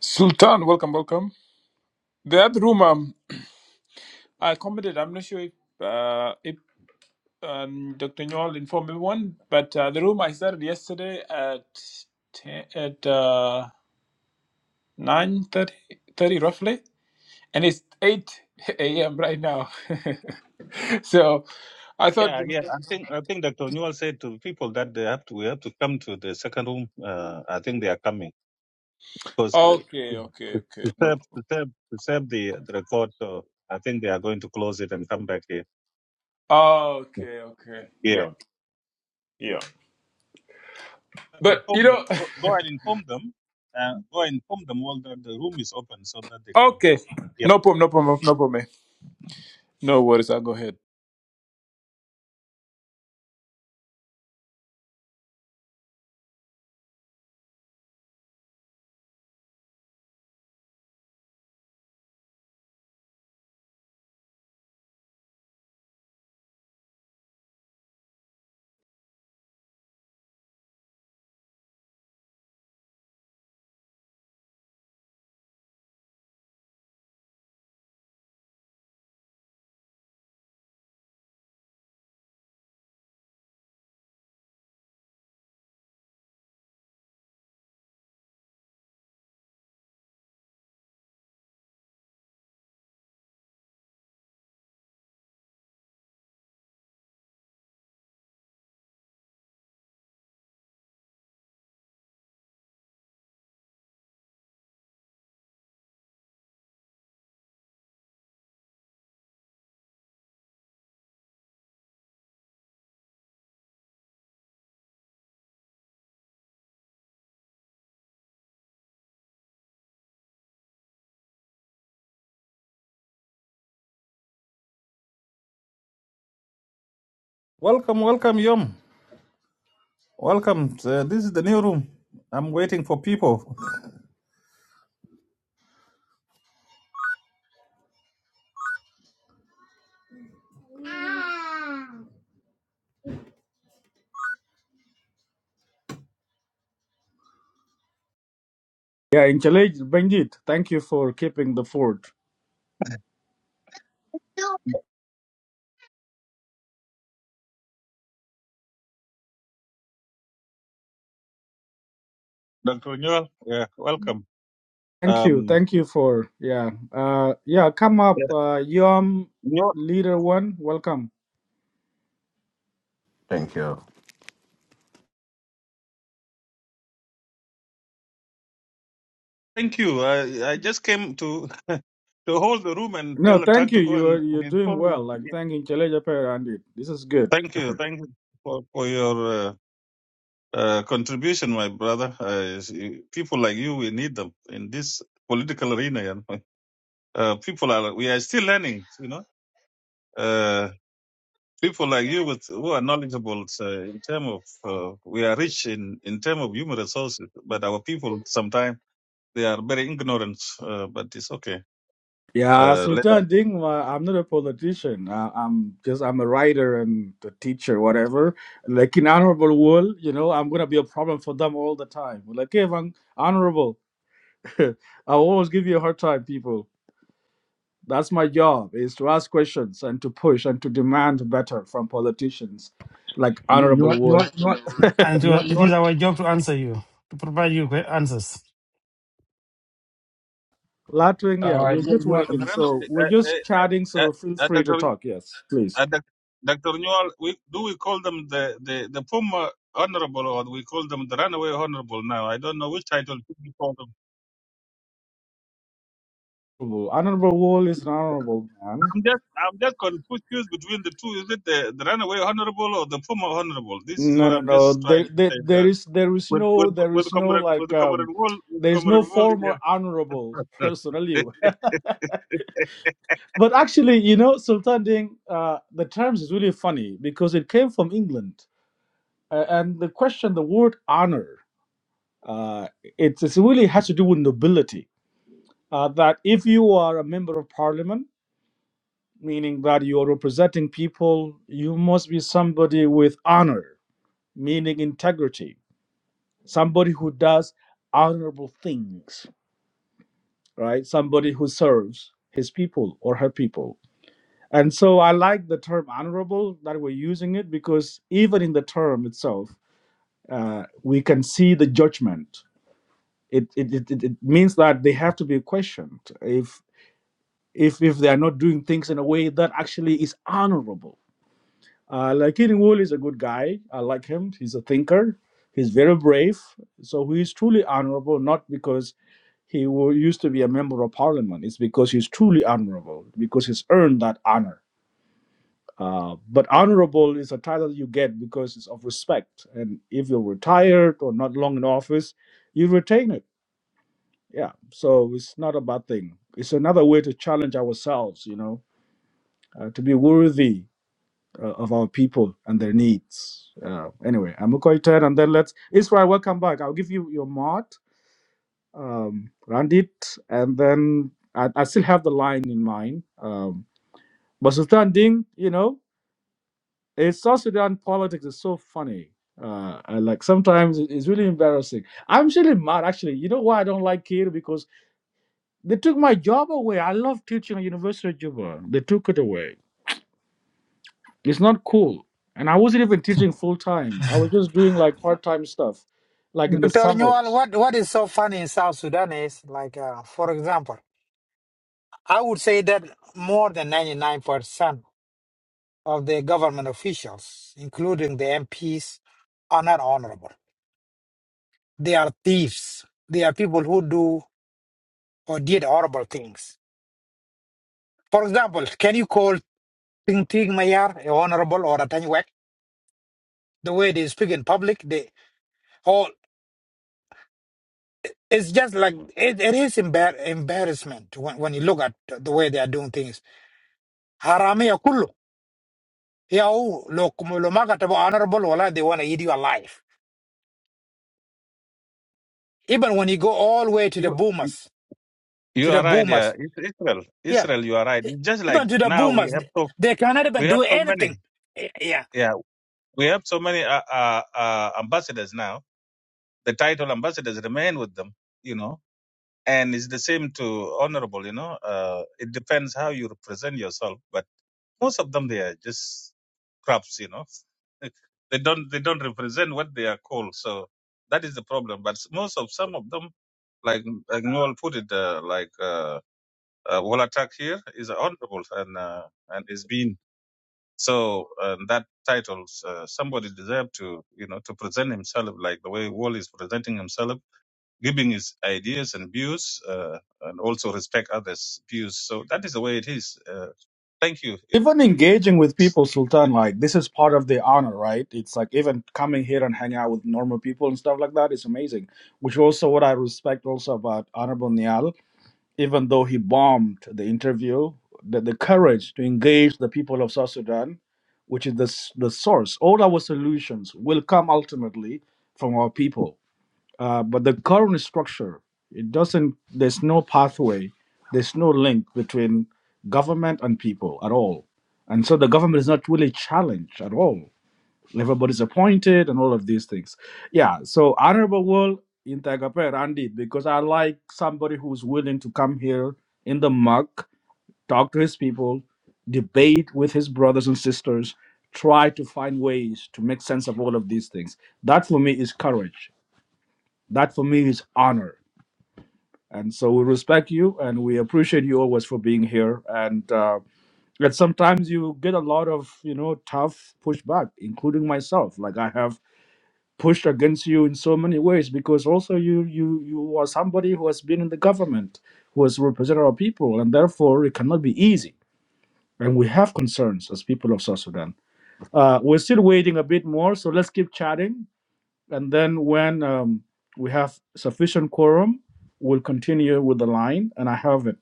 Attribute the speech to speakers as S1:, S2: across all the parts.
S1: Sultan, welcome, welcome. The other room um, I commented, I'm not sure if, uh, if um, Dr. Newell informed everyone, but uh, the room I started yesterday at 10, at uh, 9 thirty roughly, and it's 8 a.m. right now. so I thought,
S2: Yeah, yeah. I think I think Dr. Newell said to people that they have to we have to come to the second room. Uh, I think they are coming because uh,
S1: okay, okay, okay,
S2: to
S1: no.
S2: serve to serve to serve the, the record. So I think they are going to close it and come back here.
S1: Okay, okay, yeah,
S2: Yeah.
S1: yeah. But you
S2: Inform them.
S1: know,
S2: Go, go and inform them. Uh, go and inform them all that the room is open so that they can.
S1: okay,
S2: Yep.
S1: no problem, no problem, no problem. No worries, I'll go ahead.
S2: Welcome, welcome, Yom. Welcome. Uh, this is the new room. I'm waiting for people.
S3: Yeah, Inchalaj Benjit, thank you for keeping the fort.
S2: Dr. Newell, yeah, welcome.
S3: Thank you,
S2: Um.
S3: thank you for yeah, uh, yeah. Come up, uh, Yom
S2: No,
S3: Leader One, welcome.
S4: Thank you.
S2: thank you. I, I just came to to hold the room and
S3: No,
S2: tell
S3: thank
S2: Attack
S3: you.
S2: to go
S3: You are
S2: and, and
S3: you're doing
S2: inform you.
S3: well. Like
S2: Yeah.
S3: thank Inchalaj Benjit. This is good.
S2: Thank you. Thank you for, for your uh, uh, contribution, my brother. Uh, is- you- people like you, we need them in this political arena. You know? uh, people are, we are still learning, you know. Uh, people like you with who are knowledgeable uh, in terms of, uh, we are rich in, in terms of human resources, but our people sometimes they are very ignorant, uh, but it's okay.
S3: Yeah,
S2: Uh,
S3: Sultan Ding. uh, I'm not a politician. Uh, I'm just I'm a writer and a teacher, whatever. Like in honorable world, you know, I'm gonna be a problem for them all the time. Like, hey, Van- honorable, I will always give you a hard time, people. That's my job is to ask questions and to push and to demand better from politicians like Honorable
S5: Newell,
S3: Wool.
S5: Newell, Newell,
S6: and it,
S5: Newell,
S6: was, it is
S5: Newell,
S6: our job to answer you, to provide you with answers.
S3: Latwing, yeah,
S5: uh,
S3: we're just
S5: Newell,
S3: waiting.
S2: Brandon,
S3: So we're
S2: uh,
S3: just chatting,
S2: uh, uh,
S3: so feel
S2: uh,
S3: free to
S2: Dr.
S3: talk. Yes, please.
S2: Uh, Doc- Dr. Newell, we, do we call them the, the, the former honorable or we call them the runaway honorable now? I don't know which title should we call them.
S3: Honorable Wool is an honorable man.
S2: I'm just, I'm just confused between the two. Is it the, the runaway honorable or the former honorable? This is what
S3: No, no,
S2: I'm
S3: no.
S2: just
S3: There,
S2: trying to
S3: there,
S2: say
S3: there
S2: here.
S3: is, there is
S2: with,
S3: no,
S2: with,
S3: there
S2: with
S3: is no
S2: comrade, with
S3: like,
S2: the
S3: um,
S2: comrade Wall, with
S3: there is
S2: comrade
S3: no
S2: Wall
S3: former
S2: here.
S3: honorable personally. But actually, you know, Sultan Ding, uh, the terms is really funny because it came from England, uh, and the question, the word honor. Uh, it's, it's really has to do with nobility. Uh, that if you are a member of parliament, meaning that you are representing people, you must be somebody with honor, meaning integrity, somebody who does honorable things, right? Somebody who serves his people or her people. And so I like the term honorable that we're using it because even in the term itself, uh, we can see the judgment. It, it, it, it it means that they have to be questioned. if. if if they are not doing things in a way that actually is honorable. Uh, Lakini Wool is a good guy. I like him. He's a thinker. He's very brave. So he is truly honorable, not because he wa- used to be a member of parliament. It's because he's truly honorable, because he's earned that honor. Uh, but honorable is a title you get because it's of respect. And if you're retired or not long in office, you retain it. Yeah. So it's not a bad thing. It's another way to challenge ourselves, you know, uh, to be worthy uh, of our people and their needs. Uh, anyway, I'm Okoye Ted, and then let's Israel. Welcome back. I'll give you your mod, um, Randit, and then I, I still have the line in mind. Um, but Sultan Ding, you know, it's South Sudan politics is so funny. Uh, I like sometimes it- it's really embarrassing. I'm really mad actually. You know why I don't like Kir? Because they took my job away. I love teaching at University of Juba. They took it away It's not cool. And I wasn't even teaching full time. I was just doing like part time stuff, like in the
S7: Dr. Newell,
S3: summers.
S7: what, what is so funny in South Sudan is like, uh, for example, I would say that more than 99% of the government officials, including the MPs, are not honorable. They are thieves. They are people who do or did horrible things. For example, can you call Ting Ting Mayar a honorable or a Tanyuek? The way they speak in public, they all. It's just like it, it is embar- embarrassment when, when you look at the way they are doing things. Harami Yeah, oh, look, Mulumaka honorable, wala, they want to eat you alive. Even when you go all the way to the
S2: you,
S7: boomers, to
S2: you
S7: the
S2: are right, yeah.
S7: boomers,
S2: It's Israel,
S7: yeah,
S2: Israel, you are right.
S7: e,
S2: It's just
S7: even
S2: like
S7: to the
S2: now we
S7: boomers,
S2: have
S7: th-
S2: so,
S7: they cannot
S2: we
S7: even
S2: have
S7: do
S2: so
S7: anything.
S2: many.
S7: Eh, Yeah,
S2: we have so many uh, uh, uh, ambassadors now. The title ambassadors remain with them, you know, and it's the same to honorable, you know. Uh, it depends how you represent yourself, but most of them they are just crops, you know. they don't they don't represent what they are called, so that is the problem. But most of some of them, like like Noel put it, uh, like uh, uh, Wolatak here is honorable and uh, and is being so um, that title, uh, somebody deserved to, you know, to present himself like the way Wall is presenting himself, giving his ideas and views, uh, and also respect others' views. So that is the way it is. Uh, thank you,
S3: Even engaging with people, Sultan, like this is part of the honor, right? It's like even coming here and hanging out with normal people and stuff like that is amazing. Which also what I respect also about Honorable Nial, even though he bombed the interview, the, the courage to engage the people of South Sudan, which is the s- the source. All our solutions will come ultimately from our people Uh, but the current structure, it doesn't. There's no pathway. There's no link between government and people at all. And so the government is not really challenged at all. Everybody's appointed and all of these things. Yeah. So honorable world in Tagaper Randy, because I like somebody who's willing to come here in the muck, talk to his people, debate with his brothers and sisters, try to find ways to make sense of all of these things. That for me is courage that for me is honor. And so we respect you and we appreciate you always for being here. And uh, and sometimes you get a lot of you know tough pushback, including myself. Like I have pushed against you in so many ways because also you you you are somebody who has been in the government, who has represented our people, and therefore it cannot be easy. And we have concerns as people of South Sudan. Uh, we're still waiting a bit more, so let's keep chatting. and then when um, we have sufficient quorum, we'll continue with the line. And I have it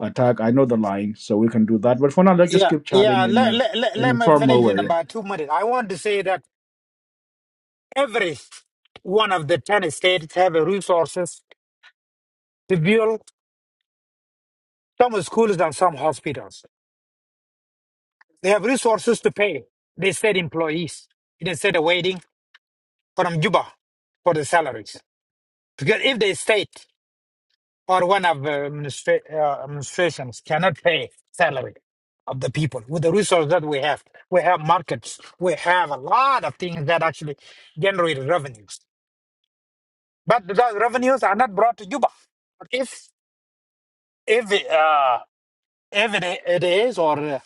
S3: attack. I know the line, so we can do that. But for now, let's just
S7: yeah,
S3: keep chatting
S7: yeah.
S3: in
S7: Let,
S3: uh,
S7: let, let,
S3: an
S7: let me
S3: informal
S7: finish in
S3: way. Yeah.
S7: about two minutes. I want to say that every one of the 10 states have the resources to build some schools and some hospitals. They have resources to pay the state employees instead of waiting from Juba for the salaries. Because if the state or one of the administra- uh, administrations cannot pay salary of the people with the resources that we have, we have markets, we have a lot of things that actually generate revenues. But those revenues are not brought to Juba. But if if it, uh, if it, i- it is or uh,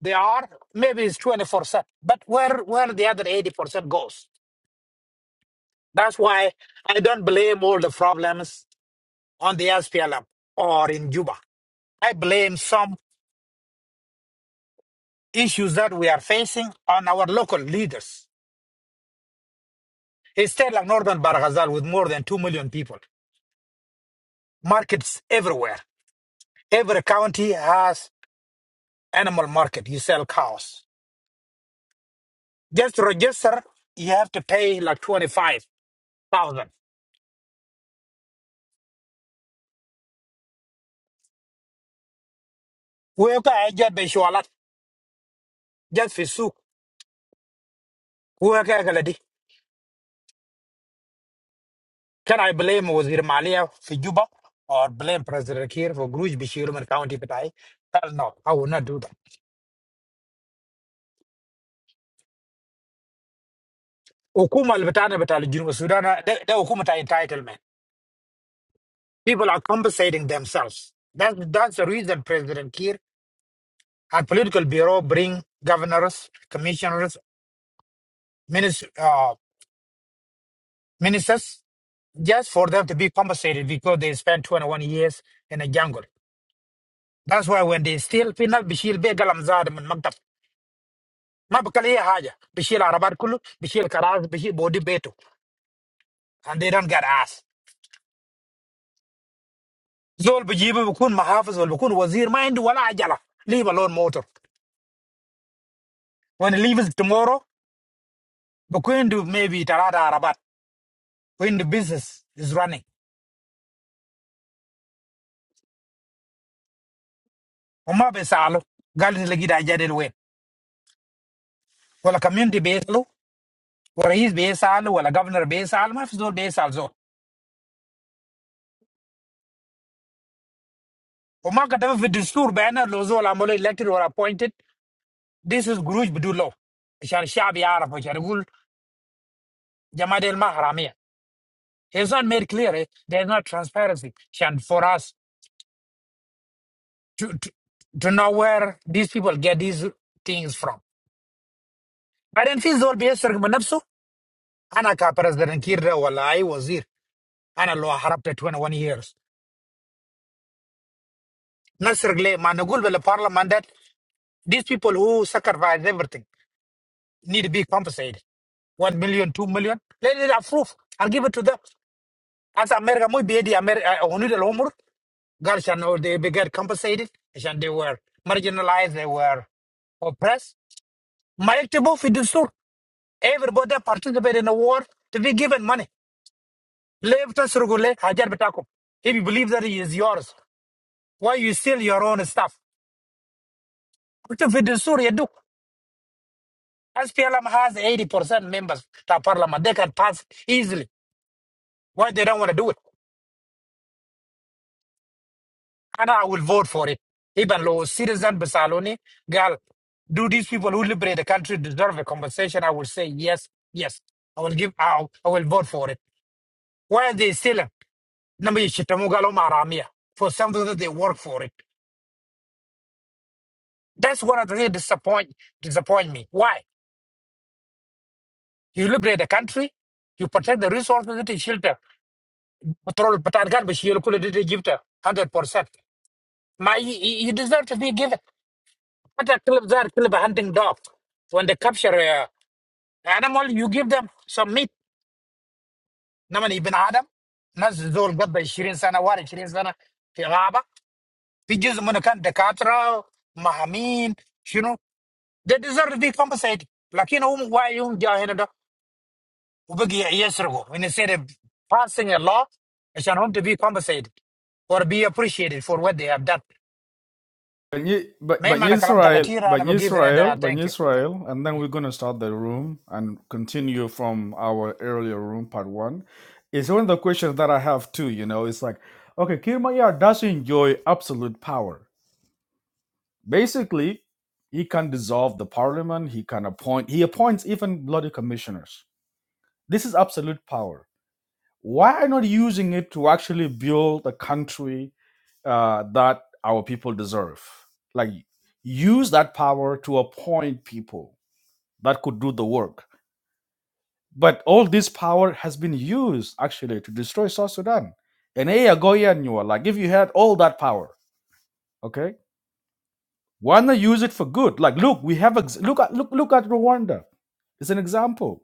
S7: they are, maybe it's twenty four percent. But where where the other eighty percent goes? That's why I don't blame all the problems on the SPLM or in Juba. I blame some issues that we are facing on our local leaders. A state like Northern Barghazal with more than 2 million people, markets everywhere. Every county has animal market. You sell cows. Just to register, you have to pay like 25,000. Kuweka haja beshualat, Just fi souk, kuweka galadi. Can I blame Wazir Malia for Juba or blame President Kiir for Gruj Bishiruman County Patai? Hell no, I will not do that. Hukuma al-Batana Batal Junub Sudan, the Hukuma ta entitlement. People are compensating themselves. That's, that's the reason President Kiir and political bureau bring governors, commissioners, minis- uh, ministers, just for them to be compensated because they spent 21 years in a jungle. That's why when they steal peanut, Bishil Be Galam Zad and Maktab. Ma bakal iya haja. Bishil Arabat Kulu, Bishil Karaz, Bishil Bodi Beto. And they don't get ass. Zol be jibe be koon mahafiz or be koon wazir ma endu wala ajala leave alone motor when he leaves tomorrow be koon du maybe terada arabat when the business is running. Oma be salo galin legida ajale weh wala community be salo wala his be salo wala governor be sal mahafiz or be sal zor Oma katabe with disturb banner loz wala molo elected or appointed this is Guruj bedullo shan shabi araf shan guld Jamaat el Mahramiya. Hezun make clear they're not transparency shan for us. to, to, to know where these people get these things from بعدين في زول بيسرق من نفسه انا كبرزدنت كير ده ولا اي وزير انا لو هربت 21 years نسرق ليه؟ ما نقول بالبرلمان that these people who sacrifice everything need to be compensated. One million, two million. Let it approve. I'll give it to them. As America, muy bedi America, only the homework. God shall know they be get compensated. And they were marginalized, they were oppressed. ما يكتبوا في الدستور. Everybody that participate in the war to be given money. Lev tasrugule hajar bitakum. If you believe that it is yours, why you steal your own stuff? To if the Syria do. SPLM has 80% members to parliament. They can pass easily. Why they don't want to do it? And I will vote for it. Even low citizen Basaloni, girl, do these people who liberate the country deserve a compensation? I will say yes, yes. I will give. I, I will vote for it. Why are they still number Shitamugalo Maramia for something that they work for it? That's what really disappoint disappoint me. Why? You liberate the country, you protect the resources that is shelter. Patrol Patargan, but you could have give hundred percent. My you you deserve to be given. But a clip there, clip a hunting dog. When they capture a animal, you give them some meat. Naman ibn Adam. Nas got gabba shirin sana wara shirin sana fi ghaba. في جزء من كان دكاتره مهامين شنو they deserve to be compensated لكن هم واعي هم جاء هنا ده وبقي يسرقوا and instead of passing a law عشان هم to be compensated or be appreciated for what they have done
S3: But, Ye- but
S7: ما
S3: but
S7: يهم انا كلامتك
S3: Israel,
S7: كثير
S3: but
S7: انا بجيفنا ده
S3: Israel, but
S7: thank you yeah.
S3: Israel, and then
S7: Yeah,
S3: we're gonna start the room and continue from our earlier room part one. It's one of the questions that I have too. You know, it's like, okay, Kirmayar does enjoy absolute power. Basically, he can dissolve the parliament. He can appoint. He appoints even bloody commissioners. This is absolute power. Why are you not using it to actually build a country uh, that our people deserve? Like use that power to appoint people that could do the work. But all this power has been used actually to destroy South Sudan. And a year ago and you are like, if you had all that power, okay, why not use it for good? Like, look, we have ex- look at look look at Rwanda. It's an example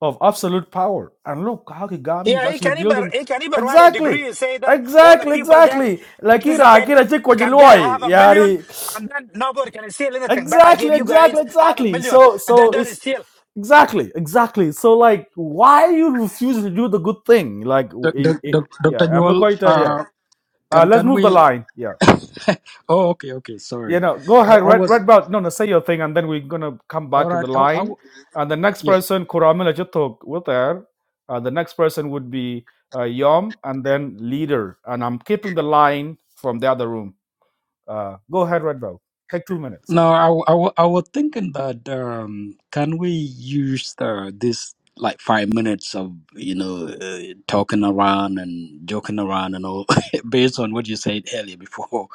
S3: of absolute power. And look how Kagame is
S7: Yeah, he
S3: actually
S7: can even
S3: building.
S7: he can even write a
S3: Exactly.
S7: degree and say that all the
S3: Exactly,
S7: people that
S3: exactly. Like Ira,
S7: participate
S3: Kira
S7: can get a half
S3: Chikwajiloy.
S7: a million,
S3: Yari.
S7: and then nobody can steal anything. But I gave
S3: Exactly,
S7: you guys
S3: exactly,
S7: half a
S3: exactly.
S7: million,
S3: So
S7: and then
S3: so
S7: don't
S3: it's
S7: steal.
S3: exactly, exactly. So like why you refuse to do the good thing? Like w-
S5: Doc- Doc-
S3: i- i-
S5: Doc-
S3: yeah,
S5: Dr.
S3: I'm not
S5: Newell,
S3: quite done yet.
S5: uh,
S3: Uh,
S5: can
S3: let's
S5: can
S3: move the
S5: we?
S3: line. Yeah.
S5: oh, okay, okay,
S3: you
S5: sorry.
S3: know, go
S5: I,
S3: ahead,
S5: I
S3: red
S5: was
S3: red belt. No, no, say your thing, and then we're gonna come
S5: all
S3: back to
S5: right.
S3: the
S5: I, I
S3: line. And the next
S5: yeah.
S3: person, Kuramila Jatok, with her. Uh, the next person would be uh, Yom, and then leader. And I'm keeping the line from the other room. Uh, go ahead, red belt. Take two minutes. yeah.
S5: No, I, wa- I, wa- I was thinking that um, can we use the, this like five minutes of you know uh, talking around and joking around and all based on what you said earlier before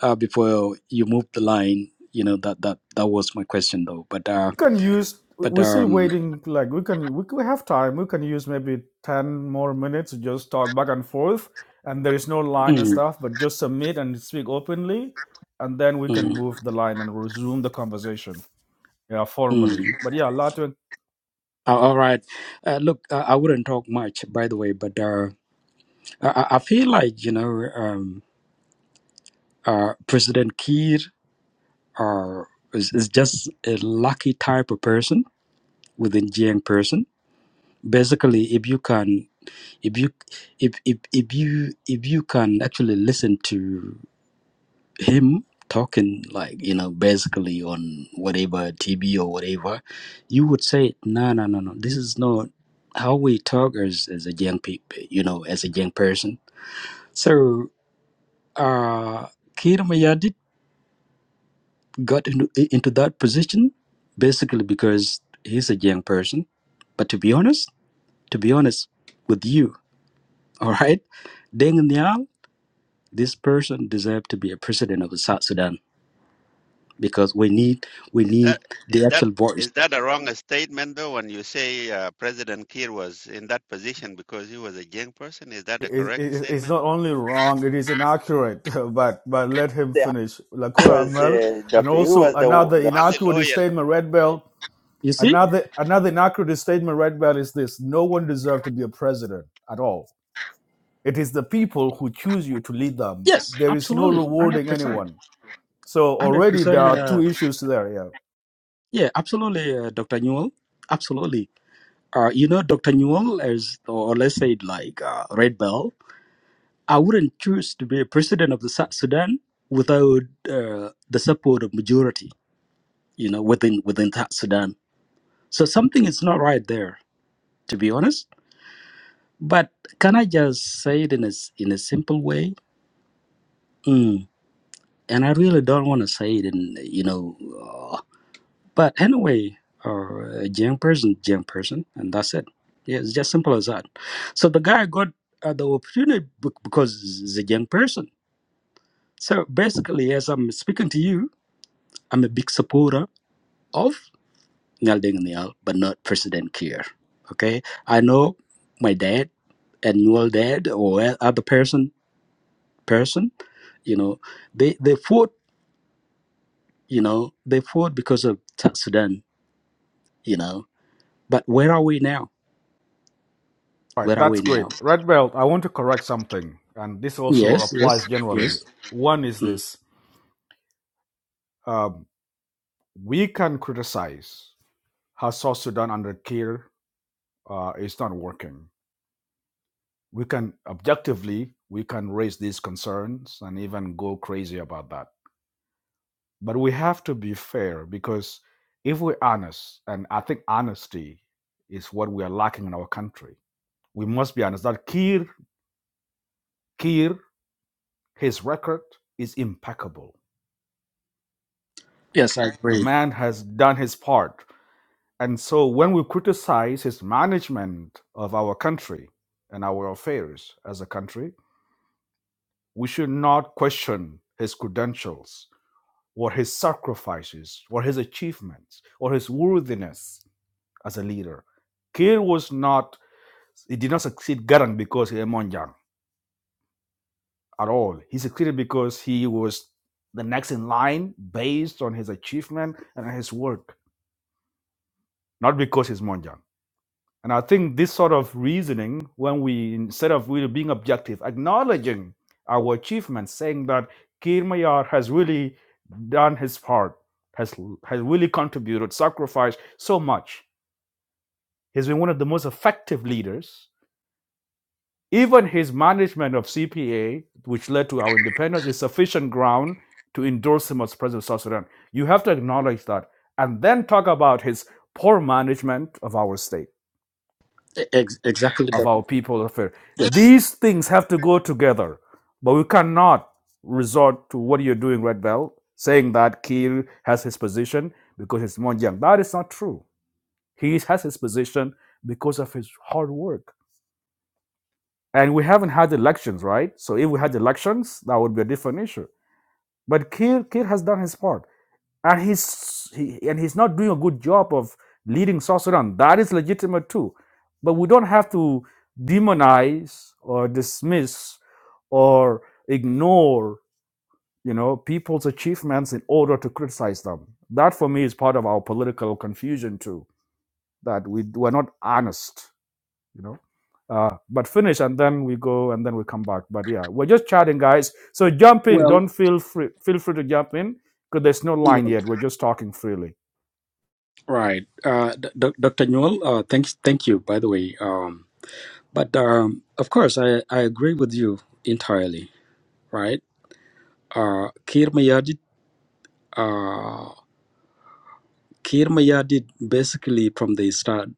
S5: uh, before you moved the line. You know that that that was my question though. But uh,
S3: We can use. we-
S5: but
S3: We're still
S5: um.
S3: waiting. Like we can, we, we have time. We can use maybe ten more minutes to just talk back and forth. And there is no line and
S5: hmm.
S3: stuff, but just submit and speak openly, and then we can
S5: Mm,
S3: move the line and resume the conversation. yeah,
S5: mm.
S3: formally. But yeah, Latwin,
S5: Uh, All right. Uh, look, uh, I wouldn't talk much, by the way, but uh, I, I I feel like, you know, um, uh, President Kiir uh, is, is just a lucky type of person within Jiang person. Basically, if you can, if you, if, if, if you, if you can actually listen to him talking like you know basically on whatever tv or whatever you would say no no no no this is not how we talk as, as a young people you know as a young person so uh Kira Mayadit got into, into that position basically because he's a young person but to be honest to be honest with you all right Deng Nial this person deserved to be a president of South Sudan because we need we
S8: Is
S5: need
S8: that
S5: the
S8: is that
S5: actual voice
S8: is that a wrong statement though? When you say uh, President Kiir was in that position because he was a young person, is that a
S3: is
S8: correct
S3: it, it's
S8: statement?
S3: not only wrong, it is inaccurate. But but let him
S8: Yeah,
S3: finish. Lakura
S8: because
S3: Amel,
S8: uh,
S3: and
S8: Dr. He
S3: also
S8: was the,
S3: another
S8: the Only
S3: inaccurate
S8: loyal.
S3: statement, Red Bell.
S5: You see?
S3: Another another inaccurate statement, Red Bell, is this: No one deserves to be a president at all. It is the people who choose you to lead them.
S5: Yes,
S3: There is no
S5: absolutely.
S3: rewarding
S5: 100%.
S3: anyone. So already there
S5: 100%.
S3: are two
S5: Uh,
S3: issues there. Yeah.
S5: yeah, absolutely, uh, Dr. Newell. Absolutely. Uh, you know, Dr. Newell, as, or let's say it like uh, Red Bell, I wouldn't choose to be a president of the South Sudan without uh, the support of majority, you know, within within South Sudan. So something is not right there, to be honest. But can I just say it in a, s- in a simple way? Mm. And I really don't want to say it in, you know, uh, But anyway, uh, a young person, young person, and that's it. Yeah, it's just simple as that. So the guy got uh, the opportunity be- because he's a young person. So basically, as I'm speaking to you, I'm a big supporter of Nyal Deng Nyal, but not President Kiir. Okay, I know my dad and Newell dad or other person person, you know, they they fought, you know, they fought because of South Sudan, you know. But where are we now?
S3: All right,
S5: Where are
S3: that's
S5: we now?
S3: great. Red Belt, I want to correct something, and this also
S5: Yes, yes,
S3: applies generally.
S5: yes.
S3: One is
S5: Mhm.
S3: this um, we can criticize how South Sudan under Kir uh, is not working. We can objectively, we can raise these concerns and even go crazy about that. But we have to be fair because if we're honest, and I think honesty is what we are lacking in our country, we must be honest that Kir, Kir, his record is impeccable
S5: Yes, I
S3: the
S5: agree.
S3: man has done his part. And so when we criticize his management of our country and our affairs as a country, we should not question his credentials or his sacrifices or his achievements or his worthiness as a leader. Kiir was not, he did not succeed Garang because he was Monjang at all. He succeeded because he was the next in line based on his achievement and his work, not because he's Monjang. And I think this sort of reasoning, when we, instead of really being objective, acknowledging our achievements, saying that Kir Mayar has really done his part, has, has really contributed, sacrificed so much. He's been one of the most effective leaders. Even his management of CPA, which led to our independence, is sufficient ground to endorse him as president of South Sudan. You have to acknowledge that and then talk about his poor management of our state
S5: E- Ex- exactly
S3: of
S5: that.
S3: our people of faith.
S5: Yes.
S3: These things have to go together, but we cannot resort to what you're doing, Red Bell, saying that Kiir has his position because he's Monjang. That is not true. He has his position because of his hard work. And we haven't had elections, right? So if we had elections, that would be a different issue. But Kiir, Kiir has done his part and he's he, and he's not doing a good job of leading South Sudan. That is legitimate too, but we don't have to demonize or dismiss or ignore you know people's achievements in order to criticize them. That for me is part of our political confusion too. That we we're not honest, you know. Uh, but finish and then we go and then we come back. But yeah, we're just chatting, guys. So jump in.
S5: Well,
S3: Don't feel free. Feel free to jump in because there's no
S5: yeah.
S3: line yet. We're just talking freely.
S5: right. Uh, D- Doc- Dr. Newell, uh, thanks, thank you, by the way. Um, but um, of course, I, I agree with you entirely, right? Uh, Kir Mayadid, uh, Kir Mayadid, basically from the start,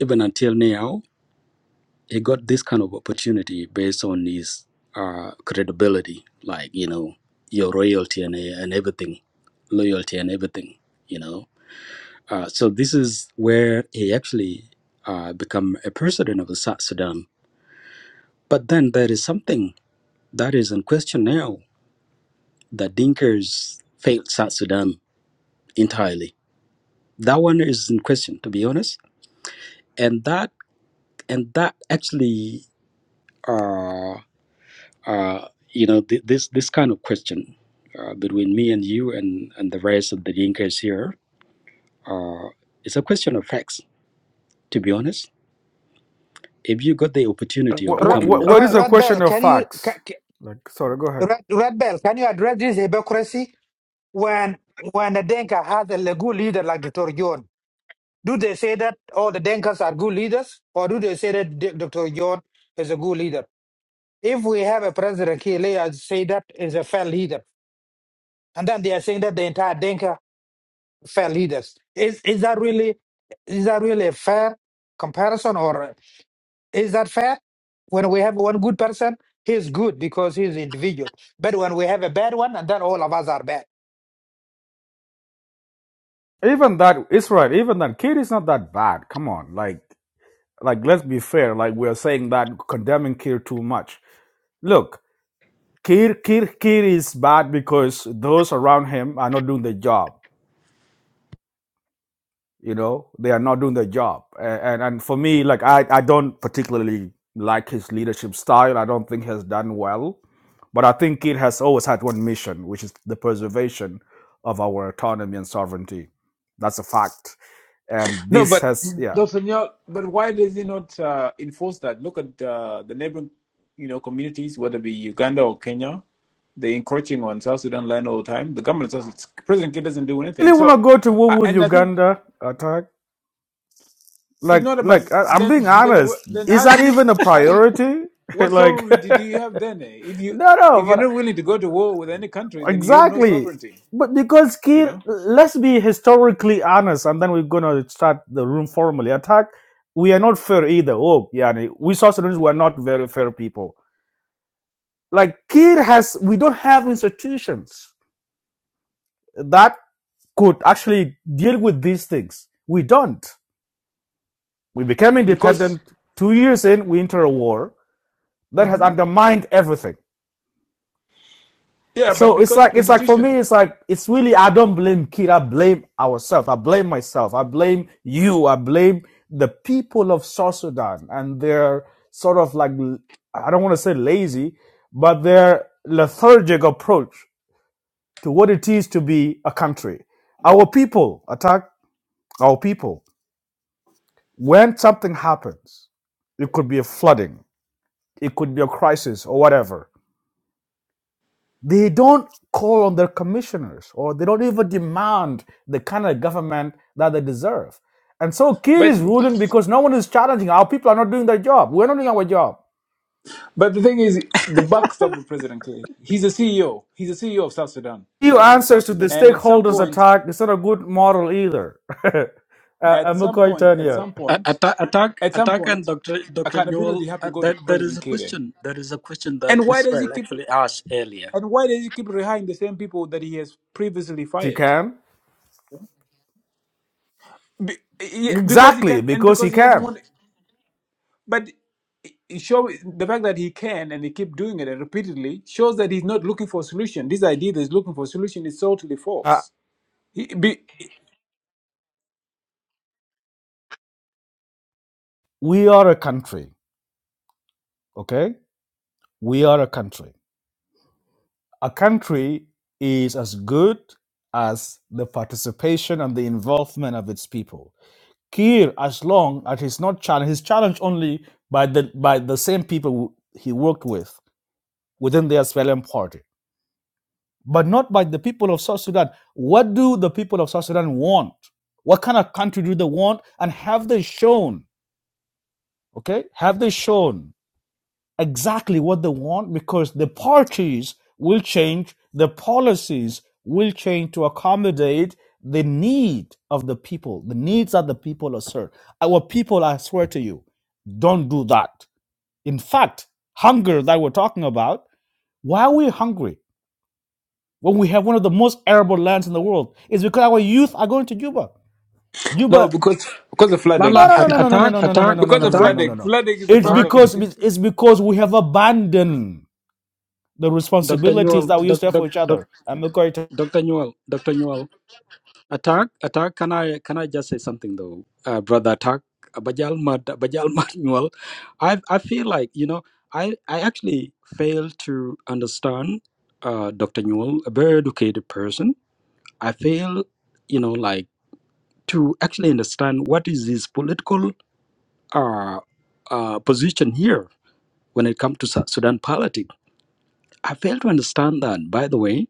S5: even until now, he got this kind of opportunity based on his uh, credibility, like you know your royalty and and everything, loyalty and everything, you know. Uh, so this is where he actually uh, become a president of South Sudan. But then there is something that is in question now that Dinkers failed South Sudan entirely. That one is in question, to be honest, and that and that actually. uh, Uh, you know, th- this this kind of question uh, between me and you and, and the rest of the Dinkas here uh, is a question of facts, to be honest. If you got the opportunity of
S3: what,
S7: Red,
S5: becoming
S3: what,
S5: the
S3: what is
S7: Red,
S3: a
S7: Red Bell,
S3: question of
S7: can you
S3: facts?
S7: ca- ca-
S3: Like, sorry, go ahead.
S7: Red, Red Bell, can you address this hypocrisy when when the Denka has a good leader like Dr. John? Do they say that all the Denkas are good leaders, or do they say that D- Dr. John is a good leader? If we have a president here, they are say that is a fair leader, and then they are saying that the entire Denka fair leaders. Is is that really is that really a fair comparison, or is that fair? When we have one good person, he's good because he's individual. But when we have a bad one, and then all of us are bad.
S3: Even that, it's right. Even that, Kid is not that bad. Come on, like, like let's be fair. Like we're saying that condemning Kid too much. Look, Kid, Kid, Kid is bad because those around him are not doing the job. you know they are not doing their job and and, and for me like I, I don't particularly like his leadership style i don't think he has done well but i think it has always had one mission which is the preservation of our autonomy and sovereignty that's a fact and
S1: No,
S3: this
S1: but
S3: has yeah
S1: Dr. Nyal, but why does he not uh, enforce that? Look at uh, the neighboring, you know, communities, whether it be Uganda or Kenya, they're encroaching on South Sudan land all the time. The government does President Kiir doesn't do anything.
S3: really want to
S1: So,
S3: go to war
S1: I-
S3: with
S1: and I think
S3: uganda attack
S1: it's
S3: like
S1: not about
S3: like I, i'm
S1: then.
S3: being
S1: Then
S3: honest
S1: wh- then
S3: is
S1: how do
S3: that
S1: you
S3: even a
S1: how do
S3: priority
S1: what
S3: like
S1: sovereignty do you have then? eh? If you
S3: no no
S1: if you're
S3: but.
S1: not willing to go to war with any country, then you have no
S3: Exactly.
S1: sovereignty.
S3: But because
S1: You
S3: Kir,
S1: know,
S3: let's be historically honest, and then we're gonna start the room formally. Attack, we are not fair either. Oh, yeah, we South Sudanese were not very fair people. Like Kir has, we don't have institutions that could actually deal with these things. We don't. We became
S1: because
S3: independent two years in. We enter a war that has
S1: Mhm.
S3: undermined everything.
S1: yeah, but
S3: so it's
S1: because
S3: like it's like for
S1: institution,
S3: me it's like it's really i don't blame kid i blame ourselves i blame myself i blame you i blame the people of south sudan and their sort of like i don't want to say lazy but their lethargic approach to what it is to be a country our people attack our people when something happens it could be a flooding it could be a crisis or whatever They don't call on their commissioners or they don't even demand the kind of government that they deserve. And so Kiir
S1: but.
S3: is ruling because no one is challenging. Our people are not doing their job. We're not doing our job.
S1: But the thing is, the buck stops with President K. He's a CEO. He's a CEO of South Sudan.
S3: Few answers to the
S1: And at some
S3: stakeholders'
S1: point,
S3: attack is not a good model either. uh, uh,
S1: at some
S3: McCoy
S1: point,
S3: turn
S1: at
S3: here.
S1: some
S5: A-
S1: point,
S5: Attack, attack,
S1: at some
S5: attack, and
S1: point,
S5: Doctor Doctor
S1: accountability
S5: Newell.
S1: have to
S5: Uh,
S1: go to
S5: there, there is
S1: President
S5: a
S1: Kire.
S5: question. There is a question that
S1: And why does he
S5: Israel
S1: keep?
S5: actually asked earlier.
S1: And why does he keep rehiring the same people that he has previously
S3: He
S1: fired?
S3: can.
S1: Be, yeah, because he
S3: Exactly,
S1: can, and
S3: because he
S1: because he doesn't
S3: can.
S1: want. But it show the fact that he can and he keep doing it and repeatedly shows that he's not looking for a solution. This idea that he's looking for a solution is totally
S3: Uh,
S1: false. He, be,
S3: we are a country, okay? We are a country. A country is as good as the participation and the involvement of its people. Kiir, as long as he's not challenged, he's challenged only by the by the same people who he worked with within the Australian party, but not by the people of South Sudan. What do the people of South Sudan want? What kind of country do they want? And have they shown? Okay, have they shown exactly what they want because the parties will change, the policies will change to accommodate the need of the people, the needs that the people assert. Our people, I swear to you, don't do that. In fact, hunger that we're talking about, why are we hungry when we have one of the most arable lands in the world? It's because our youth are going to Juba.
S1: No,
S3: Cuba,
S1: because because of
S3: no,
S1: flooding.
S5: Lala
S3: no, no,
S5: at,
S3: no, no, no,
S5: attack,
S3: no, no, no,
S5: attack,
S3: no, no,
S1: because
S3: no,
S1: of
S3: no, no, no,
S5: attack,
S3: no, no.
S1: flooding.
S3: no.
S1: Flooding is the
S3: It's
S5: attack.
S1: problem.
S3: because it's because we have abandoned the
S5: Doctor
S3: responsibilities
S5: Newell,
S3: that we used
S5: doc,
S3: to have
S5: doc,
S3: for each
S5: doc,
S3: other. I'm to
S5: Doctor Newell, Doctor Newell. Attack, attack. Can I can I just say something though, uh, brother? Attack. uh, Bajal mad, bajal mad nyual. I I feel like you know I I actually fail to understand uh, Dr. Newell, a very educated person. I fail, you know, like to actually understand what is his political uh, uh, position here when it comes to Su- Sudan politics. I fail to understand that. By the way,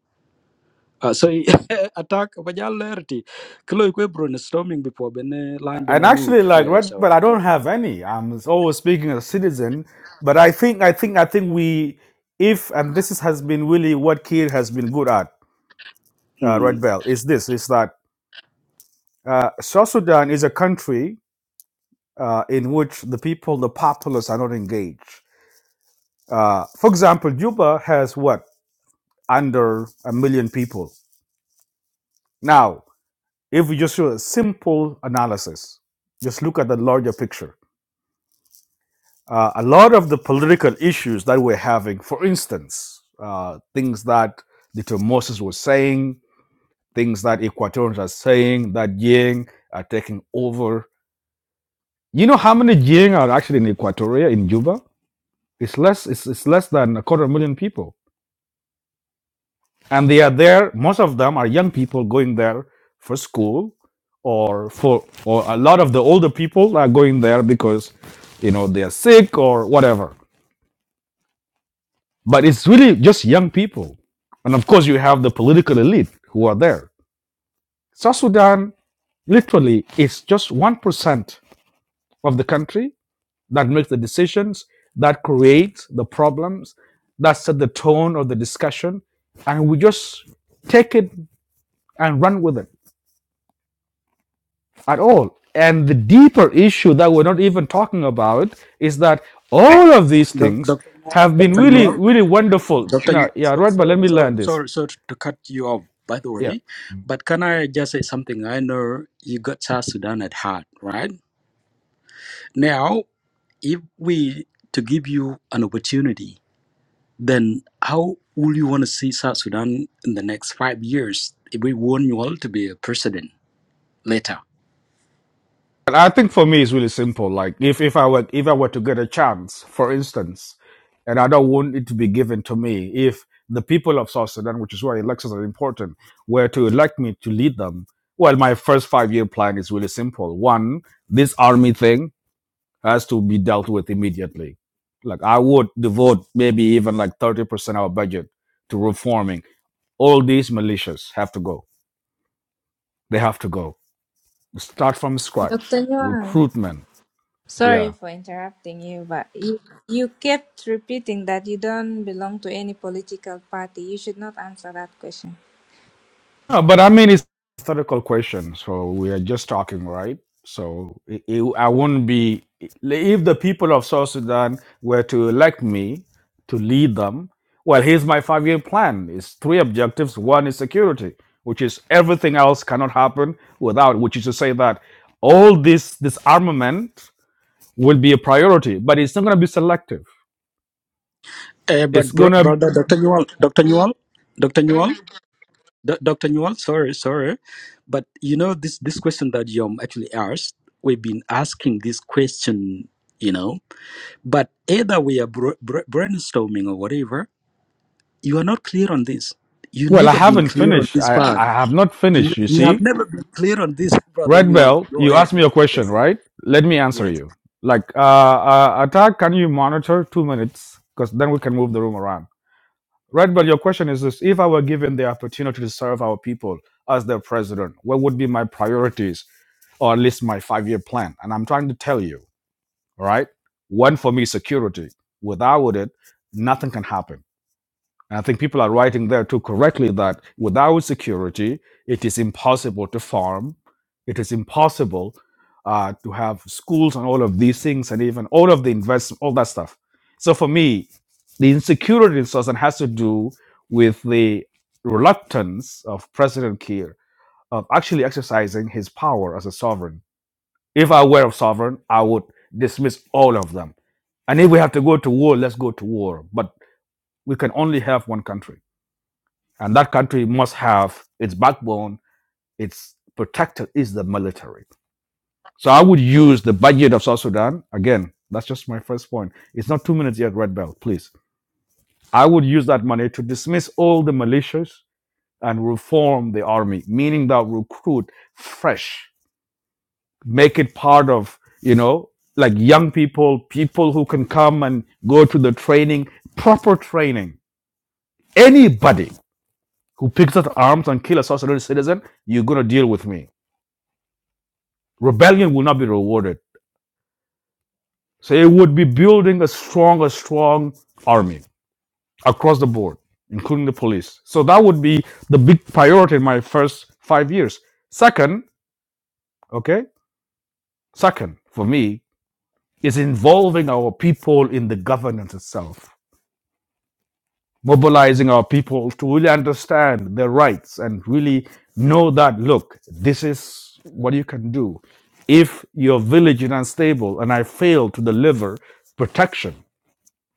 S5: Uh, so attack bajalerti kilo kwe brainstorming before bene line
S3: And
S5: bene move
S3: actually, like
S5: yeah
S3: Red
S5: so
S3: but I
S5: yeah
S3: don't have any. I'm always speaking as a citizen, but I think, I think, I think we, if and this is, has been really what Kiir has been good at, uh,
S5: mm.
S3: Red Belt, is this: is that uh, South Sudan is a country uh, in which the people, the populace, are not engaged. Uh, for example, Juba has what under a million people. Now, if we just do a simple analysis, just look at the larger picture uh, a lot of the political issues that we're having, for instance, uh, things that Dr. Moses was saying, things that Equatorians are saying, that Yang are taking over. You know how many Yang are actually in Equatoria, in Juba? It's less, it's, it's less than a quarter million people. And they are there, most of them are young people going there for school or for, or a lot of the older people are going there because, you know, they are sick or whatever But it's really just young people. And of course, you have the political elite who are there. South Sudan literally is just 1% of the country that makes the decisions, that creates the problems, that set the tone of the discussion. And we just take it and run with it at all. And the deeper issue that we're not even talking about is that all of these
S5: Doc-
S3: things
S5: dr Nyor-
S3: have been
S5: dr
S3: really,
S5: Nyor-
S3: really wonderful.
S5: dr
S3: Now,
S5: Nyor,
S3: yeah,
S5: so-
S3: right, but
S5: so-
S3: let me learn
S5: so-
S3: this.
S5: sorry sorry to cut you off by the
S3: yeah.
S5: way but can i just say something i know you got south sudan at heart right now if we to give you an opportunity then how will you want to see south sudan in the next five years if we want you all to be a president later
S3: And I think for me it's really simple. Like if, if I were if I were to get a chance, for instance, and I don't want it to be given to me, if the people of South Sudan, which is why elections are important, were to elect me to lead them, well, my first five year plan is really simple. One, this army thing has to be dealt with immediately. Like I would devote maybe even like thirty percent of our budget to reforming. All these militias have to go. They have to go. Start from scratch.
S9: Dr. Newell,
S3: Recruitment. Yeah
S9: sorry for interrupting you, but you, you kept repeating that you don't belong to any political party. You should not answer that question.
S3: No, but I mean, it's a historical question, so we are just talking, right? So it, it- I wouldn't be if the people of South Sudan were to elect me to lead them. Well, here's my five-year plan: It's three objectives. One is security, which is everything else cannot happen without, which is to say that all this this armament will be a priority, but it's not going to be selective.
S5: Uh,
S3: It's
S5: but
S3: going
S5: bro-
S3: to
S5: brother, Doctor Newell, Doctor Newell, Doctor Newell, D- Doctor Newell. Sorry, sorry, but you know this this question that Yom actually asked. We've been asking this question, you know, but either we are bro- bro- brainstorming or whatever. You are not clear on this. You
S3: well, I
S5: never been
S3: haven't
S5: clear on
S3: finished.
S5: this
S3: I
S5: part.
S3: I have not
S5: You
S3: finished. You
S5: you have
S3: see,
S5: never been clear on this, brother
S3: Red
S5: Newell.
S3: Belt,
S5: Go
S3: you
S5: ahead.
S3: asked me a question,
S5: Yes.
S3: right? Let me
S5: Yes.
S3: answer you. Like, uh, uh, attack, can you monitor two minutes? Because then we can move the room around. Red Belt, your question is this If I were given the opportunity to serve our people as their president, what would be my priorities or at least my five year plan? And I'm trying to tell you, all right? One for me, security. Without it, nothing can happen and I think people are writing there too correctly that without security, it is impossible to farm. It is impossible uh, to have schools and all of these things and even all of the investment, all that stuff. So for me, the insecurity in Sudan has to do with the reluctance of President Kiir of actually exercising his power as a sovereign. If I were a sovereign, I would dismiss all of them. And if we have to go to war, let's go to war. But we can only have one country and that country must have its backbone, its protector is the military. So I would use the budget of South Sudan. Again, that's just my first point. It's not two minutes yet, Red Belt, please. I would use that money to dismiss all the militias and reform the army, meaning that recruit fresh, make it part of, you know, like young people, people who can come and go to the training, proper training. Anybody who picks up arms and kill a South Sudanese citizen, you're going to deal with me Rebellion will not be rewarded. So it would be building a strong, a strong army across the board, including the police. So that would be the big priority in my first five years. Second, okay, second for me is involving our people in the governance itself, mobilizing our people to really understand their rights and really know that look, this is what you can do if your village is unstable and I fail to deliver protection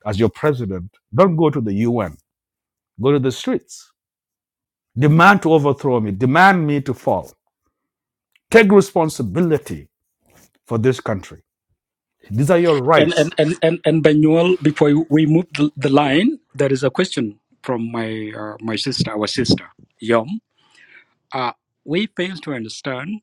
S3: as your president, don't go to the UN. Go to the streets. Demand to overthrow me. Demand me to fall. Take responsibility for this country. These are your
S5: And and
S3: rights.
S5: and and, and Banyol, before we move the, the line, there is a question from my uh, my sister, our sister Yom. Uh, we fail to understand.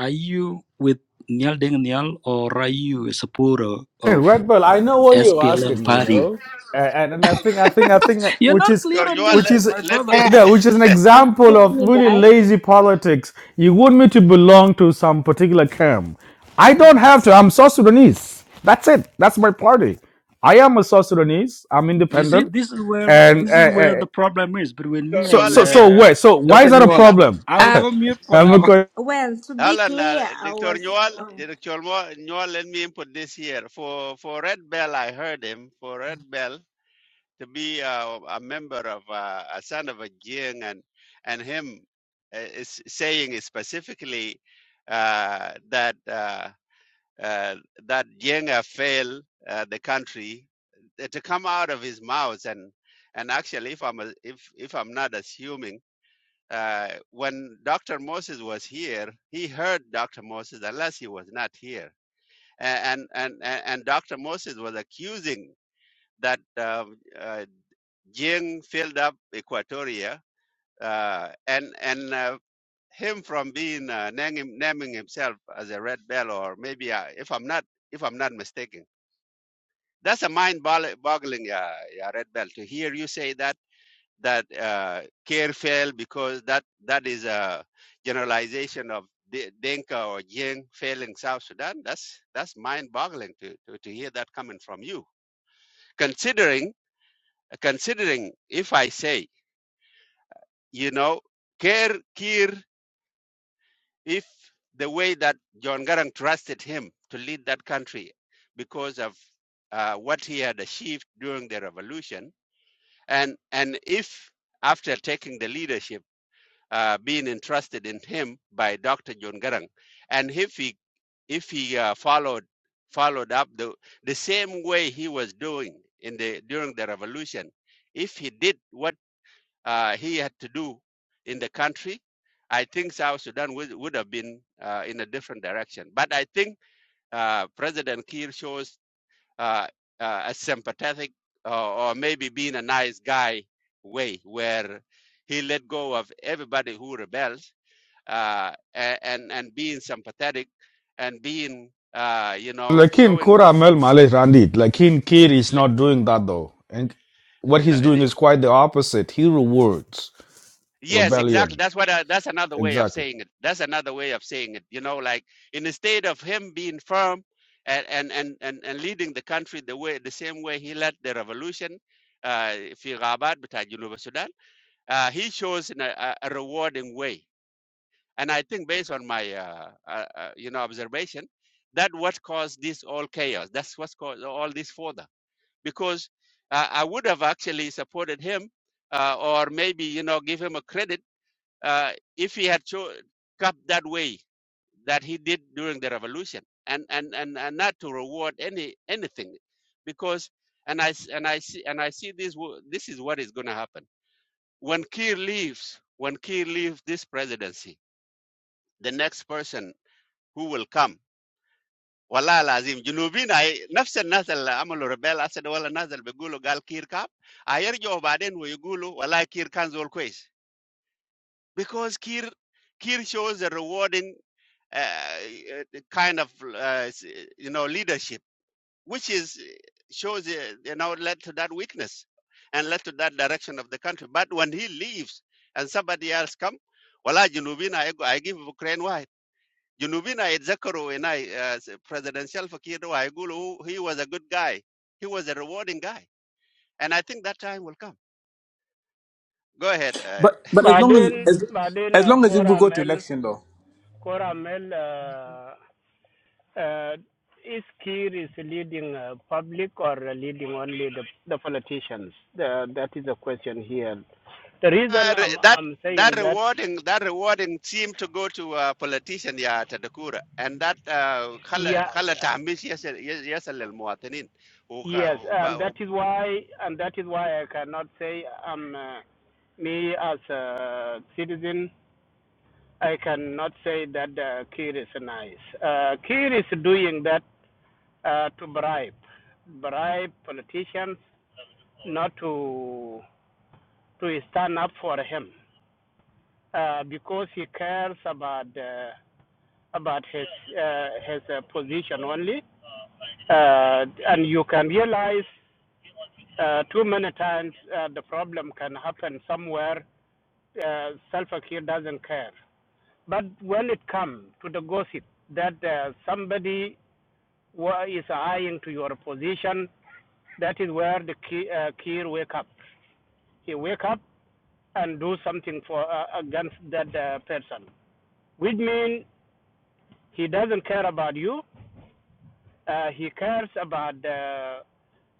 S5: Are you with Nyal Deng Nyal or are you a supporter
S3: Hey,
S5: of
S3: Red Bull, I know what you're
S5: SPLM
S3: asking, you
S5: party?
S3: know, and, and and I think I think I think that-
S5: You're
S3: which
S5: not
S3: is
S5: clear
S8: Dr.
S5: on
S3: which
S8: Newell,
S5: this,
S3: is
S5: my
S8: let
S5: brother.
S8: me
S9: Uh,
S3: yeah, which is an example
S9: excuse
S3: of
S9: me,
S3: really
S9: guys.
S3: lazy politics. You want me to belong to some particular camp. I don't have to. I'm South Sudanese. That's it. That's my party. I am a South Sudanese. I'm
S5: You see,
S3: independent,
S5: this is where
S3: and
S5: this is
S3: uh,
S5: where
S3: uh,
S5: the problem is between
S8: Dr.
S5: me
S3: so
S8: Newell,
S5: and
S3: so
S8: let me
S3: so
S5: uh,
S3: wait. So why is
S5: Dr.
S3: that
S8: let
S3: a
S8: me
S5: Newell.
S8: help.
S3: problem?
S5: I'll
S9: Uh,
S5: go mute for
S3: I'm a
S5: now.
S3: question.
S9: well, to be
S8: Alan, uh,
S9: clear, I
S8: Dr.
S9: was.
S8: Newell,
S9: Oh.
S8: Dr. Newell, let me input this here. For for Red Bell, I heard him. For Red Bell. to be uh, a member of uh, a son of a Jing and and him uh, is saying specifically uh, that uh, uh, that Jenga failed uh, the country uh, to come out of his mouth and and actually if I'm a, if if I'm not assuming uh, when Dr. Moses was here he heard Dr. Moses unless he was not here and and and, and Dr. Moses was accusing that uh, uh, Jing filled up Equatoria uh, and and uh, him from being uh, naming, naming himself as a red bell or maybe uh, if I'm not if I'm not mistaken, that's a mind-boggling uh, yeah, red bell to hear you say that that uh, care failed because that that is a generalization of D- Dinka or Jing failing South Sudan. That's that's mind-boggling to, to, to hear that coming from you. Considering considering if I say you know, Kerr, Kir, if the way that John Garang trusted him to lead that country because of uh, what he had achieved during the revolution, and and if after taking the leadership, uh, being entrusted in him by Dr. John Garang, and if he if he uh, followed followed up the the same way he was doing in the during the revolution, if he did what uh, he had to do in the country, I think South Sudan would, would have been uh, in a different direction. But I think uh, President Kiir shows uh, uh, a sympathetic uh, or maybe being a nice guy way where he let go of everybody who rebels uh, and, and being sympathetic and being, uh, you know,
S3: Lakin
S8: showing.
S3: Koramel Malay Randit. Lakin Kid is not doing that though. And what
S8: No,
S3: he's doing is quite the opposite. He rewards
S8: Yes, exactly.
S3: rebellion.
S8: That's what I, that's another way of
S3: Exactly.
S8: saying it. That's another way of saying it. You know, like in the state of him being firm and and and and, and leading the country the way the same way he led the revolution uh في غابات بتاع جنوب السودان uh, he shows in a, a a rewarding way and I think based on my uh, uh, uh, you know observation that what caused this all chaos that's what's caused all this further because uh, I would have actually supported him uh, or maybe you know give him a credit uh, if he had show, come that way that he did during the revolution and, and, and, and not to reward any anything because and I and I see and I see this this is what is going to happen when Kiir leaves when Kiir leaves this presidency the next person who will come والله lazim جنوبين هاي- نفس الناس اللي عملوا ريبيل اسد ولا الناس اللي بيقولوا قال كير كاب هيرجعوا بعدين ويقولوا والله كير كان زول كويس because كير كير shows a rewarding uh, uh, kind of uh, you know leadership, which is shows uh, you know led to that weakness and led to that direction of the country. But when he leaves and somebody else come, wala Junubina I, I give Ukraine wide. Junubina Zakaru and I uh, s- presidential Fakir Waigulu, he was a good guy. He was a rewarding guy, and I think that time will come. Go ahead. Uh,
S1: but but as long as
S10: Baden
S1: as
S10: Baden
S1: as
S10: uh,
S1: long as if we go to
S10: Coramel
S1: election though.
S10: Coramel uh, uh, is Kiir is leading uh, public or uh, leading only the, the politicians? The, that is the question here. The reason
S8: Uh, re-
S10: I'm
S8: that
S10: I'm
S8: that
S10: saying that
S8: rewarding that rewarding seemed to go to a politician ya Tadakura and that uh, خلى
S10: yeah
S8: خلى تهميش يصل يصل للمواطنين وك-
S10: yes and that
S8: وب-
S10: is
S8: وب-
S10: why and that is why I cannot say I'm uh, me as a citizen I cannot say that uh, Kiir is nice. Uh, Kiir is doing that uh, to bribe, bribe politicians not to to stand up for him uh, because he cares about uh, about his uh, his uh, position only, uh, and you can realize uh, too many times uh, the problem can happen somewhere. Uh, Salva Kiir doesn't care, but when it comes to the gossip that uh, somebody is eyeing to your position, that is where the Ki- uh, wake up he wake up and do something for uh, against that uh, person, which means he doesn't care about you. Uh, he cares about uh,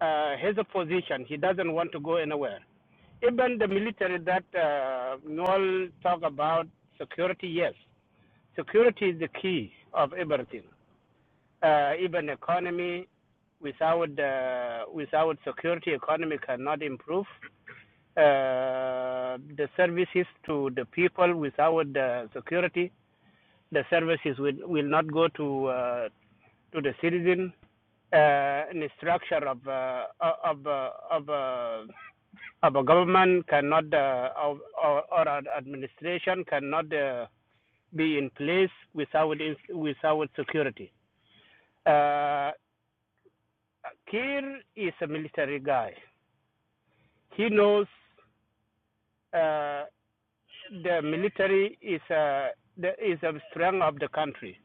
S10: uh, his position. He doesn't want to go anywhere. Even the military that uh, Noel talk about security, yes, security is the key of everything. Uh, even economy, without uh, without security, economy cannot improve. uh, the services to the people without the security. The services will, will not go to uh, to the citizen. Uh, the structure of uh, of uh, of, uh, of a government cannot uh, or, or administration cannot uh, be in place without ins- without security. Uh, Kir is a military guy. He knows. uh, the military is a is a strength of the country,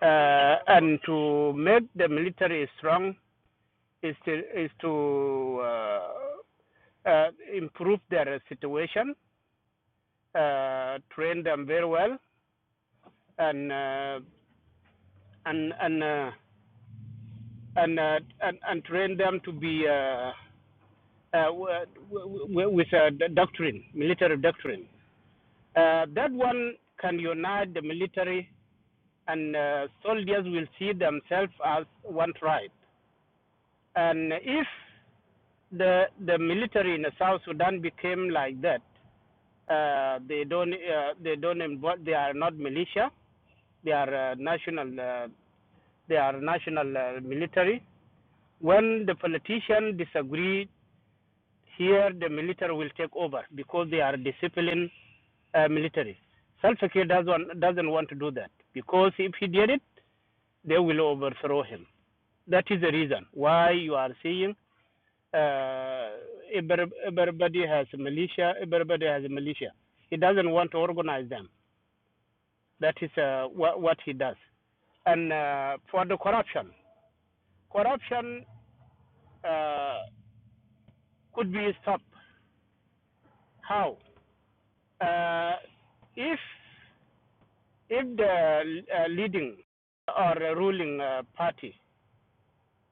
S10: uh, and to make the military strong is to is to uh, uh, improve their situation, uh, train them very well, and uh, and and uh, and, uh, and and train them to be uh, uh, with a doctrine, military doctrine. Uh, that one can unite the military and uh, soldiers will see themselves as one tribe. And if the the military in South Sudan became like that, uh, they don't uh, they don't involve, they are not militia. They are uh, national uh, they are national uh, military. When the politician disagree here, the military will take over because they are disciplined uh, military. Salva Kiir doesn't doesn't want to do that because if he did it, they will overthrow him. That is the reason why you are seeing uh, everybody has militia, everybody has militia. He doesn't want to organize them. That is uh, wha- what he does. And uh, for the corruption, corruption uh, could be stopped. How? Uh, if if the uh, leading or ruling uh, party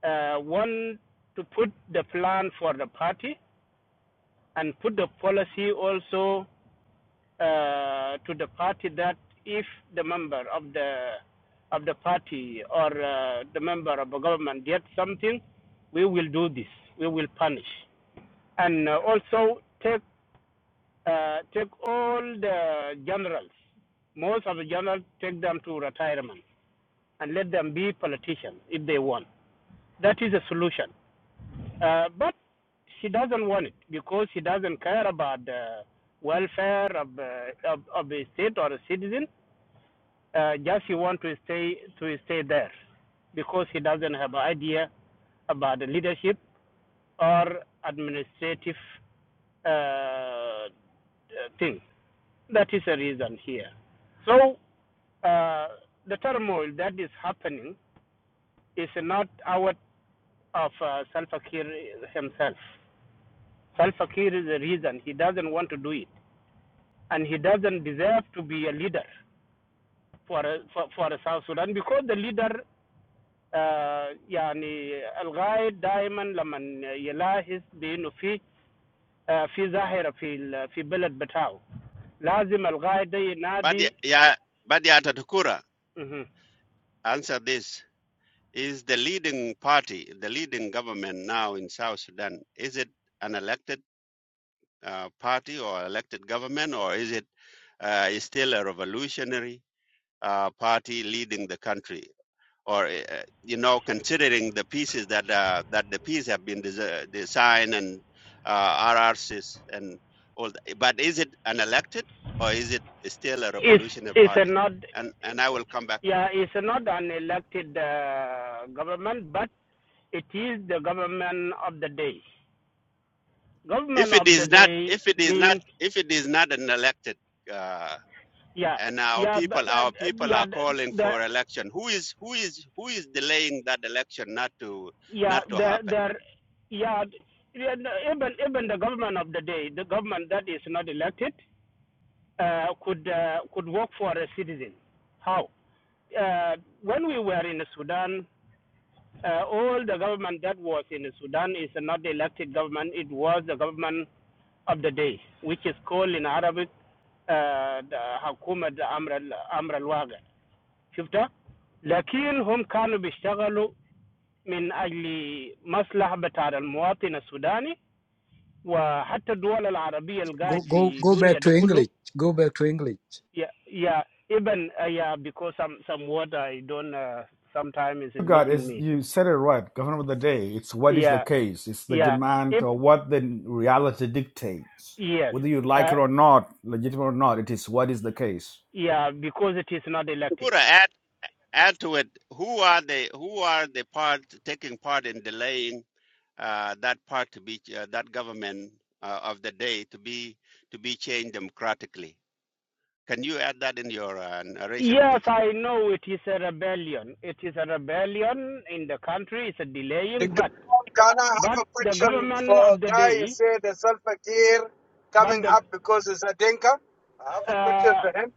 S10: uh, want to put the plan for the party and put the policy also uh, to the party that if the member of the of the party or uh, the member of the government did something, we will do this. We will punish, and uh, also take uh, take all the generals. Most of the generals take them to retirement and let them be politicians if they want. That is a solution. Uh, but she doesn't want it because she doesn't care about the welfare of, uh, of, of a state or a citizen Uh, just he want to stay to stay there because he doesn't have an idea about the leadership or administrative uh, uh, thing. That is the reason here. So uh, the turmoil that is happening is not out of uh, Salva Kiir himself. Salva Kiir is the reason he doesn't want to do it, and he doesn't deserve to be a leader for uh, for, for South Sudan because the leader آه، يعني الغايد دائما لما يلاحظ بانه في في ظاهره في في بلد بتاعه لازم الغايد
S8: بعد
S10: ينادي
S8: يا بعد يا Tadakura answer this is the leading party the leading government now in South Sudan is it an elected uh, party or elected government or is it uh, is still a revolutionary uh, party leading the country or uh, uh, you know considering the pieces that uh, that the piece have been desi- uh, designed and uh, RRCs and all that. but is it an elected or is it still a
S10: is
S8: revolutionary
S10: is
S8: party
S10: not
S8: and and I will come back
S10: yeah is not an elected uh, government but it is the government of the day government
S8: if
S10: of
S8: it
S10: the
S8: is not
S10: day
S8: if it is not
S10: means
S8: if it is not an elected uh,
S10: yeah
S8: and our
S10: yeah
S8: people our people
S10: yeah
S8: are calling
S10: the
S8: for election who is who is who is delaying that election not to
S10: Yeah,
S8: not to
S10: the
S8: happen
S10: the yeah, yeah, no, even even the government of the day, the government that is not elected, uh, could uh, could work for a citizen. How? Uh, when we were in Sudan, uh, all the government that was in Sudan is not the elected government. It was the government of the day, which is called in Arabic uh, the Hakumat Amr Amr al Waga. شفتها؟ لكن هم كانوا بيشتغلوا من أجل مصلحة بتاع المواطن السوداني وحتى الدول العربية
S5: Go
S10: القاعد
S5: go
S10: في
S5: go
S10: الدنيا
S5: back
S10: ده
S5: to
S10: كله
S5: English. Go back to English.
S10: yeah, yeah, even uh, yeah, because some some word I don't uh, sometimes it's
S3: God,
S10: missing
S3: is
S10: me.
S3: you said it right, governor of the day. It's what is the
S10: Yeah,
S3: case. It's the
S10: yeah.
S3: demand
S10: If
S3: or what the reality dictates.
S10: yes,
S3: Whether you
S10: uh,
S3: like it or not, legitimate or not, it is what is the case.
S10: yeah, because it is not elected.
S8: Who are add to it who are the who are the part taking part in delaying uh, that part to be uh, that government uh, of the day to be to be changed democratically can you add that in your uh, narration
S10: Yes,
S8: please
S10: I know it is a rebellion. It is a rebellion in the country. It's a delaying,
S11: Dr.
S10: but
S11: Paul, Can I
S10: but
S11: have a
S10: the
S11: question
S10: government
S11: for
S10: of the
S11: guy who
S10: day,
S11: said the sulfur gear
S10: but
S11: coming
S10: the
S11: up because it's a denker? I have a question
S10: uh,
S11: for him.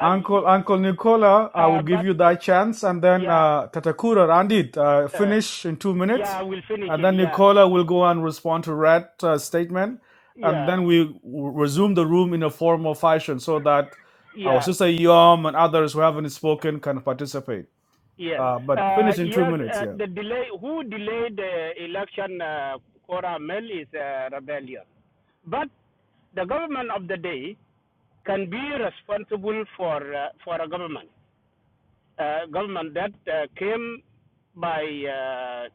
S10: uh,
S3: Uncle Nicola, I will
S10: uh
S3: give
S10: but
S3: you that chance, and then
S10: yeah,
S3: uh, Tatakura Randit uh,
S10: uh,
S3: finish in two minutes,
S10: yeah, I will finish
S3: and
S10: it.
S3: then
S10: Yeah,
S3: Nicola will go and respond to Red uh, statement, and
S10: Yeah,
S3: then we w- resume the room in a formal fashion so that our
S10: yeah,
S3: sister Yom and others who haven't spoken can participate.
S10: yes.
S3: Uh, but
S10: Uh,
S3: finish in two
S10: yes,
S3: minutes,
S10: uh,
S3: yeah.
S10: the delay, who delayed the election, uh, Cora Mel, is a rebellion. But the government of the day can be responsible for, uh, for a government, uh, government that uh, came by uh,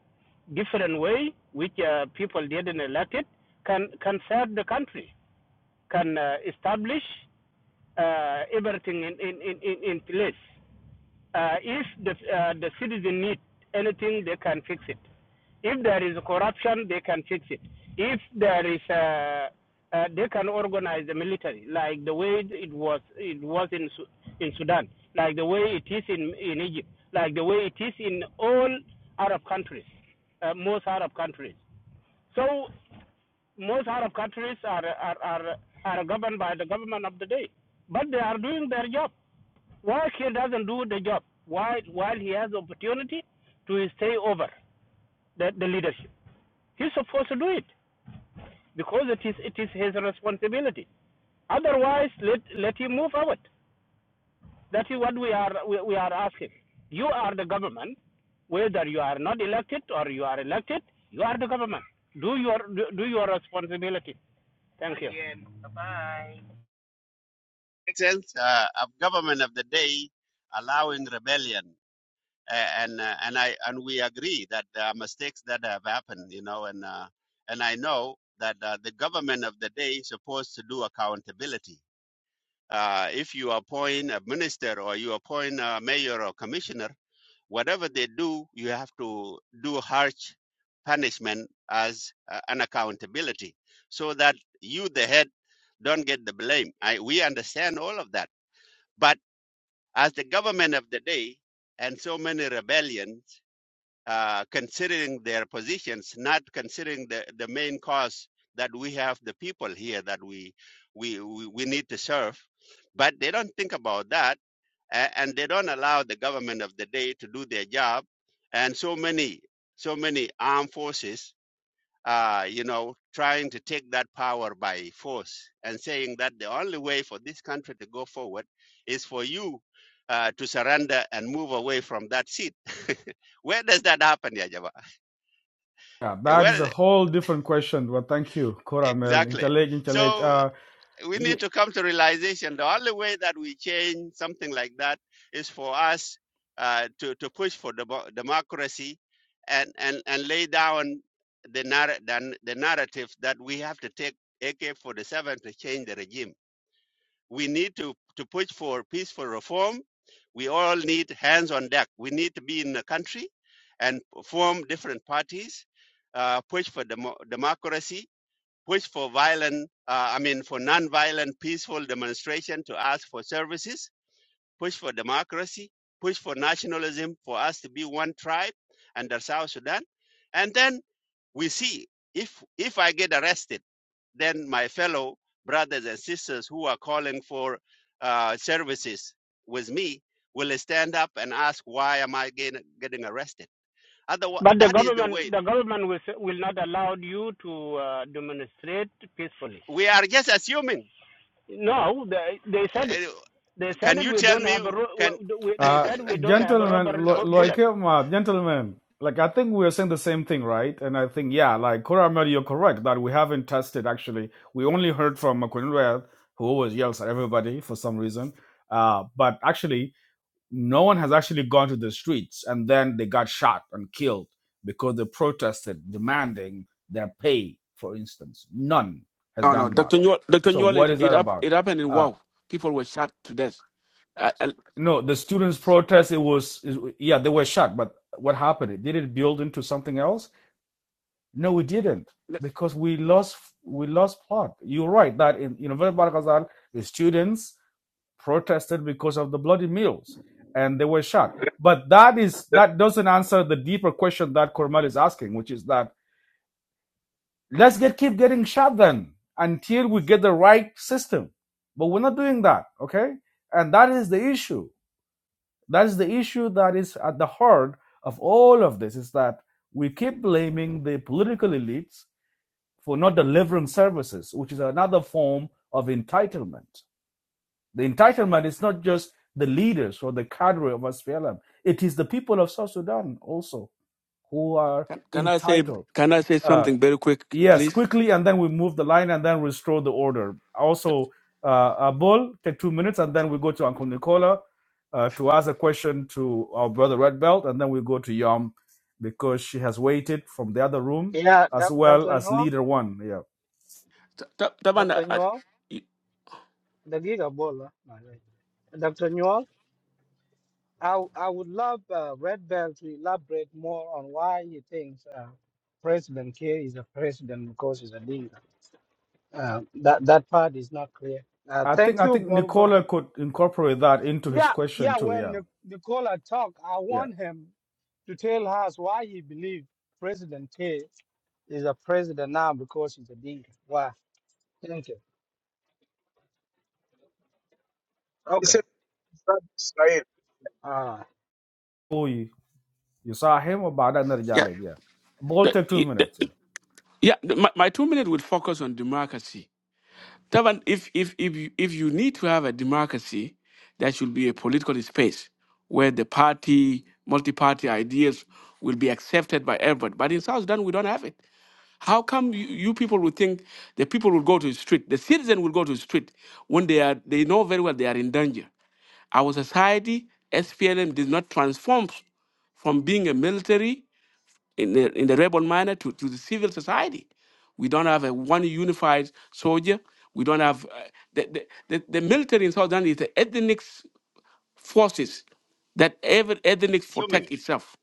S10: different way, which uh, people didn't elect it, can, can serve the country, can uh, establish uh, everything in, in, in, in in place. Uh, if the, uh, the citizen need anything, they can fix it. If there is corruption, they can fix it. If there is, uh, uh, they can organize the military like the way it was it was in in Sudan, like the way it is in in Egypt, like the way it is in all Arab countries, uh, most Arab countries. So most Arab countries are are, are are governed by the government of the day, but they are doing their job. Why he doesn't do the job while while he has opportunity to stay over the, the leadership? He's supposed to do it because it is it is his responsibility. Otherwise, let let him move forward. That is what we are we, we are asking. You are the government, whether you are not elected or you are elected, you are the government. Do your do, do your responsibility. Thank you.
S8: Excellence uh, of government of the day allowing rebellion A- and uh, and i and we agree that there are mistakes that have happened you know and uh, and i know that uh, the government of the day is supposed to do accountability Uh, if you appoint a minister or you appoint a mayor or commissioner, whatever they do, you have to do harsh punishment as uh, an accountability so that you, the head, don't get the blame. I, we understand all of that. But as the government of the day and so many rebellion uh, considering their positions, not considering the, the main cause that we have the people here that we, we, we, we need to serve. But they don't think about that, a- and they don't allow the government of the day to do their job. And so many, so many armed forces uh, you know, trying to take that power by force and saying that the only way for this country to go forward is for you uh, to surrender and move away from that seat. Where does that happen, Yajaba?
S3: Yeah, that is
S8: Well,
S3: a whole different question. But thank you, Koramel.
S8: exactly.
S3: Intelligent, intelligent.
S8: So
S3: Uh,
S8: we need to come to realization the only way that we change something like that is for us uh, to, to push for demo- democracy and, and, and lay down the, narr- the, the narrative that we have to take AK 47 to change the regime. We need to, to push for peaceful reform. We all need hands on deck. We need to be in the country and form different parties, uh, push for demo- democracy which for violent, uh, I mean, for non-violent peaceful demonstration to ask for services, push for democracy, push for nationalism, for us to be one tribe under South Sudan. And then we see if if I get arrested, then my fellow brothers and sisters who are calling for uh, services with me will stand up and ask, why am I getting, getting arrested? Otherwise,
S10: But the
S8: that is the way.
S10: government the
S8: that-
S10: government will will not allow you to uh, demonstrate peacefully.
S8: We are just assuming.
S10: No, they they said it.
S8: Uh,
S10: They said
S8: Can
S10: it.
S8: you
S10: We
S8: tell
S10: don't
S8: me?
S10: have a. ro-
S8: Can
S10: we- They
S3: Uh,
S10: said we don't have a
S3: gentlemen,
S10: rubber
S3: lo-
S10: bu-
S8: Okay.
S3: like,
S10: bullet.
S3: um, uh, gentlemen, like I think we are saying the same thing, right? And I think, yeah, like Koramel, you're correct that we haven't tested actually. We only heard from Makunwe, who always yells at everybody for some reason. Uh, but actually, no one has actually gone to the streets and then they got shot and killed because they protested demanding their pay, for instance. None has
S12: No, no,
S3: done that.
S12: Dr. Newell, Dr.
S3: So
S12: Newell,
S3: what
S12: it,
S3: is
S12: it,
S3: that
S12: hap-
S3: about?
S12: it happened in
S3: Uh,
S12: Wow. People were shot to death. I, I,
S3: no, the students' protest. It was it- yeah, they were shot. But what happened? Did it build into something else? No, it didn't
S12: let-
S3: because we lost we lost plot. You're right that in you know Barakazal, the students protested because of the bloody meals and they were shot. But that is
S11: Yeah.
S3: that doesn't answer the deeper question that Kormal is asking, which is that let's get keep getting shot then until we get the right system. But we're not doing that, okay? And that is the issue That's the issue that is at the heart of all of this is that we keep blaming the political elites for not delivering services, which is another form of entitlement. The entitlement is not just the leaders or the cadre of SPLM, it is the people of South Sudan also who are
S12: can, can I say
S3: entitled.
S12: can I say
S3: Uh,
S12: something very quick,
S3: Yes,
S12: please?
S3: quickly, and then we move the line and then restore the order. Also, uh, a take two minutes, and then we go to Uncle Nicola uh, to ask a question to our brother Red Belt, and then we go to Yom because she has waited from the other room
S13: Yeah,
S3: as
S13: Doc-
S3: well
S13: Dr.
S3: as
S13: Newell,
S3: leader one. Yeah,
S12: Ta- ta- Taban,
S13: Dr.
S12: I-
S13: Newell,
S12: I-
S13: the Giga Bola. Dr. Newell, I, w- I would love uh, Red Bell to elaborate more on why he thinks uh, President Kiir is a president because he's a leader. Uh, that that part is not clear. Uh,
S3: I think
S13: thank
S3: I
S13: you,
S3: think
S13: Bol. Go
S3: Nicola
S13: ahead.
S3: could incorporate that into his
S13: Yeah,
S3: question
S13: yeah.
S3: too.
S13: When
S3: Yeah,
S13: Nic- Nicola talk, I
S3: yeah.
S13: want him to tell us why he believes President Kiir is a president now because he's a leader. Why? Thank you.
S11: He
S13: Okay.
S11: said, "Brother Israel,
S13: All right.
S3: Oy, you you saw him or Bada
S12: yeah,
S3: Narjale yeah. Ball
S12: the-
S3: take two minutes. Yeah.
S12: the- yeah. the- My, my two minutes will focus on democracy. Taban, if if if you, if you need to have a democracy, there should be a political space where the party, multi-party ideas will be accepted by everybody. But in South Sudan, we don't have it. How come you, you people would think the people will go to the street, the citizen will go to the street when they are they know very well they are in danger? Our society, SPLM, did not transform from being a military in the, in the rebel manner to, to the civil society. We don't have a one unified soldier. We don't have uh, the, the, the, the military in South Sudan is the ethnic s- forces that every ethnic
S8: Assuming.
S12: protect itself.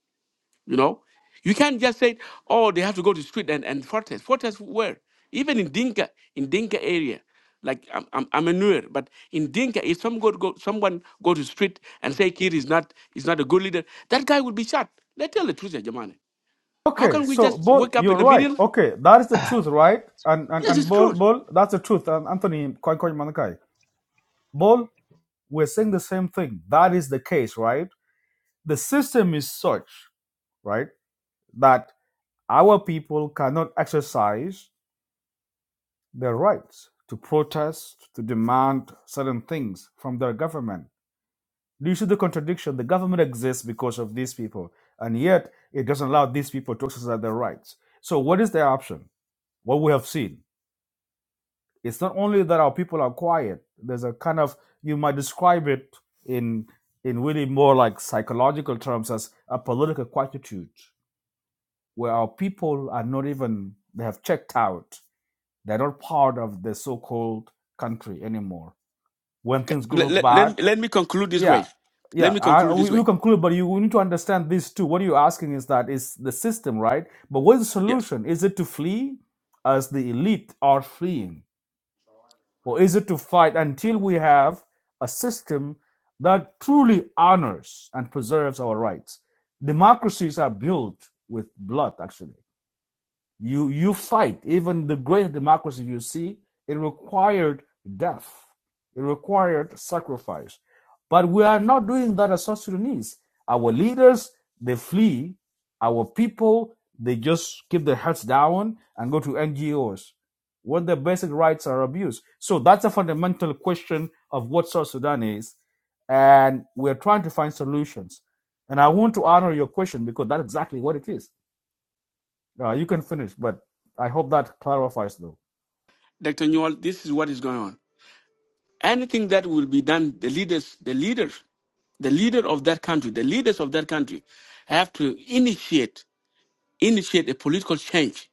S12: You know, you can't just say, oh, they have to go to street and and fortress. Fortress where? Even in Dinka, in Dinka area, like I'm I'm, I'm a newer, but in Dinka, if some go, go someone go to street and say Kir is not is not a good leader, that guy will be shot. Let's tell the truth, Jamani. How
S3: Okay,
S12: can we
S3: so
S12: just
S3: Bol,
S12: wake up
S3: you're
S12: in the
S3: right.
S12: middle?
S3: Okay, that is the truth, right? And and
S12: Yes,
S3: and
S12: it's
S3: Bol,
S12: true.
S3: Bol, that's the truth. And Anthony, Koi Koi Manakai, Bol, we're saying the same thing. That is the case, right? The system is such, right, that Our people cannot exercise their rights to protest, to demand certain things from their government. Do you see the contradiction? The government exists because of these people, and yet it doesn't allow these people to exercise their rights. So, what is their option? What we have seen. It's not only that our people are quiet, there's a kind of, you might describe it in, in really more like psychological terms as a political quietude, where our people are not even, they have checked out They're not part of the so-called country anymore. When things
S12: Let,
S3: go
S12: let,
S3: bad,
S12: let, let me conclude this
S3: yeah,
S12: way. Let
S3: yeah,
S12: me
S3: I,
S12: conclude this
S3: we, we
S12: way.
S3: conclude. But you we need to understand this too. What you're asking is that is the system, right? But what's the
S12: Yes.
S3: solution? Is it to flee, as the elite are fleeing, or is it to fight until we have a system that truly honors and preserves our rights? Democracies are built with blood, actually you you fight. Even the great democracy you see, it required death. It required sacrifice. But we are not doing that as South Sudanese. Our leaders, they flee. Our people, they just keep their heads down and go to NGOs when their basic rights are abused. So that's a fundamental question of what South Sudan is. And we're trying to find solutions. And I want to honor your question because that's exactly what it is. Uh, you can finish, but I hope that clarifies though.
S12: Dr. Newell, this is what is going on. Anything that will be done, the leaders, the leaders, the leader of that country, the leaders of that country have to initiate, initiate a political change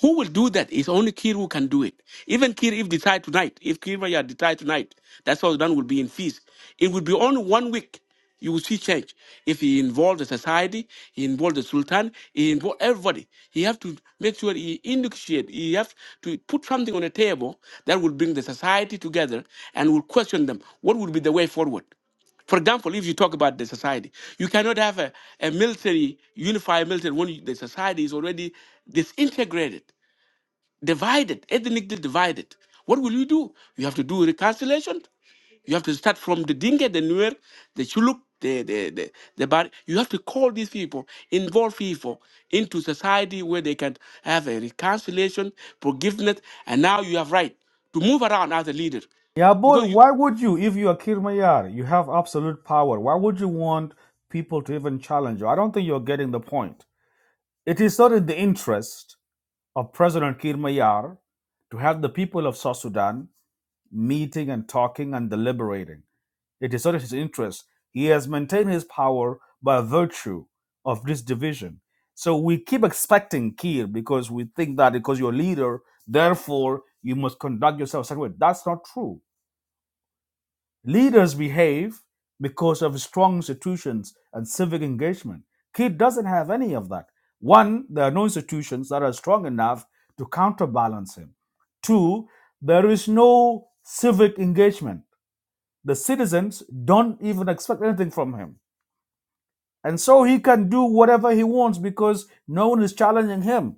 S12: Who will do that? It's only Kir who can do it. Even Kir, if decide tonight, if Kir Maya decide tonight, that's how done will be in peace. It will be only one week. You will see change. If he involved the society, he involved the Sultan, he involved everybody. He have to make sure he initiate, he have to put something on the table that will bring the society together and will question them. What would be the way forward? For example, if you talk about the society, you cannot have a, a military, unified military when you- the society is already disintegrated, divided, ethnically divided. What will you do? You have to do reconciliation. You have to start from the Dinka, the Nuer, the Chuluk, the the the, the Bari. You have to call these people, involve people into society where they can have a reconciliation, forgiveness, and now you have right to move around as a leader
S3: Yabol,
S12: because
S3: why would you, if you are Kirmayar, you have absolute power, why would you want people to even challenge you? I don't think you're getting the point. It is not in the interest of President Kirmayar to have the people of South Sudan meeting and talking and deliberating. It is not his interest. He has maintained his power by virtue of this division. So we keep expecting Kir because we think that because you're a leader, therefore you must conduct yourself a certain way. That's not true. Leaders behave because of strong institutions and civic engagement. Kir doesn't have any of that. One, there are no institutions that are strong enough to counterbalance him. Two, there is no civic engagement. The citizens don't even expect anything from him. And so he can do whatever he wants because no one is challenging him.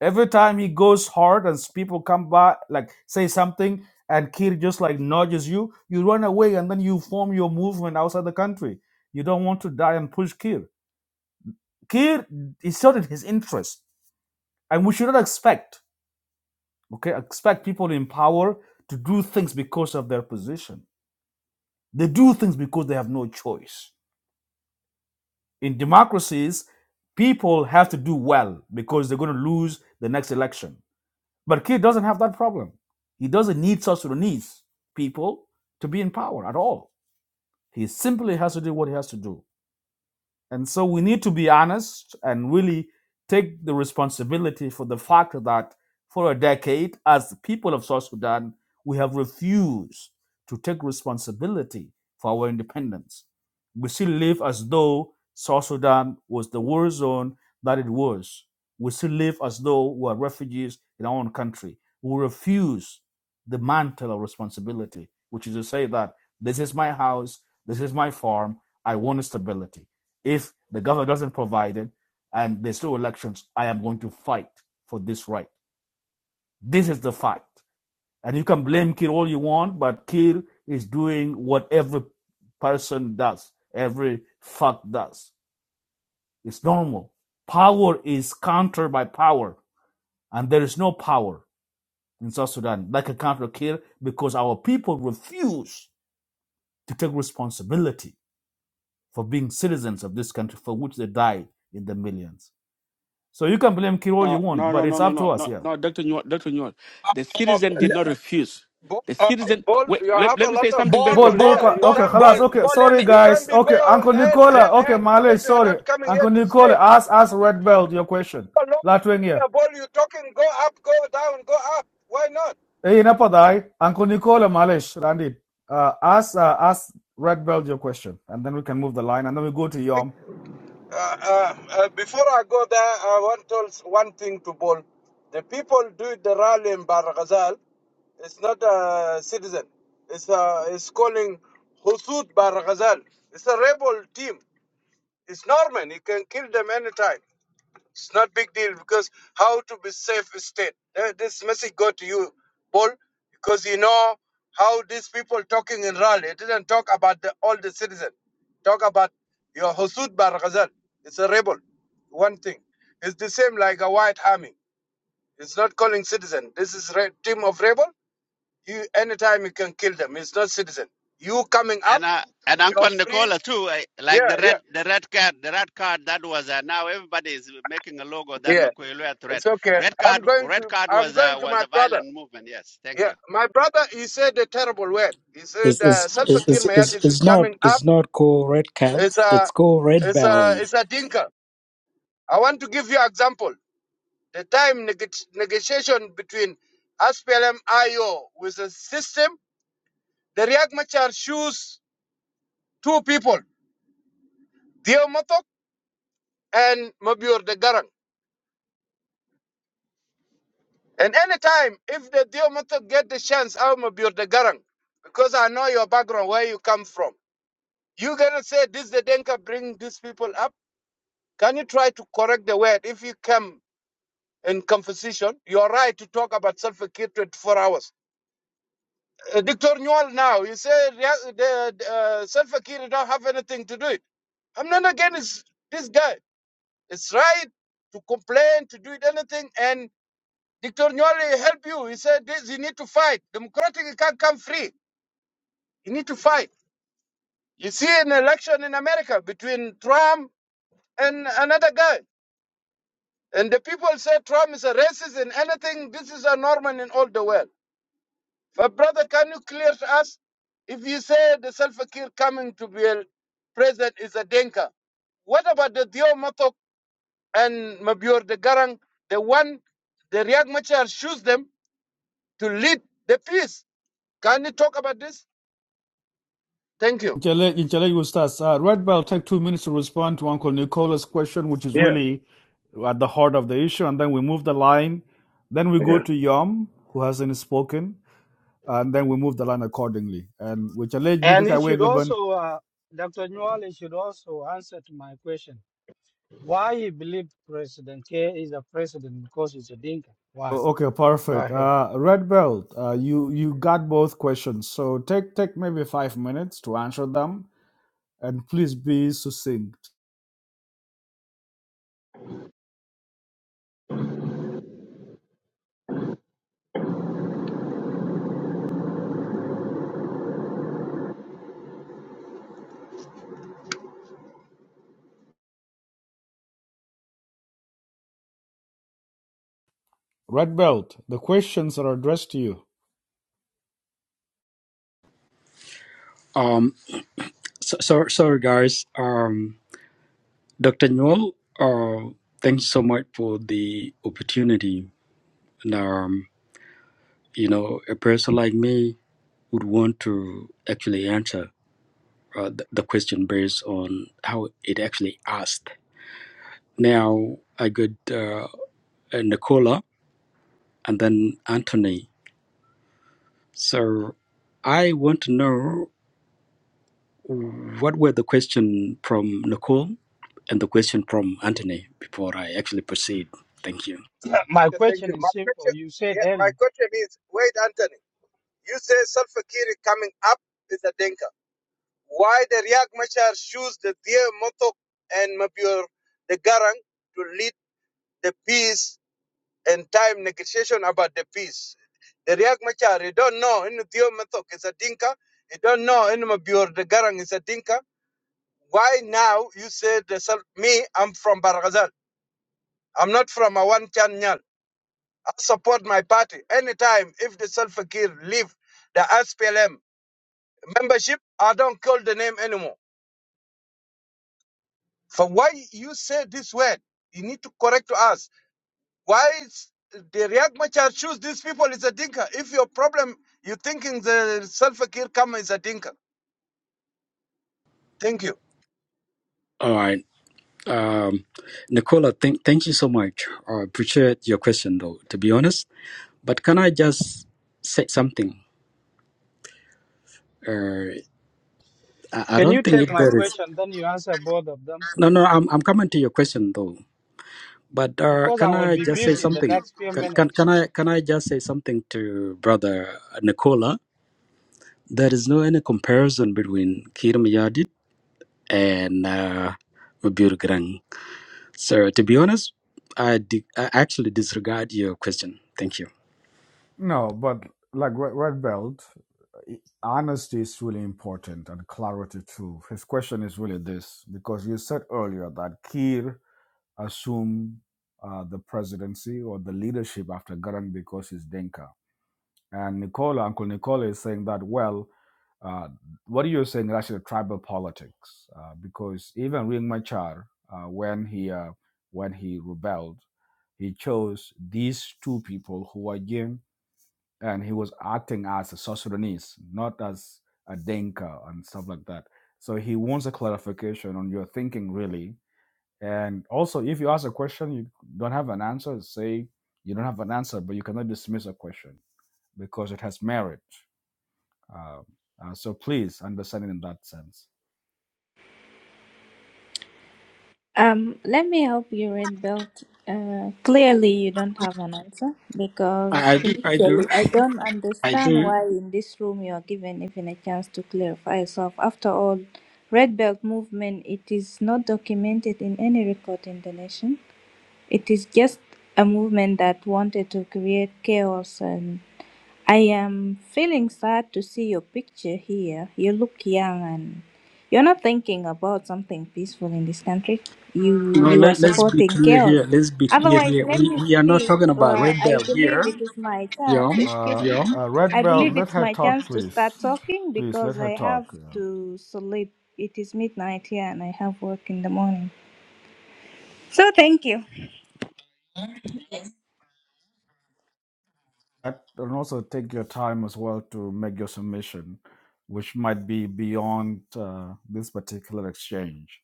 S3: Every time he goes hard and people come by, like say something, and Kir just like nudges you, you run away and then you form your movement outside the country. You don't want to die and push Kir. Kir is serving his interest. And we should not expect, okay, expect people in power to do things because of their position. They do things because they have no choice in democracies, people have to do well because they're going to lose the next election. But Kiir doesn't have that problem. He doesn't need South Sudanese people to be in power at all. He simply has to do what he has to do. And so we need to be honest and really take the responsibility for the fact that for a decade, as the people of South Sudan, we have refused to take responsibility for our independence. We still live as though South Sudan was the war zone that it was. We still live as though we are refugees in our own country. We refuse the mantle of responsibility, which is to say that this is my house, this is my farm, I want stability. If the government doesn't provide it and there's still elections, I am going to fight for this right. This is the fact. And you can blame Kir all you want, but Kir is doing what every person does, every fuck does. It's normal. Power is countered by power, and there is no power in South Sudan like a counter Kir because our people refuse to take responsibility for being citizens of this country for which they die in the millions. So you can blame Kid all you
S12: No,
S3: want,
S12: no, no,
S3: but it's
S12: no, no,
S3: up to
S12: no,
S3: us,
S12: no,
S3: yeah.
S12: no, Dr. Newell, Dr. Newell. The citizen did not refuse.
S11: Paul,
S12: The citizen,
S11: Paul,
S12: wait,
S11: you
S12: let,
S11: have
S12: let
S11: a
S12: me say
S11: lot of
S12: something very
S3: Bol,
S11: people
S12: quick.
S3: bol,
S11: here. You
S3: okay,
S11: can't
S3: خلاص,
S7: Paul,
S11: be,
S3: okay,
S7: Paul let
S3: sorry
S7: me-
S11: you can't
S3: guys,
S11: be
S3: okay,
S11: go
S3: Uncle
S11: and
S12: Let,
S3: Nicola,
S11: and
S3: okay,
S11: and
S3: Malay,
S11: because you are
S3: sorry,
S11: not coming here
S3: Uncle
S11: to
S3: Nicola,
S11: sleep.
S3: ask, ask Red Belt your question.
S11: Paul, no,
S3: Latwing here.
S11: Paul, you talking? Go up, go down, go up. Why not?
S3: Hey, napadai, Uncle Nicola, Malay, Randy, uh, ask, uh, ask Red Belt your question, and then we can move the line, and then we go to Yom.
S11: Uh, uh, uh, before I go there, I want to one thing to Paul. The people do the rally in Barghazal. It's not a citizen. It's uh, it's calling Husud Barghazal. It's a rebel team. It's Norman. He can kill them anytime. It's not big deal because how to be safe state. That- This message go to you, Paul, because you know how these people talking in Raleigh. It didn't talk about the, all the citizen. Talk about your Hosud Bar Ghazal. It's a rebel. One thing. It's the same like a white army. It's not calling citizen. This is re- team of rebel. You anytime you can kill them. It's not citizen. You coming up,
S8: And uh, and
S11: you're
S8: Uncle
S11: free.
S8: Nicola too. I, like
S11: Yeah,
S8: the red
S11: yeah,
S8: the red card the red card that was uh, now everybody is making a logo that
S11: yeah.
S8: Makuilua threat.
S11: It's okay.
S8: Red card
S11: I'm going
S8: red
S11: to
S8: card
S11: I'm
S8: was uh,
S11: going to
S8: was
S11: my
S8: a
S11: brother.
S8: violent movement. Yes. Thank
S11: Yeah,
S8: you.
S11: my brother, he said a terrible word. He said
S5: It's
S11: uh,
S5: it's it's
S11: Salfakir
S5: it's, it's,
S11: Mayadis is
S5: it's not
S11: coming up.
S5: it's not called red cap.
S11: It's
S5: It's
S11: a,
S5: called red
S11: it's a,
S5: bell.
S11: it's a dinka. I want to give you example. The time neg- negotiation between SPLM IO with the system, the Riyak Machar choose two people, Dio Motok and Mabior de Garang. And anytime, if the Dio Motok get the chance, I'll Mabior de Garang, because I know your background, where you come from. you going to say this the Denka bring these people up? Can you try to correct the word? If you come in conversation, you're right to talk about self-care 24 hours. Uh, Dr. Newell now, you say rea- the the, uh, self-care don't have anything to do it. I'm not against this guy. It's right to complain, to do it anything, and Dr. Newell help you. He said this, you need to fight. Democratic can't come free. You need to fight. You see an election in America between Trump and another guy. And the people say Trump is a racist and anything. This is a Norman in all the world. But brother, can you clear to us if you say the Salva Kiir coming to be a president is a Denka? What about the Dio Matok and Mabior the Garang, the one the Riek Machar choose them to lead the peace? Can you talk about this? Thank you.
S3: Inchele, Inchele, you start. Uh, Red Belt, take two minutes to respond to Uncle Nicola's question, which is
S11: Yeah.
S3: really at the heart of the issue, and then we move the line. Then we go to Yom, who hasn't spoken. and then we move the line accordingly. And which alleged me the
S13: And
S3: guy
S13: it should
S3: Wegerben.
S13: also, uh, Dr. Newell should also answer to my question. Why he believe President K is a president because he's a dinka? Why?
S3: Okay,
S13: Go
S3: perfect.
S13: ahead.
S3: Uh, Red Belt, uh, you you got both questions, so take take maybe five minutes to answer them, and please be succinct. Red Belt, the questions are addressed to you.
S5: Um, so, so sorry guys. Um, Doctor Newell. Uh, thanks so much for the opportunity. And um, you know, a person like me would want to actually answer uh, the, the question based on how it actually asked. Now I got uh, Nicola and then Anthony. So I want to know. What were the question from Nicole and the question from Anthony before I actually proceed? Thank you.
S13: my
S11: Yeah, Thank you.
S13: question
S11: My
S13: is
S11: question,
S13: simple. You said
S11: yeah, my
S13: earlier.
S11: question is, wait, Anthony, you say Salva Kiir coming up is a Denka. Why the Riyak Machar choose the Deir Motok and Mabur the Garang to lead the peace and time negotiation about the peace. The Riyak Machar, you don't know in Deir Motok is a Dinka, you don't know in Mabur the Garang is a Dinka. Why now you say the me, I'm from Barghazal. I'm not from Awan Chanyal. I support my party. Anytime if the Salfakir leave the SPLM membership, I don't call the name anymore. For why you say this word, you need to correct to us. Why is the Riyak Machar choose these people is a dinka? If your problem, you thinking the self care come is a dinka. Thank you.
S5: All right. Um, Nicola, thank, thank you so much. I appreciate your question, though, to be honest. But can I just say something? Uh, I, I
S13: Can
S5: don't
S13: you
S5: think
S13: take
S5: if
S13: my
S5: there is.
S13: question, then you answer both of them?
S5: No, no, I'm, I'm coming to your question, though. But uh,
S13: Because I
S5: can
S13: will
S5: I
S13: be
S5: just say
S13: busy in the
S5: something?
S13: next few
S5: Can, can,
S13: minutes.
S5: can, I, can I just say something to Brother Nicola? There is no any comparison between Kirim and uh, Mabiurgrang. So to be honest, I, di- I actually disregard your question. Thank you.
S3: No, but like Red, Red Belt, i- honesty is really important and clarity too. His question is really this because you said earlier that Kier assume uh, the presidency or the leadership after Garang because he's Denka. And Nicola, Uncle Nicola is saying that, well, uh, what you're saying is actually tribal politics uh, because even Ring Machar, uh, when, he, uh, when he rebelled, he chose these two people who were Jim and he was acting as a South Sudanese, not as a Denka and stuff like that. So he wants a clarification on your thinking, really, and also, if you ask a question, you don't have an answer, say you don't have an answer, but you cannot dismiss a question because it has merit. Uh, uh, so please understand it in that sense.
S9: Um, let me help you, Red Belt. Uh, clearly, you don't have an answer
S5: I,
S9: because
S5: I do, I do,
S9: initially I don't
S5: I
S9: understand
S5: do.
S9: why in this room you are given even a chance to clarify yourself. After all, Red Belt movement it is not documented in any record in the nation. It is just a movement that wanted to create chaos and I am feeling sad to see your picture here. You look young and you're not thinking about something peaceful in this country. You
S5: No,
S9: you are
S5: let, let's be
S9: supporting
S5: clear
S9: chaos.
S5: here. Let's be clear
S9: Otherwise,
S5: here.
S9: let
S5: We,
S9: me
S5: we are not
S9: speak.
S5: talking about
S9: Uh,
S5: Red Bell
S9: I
S5: here.
S9: believe it is my chance.
S5: Yom,
S9: Excuse
S3: Uh,
S9: me.
S5: Yom.
S3: uh,
S9: I
S3: Red Bell,
S9: believe
S3: let
S9: it's
S3: her
S9: my
S3: talk,
S9: chance to
S3: please.
S9: start talking
S3: Please let
S9: because
S3: her
S9: I have
S3: talk. yeah.
S9: to sleep. It is midnight here and I have work in the morning. So thank you.
S3: At- And also take your time as well to make your submission, which might be beyond uh, this particular exchange.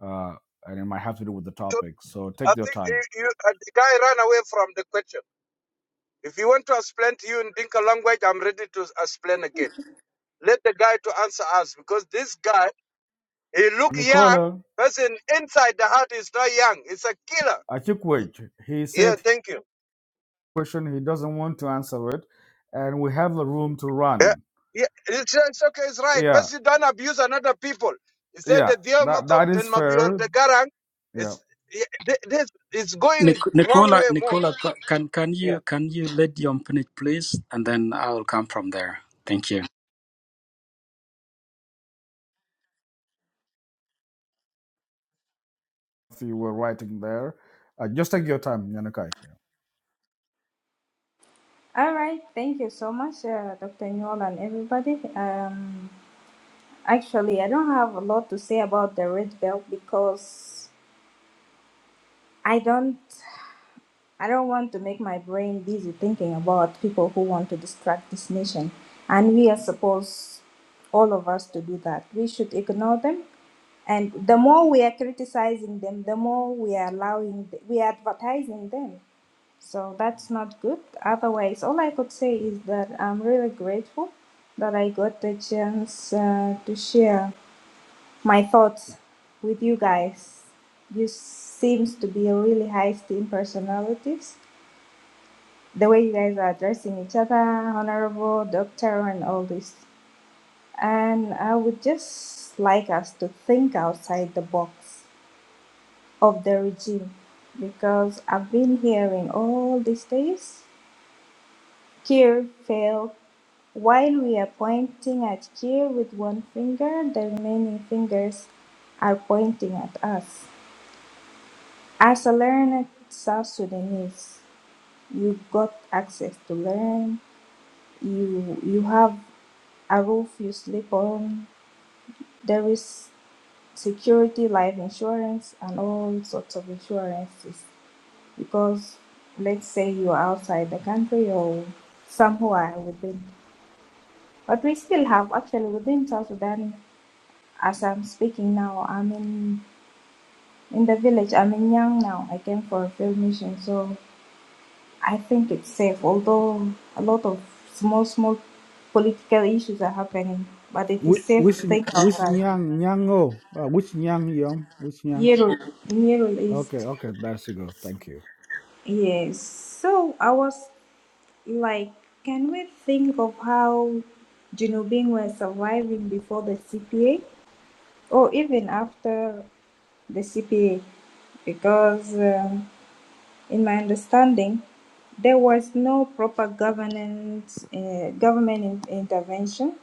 S3: Uh, and it might have to do with the
S11: To-
S3: topic. So
S11: I
S3: take your
S11: think
S3: time.
S11: you, you, uh, the guy ran away from the question. If you want to explain to you in dinka language, I'm ready to explain again. Let the guy to answer us because this guy, he look young.
S3: Nicola,
S11: Person inside the heart is not young. It's a killer.
S3: I took He
S11: Yeah,
S3: said
S11: thank you.
S3: question he doesn't want to answer it and we have the room to
S11: Yeah,
S3: run
S11: yeah, it's, it's okay, it's right.
S3: yeah
S11: But you don't abuse another people. He said
S3: yeah
S11: that the
S3: that
S11: mother
S3: that is
S11: in Mabior
S3: fair
S11: the Garang
S3: yeah
S11: is yeah, th- this is going
S5: Nic-
S11: wrong
S5: Nicola,
S11: way more.
S5: Nicola, ca- can can you can you let Yom finish, please, and then I'll come from there. Thank you.
S3: if you were writing there uh, just take your time Yanakai. Yeah.
S9: All right, thank you so much, uh, Dr. Newell and everybody. Um, actually, I don't have a lot to say about the red belt because I don't, I don't want to make my brain busy thinking about people who want to distract this nation, and we are supposed, all of us, to do that. We should ignore them, and the more we are criticizing them, the more we are allowing, we are advertising them. So that's not good. Otherwise, all I could say is that I'm really grateful that I got the chance uh, to share my thoughts with you guys. You seems to be a really high steam personalities. The way you guys are addressing each other, honorable doctor, and all this. And I would just like us to think outside the box of the regime because I've been hearing all these days Keir fail, while we are pointing at Keir with one finger, the remaining fingers are pointing at us. As a learned South Sudanese, you got access to learn. You you have a roof you sleep on. There is security, life insurance, and all sorts of insurances. Because let's say you are outside the country or somewhere within, but we still have actually within South Sudan As I'm speaking now, I'm in in the village. I'm in Yang now. I came for a field mission, so I think it's safe. Although a lot of small small political issues are happening, but it is
S3: Whi-
S9: safe
S3: Which
S9: to think
S3: which
S9: outside.
S3: Nyang Nyango? Uh, which Nyang Yom? Which Nyang?
S9: Yerul, in Yerul East,
S3: Okay, okay, that's a go. Thank you.
S9: yes. So I was like, can we think of how Junubin were surviving before the CPA, or even after the CPA? because um, In my understanding, there was no proper governance, uh, government in- intervention,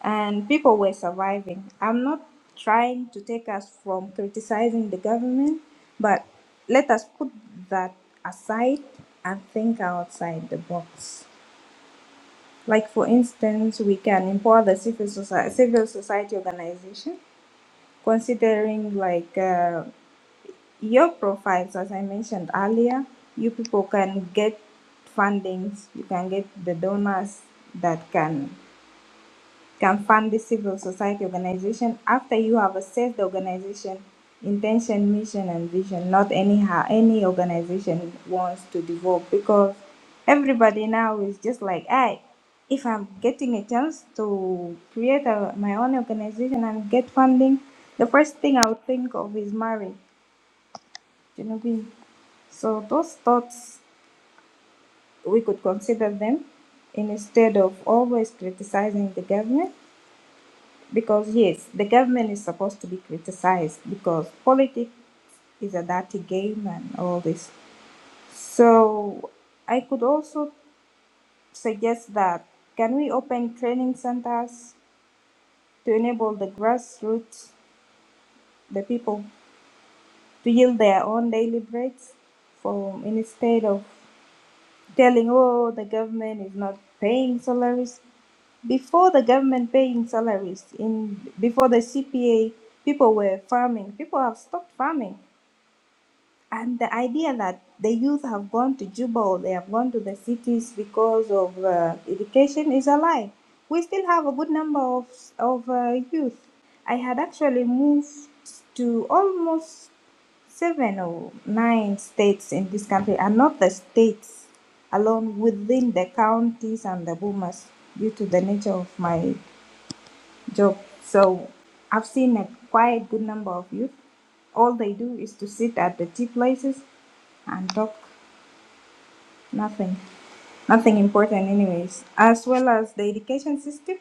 S9: and people were surviving. I'm not trying to take us from criticizing the government, but let us put that aside and think outside the box. Like, for instance, we can empower the civil society, civil society organization, considering like. uh, your profiles, as I mentioned earlier, you people can get fundings, you can get the donors that can can fund the civil society organization after you have assessed the organization intention, mission and vision, not anyhow any organization wants to develop because everybody now is just like I if I'm getting a chance to create a, my own organization and get funding, the first thing I would think of is marriage you know, Genevieve. So those thoughts, we could consider them instead of always criticizing the government because yes, the government is supposed to be criticized because politics is a dirty game and all this. So I could also suggest that can we open training centers to enable the grassroots, the people to yield their own daily breads for instead of telling, oh, the government is not paying salaries. Before the government paying salaries, in before the CPA, people were farming. People have stopped farming and the idea that the youth have gone to Juba or they have gone to the cities because of uh, education is a lie. We still have a good number of, of uh, youth. I had actually moved to almost seven or nine states in this country, and not the states alone within the counties and the boomers due to the nature of my job. So I've seen a quite good number of youth. All they do is to sit at the tea places and talk nothing, nothing important, anyways. As well as the education system,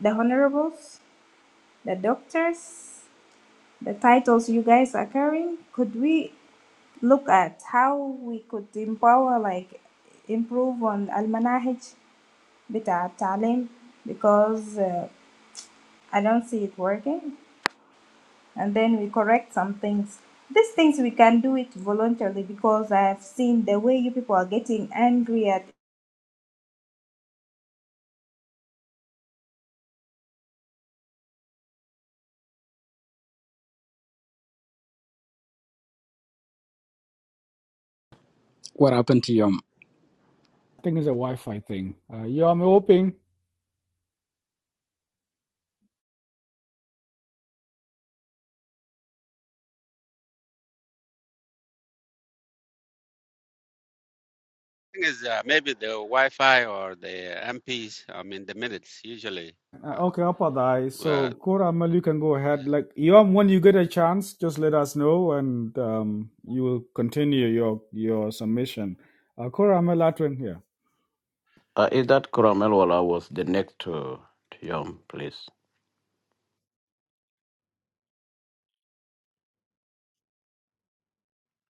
S9: the honorables, the doctors, the titles you guys are carrying. Could we look at how we could empower, like, improve on al manahij bita talim because uh, I don't see it working. and then we correct some things. These things we can do it voluntarily because I have seen the way you people are getting angry at.
S5: What happened to Yom?
S3: I think it's a Wi-Fi thing. Uh, Yom, open.
S8: Thing is uh, maybe the Wi-Fi or the MPs. I mean the minutes usually.
S3: Uh,
S8: Uh,
S3: okay, Apadai.
S8: uh,
S3: So, Koramal, you can go ahead. Like, Yom, when you get a chance, just let us know and um, you will continue your your submission. Uh, Koramal, Latwin, yeah,
S4: Uh, is that Kuramelwala was the next to, to Yom, please?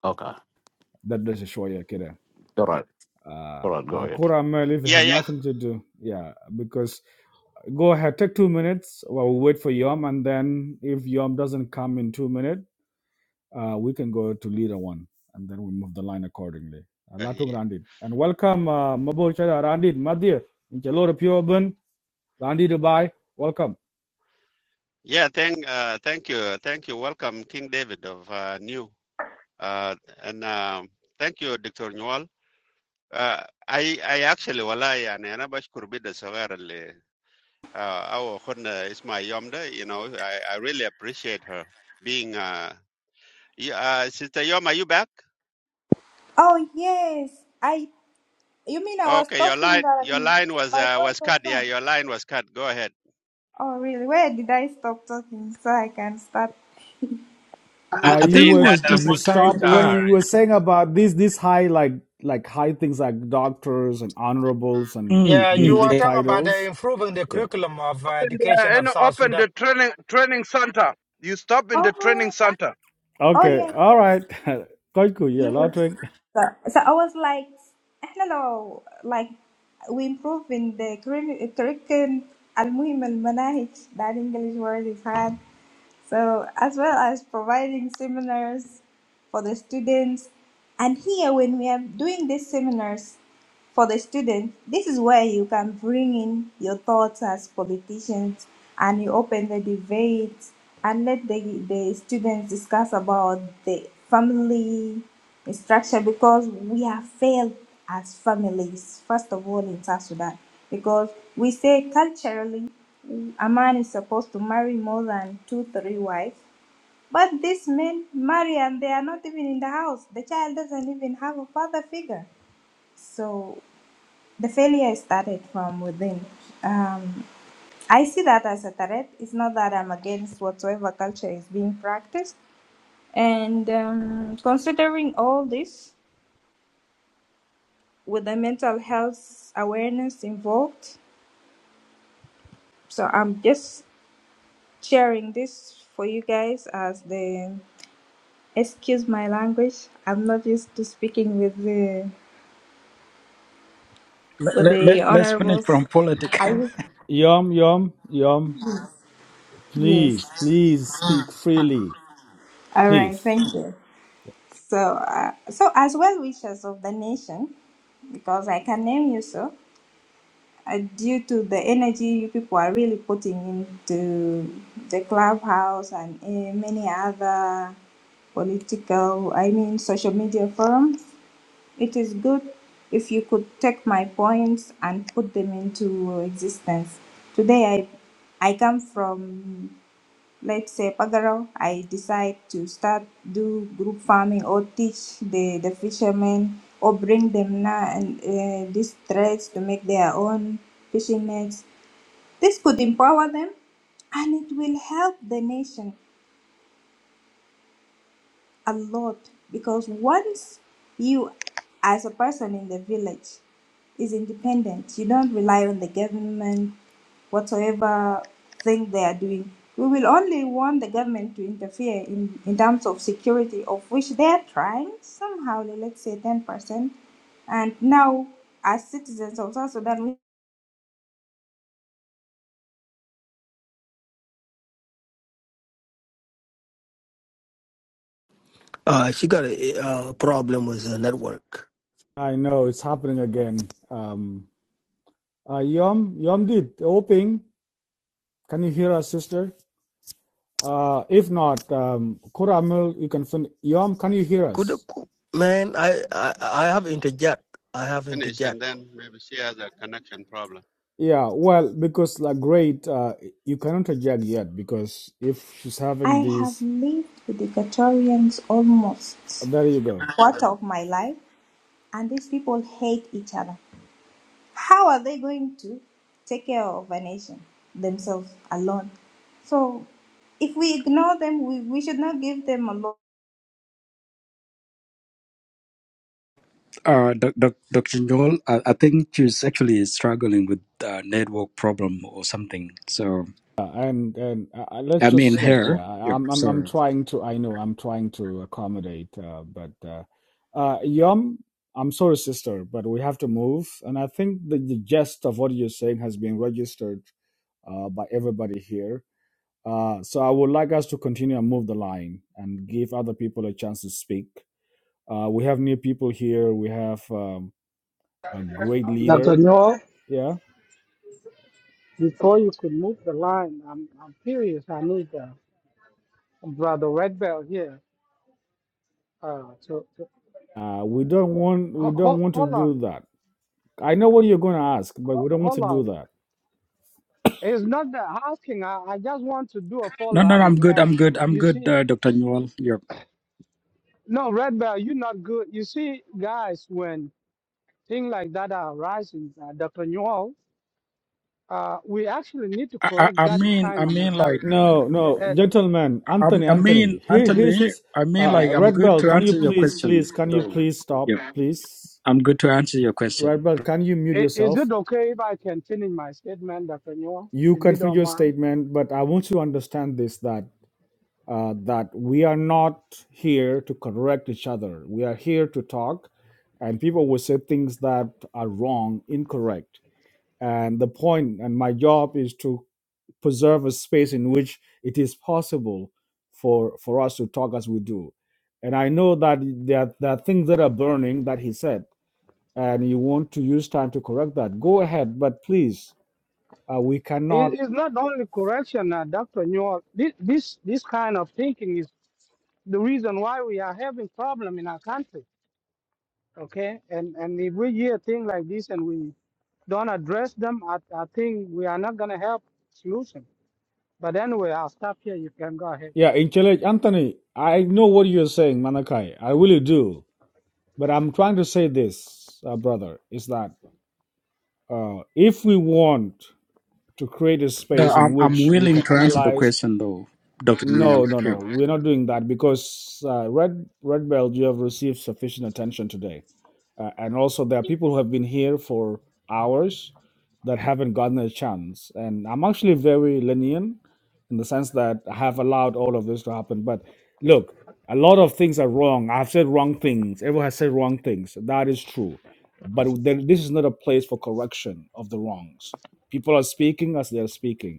S4: Okay.
S3: that does a show, yeah, kid.
S4: All right.
S3: Uh,
S4: All right, go
S3: uh,
S4: ahead.
S3: Koramal, if you
S8: yeah.
S3: have
S8: Yeah.
S3: nothing to do, yeah, because go ahead, take two minutes while we wait for Yom, and then if Yom doesn't come in two minutes, uh, we can go to leader one and then we move the line accordingly. Uh,
S8: Uh,
S3: Latung
S8: yeah.
S3: Randit. And welcome, uh, Mabo Chada Randit, Madir, Inchalora Purban, Randit Dubai. Welcome.
S8: Yeah, Thank uh, thank you. Thank you. Welcome King David of uh, New. Uh, and um, thank you, Dr. Newell. آه، اي اي اكشلي والله يعني انا بشكر بيدا الصغير اللي آه، او اخونا اسمها يوم ده you know I, I really appreciate her being uh, you, uh sister Yom are you back
S9: Oh yes, I. You mean I was
S8: okay your
S9: talking
S8: line your
S9: that
S8: line was
S9: my
S8: uh,
S9: voice
S8: was
S9: was
S8: cut yeah
S9: gone?
S8: your line was cut go ahead
S9: Oh really? Where did I stop talking so I can start?
S5: I,
S3: Uh,
S5: I
S3: you
S5: think
S8: saying
S5: it
S3: were
S8: that
S5: was
S8: uh,
S5: just a
S3: you
S8: most
S5: tiny
S8: youth
S3: stop when
S5: part.
S8: are
S3: you were saying about these these high like like high things like doctors and honorables and
S5: Mm,
S7: yeah,
S3: these
S7: you
S5: mm.
S7: were
S3: big
S5: Eh,
S7: talking about uh,
S3: titles.
S7: improving the
S3: Yeah.
S7: curriculum of uh,
S11: Open the,
S7: education
S11: and
S7: of South
S11: open
S7: Sudan.
S11: the training training center. You stop in the
S9: Oh,
S11: training center.
S9: oh
S11: Yeah.
S3: Okay.
S9: yes,
S3: All
S9: yes,
S3: right. Koiku, yeah,
S9: yes.
S3: Latung.
S9: So, so I was like, I don't know, like we improve in the curri- curriculum. المهم المناهج that English word is hard So, as well as providing seminars for the students. And here, when we are doing these seminars for the students, this is where you can bring in your thoughts as politicians and you open the debate and let the, the students discuss about the family structure because we have failed as families, first of all, in South Sudan. Because we say culturally, a man is supposed to marry more than two, three wives. But these men marry and they are not even in the house. The child doesn't even have a father figure. So the failure started from within. Um, I see that as a threat. It's not that I'm against whatsoever culture is being practiced. And um, considering all this, with the mental health awareness involved, so I'm just sharing this for you guys as the Excuse my language. I'm not used to speaking with the
S5: Let,
S9: with
S5: let,
S9: the
S5: let- let's finish
S9: honorables.
S5: from politics.
S9: I
S3: Yum, yum, yum.
S9: yes.
S3: Please, please speak freely.
S9: All right.
S3: Please.
S9: Thank you. So, uh, so as well wishers of the nation, because I can name you so, uh, due to the energy you people are really putting into the clubhouse and uh, many other political, I mean, social media forums. It is good if you could take my points and put them into existence. Today, I, I come from, let's say, Pagaro. I decide to start do group farming or teach the, the fishermen or bring them now and uh, these threads to make their own fishing nets. This could empower them and it will help the nation. a lot because once you as a person in the village is independent you don't rely on the government whatsoever thing they are doing we will only want the government to interfere in, in terms of security of which they are trying somehow let's say 10% and now as citizens of south sudan we-
S14: Uh, she got a, uh problem with the network.
S3: I know it's happening again. Um, uh, Yom, Yomdit, Oping, can you hear us, sister? Uh, if not, um, Koramil, you can find Yom, can you hear
S14: Could
S3: us?
S14: could- man, I, I I have interject. I have
S8: finished and
S14: interject.
S8: then maybe she has a connection problem
S3: Yeah, well, because like great, uh, you cannot reject yet because if she's
S9: i
S3: having
S9: have
S3: this,
S9: lived with equatorians almost
S3: there you go.
S9: quarter of my life and these people hate each other how are they going to take care of a nation themselves alone? So if we ignore them, we, we should not give them a lot.
S5: Uh, doc, doc, Dr. Joel, I, I think she's actually struggling with uh, network problem or something. So,
S3: Uh, and and uh, uh, let's
S5: I mean,
S3: just like yeah,
S5: her.
S3: I-
S5: Yep.
S3: I'm I'm I'm
S5: So,
S3: trying to I know I'm trying to accommodate, uh, but uh, uh, Yom, I'm sorry, sister, but we have to move, and I think the, the gist of what you're saying has been registered uh, by everybody here. Uh, so I would like us to continue and move the line and give other people a chance to speak. Uh, we have new people here. We have um, a great
S13: Dr.
S3: leader.
S13: Newell,
S3: Yeah,
S13: before you could move the line, I'm, I'm curious. I need uh, Brother Red Bell here. Uh, to, to,
S3: uh, we don't want we
S13: ho-
S3: don't
S13: ho-
S3: want to
S13: hold on.
S3: do that I know what you're going to ask, but
S13: Ho-
S3: we don't want to
S13: Hold
S3: do
S13: on.
S3: that.
S13: It's not that asking. I, I just want to do a
S5: no,
S13: follow
S5: no,
S13: up.
S5: no, I'm
S13: You,
S5: good.
S13: all.
S5: I'm good.
S13: you
S5: I'm
S13: you
S5: good,
S13: see,
S5: uh, Dr. Joel. Yep.
S13: no, Red Bell, you're not good. You see, guys, when things like that are rising, uh, Dr. Newell, uh, we actually need to
S5: I, I,
S13: correct
S5: I
S13: that
S5: mean,
S13: kind
S5: I
S13: of
S5: mean, like,
S13: mentality.
S3: No,
S13: A-
S3: no,
S13: And
S3: gentlemen,
S5: I,
S3: Anthony,
S5: I mean,
S3: Anthony, here, here's
S5: Anthony,
S3: his
S5: I mean, like,
S3: uh,
S5: I'm
S3: red
S5: good
S3: belt.
S5: to
S3: Can you
S5: answer your
S3: please,
S5: question,
S3: please, can you
S5: though.
S3: please stop,
S5: Yep.
S3: please?
S5: I'm good to answer your
S3: Red
S5: question.
S3: belt, can you mute
S13: i- is
S3: yourself?
S13: it okay if I can finish my statement, Dr. Newell,
S3: You
S13: if you
S3: can finish
S13: don't
S3: your
S13: mind?
S3: statement, but I want you to understand this that uh, that we are not here to correct each other. We are here to talk, and people will say things that are wrong, incorrect. And the point, and my job is to preserve a space in which it is possible for for us to talk as we do. And I know that there, are- there are things that are burning that he said, and you want to use time to correct that. Go ahead, but please, uh, we cannot.
S13: It, it's not only correction, uh, Dr. Newell. This, this, this kind of thinking is the reason why we are having problem in our country okay and and if we hear things like this and we don't address them i, I think we are not going to help solution but anyway i'll stop here you can go ahead
S3: Yeah, intelligent Anthony, I know what you're saying, Manakai. I really do. But I'm trying to say this, uh, brother, is that uh, if we want to create a
S5: No,
S3: space in
S5: I'm, I'm
S3: which we
S5: willing
S3: can
S5: to answer the
S3: analyze
S5: question, though, Dr. Joel.
S3: No, no,
S5: Yep.
S3: no. We're not doing that because uh, red red belt you have received sufficient attention today, uh, and also there are people who have been here for hours that haven't gotten a chance. And I'm actually very lenient in the sense that I have allowed all of this to happen. But look, a lot of things are wrong. I've said wrong things. Everyone has said wrong things. That is true, but there, this is not a place for correction of the wrongs. People are speaking as they are speaking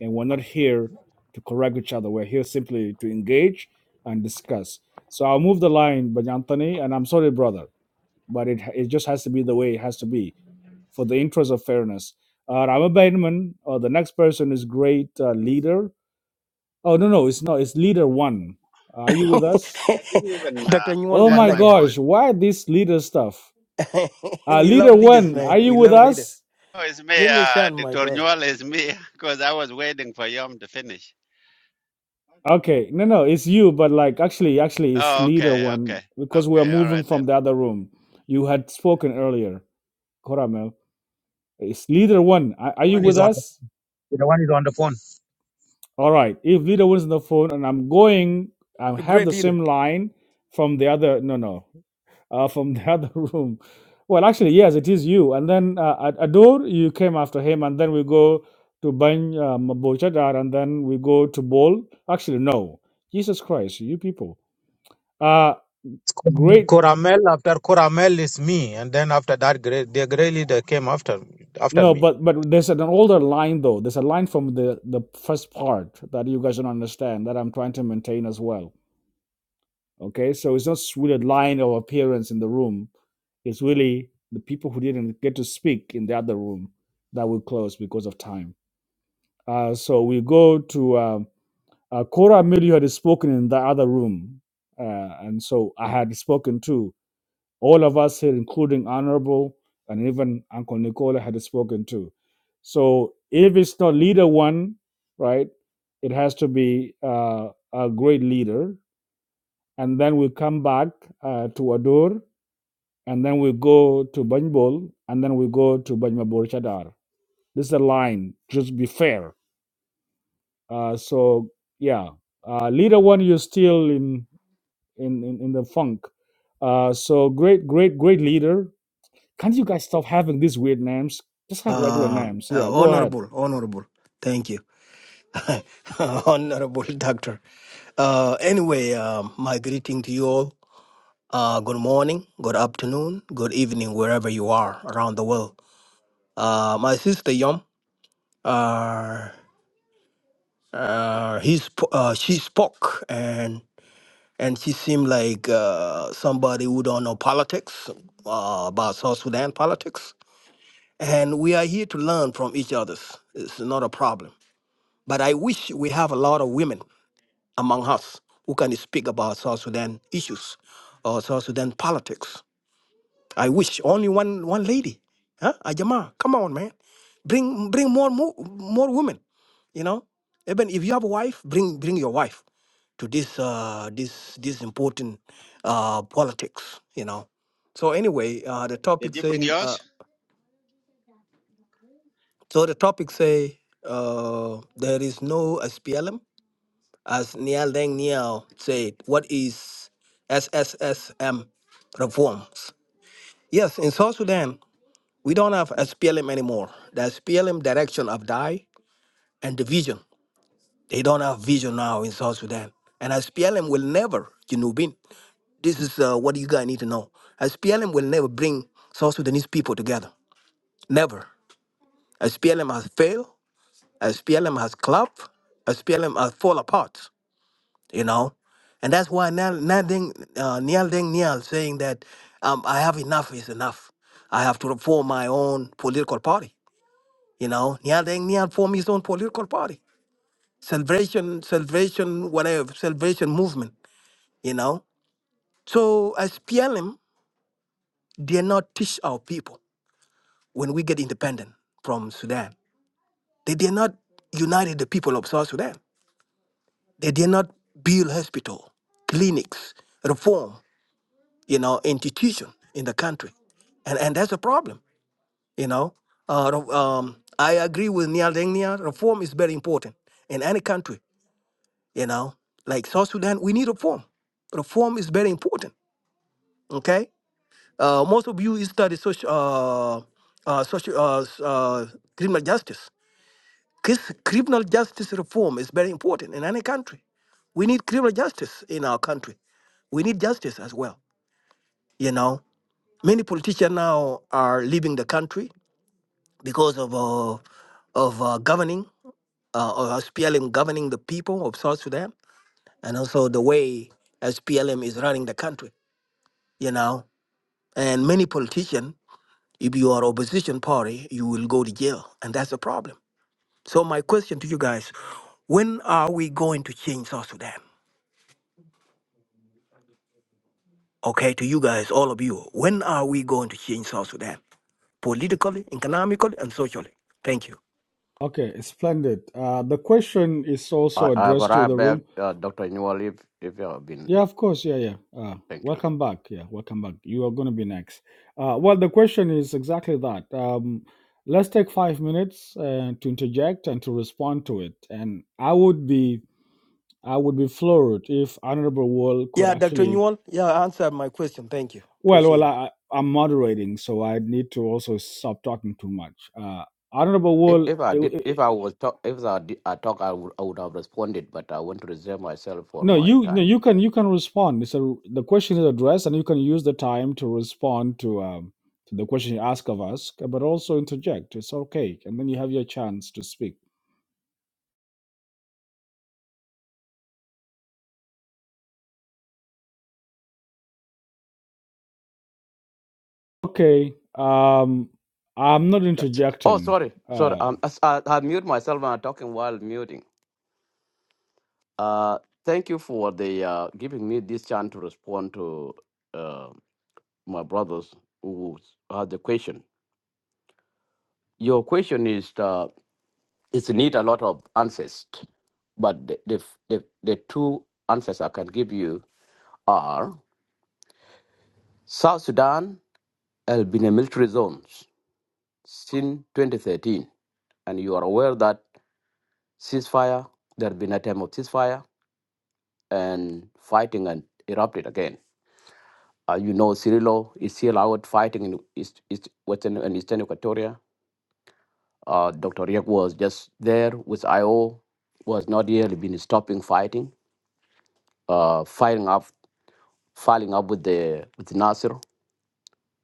S3: and we're not here to correct each other. We're here simply to engage and discuss. So I'll move the line, but Anthony, and I'm sorry, brother, but it it just has to be the way it has to be for the interest of fairness. Uh, Rama Bainman, uh, the next person is great uh, leader. Oh no, no, it's not. It's leader one. Are you with us?
S8: I didn't even uh,
S14: Dr. Newell
S3: Oh
S8: add
S3: my
S8: my
S14: Malaga.
S3: gosh,
S8: point
S3: why this leader stuff? Uh,
S14: we
S3: leader
S14: love leaders,
S3: one, are
S14: man.
S3: you
S14: We
S3: with
S14: love leaders.
S3: us?
S8: oh it's me
S14: Give me a
S8: uh
S14: chance, my
S8: Dr.
S14: brother.
S8: Newell is me because I was waiting for Yom to finish
S3: Okay, no, no, it's you, but like actually, actually, it's
S8: Oh,
S3: leader
S8: okay, okay,
S3: one because we are
S8: okay. All right
S3: moving from
S8: then.
S3: the other room. You had spoken earlier, Coramel. It's leader one. Are, are you
S15: One
S3: with
S15: is on the,
S3: us?
S15: the one is on the phone.
S3: All right. If leader one's on the phone and I'm going, I
S14: You're a
S3: have
S14: great
S3: the
S14: leader.
S3: same line from the other. No, no, uh, from the other room. Well, actually, yes, it is you. And then uh, at Ador, you came after him, and then we go to Bany uh, Mabochadar, and then we go to Bol. Actually, no. Jesus Christ, you people. Uh,
S15: It's
S3: Great.
S15: Coramel after Coramel is me, and then after that, Gre- the Grey leader came after after
S3: No,
S15: me.
S3: but but there's an older line though. There's a line from the the first part that you guys don't understand that I'm trying to maintain as well. Okay, so it's not really a line of appearance in the room. It's really the people who didn't get to speak in the other room that will close because of time. Uh, so we go to um, uh, Cora Amelia had spoken in the other room, uh, and so I had spoken too. All of us here, including Honorable and even Uncle Nicola, had spoken to. So if it's not leader one, right, it has to be uh, a great leader. And then we come back uh, to Adur, and then we go to Banjbol, and then we go to Banjmabor Chadar. This is a line, just be fair. Uh, so, yeah, uh, leader one, you're still in, in, in, in the funk. Uh, so, great, great, great leader Can't you guys stop having these weird names? Just have regular
S14: Uh,
S3: names.
S14: uh,
S3: Yeah, go ahead.
S14: honorable, honorable. Thank you. honorable doctor. Uh, anyway, um, my greeting to you all. Uh, good morning, good afternoon, good evening, wherever you are around the world. Uh, my sister Yom, uh, uh, he sp- uh, she spoke and and she seemed like uh, somebody who don't know politics uh, about South Sudan politics. And we are here to learn from each other. It's not a problem. But I wish we have a lot of women among us who can speak about South Sudan issues or South Sudan politics. I wish only one one lady. Huh? Ajama, come on, man. Bring bring more more more women. You know, even if you have a wife, bring bring your wife to this uh, this this important uh, politics. You know. So anyway, uh, the topic
S8: Did you bring
S14: saying
S8: yours?
S14: uh, so the topic say uh, there is no SPLM as Nial Deng Nial said. What is SSSM reforms? Yes, in South Sudan. We don't have SPLM anymore. The SPLM direction have died and the vision. They don't have vision now in South Sudan. And SPLM will never, you know, This is uh, what you guys need to know. SPLM will never bring South Sudanese people together. Never. SPLM has failed. SPLM has collapsed. SPLM has fall apart, you know. And that's why Niall Niall Deng uh, Niall Deng Niall saying that um, I have enough is enough. I have to reform my own political party You know, Nyal Deng Nyal formed his own political party, Salvation, Salvation, whatever, Salvation Movement. You know, so as PLM, they did not teach our people when we get independent from Sudan. They did not unite the people of South Sudan. They did not build hospital, clinics, reform, you know, institution in the country, and and that's a problem. You know, uh, re- um, I agree with Nial Deng Nial. Reform is very important in any country You know, like South Sudan, we need reform. Reform is very important. Okay, uh, most of you study social, uh, uh, social, uh, s- uh, criminal justice. Cris- Criminal justice reform is very important in any country. We need criminal justice in our country. We need justice as well. You know, many politicians now are leaving the country because of uh, of uh, governing, uh, or SPLM governing the people of South Sudan and also the way SPLM is running the country, you know. And many politicians, if you are opposition party, you will go to jail, and that's a problem. So my question to you guys, when are we going to change South Sudan? Okay, to you guys, all of you, when are we going to change South Sudan? Politically, economically, and socially. Thank you.
S3: Okay, splendid. Uh, the question is
S4: I,
S3: also
S4: I have
S3: addressed to
S4: arrived
S3: the
S4: back,
S3: room.
S4: uh, Dr. Newell, if, if you have been.
S3: Yeah, of course. Yeah, yeah. Uh,
S4: Thank you.
S3: welcome back. Yeah, welcome back. You are going to be next. Uh, well, the question is exactly that. Um, let's take five minutes uh, to interject and to respond to it. And I would be, I would be floored if Honorable Wall could
S14: Yeah, Dr.
S3: actually
S14: Newell, yeah, answer my question. Thank you for
S3: Well, well,
S14: sharing.
S3: I, I'm moderating, so I need to also stop talking too much. Uh, Honorable
S4: If,
S3: Wool,
S4: if I
S3: it,
S4: did, if
S3: it,
S4: I was talk, if I did, I talk, I would, I would have responded, but I want to reserve myself for
S3: no,
S4: my
S3: you, no,
S4: time.
S3: you can, you can respond. It's a, the question is addressed, and you can use the time to respond to um, to the question you ask of us, but also interject. It's okay, and then you have your chance to speak. Okay, um, I'm not
S4: Oh,
S3: interjecting.
S4: sorry, sorry.
S3: Uh,
S4: Um, I, I, I mute myself when I'm talking while muting. Uh, thank you for the uh, giving me this chance to respond to uh, my brothers who had the question. your question is uh, it's need a lot of answers, but the, the the the two answers I can give you are South Sudan has been a military zone since 2013, and you are aware that ceasefire there has been a time of ceasefire and fighting and erupted again. Uh, you know, Cirillo is still out fighting in East, East Western and Eastern Equatoria. Uh, Dr. Riek was just there with IO, was not really been stopping fighting uh, filing up filing up with the with Nasser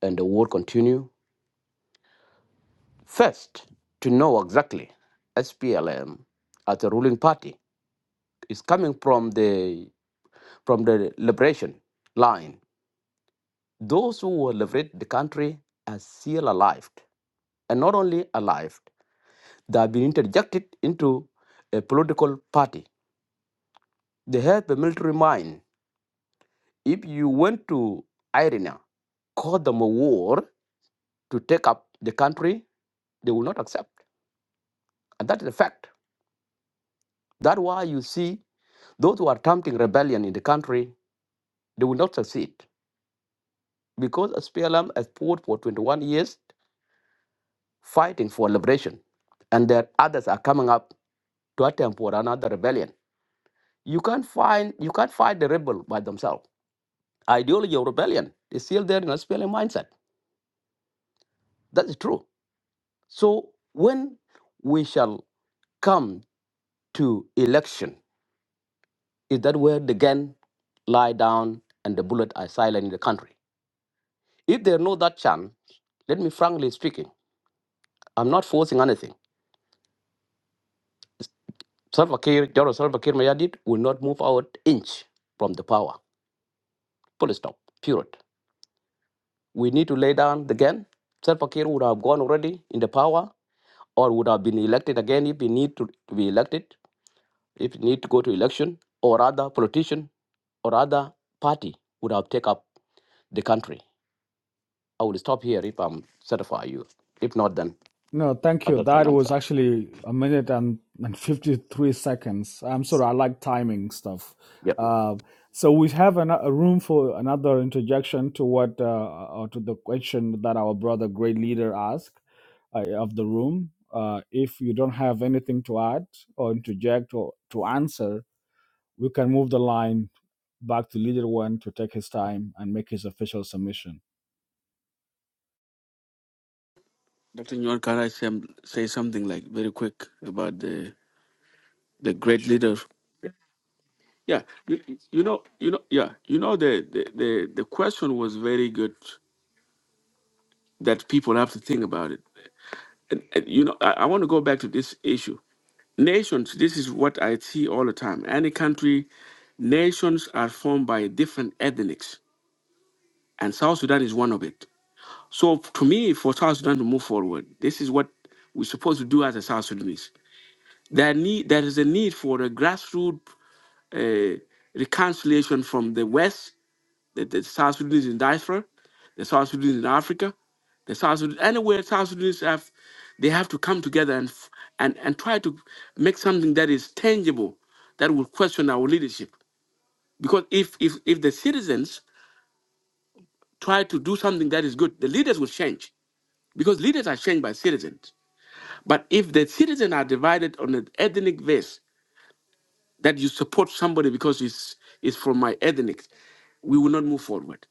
S4: and the war continue. First, to know exactly SPLM as a ruling party is coming from the from the liberation line. Those who were liberated the country are still alive. And not only alive, they have been interjected into a political party. They have a military mind. If you went to Irina, call them a war to take up the country They will not accept. And that is a fact. That's why you see those who are attempting rebellion in the country, they will not succeed because SPLM has fought for 21 years fighting for liberation. And there others are coming up to attempt for another rebellion. You can't find you can't fight the rebel by themselves. Ideology of rebellion is still there in SPLM mindset. That is true. So when we shall come to election, Is that where the gun lie down and the bullet are silent in the country? If there no that chance, let me frankly speaking, I'm not forcing anything. Salva Kiir, General Salva Kiir Mayardit, will not move out inch from the power. Full stop. Period. We need to lay down the gun. Salva Kiir would have gone already in the power or would have been elected again if he need to, to be elected, if he need to go to election, or other politician or other party would have taken up the country. I will stop here if I'm satisfy you. If not, then
S3: No, thank you.
S4: other can
S3: That was
S4: answer.
S3: actually a minute and, and 53 seconds. I'm sorry, I like timing stuff.
S4: Yep.
S3: Uh, so we have an, a room for another interjection to what uh, or to the question that our brother great leader asked uh, of the room. Uh, if you don't have anything to add or interject or to answer, we can move the line back to leader one to take his time and make his official submission.
S12: Dr. Newell, can I say, say something like very quick about the the great leader? Yeah, you, you know, you know, yeah, you know, the, the, the, the question was very good that people have to think about it. And, and you know, I, I want to go back to this issue. Nations, this is what I see all the time. Any country, nations are formed by different ethnics and South Sudan is one of it. So to me, for South Sudan to move forward, this is what we're supposed to do as a South Sudanese. There need there is a need for a grassroots uh, reconciliation from the West, the, the South Sudanese in diaspora, the South Sudanese in Africa, the South Sudan anywhere South Sudanese have, they have to come together and f- and and try to make something that is tangible that will question our leadership. Because if if if the citizens try to do something that is good, the leaders will change because leaders are changed by citizens. But if the citizens are divided on an ethnic base, that you support somebody because it's, it's from my ethnic, we will not move forward.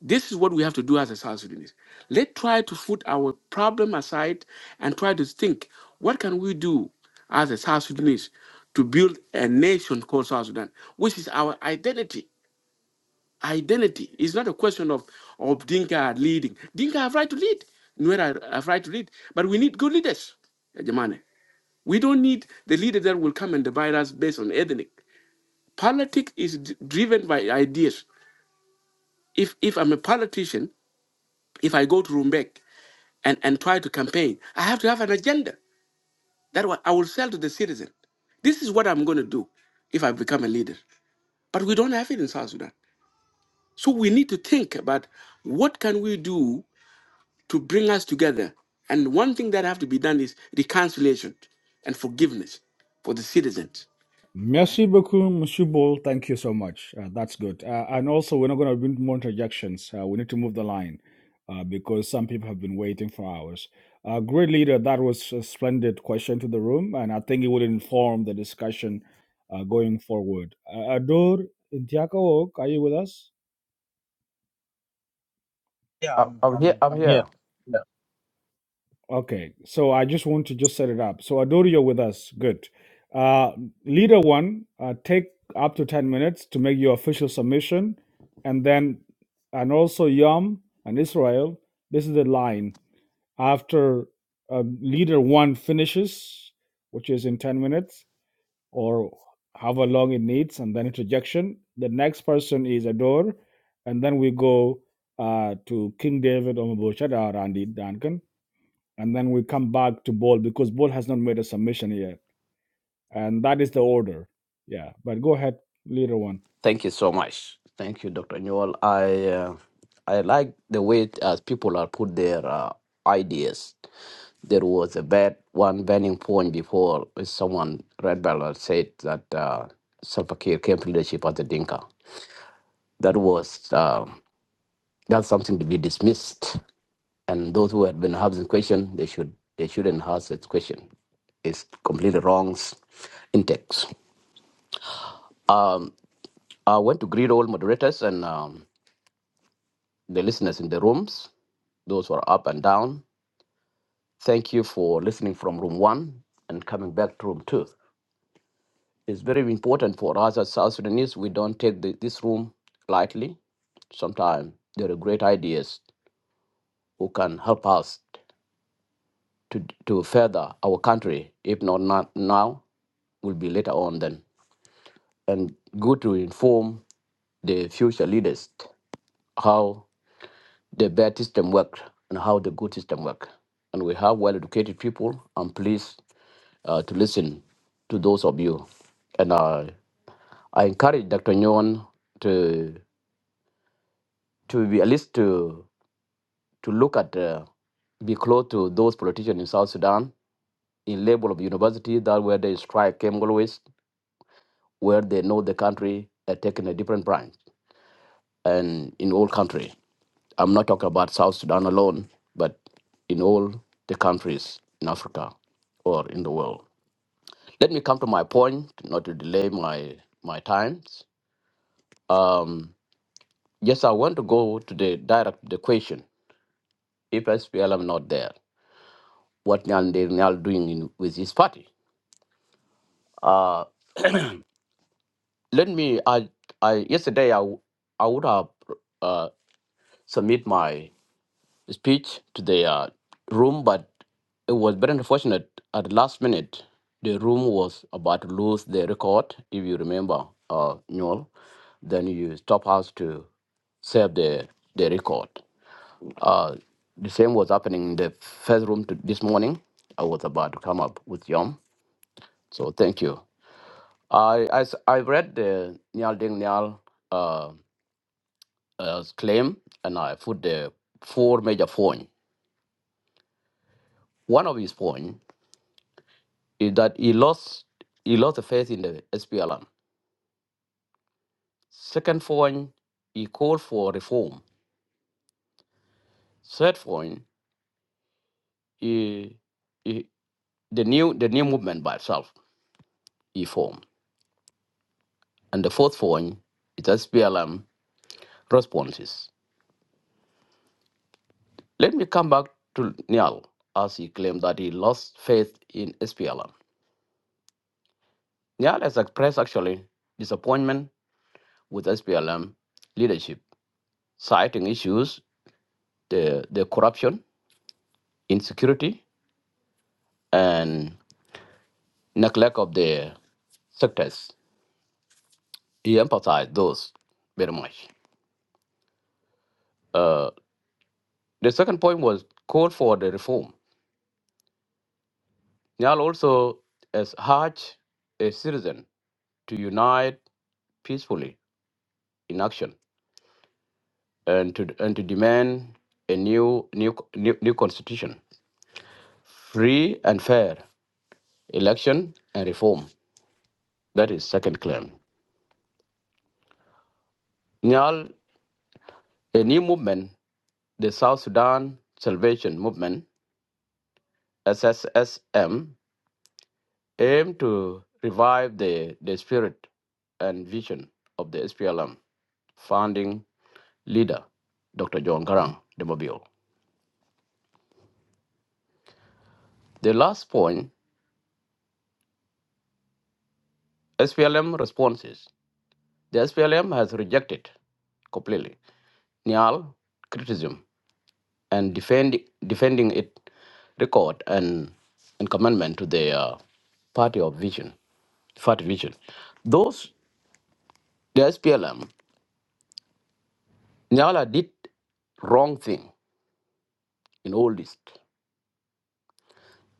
S12: This is what we have to do as a South Sudanese. Let's try to put our problem aside and try to think what can we do as a South Sudanese to build a nation called South Sudan, which is our identity. Identity is not a question of, of Dinka leading. Dinka have right to lead. Nuer have right to lead. But we need good leaders. Ya Jamani. We don't need the leader that will come and divide us based on ethnic. Politics is d- driven by ideas. If if I'm a politician, if I go to Rumbek and, and try to campaign, I have to have an agenda that wa- I will sell to the citizen. This is what I'm going to do if I become a leader. But we don't have it in South Sudan. So we need to think about what can we do to bring us together. And one thing that have to be done is reconciliation and forgiveness for the citizens.
S3: Merci beaucoup, Monsieur Ball. Thank you so much. Uh, that's good. Uh, and also, we're not going to do more interjections. Uh, we need to move the line uh, because some people have been waiting for hours. Uh, great leader, that was a splendid question to the room, and I think it would inform the discussion uh, going forward. Uh, Adur Intiakaok, are you with us?
S15: Yeah,
S4: I,
S15: I'm
S4: I'm here.
S15: I'm
S4: I'm
S15: I'm here.
S4: here.
S15: Yeah, Okay.
S3: Okay, so I just want to just set it up. So Adoro, you're with us. Good. Uh, leader one, uh, take up to 10 minutes to make your official submission. And then, and also Yom and Israel, this is the line. After uh, leader one finishes, which is in 10 minutes or however long it needs, and then interjection, the next person is Ador, And then we go uh, to King David, Omabushadar, Randy Duncan and then we come back to Bol because Bol has not made a submission yet, and that is the order. Yeah, but go ahead, leader one.
S4: Thank you so much. Thank you, Dr. Newell. I uh, I like the way uh, people are put their uh, ideas. There was a bad one burning point before with someone Red Bell said that uh, Salva Kiir came to leadership as a Dinka. That was uh, That's something to be dismissed. And those who have been asked the question, they should they shouldn't ask that question. It's completely wrong index. Um, I want to greet all moderators and um, the listeners in the rooms, those who are up and down. Thank you for listening from room one and coming back to room two. It's very important for us as South Sudanese. We don't take the, this room lightly. Sometimes there are great ideas who can help us to, to further our country, if not, not now, will be later on then. And good to inform the future leaders how the bad system worked and how the good system worked. And we have well educated people. I'm pleased uh, to listen to those of you. And I I encourage Dr. Nyon to to be at least to to look at, uh, be close to those politicians in South Sudan in level of university, that where the strike came always, where they know the country are taking a different branch. And in all country, I'm not talking about South Sudan alone, but in all the countries in Africa or in the world. Let me come to my point, not to delay my my times. Um, yes, I want to go to the direct the question. If SPLM not there. what Nyal Nde- Nyal doing in, with his party. Uh, let me. I, I yesterday I, w- I would have uh, submit my speech to the uh, room, but it was very unfortunate at the last minute. The room was about to lose the record. If you remember, uh, Newell, then you stop us to save the the record. Uh, the same was happening in the first room to, this morning. I was about to come up with Yom. So thank you. I, I, s- I read the Nyal Ding Nyal uh, uh, claim and I put the four major points. One of his points is that he lost he lost the faith in the SPLM. Second point, he called for reform. Third point, he, he, the new the new movement by itself he formed. And the fourth point is SPLM responses. Let me come back to Nyal as he claimed that he lost faith in SPLM. Nyal has expressed actually disappointment with SPLM leadership, citing issues the the corruption, insecurity, and neglect of the sectors. He emphasized those very much. Uh, the second point was call for the reform. Nyal also has urged a citizen to unite peacefully in action and to and to demand a new new new, new constitution, free and fair election and reform. That is second claim. Nyal, a new movement, the South Sudan Salvation Movement, SSSM, aimed to revive the, the spirit and vision of the SPLM founding leader, Dr. John Garang de Mobile. The last point, SPLM responses. The SPLM has rejected completely Nyal criticism and defend, defending its record and, and commitment to the uh, party of vision, party vision. Those, the SPLM, Nyala did wrong thing in all this.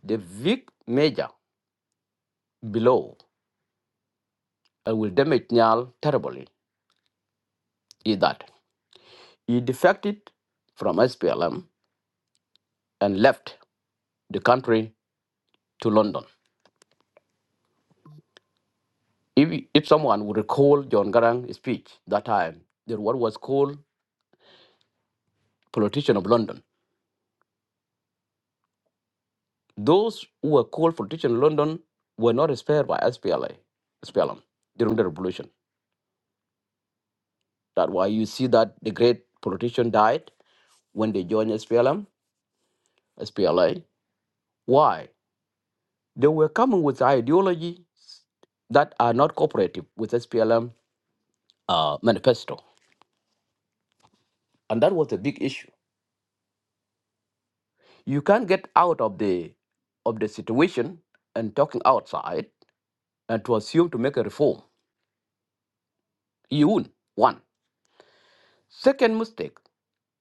S4: The big major below and will damage Nyal terribly is that he defected from SPLM and left the country to London. If, if someone would recall John Garang's speech that time, that what was called politician of London. Those who were called for teaching in London were not spared by SPLA, SPLM during the revolution. That's why you see that the great politician died when they joined SPLM, SPLA. Why? They were coming with ideologies that are not cooperative with SPLM uh, manifesto, and that was a big issue. You can't get out of the of the situation and talking outside and to assume to make a reform. You won't. One second mistake.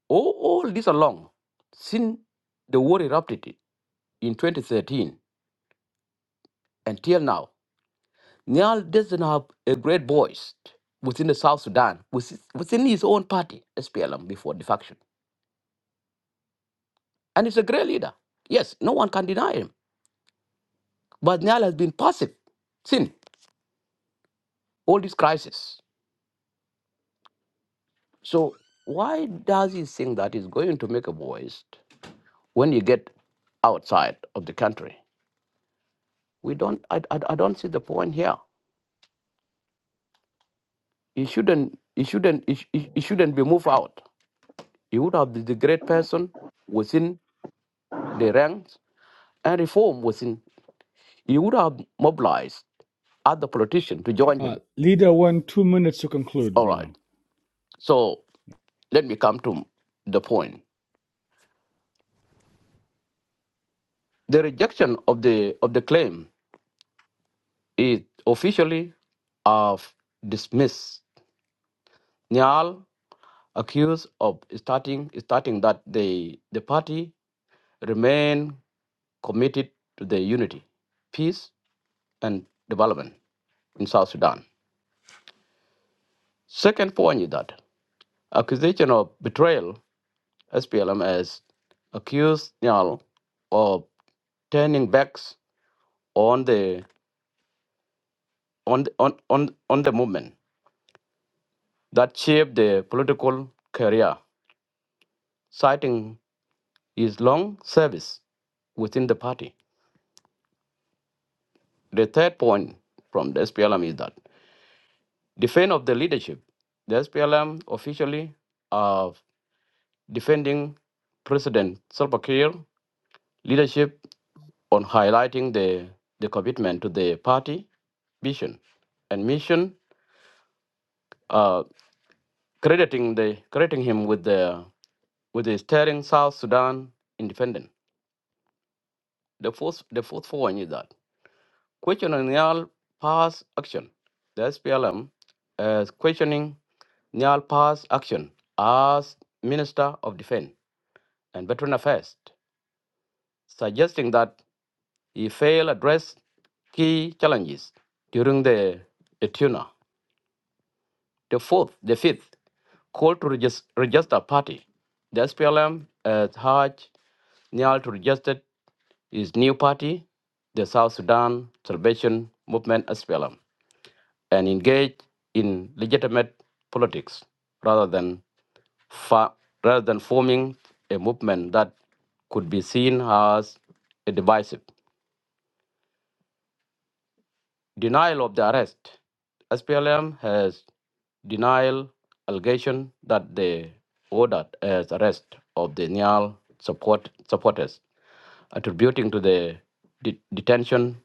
S4: All, all this along, since the war erupted in 2013 until now, Niall doesn't have a great voice within the South Sudan, within within his own party, SPLM, before the faction. And he's a great leader. Yes, no one can deny him. But Niall has been passive since all this crisis. So why does he think that he's going to make a voice when you get outside of the country? We don't. I, I, I don't see the point here. He shouldn't. He shouldn't. He, sh- he he shouldn't be moved out. He would have been the great person within the ranks and reform within. He would have mobilized other politicians to join
S3: Uh,
S4: him.
S3: leader one, two minutes to conclude,
S4: All
S3: brother.
S4: right. So let me come to the point. The rejection of the of the claim is officially of dismissed. Nyal accused of starting starting that the the party remain committed to the unity, peace and development in South Sudan. Second point is that accusation of betrayal, SPLM has accused Nyal of turning backs on the on the, on, on on the movement that shaped the political career, citing his long service within the party. The third point from the SPLM is that defense of the leadership. The SPLM officially are defending President Salva Kiir leadership on highlighting the, the commitment to the party vision and mission, uh, crediting, the, crediting him with the, with the steering South Sudan independent. The fourth, the fourth point is that questioning Nyal past action. The SPLM is questioning Nyal past action as Minister of Defense and Veteran Affairs, suggesting that. He failed address key challenges during the tuna. The fourth, the fifth, call to regis- register party. The SPLM has urged Nyal to register his new party, the South Sudan Salvation Movement SPLM, and engage in legitimate politics rather than fa- rather than forming a movement that could be seen as a divisive. Denial of the arrest. SPLM has denial allegation that they ordered as arrest of the Nyal support supporters, attributing to the de- detention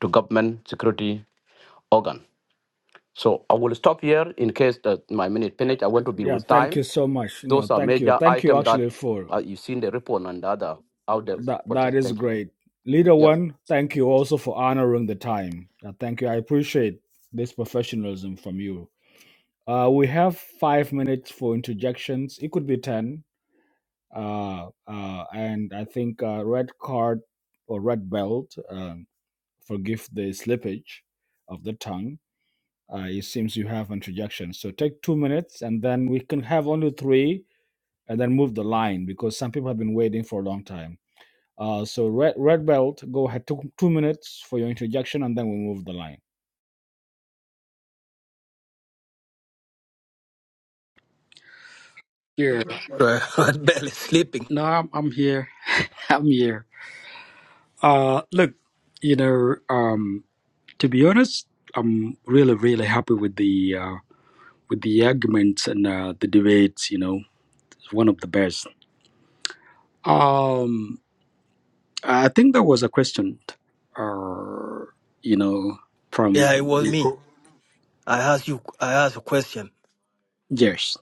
S4: to government security organ. So I will stop here in case that my minute finish. I want to be
S3: Yeah,
S4: with
S3: thank you
S4: time.
S3: so much. No,
S4: Those are
S3: thank you,
S4: major
S3: thank you
S4: items that
S3: actually for
S4: uh, you've seen the report and the other out there.
S3: that.
S4: reports.
S3: That is
S4: Thank you.
S3: great, leader
S4: Yes.
S3: one. Thank you also for honoring the time. Uh, thank you, I appreciate this professionalism from you. Uh, we have five minutes for interjections. It could be ten, uh, uh, and I think uh, red card or red belt. Um, forgive the slippage of the tongue. Uh, it seems you have interjection. So take two minutes, and then we can have only three, and then move the line because some people have been waiting for a long time. Uh, so red red belt, go ahead. Two two minutes for your interjection, and then we move the line.
S5: Yeah.
S14: I'm barely sleeping.
S5: No, I'm, I'm here. I'm here. Uh, look, you know, um, to be honest, I'm really, really happy with the uh, with the arguments and uh, the debates. You know, it's one of the best. Um, I think there was a question, uh, you know,
S14: Yeah, it
S5: from
S14: was me.
S5: Nico.
S14: I asked you, I asked a question.
S5: yes.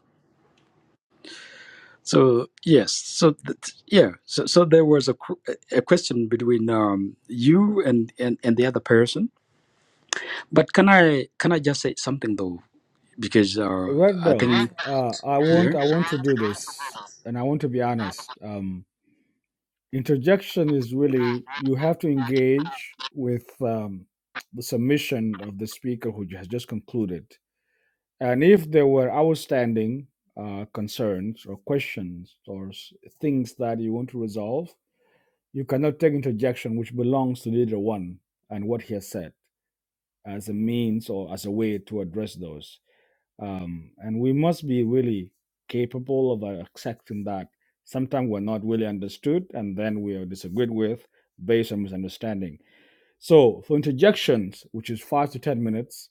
S5: So yes, so that, yeah, so so there was a qu- a question between um, you and, and and the other person. But can I can I just say something though? Because uh,
S3: Red
S5: I
S3: belt,
S5: think.
S3: uh, I
S5: Yeah.
S3: want I want to do this, and I want to be honest. Um, interjection is really you have to engage with um, the submission of the speaker who has just concluded and if there were outstanding uh, concerns or questions or s- things that you want to resolve you cannot take interjection which belongs to leader one and what he has said as a means or as a way to address those um, and we must be really capable of uh, accepting that sometimes we're not really understood and then we are disagreed with based on misunderstanding so for interjections which is five to ten minutes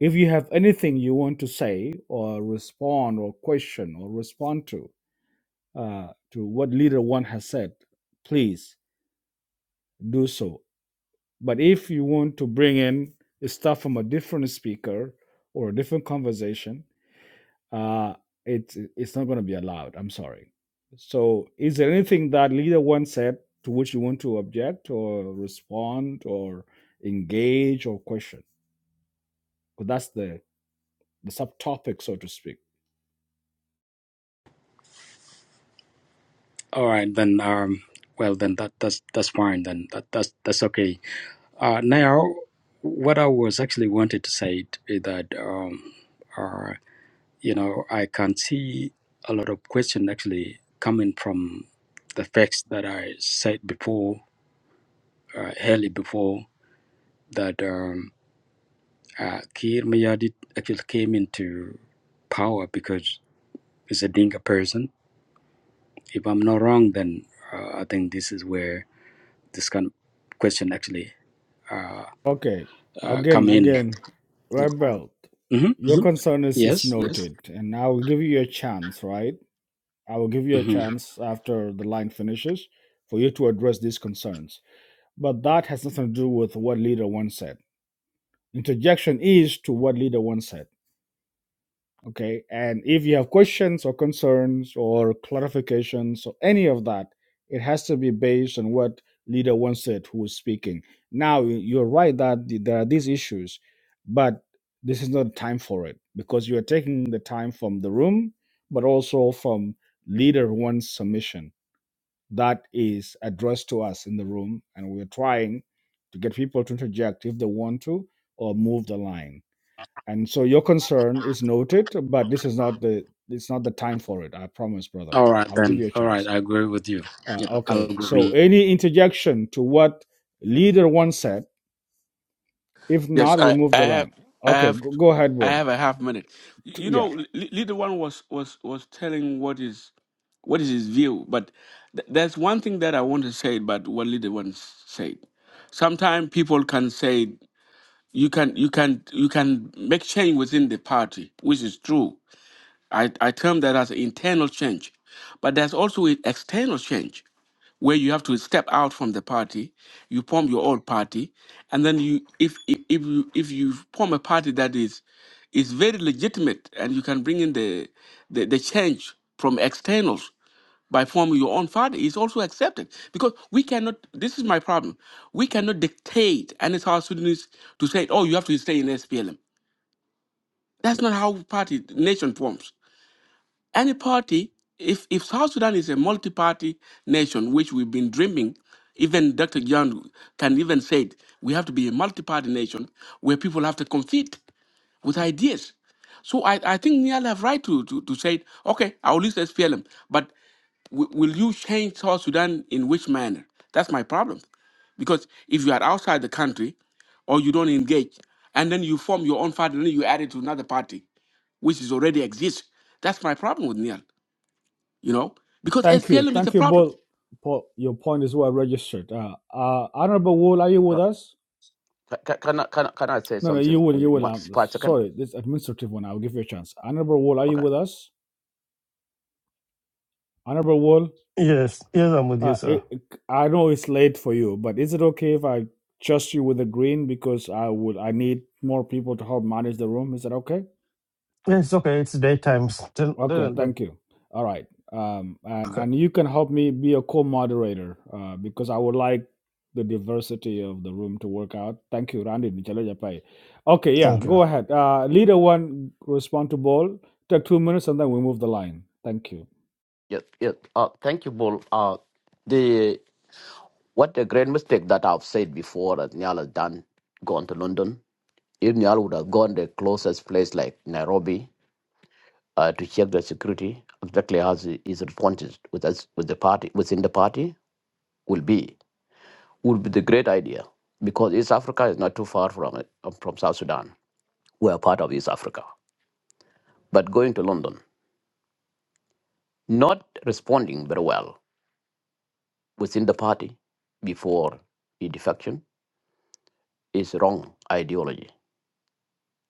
S3: if you have anything you want to say or respond or question or respond to uh, to what leader one has said please do so but if you want to bring in stuff from a different speaker or a different conversation uh, it's it's not going to be allowed. I'm sorry. So, is there anything that leader one said to which you want to object or respond or engage or question? Because that's the the subtopic, so to speak.
S5: All right then. Um. Well then, that that's that's fine then. That that's that's okay. Uh. Now, what I was actually wanted to say t- is that um. Uh. You know, I can see a lot of question actually coming from the facts that I said before, uh, early before that um. Uh, Kir Mayadit actually came into power because he's a Dinka person If I'm not wrong, then uh, I think this is where this kind of question actually uh,
S3: Okay.
S5: uh, come
S3: Again,
S5: in.
S3: again,
S5: Yeah.
S3: Rebel,
S5: hmm
S3: your
S5: hmm
S3: concern is, is
S5: Yes, yes.
S3: noted, and I will give you a chance, right? I will give you a
S5: hmm
S3: chance after the line finishes for you to address these concerns. But that has nothing to do with what leader one said. Interjection is to what leader one said okay and if you have questions or concerns or clarifications or any of that it has to be based on what leader wants it who is speaking now you- you're right that th- there are these issues but this is not time for it because you are taking the time from the room but also from leader one's submission that is addressed to us in the room and we're trying to get people to interject if they want to or move the line and so your concern is noted, but this is not the it's not the time for it. I promise, brother.
S5: All right,
S3: I'll give
S5: then.
S3: you a
S5: All right,
S3: chance.
S5: I agree with you.
S3: Uh,
S5: Yeah, I'll
S3: okay. So
S5: agree. with
S3: any interjection to what leader one said? If
S12: Yes,
S3: not, we
S12: I,
S3: move
S12: I
S3: the
S12: have,
S3: line.
S12: I
S3: Okay.
S12: have,
S3: Go, go ahead,
S12: I
S3: Bull.
S12: have a half minute.
S3: T-
S12: You
S3: Yeah.
S12: know, L- L- little one was was was telling what is what is his view, but th- there's one thing that I want to say about what little one s- said. Sometimes people can say you can you can you can make change within the party, which is true I, I term that as internal change. But there's also a external change where you have to step out from the party, you form your own party, and then you if if if you if you form a party that is is very legitimate and you can bring in the the, the change from externals by forming your own party is also accepted because we cannot this is my problem we cannot dictate any south sudanese to say oh you have to stay in splm that's not how party nation forms any party, if, if South Sudan is a multi party nation, which we've been dreaming, even Dr. John can even say it, we have to be a multi party nation where people have to compete with ideas. So I, I think Niall have right to, to, to say, okay, I'll list SPLM, but w- will you change South Sudan in which manner? That's my problem. Because if you are outside the country or you don't engage, and then you form your own party, and then you add it to another party, which is already exists, that's my problem with Niall, you know? Because
S3: Thank you.
S12: SPLM is a
S3: Thank you,
S12: problem.
S3: Bull. Paul, your point is well registered. Uh, uh, Honorable Wool, are you with
S4: Uh,
S3: us?
S4: ca- ca- can, I- can, I- can I say
S3: No, no, you
S4: something
S3: will,
S4: in
S3: you will.
S4: one,
S3: Um,
S4: five seconds?
S3: sorry, this administrative one. I'll give you a chance. Honorable Wool, are
S4: Okay.
S3: you with us? Honorable Wool.
S6: Yes, yes, I'm with you,
S3: Uh,
S6: sir.
S3: it, it- I know it's late for you, but is it okay if I trust you with the green because I would I need more people to help manage the room? Is that okay?
S6: Yes, it's okay. It's daytime. Still,
S3: Okay,
S6: little bit.
S3: thank you. All right. Um, and
S6: okay.
S3: and you can help me be a co-moderator uh, because I would like the diversity of the room to work out. Thank you, Randy. Nichalo Japai. Okay, yeah,
S6: Thank you.
S3: go ahead. Uh, leader one, responsible. Take two minutes and then we move the line. Thank you.
S4: Yes, yes. Uh, thank you, Bull. Uh, the what a great mistake that I've said before that Niall has done gone to London. If Niall would have gone the closest place like Nairobi uh, to check the security, exactly as he- his responses with us with the party within the party will be would be the great idea because East Africa is not too far from it uh, from South Sudan. We are part of East Africa, but going to London, not responding very well within the party before the defection is wrong ideology.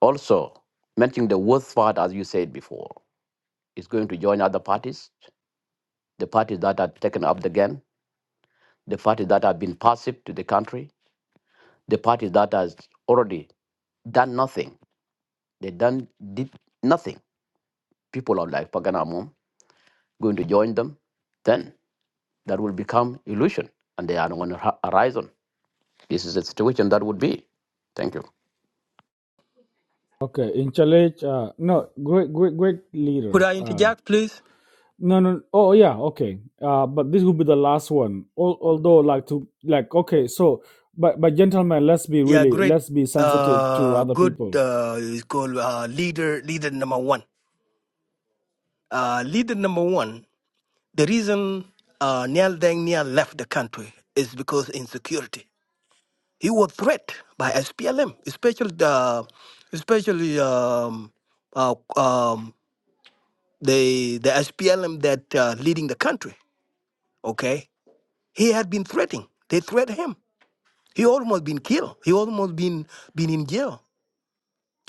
S4: Also, mentioning the worst part, as you said before, is going to join other parties, the parties that have taken up the gun, the parties that have been passive to the country, the parties that has already done nothing. They done did nothing. People are like Paganamum going to join them. Then that will become illusion, and they are on the hor- horizon. This is the situation that would be. Thank you.
S3: Okay, in challenge, uh, no, great, great, great
S14: Could
S3: leader.
S14: I
S3: uh,
S14: interject, please?
S3: No, no. Oh, yeah. Okay. Uh, but this will be the last one. Al- although, like to like, okay. So, but but gentlemen, let's be
S14: Yeah,
S3: really
S14: great.
S3: let's be sensitive to
S14: Uh,
S3: other
S14: good.
S3: people.
S14: Uh, is called uh, leader. Leader number one. Uh, leader number one. The reason uh, Neil Deng Niel left the country is because insecurity. He was threatened by SPLM, especially the, especially um, uh, um, the the SPLM that uh, leading the country. Okay, he had been threatening. They threatened him. He almost been killed. He almost been been in jail.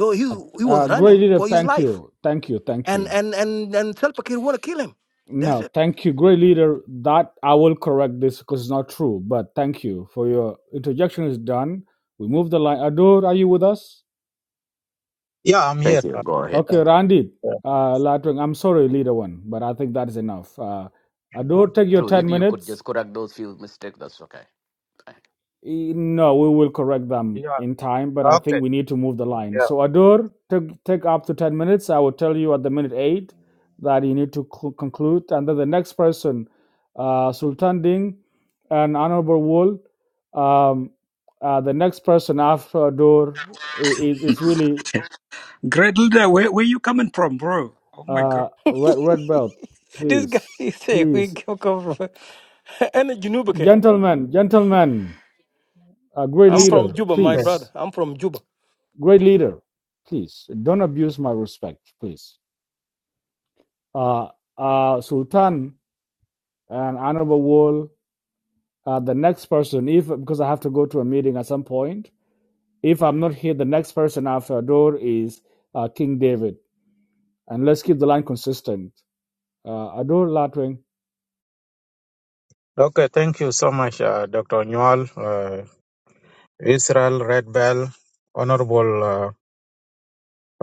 S14: So he he
S3: Uh,
S14: was
S3: great
S14: running
S3: leader,
S14: for his
S3: thank
S14: life.
S3: you, thank you, thank
S14: and
S3: you.
S14: and and and Salva Kiir want to kill him. That's
S3: No,
S14: it.
S3: thank you, great leader. That I will correct this because it's not true. But thank you for your interjection. Is done. We move the line. Adur, are you with us?
S15: yeah, I'm
S4: Thank
S15: here.
S4: you.
S15: Uh,
S4: Go ahead.
S3: Okay, Randy.
S15: uh,
S3: Uh, Latwing, I'm sorry, leader one, but I think that is enough. Uh, Adur, take your
S4: True.
S3: ten
S4: If you could
S3: minutes
S4: just correct those few mistakes, that's okay.
S3: E- No, we will correct them
S15: yeah.
S3: in time, but I
S15: Okay.
S3: think we need to move the line.
S15: Yeah.
S3: So Adur, take take up to ten minutes. I will tell you at the minute eight that you need to cl- conclude, and then the next person, uh, Sultan Ding, and Honorable Wool. Um, uh, the next person after Adur i- is is really
S5: you. Great leader, where, where you coming from, bro? Oh my God.
S3: uh, red red belt.
S14: This guy
S3: Please,
S14: is saying we
S3: please,
S14: come come from and Junuba.
S3: gentlemen, gentlemen, a great
S14: I'm
S15: So,
S14: from
S3: leader,
S14: Juba, my
S15: yes.
S14: brother.
S3: please.
S14: I'm from Juba.
S3: great leader, please don't abuse my respect, please. Uh, uh, Sultan and Honorable Wall, uh, the next person, if because I have to go to a meeting at some point, if I'm not here, the next person after Ador is uh, King David, and let's keep the line consistent. Uh, Ador Latwing,
S15: Okay. Thank you so much, uh, Dr. Newell, uh, Israel Red Bell, Honorable uh,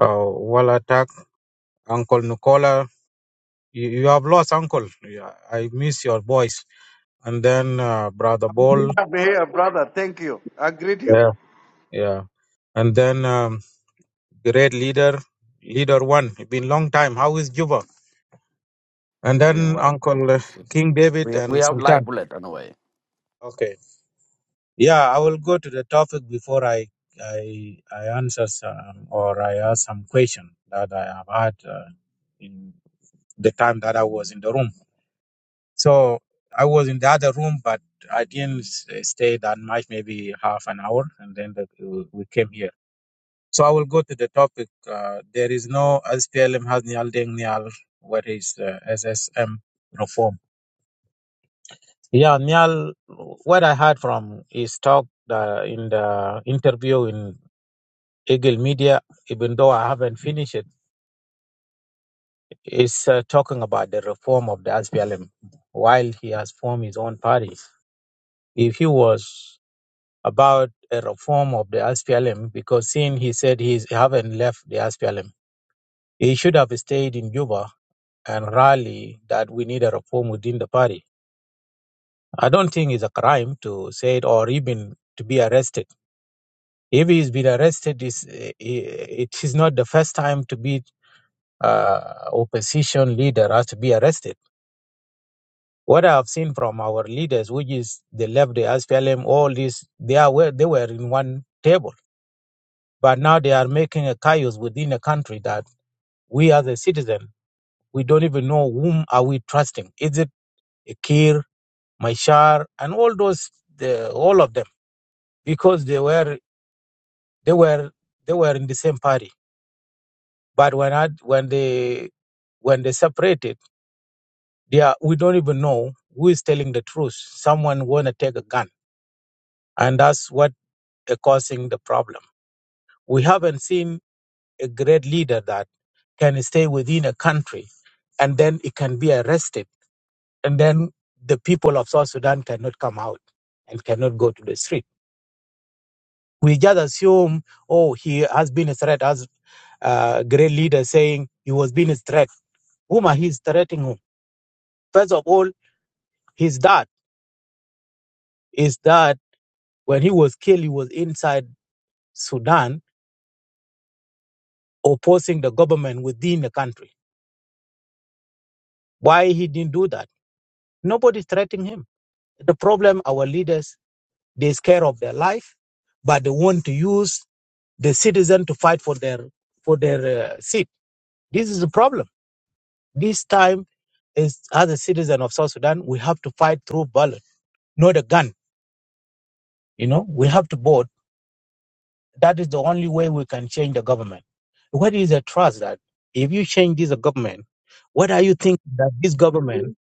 S15: uh, Walatak, Uncle Nicola. You, you have lost Uncle. Yeah, I miss your voice. And then uh, Brother Ball.
S11: Be here, brother. Thank you. I greet you.
S15: Yeah. Yeah. and then um, great leader, leader one. It's been long time. How is Juba? And
S4: They're doing
S15: then
S4: well. It's-
S15: Uncle uh,
S4: it's-
S15: King David
S4: We we
S15: and
S4: have live
S15: Sultan.
S4: bullet anyway.
S15: Okay. Yeah, I will go to the topic before I I I answer some, or I ask some question that I have had uh, in the time that I was in the room. So I was in the other room, but I didn't s- stay that much, maybe half an hour, and then the, we came here. So I will go to the topic. Uh, there is no SPLM has Nial Deng Nial, what is uh, SSM reform? Yeah, Nial, what I heard from his talk uh, in the interview in Eagle Media, even though I haven't finished it, is uh, talking about the reform of the SPLM while he has formed his own party. If he was about a reform of the SPLM, because seeing he said he haven't left the SPLM, he should have stayed in Juba and rally that we need a reform within the party. I don't think it's a crime to say it or even to be arrested. If he's been arrested, it's, eh, eh, it is not the first time to be uh, opposition leader has to be arrested. What I have seen from our leaders, which is the left, the SPLM, all this, they are where they were in one table, but now they are making a chaos within the country that we as a citizen we don't even know whom are we trusting. Is it Kir? Machar, and all those, the, all of them, because they were they were they were in the same party. But when I, when they when they separated, they are, we don't even know who is telling the truth. Someone want to take a gun, and that's what is causing the problem. We haven't seen a great leader that can stay within a country, and then it can be arrested, and then the people of South Sudan cannot come out and cannot go to the street We just assume, oh, he has been a threat, as uh, great leader saying he was being a threat. Whom are he threatening whom? First of all, his dad is that when he was killed, he was inside Sudan opposing the government within the country. Why he didn't do that? Nobody threatening him. The problem, our leaders, they scare of their life, but they want to use the citizen to fight for their for their uh, seat. This is the problem. This time is as a citizen of South Sudan, we have to fight through ballot, not a gun. You know, we have to vote. That is the only way we can change the government. What is the trust that if you change this government, what are you thinking that this government,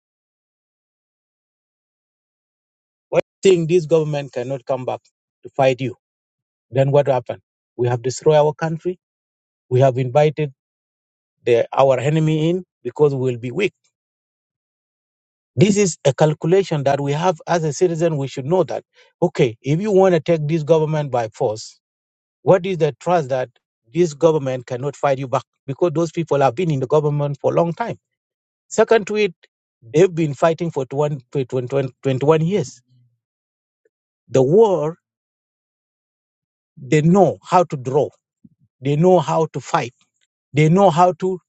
S15: what you think this government cannot come back to fight you? Then what happened? We have destroyed our country. We have invited the, our enemy in because we will be weak. This is a calculation that we have as a citizen. We should know that. Okay, if you want to take this government by force, What is the trust that this government cannot fight you back? Because those people have been in the government for a long time. Second to it, they've been fighting for 20, 21 years. The war, they know how to draw. They know how to fight. They know how to,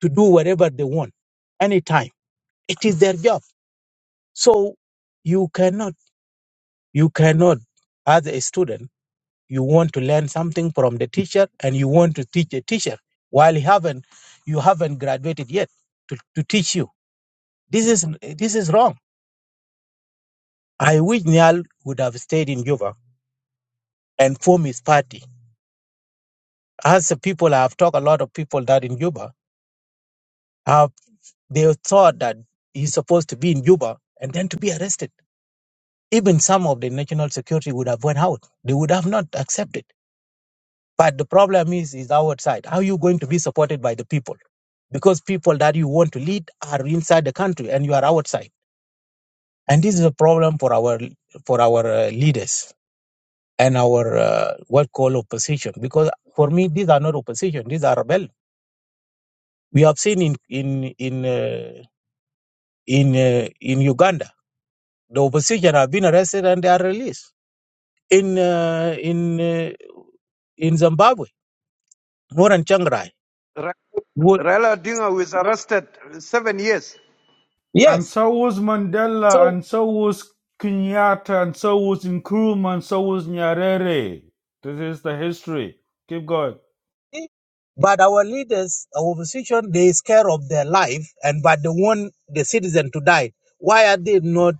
S15: to do whatever they want, anytime. It is their job. So you cannot, you cannot, as a student, you want to learn something from the teacher and you want to teach a teacher while you haven't you haven't graduated yet to, to teach you this is this is wrong i wish nyal would have stayed in juba and formed his party as the people i have talked a lot of people that in juba have they thought that he's supposed to be in juba and then to be arrested even some of the national security would have went out they would have not accepted But the problem is, is outside. How are you going to be supported by the people? Because people that you want to lead are inside the country and you are outside. And this is a problem for our for our uh, leaders and our uh, what call opposition. Because for me, these are not opposition; these are rebel. We have seen in in in uh, in uh, in Uganda, the opposition have been arrested and they are released. In uh, in uh, in Zimbabwe, Moran Changrai.
S11: Ra-
S15: Would
S11: Raila Odinga was arrested seven years.
S3: And
S15: yes.
S3: so was
S15: So
S3: Mandela, and so was Kenyatta, and so was Nkrumah, and so was Nyerere. This is the history. Keep going.
S15: But our leaders, our opposition, they scare of their life, and but they want the citizen to die. Why are they not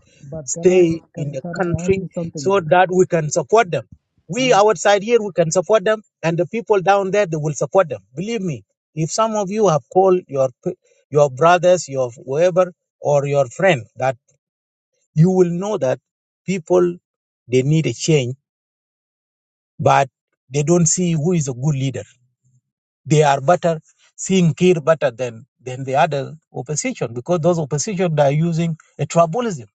S15: stay in the country so that we can support them? We outside here, we can support them, and the people down there, they will support them. Believe me, if some of you have called your p- your brothers, your whoever, or your friend, that you will know that people they need a change, but they don't see who is a good leader they are better, seeing Kir better than, than the other opposition because those opposition are using a tribalism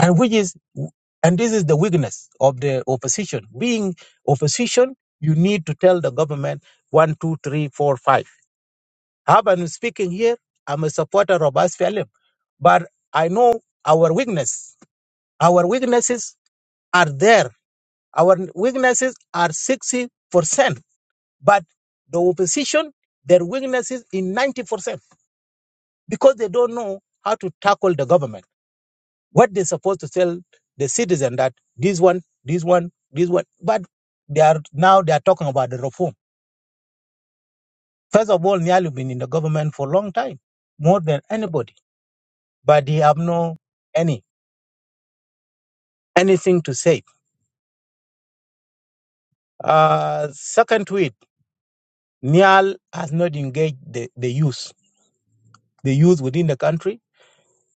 S15: and which is, and this is the weakness of the opposition. Being opposition, you need to tell the government one, two, three, four, five. How I'm speaking here, I'm a supporter of Asfalim, but I know our weakness. Our weaknesses are there. Our weaknesses are 60%, but the opposition, their weaknesses in 90%. because they don't know how to tackle the government. What they're supposed to tell the citizen that this one, this one, this one. But they are now they are talking about the reform. First of all, Nyali been in the government for a long time, more than anybody. But they have no any anything to say. Uh, second to it, Nial has not engaged the, the youth, the youth within the country.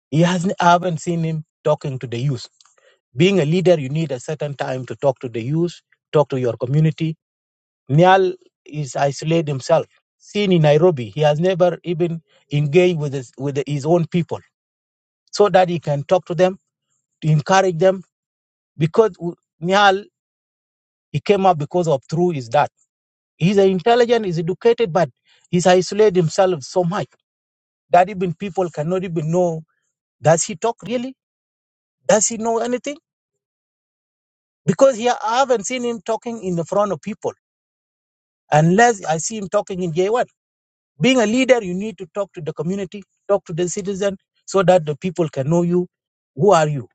S15: He hasn't I haven't seen him talking to the youth. Being a leader, you need a certain time to talk to the youth, talk to your community, Nyal is isolated himself. Seen in Nairobi, he has never even engaged with his, with his own people so that he can talk to them, to encourage them. Because w- Nyal, he came up because of through his dad. He's an intelligent, he's educated, but he's isolated himself so much that even people cannot even know, does he talk really? Does he know anything? Because here I haven't seen him talking in the front of people unless I see him talking in J1. Being a leader, you need to talk to the community, talk to the citizen, so that the people can know you. Who are you?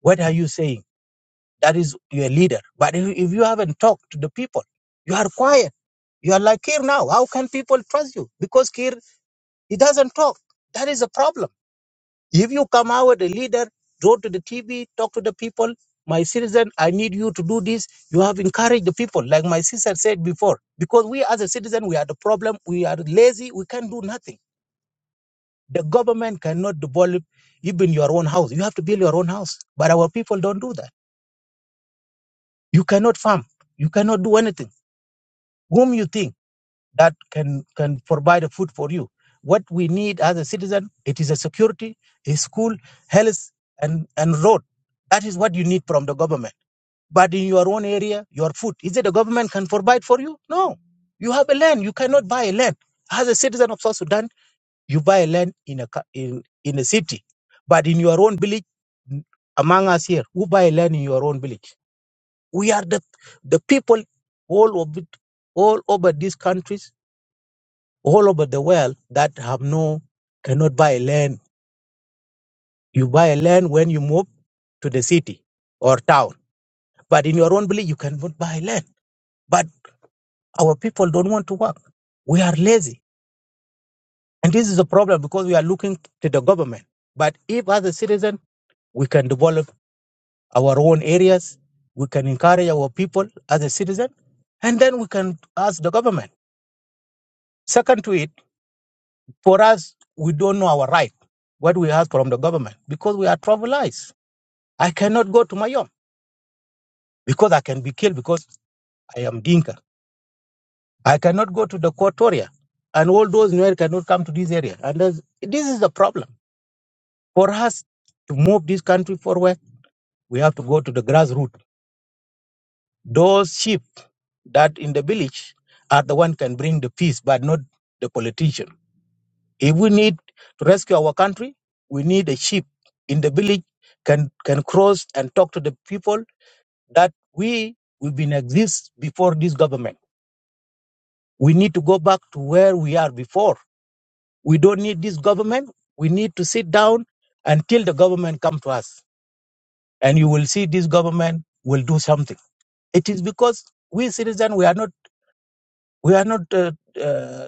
S15: What are you saying? That is your leader. But if, if you haven't talked to the people, you are quiet. You are like Kir now. How can people trust you? Because Kir, he doesn't talk. That is a problem. If you come out a leader, go to the TV, talk to the people. My citizen, I need you to do this. You have encouraged the people, like my sister said before. Because we as a citizen, we are the problem. We are lazy. We can't do nothing The government cannot develop even your own house. You have to build your own house. But our people don't do that. You cannot farm. You cannot do anything. Whom you think that can can provide a food for you? What we need as a citizen, it is a security, a school, health, and and road. That is what you need from the government. But in your own area, your food, is it the government can provide for you? No. You have a land. You cannot buy a land. As a citizen of South Sudan, You buy land in a co- in in a city, but in your own village, n- among us here, who buy land in your own village? We are the the people all over all over these countries, all over the world that have no cannot buy land. You buy land when you move to the city or town, but in your own village you cannot buy land. But our people don't want to work. We are lazy, and this is a problem because we are looking to the government. But if as a citizen, we can develop our own areas. We can encourage our people as a citizen, and then we can ask the government. Second to it, for us, we don't know our right, what we ask from the government, because we are tribalized. I cannot go to Mayom because I can be killed because I am Dinka. I cannot go to the Quatoria, and all those Nuer cannot come to this area. And there's- this is the problem. For us to move this country forward, we have to go to the grassroots. Those sheep that in the village are the one can bring the peace, but not the politician. If we need to rescue our country, we need a sheep in the village can can cross and talk to the people that we we've been exist before this government. We need to go back to where we are before. We don't need this government. We need to sit down until the government come to us, and you will see this government will do something. It is because we citizens we are not we are not uh, uh,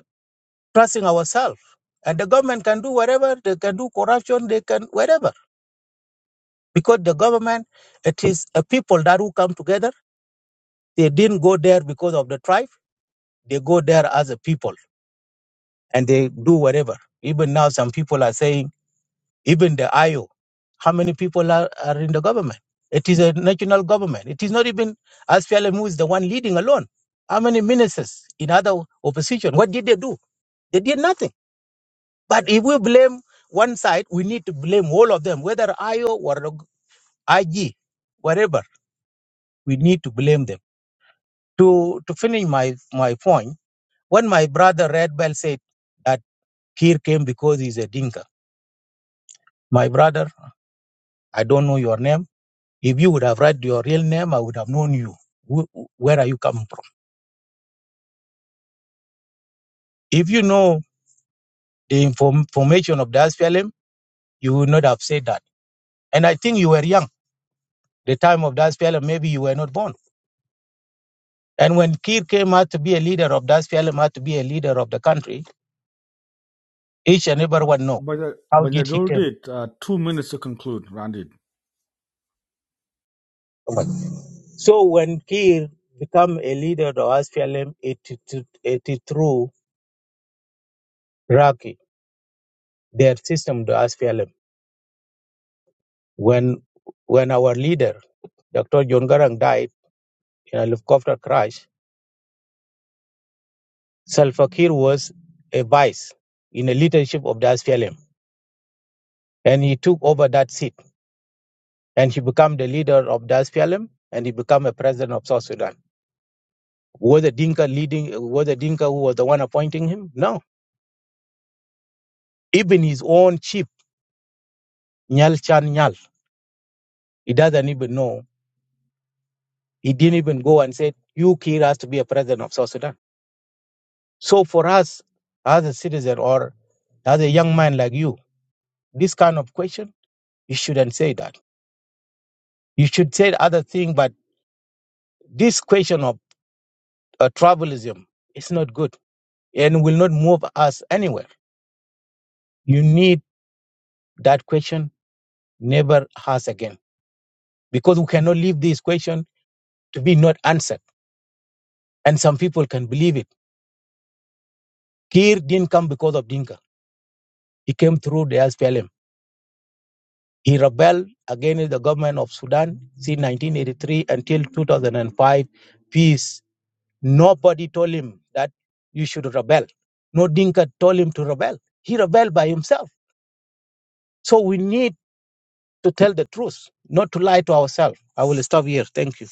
S15: trusting ourselves. And the government can do whatever they can do, corruption they can whatever, because the government it is a people that who come together. They didn't go there because of the tribe. They go there as a people and they do whatever. Even now, some people are saying, even the IO, how many people are, are in the government? It is a national government. It is not even SPLM who is the one leading alone. How many ministers in other opposition? What did they do? They did nothing. But if we blame one side, we need to blame all of them, whether IO or IG, whatever. We need to blame them. To to finish my my point, when my brother Red Bell said that Kir came because he's a dinka, my brother, I don't know your name. If you would have read your real name, I would have known you. Wh- Where are you coming from? If you know the inform- information of the SPLM, you would not have said that. And I think you were young. The time of the SPLM, maybe you were not born And when Kir came out to be a leader of that PLM, out to be a leader of the country, each and
S3: Uh,
S15: everyone know
S3: but I,
S15: how
S3: but I
S15: did he
S3: do
S15: came.
S3: did uh, two minutes to conclude, Randy.
S15: about. So when Kir become a leader of SPLM, it, it, it, it through Raki, their system, the SPLM. When when our leader, Dr. John Garang, died in a helicopter crash, Salva Kiir was a vice in the leadership of the SPLM. And he took over that seat and he became the leader of the SPLM and he became a president of South Sudan. Were the Dinka leading? Were the Dinka who was the one appointing him? No. Even his own chief, Nyal Chan Nyal, he doesn't even know. He didn't even go and say, "You Kir has to be a president of South Sudan." So for us, as a citizen or as a young man like you, this kind of question, you shouldn't say that. You should say other thing, but this question of uh, tribalism is not good and will not move us anywhere. You need that question never asked again because we cannot leave this question to be not answered. And some people can believe it. Kir didn't come because of Dinka. He came through the SPLM. He rebelled against the government of Sudan since 1983 until 2005. Peace. Nobody told him that you should rebel. No Dinka told him to rebel. He rebelled by himself. So we need to tell the truth, not to lie to ourselves. I will stop here. Thank you.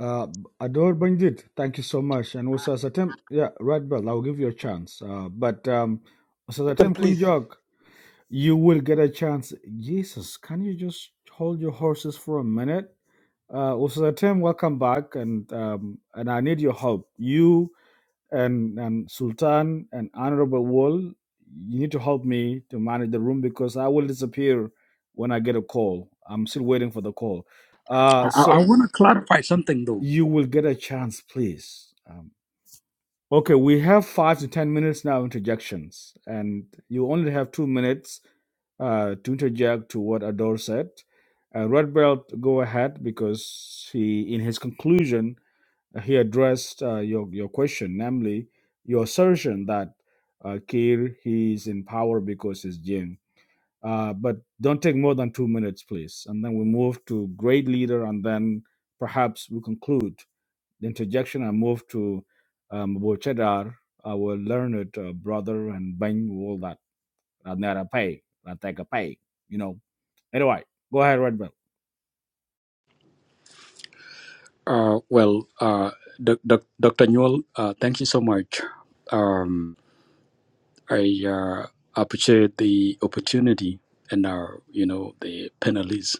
S3: Uh, adore Bandit, thank you so much. And also, Satem, yeah, right, Bell, I'll give you a chance. Uh, but um, so
S14: Can
S3: Satem
S14: please.
S3: Kunjog, you will get a chance. Jesus, can you just hold your horses for a minute? Uh, also, Satem, welcome back, and um, and I need your help. You and, and Sultan and Honorable Wall, you need to help me to manage the room because I will disappear when I get a call. I'm still waiting for the call.
S5: I,
S3: Uh,
S5: I, I
S3: so
S5: want to clarify something though.
S3: you will get a chance, please. Um, okay, we have five to ten minutes now interjections, and you only have two minutes uh, to interject to what Ador said. Uh, Red Belt, go ahead because he, in his conclusion, uh, he addressed uh, your, your question, namely your assertion that uh, Kiir he is in power because he's Jin. Uh, but don't take more than two minutes, please. And then we move to great leader, and then perhaps we conclude the interjection and move to um, Abu Cheddar, our learned uh, brother, and Bang, all that. Radnera Pay, Rateka Pay, you know. Anyway, go ahead, Redman.
S5: Uh, well, uh, doc, doc, Dr. Newell, uh, thank you so much. Um, I uh, appreciate the opportunity and our, you know, the panelists.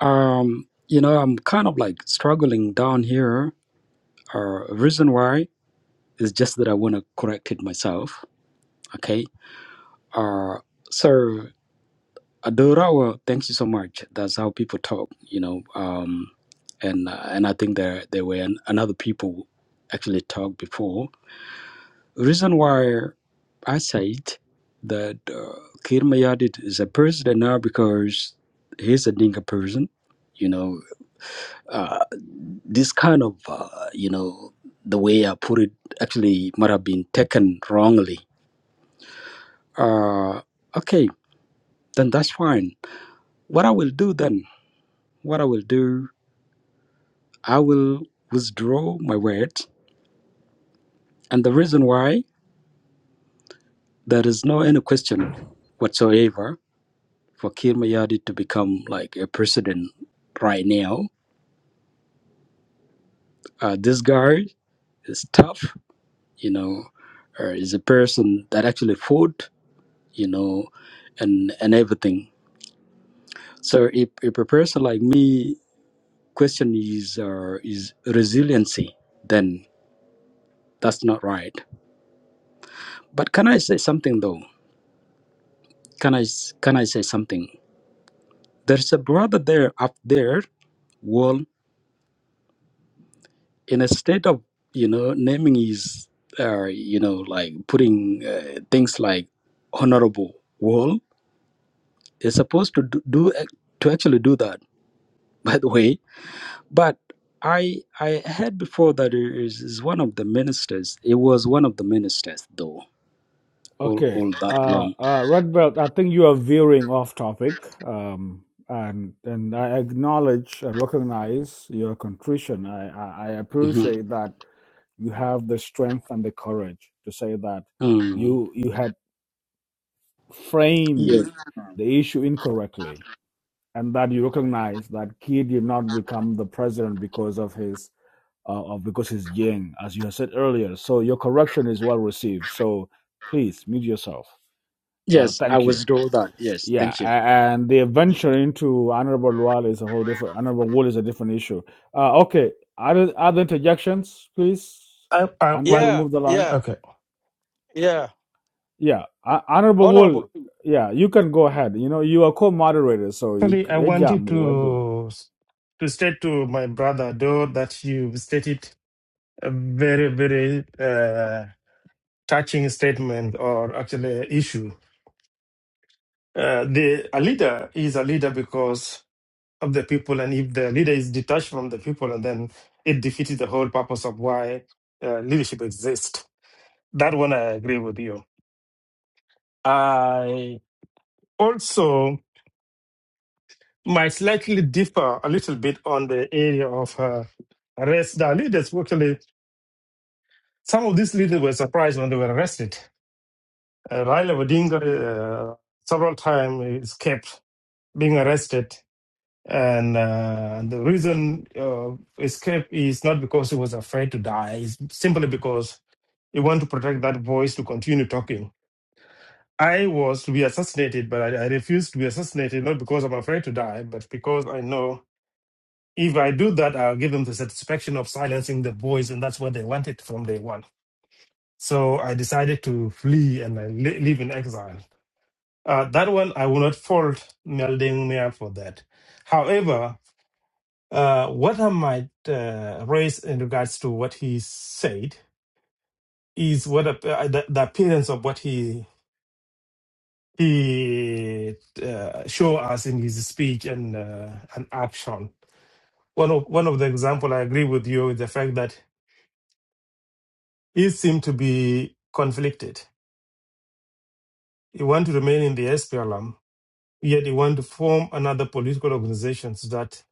S5: Um, you know, I'm kind of like struggling down here. Uh, reason why is just that I want to correct it myself. Okay. Uh, so Adorawa, thank you so much. That's how people talk. You know, um, and uh, and I think there there were an, another people actually talked before. Reason why I said that uh, Kir Mayadit is a president now because he's a Dinka person. You know, uh, this kind of uh, you know the way I put it actually might have been taken wrongly. Uh, okay, then that's fine. What I will do then, what I will do, I will withdraw my word, and the reason why there is no any question whatsoever for Kir Mayadi to become like a president right now. Uh, this guy is tough, you know, uh, is a person that actually fought, you know, and and everything So if, if a person like me question is uh, is resiliency, then that's not right. But can I say something though? Can I s- can I say something? There's a brother there up there, well, in a state of you know naming his uh, you know like putting uh, things like honorable. Well, is supposed to do, do ac- to actually do that. By the way, But I I heard before that it is, is one of the ministers. It was one of the ministers, though, all
S3: Okay.
S5: all that
S3: Uh,
S5: long.
S3: uh, Red Belt, I think you are veering off topic. Um, and and I acknowledge and recognize your contrition. I, I, I
S5: hmm
S3: appreciate that you have the strength and the courage to say that
S5: Mm.
S3: you you had
S5: Yes,
S3: framed the issue incorrectly and that you recognize that he did not become the president because of his uh, of because his Jing, as you have said earlier. So your correction is well received. So please mute yourself. Uh,
S5: yes, I
S3: thank you.
S5: was told that. Yes,
S3: Yeah,
S5: thank you.
S3: a- and the venture into honorable Wall is a whole different honorable Wall is a different issue. Uh, okay, other other interjections, please,
S6: I, I
S3: and then
S6: want.
S3: we
S14: Yeah,
S3: move the line.
S14: yeah,
S6: Okay.
S14: yeah.
S3: Yeah, uh, honorable Wall.
S14: Honorable.
S3: Yeah, you can go ahead. You know, you are co-moderator, so you
S6: Actually, I
S3: eh, yeah,
S6: wanted
S3: mu- eh, do.
S6: to s- to state to my brother though that you stated a very, very uh, touching statement or actually issue. Uh, the a leader is a leader because. of the people, and if the leader is detached from the people, and then it defeats the whole purpose of why uh, leadership exists. That one I agree with you. I also might slightly differ a little bit on the area of uh, arrest. The leaders actually, some of these leaders were surprised when they were arrested. Uh, Raila Odinga uh, several times escaped being arrested And uh, the reason uh, escape is not because he was afraid to die, it's simply because he wanted to protect that voice to continue talking. I was to be assassinated, but I, I refused to be assassinated, not because I'm afraid to die, but because I know if I do that, I'll give them the satisfaction of silencing the voice, and that's what they wanted from day one. So I decided to flee and I li- live in exile. Uh, that one, I will not fault Melding Mia for that. However, Uh, what I might uh, raise in regards to what he said is what ap- uh, the, the appearance of what he he uh, show us in his speech and uh, and action. One of one of the example I agree with you is the fact that he seemed to be conflicted. He want to remain in the SPLM, yet he want to form another political organization that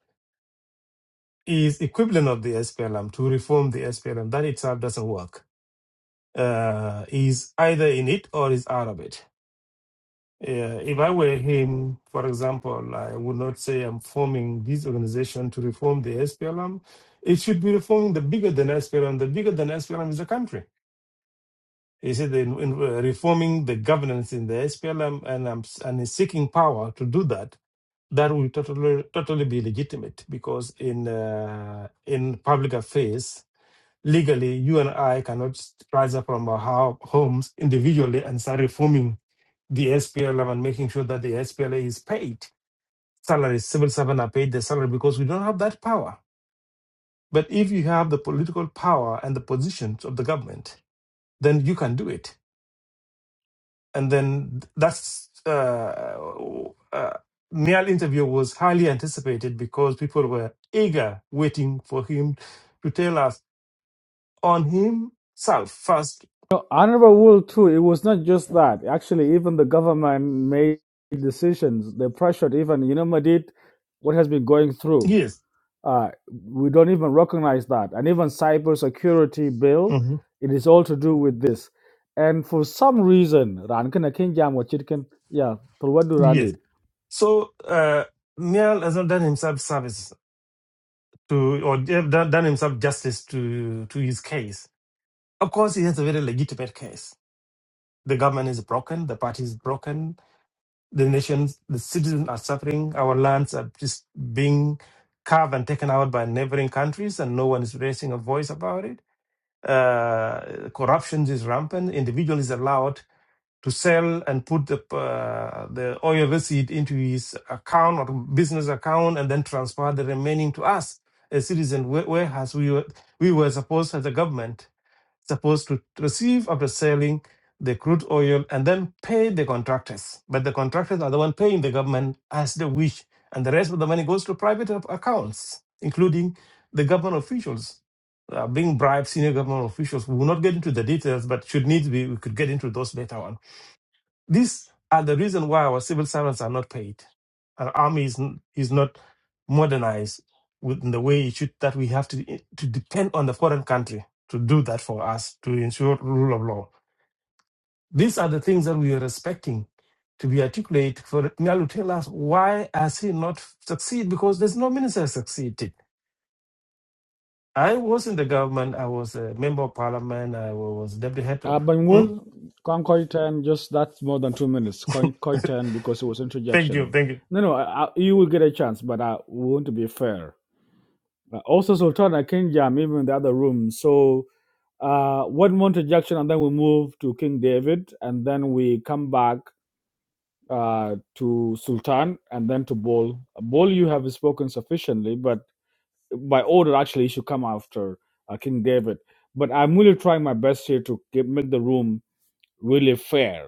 S6: is equivalent of the SPLM to reform the SPLM. That itself doesn't work uh, is either in it or is out of it. Uh, if I were him, for example, I would not say I'm forming this organization to reform the SPLM. It should be reforming the bigger than SPLM. The bigger than SPLM is the country. He said the, in, in- uh, reforming the governance in the SPLM and um, and is seeking power to do that. That will totally totally be legitimate because in uh, in public affairs legally, you and I cannot rise up from our ho- homes individually and start reforming the SPLM and making sure that the SPLA is paid. Salaries, civil servants are paid their salary because we don't have that power. But if you have the political power and the positions of the government, then you can do it. And then that's uh, uh, Niall interview was highly anticipated because people were eager waiting for him to tell us on himself first.
S3: No, honorable Wool too. It was not just that. Actually, even the government made decisions. They pressured even you know Madid, what has been going through.
S6: Yes.
S3: Uh, we don't even recognize that. And even cybersecurity bill, it is all to do with this. And for some reason, ran kana kin jam wa chit yeah, for what do ran
S6: Yes.
S3: it?
S6: So uh, Niall has not done himself service to, or have done, done himself justice to to his case. Of course, he has a very legitimate case. The government is broken. The party is broken. The nations, the citizens are suffering. Our lands are just being carved and taken out by neighboring countries, and no one is raising a voice about it. Uh, corruption is rampant. Individual is allowed to sell and put the uh, the oil receipt into his account or business account and then transfer the remaining to us a citizen where, where has we were, we were supposed as a government supposed to receive after selling the crude oil and then pay the contractors but the contractors are the one paying the government as they wish and the rest of the money goes to private ac- accounts including the government officials uh, being bribed senior government officials we will not get into the details but should need be we could get into those later on these are the reason why our civil servants are not paid. Our army is, n- is not modernized with- in the way it should, that we have to, eh, to depend on the foreign country to do that for us, to ensure rule of law. These are the things that we are expecting to be articulated for Nyal to tell us why has he not succeed because there's no minister succeeded. I was in the government, I was a member of parliament, I was deputy head
S3: Uh,
S6: of.
S3: ben
S6: Hmm?
S3: will con coy ten just that's more than two minutes. Coin coy ten because it was
S6: thank you,
S3: interjection.
S6: thank you.
S3: No, no, I, I, you will get a chance, but I want to be fair. Uh, also, Sultana King Jam, even in the other room. So, uh, one more interjection, and then we move to King David, and then we come back uh, to Sultan and then to Bol. Bol, you have spoken sufficiently, but by order, actually, you should come after uh, King David. But I'm really trying my best here to get, make the room really fair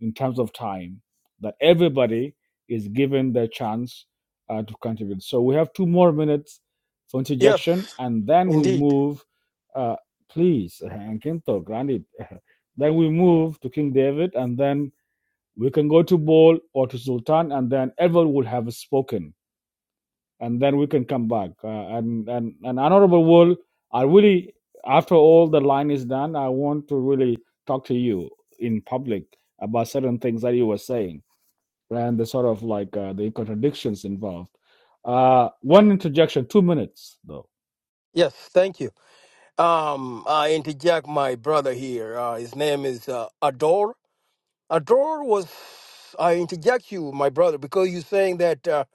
S3: in terms of time, that everybody is given their chance uh, to contribute. So we have two more minutes for
S14: Yes,
S3: interjection, and then we
S14: indeed.
S3: move. Uh, please, and Kinto, granted. Then we move to King David, and then we can go to Bol or to Sultan, and then everyone will have spoken, and then we can come back. Uh, and and and honorable Wool, I really, after all the line is done, I want to really talk to you in public about certain things that you were saying and the sort of like uh, the contradictions involved. Uh, one interjection, two minutes though.
S14: Yes, thank you. Um, I interject my brother here. Uh, his name is uh, Ador. Ador was. I interject you, my brother, because you're saying that uh,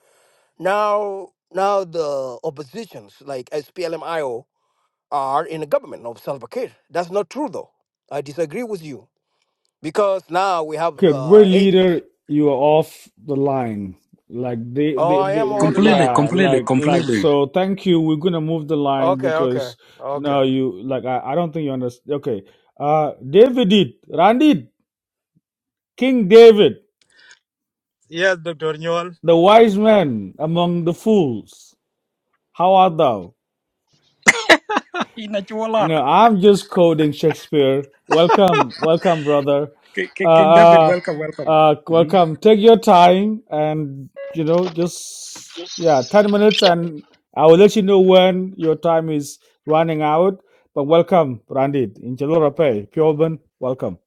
S14: now now the oppositions like SPLMIO. are in the government of Salva Kiir. That's not true, though. I disagree with you because now we have
S3: Okay,
S14: uh,
S3: great
S14: eight.
S3: leader, you are off the line. Like they,
S14: Oh,
S3: they,
S14: I am
S3: they,
S14: on the line.
S5: Completely,
S3: yeah,
S5: completely,
S3: like, like.
S5: completely.
S3: So thank you. We're gonna move the line
S14: Okay, okay,
S3: because
S14: okay.
S3: no, you like I, I don't think you understand. Okay, uh, David did, Randy, King David, the wise man among the fools. How art thou?
S5: Inachualar.
S3: No, I'm just quoting Shakespeare. Welcome, welcome, brother.
S5: K- K- King David,
S3: Uh, uh,
S5: welcome, welcome.
S3: uh,
S5: hmm
S3: welcome. Take your time and, you know, just, yeah, 10 minutes and I will let you know when your time is running out. But welcome, Brandit. In Pay, Pioban, welcome.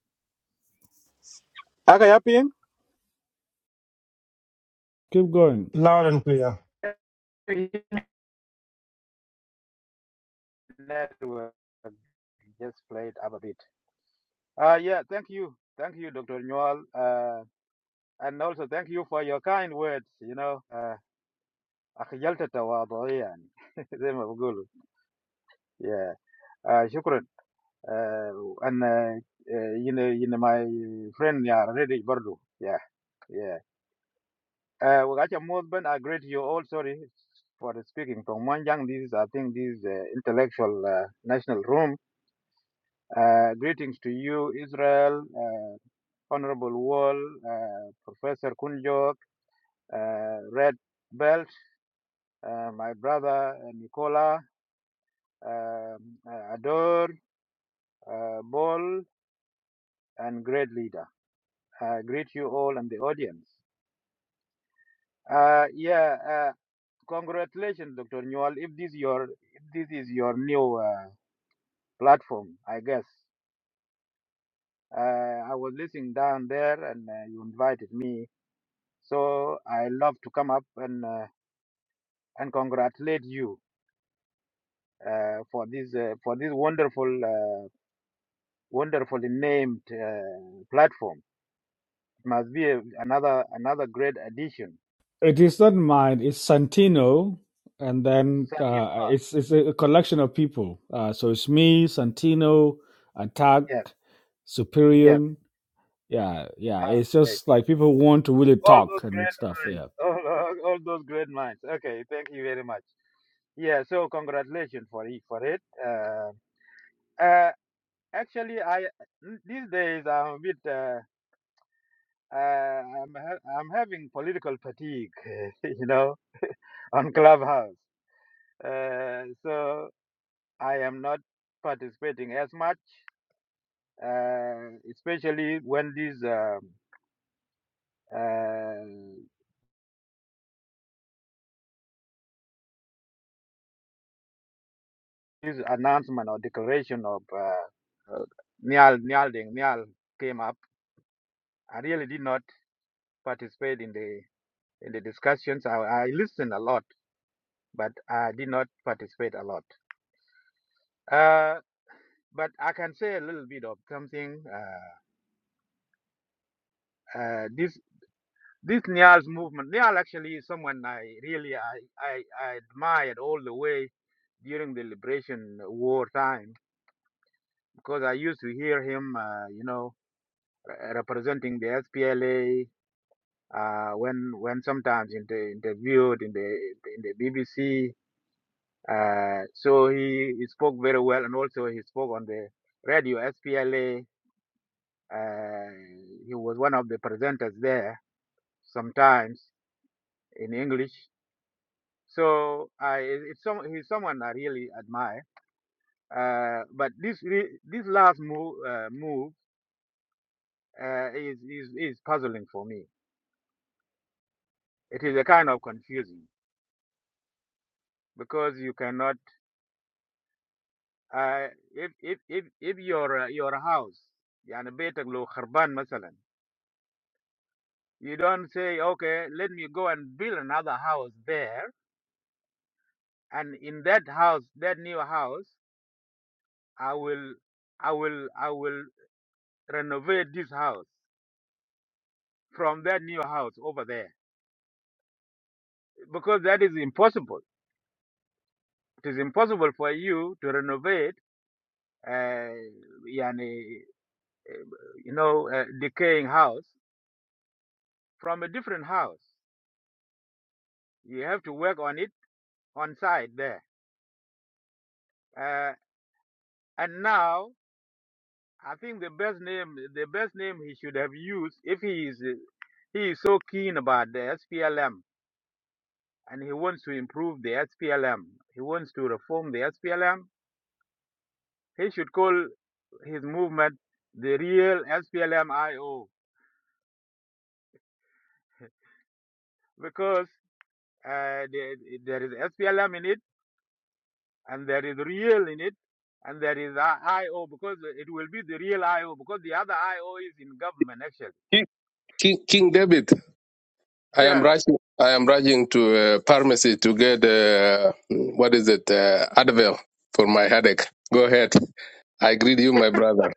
S3: Keep going.
S6: Loud and clear.
S3: It is not mine, it's Santino. And then uh, it's it's a collection of people. Uh, so it's me, Santino, Attack, Superior. yeah, yeah. It's just like people want to really talk and stuff. Yeah.
S16: King, King, King David, I am rushing. I am rushing to uh, pharmacy to get uh, what is it? Uh, Advil for my headache. Go ahead. I greet you, my brother.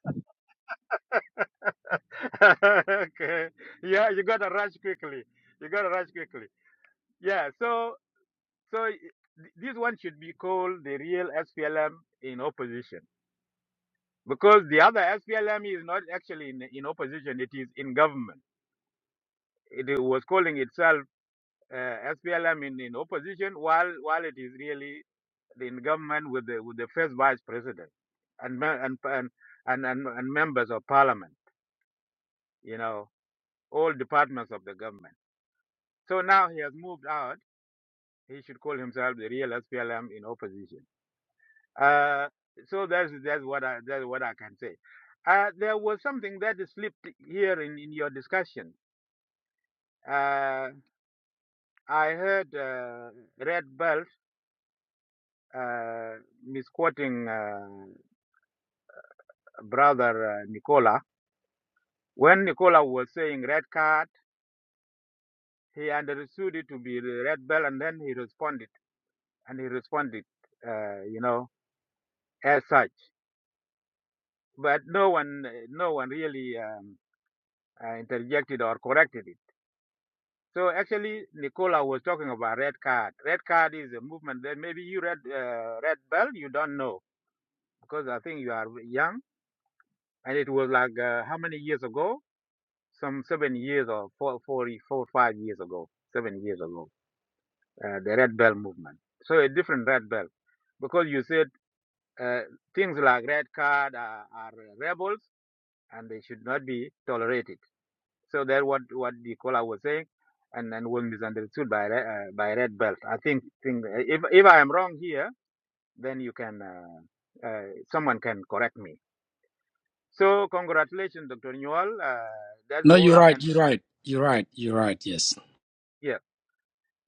S5: No, you're right. You're right. You're right. You're right. Yes,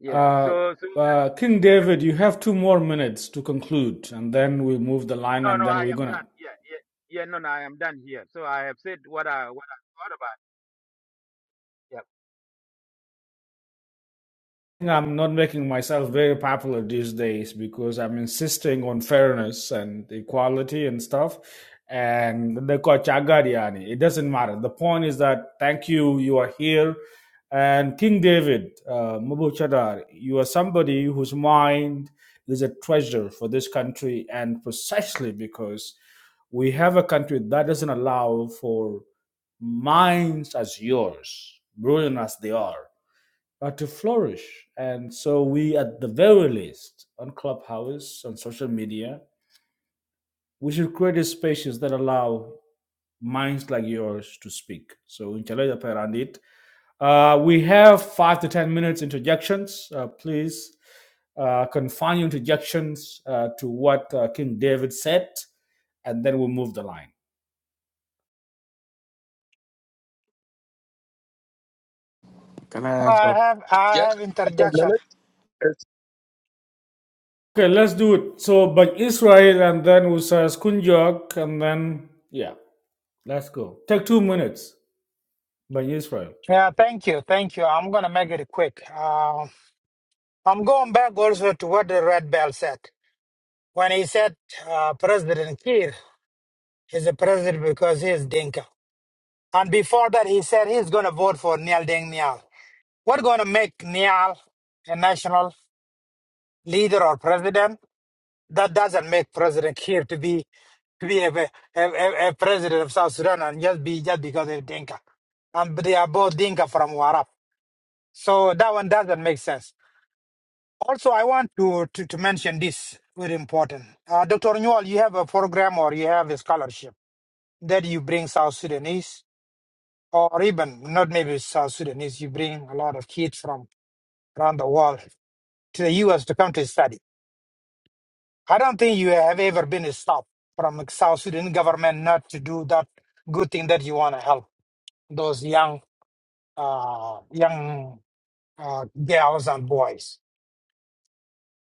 S3: Uh, uh, King David, you have two more minutes to conclude, and then we move the line, and then we're gonna I'm not making myself very popular these days because I'm insisting on fairness and equality and stuff. And they call Chagariani. It doesn't matter. The point is that thank you, you are here. And King David, uh, Mubu Chadar, you are somebody whose mind is a treasure for this country, and precisely because we have a country that doesn't allow for minds as yours, brilliant as they are uh, to flourish. And so, we, at the very least, on Clubhouse, on social media, we should create a spaces that allow minds like yours to speak. So, Inchalaya Perandit. Uh, we have five to 10 minutes interjections. Uh, please uh, confine your interjections uh, to what uh, King David said, and then we'll move the line.
S7: I have I
S16: Jack,
S7: have
S16: couple
S7: interjection.
S16: minutes. It
S3: Okay, let's do it. So, but Israel, and then we say Kunjok, and then, yeah, let's go. Take two minutes. by Israel.
S7: Yeah, thank you, thank you. I'm gonna make it quick. Uh, I'm going back also to what the red bell said when he said uh, President Kiir He's the president because he is Dinka. And before that, he said he's going to vote for Nial Deng Nial. What's going to make Nial a national leader or president? That doesn't make President here to be to be a, a, a, a president of South Sudan and just be just because of Dinka. And they are both Dinka from Warap. So that one doesn't make sense. Also, I want to, to, to mention this very important. Uh, Dr. Newell, you have a program or you have a scholarship that you bring South Sudanese. or even not maybe South Sudanese, you bring a lot of kids from around the world to the U.S. to come to study. I don't think you have ever been stopped from South Sudan government not to do that good thing that you want to help those young, uh, young uh, girls and boys.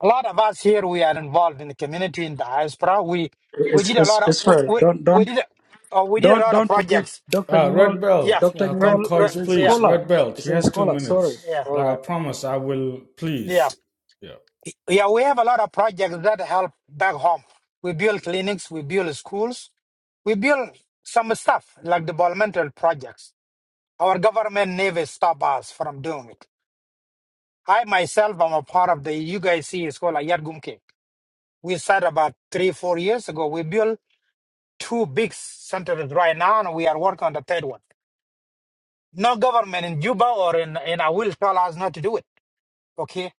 S7: A lot of us here, we are involved in the community in diaspora. We we
S5: it's
S7: did a
S5: it's
S7: lot of
S5: it's
S7: we,
S5: fair.
S7: we,
S5: Don't
S7: we
S5: don't
S7: did a- uh, we did a
S5: don't
S7: lot of
S5: don't forget,
S7: projects.
S5: Doctor
S3: Uh,
S5: Newell.
S3: Red
S7: Yeah,
S3: Belt,
S5: Doctor
S3: uh,
S7: re,
S5: Newell
S7: re,
S3: Concord,
S5: is a
S7: yeah,
S3: please.
S5: scholar.
S3: Red Belt,
S5: Is
S3: he
S5: a
S3: has two
S5: scholar. Sorry.
S3: minutes.
S7: yeah,
S5: All
S3: Like I
S5: right.
S3: promise, I will,
S7: yeah.
S3: please. Yeah.
S7: Yeah, we have a lot of projects that help back home. We build clinics, we build schools, we build some stuff like developmental projects. Our government never stop us from doing it. I myself am a part of the UGIC, it's called Ayad Gumke. We started about three, four years ago. We built two big centers right now, and we are working on the third one. No government in Juba or in, in I will tell us not to do it. Okay.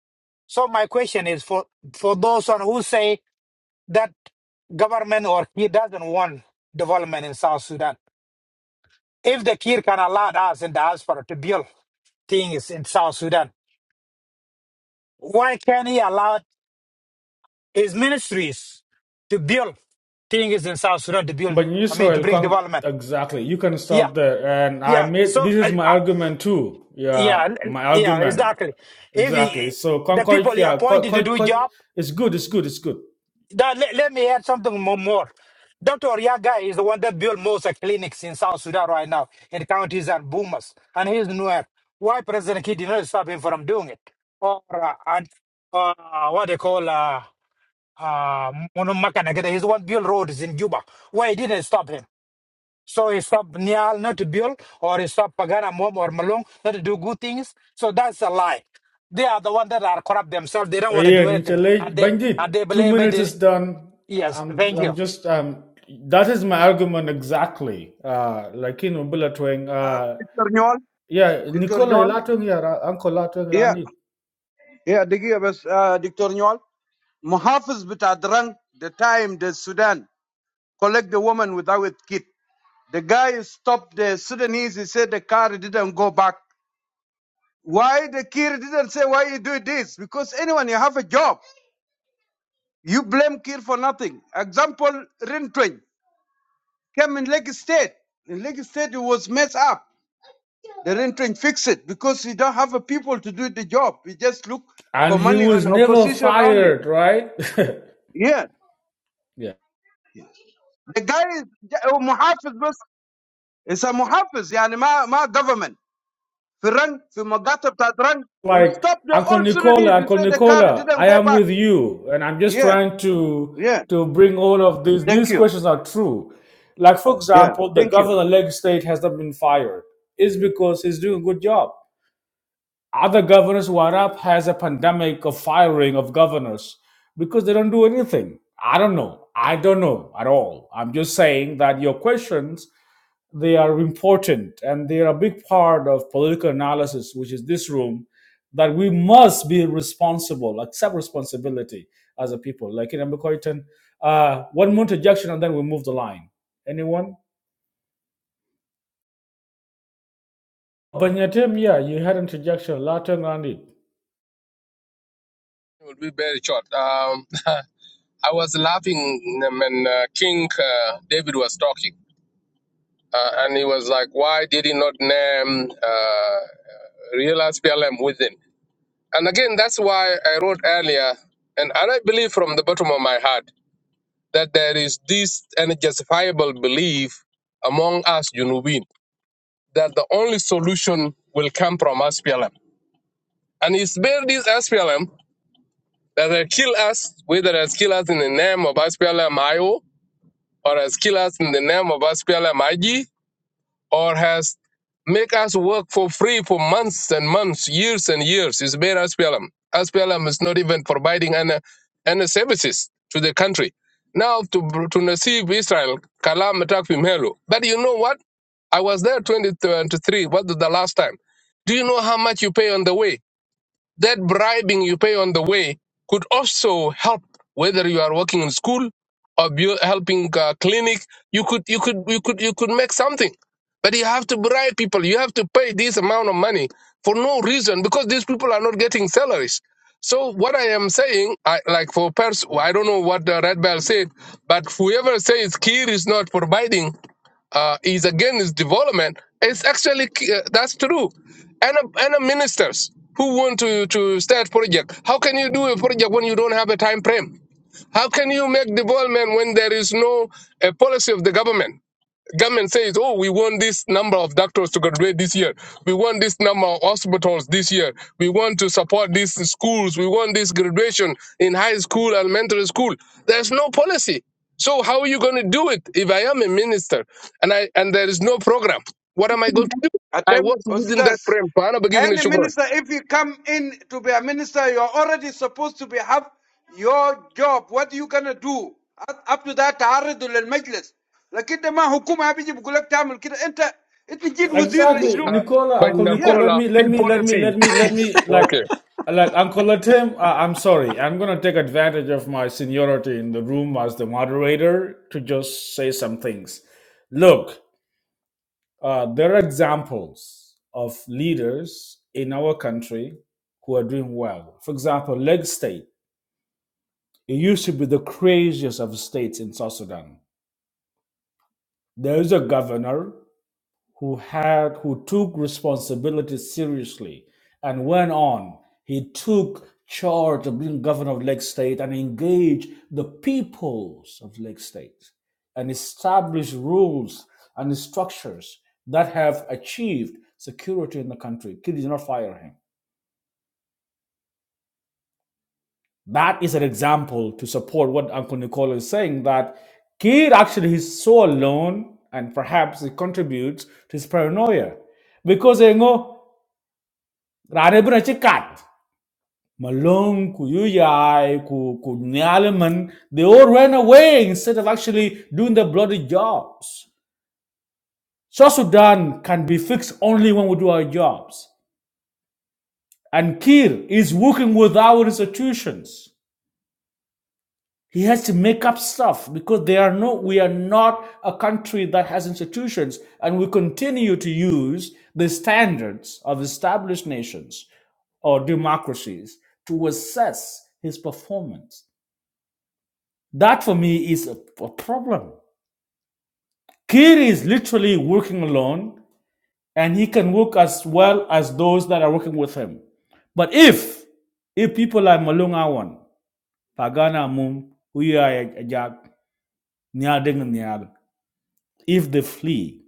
S7: So my question is for, for those on who say that government or he doesn't want development in South Sudan. If the Kir can allow us in diaspora to build things in South Sudan, why can't he allow his ministries to build things in South Sudan to build,
S3: But
S7: I mean, to
S3: Israel,
S7: bring
S3: con-
S7: development?
S3: exactly. You can
S7: Yeah,
S3: stop there. And I
S7: yeah.
S3: made
S7: So,
S3: this
S7: uh,
S3: is my
S7: uh,
S3: argument too. Yeah,
S7: yeah,
S3: my
S7: yeah,
S3: argument.
S7: exactly. If
S3: Exactly.
S7: he,
S3: So
S7: the
S3: Concord,
S7: people he
S3: yeah,
S7: appointed to
S3: Concord,
S7: do
S3: Concord
S7: job,
S3: it's good, it's good, it's good.
S7: That, let, let me add something more. more. Dr. Oriaga is the one that built most uh, clinics in South Sudan right now in counties and boomers, and he's nowhere. Why President Kidd did not stop him from doing it? Or uh, and, uh, what they call uh, uh, Mono Makanagada, he's the one built roads in Juba. Why he didn't stop him? So he stopped Nial not to build, or he stopped Pagana Mom or Malong not to do good things. So that's a lie. They are the ones that are corrupt themselves. They don't
S3: Uh,
S7: want to
S3: yeah,
S7: do
S3: and
S7: anything, and
S3: Inchele,
S7: they and they
S3: Bandit, two
S7: blame
S3: minutes is
S7: it.
S3: done.
S7: Yes,
S3: I'm,
S7: thank
S3: I'm
S7: you.
S3: just, um, that is my argument exactly. Uh, like in Ubula
S11: Uh,
S3: Twang,
S11: Dr. Nyol.
S3: Yeah,
S11: Dr.
S3: Nicola
S11: Nyol.
S3: Ilatungi, Ra- Uncle Ilatungi
S11: Yeah.
S3: Randy.
S11: Yeah. Digi, uh, Dr. Nyol. Muhafiz bitadrang the time the Sudan. collect the woman without kid. The guy stopped the Sudanese. He said the car didn't go back. Why the Kir didn't say why you do this? Because anyone, you have a job. You blame Kir for nothing. Example, Rintwing came in Lake State. In Lake State, it was messed up. The Rintwing fixed it because you don't have a people to do the job. You just look for
S3: And he
S11: money
S3: was
S11: on
S3: never
S11: opposition only.
S3: fired, right?
S11: Yeah.
S3: yeah.
S11: The guy is oh, Muhafiz, but it's a Muhafiz, yani, my, my government. He ran, he Magata Tadran. He
S3: Like,
S11: stopped the
S3: Uncle
S11: all Sudanese.
S3: Nicola,
S11: He
S3: Uncle
S11: said the car
S3: Nicola,
S11: didn't
S3: I
S11: go
S3: am
S11: back.
S3: with you. And I'm just
S11: Yeah,
S3: trying to
S11: yeah.
S3: to bring all of these.
S11: Thank
S3: These
S11: you.
S3: questions are true. Like, for
S11: Yeah,
S3: example, the
S11: thank you.
S3: governor of Lagos State has not been fired. It's because he's doing a good job. Other governors who are up has a pandemic of firing of governors because they don't do anything. I don't know. I don't know at all. I'm just saying that your questions they are important and they are a big part of political analysis, which is this room, that we must be responsible, accept responsibility as a people. Like in Amikoitan, uh, one more interjection and then we move the line. Anyone? Banyatim, yeah, you had interjection. Latin Randy.
S16: will be very short. Um, I was laughing when uh, King uh, David was talking, uh, and he was like, "Why did he not name uh, real SPLM within?" And again, that's why I wrote earlier, and, and I really believe from the bottom of my heart. that there is this unjustifiable belief among us Junubin that the only solution will come from SPLM. And it's been this SPLM that has killed us, whether it has killed us in the name of SPLM IO or has killed us in the name of SPLM IG or has make us work for free for months and months, years and years. It's made SPLM. is not even providing any, any services to the country. Now to to receive Israel, Kalam attack from Helo. But you know what? I was there 2023. What the the last time? Do you know how much you pay on the way? That bribing you pay on the way could also help whether you are working in school or bu- helping uh clinic. You could you could you could you could make something, but you have to bribe people. You have to pay this amount of money for no reason because these people are not getting salaries. So what I am saying, I, like for pers, I don't know what the red bell said, but whoever says Kir is not providing uh, is against development It's actually uh, that's true. And uh, and uh, ministers who want to to start project, how can you do a project when you don't have a time frame? How can you make development when there is no a policy of the government? government says, oh, we want this number of doctors to graduate this year. We want this number of hospitals this year. We want to support these schools. We want this graduation in high school, elementary school. There's no policy. So how are you going to do it if I am a minister and I and there is no program? What am I going to do? I
S11: Atem
S16: was within that
S11: Ustaz.
S16: frame. But I'm not giving a
S11: Any
S16: sugar.
S11: minister, if you come in to be a minister, you're already supposed to be have your job. What are you gonna do? Up to that تعرض للمجلس. لكن ده ما حكومة بيجي بيقول لك تعمل كده. انت انت جيت وزير
S3: Exactly,
S11: لشنو؟
S16: Uh,
S3: Nicola,
S16: but in
S3: Uncle
S11: Yeah.
S3: Nicola. Let
S16: Nicola,
S3: me,
S16: P
S3: let me, let me,
S16: policy.
S3: let me,
S16: P.
S3: let me. Like,
S16: Okay.
S3: like Uncle Latem. Uh, I'm sorry. I'm gonna take advantage of my seniority in the room as the moderator to just say some things. Look, uh, there are examples of leaders in our country who are doing well. For example, Leg State. It used to be the craziest of states in South Sudan. There is a governor who had who took responsibility seriously and went on. He took charge of being governor of Lake State and engaged the peoples of Lake State and established rules and structures that have achieved security in the country. He did not fire him. That is an example to support what Uncle Nicola is saying that Kid actually is so alone and perhaps it contributes to his paranoia. Because you know. Radebrunche cat. Malone, Kuyuyai, Ku- Kunyalaman, they all ran away instead of actually doing their bloody jobs. South Sudan can be fixed only when we do our jobs. And Kir is working with our institutions. He has to make up stuff because they are no, we are not a country that has institutions, and we continue to use the standards of established nations or democracies to assess his performance. That for me is a, a problem. Kir is literally working alone and he can work as well as those that are working with him. But if if people like Malung Awan, Pagana Mum, Huya Ajak, Nyadeng Nyal, if they flee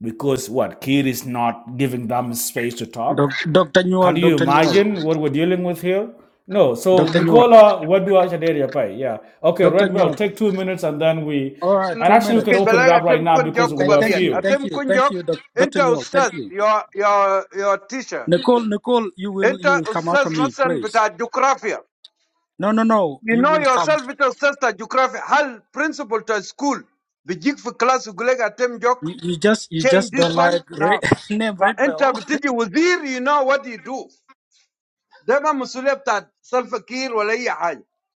S3: because what Kir is not giving them space to
S5: Doc,
S3: talk,
S5: Dr.
S3: Can
S5: Newell,
S3: you
S5: Dr. Newell,
S3: imagine what we're dealing with here? No. So
S5: Dr. Newell,
S3: Nicola, what do I should pay? Yeah. Okay,
S5: Dr.
S3: Red Bell,
S5: Newell.
S3: take two minutes and then we
S5: All right,
S11: أنا
S3: and
S5: two
S3: actually we can
S11: في
S5: minutes.
S3: open it
S11: بلاغ
S3: up right
S11: أتم
S3: now
S11: كون جوك
S3: because
S5: Thank,
S3: we're
S5: thank
S11: كوبابيت
S5: you,
S3: few.
S5: thank
S11: أتم
S5: you,
S11: كون
S5: thank
S11: جوك
S5: you, doc,
S11: أنت
S5: Dr. Newell.
S11: أستاذ
S5: Thank you,
S11: your your your teacher
S5: Nicole. Nicole, you will,
S11: أنت
S5: you will come after
S11: أستاذ
S5: me,
S11: مثلا
S5: please.
S11: بتاع الجغرافيا
S5: No, no, no.
S11: You
S5: You
S11: know
S5: will come.
S11: yourself, Mister. You know yourself. You
S5: You, you just, you just don't like Red, name Red Bell,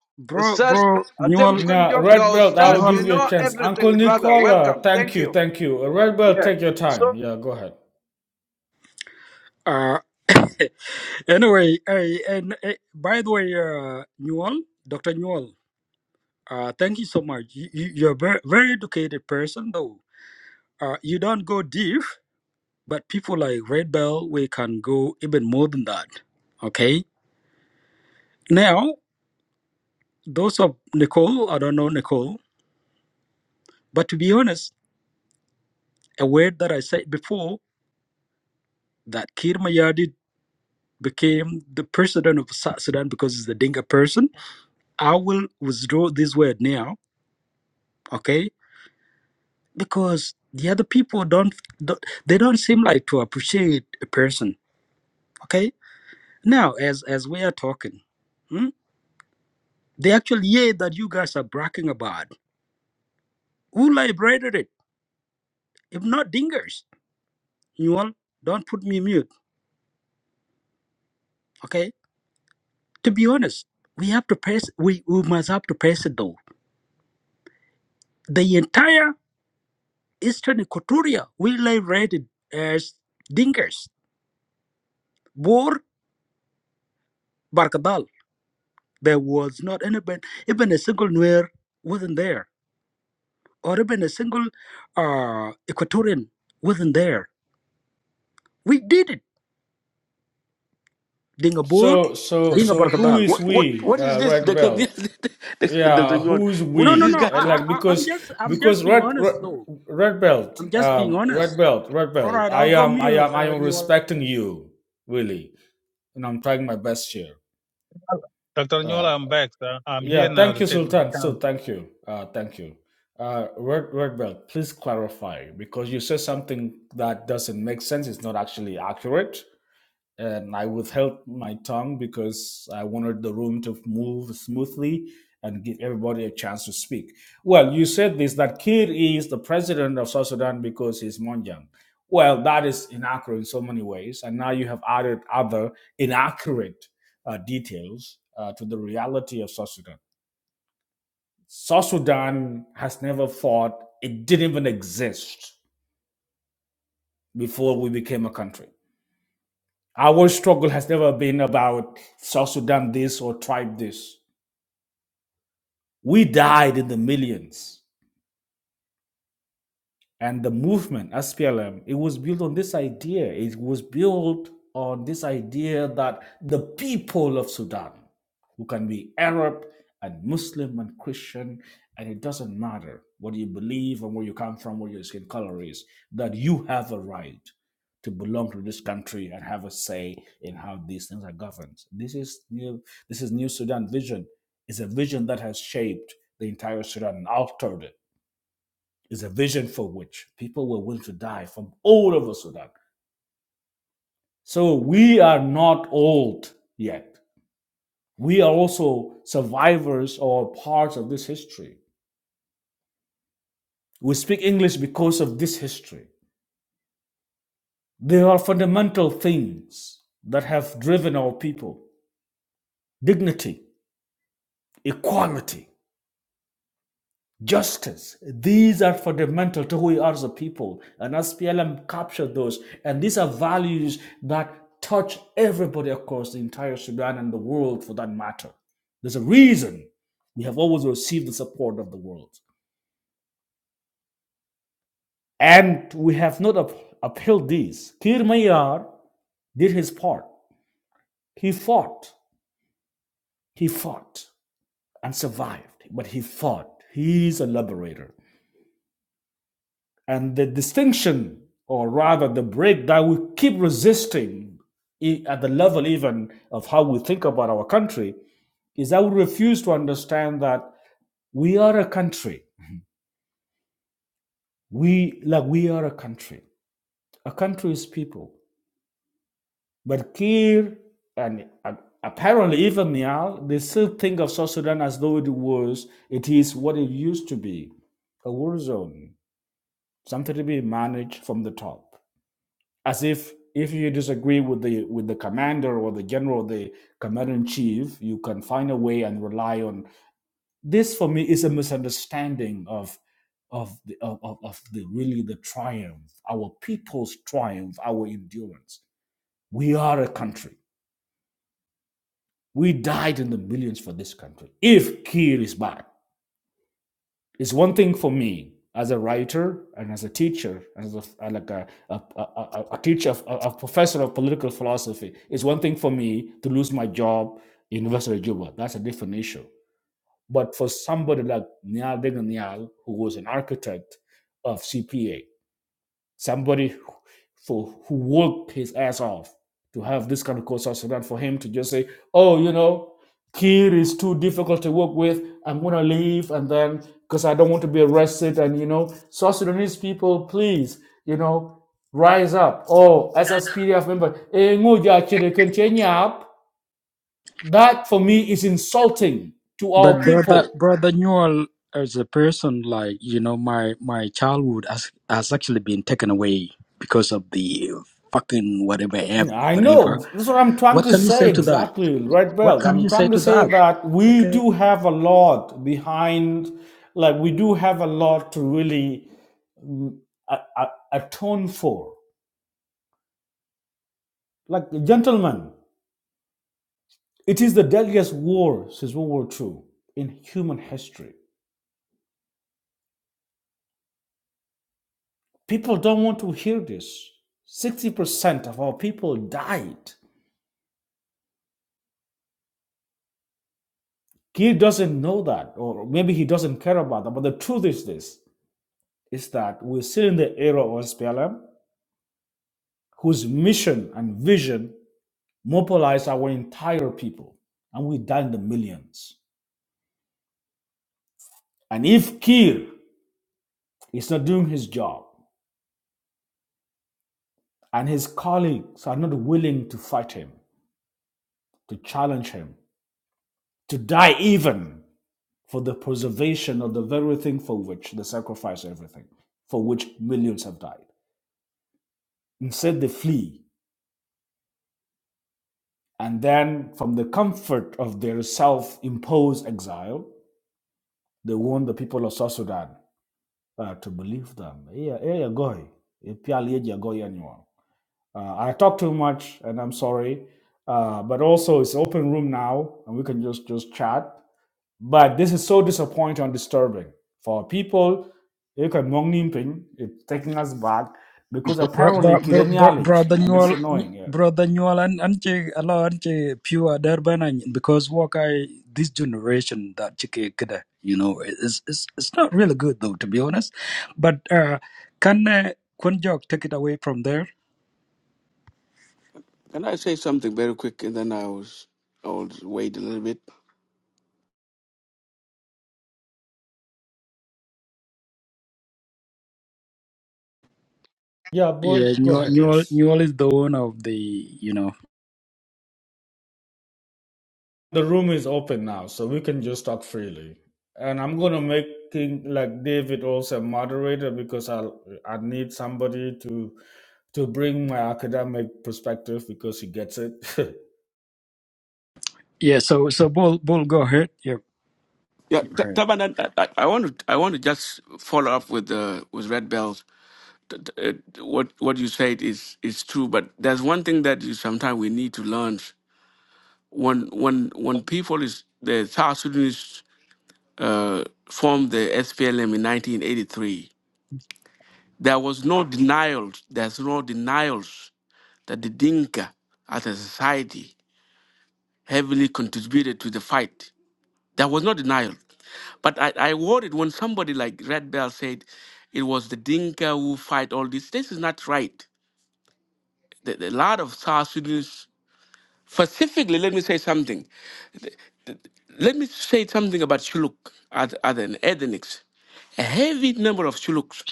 S5: bro, bro. Newell,
S3: Now, Red Belt, I will
S11: know yourself. You
S3: give
S5: Newell.
S3: you a
S11: know
S3: chance. Uncle Nicola, thank you, thank you. Red Belt, take your
S11: yourself.
S3: time. Yeah, go ahead.
S5: Uh, anyway, I, and uh, by the way, uh, Newell, Dr. Newell. Uh, thank you so much. You, you, you're a very, very educated person, though. Uh, you don't go deep But people like Red Bell, we can go even more than that. Okay. Now, those of Nicole, I don't know Nicole, but to be honest, a word that I said before that Kir Mayadi became the president of South Sudan because he's the Dinka person, I will withdraw this word now. Okay. Because the other people don't, don't they don't seem like to appreciate a person. Okay. Now, as as we are talking, hmm, the actual year that you guys are bragging about. Who liberated it? If not dingers. You all don't put me mute. Okay? To be honest, we have to press we, we must have to press it though. The entire eastern Equatoria we liberated as dingers. Bor Barkadal. There was not any even even a single Nuer wasn't there. Or even a single uh, Equatorian wasn't there. We did it. Dinga Bor,
S3: So, so,
S5: Dinga
S3: so, who
S5: Barkadal.
S3: is
S12: What what
S3: we,
S12: what is
S3: uh,
S12: this,
S3: Red
S12: Dr.
S3: Belt?
S12: Dr.
S3: yeah
S12: Nyon?
S3: who's
S12: What
S5: No,
S12: is
S5: no,
S12: this
S3: we
S5: no.
S12: guy
S3: Uh,
S5: I,
S12: talking?
S3: like
S5: I, I- I'm
S3: because
S5: just, I'm
S3: because
S5: just being
S3: red red,
S5: honest, though.
S3: red
S5: I'm
S3: belt
S5: just being
S3: um
S5: honest.
S3: red belt red
S5: All
S3: belt
S5: right,
S3: i
S5: I'll go
S3: am i
S5: mute,
S3: am i
S5: uh,
S3: am
S5: Newell.
S3: respecting you really and i'm trying my best here
S2: Dr.
S3: uh
S2: Nyola. I'm back. sir. I'm
S3: yeah
S2: here now
S3: thank
S2: to
S3: you
S2: take my
S3: sultan so
S2: chance.
S3: thank you uh thank you uh red red belt please clarify because you said something that doesn't make sense it's not actually accurate and I withheld my tongue because I wanted the room to move smoothly and give everybody a chance to speak. Well, you said this that Kir is the president of South Sudan because he's Monjang. Well, that is inaccurate in so many ways, and now you have added other inaccurate uh, details uh, to the reality of South Sudan. South Sudan has never fought; it didn't even exist before we became a country. Our struggle has never been about South Sudan this or tribe this. We died in the millions. And the movement, SPLM, it was built on this idea. It was built on this idea that the people of Sudan, who can be Arab and Muslim and Christian, and it doesn't matter what you believe and where you come from, what your skin color is, that you have a right to belong to this country and have a say in how these things are governed. This is new, this is New Sudan vision. It's a vision that has shaped the entire Sudan and altered it is a vision for which people were willing to die from all over Sudan. So we are not old yet. We are also survivors or parts of this history. We speak English because of this history. There are fundamental things that have driven our people dignity, equality, justice. These are fundamental to who we are as a people. And as PLM captured those, and these are values that touch everybody across the entire Sudan and the world for that matter. There's a reason we have always received the support of the world. And we have not up- upheld these. Kir Mayar did his part. He fought. He fought and survived, but he fought. He's a liberator. And the distinction, or rather the break that we keep resisting at the level even of how we think about our country, is that we refuse to understand that we are a country. We like we are a country. A country is people. But Kir and uh, apparently even now, they still think of South Sudan as though it was it is what it used to be, a war zone, something to be managed from the top. as if if you disagree with the with the commander or the general the commander in chief you can find a way and rely on this for me is a misunderstanding of of the of, of the really the triumph our people's triumph our endurance we are a country we died in the millions for this country if kir is back It's one thing for me as a writer and as a teacher, as a, uh, like a, a, a, a- teacher, a, a professor of political philosophy. It's one thing for me to lose my job in University of Juba. That's a different issue. But for somebody like Nial Deganial, who was an architect of CPA, Somebody who, who worked his ass off to have this kind of course of Sudan for him to just say, oh, you know, Kir is too difficult to work with. I'm going to leave. And then, because I don't want to be arrested. And, you know, South Sudanese people, please, you know, rise up. Oh, as SSPDF member, eh, ngoja chiri kenche nyap. that for me is insulting to our
S5: But brother,
S3: people.
S5: brother Newell, as a person, like you know, my my childhood has has actually been taken away because of the fucking whatever app,
S3: Yeah, I
S5: whatever.
S3: know. That's what I'm trying
S5: What
S3: to
S5: can you
S3: say
S5: say to that?
S3: exactly, Red
S5: What
S3: Belt.
S5: can
S3: I'm
S5: you say
S3: trying
S5: to
S3: to say
S5: that?
S3: that we
S5: Okay.
S3: do have a lot behind, like, we do have a lot to really mm, a- a- atone for. Like, gentlemen, it is the deadliest war since World War Two in human history. People don't want to hear this. 60% of our people died. He doesn't know that, or maybe he doesn't care about that. But the truth is this is that we're still in the era of SPLM. whose mission and vision mobilize our entire people. And we die in the millions. And if Kir is not doing his job and his colleagues are not willing to fight him, to challenge him, to die even for the preservation of the very thing for which they sacrifice everything, for which millions have died. Instead, they flee. And then, from the comfort of their self imposed exile, they warn the people of South Sudan uh, to believe them. Yeah, yeah, goy. Yeah, purely yeah, goy anyone. Uh, I talk too much, and I'm sorry. Uh, but also, it's open room now, and we can just just chat. But this is so disappointing and disturbing for people. You can mong nim ping, It's taking us back because
S5: Bro,
S3: apparently
S5: bro, bro, bro,
S3: Kirenialich,
S5: brother
S3: and it's
S5: Newell,
S3: annoying. Yeah.
S5: brother Newell, and and che allow and che pure Durban and- because what I this generation that chike kada you know it's it's it's not really good though to be honest, but uh can uh, Kunjok take it away from there?
S12: Can I say something very quick, and then I was I will wait a little bit.
S3: Yeah, Paul,
S5: Yeah,
S3: go
S5: Newell,
S3: ahead.
S5: Newell,
S3: Yes.
S5: Newell is the one of the you know
S3: The room is open now, so we can just talk freely. And I'm gonna make King like David also a moderator because I I need somebody to to bring my academic perspective because he gets it.
S5: yeah. So so Bull Bull go ahead. Yeah,
S12: Yeah,
S5: go
S12: T-
S5: ahead.
S12: Taban, I, I I want to I want to just follow up with uh, with Red Bells. T- t- uh, What what you said is is true, but there's one thing that you sometimes we need to learn. When when when people is the South Sudanese uh, formed the SPLM in 1983, there was no denials. There's no denials that the Dinka as a society heavily contributed to the fight There was no denial. But I, I worried when somebody like Red Bell said it was the Dinka who fight all this. This is not right. The, the- a lot of South Sudanese, specifically, let me say something. Let me say something about Shuluk as, as an ethnics. A heavy number of Shuluks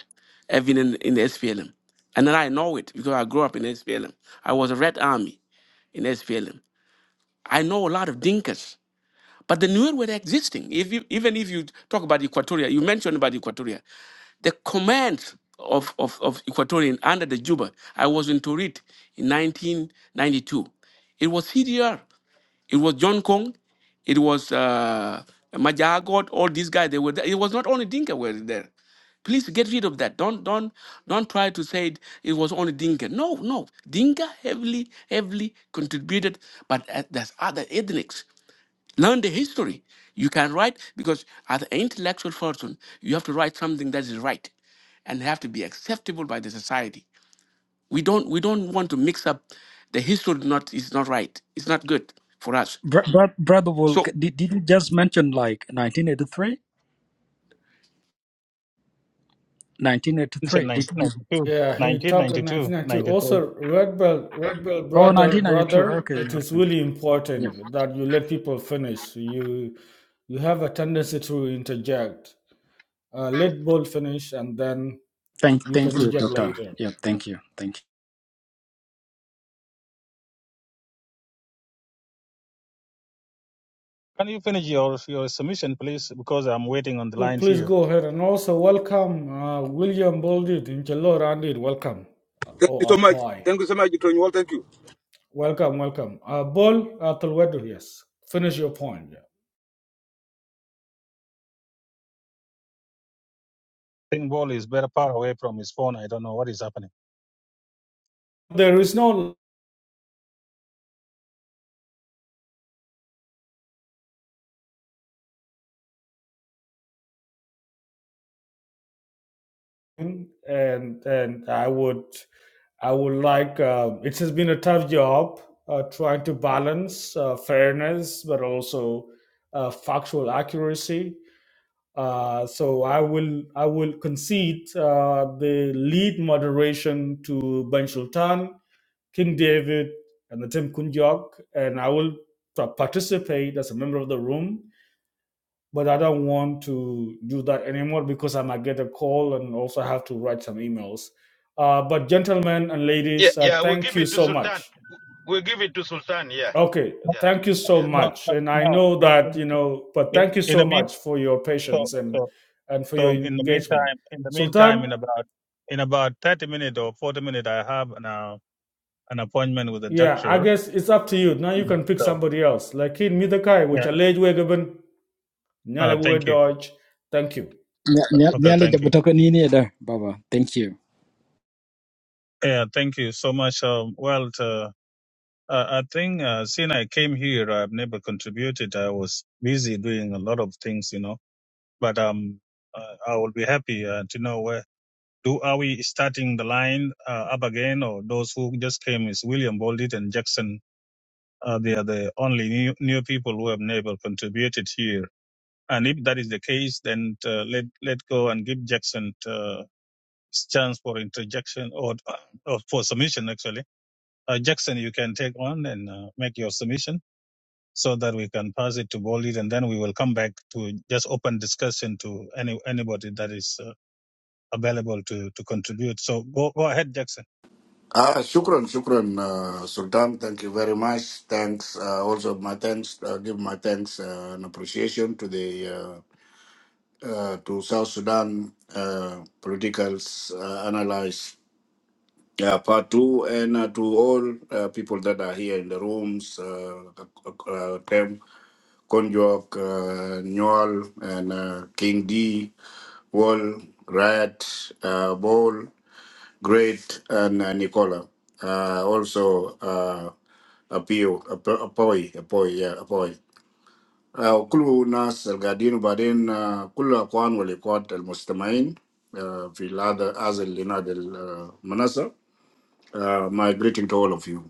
S12: have been in, in the SPLM. And then I know it because I grew up in SPLM. I was a Red Army in SPLM. I know a lot of Dinkas. But the Nuer were existing. If you, even if you talk about Equatoria, you mentioned about Equatoria, the command of, of, of Equatorian under the Juba, I was in Torit in 1992. It was CDR, it was John Kong, it was uh, Majagot, all these guys, they were there. It was not only Dinka were there. Please get rid of that. Don't don't don't try to say it, it was only Dinka. No, no. Dinka heavily, heavily contributed, but uh, there's other ethnics Learn the history. You can write because as an intellectual person, you have to write something that is right and have to be acceptable by the society. We don't we don't want to mix up the history not is not right. It's not good for us.
S5: Bro, bro, brother Bull,
S12: So
S5: c- did, did you just mention like 1983?
S2: Submission
S5: 1983. Did, did,
S2: 1992,
S3: yeah, he talked in
S2: 1992,
S3: 1992.
S2: 93.
S3: Also, Red Bell, Red Bell
S5: oh, nineteen
S3: brother,
S5: ninety-two.
S3: brother,
S5: Okay.
S3: it is
S5: okay.
S3: really
S5: Yeah.
S3: important that you let people finish. You you have a tendency to interject. Uh, let Bull finish, and then
S5: Thank
S3: you can
S5: thank you,
S3: interject
S5: doctor.
S3: later.
S5: Yeah,
S3: Yeah.
S5: thank you. Thank you.
S2: Can you finish your your submission, please? Because I'm waiting on the
S3: Well,
S2: line
S3: Please
S2: here.
S3: go
S2: I
S3: ahead and also welcome uh, William Bolded in Jalo Randid. Welcome. Uh,
S17: Thank you so
S3: Or
S17: much.
S3: Apoy.
S17: Thank you so much, Dr. Newell. Thank you.
S3: Welcome, welcome. Uh, Bol Atulwedu, yes. Finish your point. yeah.
S2: think Wall is very far away from his phone. I don't know what is happening.
S3: There is no line, and and I would I would like uh, it has been a tough job uh, trying to balance uh, fairness but also uh, factual accuracy. Uh, so I will I will concede uh, the lead moderation to Ben Sultan King David and the Tim Kunjok, and I will participate as a member of the room, but I don't want to do that anymore because I might get a call and also have to write some emails. Uh, but gentlemen and ladies, uh, thank you so much. Okay,
S2: No,
S3: thank you so
S2: no,
S3: much,
S2: no.
S3: and I
S2: no.
S3: know
S2: In,
S3: that
S2: in,
S3: you know, but
S2: in
S3: thank you
S2: in the
S3: so
S2: mean,
S3: much for your
S2: so,
S3: patience and
S2: so,
S3: and for your
S2: so in the
S3: engagement,
S2: meantime, in the meantime,
S3: Sultan.
S2: in about in about thirty minutes or forty minutes, I have an uh, an appointment with a
S3: Yeah, I
S2: doctor.
S3: guess it's up to you. Now you
S2: Yeah.
S3: can pick
S2: So
S3: somebody else. Like in Midakai,
S2: yeah,
S3: which I alleged Wegaben.
S2: uh, thank
S3: Nyalewood
S2: you.
S3: Dodge, thank you.
S5: Nya- nya-
S2: Okay,
S5: Nyale
S2: thank you.
S5: jabutoka nini da, Baba. Thank you.
S2: Yeah, thank you so much. Um, well, uh, I I think uh, since I came here, I've never contributed. I was busy doing a lot of things, you know. But um, uh, I will be happy uh, to know where. Do are we starting the line uh, up again, or those who just came is William Boldit and Jackson? Uh, they are the only new, new people who have never contributed here. And if that is the case, then uh, let let go and give Jackson uh, his chance for interjection or, or for submission. Actually, uh, Jackson, you can take on and uh, make your submission so that we can pass it to Boldit, and then we will come back to just open discussion to any anybody that is uh, available to to contribute. So go go ahead, Jackson.
S18: Ah, shukran, shukran, uh, Sultan. Thank you very much. Thanks. Uh, also, my thanks. Uh, give my thanks uh, and appreciation to the uh, uh, to South Sudan uh, political uh, analyst uh, part two, and uh, to all uh, people that are here in the rooms. Uh, uh, Tem, Konjok, uh, Nyol, and uh, King D, Wall, Riot, uh, Ball. Great and uh, Nicola Uh, also appeal a boy a boy yeah a boy. I welcome us, our garden, but in all the rules and the most humane. In other as the other manasa. My greeting to all of you.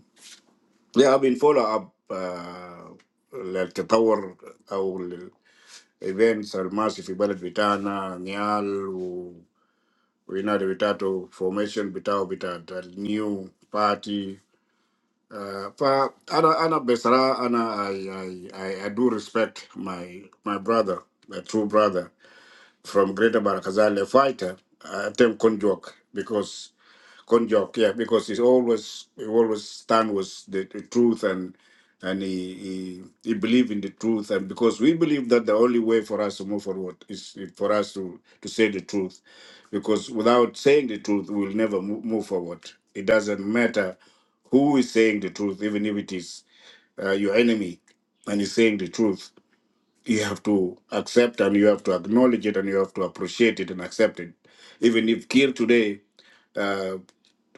S18: We have been follow up the development of the events or mass in the village. We are now the formation of the new party. Uh, but Anna, Anna Besara, Anna, I, I, I, I do respect my my brother, my true brother from Greater Barakazal, a fighter, uh, I tell Konjok because Konjok, yeah, because he's always he always stand with the, the truth and and he, he he believe in the truth and because we believe that the only way for us to move forward is for us to to say the truth, because without saying the truth we will never mo- move forward. It doesn't matter who is saying the truth, even if it is uh, your enemy and he's saying the truth you have to accept and you have to acknowledge it and you have to appreciate it and accept it. Even if Kir today uh,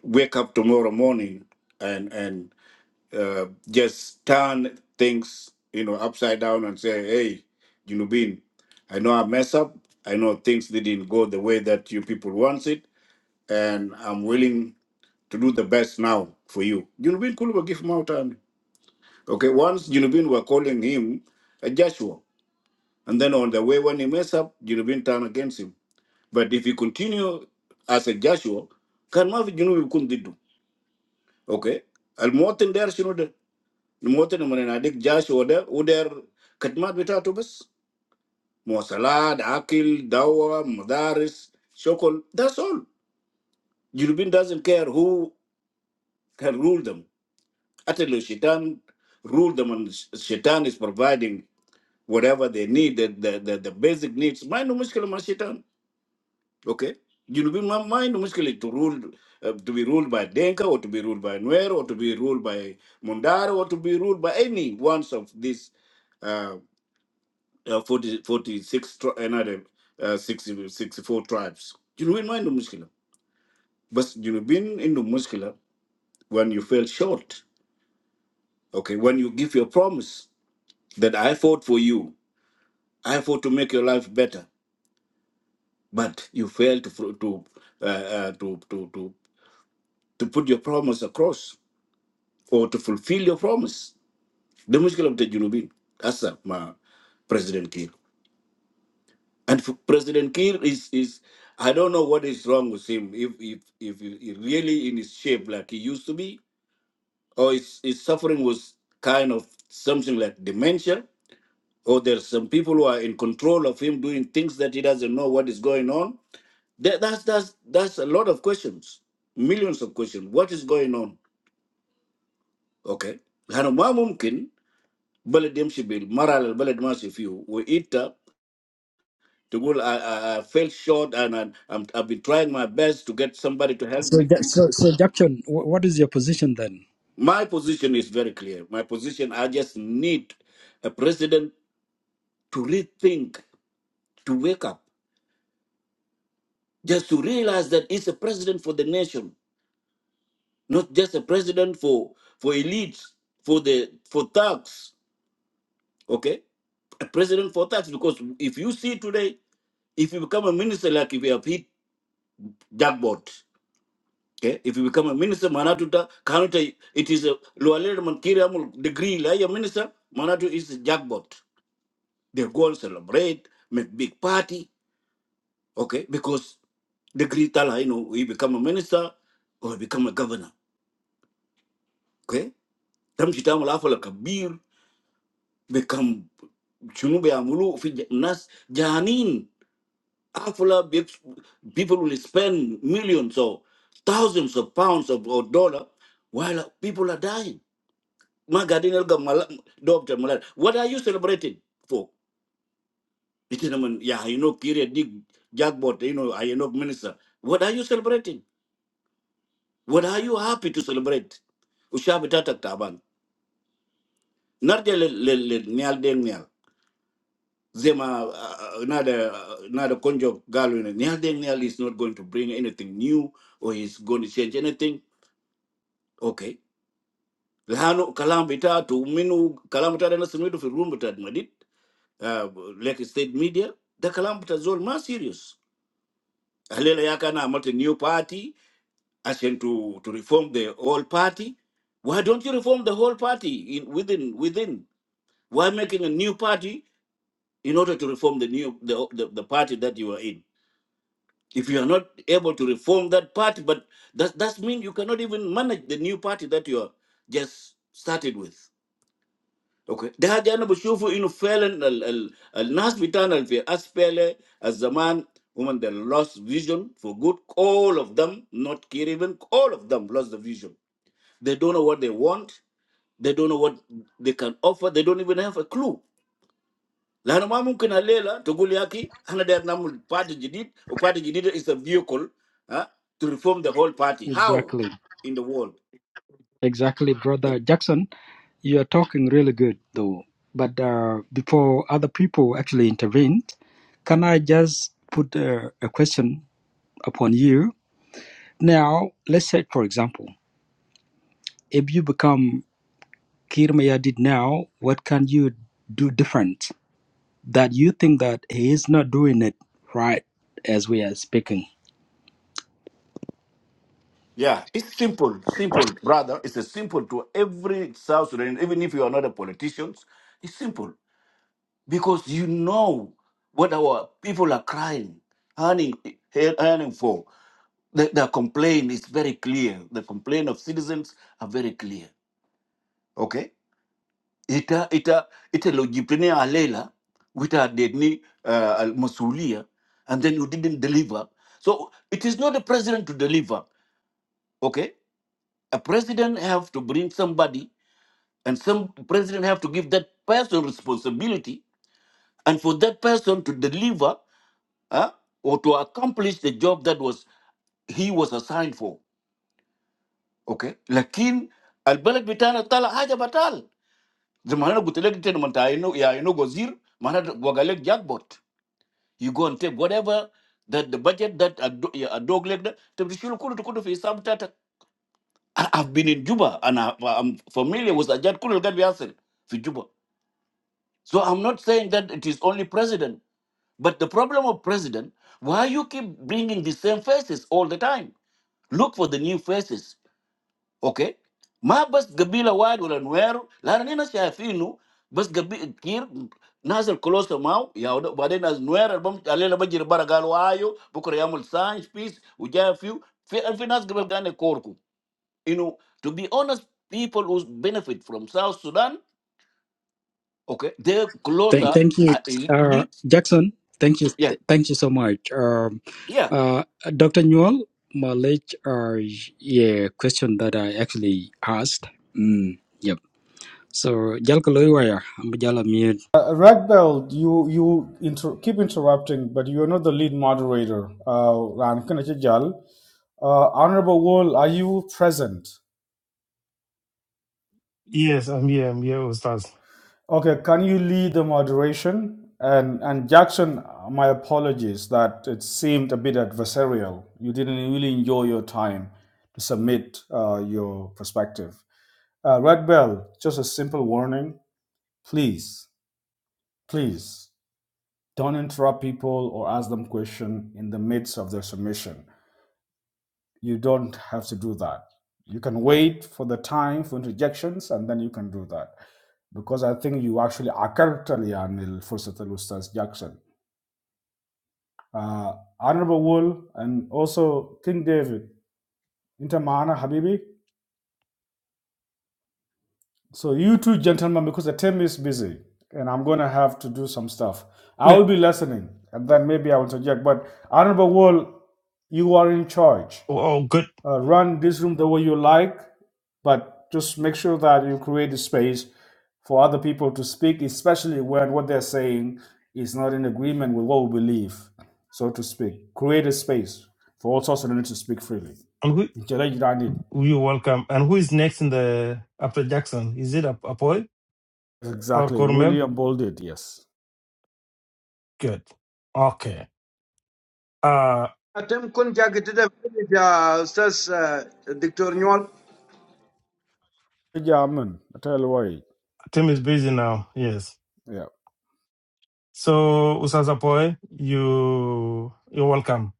S18: wake up tomorrow morning and and uh, just turn things you know upside down and say, hey, Junubin, I know I mess up. I know things didn't go the way that you people wants it, and I'm willing to do the best now for you. Junubin Kuluba give him out and okay. Once Junubin were calling him a Joshua, and then on the way, when he mess up, Junubin turn against him. But if he continue as a Joshua, can mafi Junubin kun diddu. Okay? Al muwatin der shinu de. Al muwatin man adik Joshua de, u der katmat bitatu bas. Muwasalat, akil, dawa, madaris, shokol. That's all. Junubin doesn't care who can rule them. Atelu Shaitan rule them and Shaitan is providing whatever they need, the, the, the, the basic needs. Mind no mushkila ma Shaitan. Okay? You know, in mind, musically to rule, uh, to be ruled by Denka or to be ruled by Nuer or to be ruled by Mundara or to be ruled by any ones of these uh, uh, 40, forty-six, tri- another uh, 60, sixty-four tribes. You know, in mind, muscular. But you know, being in the muscular, when you fell short, okay, when you give your promise that I fought for you, I fought to make your life better, but you failed to fro- to uh, uh, to, to to to put your promise across or to fulfill your promise. The mushkil of the Junubin, Asa, ma President Kiir. And f- President Kiir is is I don't know what is wrong with him. If if if he he really in his shape like he used to be, or his, his suffering was kind of something like dementia, or there's some people who are in control of him doing things that he doesn't know what is going on. That, that's that's that's a lot of questions, millions of questions. What is going on? Okay. Hana ma mumkin بلد يمشي بالمرحلة اللي البلد ماشي فيه وانت تقول I, I, I fell short and I, I'm, I've been trying my best to get somebody to help
S5: So
S18: me.
S5: Ja- so so Jackson, wh- what is your position then?
S18: My position is very clear. My position, I just need a president to rethink, to wake up, just to realize that he's a president for the nation, not just a president for, for elites, for the for thugs, okay? A president for thugs, because if you see today, if you become a minister, like if you have hit jackpot, Okay? If you become a minister, Manatu ta- Kanuta, it is a Lualere Mankiriamul degree, like a minister, Manatu is a jackpot. They go and celebrate, make big party, okay? Because degree tala, you know, we become a minister or he become a governor, okay? Tam chitamu lafa la kabir, become Chunu be amulu fi j- nas janin afula big people will spend millions or thousands of pounds of or dollar while people are dying ma gadin elga mala doctor mala what are you celebrating for it is naman yeah you know period dig jackpot you know i know minister what are you celebrating what are you happy to celebrate ushabi tatak taban narde le le le nyal den nyal zema uh, uh, uh, nada uh, nada konjo galu ne nyal den nyal is not going to bring anything new or is going to change anything okay lano kalam bita tu minu kalam bita na sumidu fi room bita madid uh, like state media The كلام بتاع زول ما serious هلأ يا كان a new party عشان to to reform the whole party why don't you reform the whole party in within within why making a new party in order to reform the new the the, the party that you are in if you are not able to reform that party but that that means you cannot even manage the new party that you are just started with اوكي ده حاجه انا بشوفه انه فعلا ال ال الناس بتاعنا اللي في اسفل الزمان women they lost vision for good all of them not care even all of them lost the vision they don't know what they want they don't know what they can offer they don't even have a clue لانه ما ممكن الليله تقول يا اخي احنا داير نعمل بارتي جديد وبارتي جديد is a vehicle ها to reform the whole party how
S5: Exactly.
S18: in the world
S5: Exactly,
S18: Eh?
S5: brother Jackson. You are talking really good though. But uh, before other people actually intervene, can I just put a, a question upon you? Now, let's say, for example, if you become Kirmayadid now, what can you do different? that you think that he is not doing it right as we are speaking.
S18: Yeah, it's simple, simple, brother. It's a simple to every South Sudan, even if you are not a politician. It's simple because you know what our people are crying, earning, earning for. The, the complaint is very clear. The complaint of citizens are very clear. Okay, ita ita ita lojipenia alela, wita dedni uh, al- masulia, and then you didn't deliver. So it is not the president to deliver. Okay, a president have to bring somebody And some president have to give that person responsibility and for that person to deliver huh, or to accomplish the job that was he was assigned for. Okay? Lakin البلد بتاعنا طلع حاجة بتال زي ما انا قلت لك تاني، ما انت لما تعينه يعينوك وزير معناته وقال لك jackpot. You go and take whatever that the budget that a, do- a dog like that to be sure kulu tukulu fi I- I've been in Juba and I, I'm familiar with Ajat Kulu that we في Juba. So I'm not saying that it is only president. But the problem of president, why you keep bringing the same faces all the time? Look for the new faces, okay? ما bas gabila واحد ولا نوير la هنا شايفينه بس قبيلة كتير ناس الكلوسة mau ya ود- وبعدين ناس نوير البم علينا بجري برا قالوا آيو بكرة يعمل ساينس بيس وجاي فيو في في ناس قبل كان you know to be honest people who benefit from South Sudan okay they're
S5: Thank,
S18: closer
S5: thank you,
S18: uh,
S5: uh,
S18: elite
S5: Jackson. Thank you,
S18: yeah
S5: th- thank you so much, um,
S18: yeah
S5: uh, Doctor Newell. My late, uh, yeah, question that I actually asked. Mm, yep. So, Jalkaloya, I'm Jala Mir.
S3: Uh, Ragbel, you you inter- keep interrupting, but you are not the lead moderator. Uh, Ran Kanachijal. Uh, Honorable Wall, are you present?
S6: Yes, I'm here, I'm here, Ustaz.
S3: Okay, can you lead the moderation? And and Jackson, my apologies that it seemed a bit adversarial. You didn't really enjoy your time to submit uh, your perspective. Uh, Red Bell, just a simple warning. Please, please. Don't interrupt people or ask them question in the midst of their submission. You don't have to do that. You can wait for the time for interjections and then you can do that. Because I think you actually عكرت لي عن الفرصة الأستاذ Jackson. Uh, Honorable Wool and also King David. Inter معنا Habibi. So you two gentlemen, because the team is busy and I'm gonna have to do some stuff. I
S6: Flip.
S3: will be listening and then maybe I will suggest. But Honorable Wall, you are in charge.
S6: Oh, oh, good.
S3: Uh, run this room the way you like, but just make sure that you create a space for other people to speak, especially when what they're saying is not in agreement with what we believe, so to speak. Create a space for all sorts of them to speak freely.
S6: And who
S3: Intelligent, I need.
S6: you welcome. And who is next in the after Jackson? Is it Ap- Apoy or
S3: Exactly.
S6: Cormel?
S3: William Bolded, yes.
S6: Good. Okay. Uh
S11: Atem kun jaggedida village, uh, Ustaz uh, Dr. Newell.
S3: German. I tell you why.
S6: Tim is busy now. Yes.
S3: Yeah.
S6: So Usas Apoy, you you're welcome.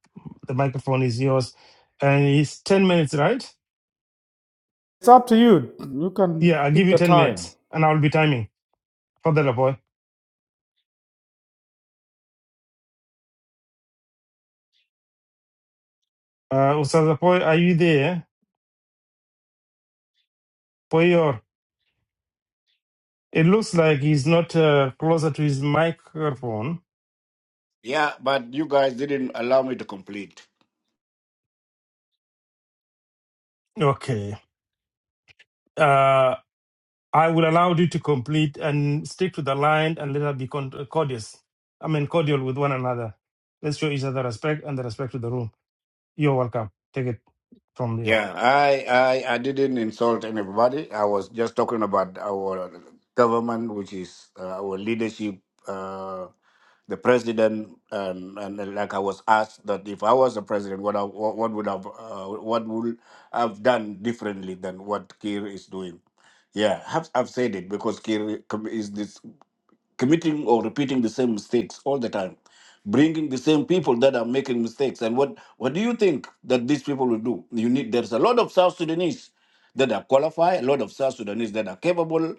S6: The microphone is yours. And it's ten minutes, right?
S3: It's up to you. You can
S6: Yeah, I'll give
S3: pick
S6: you
S3: the
S6: ten
S3: time.
S6: minutes and I'll be timing. Father Apoy. Uh Usas Apoy, are you there? Poyor. It looks like he's not uh, closer to his microphone.
S18: Yeah, but you guys didn't allow me to complete.
S6: Okay. Uh, I will allow you to complete and stick to the line and let us be con- courteous. I mean, cordial with one another. Let's show each other respect and the respect to the room. You're welcome. Take it from there.
S18: Yeah, I, I, I didn't insult anybody. I was just talking about our government, which is uh, our leadership, uh, the president, and, and uh, like I was asked that if I was the president, what I, what what would have uh, what would I've done differently than what Kiir is doing. Yeah, I've, I've said it because Kiir com- is this. committing or repeating the same mistakes all the time bringing the same people that are making mistakes and what what do you think that these people will do you need there's a lot of south sudanese that are qualified a lot of south sudanese that are capable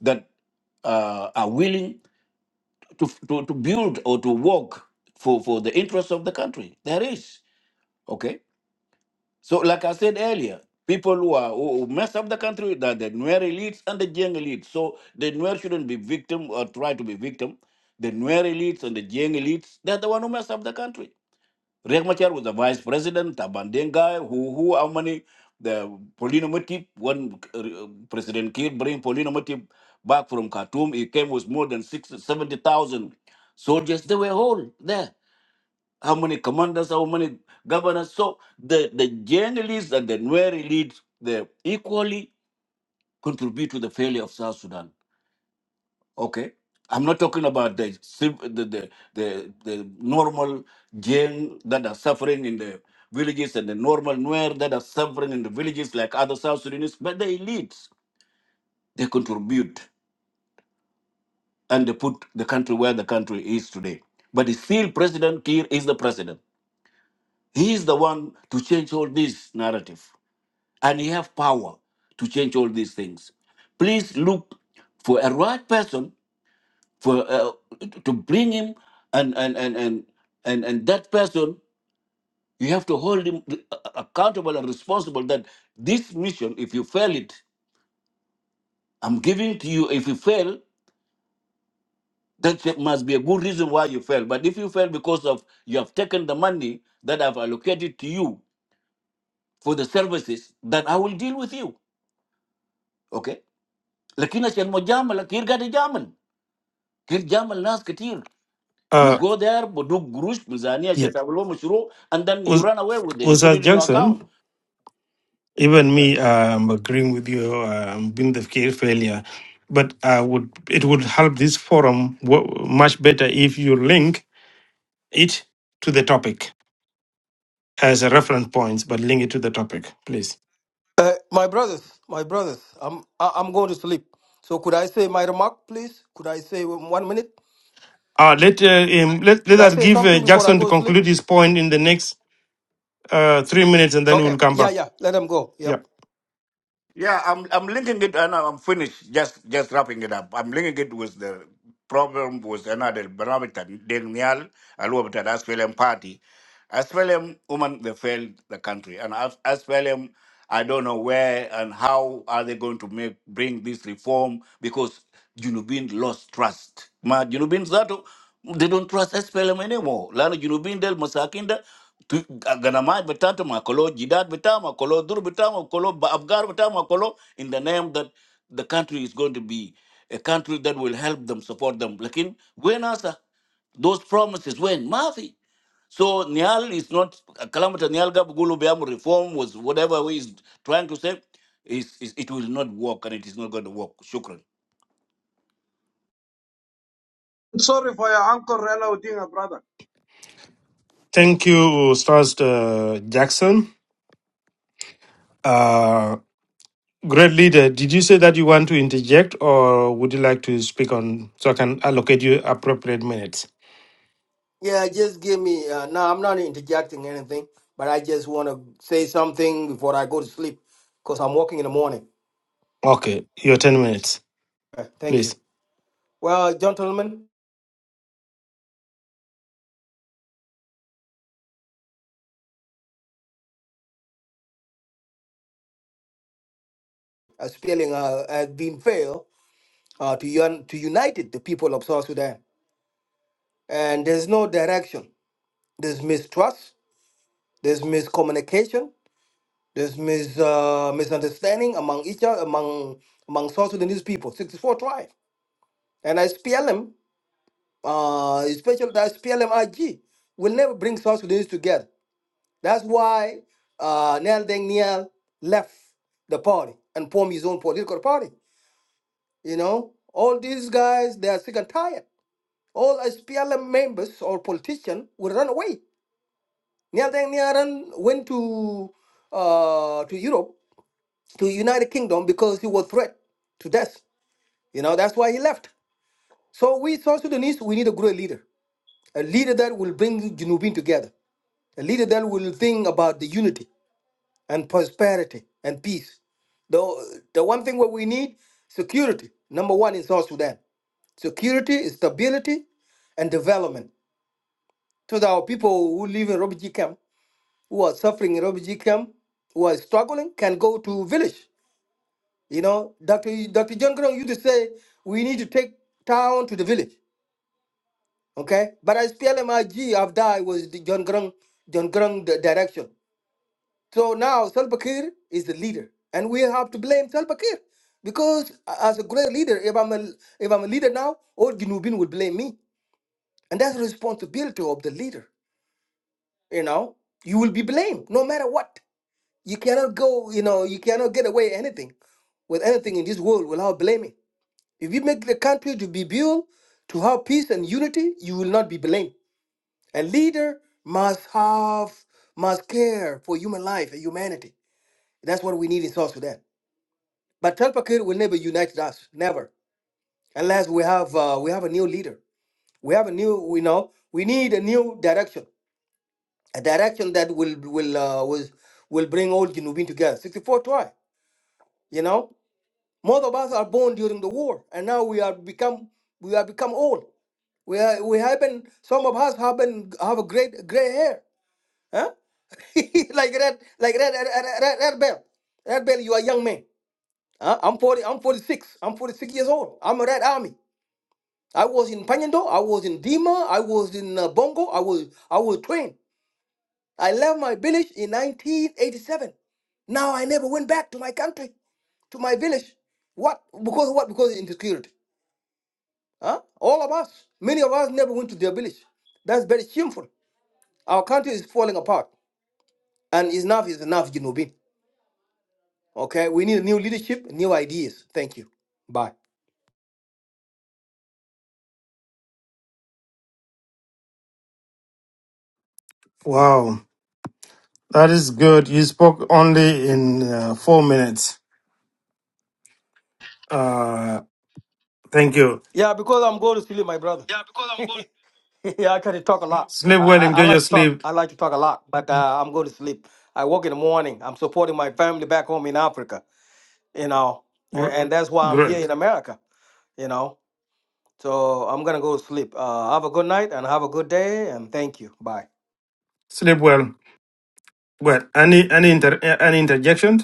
S18: that uh, are willing to, to to build or to work for for the interests of the country there is okay? So, like I said earlier, people who are who who mess up the country, that the Nuer elites and the Jiang elites. So the Nuer shouldn't be victim or try to be victim. The Nuer elites and the Jiang elites, they're the one who mess up the country. Riek Machar was the vice president, Tabandeng guy, who who how many the Polino Mutip, when uh, President Kiir bring Polino Mutip back from Khartoum, he came with more than six seventy thousand soldiers. They were all there how many commanders, how many governors. So the, the journalists and the Nuer elite, they equally contribute to the failure of South Sudan. Okay? I'm not talking about the civ- the the, the, the normal Jain that are suffering in the villages and the normal Nuer that are suffering in the villages like other South Sudanese, but the elites, they contribute and they put the country where the country is today. But still, President Kiir is the president. He is the one to change all this narrative. and you have power to change all these things. Please look for a right person for uh, to bring him, and and and and and and that person you have to hold him uh, uh, accountable and responsible. That this mission, if you fail it, I'm giving to you. If you fail, that there must be a good reason why you fail. But if you fail because of you have taken the money that I've allocated to you for the services, then I will deal with you. Okay. Lakini chenmo jamal, lakini gadi Kir Jamal Nas Katir. You
S6: Uh,
S18: go there, Boduk Gurush, Mizania,
S6: yeah.
S18: Shetablo Mushro, and then you
S6: Was
S18: run away with it. You
S6: was
S18: put
S6: that
S18: it in your
S6: Jackson?
S18: account.
S6: Even
S18: Yeah,
S6: me, I'm agreeing with you. Um, being the care failure, but I would it would help this forum wo- much better if you link it to the topic as a reference point, but link it to the topic, please.
S14: Uh, my brothers, my brothers, I'm I- I'm going to sleep. So could I say my remark, please? Could I say one minute?
S6: Uh, let, uh, him, let, let
S14: Could I
S6: us
S14: say
S6: give uh,
S14: something before I
S6: Jackson to
S14: go to sleep?
S6: conclude his point in the next uh, three minutes and then
S14: Okay.
S6: we'll come
S14: Yeah,
S6: back.
S14: yeah. Let them go.
S6: Yeah.
S14: Yep.
S18: yeah. I'm I'm linking it, and I'm finished. Just just wrapping it up. I'm linking it with the problem with another Bernabita Daniel Aluabita Aswelem Party. As Velim women, they failed the country. And as, as Velim, I don't know where and how are they going to make bring this reform because Junubin lost trust. Ma Junubin Zato, they don't trust SPLM anymore. Lana Junubin del Masakinda, tu- Ganamai Betatama, Kolo Jidat Betama, Kolo Dur Betama, Kolo Ba- Abgar Betama, Kolo, in the name that the country is going to be a country that will help them, support them. Lakin, when asa, those promises, when? Mafi. So Nial is not Kalamata Nial Gabugulu Biamu reform was whatever he is trying to say, is is- it will not work and it is not going to work. Shukran.
S11: sorry for your uncle Rela Odinga, brother.
S6: Thank you, Stars uh, Jackson. Uh, great leader. Did you say that you want to interject or would you like to speak on so I can allocate you appropriate minutes?
S14: Yeah, just give me. Uh, no, I'm not interjecting anything, but I just want to say something before I go to sleep because I'm working in the morning.
S6: Okay, your 10 minutes,
S14: Uh, thank
S6: please.
S14: you. Well, gentlemen, a spelling uh, has been failed uh, to, un- to unite the people of South Sudan. And there's no direction. There's mistrust, there's miscommunication, there's mis- uh, misunderstanding among each other, among, among South Sudanese people, 64 tribes. And I SPLM, uh, especially the SPLMIG, will never bring South Sudanese together. That's why uh, Nial Deng Nial left the party and formed his own political party. You know, all these guys, they are sick and tired. All SPLM members or politicians will run away. Neil Deng went to uh, to Europe, to United Kingdom, because he was threat to death. You know, that's why he left. So we South Sudanese, we need a great leader, a leader that will bring Junubin together, a leader that will think about the unity. and prosperity and peace. The, the one thing what we need, security. Number one in South Sudan. Security, stability, and development. So that our people who live in refugee camp, who are suffering in refugee camp, who are struggling, can go to village. You know, Dr. Dr. John Grong used to say, we need to take town to the village. Okay? But as PLMIG after I was the John Grong, John Grong di- direction. So now Salva Kiir is the leader, and we have to blame Salva Kiir because a- as a great leader, if I'm a if I'm a leader now, all Junubin will blame me, and that's the responsibility of the leader. You know, you will be blamed no matter what. You cannot go. You know, you cannot get away anything with anything in this world without blaming. If you make the country to be built to have peace and unity, you will not be blamed. A leader must have must care for human life and humanity. That's what we need in South Sudan. But Salva Kiir will never unite us, never, unless we have uh, we have a new leader. We have a new, we know, we need a new direction, a direction that will will uh, will, will bring all Jinubin together. 64 try, you know. Most of us are born during the war, and now we are become we are become old. We are, we haven't. Some of us haven't have a great gray hair, huh? like red, like red, red, red, red, red bell. Red bell, you are young man. Huh? I'm forty. I'm forty six. I'm forty six years old. I'm a red army. I was in Panyendo, I was in Dima, I was in uh, Bongo, I was I was trained. I left my village in 1987. Now I never went back to my country, to my village. What? Because what? Because insecurity. Huh? All of us, many of us never went to their village. That's very shameful. Our country is falling apart. And enough is enough, Jinobin. Okay? We need new leadership, new ideas. Thank you. Bye.
S6: Wow, that is good. You spoke only in uh, four minutes. Uh, thank you.
S14: Yeah, because I'm going to sleep, my brother. Yeah, I kind of talk a lot.
S6: Sleep
S14: I,
S6: well,
S14: I, I
S6: enjoy your
S14: like to talk.
S6: sleep.
S14: I like to talk a lot, but uh, I'm going to sleep. I work in the morning. I'm supporting my family back home in Africa, you know, and,
S6: Gr-
S14: and that's why I'm here
S6: Great.
S14: in America, you know. So I'm gonna go to sleep. Uh, have a good night and have a good day, and thank you. Bye.
S6: Sleep well. Well, any any inter eh, any interjection?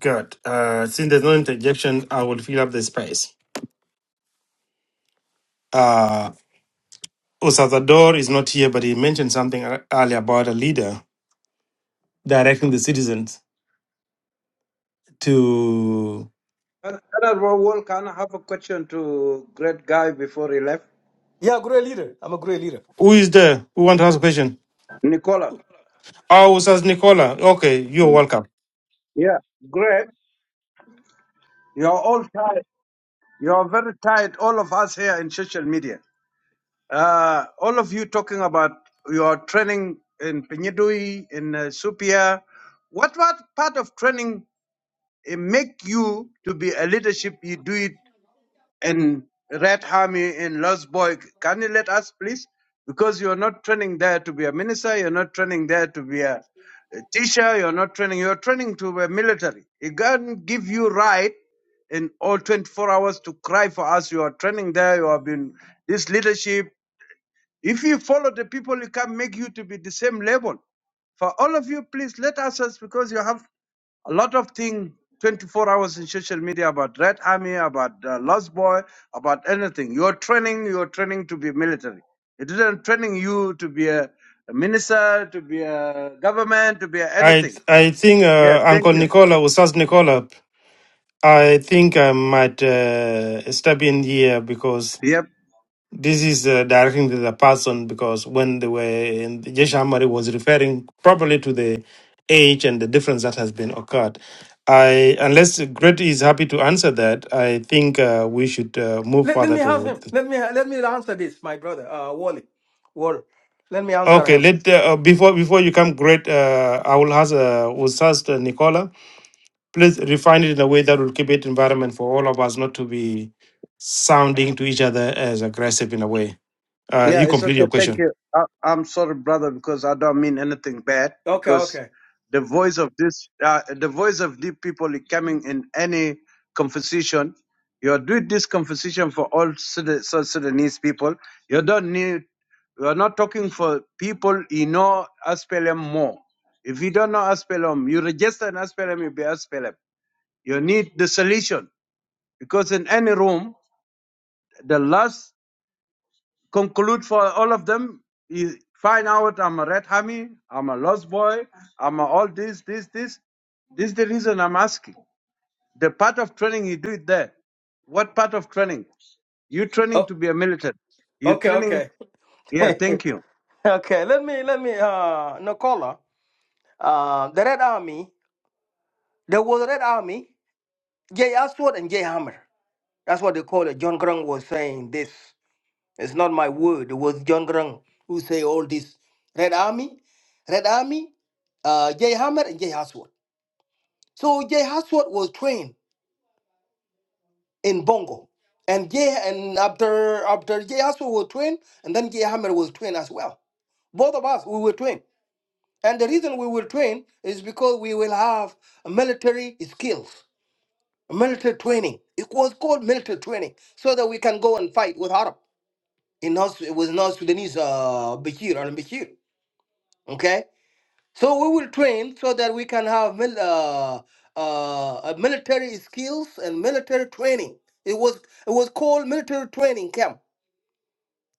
S6: Good. Uh, since there's no interjection, I will fill up the space. Uh, Osador is not here, but he mentioned something ear- earlier about a leader directing the citizens to
S11: Elder Raoul, can I have a question to great guy before he left?
S14: Yeah, great leader. I'm a great leader.
S6: who is there? Who want to ask a question?
S11: Nicola.
S6: Oh, Usas Nicola. Okay, you're welcome.
S11: Yeah, great. You're all tired. You're very tired, all of us here in social media. Uh, all of you talking about your training in Pinyidui, in uh, Supia. What, what part of training uh, make you to be a leadership? You do it and Red Army in Losboy. Can you let us, please? Because you're not training there to be a minister, you're not training there to be a a teacher, you're not training, you're training to be military. It can give you right in all 24 hours to cry for us. You are training there, you have been this leadership. If you follow the people, it can make you to be the same level. For all of you, please let us, us because you have a lot of things 24 hours in social media about red army about uh, lost boy about anything you're training you're training to be military it isn't training you to be a, a minister to be a government to be a
S6: I
S11: anything
S6: I think
S11: yeah
S6: uh,
S11: thank
S6: Uncle
S11: you
S6: Nicola, Usas Nicola. I think I might uh, step in here because
S11: Yep.
S6: This is uh, directing to the person because when they were in the Jesh Amari was referring properly to the age and the difference that has been occurred. I unless Gret is happy to answer that, I think uh, we should uh, move
S14: Let, let
S6: further
S14: me ask
S6: to.
S14: him.
S6: The,
S14: Let me let me answer this, my brother, uh, Wally. Wally. Let me answer
S6: okay,
S14: him.
S6: let uh, uh, before before you come, Gret, uh, I will ask uh, Ustaz Nicola. Please refine it in a way that will keep it environment for all of us not to be sounding to each other as aggressive in a way. Uh,
S11: Yeah,
S6: you
S11: it's
S6: complete
S11: okay.
S6: your question.
S11: Thank you. I, I'm sorry, brother, because I don't mean anything bad.
S14: Okay,
S11: Because
S14: okay.
S11: the voice of this, uh, the voice of the people is coming in any conversation. You're doing this conversation for all Sudan- South Sudanese people. You don't need. You're not talking for people you know SPLM more. If you don't know SPLM, you register an SPLM, you be SPLM. You need the solution because in any room, the last conclude for all of them is find out I'm a red hammy, I'm a lost boy, I'm a all this, this, this. This is the reason I'm asking. The part of training you do it there. What part of training? You training
S14: Oh,
S11: to be a militant. You
S14: okay,
S11: training
S14: okay.
S11: yeah, thank you.
S14: okay. Let me let me uh, Nicola. Uh, the Red Army, there was a Red Army, Jay Aswad and Jay Hammer. That's what they call it. John Grung was saying this. It's not my word. It was John Grung who say all this. Red Army, Red Army, uh, Jay Hammer and Jay Aswad. So Jay Aswad was trained in Bongo. And Jay and after after Jay Aswad was trained, and then Jay Hammer was trained as well. Both of us, we were trained. And the reason we were trained is because we will have military skills military training. It was called military training so that we can go and fight with Arab in North with North Sudanese uh, Bashir and Bashir. Okay, so we will train so that we can have mil- uh, uh, uh, military skills and military training. It was it was called military training camp.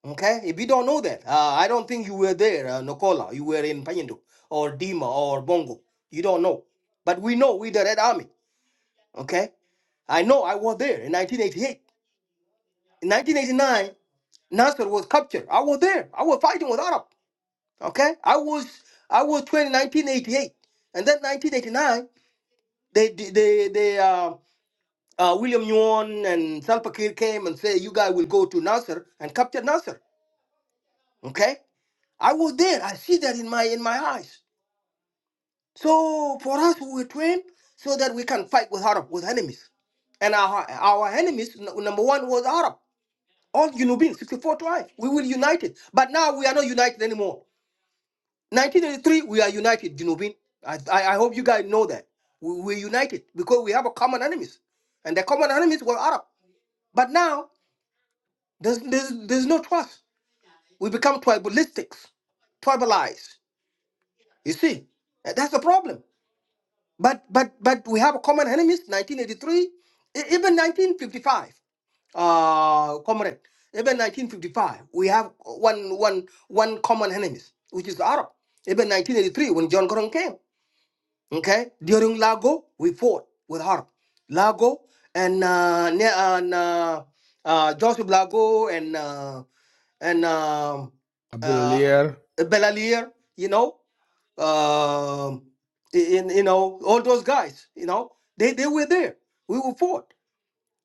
S14: Okay, if you don't know that, uh, I don't think you were there, uh, Nicola. You were in Payandu or Dima or Bongo. You don't know, but we know we the Red Army. Okay, I know I was there in 1988. In 1989, Nasser was captured. I was there. I was fighting with Arab. Okay, I was I was trained in 1988, and then 1989, they they they uh, uh, William Yuan and Salva Kiir came and say you guys will go to Nasser and capture Nasser. Okay, I was there. I see that in my in my eyes. So for us, we were trained so that we can fight with Arab with enemies, and our our enemies n- number one was Arab. all Junubin, 64 tribes. We will unite it. But now we are not united anymore. 1983, we are united, Junubin. I, I, I hope you guys know that. We, we're united because we have a common enemies. And the common enemies were Arab. But now, there's, there's, there's no trust. We become tribalistic, tribalized. You see, And that's the problem. But but but we have a common enemies, 1983, e- even 1955. uh, comrade. Even 1955, we have one, one, one common enemies, which is the Arab. Even 1983, when John Gordon came, okay, during Lago, we fought with Arab. Lago and, uh, ne- and uh, uh, Joseph Lago and uh, and um,
S3: A
S14: uh,
S3: Abdullier.
S14: Belalier, you know, um, in you know all those guys, you know, they they were there. We were fought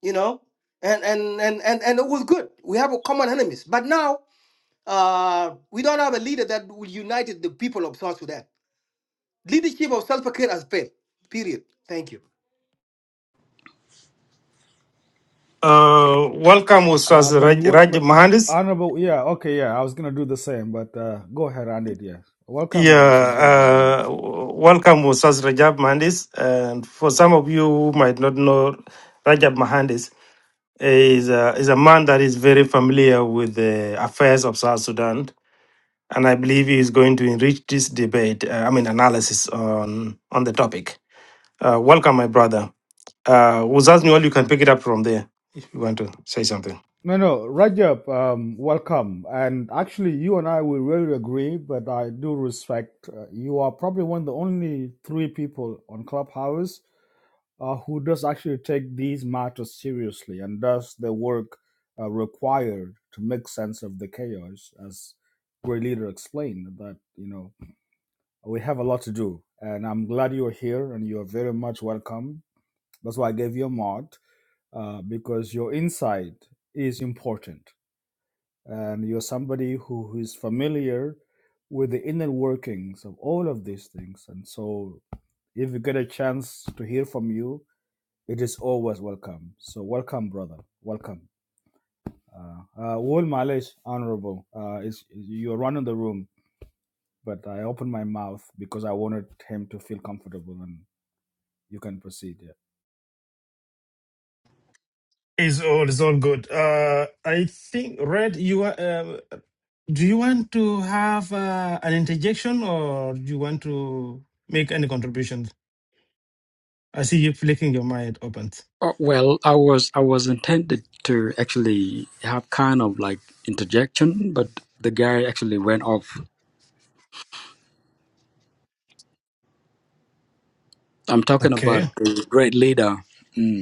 S14: you know and and and and, and it was good we have a common enemies but now uh we don't have a leader that will unite the people of south sudan leadership of self-care has failed period thank you
S6: Uh, welcome,
S3: Uh,
S6: Ustaz
S3: but you
S6: Raj,
S3: would,
S6: Raj
S3: but
S6: Mahandis.
S3: honorable, yeah, okay, yeah, I was gonna do the same, but uh, go ahead, Andy. Yeah, welcome,
S6: Yeah,
S3: Ustaz Rajab. yeah.
S6: uh, welcome, Ustaz Rajab Mahandis. And for some of you who might not know, Rajab Mahandis is a, is a man that is very familiar with the affairs of South Sudan. And I believe he is going to enrich this debate, uh, I mean, analysis on, on the topic. Uh, welcome, my brother. Uh, Ustaz Newell, you can pick it up from there if you want to say something.
S3: No, no, Rajab, um, welcome. And actually, you and I will really agree, but I do respect uh, you are probably one of the only three people on Clubhouse uh, who does actually take these matters seriously and does the work uh, required to make sense of the chaos, as great leader explained that you know we have a lot to do, and I'm glad you're here and you're very much welcome. That's why I gave you a mod uh, because your insight is important, and you're somebody who, who is familiar with the inner workings of all of these things, and so if you get a chance to hear from you it is always welcome. So welcome, brother. Welcome. Uh, uh, Wal Malish, honorable. Uh, is you're running the room, but I opened my mouth because I wanted him to feel comfortable, and you can proceed. Yeah.
S6: It's all it's all good. Uh, I think Red, you are. Uh, do you want to have uh, an interjection, or do you want to make any contributions? I see you flicking your mind open.
S5: Uh, Well, I was I was intended to actually have kind of like interjection, but the guy actually went off. I'm talking about
S6: Okay.
S5: the great leader. Mm.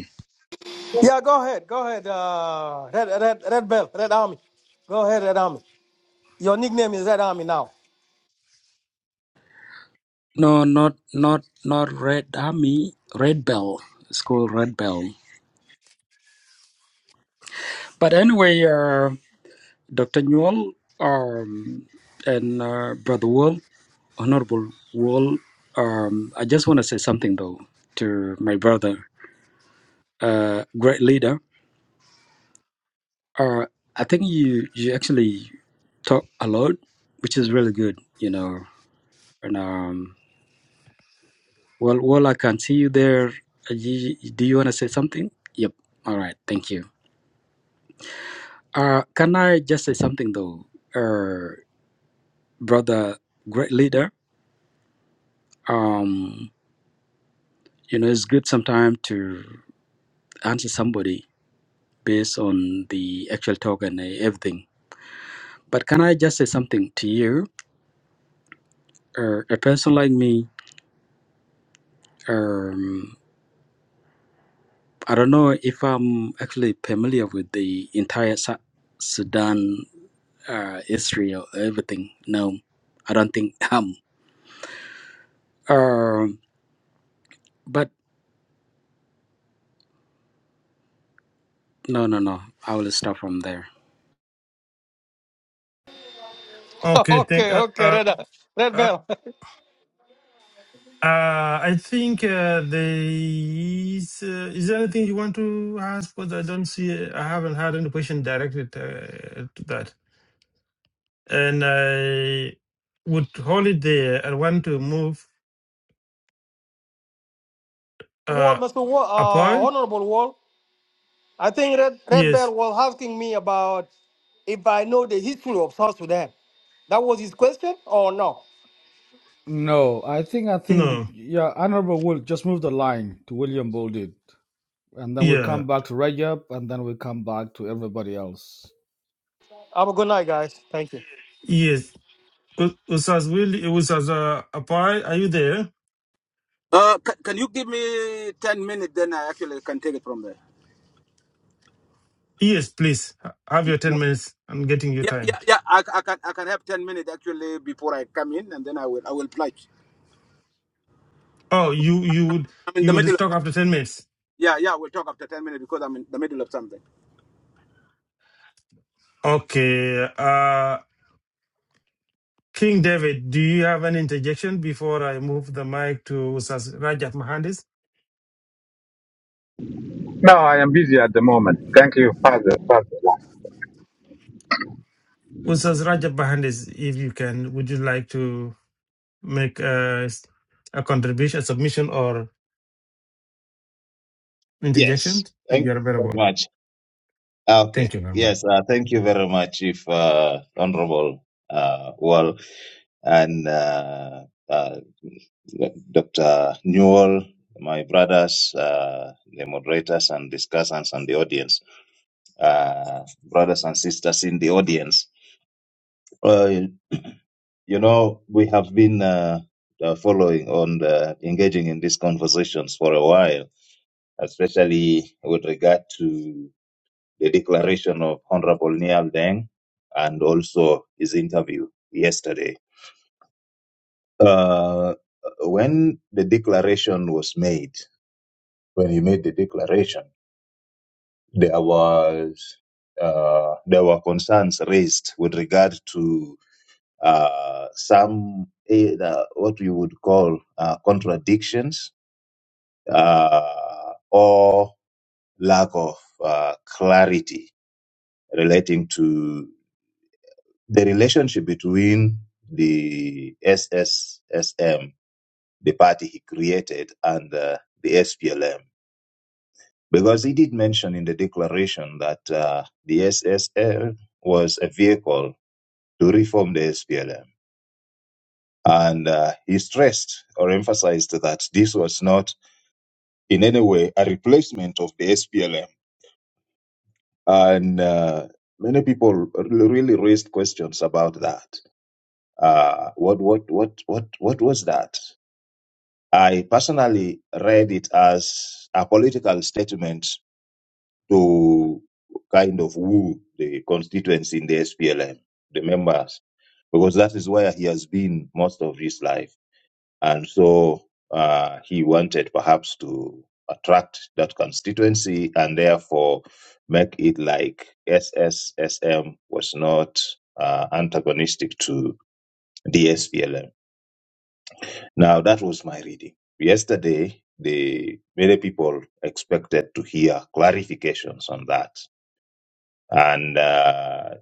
S14: Yeah, go ahead, go ahead. Uh, Red, Red, Red Bell, Red Army. Go ahead, Red Army. Your nickname is Red Army now.
S5: No, not not not Red Army, Red Bell. It's called Red Bell. But anyway, uh, Dr. Newell um, and uh, Brother Wall, Honorable Wall, um, I just want to say something though to my brother, uh, great leader. Uh, I think you you actually talk a lot, which is really good, you know. And um, well, well, I can see you there. Uh, you, do you want to say something? Yep. All right. Thank you. Uh, can I just say something though, uh, brother, great leader? Um, you know, it's good sometimes to answer somebody based on the actual talk and uh, everything. But can I just say something to you? Uh, a person like me, um, I don't know if I'm actually familiar with the entire Su- Sudan uh, history or everything. No, I don't think I am. Um, but no, no, no. I will start from there.
S6: Okay. Thank.
S14: okay,
S6: Uh,
S14: okay,
S6: uh,
S14: Red, Red
S6: uh,
S14: Bell.
S6: uh, I think uh, there is. Uh, is there anything you want to ask? Because I don't see. I haven't had any question directed uh, to that, and I would hold it there. I want to move
S14: Wall,
S6: uh,
S14: Mr. Wall, uh,
S6: apart.
S14: Honorable Wall. I think Red, Red Bear
S6: Yes.
S14: was asking me about if I know the history of South Sudan. That was his question or no?
S3: No, I think I think
S6: No.
S3: yeah, honorable will just move the line to William Bolded, and then we
S6: Yeah.
S3: come back to Rajab, and then we come back to everybody else.
S14: Have a good night, guys. Thank you.
S6: Yes. U- Usas will Usas uh, Apai, are you there?
S17: Uh, can, can you give me 10 minutes? Then I actually can take it from there.
S6: Yes, please. Ha- Have
S17: N-
S6: your
S17: No.
S6: ten minutes. I'm getting you
S17: Yeah, yeah,
S6: timed.
S17: yeah. I, I can I can have 10 minutes actually before I come in, and then I will I will pledge.
S6: Oh, you you would
S17: I'm in the
S6: you
S17: middle
S6: would
S17: of
S6: talk
S17: something.
S6: after ten minutes.
S17: Yeah, yeah. We'll talk after 10 minutes because I'm in the middle of something.
S6: Okay. Uh King David, do you have an interjection before I move the mic to Usas Rajab Mahandis? Usas Rajab Mahandis, if you can, would you like to make a, a contribution, a submission or
S19: Yes,
S6: interjection if
S19: thank
S6: you're
S19: you very
S6: available?
S19: much. Ah, Okay,
S6: Thank you very much.
S19: yes, uh, thank you very much, if uh, Honorable uh, Wall and uh, uh, Dr. Newell, my brothers, uh, the moderators and discussants, and the audience, uh, brothers and sisters in the audience. Uh, you know, we have been uh, uh, following on the, engaging in these conversations for a while, especially with regard to the declaration of Honorable Niall Deng and also his interview yesterday. Uh, when the declaration was made, when he made the declaration, there was uh, there were concerns raised with regard to uh, some eh, uh, what we would call uh, contradictions uh, or lack of uh, clarity relating to the relationship between the SSSM, the party he created, and uh, the SPLM. Because he did mention in the declaration that uh, the SSM was a vehicle to reform the SPLM. And uh, he stressed or emphasized that this was not in any way a replacement of the SPLM. And uh, many people really raised questions about that. Uh, what, what, what, what, what was that? I personally read it as a political statement to kind of woo the constituents in the SPLM, the members, because that is where he has been most of his life. And so uh, he wanted perhaps to attract that constituency and therefore make it like SSSM was not uh, antagonistic to the SPLM. Now that was my reading. Yesterday, the many people expected to hear clarifications on that, and uh,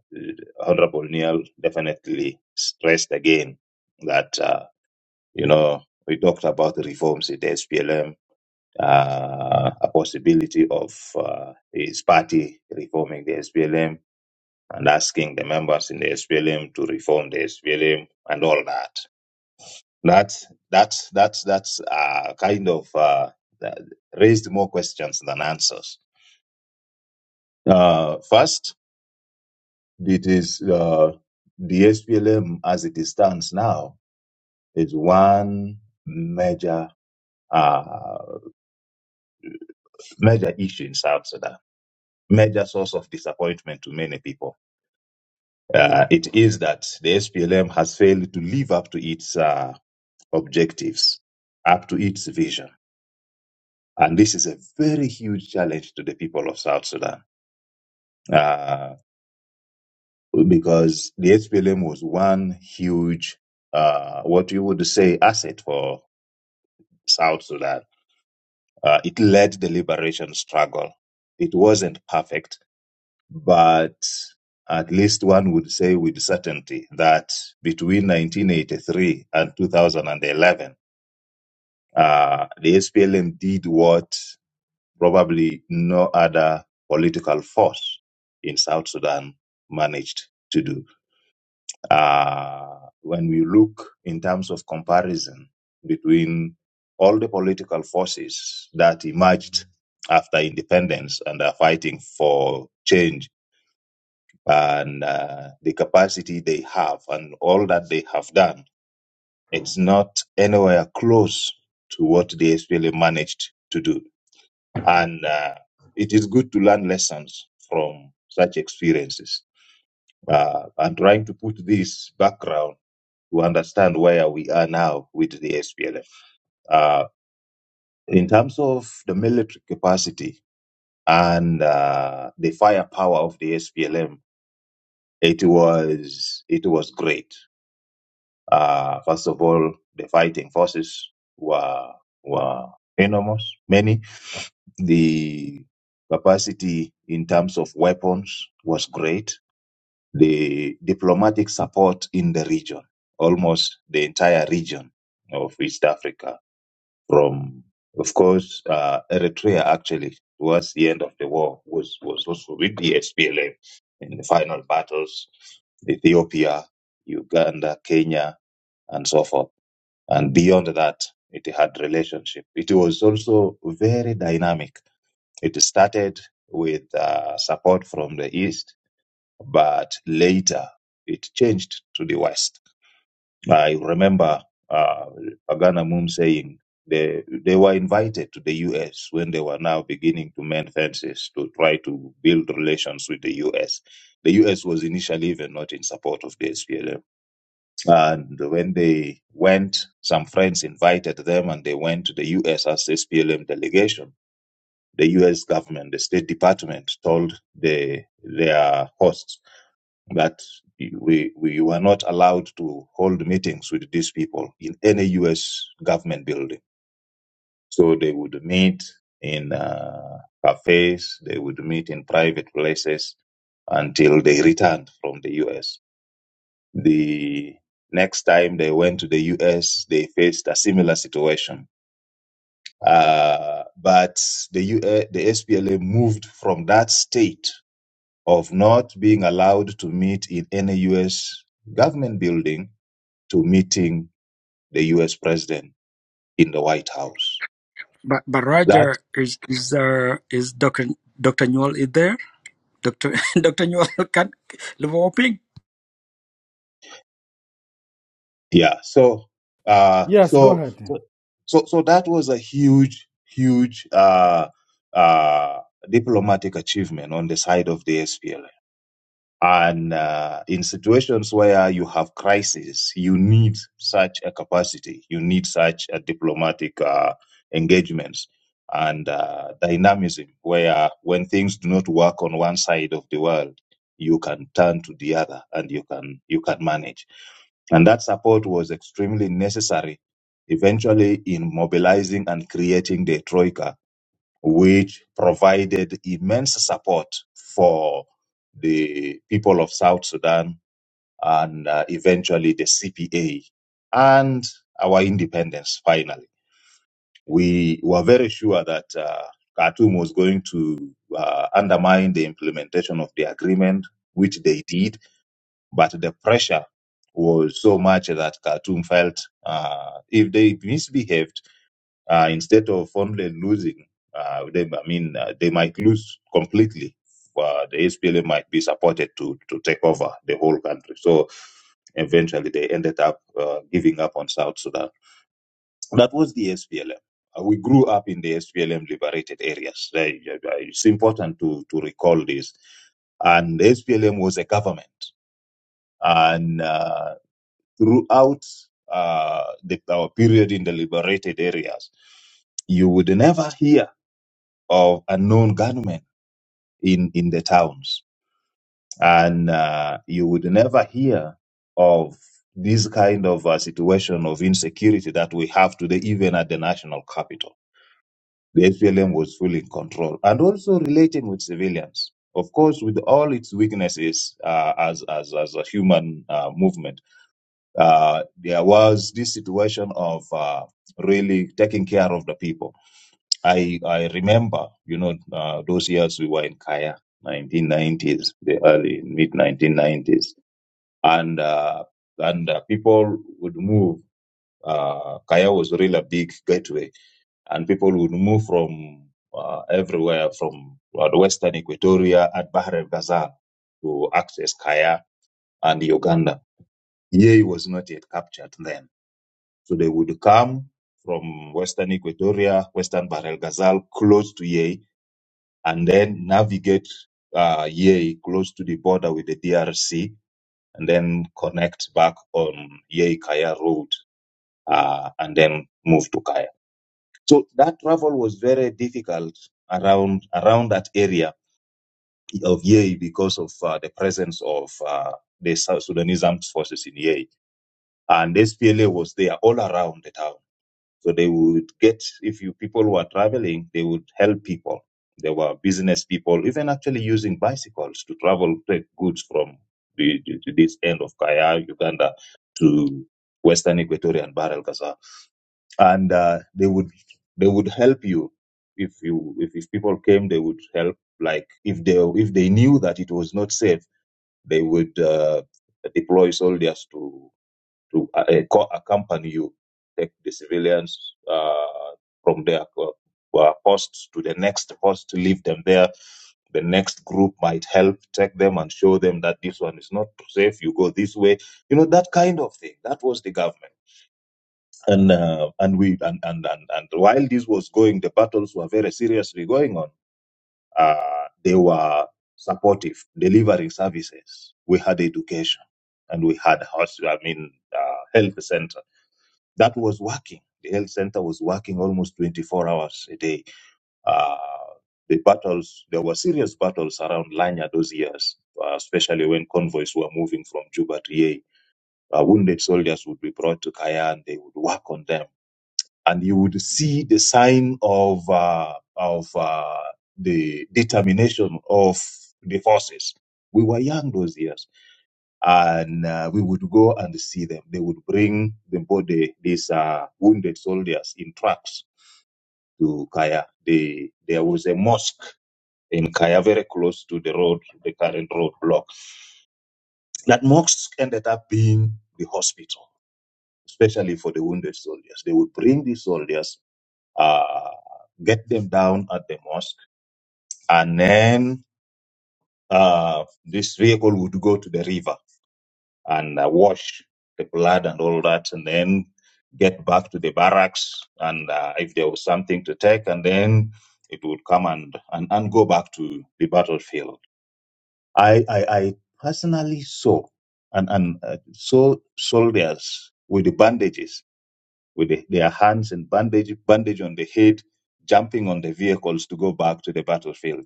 S19: Honorable Neil definitely stressed again that uh, you know we talked about the reforms in the SPLM, uh, a possibility of uh, his party reforming the SPLM and asking the members in the SPLM to reform the SPLM and all that. That's that's that's that's uh, kind of uh, that raised more questions than answers. Uh, first, it is uh, the SPLM as it stands now is one major uh, major issue in South Sudan, major source of disappointment to many people. Uh, it is that the SPLM has failed to live up to its uh, objectives, up to its vision, and this is a very huge challenge to the people of South Sudan uh, because the HPLM was one huge, uh, what you would say, asset for South Sudan. Uh, it led the liberation struggle. It wasn't perfect, but at least one would say with certainty that between 1983 and 2011, uh, the SPLM did what probably no other political force in South Sudan managed to do Uh, when we look in terms of comparison between all the political forces that emerged after independence and are fighting for change and uh, the capacity they have and all that they have done, it's not anywhere close to what the SPLA managed to do. And uh, it is good to learn lessons from such experiences. Uh, I'm trying to put this background To understand where we are now with the SPLM. Uh, in terms of the military capacity and uh, the firepower of the SPLM, it was it was great. Uh, first of all, the fighting forces were were enormous, many. The capacity in terms of weapons was great. The diplomatic support in the region, almost the entire region of East Africa from, of course, uh, Eritrea actually towards the end of the war was, was also with the SPLM in the final battles, Ethiopia, Uganda, Kenya, and so forth. And beyond that, it had relationship. It was also very dynamic. It started with uh, support from the East, but later it changed to the West I remember uh, Agana Moon saying they, they were invited to the US when they were now beginning to mend fences to try to build relations with the US. The US was initially even not in support of the SPLM. And when they went, some friends invited them and they went to the US as SPLM delegation. The US government, the State Department told the, their hosts that we we were not allowed to hold meetings with these people in any U.S. government building. So they would meet in uh, cafes, they would meet in private places until they returned from the U.S. The next time they went to the U.S., they faced a similar situation. Uh, but the U- S, the SPLA moved from that state of not being allowed to meet in any U.S. government building to meeting the U.S. president in the White House.
S5: But but
S19: That
S5: Roger is is there is Doctor Doctor Newell is there? Doctor Doctor Newell can Liverpool.
S19: yeah. So uh,
S3: Yes, go
S19: so
S3: ahead.
S19: so so that was a huge huge uh, uh, diplomatic achievement on the side of the SPLM. And uh, in situations where you have crisis, you need such a capacity, you need such a diplomatic uh, engagements and uh, dynamism, where when things do not work on one side of the world, you can turn to the other and you can you can manage. And that support was extremely necessary, eventually in mobilizing and creating the troika which provided immense support for the people of South Sudan and uh, eventually the CPA and our independence finally. We were very sure that uh, Khartoum was going to uh, undermine the implementation of the agreement, which they did, but the pressure was so much that Khartoum felt uh, if they misbehaved, uh, instead of only losing, uh, they, I mean, uh, they might lose completely. Uh, the SPLA might be supported to, to take over the whole country. So eventually they ended up uh, giving up on South Sudan. That was the SPLM. Uh, We grew up in the SPLM liberated areas. They- they- It's important to, to recall this. And SPLM was a government. And uh, throughout uh, the, our period in the liberated areas, you would never hear of a known gunman in, in the towns. And uh, you would never hear of this kind of uh, situation of insecurity that we have today, even at the national capital. The SPLM was fully in control and also relating with civilians. Of course, with all its weaknesses uh, as, as, as a human uh, movement, uh, there was this situation of uh, really taking care of the people. I, I remember, you know, uh, those years we were in Kaya, 1990s, the early mid 1990s, and uh, and uh, people would move. Uh, Kaya was really a big gateway, and people would move from uh, everywhere from uh, the Western Equatoria at Bahr el Ghazal to access Kaya and Uganda. Yei was not yet captured then So they would come from Western Equatoria, Western Bahr el Ghazal, close to Yei, and then navigate uh, Yei close to the border with the DRC, and then connect back on Yei Kaya Road, uh, and then move to Kaya. So that travel was very difficult around around that area of Yei because of uh, the presence of uh, the South Sudanese armed forces in Yei, and SPLA was there all around the town So they would get, if you people were traveling, they would help people. There were business people, even actually using bicycles to travel, take goods from the, the- to this end of Kaya, Uganda, to Western Equatorian Barrel, Gaza. And uh, they would they would help you if you if, if people came, they would help. Like if they if they knew that it was not safe, they would uh, deploy soldiers to to uh, uh, co- accompany you, take the civilians uh, from their uh, uh, posts to the next post, leave them there. The next group might help take them and show them that this one is not safe. You go this way, you know that kind of thing. That was the government, and uh, and we and, and and and while this was going, the battles were very seriously going on. Uh, they were supportive, delivering services. We had education, and we had house. I mean, uh, health centers that was working. The health center was working almost 24 hours a day. Uh, the battles, there were serious battles around Lanya those years, uh, especially when convoys were moving from Juba to Ye. Uh, wounded soldiers would be brought to Kaya and they would work on them. And you would see the sign of, uh, of uh, the determination of the forces. We were young those years and uh, we would go and see them. They would bring the body, these uh, wounded soldiers, in trucks to Kaya. They, there was a mosque in Kaya, very close to the road, the current road block. That mosque ended up being the hospital, especially for the wounded soldiers. They would bring these soldiers, uh, get them down at the mosque, and then uh, this vehicle would go to the river and uh, wash the blood and all that, and then get back to the barracks. And uh, if there was something to take, and then it would come and, and, and go back to the battlefield. I, I, I personally saw and, and uh, saw soldiers with the bandages, with the, their hands and bandage, bandage on the head, jumping on the vehicles to go back to the battlefield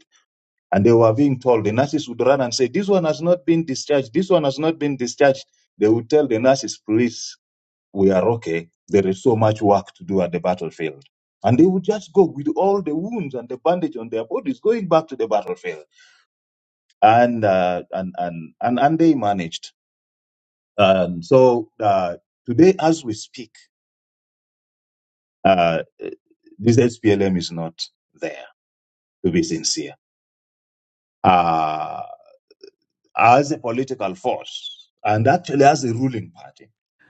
S19: and they were being told, the nurses would run and say, This one has not been discharged. This one has not been discharged. They would tell the nurses, Please, we are okay. There is so much work to do at the battlefield. And they would just go with all the wounds and the bandage on their bodies, going back to the battlefield. And, uh, and, and, and, and they managed. And so uh, today, as we speak, uh, this SPLM is not there, to be sincere. Uh, as a political force and actually as a ruling party.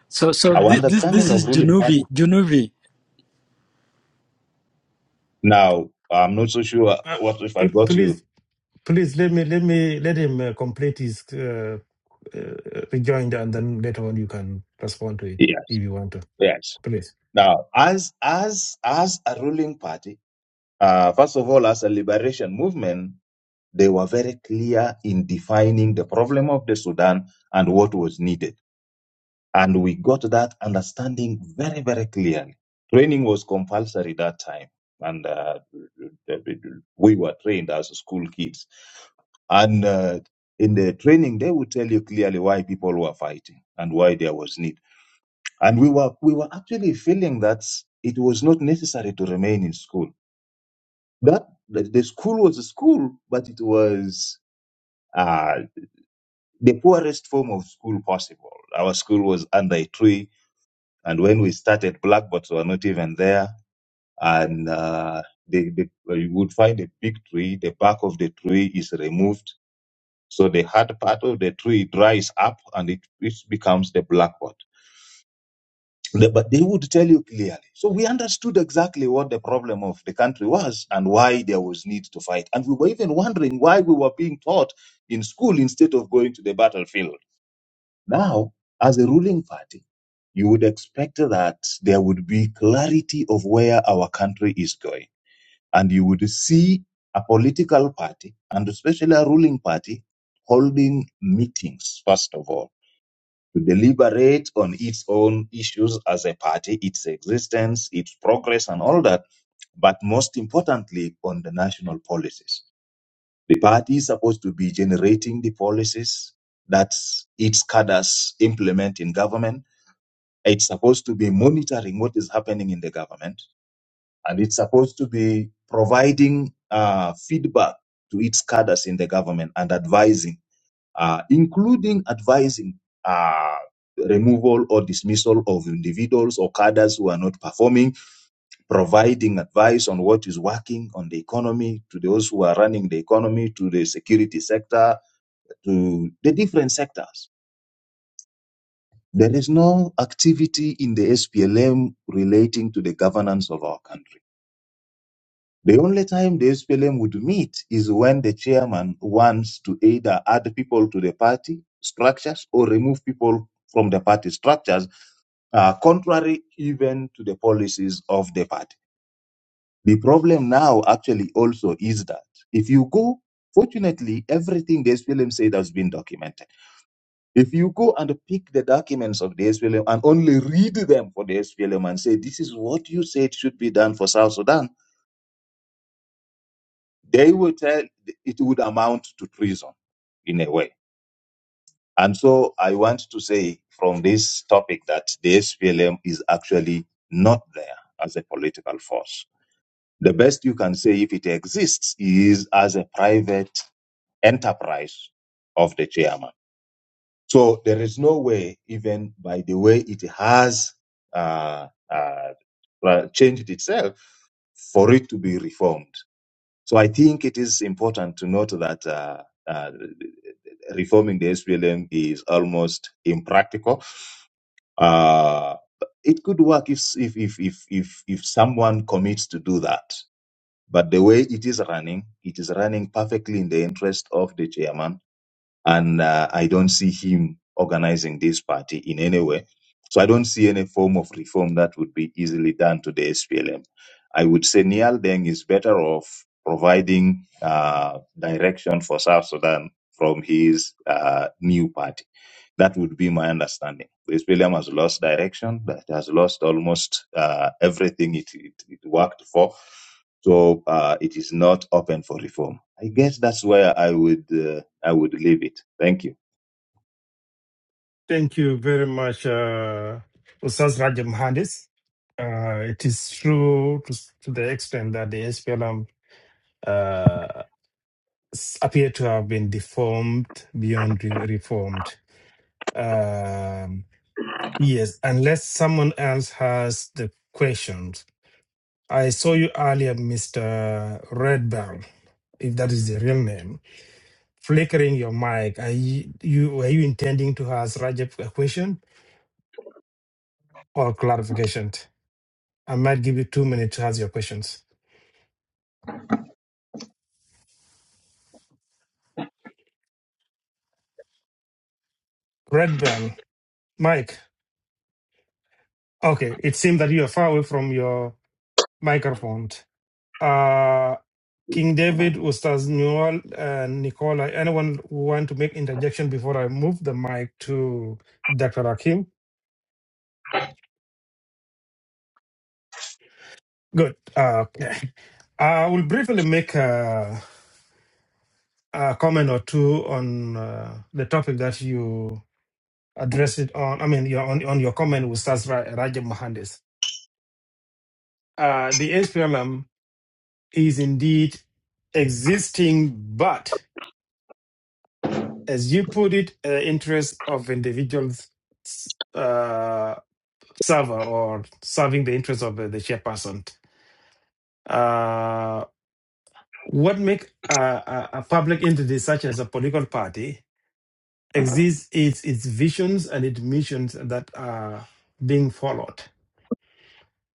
S5: So so
S19: Our
S5: this this, this
S19: understanding
S5: is
S19: of ruling
S5: Junubi
S19: party.
S5: Junubi.
S19: Now, I'm not so sure
S6: Uh,
S19: what if I
S6: pl-
S19: got
S6: please,
S19: you.
S6: please let me let me let him uh, complete his uh, uh, rejoinder, and then later on you can respond to it
S19: Yes,
S6: if you want to.
S19: yes.
S6: Please.
S19: Now, as as as a ruling party, uh, first of all, as a liberation movement, they were very clear in defining the problem of the Sudan and what was needed And we got that understanding very, very clearly. Training was compulsory that time. And uh, we were trained as school kids. And uh, in the training, they would tell you clearly why people were fighting and why there was need. And we were we were actually feeling that it was not necessary to remain in school. That the, the school was a school, but it was uh, the poorest form of school possible. Our school was under a tree And when we started, blackboards were not even there. And uh, they, they, you would find a big tree. The bark of the tree is removed. So the hard part of the tree dries up and it, it becomes the blackboard. The- But they would tell you clearly. So we understood exactly what the problem of the country was and why there was need to fight. And we were even wondering why we were being taught in school instead of going to the battlefield. Now, as a ruling party, you would expect that there would be clarity of where our country is going. And you would see a political party, and especially a ruling party, holding meetings, first of all, to deliberate on its own issues as a party, its existence, its progress, and all that, but most importantly, on the national policies. The party is supposed to be generating the policies that its cadres implement in government it's supposed to be monitoring what is happening in the government, and it's supposed to be providing uh, feedback to its cadres in the government and advising, uh, including advising uh, removal or dismissal of individuals or cadres who are not performing, providing advice on what is working on the economy to those who are running the economy, to the security sector, to the different sectors There is no activity in the SPLM relating to the governance of our country. The only time the SPLM would meet is when the chairman wants to either add people to the party structures or remove people from the party structures, uh, contrary even to the policies of the party. The problem now actually also is that if you go, fortunately, everything the SPLM said has been documented If you go and pick the documents of the SPLM and only read them for the SPLM and say, this is what you said should be done for South Sudan, they will tell it would amount to treason in a way. And so I want to say from this topic that the SPLM is actually not there as a political force. The best you can say if it exists is as a private enterprise of the chairman So there is no way, even by the way it has uh, uh, uh, changed itself, for it to be reformed. So I think it is important to note that uh, uh, reforming the SPLM is almost impractical. Uh, it could work if, if if if if if someone commits to do that. But the way it is running, it is running perfectly in the interest of the chairman and uh, I don't see him organizing this party in any way. So I don't see any form of reform that would be easily done to the SPLM. I would say Nial Deng is better off providing uh, direction for South Sudan from his uh, new party that would be my understanding. This William has lost direction, that has lost almost uh, everything it, it, it worked for. So uh, it is not open for reform. I guess that's where I would uh, I would leave it. Thank you.
S6: Thank you very much, uh, Ustaz Raja Mohandes. Uh, it is true to, s- to the extent that the SPLM uh, s- appear to have been deformed beyond re- reformed. Um, yes, unless someone else has the questions, I saw you earlier, Mr. Redbaum, if that is the real name, flickering your mic. Are you, you were you intending to ask Rajab a question or clarification? I might give you two minutes to ask your questions. Red Bell, Mike. Okay, it seems that you are far away from your microphone. Uh, King David, Ustaz Newell, and Nicola, anyone want to make interjection before I move the mic to Dr. Rakim? Good. Uh, okay. I will briefly make a, a comment or two on uh, the topic that you addressed it on. I mean, your, on, on your comment with Sas Ra- Raja Mohandes. Uh, the HPLM is indeed existing, but as you put it, uh, interest of individuals uh, server or serving the interest of uh, the chairperson. Uh, what make a, a, a public entity such as a political party exists its its visions and its missions that are being followed.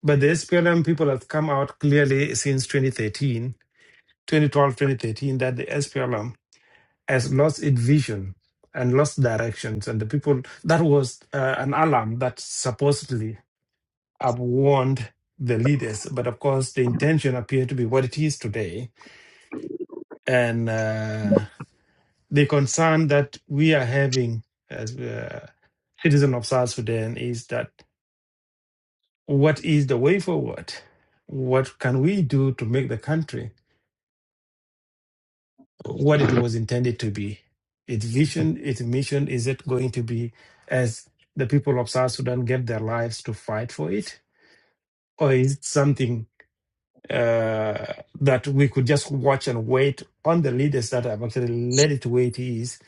S6: But the SPLM people have come out clearly since 2013, 2012, 2013, that the SPLM has lost its vision and lost directions. And the people, that was uh, an alarm that supposedly have warned the leaders. But of course, the intention appeared to be what it is today. And uh, the concern that we are having as uh, citizen of South Sudan is that What is the way forward? What can we do to make the country what it was intended to be? Its vision, its mission, is it going to be as the people of South Sudan gave their lives to fight for it? Or is it something uh, that we could just watch and wait on the leaders that have actually led it to where it is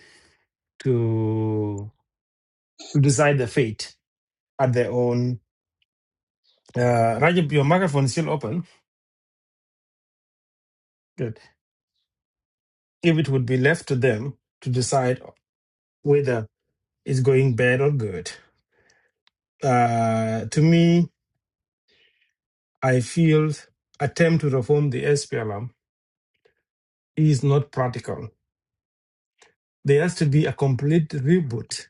S6: to, to decide the fate at their own? Uh, Rajab, your microphone is still open. Good. If it would be left to them to decide whether is going bad or good. Uh, to me, I feel attempt to reform the SPLM is not practical. There has to be a complete reboot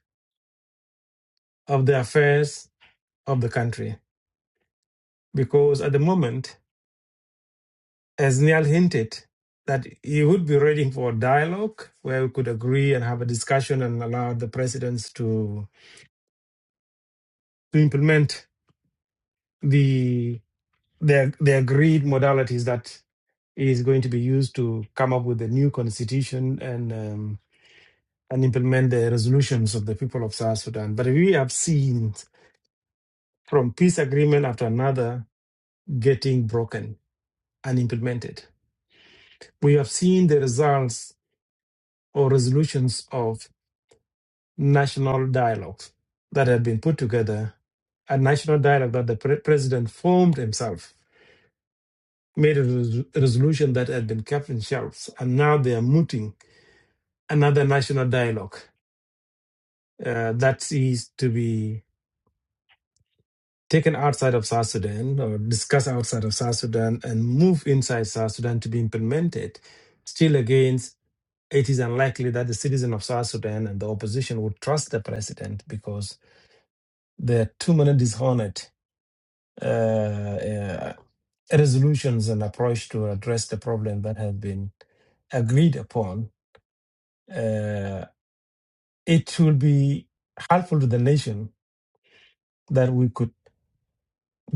S6: of the affairs of the country because at the moment, as Niall hinted, that he would be ready for dialogue where we could agree and have a discussion and allow the presidents to to implement the the, the agreed modalities that is going to be used to come up with a new constitution and um, and implement the resolutions of the people of South Sudan. But we have seen from peace agreement after another getting broken and implemented. We have seen the results or resolutions of national dialogues that had been put together, a national dialogue that the pre- president formed himself, made a res- resolution that had been kept in shelves, and now they are mooting another national dialogue uh, that is to be taken outside of South Sudan or discussed outside of South Sudan and move inside South Sudan to be implemented, still against it is unlikely that the citizen of South Sudan and the opposition would trust the president because there are too many dishonored uh, uh, resolutions and approach to address the problem that have been agreed upon. Uh, it will be helpful to the nation that we could.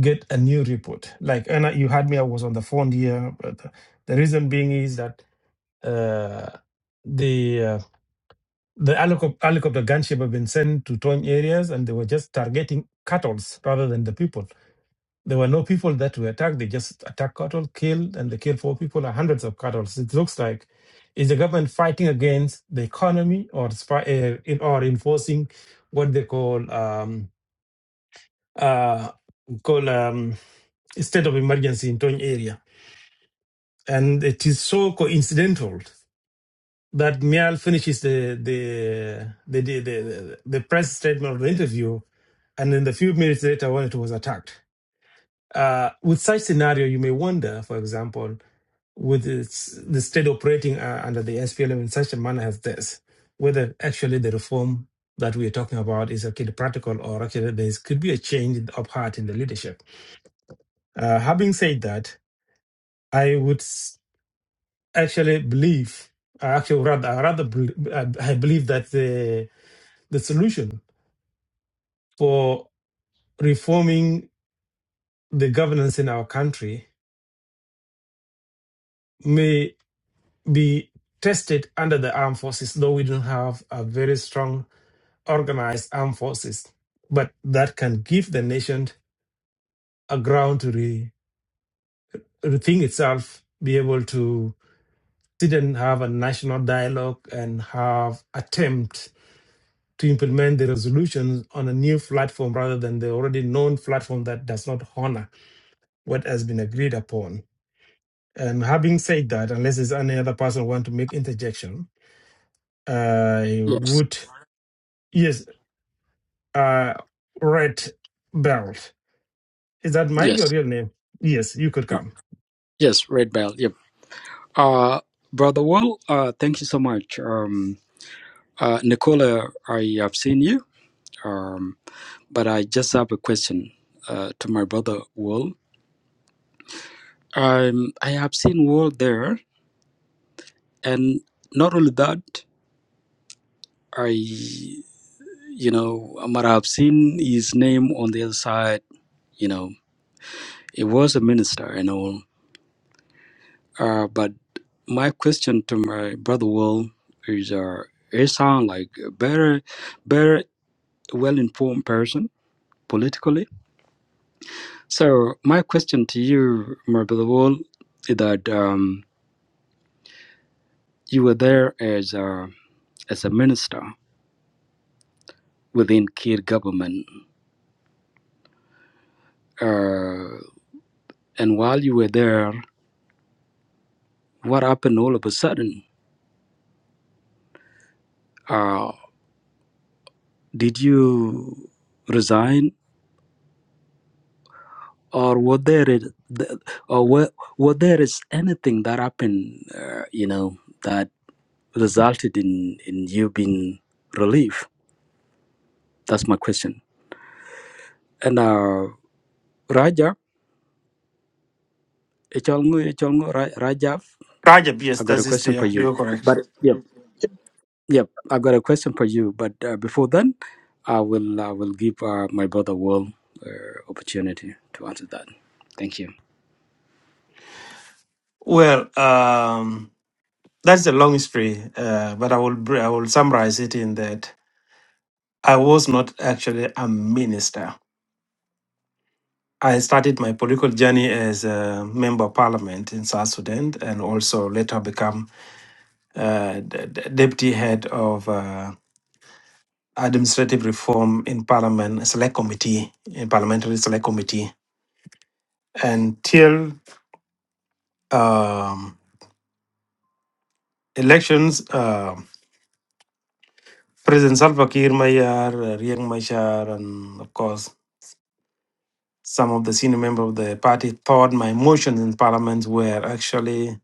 S6: get a new report. Like and I- you had me, I was on the phone here. But the, the reason being is that uh, the uh, the helicop- helicopter gunship have been sent to torn areas, and they were just targeting cattle rather than the people. There were no people that were attacked. They just attacked cattle, killed, and they killed four people, and hundreds of cattle. It looks like is the government fighting against the economy or spy, uh, in, or enforcing what they call um, uh, called um, state of emergency in Tony area. And it is so coincidental that Mial finishes the the the, the, the, the press statement of the interview, and then a few minutes later, when it was attacked. Uh, with such scenario, you may wonder, for example, with its, the state operating uh, under the SPLM in such a manner as this, whether actually the reform that we are talking about is actually practical or actually there is, could be a change of heart in the leadership Uh, having said that, I would s- actually believe, I actually rather, I rather bel- I I believe that the the solution for reforming the governance in our country may be tested under the armed forces, though we don't have a very strong organized armed forces, but that can give the nation a ground to re, rethink itself, be able to sit and have a national dialogue and have attempt to implement the resolutions on a new platform rather than the already known platform that does not honor what has been agreed upon. And having said that, unless there's any other person who want to make interjection, I
S5: Yes
S6: would yes, uh, Red Belt. Is that Mike
S5: yes
S6: your real name? Yes, you could come.
S5: yes Red Bell. Yep. Uh, brother Wall. Uh, thank you so much. Um, uh, Nicola, I have seen you. Um, but I just have a question. Uh, to my brother Wall. Um, I have seen Wall there, and not only that, I. You know, but I've seen his name on the other side. You know, he was a minister and all. Uh, but my question to my brother Will is, uh, he sound like a better, better, well informed person politically. So my question to you, my brother Will, is that um, you were there as a, as a minister within Kir government, uh, and while you were there, what happened all of a sudden? Uh, Did you resign, or were there is- th- or were, were there is anything that happened, uh, you know, that resulted in in you being relieved? That's my question. And uh, Raja, Echolngu- Echolngu, Ra- Raja,
S6: Rajab, yes,
S5: I
S6: that
S5: got a
S6: is
S5: question for
S6: there.
S5: you.
S6: you are correct.
S5: But yep, yep, I got a question for you. But uh, before then, I will I will give uh, my brother Will uh, opportunity to answer that. Thank you.
S6: Well, um, that's a long history, uh, but I will br- I will summarize it in that I was not actually a minister. I started my political journey as a member of parliament in South Sudan and also later become uh, d- d- deputy head of uh, administrative reform in parliament select committee, in parliamentary select committee. Until um, elections, uh, President Salva Kiir Mayar, uh, Riek Machar, and of course, some of the senior members of the party thought my motions in parliament were actually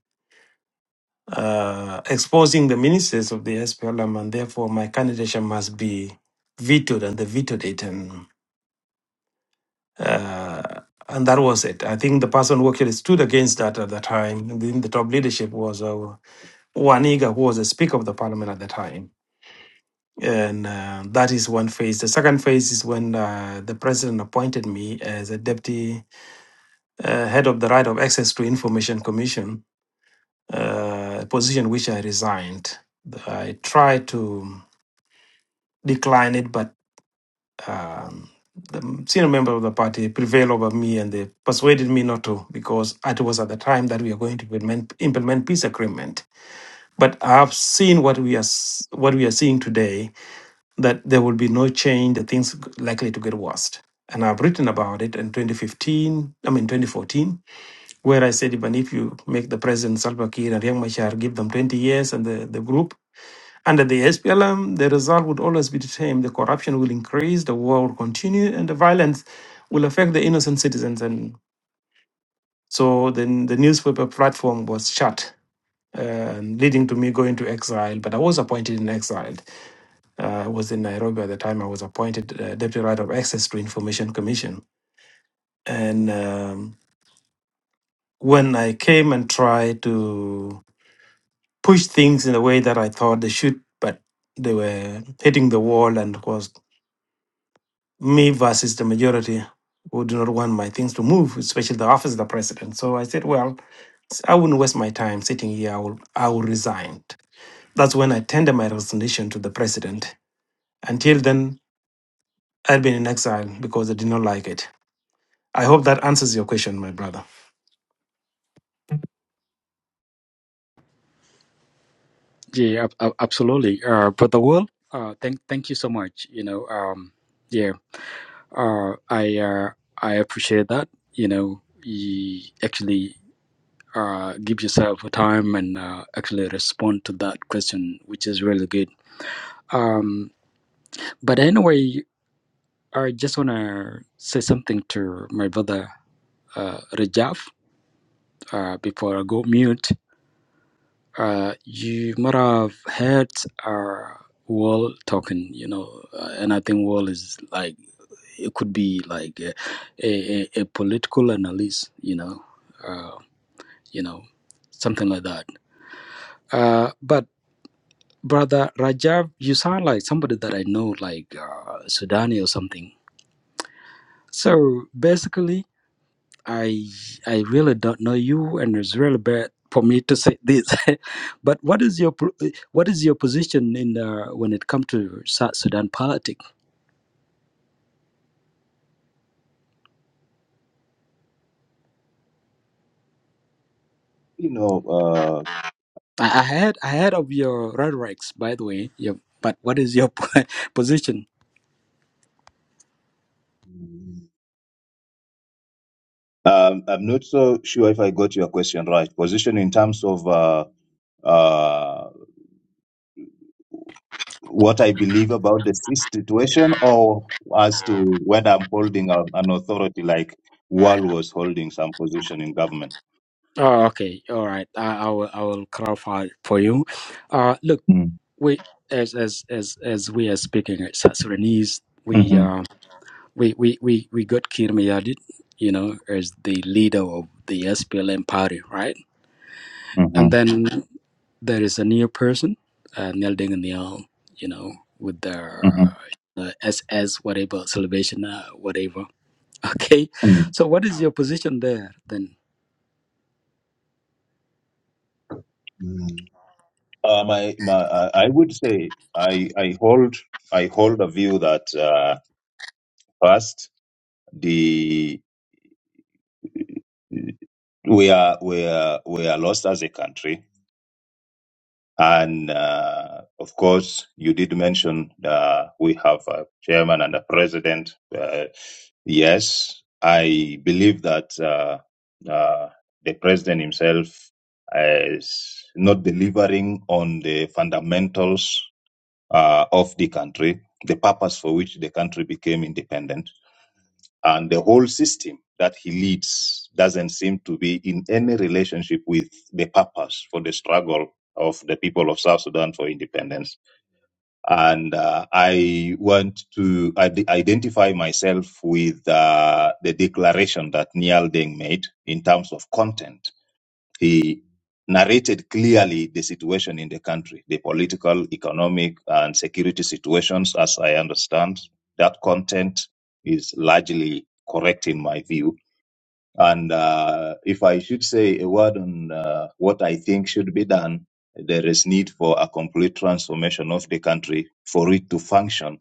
S6: uh, exposing the ministers of the SPLM, and therefore my candidature must be vetoed, and they vetoed it, and uh, and that was it. I think the person who actually stood against that at the time, in the top leadership, was uh, Waniga, who was the Speaker of the Parliament at the time. And uh, that is one phase. The second phase is when uh, the president appointed me as a deputy uh, head of the Right of Access to Information Commission, uh, a position which I resigned. I tried to declined it, but um, the senior member of the party prevailed over me and they persuaded me not to because it was at the time that we are going to implement, implement peace agreement. But I've seen what we are s- what we are seeing today that there will be no change. The things likely to get worse. And I've written about it in 2015, I mean 2014, where I said, even if you make the president Salva Kiir and Riek Machar, give them 20 years and the, the group, under the SPLM, the result would always be the same. The corruption will increase, the war will continue, and the violence will affect the innocent citizens. And so then the newspaper platform was shut, uh, leading to me going to exile. But I was appointed in exile. Uh, I was in Nairobi at the time. I was appointed uh, Deputy Right of Access to Information Commission. And um, when I came and tried to push things in a way that I thought they should, but they were hitting the wall and was me versus the majority who do not want my things to move, especially the office of the president. So I said, well, I wouldn't waste my time sitting here. I will, I will resign. That's when I tendered my resignation to the president. Until then, I'd been in exile because I did not like it. I hope that answers your question, my brother.
S5: Yeah, ab- ab- absolutely. Uh, Brother Will, uh, thank thank you so much. You know, um, yeah, uh, I uh, I appreciate that. You know, you actually uh, give yourself a time and uh, actually respond to that question, which is really good. Um, but anyway, I just wanna say something to my brother uh, Rajaf uh, before I go mute. uh, you might have heard uh, Wall talking, you know, uh, and I think Wall is like it could be like a, a, a political analyst, you know, uh, you know, something like that. Uh, but brother Rajab, you sound like somebody that I know, like uh, Sudani or something. So basically, I I really don't know you, and it's really bad for me to say this. but what is your pro- what is your position in uh, when it comes to South Sudan politics?
S19: You know, uh,
S5: I, I had I heard of your rhetorics, by the way. Yeah, but what is your position?
S19: um, I'm not so sure if I got your question right. Position in terms of uh, uh, what I believe about the si- situation or as to whether I'm holding a, an authority like Wal was holding some position in government.
S5: Oh, okay, all right. I, I will I will clarify for you. Uh, look,
S19: Mm.
S5: we as as as as we are speaking at South Sudanese, we uh,
S19: Mm-hmm.
S5: we we we, we got Kir Mayadit, you know, as the leader of the SPLM party, right? And
S19: Mm-hmm.
S5: then there is a new person, uh, Neil Deng Niel, you know, with the
S19: Mm-hmm.
S5: uh, SS whatever celebration uh, whatever. Okay,
S19: Mm.
S5: so what is your position there then?
S19: Mm. Uh, my, my, I I would say I, I hold I hold a view that uh, first the we are we are we are lost as a country And uh, of course, you did mention uh, we have a chairman and a president. Uh, yes, I believe that uh, uh, the president himself is not delivering on the fundamentals uh, of the country, the purpose for which the country became independent. And the whole system that he leads doesn't seem to be in any relationship with the purpose for the struggle of the people of South Sudan for independence. And uh, I want to ide- identify myself with uh, the declaration that Niall Deng made in terms of content he narrated clearly the situation in the country, the political, economic, and security situations, as I understand. That content is largely correct in my view. And uh, if I should say a word on uh, what I think should be done, there is need for a complete transformation of the country for it to function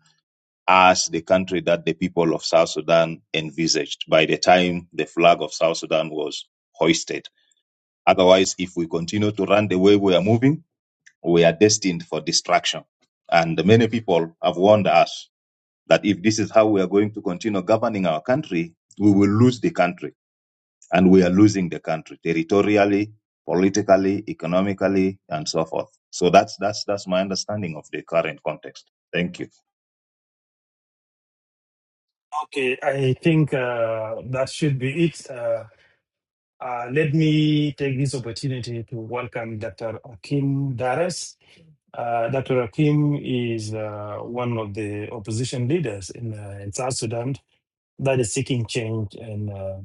S19: as the country that the people of South Sudan envisaged by the time the flag of South Sudan was hoisted Otherwise, if we continue to run the way we are moving, we are destined for destruction. And many people have warned us that if this is how we are going to continue governing our country, we will lose the country. And we are losing the country territorially, politically, economically, and so forth. So that's that's that's my understanding of the current context. Thank you.
S6: Okay, I think uh, that should be it. Uh, Uh, let me take this opportunity to welcome Dr. Akim Dares. Uh, Dr. Akim is uh, one of the opposition leaders in, uh, in South Sudan that is seeking change, and uh,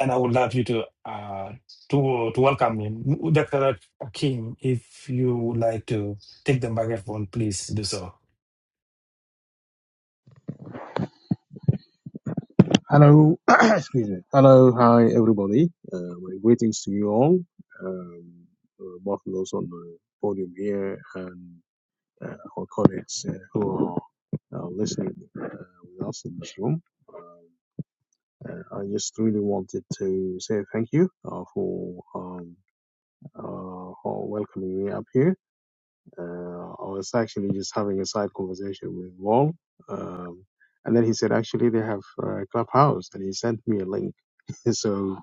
S6: and I would love you to uh, to to welcome him, Dr. Akim. If you would like to take the microphone, please do so.
S20: Hello, excuse me. Hello, hi everybody. Uh, my greetings to you all, um, uh, both those on the podium here and uh, our colleagues uh, who are uh, listening uh, with us in this room. Um, uh, I just really wanted to say thank you uh, for um, uh, for welcoming me up here uh, I was actually just having a side conversation with Wong, um, and then he said actually they have a Clubhouse, and he sent me a link. so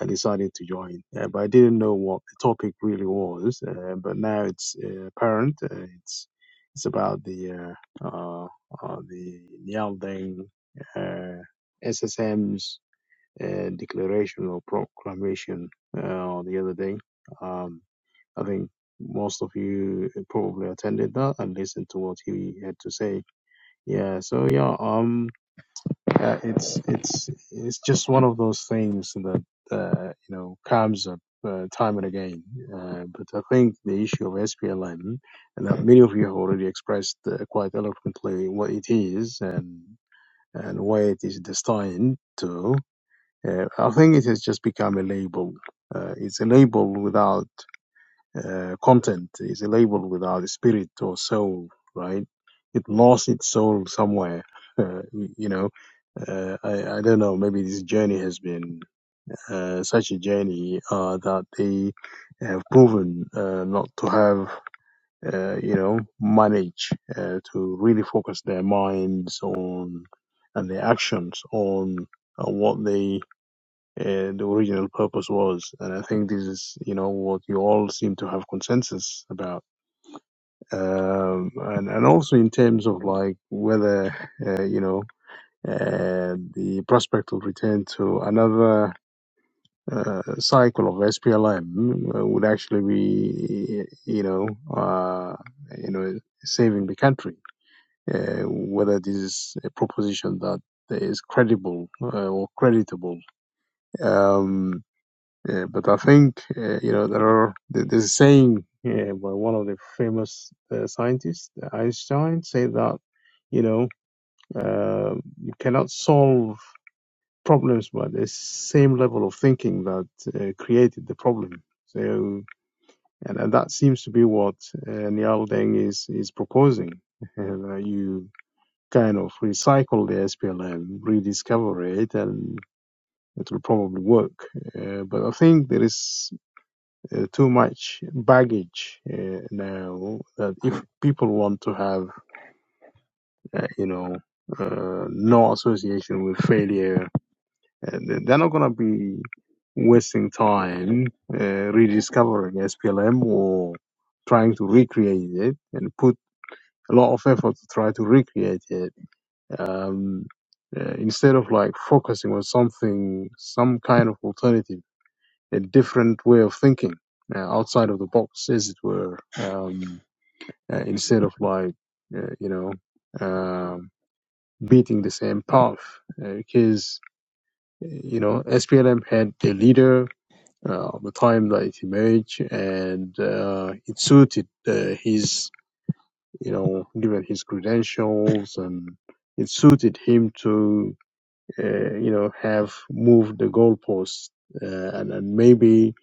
S20: I decided to join, uh, but I didn't know what the topic really was. Uh, but now it's uh, apparent. Uh, it's it's about the uh, uh, uh, the Nialdeng uh, SSM's uh, declaration or proclamation uh, the other day. Um, I think most of you probably attended that and listened to what he had to say. Yeah, so yeah, um, uh, it's it's it's just one of those things that uh, you know comes up uh, time and again. Uh, but I think the issue of SPLM, and that many of you have already expressed uh, quite eloquently what it is and and where it is destined to. Uh, I think it has just become a label. Uh, it's a label without uh, content is labeled without a spirit or soul, right? It lost its soul somewhere. Uh, you know, uh, I, I don't know. Maybe this journey has been uh, such a journey uh, that they have proven uh, not to have, uh, you know, manage uh, to really focus their minds on and their actions on uh, what they uh, the original purpose was. And I think this is, you know, what you all seem to have consensus about. Um, and, and also in terms of like whether, uh, you know, uh, the prospect of return to another uh, cycle of SPLM would actually be, you know, uh, you know, saving the country. Uh, whether this is a proposition that is credible uh, or creditable. Um, Uh, but I think uh, you know there are th- there's a saying uh, by one of the famous uh, scientists, Einstein, say that you know uh, you cannot solve problems by the same level of thinking that uh, created the problem. So and, and that seems to be what uh, Niall Deng is is proposing. uh, that you kind of recycle the SPLM, rediscover it, and it will probably work. Uh, but I think there is uh, too much baggage uh, now that if people want to have uh, you know uh, no association with failure uh, they- are not going to be wasting time uh, rediscovering SPLM or trying to recreate it and put a lot of effort to try to recreate it um, uh, instead of like focusing on something some kind of alternative a different way of thinking uh, outside of the box, as it were, um, uh, instead of like, uh, you know, um, beating the same path. Uh, because, you know, SPLM had a leader uh, at the time that it emerged and uh, it suited uh, his, you know, given his credentials and it suited him to uh, you know, have moved the goalposts, uh, and, and maybe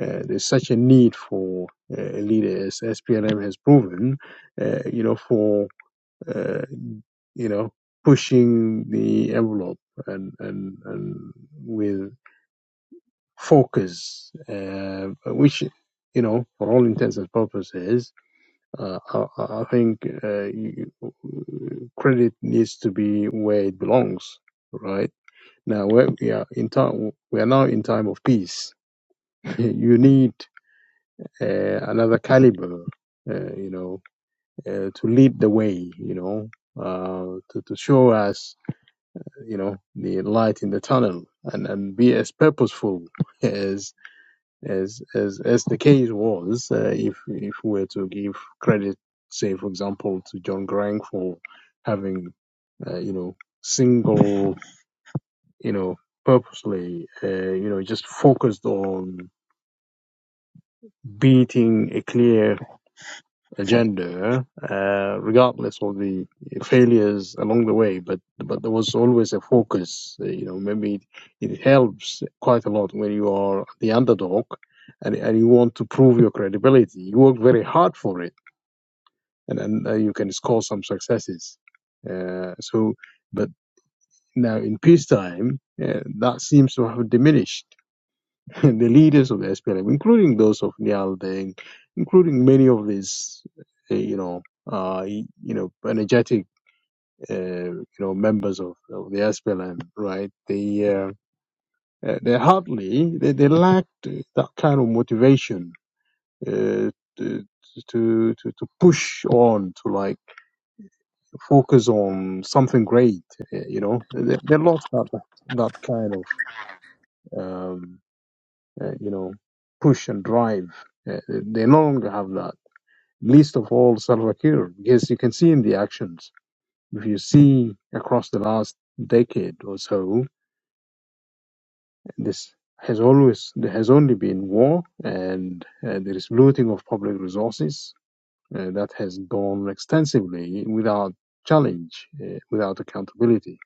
S20: uh, there's such a need for uh, a leader as SPLM has proven, uh, you know, for uh, you know pushing the envelope and and and with focus, uh, which you know, for all intents and purposes, uh, I, I think uh, you- credit needs to be where it belongs, right? Now we are in time, we are now in time of peace. you need uh, another caliber, uh, you know, uh, to lead the way, you know, uh, to, to show us, you know, the light in the tunnel, and, and be as purposeful as as as as the case was. Uh, if if we were to give credit, say for example, to John Grang for having, uh, you know, single you know, purposely, uh, you know, just focused on beating a clear agenda, uh, regardless of the failures along the way. But but there was always a focus. uh, You know, maybe it, it helps quite a lot when you are the underdog, and and you want to prove your credibility. You work very hard for it, and and uh, you can score some successes. Uh, so, but now in peacetime, uh, that seems to have diminished the leaders of the SPLM, including those of Niall Deng, including many of these, uh, you know, uh, you know, energetic, uh, you know, members of, of the SPLM, right? They uh, uh, they hardly they, they lacked that kind of motivation uh, to, to to to push on to like focus on something great, uh, you know. They, they lost that that kind of. Um, uh, you know, push and drive. Uh, they no longer have that. Least of all, Salva Kiir, because you can see in the actions. If you see across the last decade or so, this has always there has only been war, and uh, there is looting of public resources uh, that has gone extensively without challenge, uh, without accountability,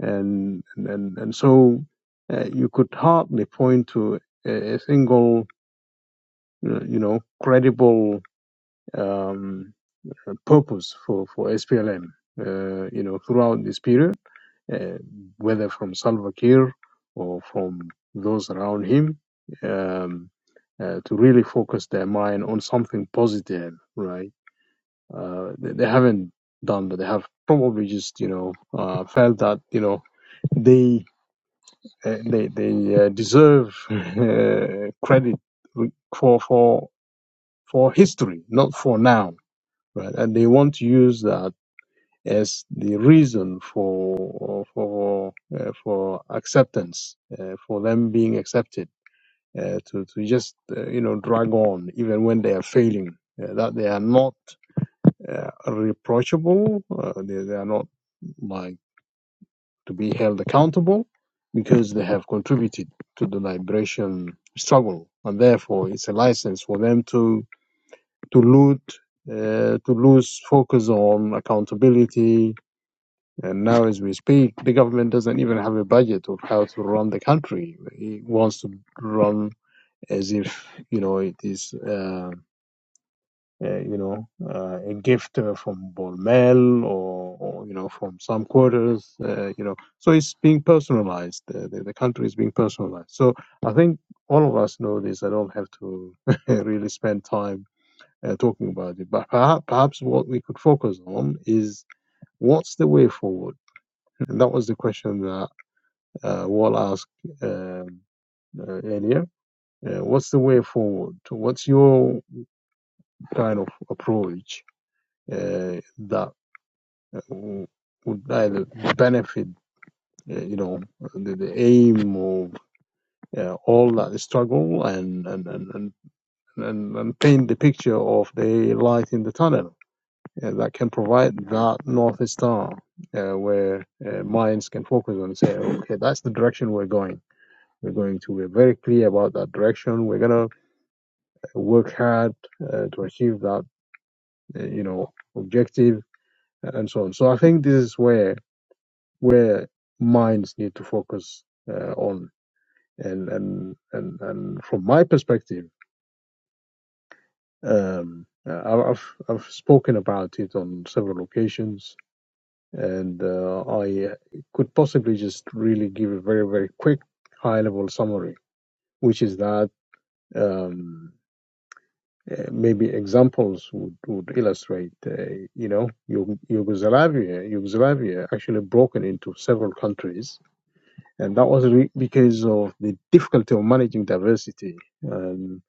S20: and and and so uh, you could hardly point to a, a single, uh, you know, credible um, purpose for, for SPLM, uh, you know, throughout this period, uh, whether from Salva Kiir or from those around him, um, uh, to really focus their mind on something positive, right? Uh, they, they haven't done that. They have probably just, you know, uh, felt that, you know, they uh, they they uh, deserve uh, credit for for for history, not for now, right? And they want to use that as the reason for for uh, for acceptance, uh, for them being accepted, uh, to to just uh, you know drag on even when they are failing, uh, that they are not uh, reproachable, uh, they, they are not like to be held accountable because they have contributed to the liberation struggle, and therefore it's a license for them to to loot. Uh, to lose focus on accountability, And now, as we speak, the government doesn't even have a budget of how to run the country. It wants to run as if you know it is, uh, uh, you know, uh, a gift uh, from Bormel or, or you know from some quarters. Uh, you know, so it's being personalized. Uh, the, the country is being personalized. So I think all of us know this. I don't have to really spend time uh, talking about it. But perhaps, perhaps what we could focus on is what's the way forward. And that was the question that. uh, Wall asked um, uh, earlier. Uh, what's the way forward? What's your kind of approach uh, that uh, would either benefit, uh, you know, the, the aim of uh, all that struggle and and, and, and and and paint the picture of the light in the tunnel uh, that can provide that north star uh, where uh, minds can focus on and say, okay, that's the direction we're going. We're going to. We're very clear about that direction. We're gonna to work hard uh, to achieve that, uh, you know, objective and so on. So I think this is where where minds need to focus uh, on. And and and and from my perspective, um, uh, I- I've I've spoken about it on several occasions, and uh, I could possibly just really give a very very quick high level summary, which is that. Um, Uh, maybe examples would, would illustrate, uh, you know, Yug- Yugoslavia, Yugoslavia actually broken into several countries. And that was re- because of the difficulty of managing diversity. And,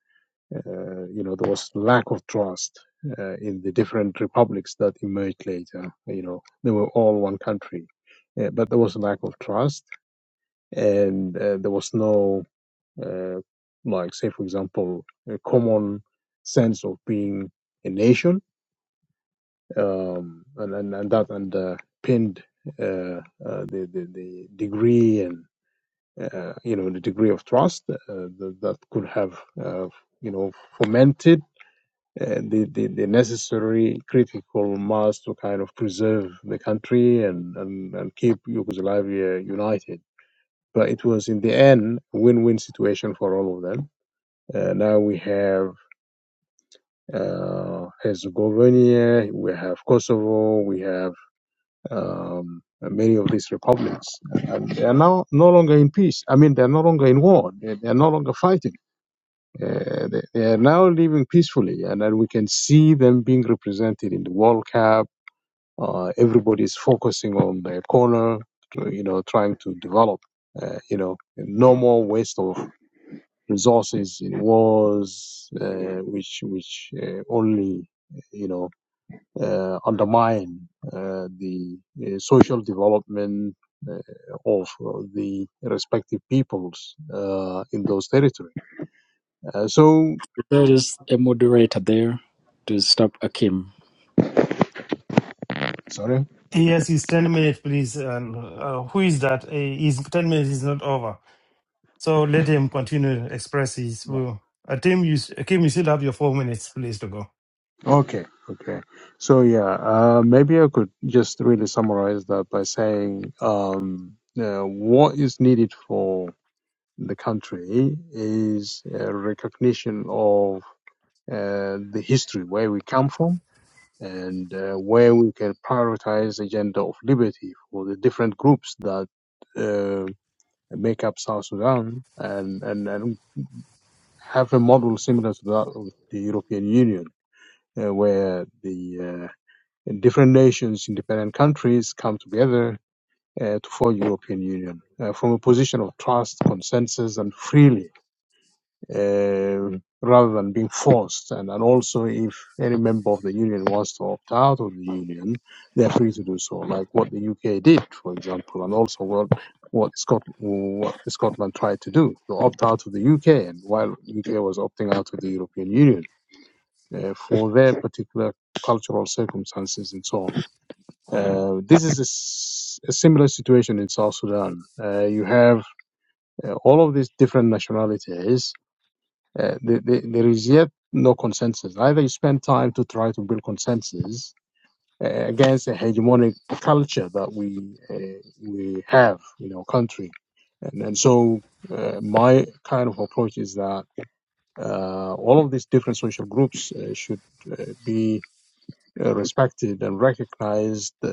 S20: uh, you know, there was lack of trust uh, in the different republics that emerged later. You know, they were all one country. Uh, but there was a lack of trust and uh, there was no uh, like say for example a common sense of being a nation um, and, and and that underpinned uh, uh, the, the the degree and uh, you know the degree of trust uh, that, that could have uh, you know fomented uh, the, the the necessary critical mass to kind of preserve the country and and, and keep Yugoslavia united. But it was in the end a win-win situation for all of them. Uh, now we have uh, Herzegovina, we have Kosovo, we have um, many of these republics. And they are now no longer in peace. I mean, they're no longer in war. They they are no longer fighting. Uh, they, they are now living peacefully, and then we can see them being represented in the World Cup. Uh, everybody is focusing on their corner, you know, trying to develop. Uh, you know, no more waste of resources in wars, uh, which which uh, only you know uh, undermine uh, the uh, social development uh, of uh, the respective peoples uh, in those territories. Uh, so,
S5: There is a moderator there to stop Akim.
S20: sorry.
S6: Yes, it's ten minutes, please. And uh, who is that? Uh, His ten minutes is not over. So let him continue to express his will. Akim, you, Akim, you still have your four minutes, please, to go.
S20: Okay, okay. So, yeah, uh, maybe I could just really summarize that by saying um, uh, what is needed for the country is a recognition of uh, the history where we come from and uh, where we can prioritize agenda of liberty for the different groups that uh, make up South Sudan and, and, and have a model similar to that of the European Union, uh, where the uh, different nations, independent countries come together uh, to forge European Union uh, from a position of trust, consensus, and freely uh, rather than being forced. And, and also, if any member of the union wants to opt out of the union, they're free to do so, like what the UK did, for example, and also what what, Scot- what Scotland tried to do to opt out of the UK, and while UK was opting out of the European Union. Uh, for their particular cultural circumstances and so on. Uh, this is a a similar situation in South Sudan. Uh, you have uh, all of these different nationalities uh, the, the, there is yet no consensus. Either you spend time to try to build consensus uh, against a hegemonic culture that we uh, we have in our country, and and so uh, my kind of approach is that uh, all of these different social groups uh, should uh, be uh, respected and recognized uh,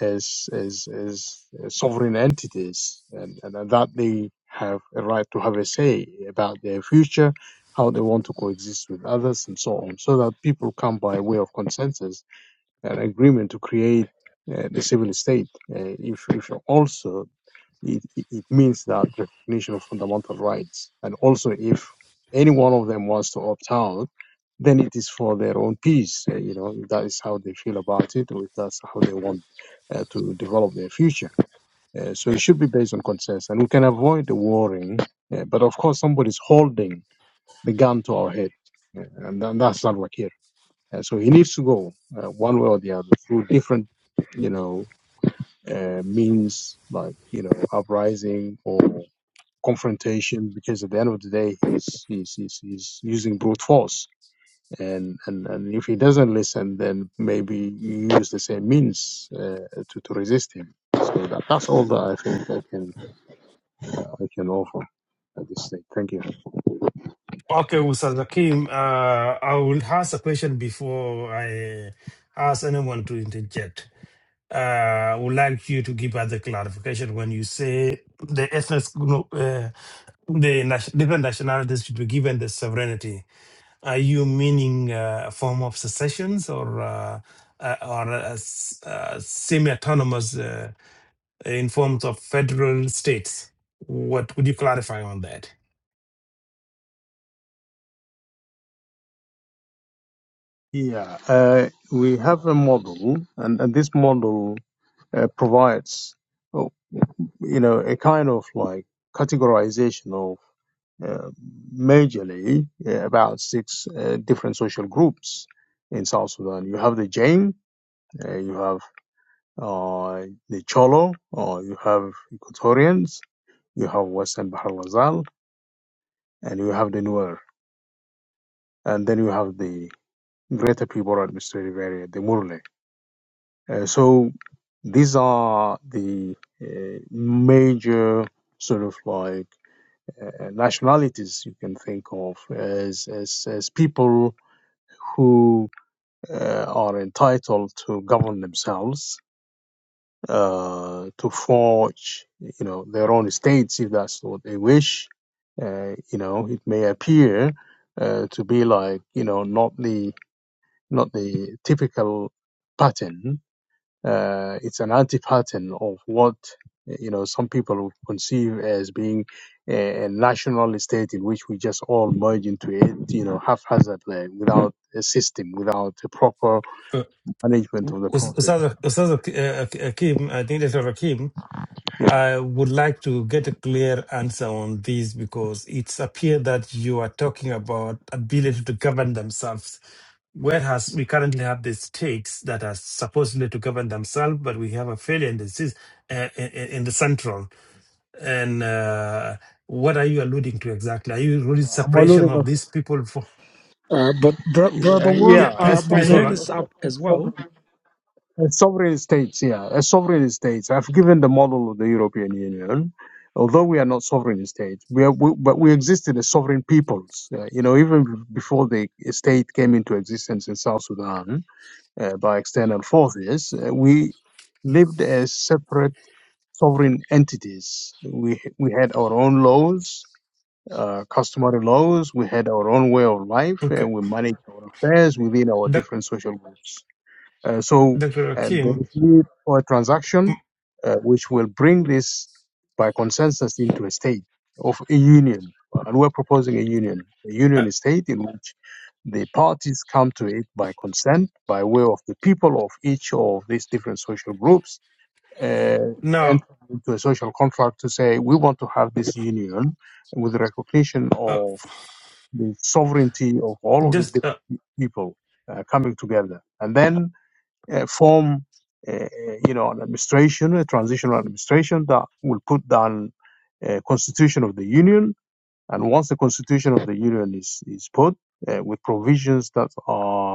S20: as, as as uh, sovereign entities, and, and that they have a right to have a say about their future, how they want to coexist with others, and so on, so that people come by way of consensus and agreement to create uh, the civil state. Uh, if if also it, it it means that recognition of fundamental rights, and also if any one of them wants to opt out then it is for their own peace. uh, You know, that is how they feel about it, or that's how they want uh, to develop their future. Uh, so it should be based on consensus, and we can avoid the warring. Uh, but of course, somebody's holding the gun to our head, uh, and tha- that's not what here. Uh, so he needs to go uh, one way or the other through different, you know, uh, means like you know uprising or confrontation, because at the end of the day, he's he's he's, he's using brute force and and and if he doesn't listen, then maybe you use the same means uh, to to resist him. So that, that's all that I think I can I can offer at this stage. Thank you.
S6: Okay, Ustaz Akim, uh, I will ask a question before I ask anyone to interject. Uh, I would like you to give us the clarification when you say the ethnic, group, uh, the nation, different nationalities should be given the sovereignty. Are you meaning uh, a form of secessions or uh, uh, or a, s- uh, semi-autonomous? Uh, in forms of federal states. What would you clarify on that?
S20: Yeah, uh, we have a model, and, and this model uh, provides, oh, you know, a kind of like categorization of uh, majorly uh, about six uh, different social groups in South Sudan. You have the Jain, uh, you have uh, the Cholo, or you have Equatorians, you have Western Bahar Lazal, and you have the Nuer, and then you have the Greater People Administrative Area, the Murle. Uh, so these are the uh, major sort of like uh, nationalities you can think of as, as, as people who uh, are entitled to govern themselves uh, to forge, you know, their own states if that's what they wish. Uh, you know, it may appear uh, to be like, you know, not the not the typical pattern. Uh, it's an anti-pattern of what you know some people would conceive as being a, a national state in which we just all merge into it, you know, haphazardly without a system, without a proper
S6: Uh,
S20: management of the
S6: Us-
S20: process.
S6: Ustaz Ustaz Ak- Akim, I think Dr. Akim,
S20: Yeah,
S6: I would like to get a clear answer on this because it's appear that you are talking about ability to govern themselves, whereas we currently have the states that are supposedly to govern themselves, but we have a failure in the sys- uh, in in the central. And uh, what are you alluding to exactly? Are you really separation of these people from,
S5: Uh, but bro- brother,
S20: Yeah,
S5: well,
S6: Yeah,
S20: yeah, a
S5: uh,
S6: please,
S5: my
S6: please hold
S5: hand
S6: on.
S20: sovereign, a
S5: is
S20: so-
S5: up
S20: a
S5: as well.
S20: sovereign, a sovereign states. Yeah, a sovereign states. I've given the model of the European Union. Although we are not sovereign states, we are, we, but we existed as sovereign peoples. Uh, you know, even b- before the state came into existence in South Sudan uh, by external forces, uh, we lived as separate sovereign entities. We we had our own laws uh, customary laws. We had our own way of life,
S6: Okay,
S20: and we managed our affairs within our
S6: Doc-
S20: different social groups. Uh, so
S6: Dr.
S20: uh, there
S6: Akim.
S20: is need for a
S6: mm,
S20: transaction uh, which will bring this by consensus into a state of a union. And we're proposing a union, a
S6: Uh,
S20: union state in which the parties come to it by consent, by way of the people of each of these different social groups uh,
S6: now,
S20: entered into a social contract to say we want to have this union with recognition
S6: uh,
S20: of the sovereignty of all of these
S6: just uh,
S20: different people uh, coming together, and then uh, form, uh, uh, you know, an administration, a transitional administration that will put down a constitution of the union. And once the constitution of the union is is put uh, with provisions that are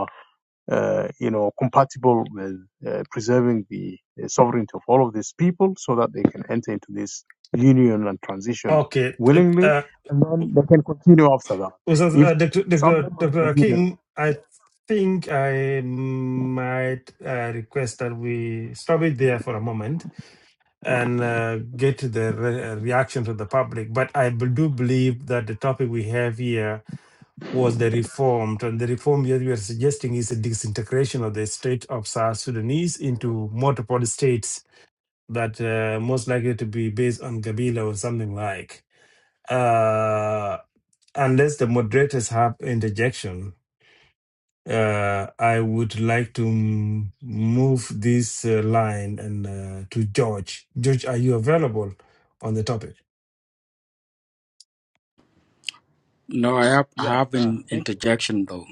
S20: uh, you know, compatible with uh, preserving the uh, sovereignty of all of these people so that they can enter into this union and transition
S6: okay. t-
S20: willingly,
S6: Uh,
S20: and then they can continue after that.
S6: was that,
S20: If
S6: uh, Dr.
S20: some
S6: Dr.
S20: members of
S6: Dr.
S20: the union
S6: Akim? I think I might uh, request that we stop it there for a moment and uh, get to the re- uh, reaction to the public. But I b- do believe that the topic we have here was the reformed, and the reform that we are suggesting is a disintegration of the state of South Sudanese into multiple states that uh, most likely to be based on Gabila or something like, uh, unless the moderators have interjection. Uh, I would like to m- move this uh, line and uh, to George. George, are you available on the topic?
S5: No, I have I
S21: Yeah,
S5: have
S21: uh,
S5: an
S21: thank you.
S5: interjection though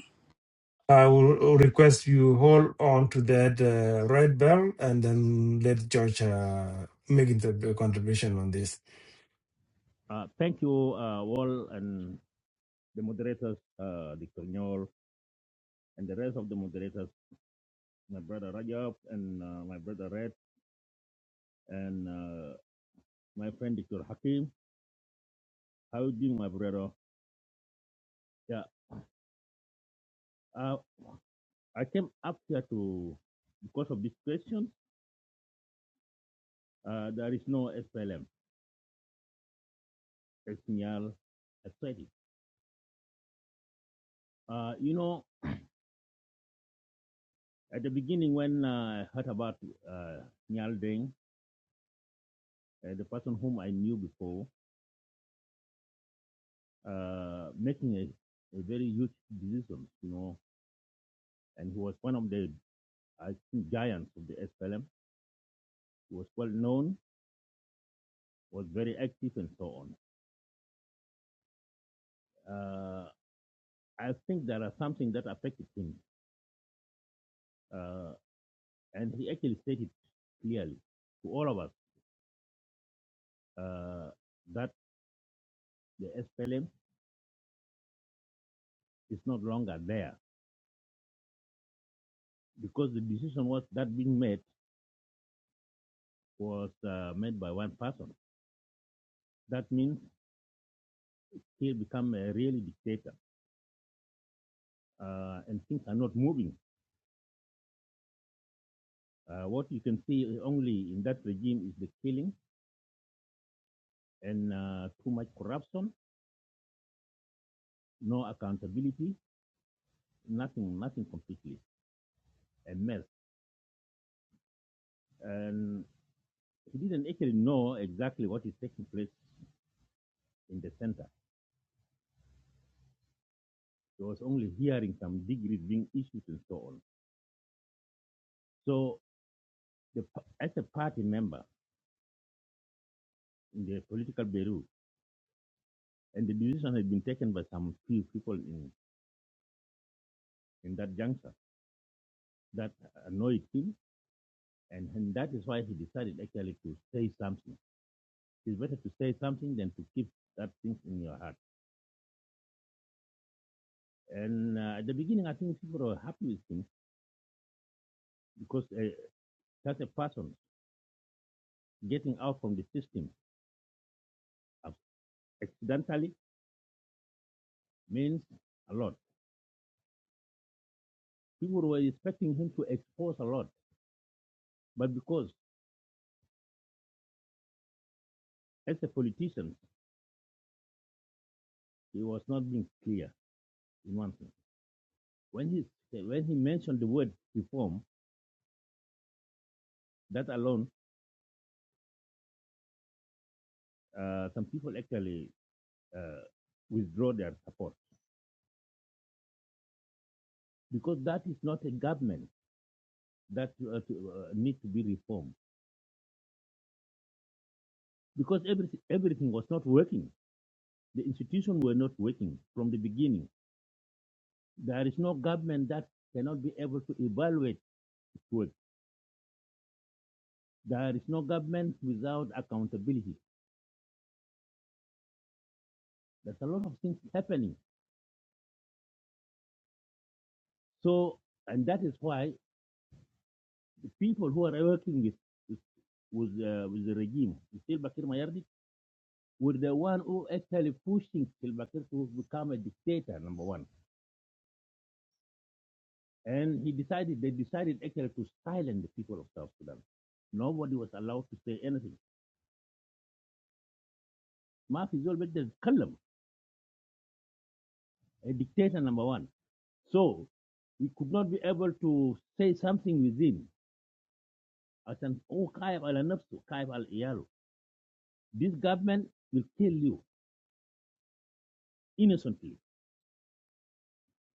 S6: I will request you hold on to that uh, red bell and then let George uh, make the the contribution on this.
S21: Uh, thank you uh, all and the moderators, uh, Dr. Nyol, and the rest of the moderators, my brother Rajab and uh, my brother Red and uh, my friend Dr. Hakim. How you doing, my brother? Yeah, uh, I came up here to, because of this question, uh, there is no SPLM, SNL, SPLM. Uh, you know, at the beginning when uh, I heard about uh, Nyal Deng, uh, the person whom I knew before, uh, making a, a very huge decisions, you know. And he was one of the, I think, giants of the SPLM. He was well known, was very active, and so on. Uh, I think there are something that affected him, uh, and he actually stated clearly to all of us uh, that the SPLM is not longer there because the decision was that being made was uh, made by one person. That means he become a really dictator, uh, and things are not moving Uh, what you can see only in that regime is the killing and uh, too much corruption, no accountability, nothing, nothing completely, a mess. And he didn't actually know exactly what is taking place in the center. He was only hearing some degrees being issued and so on. So, the, as a party member in the political bureau, and the decision had been taken by some few people in, in that juncture that annoyed him, and, and that is why he decided actually to say something It's better to say something than to keep that thing in your heart. And uh, at the beginning, I think people were happy with him because uh, such a person getting out from the system accidentally means a lot. People were expecting him to expose a lot, but because as a politician, he was not being clear in one thing. When he when he mentioned the word reform, that alone, uh, some people actually uh, withdraw their support because that is not a government. that uh, to, uh, need to be reformed because everything, everything was not working. The institutions were not working from the beginning. There is no government that cannot be able to evaluate work. There is no government without accountability. There's a lot of things happening. So, and that is why the people who are working with with, uh, with the regime, with Silva Kiir Mayardit, were the one who actually pushing Silva Kiir to become a dictator. Number one. And he decided, they decided actually to silence the people of South Sudan. Nobody was allowed to say anything. Mafi Zol Bek Kalam, a dictator number one. So we could not be able to say something within. As an oh Kaib al Nafsu, Kaib al Iyalu. This government will kill you innocently.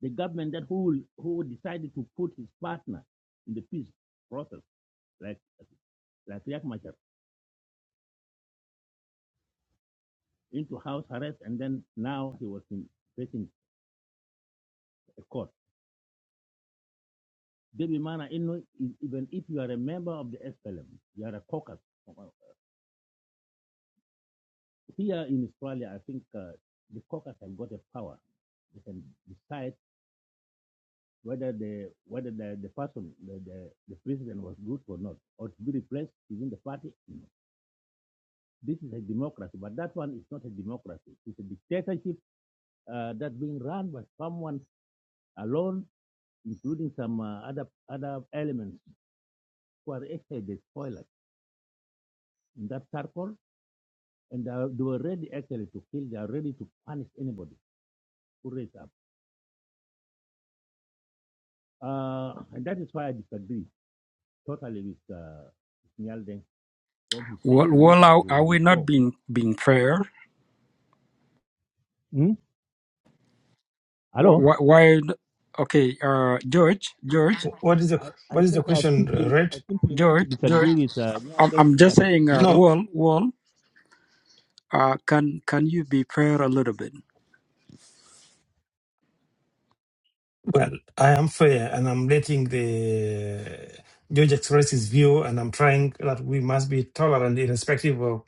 S21: The government that who who decided to put his partner in the peace process, like like Riek Machar, into house arrest, and then now he was in, facing a court. Debimana Inno is even if you are a member of the SLM, you are a caucus. Here in Australia, I think uh, the caucus have got a power. They can decide whether the whether the, the person the, the, the president was good or not, or to be replaced within the party. This is a democracy, but that one is not a democracy. It's a dictatorship uh, that's being run by someone alone, including some uh, other other elements who are actually the spoilers in that circle and they, are- they were ready actually to kill. They are ready to punish anybody who raised up. Uh, and that is why I disagree totally with uh, Nyal Deng when he said
S5: Well,
S21: he
S5: well,
S21: wanted
S5: are, are
S21: to
S5: we not
S21: reform.
S5: being being fair?
S21: Hmm? Hello?
S5: Why? why okay, uh, George, George,
S6: What is the
S21: I, I
S6: what is
S21: said
S6: the
S21: I
S6: question, uh,
S21: simply
S6: right?
S21: I simply want to
S5: George, George.
S21: disagree with uh, Nyal
S5: I'm,
S21: Deng
S5: I'm
S21: in
S5: just
S21: that.
S5: saying. Uh,
S21: Hmm?
S6: No,
S5: well, well. Uh, can can you be fair a little bit?
S6: well, I am fair and I'm letting the George express his view, and I'm trying that we must be tolerant, irrespective of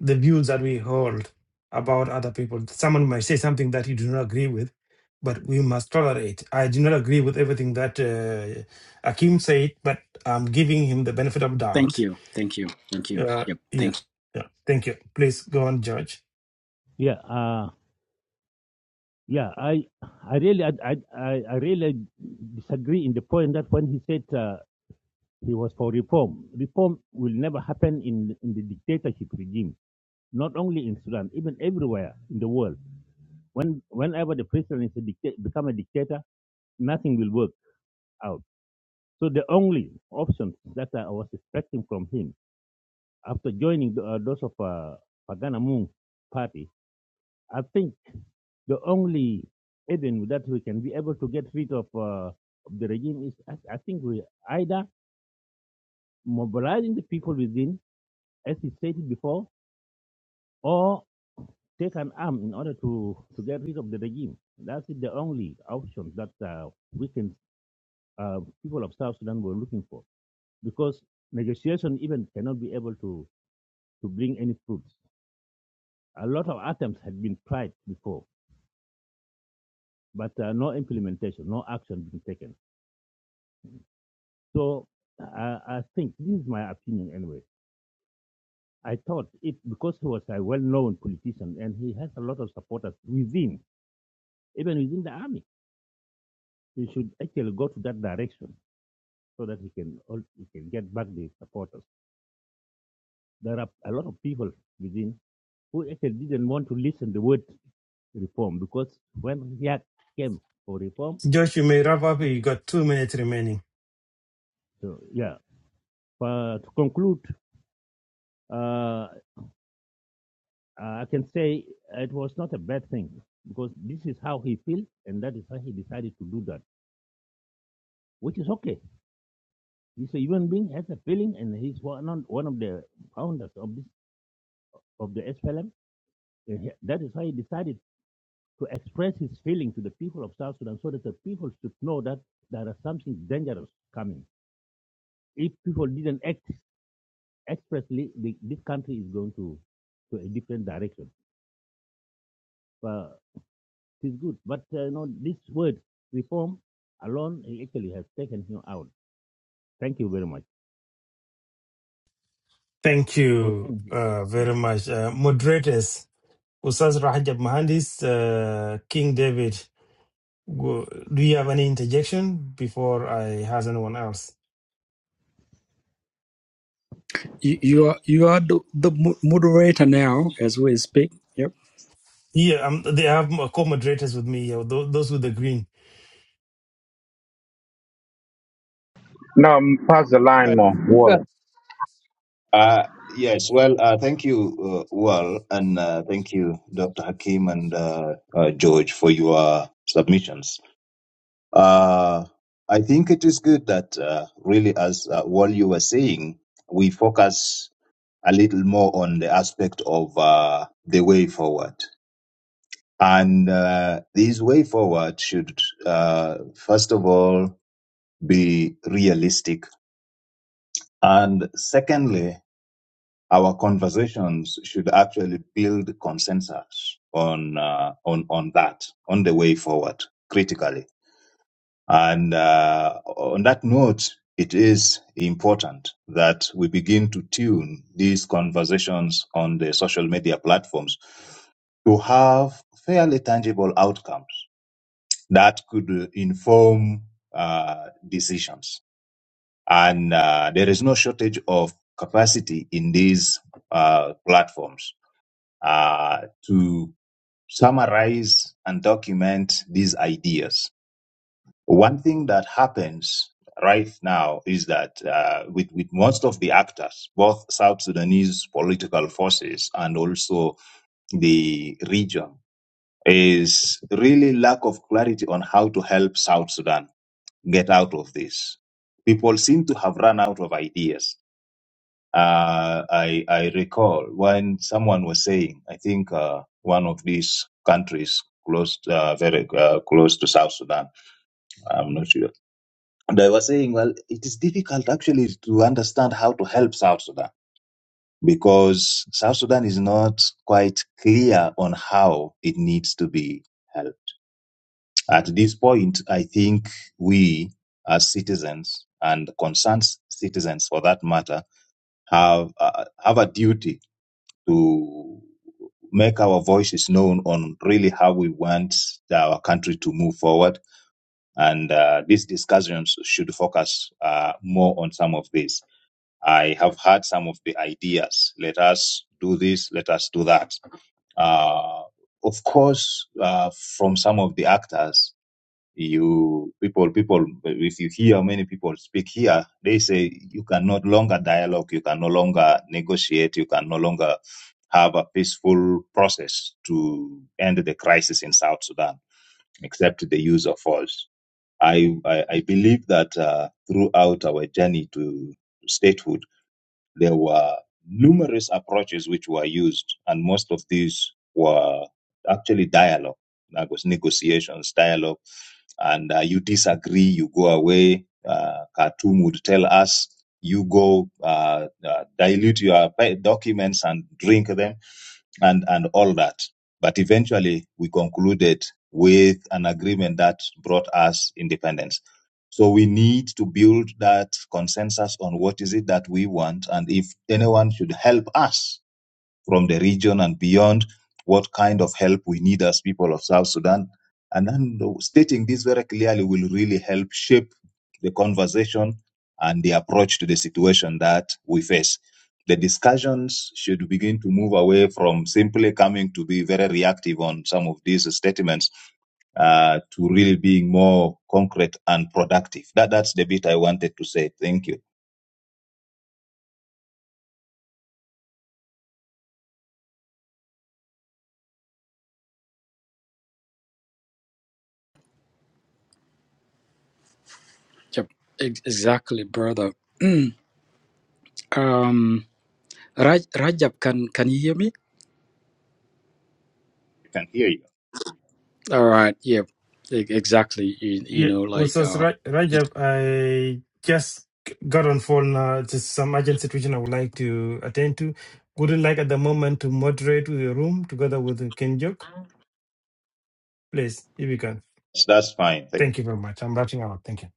S6: the views that we hold about other people. Someone might say something that you do not agree with, but we must tolerate. I do not agree with everything that uh, Akim said, but I'm giving him the benefit of
S5: Thank
S6: doubt.
S5: you, thank you, thank you.
S6: Uh,
S5: Yep,
S6: yeah,
S5: thank you.
S6: yeah. Thank you. Please go on, George.
S21: Yeah, uh, yeah. I I really I, I I I really disagree in the point that when he said uh, he was for reform, reform will never happen in in the dictatorship regime. Not only in Sudan, even everywhere in the world When, whenever the president is a dicta- become a dictator, nothing will work out. So the only option that I was expecting from him after joining the, uh, those of uh, Pagana Moon party, I think the only avenue that we can be able to get rid of, uh, of the regime is, I, I think, we either mobilizing the people within, as he stated before, or take an arm in order to, to get rid of the regime. That's the only option that uh, we can uh, people of South Sudan were looking for, because negotiation even cannot be able to, to bring any fruits. A lot of attempts had been tried before, but uh, no implementation, no action being taken. So I, I think this is my opinion anyway. I thought it because he was a well-known politician and he has a lot of supporters within, even within the army. He should actually go to that direction so that he can he can get back the supporters. There are a lot of people within who actually didn't want to listen to the word reform because when he had came for reform,
S6: George, you may wrap up. You
S21: nothing.
S6: got two minutes remaining.
S21: So yeah. For, to conclude, uh, uh, I can say it was not a bad thing because this is how he feels, and that is why he decided to do that, which is okay. He's a human being, has a feeling, and he's one one of the founders of this of the SPLM. he- That is why he decided to express his feeling to the people of South Sudan, so that the people should know that there is something dangerous coming. If people didn't act expressly the, this country is going to to a different direction. But it is good. But uh, you know, this word reform alone actually has taken him out. Thank you very much.
S6: Thank
S21: I will
S6: you
S21: end here.
S6: uh,
S21: Mm.
S6: very much. Uh, moderators, Ustaz Rahajab Mahandis, uh, King David, go- do you have any interjection before I has anyone else?
S5: You, you are you are the, the mo- moderator now as we speak. Yep,
S6: Yeah, um, they have m- co-moderators with me, yeah, tho- those with the green.
S19: Well, uh, yes, well, uh, thank you, uh, Wal, and uh, thank you, Dr. Hakim and uh, uh, George, for your submissions. Uh, I think it is good that uh, really, as uh, what you were saying, we focus a little more on the aspect of uh, the way forward. And uh, this way forward should, uh, first of all, be realistic. And secondly, our conversations should actually build consensus on uh, on on that on the way forward critically And uh, on that note, it is important that we begin to tune these conversations on the social media platforms to have fairly tangible outcomes that could uh, inform uh, decisions. And uh, there is no shortage of capacity in these uh, platforms uh, to summarize and document these ideas One thing that happens right now is that uh, with, with most of the actors, both South Sudanese political forces and also the region, is really lack of clarity on how to help South Sudan get out of this. People seem to have run out of ideas. Uh, I, I recall when someone was saying, I think uh, one of these countries close, uh, very uh, close to South Sudan, I'm not sure and I was saying, well, it is difficult actually to understand how to help South Sudan because South Sudan is not quite clear on how it needs to be helped. At this point, I think we as citizens and concerned citizens for that matter have, uh, have a duty to make our voices known on really how we want our country to move forward. And uh, these discussions should focus uh, more on some of this. I have had some of the ideas. Let us do this, let us do that. Uh, of course, uh, from some of the actors, you people, people, if you hear many people speak here, they say you can no longer dialogue, you can no longer negotiate, you can no longer have a peaceful process to end the crisis in South Sudan, except the use of force. I, I, I believe that uh, throughout our journey to statehood, there were numerous approaches which were used, and most of these were actually dialogue. That was negotiations, dialogue, and uh, you disagree, you go away. Uh, Khartoum would tell us, you go uh, uh, dilute your pa- documents and drink them, and and all that. But eventually, we concluded with an agreement that brought us independence. So we need to build that consensus on what is it that we want and if anyone should help us from the region and beyond, what kind of help we need as people of South Sudan. And then stating this very clearly will really help shape the conversation and the approach to the situation that we face. The discussions should begin to move away from simply coming to be very reactive on some of these statements uh, to really being more concrete and productive. That that's the bit I wanted to say. Thank you.
S5: yep. Ex- Exactly, brother. Mm, um, Raj, Rajab, can can you hear me?
S19: I can hear you.
S5: All right. Yep. e- Exactly. You, you
S6: Yeah,
S5: know, like.
S6: Ustaz
S5: uh.
S6: Ra- Rajab, I just g- got on phone. Uh, just some urgent situation I would like to attend to. Wouldn't like at the moment to moderate with the room together with Ken Jok. Please, if you can.
S19: So that's fine. Thank you.
S6: Thank you very much. I'm rushing out. Thank you.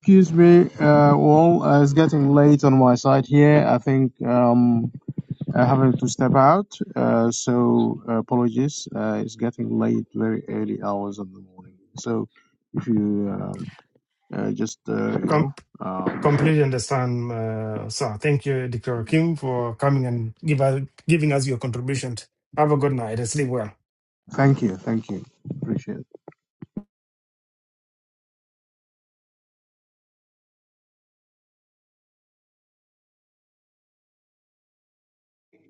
S20: excuse me, uh, all uh, it's getting late on my side here. I think um, I'm having to step out, uh, so uh, apologies. Uh, it's getting late, very early hours of the morning. So if you uh, uh, just uh, you
S6: Come.
S20: know. Um,
S6: Completely understand, uh, sir. Thank you, Dr. Kim, for coming and give us, giving us your contribution. Have a good night and sleep well.
S20: Thank you. Thank you. Appreciate it.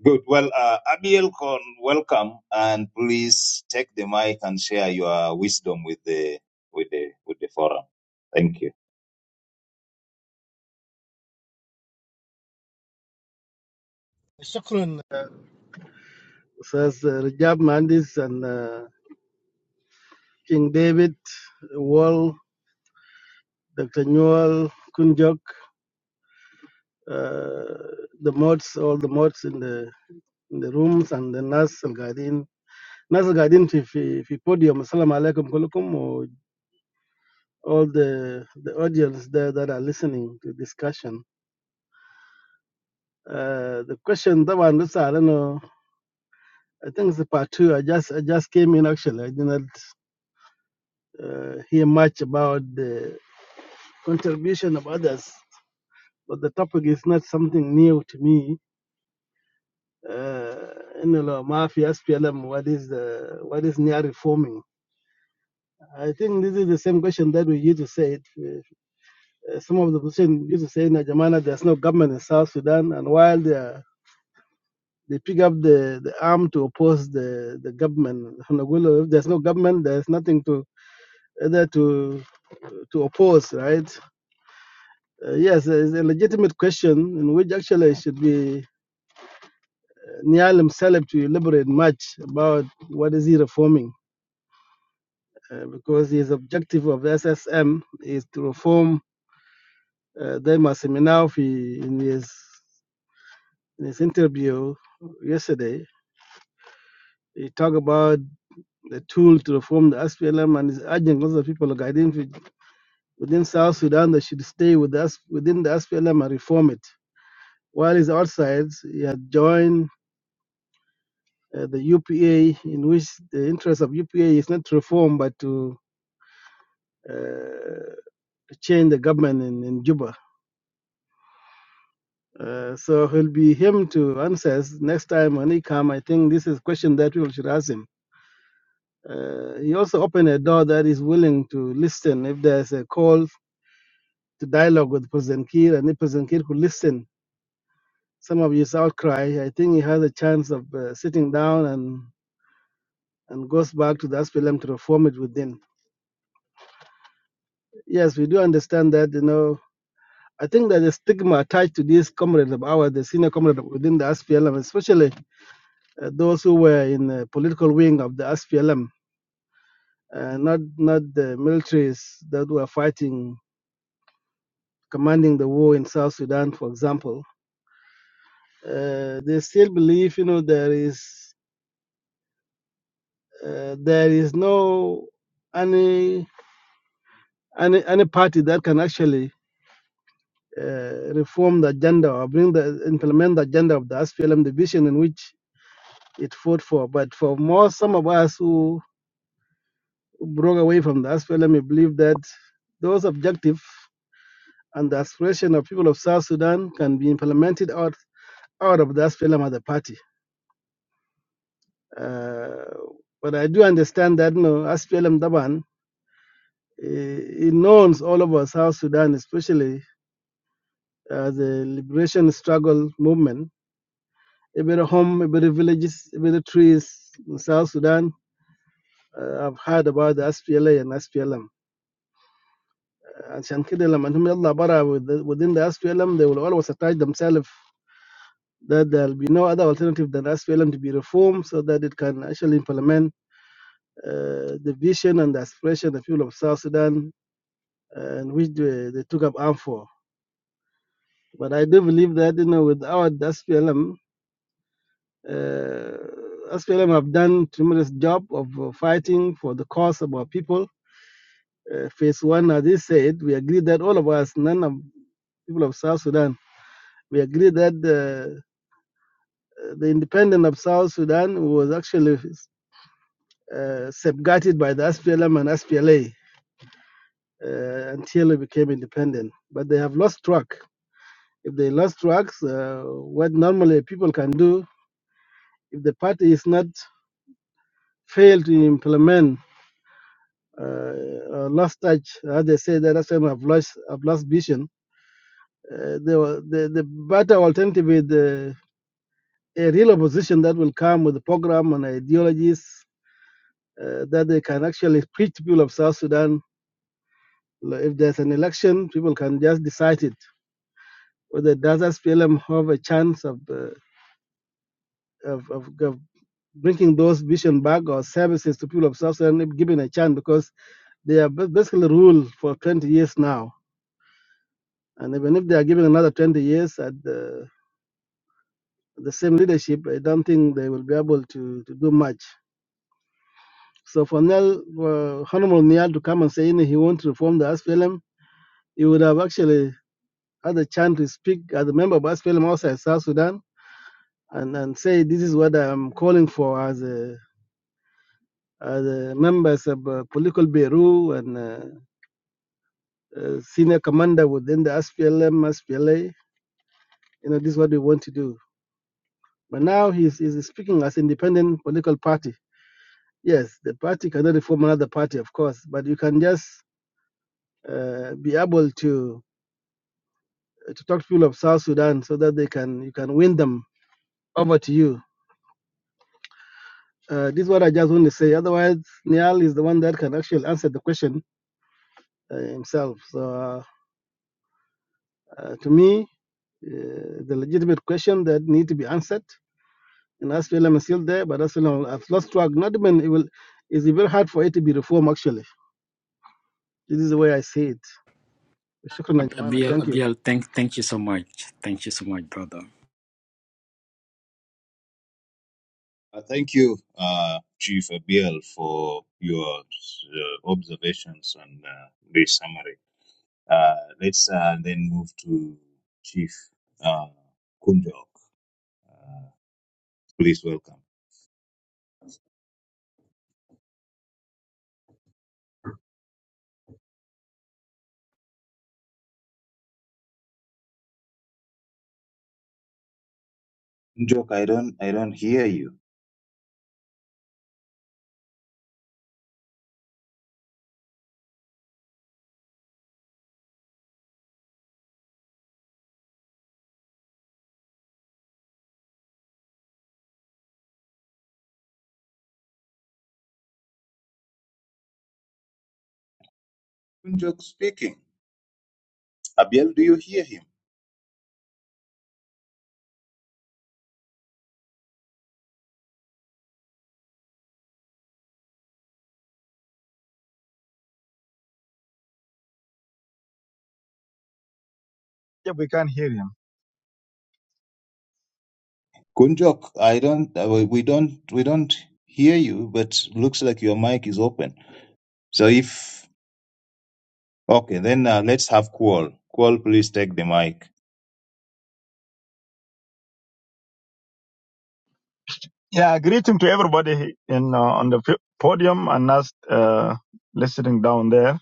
S19: Good. Well, uh, Abiel, Kon, welcome, and please take the mic and share your wisdom with the with the with the forum. Thank you.
S22: شكرا Says uh, Rajab Mandis and uh, King David, Wall, Dr. Newell, Kunjok, uh, the mods, all the mods in the in the rooms, and the Nas Al Gadin. Nas Al Gadin fi, fi, fi podium. Assalamu alaikum kulukum, or all the, the audience there that are listening to discussion. Uh, the question that one, this, I don't know. I think it's a part two. I just I just came in actually. I did not uh, hear much about the contribution of others but the topic is not something new to me. Uh, in the law, mafia, SPLM, what is the what is near reforming? I think this is the same question that we used to say. Uh, some of the position used to say in Jamana, there's no government in South Sudan, and while they are, they pick up the, the arm to oppose the, the government, Nagulo, if there's no government, there's nothing to either to to oppose, right? Uh, yes, it's a legitimate question in which actually should be Nialim Saleb to elaborate much about what is he reforming, uh, because his objective of SSM is to reform uh, Dema Seminawi in his, in his interview yesterday. He talked about the tool to reform the SPLM and is urging lots of people like within, within South Sudan that should stay with us within the SPLM and reform it. While he's outside, he had joined uh, the UPA, in which the interest of UPA is not to reform but to uh, change the government in, in Juba. Uh, so he'll be him to answer next time when he come. I think this is question that we should ask him. Uh, he also opened a door that is willing to listen if there's a call to dialogue with President Kiir, and if President Kiir could listen some of his outcry, I think he has a chance of uh, sitting down and and goes back to the SPLM to reform it within. Yes, we do understand that. You know, I think there's a stigma attached to these comrades of ours, the senior comrades within the SPLM, especially uh, those who were in the political wing of the SPLM, uh, not not the militaries that were fighting, commanding the war in South Sudan, for example. Uh, they still believe, you know, there is uh, there is no any any any party that can actually uh, reform the agenda or bring the implement the agenda of the SPLM the vision in which it fought for. But for more, some of us who broke away from the SPLM, we believe that those objectives and the aspiration of people of South Sudan can be implemented out, out of the SPLM as a party. Uh, but I do understand that no SPLM Daban eh, it knows all over South Sudan, especially uh, the liberation struggle movement. Every home, every villages, every trees in South Sudan uh, have heard about the SPLA and SPLM. And Shankidel and Yalla Bara with the- within the SPLM, they will always attach themselves that there'll be no other alternative than SPLM to be reformed so that it can actually implement uh, the vision and the aspiration of the people of South Sudan and uh, which they, they took up arm for. But I do believe that you know without the SPLM, uh, SPLM have done tremendous job of uh, fighting for the cause of our people. Uh, phase one, as they said, we agree that all of us, none of people of South Sudan, we agree that uh, the independence of South Sudan was actually uh, safeguarded by the SPLM and SPLA uh, until we became independent. But they have lost track. If they lost tracks, uh, what normally people can do, if the party is not failed to implement uh, lost touch, as they say, that SPLM have lost, have lost vision, uh, they the, the better alternative is the, a real opposition that will come with a program and ideologies uh, that they can actually preach to people of South Sudan. If there's an election, people can just decide it Whether does SPLM have a chance of, uh, of, of, of bringing those vision back or services to people of South Sudan, Giving a chance, because they are basically ruled for 20 years now. And even if they are given another 20 years at the, the same leadership, I don't think they will be able to, to do much. So for Niall for Honorable Nial to come and say you he wants to reform the SPLM, he would have actually had a chance to speak as a member of SPLM outside South Sudan and, and say, this is what I'm calling for as. uh, the members of uh, political bureau and uh, uh, senior commander within the SPLM, SPLA. You know, this is what we want to do. But now he's, he's speaking as independent political party. Yes, the party cannot reform another party, of course, but you can just uh, be able to uh, to talk to people of South Sudan so that they can you can win them over to you. Uh, this is what I just want to say. Otherwise, Niall is the one that can actually answer the question uh, himself. So uh, uh, to me, uh, the legitimate question that need to be answered. And SPLM is still there, but SPLM has lost track. Not even it will. It's very hard for it to be reformed. Actually, this is the way I see it. Shukran,
S5: Ab-
S22: jamana.
S5: Abiel,
S22: Thank you.
S5: Abiel, thank, thank you so much. Thank you so much, brother.
S19: Uh, thank you, uh, Chief Abiel, for your uh, observations and uh, the summary. Uh, let's uh, then move to Chief uh, Kunjok. Uh, please welcome. Kunjok, I don't, I don't hear you. Kunjok speaking. Abiel, do you hear him?
S23: Yeah, we can hear him.
S19: Kunjok, I don't, uh, we we don't, we don't hear you, but looks like your mic is open. So if, okay, then uh, let's have Kual. Kual, please take the mic.
S23: Yeah, greeting to everybody in uh, on the p- podium and us uh, listening down there.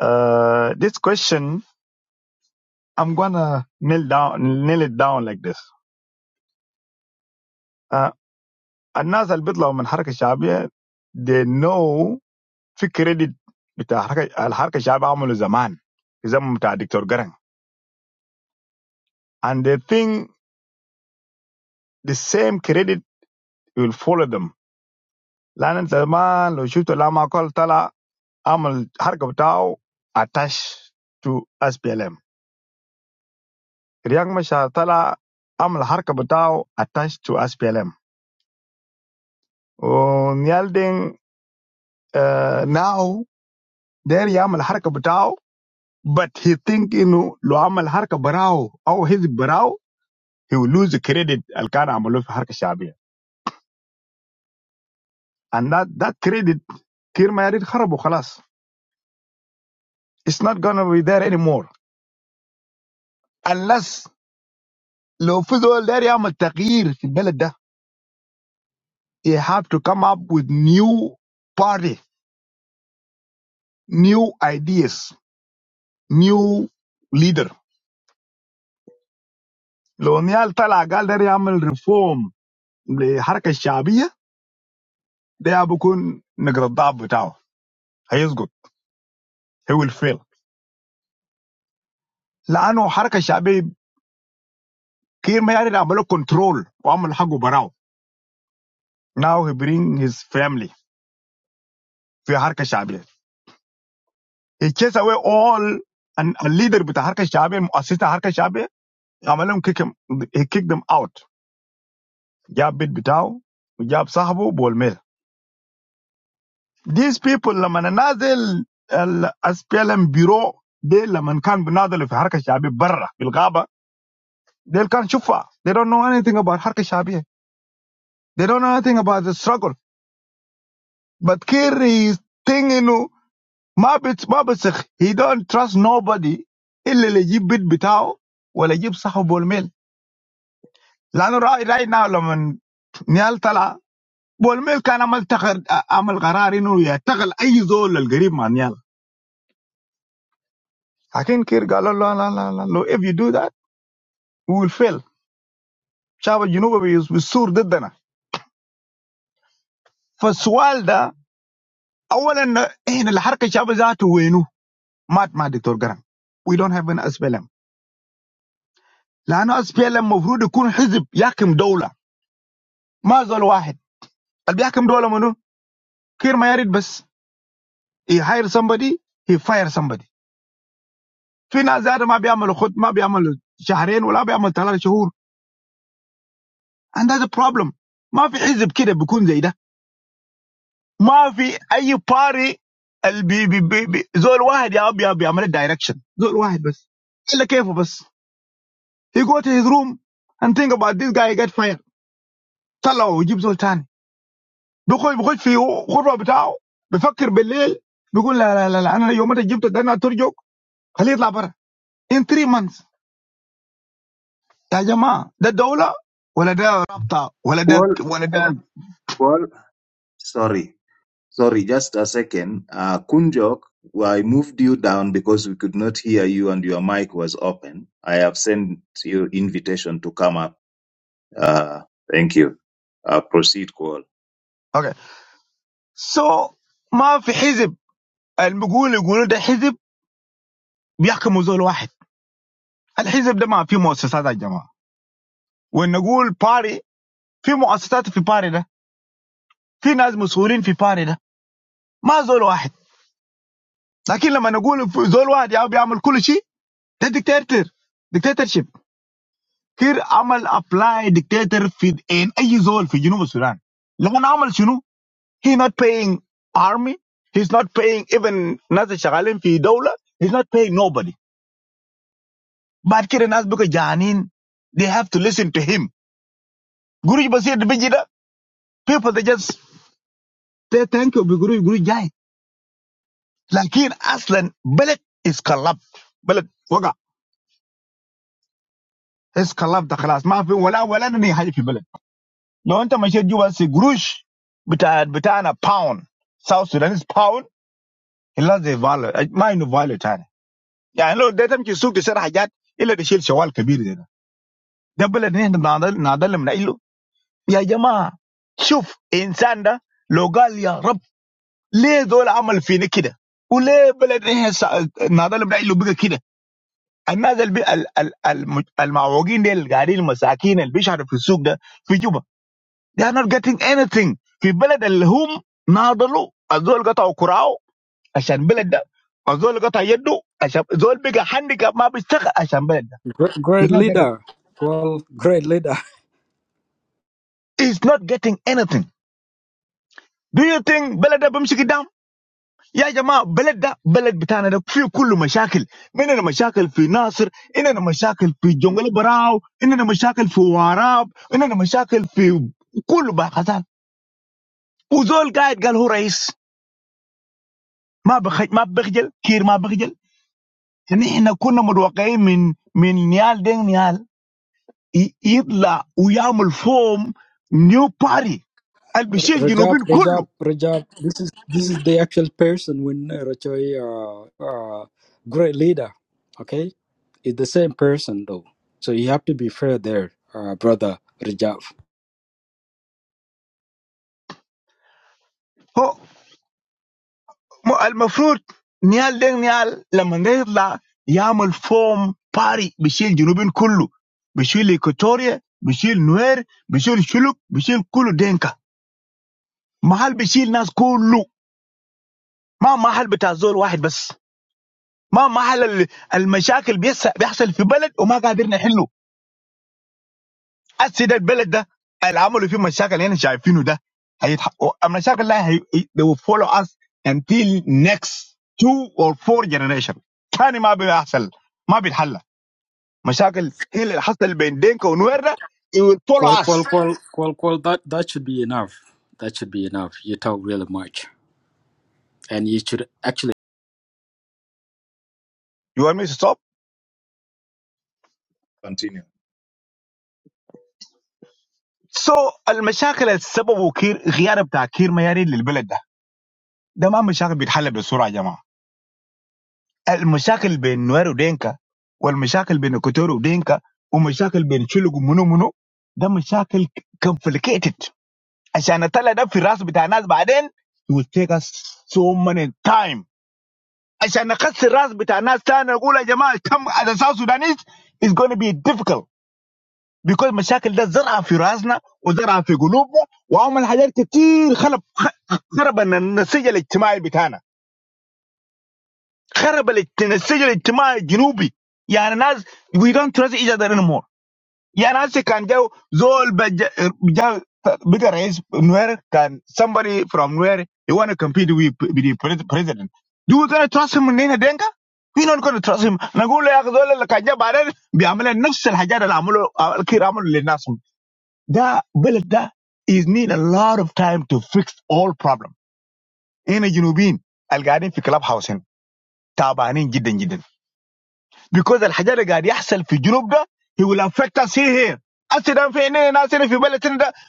S23: Uh, this question, I'm gonna nail down, nail it down like this. Uh, الناس اللي بيطلعوا من حركة شعبية they know في credit بتاع حركة الحركة الشعبية عملوا زمان في زمن بتاع دكتور جرن and they think the same credit will follow them لأن أنت زمان لو شفت لما كول طلع Amal Har Kebutau attached to SPLM. The thing is that Amal Har Kebutau attached to SPLM. Now, there he Amal Har Kebutau, but he thinks if he Amal Har Kebrau, if he brau, he will lose the credit. Alkana Amaluf Har Kshabi, and that that credit, kirmayarid harabu khalas. It's not gonna be there anymore unless he fulu there he Amal Tqir the Beladha. He have to come up with new party, new ideas, new leader. Lo, when he al tell a gal they amel reform the Harke Shabiya, they abo kon nagradab betaw. He is good. He will fail. Lo ano Harke Shabiya kira may aleramelo control o amel hago braw. Now he bring his family fi Harke Shabiya. He chase away all an a leader betaw Harke Shabiya, assistant Harke Shabiya, amelum kick him, he kick them out. جاب بيت بتاعه وجاب صاحبه بولمير these people لما نازل الاس بي ال ام بيرو دي لما كان بيناضلوا في حركه شعبيه برا في الغابه دي كان شوفها they don't know anything about حركه شعبيه they don't know anything about the struggle but Kerry is thinking انه ما بت ما بسخ he don't trust nobody الا اللي يجيب بيت بتاعه ولا يجيب صاحبه بولميل لانه راي راي ناو لما نيال طلع بولميل كان عمل تخر عمل قرار انه يتغل اي زول القريب مع نيال لكن كير قال له لا لا لا لا لو if you do that we will fail شعب الجنوب بيس- بيصور ضدنا فالسؤال ده اولا احنا الحركه شعب ذاته وينه؟ مات مع دكتور جرام we don't have an SPLM لانه SPLM المفروض يكون حزب يحكم دوله ما زول واحد اللي بيحكم دوله منو؟ كير ما يريد بس he hire somebody he fire somebody في ناس ذاته ما بيعملوا خط ما بيعملوا شهرين ولا بيعمل ثلاث شهور and that's a problem ما في حزب كده بيكون زي ده ما في اي باري البي بي بي بي زول واحد يا ابي ابي عمل دايركشن زول واحد بس الا كيفه بس he go to his room and think about this guy get fired طلعه ويجيب زول تاني بيخش بيخش في غرفه بتاعه بيفكر بالليل بيقول لا لا لا, لا انا يوم ما جبت ده انا ترجوك خليه يطلع برا in 3 months يا جماعه ده دوله ولا ده رابطه ولا ده
S19: Kual,
S23: ولا ده
S19: Kual, sorry, sorry, just a second. Uh, Kunjok, I moved you down because we could not hear you and your mic was open. I have sent you invitation to come up. Uh, thank you. Uh, proceed, Kual.
S23: اوكي سو ما في حزب اللي بيقول يقولوا ده حزب بيحكموا زول واحد الحزب ده ما في مؤسسات يا جماعه وان نقول باري في مؤسسات في باري ده في ناس مسؤولين في باري ده ما زول واحد لكن لما نقول في زول واحد يا بيعمل كل شيء ده ديكتاتور ديكتاتورشيب كير عمل ابلاي ديكتاتور في ان اي زول في جنوب السودان لما عمل شنو هي نوت paying army he's not paying even ناس اللي شغالين في دوله he's not paying nobody بعد كده الناس بقى جعانين they have to listen to him قريش بسيط بيجي ده people they just they thank you بيقولوا يقولوا جاي لكن اصلا بلد اسقلب بلد وقع اسقلب ده خلاص ما في ولا ولا ني حاجه في بلد لو انت مشيت جوا سي قروش بتاع بتاعنا باوند ساوث سودانيز باوند الا زي فاليو ما انه فاليو تاني يعني لو ده تمشي السوق تشتري حاجات الا تشيل شوال كبير زي ده ده بلد نحن نعدل نعدل من له يا جماعه شوف انسان ده لو قال يا رب ليه دول عمل فينا كده وليه بلد نحن نعدل من له بقى كده الناس البي... ال... ال... الم- المعوجين دي اللي قاعدين المساكين اللي بيشحروا في السوق ده في جوبا they are not getting anything في بلد اللي هم ناضلوا الزول قطعوا كراعه عشان بلد ده الزول قطع يده عشان الزول بقى هانديكاب ما بيشتغل عشان بلد ده
S5: Great,
S23: he's
S5: great
S23: not getting
S5: leader. Well, great leader.
S23: he's not getting anything do you think بلد ده بيمشي قدام يا جماعه بلد ده بلد بتاعنا ده فيه كل مشاكل عندنا مشاكل في ناصر عندنا مشاكل في جنجل براو عندنا مشاكل في وراب عندنا مشاكل في كل باحثات وزول قاعد قال هو رئيس ما بخ... ما بخجل كير ما بخجل نحن كنا متوقعين من من نيال دين نيال ي- يطلع ويعمل فوم نيو باري
S5: R-
S23: البشير
S5: Rajab,
S23: الجنوبين
S5: Rajab,
S23: كله
S5: Rajab. This is this is the actual person when uh, Rajoy, uh, uh, great leader. Okay, it's the same person though. So you have to be fair there, uh, brother Rajab.
S23: م- المفروض نيال دين نيال لما يطلع يعمل فوم باري بيشيل جنوبين كله بيشيل إيكوتوريا بيشيل نوير بيشيل شلوك بيشيل كله دينكا محل بيشيل ناس كله ما محل بتاع زول واحد بس ما محل ال- المشاكل بيس- بيحصل في بلد وما قادرين نحله السيد البلد ده اللي عملوا فيه مشاكل اللي احنا شايفينه ده هيتحققوا المشاكل لا هي they will follow us until next two or four generation تاني ما بيحصل ما بيتحل مشاكل هي اللي حصل بين دينكا ونوير ده it will
S5: Well,
S23: follow
S5: well,
S23: us
S5: well, well, well. That, that should be enough. That should be enough. You talk really much, and you should actually.
S23: you want me to stop
S19: Continue.
S23: so المشاكل السبب وكير غياب بتاع كير ميارين للبلد ده ده ما مشاكل بيتحل بسرعه يا جماعه المشاكل بين نوير ودينكا والمشاكل بين كوتور ودينكا ومشاكل بين شلوك ومنو منو ده مشاكل complicated عشان اطلع ده في الراس بتاع الناس بعدين it will take us so many time عشان نقص الراس بتاع الناس تاني نقول يا جماعه كم as a South Sudanese is going to be difficult because مشاكل ده زرعه في راسنا وزرعه في قلوبنا وعمل حاجات كتير خرب خرب النسيج الاجتماعي بتاعنا Horribly, the situation in the south. Yeah, now we don't trust each other anymore. Yeah, now they can go. Who else? Where can somebody from where they want to compete with with the pres- president? Do we gonna trust him? No, we're not gonna trust him. I'm gonna say that they can't do it. We have made 900,000 people. That will that is need a lot of time to fix all problems in the south. Al Garden, Fiklab Housing, Taubani, Jidin, Jidin. Because the hardship that is happening in Europe, it will affect us here. I see them in England, I see them in the United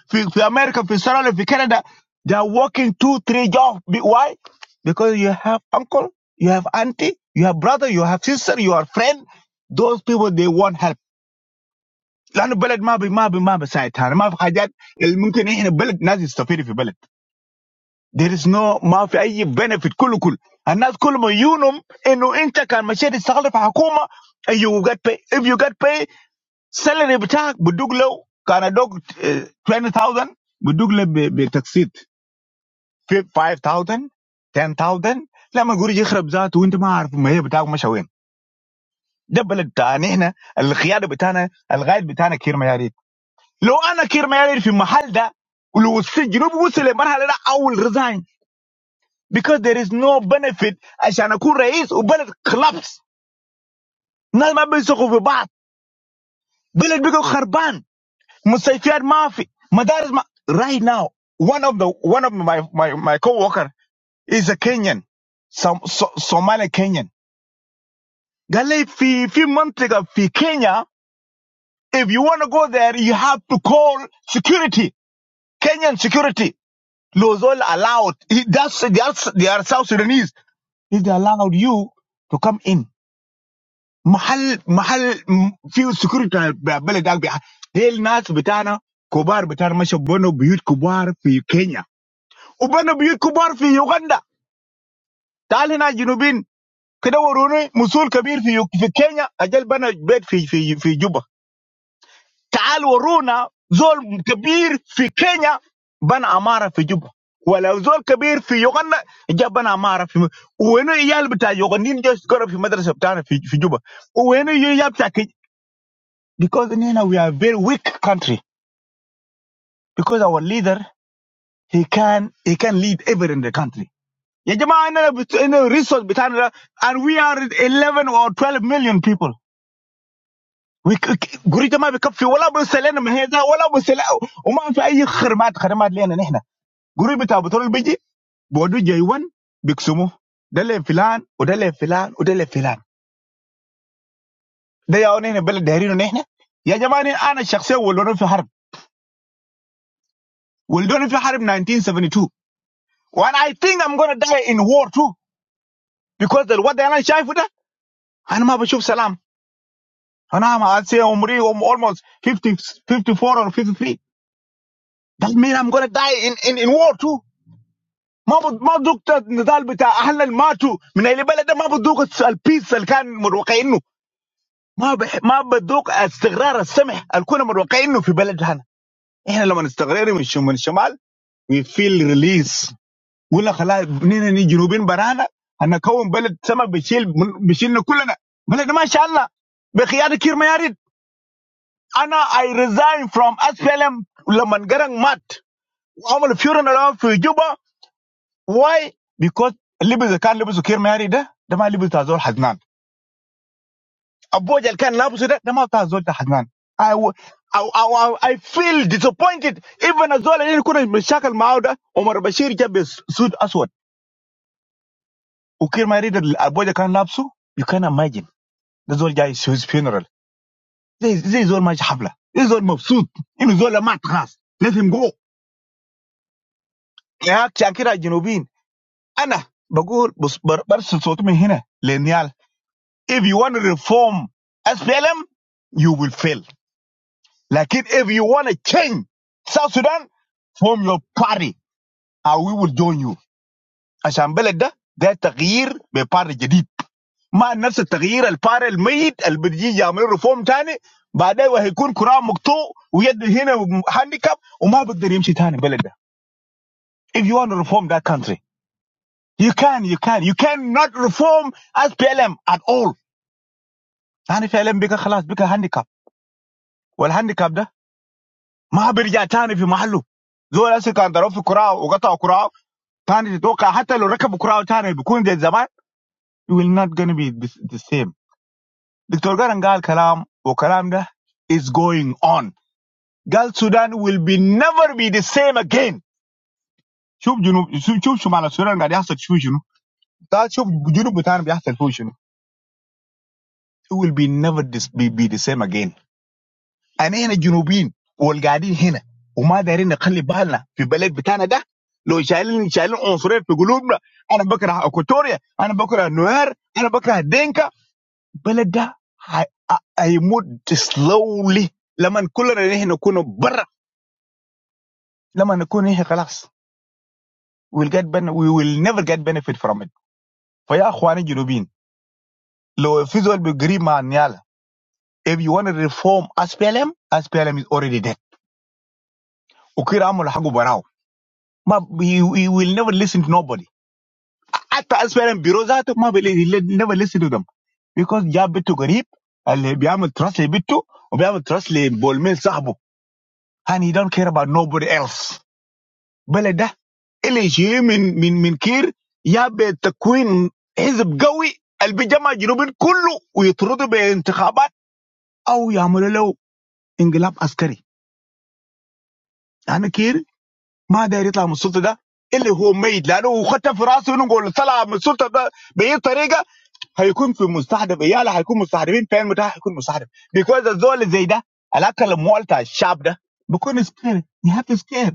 S23: States, in America, in Canada. They are working two, three jobs. Be- Why? Because you have uncle, you have auntie, you have brother, you have sister, you have friend. Those people they want help. لا نبلد ما بي ما بي ما بساعدان ما في حاجات الممكن إيه نبلد نازل استوفي في البلد. There is no ما في أي benefit. كل كل الناس كل ما ينوم إنه إنت كان مشيت استقل في حكومة and you get paid. If you get paid. salary بتاعك بدوك لو كان ادوك آه، 20000 بدوك له ب- بتقسيط في 5000 10000 لما يقول يخرب ذاته وانت ما عارف ما هي بتاعك مشى وين ده بلد بتاعنا احنا القياده بتاعنا الغايد بتاعنا كير مياريت لو انا كير مياريت في المحل ده ولو السجن بوصل لمرحله ده اول ريزاين because there is no benefit عشان اكون رئيس وبلد collapse الناس ما بيثقوا في بعض بلد بيكون خربان Mustafiyad Mafi, Madaris Ma. Right now, one of the one of my my my coworker is a Kenyan, some so, Somali Kenyan. Gale, fi few months ago, fi Kenya. If you want to go there, you have to call security, Kenyan security. Lozol allowed. He, that's they are they are South Sudanese. If they allowed you to come in, mahal mahal mm, few security Be bele dag be. Del nas bitana kubar bitana masho bono biyut kubar fi Kenya. وبنوا بيوت كبار في يوغندا تعال هنا جنوبين كده وروني مسؤول كبير في يو- في كينيا اجل بنى بيت في في في جوبا تعال ورونا زول كبير في كينيا بنى عماره في جوبا ولا زول كبير في يوغندا جاب بنى عماره في م... وين عيال بتاع يوغنديين جاي يسكروا في مدرسه بتاعنا في في جوبا وين عيال بتاع كي because هنا we are very weak country because our leader he can he can lead ever in the country Yah, jamaa inna inna resource bintana, and we are 11 or 12 million people. We guridi ma bi kafir. Wallabu sallam mehezah. Wallabu sallam. Uman fi ayyi khramat khramat liyana nihna. Guridi bintana batoon baji. Bawdu jaywan bixumu. Dale filan. Udale filan. Udale filan. Daya oni nih bela dhirin oni nihna. Yah, jamaa inna an shakse wuldon fi harim. Wuldon fi harim 1972. When I think I'm gonna die in war too, because the war dailan shayfuta. Anama bishuf salam. And I'm, I'd say I'm really- I'm almost 50, 54 or 53. That means I'm going to die in, in, in war too. ما بد- ما ذقت النضال بتاع اهلنا اللي ماتوا من اهل البلد ده ما بتذوق الس- البيس اللي كان متوقعينه ما بح... ما بتذوق استقرار السمح اللي كنا متوقعينه في بلد هنا احنا لما نستقرر من الشمال من الشمال وي فيل ريليس قلنا خلاص نحن جنوبين برانا هنكون بلد سمح بيشيل من- بيشيلنا كلنا بلد ما شالنا بخيار كير ما ياريت Anna, I resign from SPLM Lamangarang Mat. I'm a funeral around for Why? Because Libis can Libis who care married, the my Libis Tazol Haznan. A boy that can Labus, the my I I I I feel disappointed. Even as well, I couldn't be shackled Mauda, Omar Bashir Jabez Sud Aswad. Who care married, a boy that can You can imagine. That's all guy is his funeral. This this is all my Habla. This is all Mabsut. This is all a Matras. Let him go. Yeah, Chankira Jinubin. انا بقول بص بر- برسل صوتي من هنا للنيال if you want to reform SPLM you will fail لكن if you want to change South Sudan form your party and we will join you عشان بلد ده ده تغيير بباري جديد ما نفس التغيير الباري الميت اللي بيجي يعملوا ريفورم تاني بعدين وهيكون كرة مقطوع ويد هنا هانديكاب وما بيقدر يمشي تاني بلد ده if you want to reform that country you can you can you cannot reform SPLM at all ثاني فعلا بقى خلاص بقى هانديكاب والهانديكاب ده ما بيرجع تاني في محله زول هسه كان ضرب في كراعه وقطع كراعه تاني تتوقع حتى لو ركبوا كراعه تاني بيكون زي زمان you will not gonna be the the same دكتور جارن قال كلام وكلام ده is going on قال السودان will be never be the same again شوف جنوب شوف شوف شمال السودان قاعد يحصل شو شنو قال شوف جنوب بتاعنا بيحصل فيه شنو it will be never this, be, be the same again انا هنا جنوبيين والقاعدين هنا وما دايرين نخلي بالنا في بلد بتاعنا ده لو شايلين شايلين عنصريه في قلوبنا انا بكره اكوتوريا انا بكره نوير انا بكره دينكا البلد ده هي- ه- هيموت سلولي لما كلنا نحن نكون برا لما نكون نحن خلاص we'll get ben we will never get benefit from it فيا اخواني الجنوبيين لو في زول بيجري مع نيالا if you want to reform SPLM SPLM is already dead وكير عمل حقه براو ما he, he will never listen to nobody حتى اسفل بيرو ذاته ما بل, he will never listen to them because جاب بيته قريب اللي بيعمل تراس لبيته وبيعمل تراس لبولميل صاحبه and he don't care about nobody else بلد ده اللي يشيل من من من كير جاب تكوين حزب قوي اللي بيجمع جنوبين كله ويطرده بانتخابات او يعملوا له انقلاب عسكري لان كير ما داير يطلع من السلطه ده اللي هو ميت لانه خدت في راسه انه يقول طلع من السلطه ده باي طريقه هيكون في مستهدف عياله هيكون مستهدفين فين بتاعه هيكون مستهدف because الزول زي ده الاكل مولتع الشعب ده بيكون سكير يهاف سكير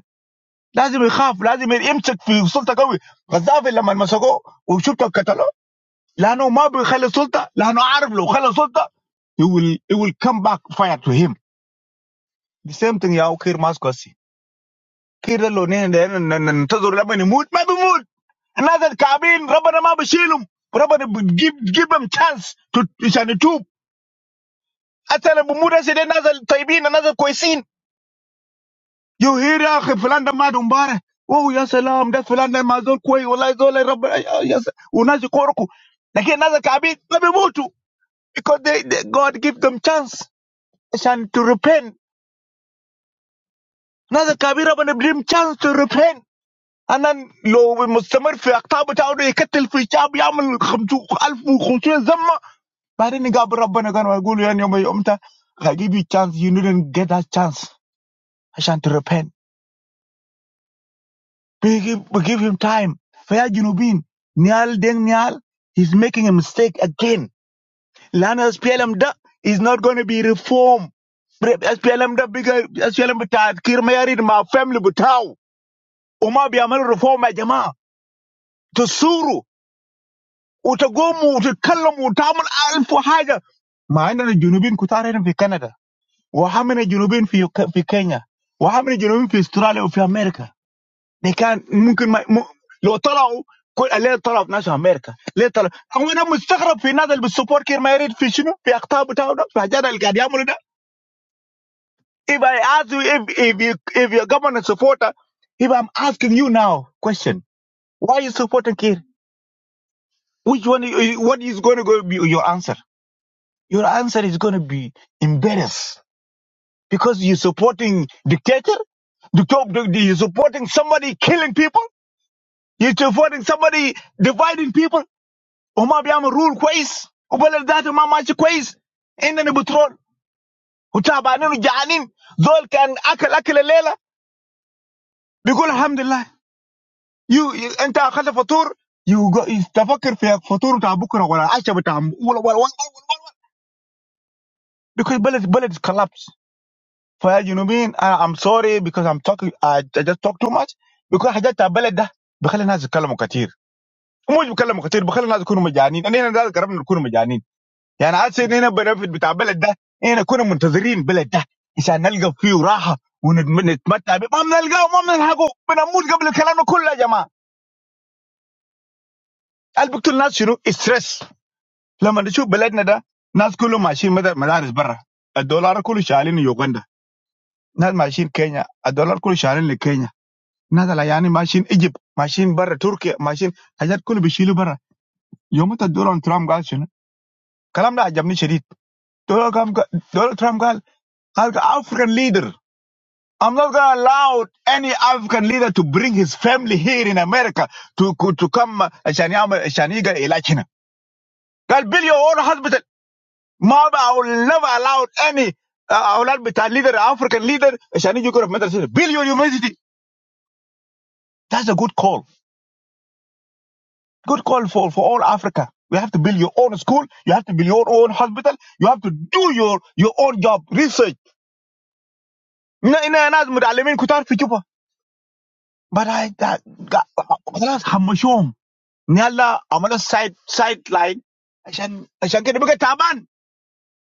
S23: لازم يخاف لازم يمسك في سلطه قوي غزافي لما مسكوه وشفته قتلوه لانه ما بيخلي سلطه لانه عارف لو خلى سلطه he will, he will come back fire to him the same thing يا كير ماسكوسي كير ده لو نحن ن- ن- ننتظر لما يموت ما بيموت الناس الكعبين ربنا ما بيشيلهم ربنا give give them chance to عشان يتوب I tell them, but more than another, they've been another coisin. You hear them? They're flying the madumbare. Oh yes, Allahumma, they're flying the madon coi. Allah is allay, Rabbiya. Yes, we're not the koroku. They get another kabit. They're not moved to because they they, God give them chance, Ashan to repent. Another kabit, Rabbi, give them chance to repent. Anan, lo, we Muslims are fi aktaba, chaun eka telfi, chaab yamen khamtu alif bukhshu al zamma. Bariniga, Rabbi, na gan wagulu yani yomita. I give you chance, you didn't get that chance, Ashan to repent. We give, we give him time. Fair Junubin. Nial Deng Nial he's making a mistake again. Lana SPLM da is not going to be reformed. Bre- SPLM da bigger SPLM ta kirmayari ma family butaw. Uma bi amal reform ma jama'a. Tusuru utagomu utakallamu utamal alfu haja. ما عندنا جنوبين كتار هنا في Junubin وحمنا جنوبين في في كينيا وحمنا جنوبين في استراليا وفي امريكا ده كان ممكن ما م... لو طلعوا كل ليه طلعوا ناس في امريكا ليه طلعوا هو انا مستغرب في الناس اللي بتسبورت كير ما يريد في شنو في اخطاء بتاعه ده في حاجات اللي قاعد يعملوا ده if I ask you if if you if you're government supporter if I'm asking you now question why you supporting Kir which one you- what is going to go be your answer your answer is going to be embarrassed because you're supporting dictator the top, the, the- you're supporting somebody killing people. You're supporting somebody dividing people. وما بيعمل رول كويس وبلد ذاته ما ماشي كويس عندنا بترول وتعبانين وجعانين دول كان اكل اكل الليله بيقول الحمد لله يو, يو انت اخذت فطور يو جو- تفكر في فطور بتاع بكره ولا العشاء بتاع م- ولا ولا ولا ولا because بلد بلد collapse فيا جنوبيين انا I'm sorry because I'm talking I, I just talk too much because حاجات بتاع البلد ده بخلي الناس يتكلموا كتير ومش بيتكلموا كتير بخلي الناس يكونوا مجانين انا هنا ده قربنا نكون مجانين يعني حاسس ان هنا بنفيت بتاع البلد ده هنا كنا منتظرين البلد ده عشان نلقى فيه راحه ونتمتع بيه ما بنلقاه ما بنلحقه بنموت قبل الكلام ده كله يا جماعه قال بيقتل الناس شنو ستريس لما نشوف بلدنا ده ناس كلهم ماشيين مدار- مدارس برا الدولار كله شغالين يوغندا ناس ماشيين كينيا الدولار كله شغالين لكينيا ناس يعني ماشيين ايجيبت ماشيين برا تركيا ماشيين حاجات كله بيشيلوا برا يوم الدولار ترامب قال شنو الكلام ده عجبني شديد دولار ترامب قال دولار ترامب قال قال افريكان ليدر I'm not going to allow any African leader to bring his family here in America to to come عشان يعمل عشان يلقى علاج هنا. قال build your own hospital. ما ب- I will never allow any uh, أولاد بتاع leader African leader عشان يجوا يقروا في مدرسة. Build your university. That's a good call. Good call for for all Africa. You have to build your own school. You have to build your own hospital. You have to do your your own job research. هنا هنا ناس متعلمين كتار في جوبا. But I, I, I, خلاص همشوهم Nialla, amala side sideline. Aye, shen, shen kiri bika taban.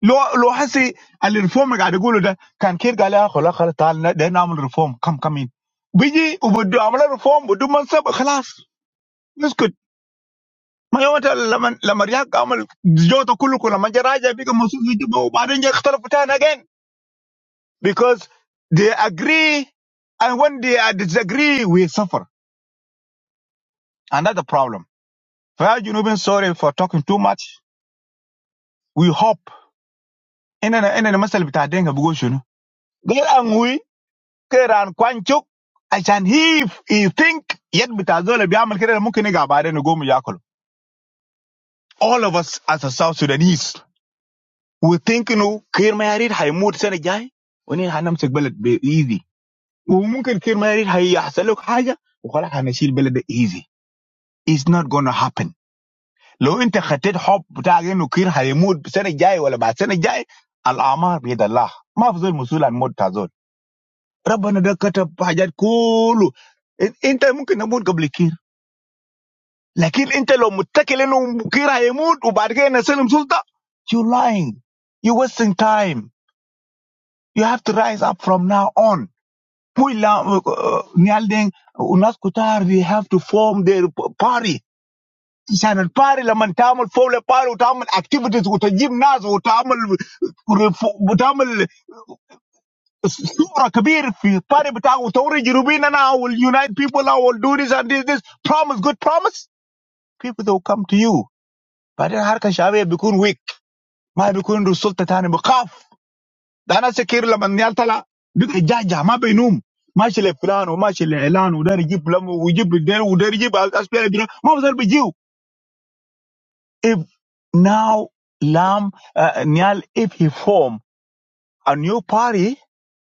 S23: Lo, lo hasi al reforme gade gulu da. Kan kiri galiya kola kala tal. Then amal reform. Come, come in. Biji, obodo amala reform obodo manseb. Khlas. Nisqut. Mayomata la man, la Maria amal. Zio to kulukula. Manjeraja biko mosul video. But obadenye xtala putan again because they agree, and when they are disagree, we suffer. And that's the problem. Fare, you know me. Sorry for talking too much. We hope. enana enana masal bita denga bugo shunu gal angui keran kwanchuk ashan he he think yet bita zola biamal kere mumkin ga bare no gomu yakolo all of us as a south sudanese we think no kir ma yarid hay mut sene jay woni hanam sek balad be easy وممكن كير ما يريد هيحصل لك حاجه وخلاص هنشيل بلد easy it's not gonna happen لو انت خطيت حب بتاعك انه كير هيموت السنه الجايه ولا بعد السنه الجايه الاعمار بيد الله ما في زول مسؤول عن موت تاع Rabana da kata pahajat kulu. Inte mungkin amud gablikir. Lakir inte lo mutakele no mukirah amud ubargen asalam sulta. You lying. You wasting time. You have to rise up from now on. Mulam ni alden unaskutar we have to form the party. Isanal party lo muntilamul follow party. We do activities. We do gymnas. We do. Surakbir, party but I will tell you, you will be now. I will unite people. I will do this and this. This promise, good promise. People they will come to you, but in Harke Shahi, they become weak. May become result that they are weak. That is the key. La Nial Tala. Do they judge? Judge? Ma be inum. Ma chile Flando. Ma chile Elan. Uderi gipulam. Uderi gipulam. Uderi gipal. Aspire. Ma wasar biju. If now Lam Nial, if he form a new party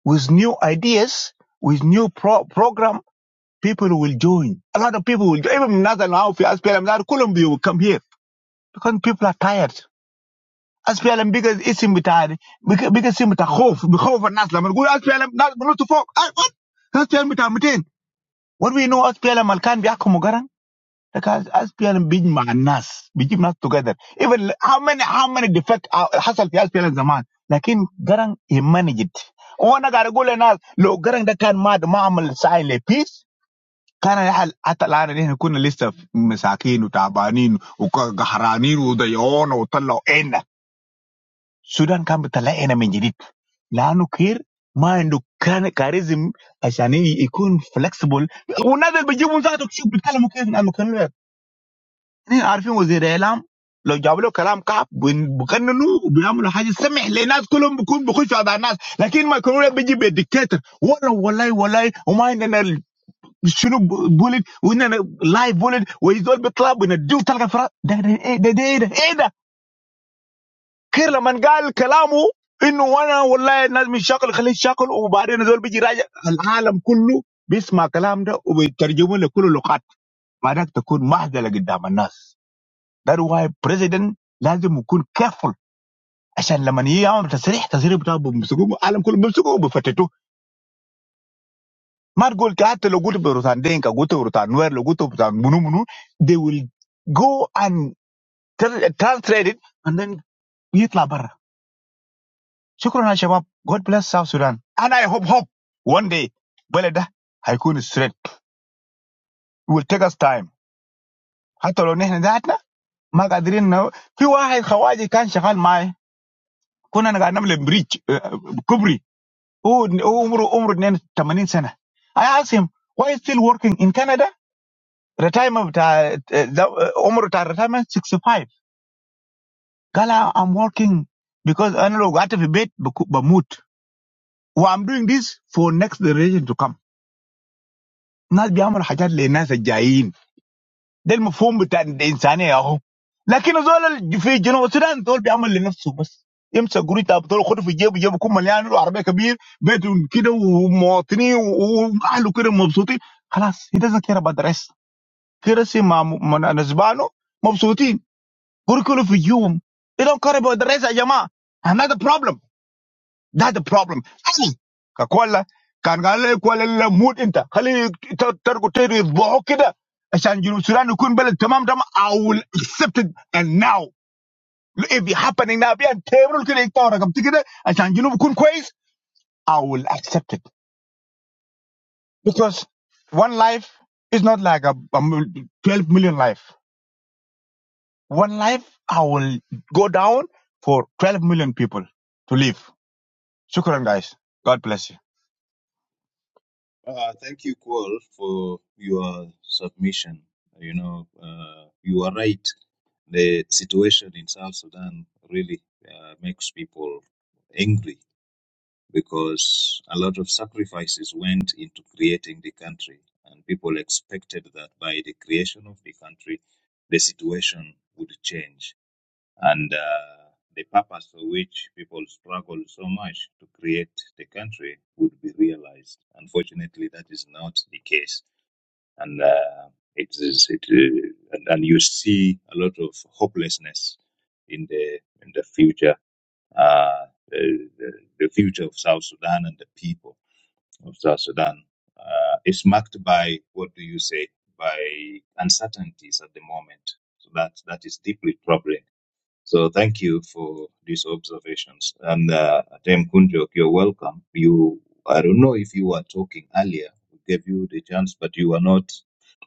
S23: with new ideas, with new pro- program. people will join. A lot of people will join. Even Nazar now, if you ask PLM, now Colombia will come here because people are tired. As PLM, because it's in between, because because in between, hope, hope for Nazar. Man, go ask PLM, Nazar, not to fuck. Ah, What? As PLM, between, between. What we know, as PLM, Alkan, be akumogaran. Because as PLM, big man, Nas, big Nas together. Even how many, how many defect uh, hassle for as PLM zaman. Lakin Garang, he managed it. وانا قاعد اقول للناس لو قرن ده كان ماد ما عمل ساين لبيس كان يحل حتى الان نحن كنا لسه مساكين وتعبانين وقهرانين وضيعونا وطلعوا عنا السودان كان بيطلع عنا من جديد لانه كير ما عنده كان كاريزم عشان ي- يكون فلكسبل والناس اللي بيجيبوا ذاته شوف بيتكلموا كيف لانه كانوا نحن عارفين وزير اعلام لو جابوا له كلام كعب بن- بيغننوا وبيعملوا حاجه سمح للناس كلهم بيكون بيخشوا على الناس لكن ما يكونوا بيجي بالديكتاتور والله والله والله وما عندنا شنو بولد واننا لايف بولد ويزول بيطلع بنديه تلقى الفراغ ده ده ايه ده ده ايه ده, إيه ده؟ كير لما قال كلامه انه وانا والله الناس من شاكل خليه شاكل وبعدين زول بيجي راجع العالم كله بيسمع كلام ده وبيترجمه لكل اللغات بعدك تكون مهزله قدام الناس ده واي بريزيدنت لازم يكون كيرفول عشان لما يجي يعمل تصريح تصريح بتاعه بيمسكوه العالم كله بيمسكوه وبيفتتوه ما تقول ك- حتى لو قلت بروتان دينكا قلت بروتان نوير لو قلت بروتان منو منو they will go and tr- translate it, and then يطلع برا شكرا يا شباب God bless South Sudan and I hope hope one day بلد ده هيكون straight it will take us time حتى لو نحن ذاتنا ما قادرين نو... في واحد خواجي كان شغال معي كنا قاعد نعمل بريج كبري هو هو عمره عمره 82 سنه I asked him why is still working in Canada retirement بتاع ده- عمره بتاع retirement 65 قال I'm working because انا لو قعدت في البيت بموت وام doing this for next generation to come ناس بيعملوا حاجات للناس الجايين ده المفهوم بتاع الانسانيه اهو لكن زول ال- في جنوب السودان زول بيعمل لنفسه بس يمسك قريت ابطال وخده في جيبه جيبه يكون مليان له عربيه كبير بيته كده ومواطنين واهله كده مبسوطين خلاص he doesn't care about the rest كرسي مع م- مع نسبانه مبسوطين قريت كله في جيوبهم they don't care about the rest يا جماعه another problem That's the problem. Ali ka kwalla kan ga lai kwalla la mut inta khali ta tarku tayri dhaw kida عشان جنوب السودان يكون بلد tamam. تمام I will accept it and now if it happening now بيان تيبل كده يقطعوا رقبتي كده عشان جنوب يكون كويس I will accept it because one life is not like a, a mil- 12 million life one life I will go down for 12 million people to live shukran guys God bless
S19: Uh, thank you, Cole, for your submission. You know, uh, you are right. The situation in South Sudan really uh, makes people angry because a lot of sacrifices went into creating the country, and people expected that by the creation of the country, the situation would change and uh, the purpose for which people struggle so much to create the country would be realized. Unfortunately, that is not the case, and uh, it is it uh, and, and you see a lot of hopelessness in the in the future. Uh, the, the the future of South Sudan and the people of South Sudan uh, is marked by what do you say by uncertainties at the moment. So that that is deeply troubling so thank you for these observations. And uh, Dame Kunjok, you're welcome. You, I don't know if you were talking earlier. We gave you the chance, but you were not.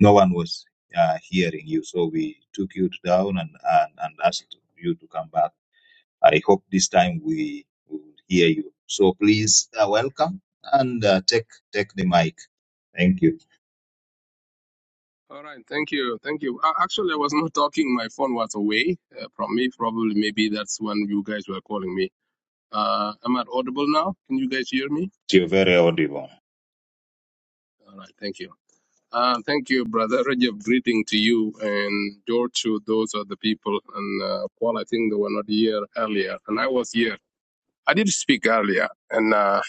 S19: No one was uh, hearing you, so we took you down and, and and asked you to come back. I hope this time we will hear you. So please uh, welcome and uh, take take the mic. Thank you.
S16: All right, thank you, thank you. A- Actually, I was not talking; my phone was away uh, from me. Probably, maybe that's when you guys were calling me. Uh, am I audible now? Can you guys hear me?
S19: You're very audible.
S16: All right, thank you. Uh, thank you, brother Rajab. Greeting to you and George. To those are the people, and uh, Paul. I think they were not here earlier, and I was here. I did speak earlier, and uh,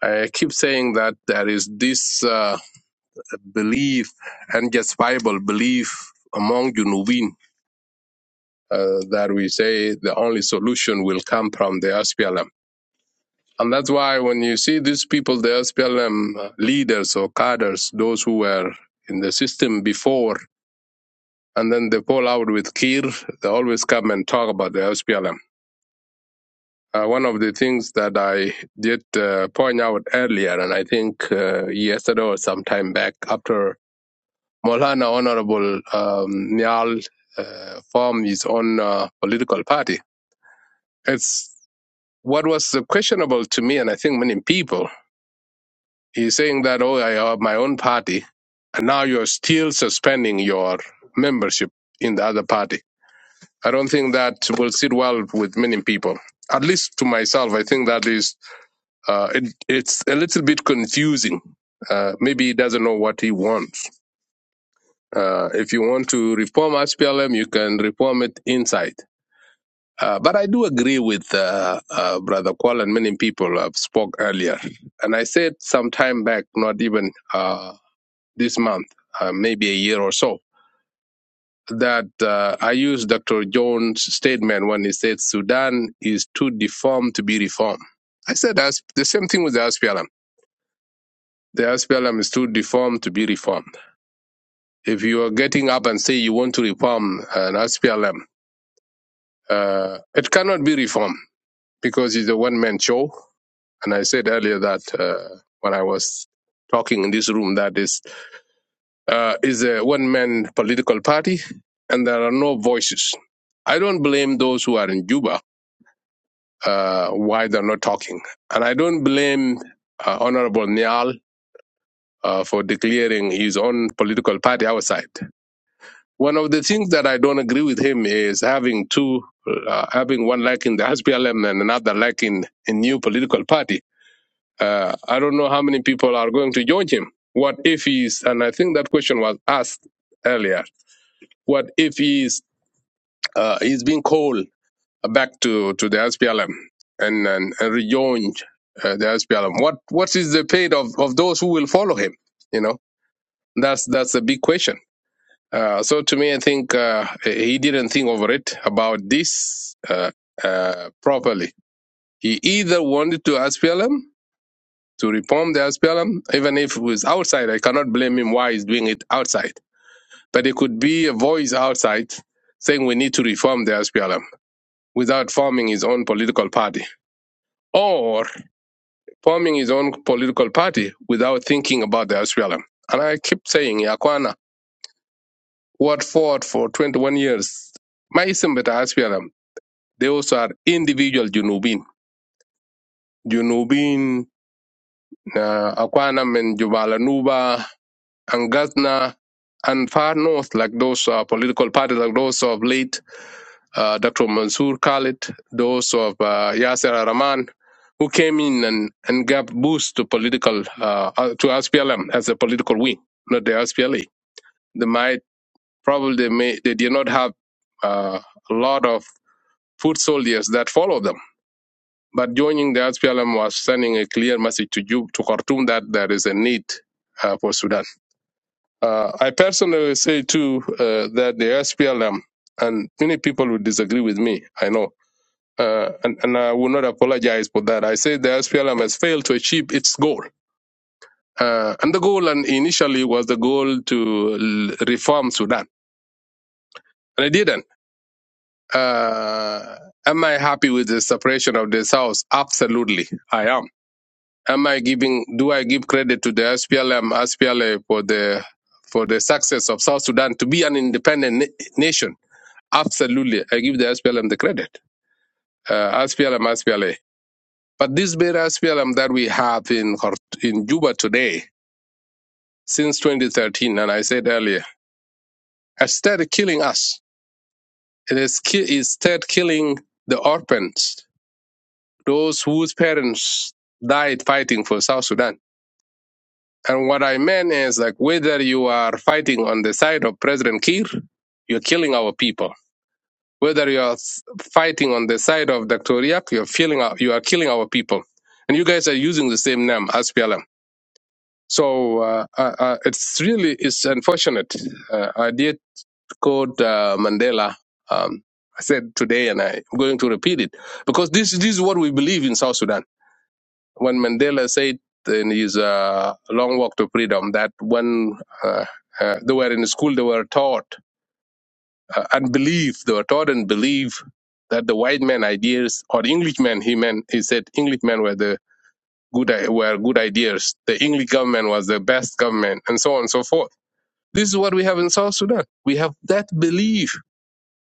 S16: I keep saying that there is this uh, belief and justifiable belief among Junubin uh, that we say the only solution will come from the SPLM. And that's why when you see these people, the SPLM leaders or cadres, those who were in the system before, and then they fall out with Kir, they always come and talk about the SPLM. Uh, one of the things that I did uh, point out earlier, and I think uh, yesterday or sometime back after Molana Honorable um, Nyal uh, formed his own uh, political party, it's. What was uh, questionable to me, and I think many people, is saying that, oh, I have my own party, and now you're still suspending your membership in the other party. I don't think that will sit well with many people. At least to myself, I think that is, uh, it, it's a little bit confusing. Uh, maybe he doesn't know what he wants. Uh, if you want to reform SPLM, you can reform it inside. Uh, but I do agree with uh, uh, Brother Qual and many people have spoke earlier. And I said some time back, not even uh, this month, uh, maybe a year or so, that uh, I used Dr. Jones' statement when he said Sudan is too deformed to be reformed. I said as, the same thing with the SPLM. The SPLM is too deformed to be reformed. If you are getting up and say you want to reform an SPLM, uh, it cannot be reformed because it's a one-man show And I said earlier that uh, when I was talking in this room, that is uh, is a one man political party, and there are no voices. I don't blame those who are in Juba uh, why they're not talking, and I don't blame uh, Honorable Niall uh, for declaring his own political party outside. One of the things that I don't agree with him is having two, uh, having one like in the SPLM and another like in a new political party Uh, I don't know how many people are going to join him. What if he's, and I think that question was asked earlier, what if he's, uh, he's being called back to, to the SPLM and, and, and rejoined uh, the SPLM? What, what is the fate of, of those who will follow him? You know, that's, that's a big question. Uh, so to me, I think uh, he didn't think over it about this uh, uh, properly. He either wanted to SPLM to reform the SPLM, even if it was outside. I cannot blame him why he's doing it outside. But it could be a voice outside saying we need to reform the SPLM without forming his own political party or forming his own political party without thinking about the SPLM. And I keep saying, Yakwana, what fought for 21 years, my Isimbeta SPLM, they also are individual Junubin. Junubin, uh, Akwana men Jubala Nuba, and Ghazna and far north, like those uh, political parties, like those of late uh, Dr. Mansour Khalid, those of uh, Yasser Araman, who came in and, and gave boost to political uh, uh, to SPLM as a political wing, not the SPLA. They might probably they may they did not have uh, a lot of foot soldiers that follow them. But joining the SPLM was sending a clear message to you to Khartoum that there is a need uh, for Sudan. Uh, I personally say too uh, that the SPLM, and many people will disagree with me, I know, uh, and, and I will not apologize for that. I say the SPLM has failed to achieve its goal. Uh, and the goal and initially was the goal to l- reform Sudan. And it didn't. Uh, am I happy with the separation of the South? Absolutely, I am. Am I giving, do I give credit to the SPLM, SPLA for the, for the success of South Sudan to be an independent na- nation? Absolutely. I give the SPLM the credit. Uh, SPLM, SPLA. But this very SPLM that we have in, Khor- in Juba today, since 2013, and I said earlier, has started killing us. it is has ki- it started killing the orphans, those whose parents died fighting for South Sudan. And what I meant is like whether you are fighting on the side of President Kiir, you're killing our people Whether you are fighting on the side of Dr. Riak, you're feeling our, you are killing our people, and you guys are using the same name as PLM. So uh, uh, uh, it's really it's unfortunate. Uh, I did quote uh, Mandela. Um, I said today, and I'm going to repeat it because this this is what we believe in South Sudan. When Mandela said in his uh, long walk to freedom that when uh, uh, they were in school, they were taught uh, unbelief. They were taught and believe that the white man ideas or Englishmen. He meant he said Englishmen were the good i- were good ideas. The English government was the best government, and so on and so forth. This is what we have in South Sudan. We have that belief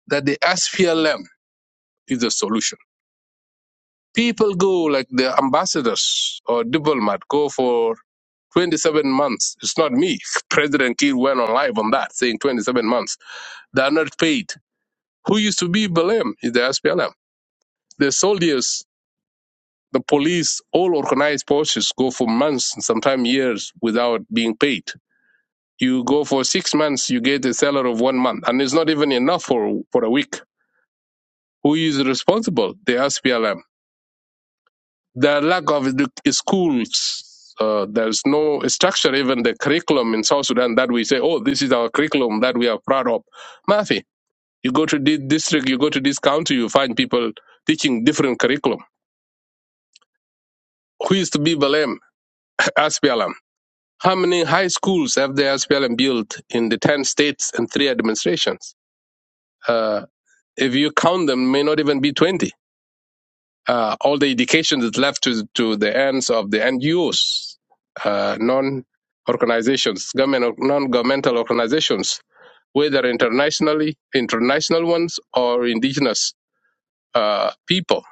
S16: that the SPLM is the solution. People go like the ambassadors or diplomat go for 27 months. It's not me. President Kiir went on live on that saying 27 months. They are not paid. Who used to be blamed is the SPLM The soldiers, the police, all organized forces go for months and sometimes years without being paid. You go for six months, you get a salary of one month, and it's not even enough for, for a week. Who is responsible? The SPLM. The lack of edu- schools. Uh, there's no structure, even the curriculum in South Sudan that we say, oh, this is our curriculum that we are proud of. Mafi, you go to this district, you go to this county, you find people teaching different curriculum. Who is to be blamed? SPLM How many high schools have the SPLM built in the 10 states and three administrations? Uh, if you count them, may not even be 20. Uh, all the education is left to, to the hands of the NGOs, uh, non organizations, government, non governmental organizations, whether internationally, international ones, or indigenous uh, people.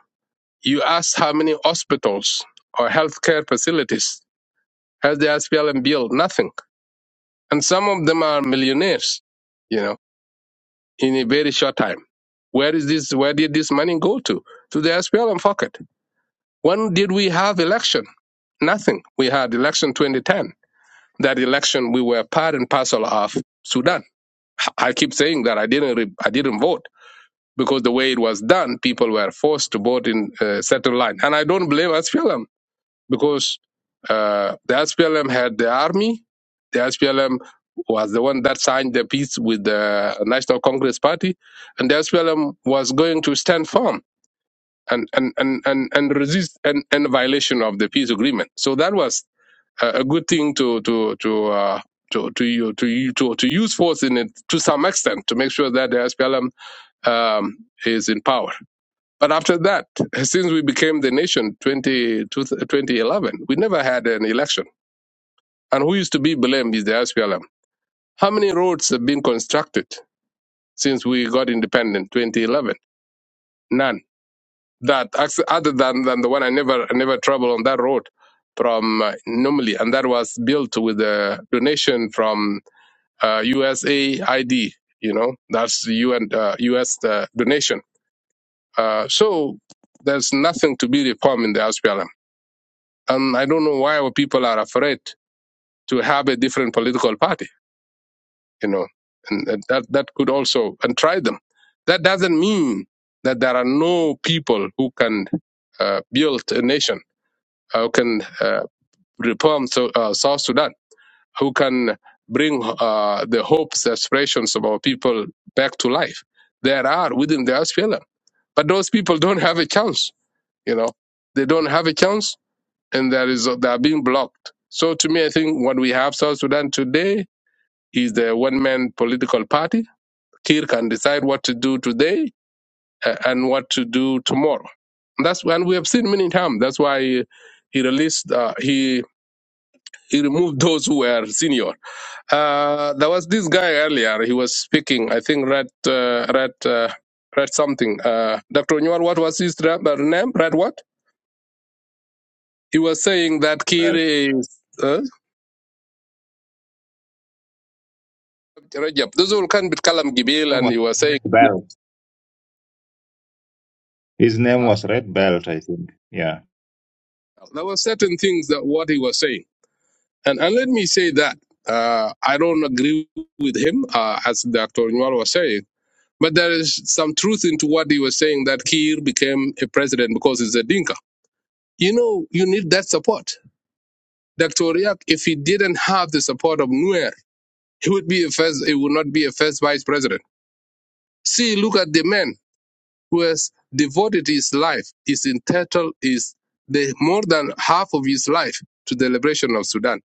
S16: You ask how many hospitals or healthcare facilities has the SPLM built? Nothing. And some of them are millionaires you know. in a very short time. Where is this? Where did this money go to? To the SPLM pocket. When did we have election? Nothing. We had election 2010. That election, we were part and parcel of Sudan. I keep saying that I didn't, re- I didn't vote because the way it was done, people were forced to vote in a certain line, and I don't blame SPLM because uh, the SPLM had the army. The SPLM was the one that signed the peace with the National Congress Party, and the SPLM was going to stand firm and and and and, and resist an, an violation of the peace agreement. So that was a, a good thing to to to. Uh, to to, u- to u- to to use force in it to some extent to make sure that the SPLM um, is in power. But after that, since we became the nation 20, 2011, we never had an election. And who used to be blamed is the SPLM. How many roads have been constructed since we got independent 2011? None. That ex- other than, than the one I never I never traveled on that road from uh, Numili, and that was built with a donation from uh, USAID. You know, that's the UN uh, US uh, donation. Uh, so there's nothing to be reformed in the SPLM And I don't know why our people are afraid to have a different political party, you know, and that, that that could also, and try them. That doesn't mean that there are no people who can uh, build a nation, uh, who can uh, reform so, uh, South Sudan, who can bring uh, the hopes, aspirations of our people back to life. There are within the SPLM. But those people don't have a chance, you know. They don't have a chance and there is they are being blocked. So to me, I think what we have South Sudan today is the one-man political party. Kir can decide what to do today uh, and what to do tomorrow. And that's when we have seen many times. That's why he, he released uh, he he removed those who were senior. Uh, there was this guy earlier. He was speaking. I think read uh, read uh, read something. Uh, Dr. Newell, what was his ra- name? Read what? He was saying that Kir is. Huh? Rajab. Those all can Kalam
S19: Belt. His
S16: Gibil
S19: name
S16: and
S19: was
S16: he was saying
S19: Red Belt. His name
S16: uh,
S19: was Red Belt, I think. Yeah.
S16: there were certain things that what he was saying. And and let me say that uh, I don't agree with him, uh, as Dr. Newell was saying, but there is some truth into what he was saying that Kiir became a president because he's a Dinka. You know, you need that support. Dr. Riak, if he didn't have the support of Nuer, he would be a first, he would not be a first vice president. See, look at the man. who has devoted his life, his entitled is the more than half of his life to the liberation of Sudan.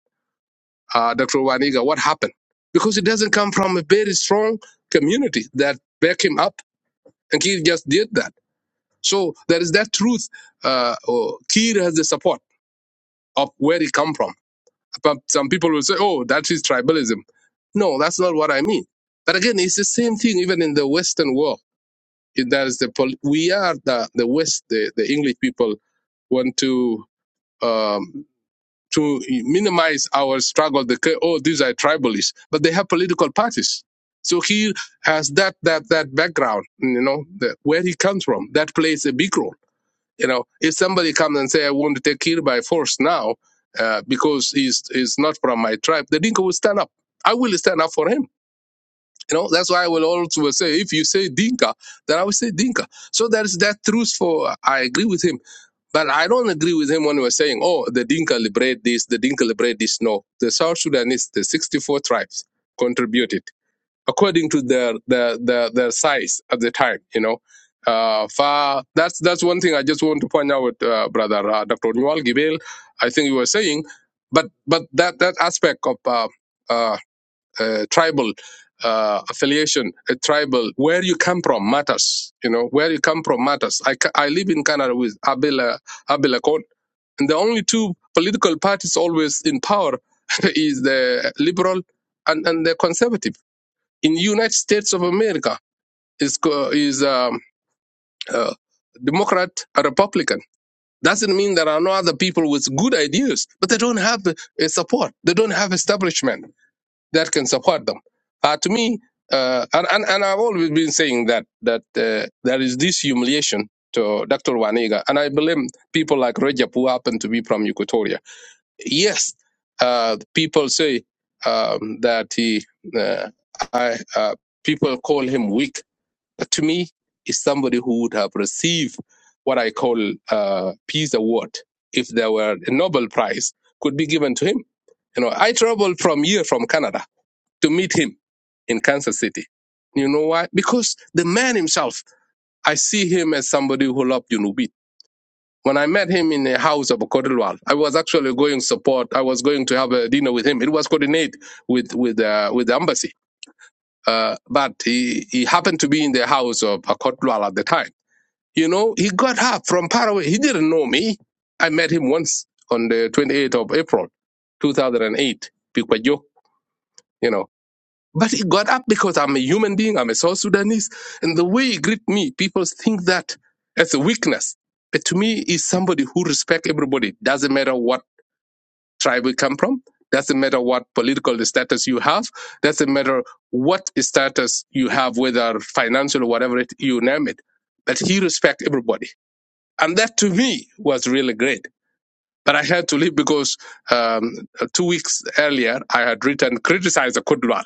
S16: Uh, Dr. Waniga, what happened? Because it doesn't come from a very strong community that back him up, and Kiir just did that. So there is that truth. Uh, oh, Kiir has the support of where he come from. But some people will say, "Oh, that is tribalism." No, that's not what I mean. But again, it's the same thing even in the Western world that is the pol- we are the the West the, the English people want to um, to minimize our struggle. The oh these are tribalists, but they have political parties. So he has that that that background, you know, the, where he comes from. That plays a big role. You know, if somebody comes and say I want to take Kir by force now uh, because he's is not from my tribe, the Dinka will stand up. I will stand up for him you know, that's why I will also will say, if you say Dinka, then I will say Dinka. So there is that truth for, I agree with him. But I don't agree with him when we're saying, oh, the Dinka liberate this, the Dinka liberate this. No, the South Sudanese, the 64 tribes contributed according to their, their, their, their size at the time, you know. Uh, fa- that's, that's one thing I just want to point out, uh, brother, uh, Dr. Nual Gibel, I think you were saying, but, but that, that aspect of, uh, uh, uh, tribal uh, affiliation, a tribal, where you come from matters. You know, where you come from matters. I, ca- I live in Canada with Abela, Abela Kon, and the only two political parties always in power is the liberal and, and the conservative. In the United States of America, is co- is um, uh, Democrat and Republican. Doesn't mean there are no other people with good ideas, but they don't have uh, support. They don't have establishment that can support them. Uh, to me, uh, and, and, and I've always been saying that that uh, there is this humiliation to Dr. Wanega, and I blame people like Rajab who happen to be from Equatoria. Yes, uh, people say um, that he, uh, I, uh, people call him weak. But to me, is somebody who would have received what I call uh, peace award if there were a Nobel Prize could be given to him. You know, I traveled from here from Canada to meet him in Kansas City. You know why? Because the man himself, I see him as somebody who loved Junubit. When I met him in the house of Kodilwal, I was actually going support. I was going to have a dinner with him. It was coordinated with with uh, with the embassy, uh, but he, he happened to be in the house of Kodilwal at the time. You know, he got up from Paraguay. He didn't know me. I met him once on the 28th of April, 2008, Pikwajo. You know, But he got up because I'm a human being, I'm a South Sudanese. And the way he greet me, people think that as a weakness. But to me, he's somebody who respect everybody. Doesn't matter what tribe you come from, doesn't matter what political status you have, doesn't matter what status you have, whether financial or whatever it, you name it. But he respect everybody. And that to me was really great. But I had to leave because um, two weeks earlier, I had written, criticized the Kudwal.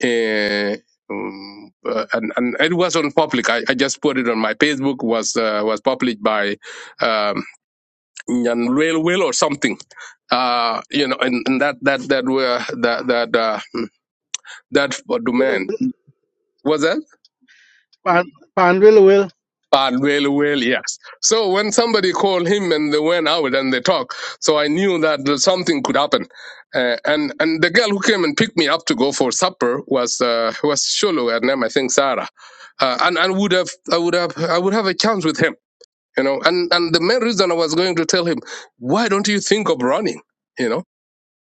S16: Eh, um, uh, and and it was on public. I, I just put it on my Facebook. was uh, was published by um, Nyan Will Will or something. Uh, you know, and, and that that that were that that uh, that for
S22: Well,
S16: domain was that.
S22: Pan, pan really well.
S16: And well, well, yes. So when somebody called him and they went out and they talked, so I knew that there's something could happen. Uh, and and the girl who came and picked me up to go for supper was uh, was Sholo, her name I think Sarah, uh, and and would have I would have I would have a chance with him, you know. And and the main reason I was going to tell him, why don't you think of running, you know?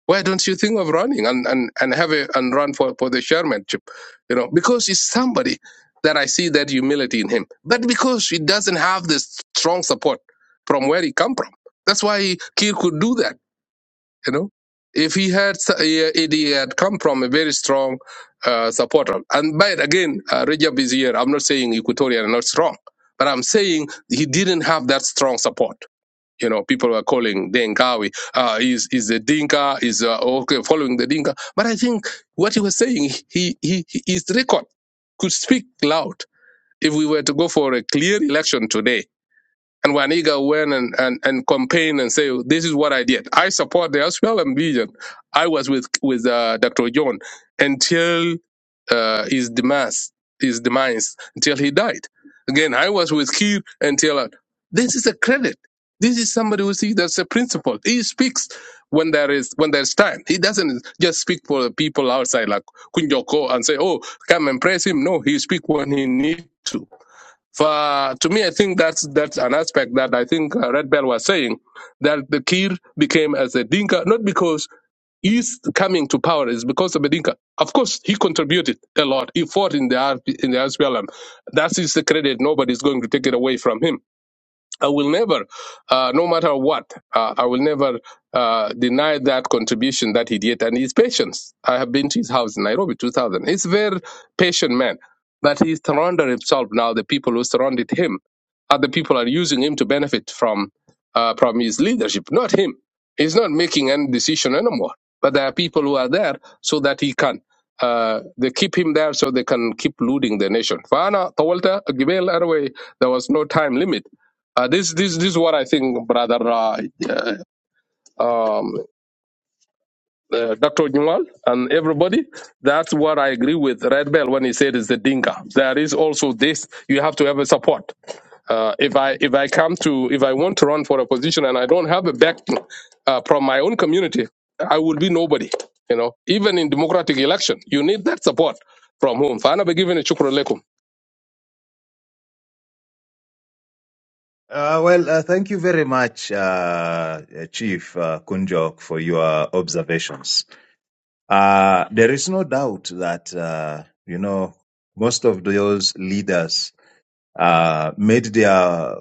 S16: Why don't you think of running and, and, and have a and run for, for the chairmanship? You know, because it's somebody that I see that humility in him. But because he doesn't have this strong support from where he come from. That's why he, Kiir could do that, you know. If he had s- eh, if he had come from a very strong uh, supporter, and by again, uh, Rajab is here. I'm not saying Equatorian are not strong, but I'm saying he didn't have that strong support you know, people were calling Denkawi, uh, is is the Dinka, is uh, okay following the Dinka. But I think what he was saying, he, he he- his record could speak loud. If we were to go for a clear election today, and when Iga went and, and, and campaign and say, this is what I did. I support the Australian vision. I was with, with uh, Dr. John until uh, his demise, his demise, until he died. Again, I was with Keir until uh, this is a credit. This is somebody who sees that's a principle. He speaks when there is when there's time. He doesn't just speak for the people outside like Kunjoko and say, "Oh, come and praise him." No, he speak when he needs to. For, to me, I think that's that's an aspect that I think uh, Red Bell was saying that the Kir became as a Dinka, not because he's coming to power It's because of Bedinka. Of course, he contributed a lot. He fought in the RP in the SPLM. That is the credit. Nobody's going to take it away from him. I will never, uh, no matter what, uh, I will never uh, deny that contribution that he did and his patience. I have been to his house in Nairobi, 2000. He's a very patient man, but he surrounded himself now. The people who surrounded him, other people are using him to benefit from uh, from his leadership, not him. He's not making any decision anymore. But there are people who are there so that he can. Uh, they keep him there so they can keep looting the nation. Fana, Tawalta, Gibel, Araway, there was no time limit uh, this, this, this is what I think, brother, uh, uh, um, uh, Dr. Nyual and everybody. That's what I agree with Red Bell when he said it's the dinka. There is also this, you have to have a support. Uh, if I if I come to if I want to run for a position and I don't have a backing uh, from my own community, I will be nobody. You know, even in democratic election, you need that support from whom. فأنا بجيب إن شكرا لكم.
S19: Uh, well, uh, thank you very much, uh, uh, Chief uh, Kunjok, for your observations. Uh, there is no doubt that, uh, you know, most of those leaders uh, made their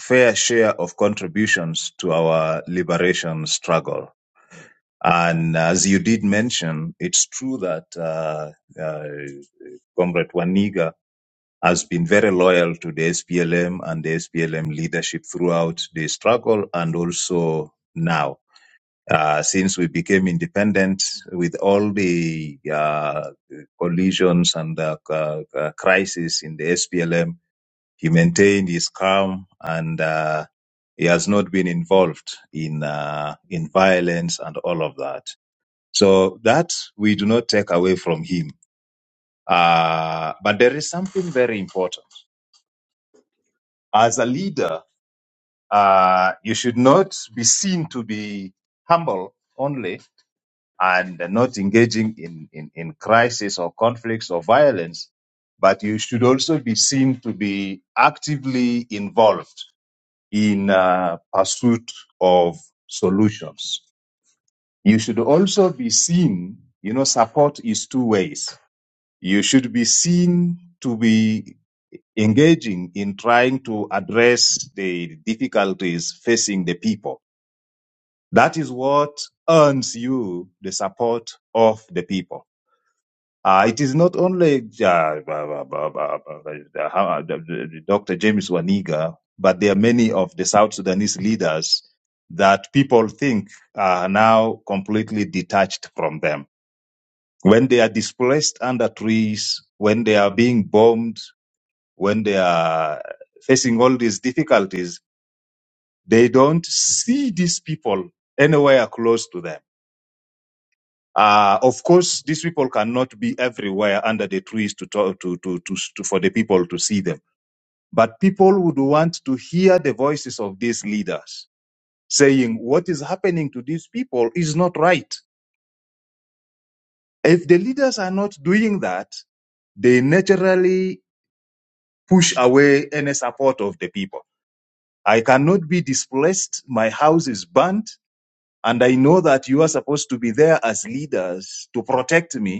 S19: fair share of contributions to our liberation struggle. And as you did mention, it's true that uh, uh, Comrade Waniga has been very loyal to the SPLM and the SPLM leadership throughout the struggle and also now. Uh, since we became independent with all the uh, collisions and the uh, uh, crisis in the SPLM, he maintained his calm and uh, he has not been involved in uh, in violence and all of that. So that we do not take away from him. Uh, but there is something very important as a leader. uh, you should not be seen to be humble only and not engaging in, in, in crisis or conflicts or violence, but you should also be seen to be actively involved in uh, pursuit of solutions. You should also be seen, you know, support is two ways. You should be seen to be engaging in trying to address the difficulties facing the people That is what earns you the support of the people. Uh, it is not only uh, uh, Dr. James Waniga, but there are many of the South Sudanese leaders that people think are now completely detached from them. When they are displaced under trees, when they are being bombed, when they are facing all these difficulties, they don't see these people anywhere close to them Uh, of course, these people cannot be everywhere under the trees to talk to, to, to, to for the people to see them. But people would want to hear the voices of these leaders saying what is happening to these people is not right. If the leaders are not doing that, they naturally push away any support of the people. I cannot be displaced. My house is burnt. And I know that you are supposed to be there as leaders to protect me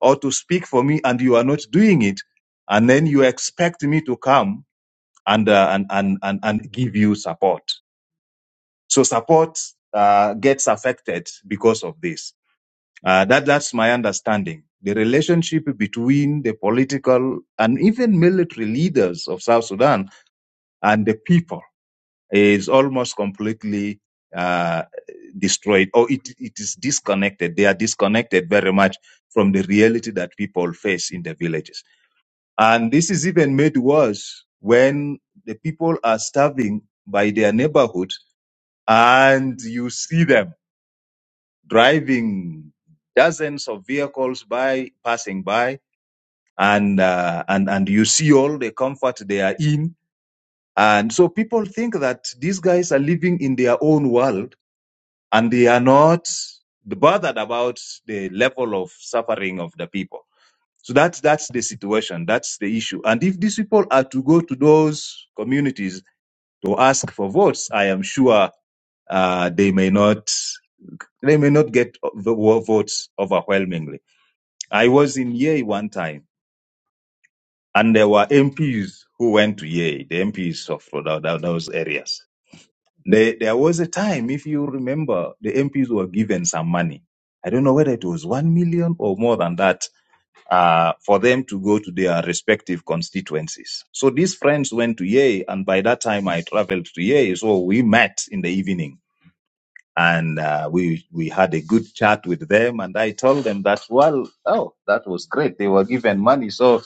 S19: or to speak for me and you are not doing it and then you expect me to come and uh, and, and and and give you support so support uh, gets affected because of this uh, that that's my understanding the relationship between the political and even military leaders of south sudan and the people is almost completely uh, destroyed or it, it is disconnected they are disconnected very much from the reality that people face in the villages And this is even made worse when the people are starving by their neighborhood and you see them driving dozens of vehicles by, passing by, and, uh, and, and you see all the comfort they are in. And so people think that these guys are living in their own world and they are not bothered about the level of suffering of the people. So that's that's the situation. That's the issue. And if these people are to go to those communities to ask for votes, I am sure uh, they may not they may not get the votes overwhelmingly. I was in Yei one time, and there were MPs who went to Yei, the MPs of those areas. They, there was a time, if you remember, the MPs were given some money. I don't know whether it was one million or more than that uh, for them to go to their respective constituencies. So these friends went to Yei, and by that time I traveled to Yei. So we met in the evening and uh, we we had a good chat with them. And I told them that well, oh, that was great. They were given money, so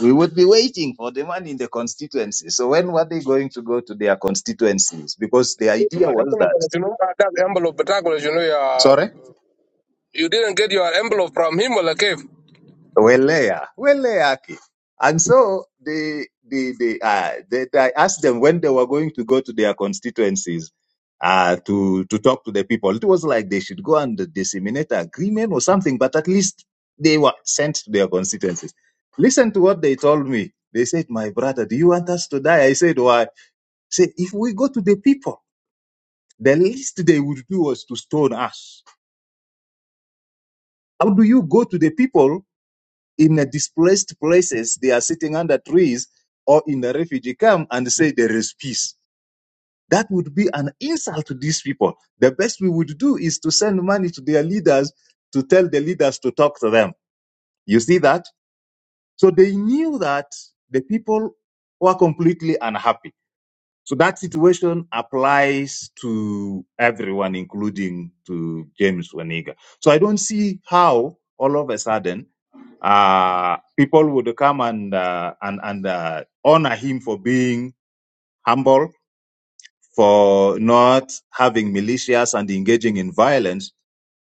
S19: we would be waiting for the money in the constituency. So when were they going to go to their constituencies? Because the idea was that sorry.
S16: You didn't get your envelope from him or cave.
S19: Welea, Weleaki. And so they, they, the uh, they, I asked them when they were going to go to their constituencies uh, to to talk to the people. It was like they should go and disseminate agreement or something, but at least they were sent to their constituencies. Listen to what they told me. They said, "My brother, do you want us to die?" I said, "Why?" Say, if we go to the people, the least they would do was to stone us. How do you go to the people in the displaced places they are sitting under trees or in the refugee camp and say there is peace that would be an insult to these people the best we would do is to send money to their leaders to tell the leaders to talk to them you see that so they knew that the people were completely unhappy so that situation applies to everyone including to james waniga so i don't see how all of a sudden uh, people would come and uh, and and uh, honor him for being humble for not having militias and engaging in violence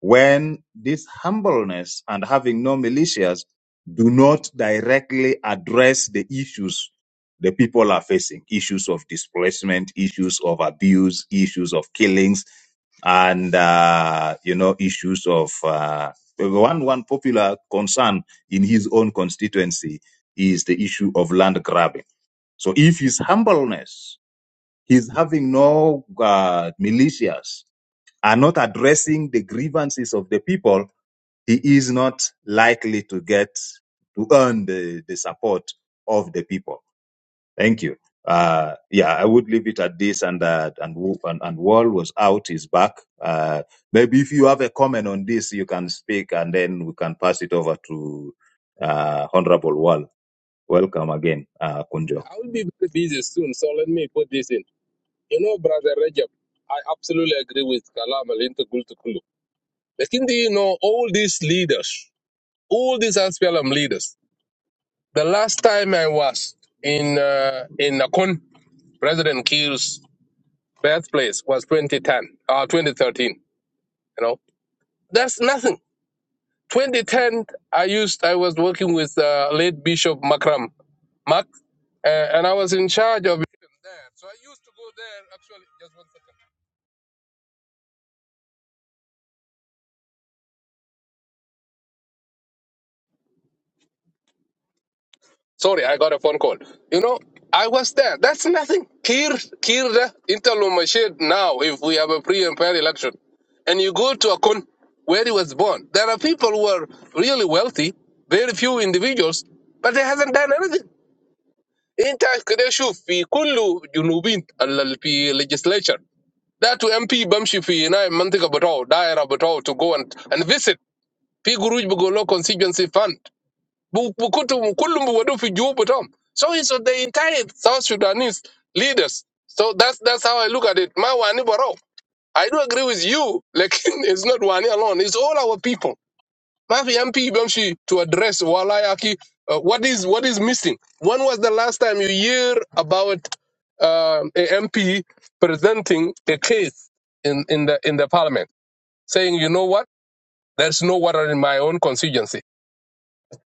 S19: when this humbleness and having no militias do not directly address the issues the people are facing issues of displacement, issues of abuse, issues of killings, and uh, you know issues of uh, one one popular concern in his own constituency is the issue of land grabbing. So if his humbleness He's having no uh, militias, are not addressing the grievances of the people. He is not likely to get to earn the, the support of the people. Thank you. Uh, yeah, I would leave it at this. And uh, and and, and Wall was out, is back. Uh, maybe if you have a comment on this, you can speak, and then we can pass it over to uh, Honorable Wall. Welcome again, uh, Kunjok.
S16: I will be very busy soon, so let me put this in. You know, brother Rajab, I absolutely agree with Kalam Al Gultukulu. But do you know all these leaders, all these SPLM leaders? The last time I was in uh, in Nakon, President Kiir's birthplace was 2010, uh, 2013. You know, that's nothing. 2010, I used, I was working with uh, late Bishop Makram Mat, uh, and I was in charge of there. So I used to go there. Actually, just one second. Sorry, I got a phone call. You know, I was there. That's nothing. Kir, Kirda, Interlumashid now, if we have a pre and fair election. And you go to Akun, where he was born. There are people who are really wealthy, very few individuals, but they haven't done anything. انت كده شوف في كل جنوبين ال- في legislature ده تو ام بي بمشي في هنا المنطقه بتاعه دايره بتاعه to go and, and visit في قروج بيقولوا constituency fund بو- بكتب كلهم بيودوا في جيوب بتاعهم so it's the entire South Sudanese leaders so that's that's how I look at it ما واني براو I do agree with you like it's not واني alone it's all our people ما في MP بمشي to address والله uh, what is what is missing when was the last time you hear about uh, a MP presenting a case in in the in the parliament saying you know what there's no water in my own constituency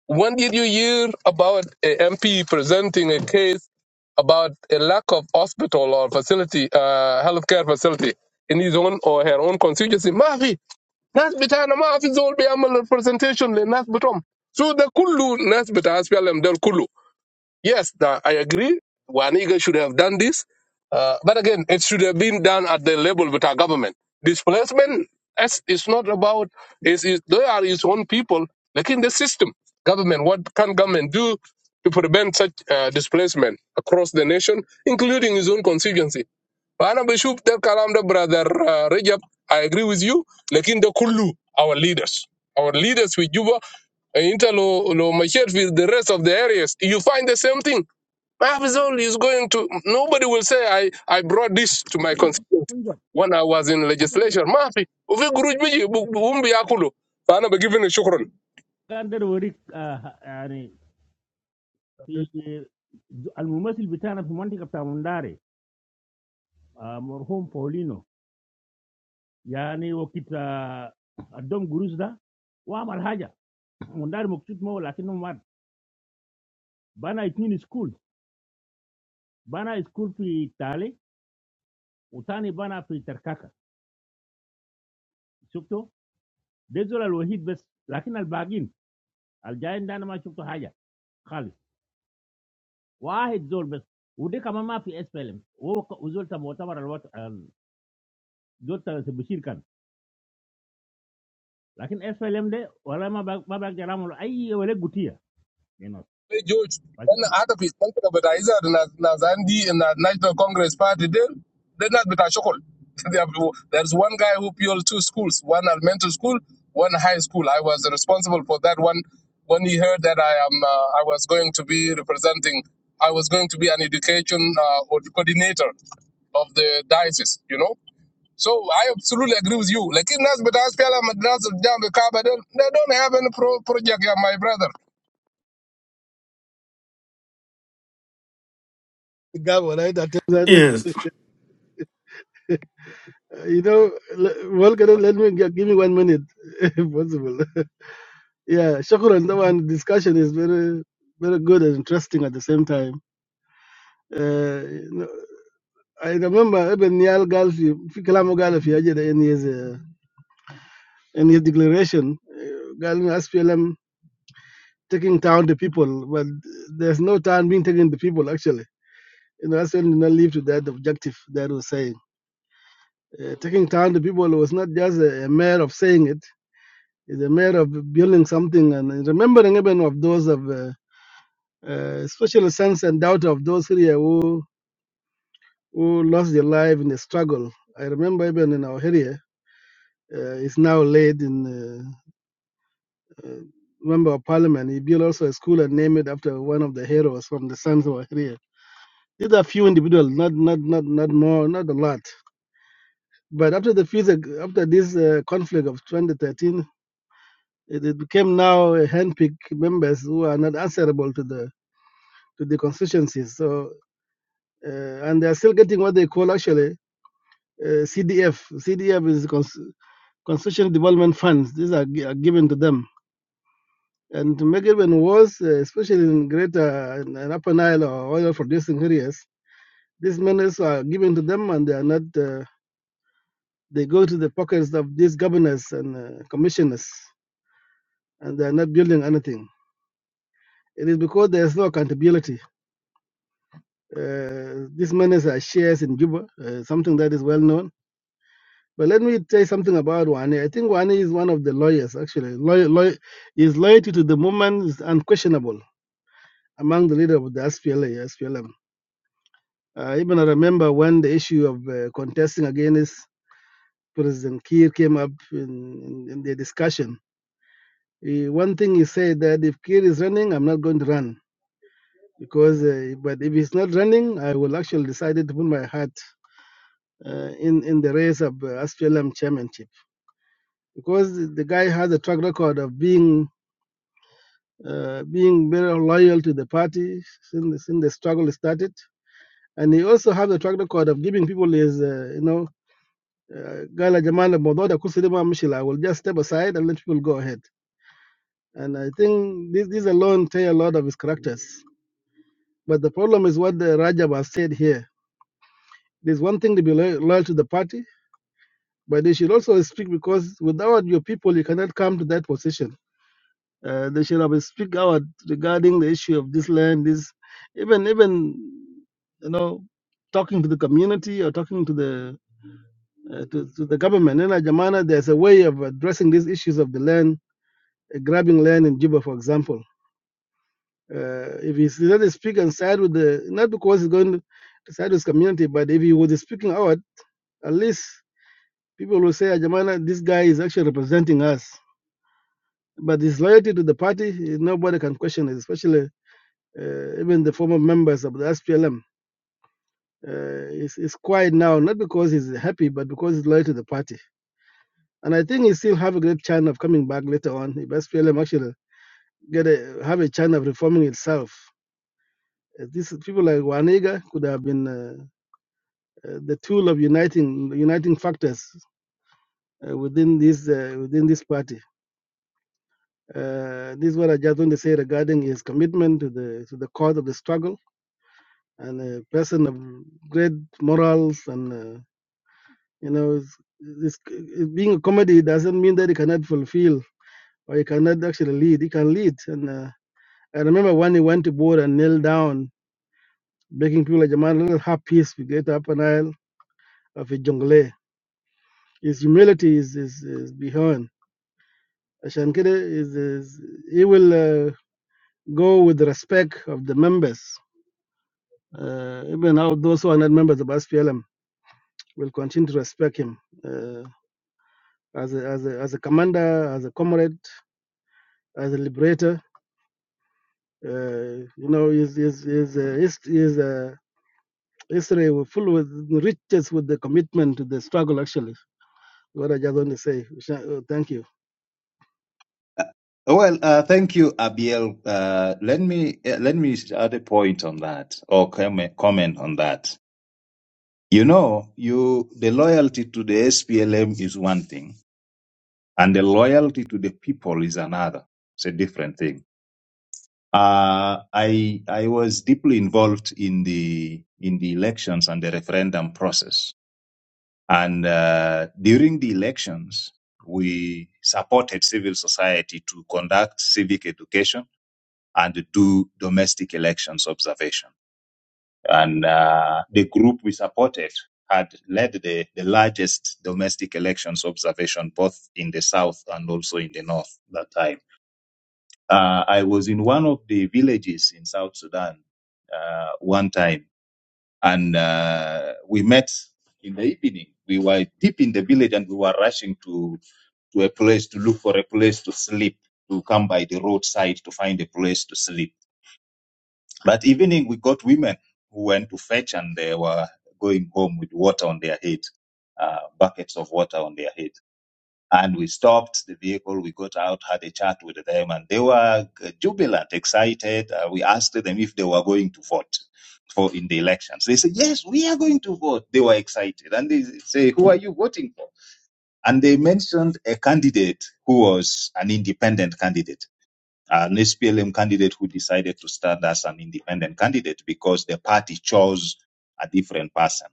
S16: When did you hear about a MP presenting a case about a lack of hospital or facility, uh, healthcare facility in his own or her own constituency? Mafi, nas bitana mafi zol be amal representation le nas bitom. So the kullu nas bita SPLM del kullu. Yes, tha- I agree. Waniga should have done this. Uh, but again, it should have been done at the level with our government. Displacement is, is not about, is, is, they are his own people, like in the system. Government, what can government do to prevent such uh, displacement across the nation, including his own constituency? Ana Bishop, Del Kalam, the brother uh, Rajab, I agree with you. Like in the Kulu, our leaders. Our leaders with Juba, uh, Interlo, Lo Machete, with the rest of the areas. You find the same thing Barbizon is going to nobody will say I, I brought this to my
S21: Akunjo,
S16: constituency
S21: Akunjo,
S16: when I was in
S21: Akunjo.
S16: legislation. Mafi, uvi guruj biji umbi yakulo. Fana be given a
S21: كان ده وريك يعني في الممثل بتاعنا في منطقة بتاع منداري آه، مرحوم بولينو يعني وقت آه، ادهم جروس ده وعمل حاجة منداري مبسوط ما هو لكنه مات بنى اتنين سكول بنى سكول في تالي وتاني بنا في تركاكه شفتوا ده الزول الوحيد بس لكن الباقين الجايين ده انا ما شفتوا حاجه خالص واحد زول بس ودي كمان ما في اس بي ال ام وزول تبع مؤتمر الوط... ال- زول تبع بشير كان لكن اس بي ال ام ده ولا ما بق- ما بقدر اعمل اي ولا قوتيه هنا
S16: Hey, George, when
S21: فشكرا
S16: hadafi ɗanka da bata yi za da na na zandi na National Congress Party din, dai na bita shakul. They have- There's one guy who built two schools, one elementary school, one high school. I was responsible for that one. When he heard that I am, uh, I was going to be representing, I was going to be an education uh, or coordinator of the diocese, you know. So I absolutely agree with you. Like in Nas, but as Pella Madras down the Kaba, they don't have any pro- project, yeah, my brother.
S22: God, what I tell that,
S6: Yes.
S22: uh, you know, le- well, can you let me gi- give me one minute, if possible. yeah, Shukran. The one discussion is very, very good and interesting at the same time. Uh, you know, I remember even Nial Galfi, Fikalamu Galfi, Ajay, the N E S and his declaration, uh, SPLM taking down the people, but there's no town being taken the people actually. You know, SPLM did not live to that objective that was saying. Uh, taking down the people was not just a, a matter of saying it, it's a matter of building something and remembering even of those of, uh, uh, especially sense and doubt of those here who, who lost their life in the struggle. I remember even in our area, uh, it's now late in uh, uh, member of parliament. He built also a school and named it after one of the heroes from the Sons of Ahria. These are few individuals, not not not not more, not a lot. But after the future, after this uh, conflict of 2013, it, it became now a handpicked members who are not answerable to the to the constituencies. So uh, and they are still getting what they call actually uh, CDF. CDF is Cons- Constitution Development Funds. These are, gi- are given to them And to make it even worse, uh, especially in greater and and upper Nile or oil producing areas, these monies are given to them and they are not, uh, they go to the pockets of these governors and uh, commissioners and they are not building anything. It is because there is no accountability. Uh, these monies are shares in Juba, uh, something that is well known. But let me tell you something about Wani. I think Wani is one of the lawyers, actually. Loy- loy- his loyalty to the movement is unquestionable among the leader of the SPLA, Uh, even I remember when the issue of uh, contesting against President Kiir came up in, in, in the discussion. He, one thing he said that if Kiir is running, I'm not going to run because, uh, but if he's not running, I will actually decide to put my heart uh, in in the race of uh, SPLM chairmanship because the guy has a track record of being. Uh, being very loyal to the party since, since the struggle started, and he also has a track record of giving people his, uh, you know, Uh, قال يا جماعة الموضوع ده كرسي ده ما مشي لا. I will just step aside and let people go ahead. And I think this, this alone tell a lot of his characters. But the problem is what the Rajab has said here. There's one thing to be lo- loyal to the party, but they should also speak because without your people, you cannot come to that position. Uh, they should have speak out regarding the issue of this land, this even even you know talking to the community or talking to the uh, to, to the government. In Jamana, there's a way of addressing these issues of the land grabbing land in Juba, for example. Uh, if he's not speaking and side with the, not because he's going to side with his community, but if he was speaking out, at least people will say, Ajamana, this guy is actually representing us. But his loyalty to the party, nobody can question it, especially uh, even the former members of the SPLM. Uh, he's, he's quiet now, not because he's happy, but because he's loyal to the party. And I think he still have a great chance of coming back later on if SPLM actually get a, have a chance of reforming itself Uh, These people like Wanega could have been uh, uh, the tool of uniting uniting factors uh, within this uh, within this party. Uh, this is what I just want to say regarding his commitment to the to the cause of the struggle and a person of great morals and uh, you know it's, it's, it being a comedy doesn't mean that he cannot fulfill or he cannot actually lead. He can lead. And uh, I remember when he went to board and knelt down, begging people like Jamal, let us have peace. We get up an aisle of a jungle. His humility is, is, is beyond. عشان كده is, is, he will uh, go with the respect of the members. Uh, even out those who are not members of SPLM will continue to respect him uh, as, a, as, a, as a commander, as a comrade, as a liberator. Uh, you know, his, his, his, uh, his, his uh, history was full with riches with the commitment to the struggle, actually. What I just want to say. Sha- uh, Thank you.
S19: Uh, Well, uh, thank you, Abiel. Uh, let me eh, let me add a point on that or comment comment on that. You know, you the loyalty to the SPLM is one thing, and the loyalty to the people is another. It's a different thing. Uh, I I was deeply involved in the in the elections and the referendum process, and uh, during the elections, we supported civil society to conduct civic education and do domestic elections observation. And uh, the group we supported had led the, the largest domestic elections observation both in the south and also in the north that time. Uh, I was in one of the villages in South Sudan uh, one time, and uh, we met in the evening. We were deep in the village and we were rushing to, to a place to look for a place to sleep, to come by the roadside to find a place to sleep That evening, we got women who went to fetch and they were going home with water on their head, uh, buckets of water on their head. And we stopped the vehicle, we got out, had a chat with them, and they were uh, jubilant, excited. Uh, we asked them if they were going to vote for in the elections. They said, Yes, we are going to vote. They were excited. And they say, Who are you voting for? And they mentioned a candidate who was an independent candidate an SPLM candidate who decided to stand as an independent candidate because the party chose a different person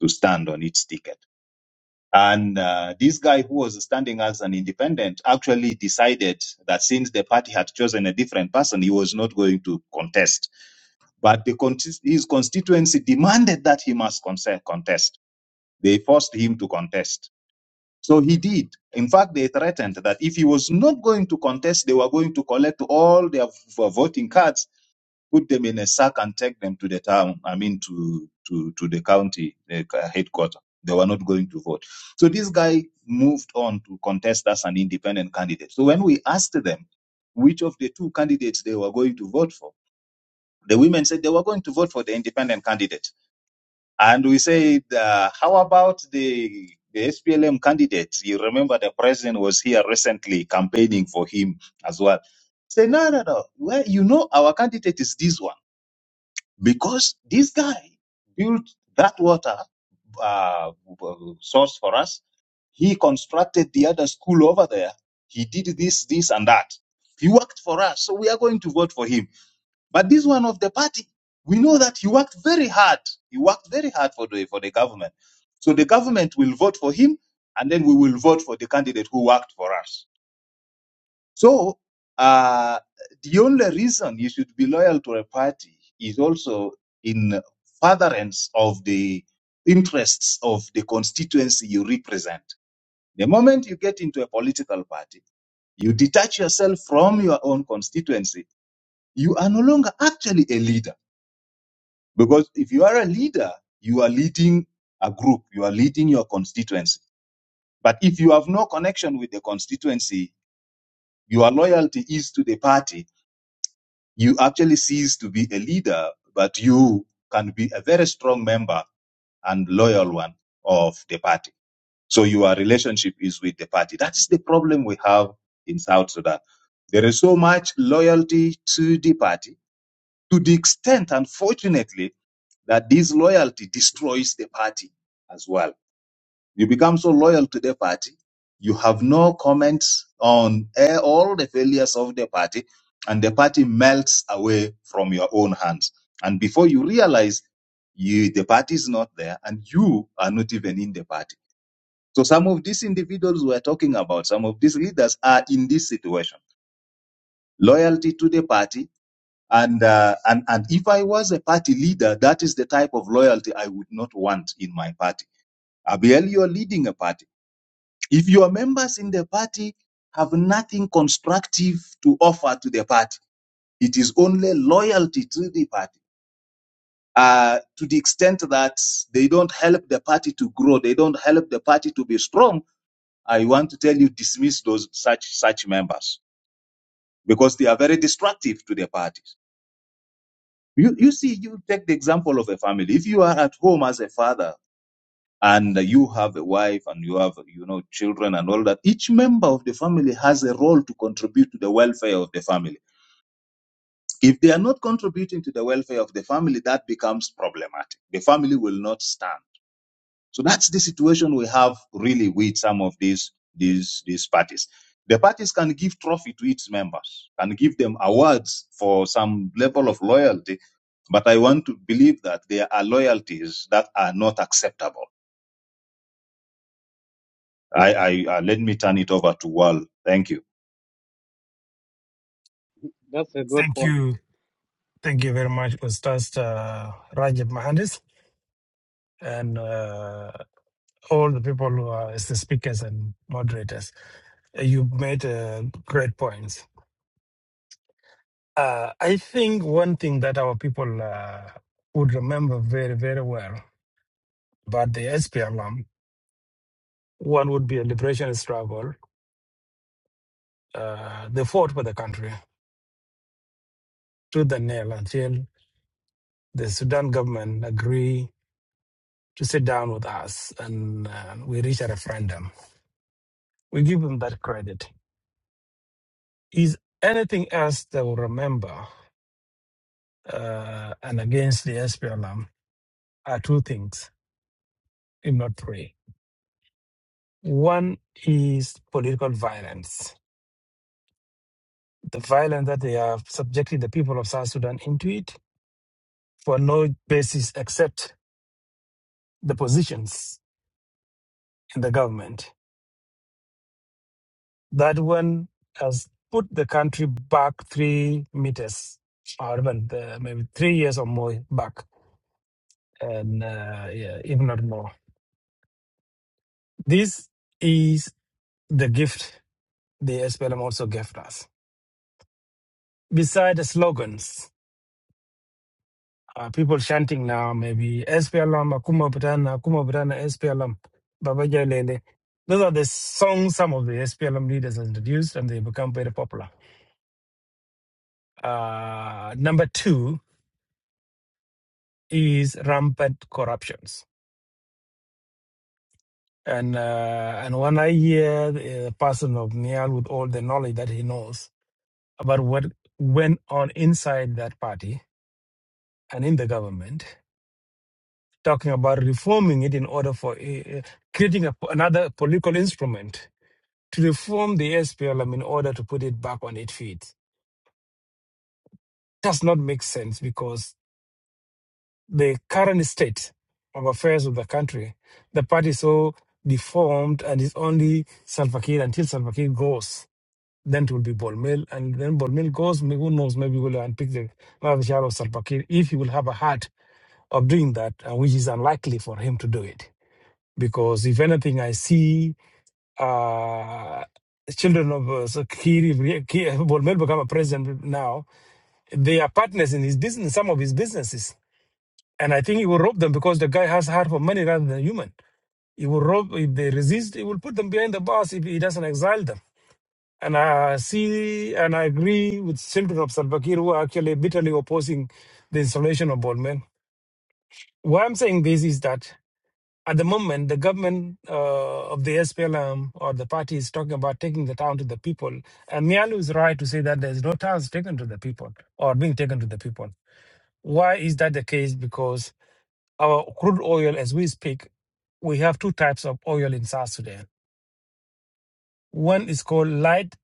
S19: to stand on its ticket. And uh, this guy who was standing as an independent actually decided that since the party had chosen a different person, he was not going to contest. But the con- his constituency demanded that he must conse- contest. They forced him to contest. So he did. In fact, they threatened that if he was not going to contest, they were going to collect all their v- voting cards put them in a sack and take them to the town, I mean, to, to, to the county the uh, headquarters. They were not going to vote. So this guy moved on to contest as an independent candidate. So when we asked them which of the two candidates they were going to vote for, the women said they were going to vote for the independent candidate. And we said, uh, how about the, the SPLM candidate? You remember the president was here recently campaigning for him as well. Say, no, no, no. Well, you know, our candidate is this one because this guy built that water uh, source for us. He constructed the other school over there. He did this, this, and that. He worked for us, so we are going to vote for him. But this one of the party, we know that he worked very hard. He worked very hard for the for the government. So the government will vote for him, and then we will vote for the candidate who worked for us. So uh, the only reason you should be loyal to a party is also in furtherance of the interests of the constituency you represent. The moment you get into a political party, you detach yourself from your own constituency. You are no longer actually a leader because if you are a leader, you are leading a group, you are leading your constituency. But if you have no connection with the constituency, your loyalty is to the party you actually cease to be a leader, but you can be a very strong member and loyal one of the party. So your relationship is with the party. That is the problem we have in South Sudan. There is so much loyalty to the party to the extent, unfortunately, that this loyalty destroys the party as well. You become so loyal to the party, you have no comments on eh, all the failures of the party, and the party melts away from your own hands. And before you realize, you, the party is not there, and you are not even in the party. So some of these individuals we're talking about, some of these leaders are in this situation. Loyalty to the party, and uh, and and if I was a party leader, that is the type of loyalty I would not want in my party. Abiel, you're leading a party. If your members in the party have nothing constructive to offer to the party, it is only loyalty to the party. Uh, to the extent that they don't help the party to grow, they don't help the party to be strong. I want to tell you, dismiss those such such members because they are very destructive to the parties. You you see, you take the example of a family. If you are at home as a father and you have a wife and you have you know children and all that each member of the family has a role to contribute to the welfare of the family if they are not contributing to the welfare of the family that becomes problematic the family will not stand so that's the situation we have really with some of these these these parties the parties can give trophy to its members can give them awards for some level of loyalty but i want to believe that there are loyalties that are not acceptable I, I uh, let me turn it over to Wal. Thank you.
S6: Thank you. Thank you very much, Ustaz uh, Rajab Mahandis. And uh, all the people who are as the speakers and moderators. Uh, You made uh, great points. Uh, I think one thing that our people uh, would remember very, very well about the SPLM, one would be a liberation struggle. Uh, they fought for the country to the nail until the Sudan government agree to sit down with us and uh, we reach a referendum. We give them that credit. Is anything else they will remember uh, and against the SPLM are two things, if not three. One is political violence, the violence that they have subjected the people of South Sudan into it for no basis except the positions in the government. That one has put the country back three meters, or even uh, maybe three years or more back, and uh, yeah, if not more. This is the gift the SPLM also gave us beside the slogans, uh, people chanting now, maybe SPLM, Akuma Butana, Akuma Butana, SPLM, Baba Jai Lele. Those are the songs some of the SPLM leaders have introduced and they become very popular. Uh, number two is rampant corruptions. And uh, and when I hear the person of Nial with all the knowledge that he knows about what went on inside that party and in the government, talking about reforming it in order for uh, creating a, another political instrument to reform the SPLM in order to put it back on its feet. Does not make sense because the current state of affairs of the country, the party is so deformed and is only Salva Kiir until Salva Kiir goes. Then it will be Bolmel, and then Bolmel goes. may- Who knows? Maybe we'll unpick the another shadow of Salva Kiir if he will have a heart of doing that, uh, which is unlikely for him to do it. Because if anything, I see uh, children of uh, so Kiri, Kiri Bolmel become a president now. They are partners in his business, some of his businesses, and I think he will rob them because the guy has heart for money rather than human. He will rob if they resist. He will put them behind the bars if he doesn't exile them. And I see and I agree with children of Salva Kiir who are actually bitterly opposing the installation of Bolmel. Why I'm saying this is that At the moment, the government uh, of the SPLM or the party is talking about taking the town to the people. And Mialu is right to say that there's no towns taken to the people or being taken to the people. Why is that the case? Because our crude oil, as we speak, we have two types of oil in South Sudan. One is called light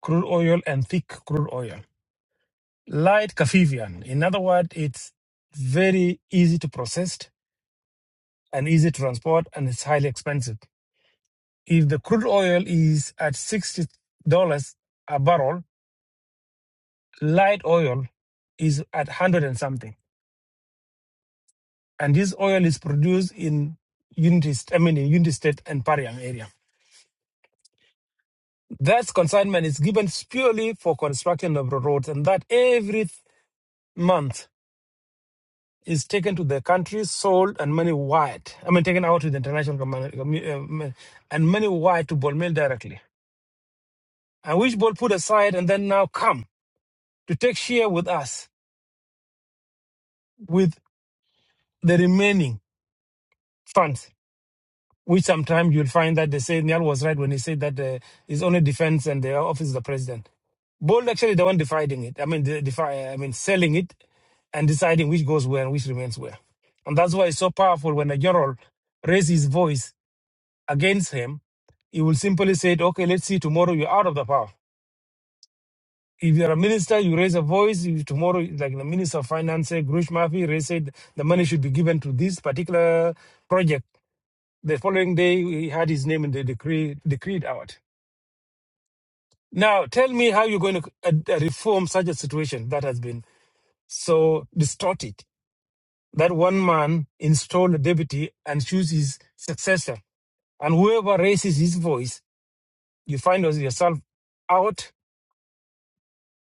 S6: crude oil and thick crude oil. Light Kafivian, in other words, it's very easy to process and easy to transport and it's highly expensive. If the crude oil is at $60 a barrel, light oil is at 100 and something. And this oil is produced in Unity, I mean, in Unity State and Pariang area. That consignment is given purely for construction of the roads, and that every month is taken to the country, sold, and money wired. I mean, taken out to the international community, um, and money wired to ball mill directly. And which ball put aside and then now come to take share with us with. the remaining funds, which sometimes you'll find that they say Niall was right when he said that uh, it's only defense and the office of the president. Bold actually the one dividing it. I mean, the, defi- I mean, selling it and deciding which goes where and which remains where. And that's why it's so powerful when a general raises his voice against him. He will simply say, "Okay, let's see. Tomorrow you're out of the power." If you're a minister, you raise a voice. If tomorrow, like the minister of finance, said, Grush Murphy, raised said the money should be given to this particular project The following day, we had his name in the decree decreed out. Now, tell me how you're going to uh, uh, reform such a situation that has been so distorted that one man installed a deputy and choose his successor, and whoever raises his voice, you find yourself out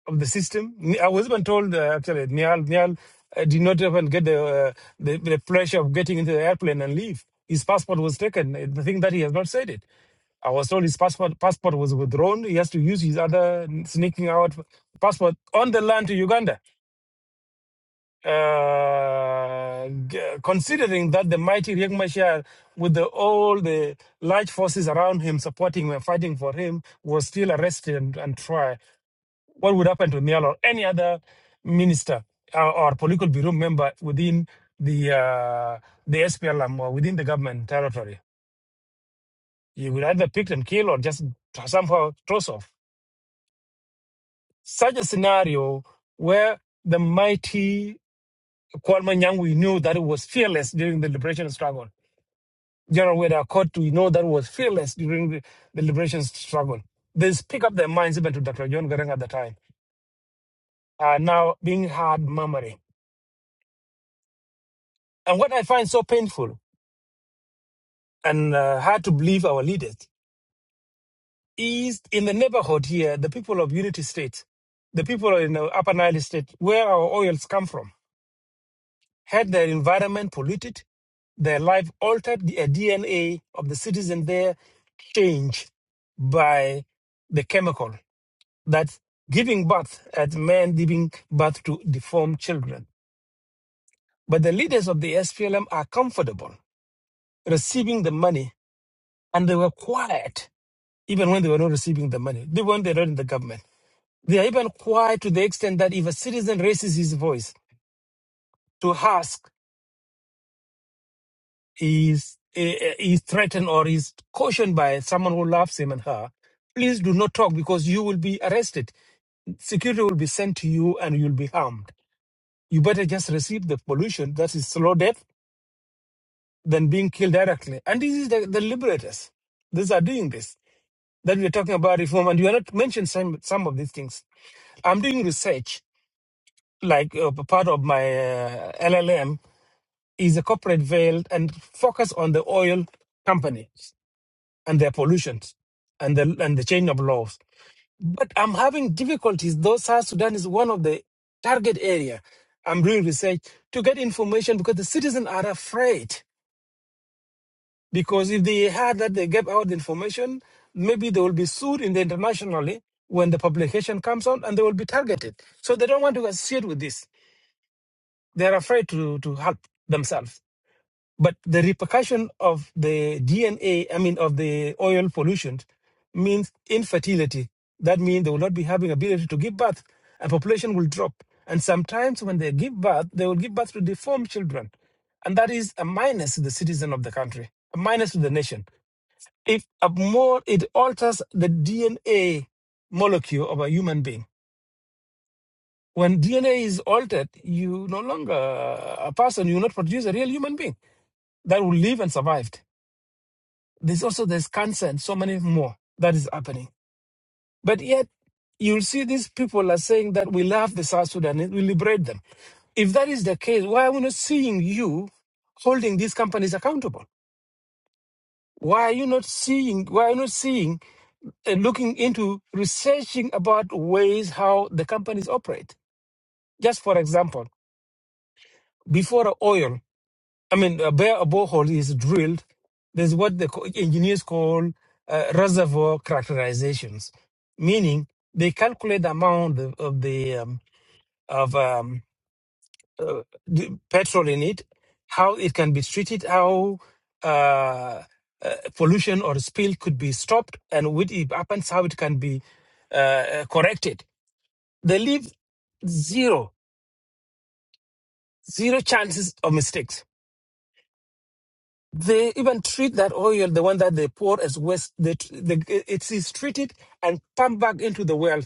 S6: of the system. Ni- I was even told uh, actually Nial Nial uh, did not even get the, uh, the the pleasure of getting into the airplane and leave. His passport was taken. Uh, The thing that he has not said it. I was told his passport passport was withdrawn. He has to use his other sneaking out passport on the land to Uganda. Uh, g- considering that the mighty Riek Machar, with the, all the large forces around him supporting him and fighting for him, was still arrested and, and tried. What would happen to Niall or any other minister uh, or political bureau member within the uh, the SPLM or within the government territory? You would either pick and kill or just somehow toss off. Such a scenario where the mighty Kwame Nyong'o we knew that it was fearless during the liberation struggle. General Weda Caught, we know that was fearless during the, the liberation struggle. They speak up their minds even to Dr. John Garang at the time, are now being hard murmuring. And what I find so painful and uh, hard to believe our leaders is in the neighborhood here, the people of Unity State, the people in the Upper Nile State, where our oils come from, had their environment polluted, their life altered, the DNA of the citizen there changed by the chemical that's giving birth at men giving birth to deformed children. But the leaders of the SPLM are comfortable receiving the money and they were quiet even when they were not receiving the money, even when they're not in the government. They are even quiet to the extent that if a citizen raises his voice to ask, is eh, is threatened or is cautioned by someone who loves him and her, please do not talk because you will be arrested. Security will be sent to you and you'll be harmed. You better just receive the pollution that is slow death than being killed directly. And this is the, the liberators. These are doing this. That we're talking about reform, and you are not mentioning some, some of these things. I'm doing research like uh, part of my uh, LLM is a corporate veil and focus on the oil companies and their pollutions and the and the change of laws. But I'm having difficulties. Though South Sudan is one of the target area. I'm doing research to get information because the citizens are afraid. Because if they had that they gave out the information, maybe they will be sued in the internationally when the publication comes out and they will be targeted. So they don't want to associate with this. they're afraid to, to help themselves. But the repercussion of the DNA, I mean, of the oil pollution means infertility. That means they will not be having ability to give birth and population will drop. And sometimes when they give birth, they will give birth to deformed children. And that is a minus to the citizen of the country, a minus to the nation. If a more, it alters the DNA molecule of a human being when DNA is altered, you no longer uh, a person, you not produce a real human being that will live and survive. There's also there's cancer and so many more that is happening. But yet you'll see these people are saying that we love the South Sudanese, we liberate them. If that is the case, why are we not seeing you holding these companies accountable? Why are you not seeing? Why are you not seeing and looking into researching about ways how the companies operate? Just for example, before oil, I mean, a bare a borehole is drilled. There's what the co- engineers call uh, reservoir characterizations, meaning they calculate the amount of, of the um, of um, uh, the petrol in it, how it can be treated, how uh, uh, pollution or spill could be stopped, and what it happens, how it can be uh, uh, corrected. They leave zero zero chances of mistakes They even treat that oil, the one that they pour as waste, they, tr- they, it is treated and pumped back into the well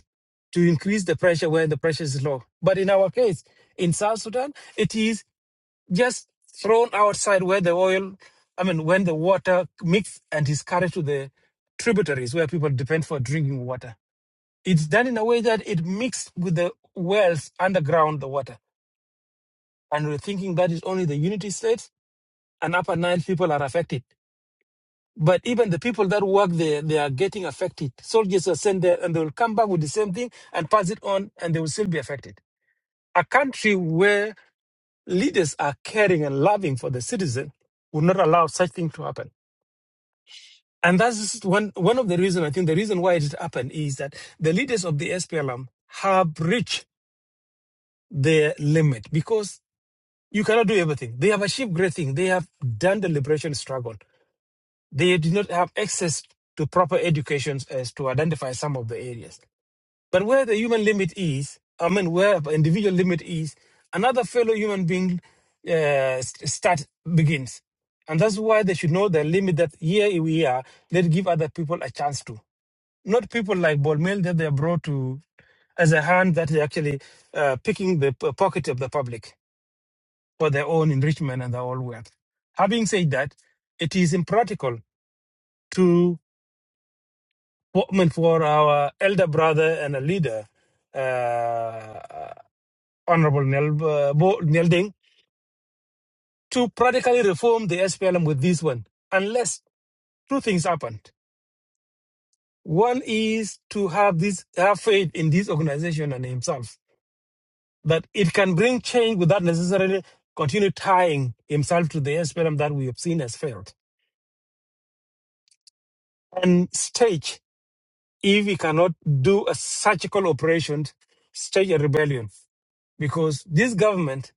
S6: to increase the pressure where the pressure is low. But in our case, in South Sudan, it is just thrown outside where the oil, I mean, when the water mix and is carried to the tributaries where people depend for drinking water. It's done in a way that it mixed with the wells underground, the water. And we're thinking that is only the unity states and upper Nile people are affected. But even the people that work there, they are getting affected. Soldiers are sent there and they will come back with the same thing and pass it on and they will still be affected. A country where leaders are caring and loving for the citizen would not allow such thing to happen. And that's one, one of the reasons, I think the reason why it happened is that the leaders of the SPLM have reached their limit because you cannot do everything. They have achieved great things. They have done the liberation struggle. They did not have access to proper educations as to identify some of the areas. But where the human limit is, I mean, where the individual limit is, another fellow human being uh, start begins. And that's why they should know the limit that here we are, let's give other people a chance to. Not people like Bolmel that they are brought to as a hand that they actually uh, picking the p- pocket of the public for their own enrichment and their own wealth. Having said that, it is impractical Woman for our elder brother and a leader, uh, Honorable Nel, uh, Bo Nelding, to practically reform the SPLM with this one, unless two things happened. One is to have this have faith in this organization and himself that it can bring change without necessarily continue tying himself to the SPLM that we have seen has failed. And stage if he cannot do a surgical operation, stage a rebellion because this government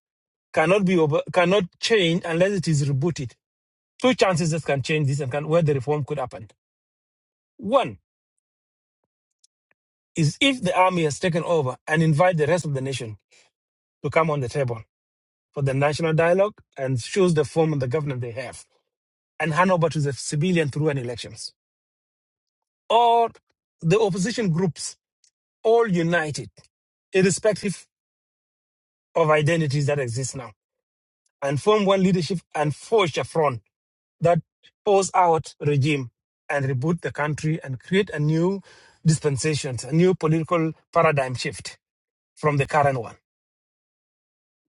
S6: cannot be over, cannot change unless it is rebooted. Two chances that can change this and can, where the reform could happen. One is if the army has taken over and invite the rest of the nation to come on the table for the national dialogue and choose the form of the government they have and hand over to the civilian through an elections. Or the opposition groups all united, irrespective of identities that exist now, and form one leadership and forge a front that pose out regime and reboot the country and create a new dispensation, a new political paradigm shift from the current one.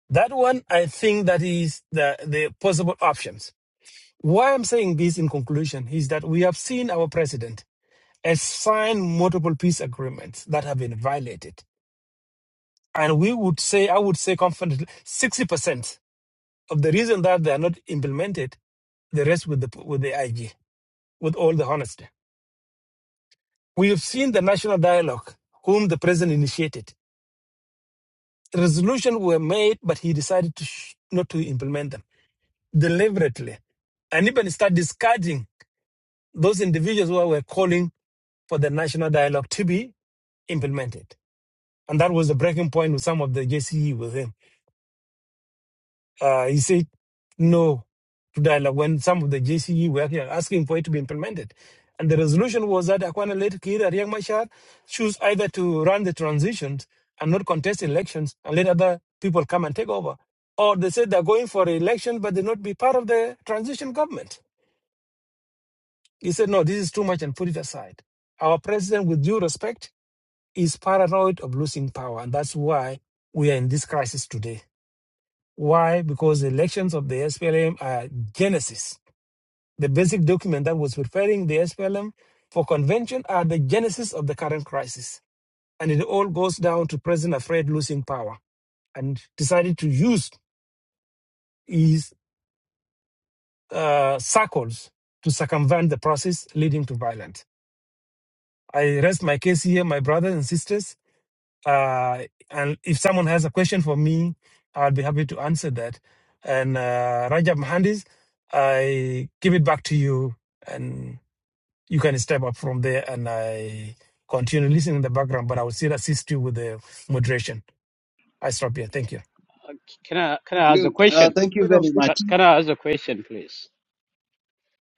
S6: That one, I think that is the, the possible options. Why I'm saying this in conclusion is that we have seen our president has signed multiple peace agreements that have been violated. And we would say, I would say confidently, 60% of the reason that they are not implemented, the rest with the, with the IG, with all the honesty. We have seen the national dialogue, whom the president initiated. Resolutions were made, but he decided to sh- not to implement them deliberately, and even start discarding those individuals who were calling for the national dialogue to be implemented. And that was the breaking point with some of the JCE with him. Uh, he said no to dialogue when some of the JCE were here asking for it to be implemented. And the resolution was that Akwana led Kir and Riek Machar choose either to run the transitions and not contest elections and let other people come and take over. Or they said they're going for election, but they not be part of the transition government. He said, no, this is too much and put it aside. Our president, with due respect, is paranoid of losing power. And that's why we are in this crisis today. Why? Because the elections of the SPLM are genesis. The basic document that was preparing the SPLM for convention are the genesis of the current crisis. And it all goes down to President afraid losing power and decided to use his uh, circles to circumvent the process leading to violence. I rest my case here, my brothers and sisters. Uh, and if someone has a question for me, I'll be happy to answer that. And uh, Rajab Mahandis, I give it back to you, and you can step up from there. And I continue listening in the background, but I will still assist you with the moderation. I stop here. Thank you.
S4: Can I can I ask a
S19: Good. Uh,
S4: question?
S19: thank you very
S23: you
S4: Ca-
S19: much.
S4: Can I ask a question, please,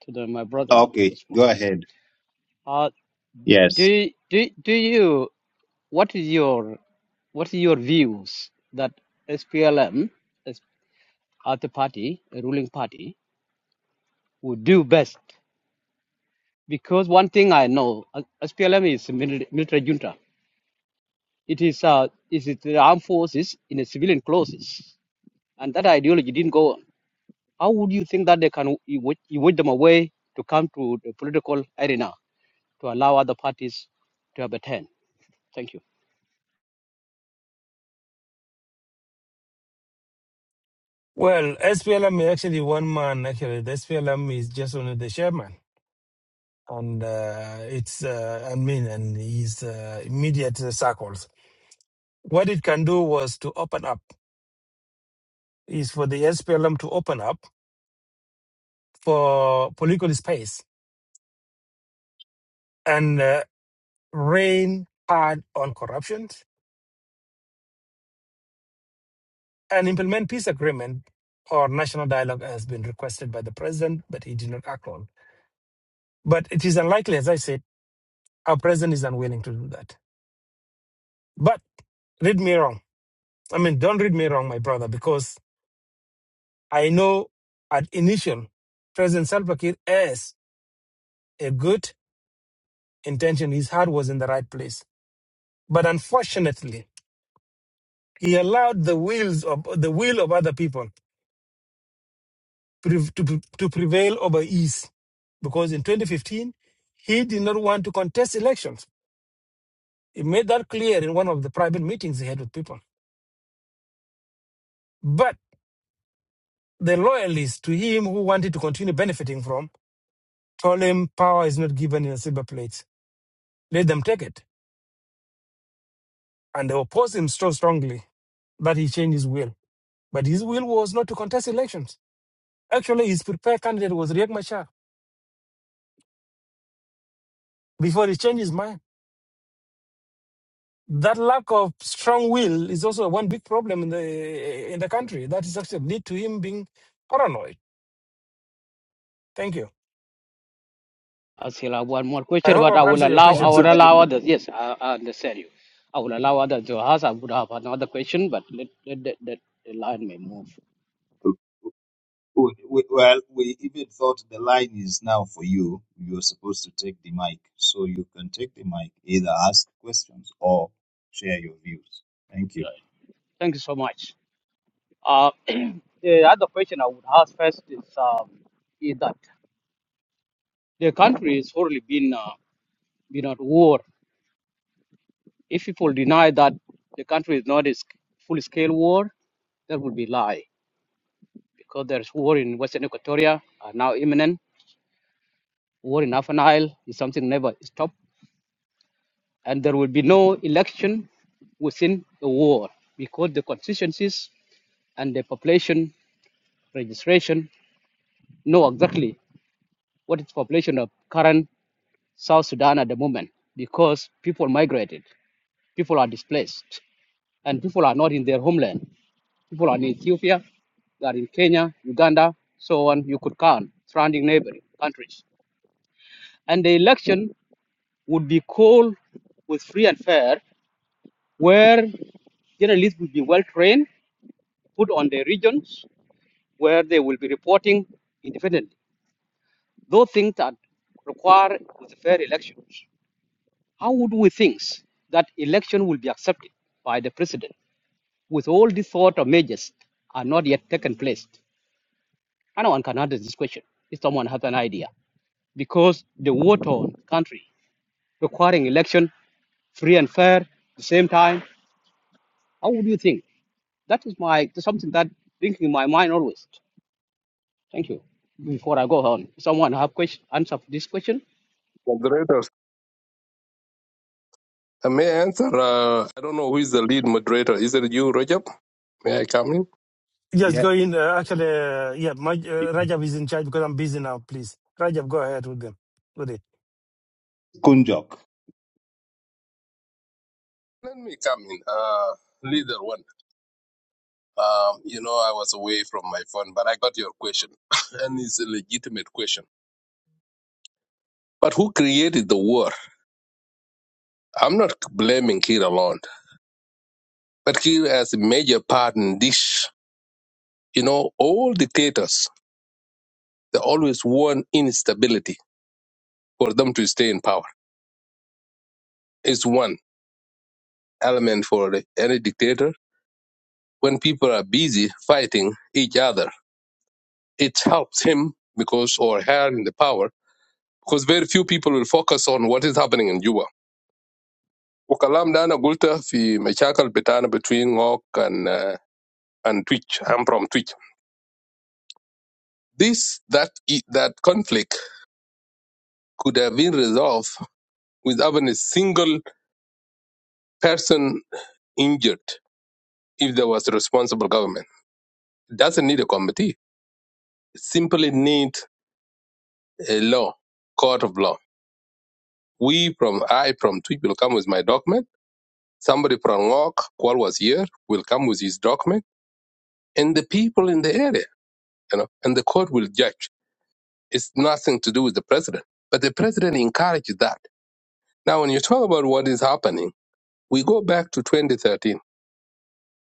S4: to the, my brother
S19: Okay,
S4: Usman?
S19: go ahead.
S4: Uh, do
S19: Yes.
S4: you- do do you what is your what is your views that SPLM as as the party, a ruling party, would do best? Because one thing I know, uh, SPLM is a mili- military junta. It is uh, is it the armed forces in a civilian clothes, and that ideology didn't go on. How would you think that they can you wa- you wait them away to come to the political arena to allow other parties to have a turn? Thank you.
S6: Well, SPLM is actually one man. Actually, the SPLM is just only the chairman, and uh, it's uh, I mean, and his uh, immediate circles. What it can do was to open up. is for the SPLM to open up for political space and uh, rain hard on corruption and implement peace agreement or national dialogue has been requested by the president, but he did not act on. But it is unlikely, as I said, our president is unwilling to do that. But read me wrong. I mean, don't read me wrong, my brother, because I know at initial, President Salva Kiir has a good intention. His heart was in the right place. But unfortunately, He allowed the wills of the will of other people prev- to, pre- to prevail over his, because in 2015 he did not want to contest elections. He made that clear in one of the private meetings he had with people. But the loyalists to him who wanted to continue benefiting from told him power is not given in a silver plate. Let them take it. And they opposed him so strongly that he changed his will. But his will was not to contest elections. Actually, his prepared candidate was Riek Machar before he changed his mind. that lack of strong will is also one big problem in the in the country. That is actually lead to him being paranoid. Thank you.
S4: I still have one more
S6: I
S4: question,
S6: hope
S4: but
S6: I've
S4: I will
S6: answered your
S4: allow I
S6: question,
S19: Thank
S4: will
S19: you
S6: sir.
S19: very
S4: allow
S19: much.
S4: others. Yes, I, I understand you. I will allow others to ask. I would have another question, but let, let, let, let the line may move.
S19: We, we, well, we even thought the line is now for you. You are supposed to take the mic, so you can take the mic, either ask questions or share your views. Thank you.
S4: Thank you so much. Uh, the other question I would ask first is um, is that the country has already been uh, been at war If people deny that the country is not a full scale war, that would be lie because there's war in Western Equatoria are now imminent. War in Afan Isle is something never stopped, and there will be no election within the war because the constituencies and the population registration know exactly what is population of current South Sudan at the moment because people migrated, people are displaced, and people are not in their homeland. People are in Ethiopia, they are in Kenya, Uganda, so on. You could count surrounding neighboring countries. And the election would be called with free and fair, where journalists would be well trained, put on their regions, where they will be reporting independently. Those things that require with fair elections. How would we think that election will be accepted by the president with all these sort of measures are not yet taken place? And one can answer this question if someone has an idea. because the war torn country requiring election free and fair at the same time. How would you think? That is my something that thinking in my mind always. Thank you. Before I go on, someone have question answer for this question.
S16: Uh, may I answer? Uh, I don't know who is the lead moderator. Is it you, Rajab? May I come in?
S6: Just
S19: Yeah,
S6: go in. Uh, actually, uh, yeah, my, uh, Rajab is in charge because I'm busy now. Please, Rajab, go ahead with them. With it,
S19: Kunjok.
S16: Let me come in. Uh, leader one. Um, you know, I was away from my phone, but I got your question, and it's a legitimate question. But who created the war? I'm not blaming Kir alone, but Kir has a major part in this. You know, all dictators they always want instability for them to stay in power. It's one element for any dictator. When people are busy fighting each other it helps him because or her in the power because very few people will focus on what is happening in Juba. وكلام ده أنا قلته في مشاكل بتاعنا between Ngok and uh, and Twitch. I'm from Twitch. This that i- that conflict could have been resolved with even a single person injured if there was a responsible government. It doesn't need a committee. It simply need a law, court of law. We from I from Twitch will come with my document Somebody from Ngok, Kwal was here, will come with his document, and the people in the area, you know, and the court will judge. It's nothing to do with the president. But the president encouraged that. Now, when you talk about what is happening, we go back to 2013,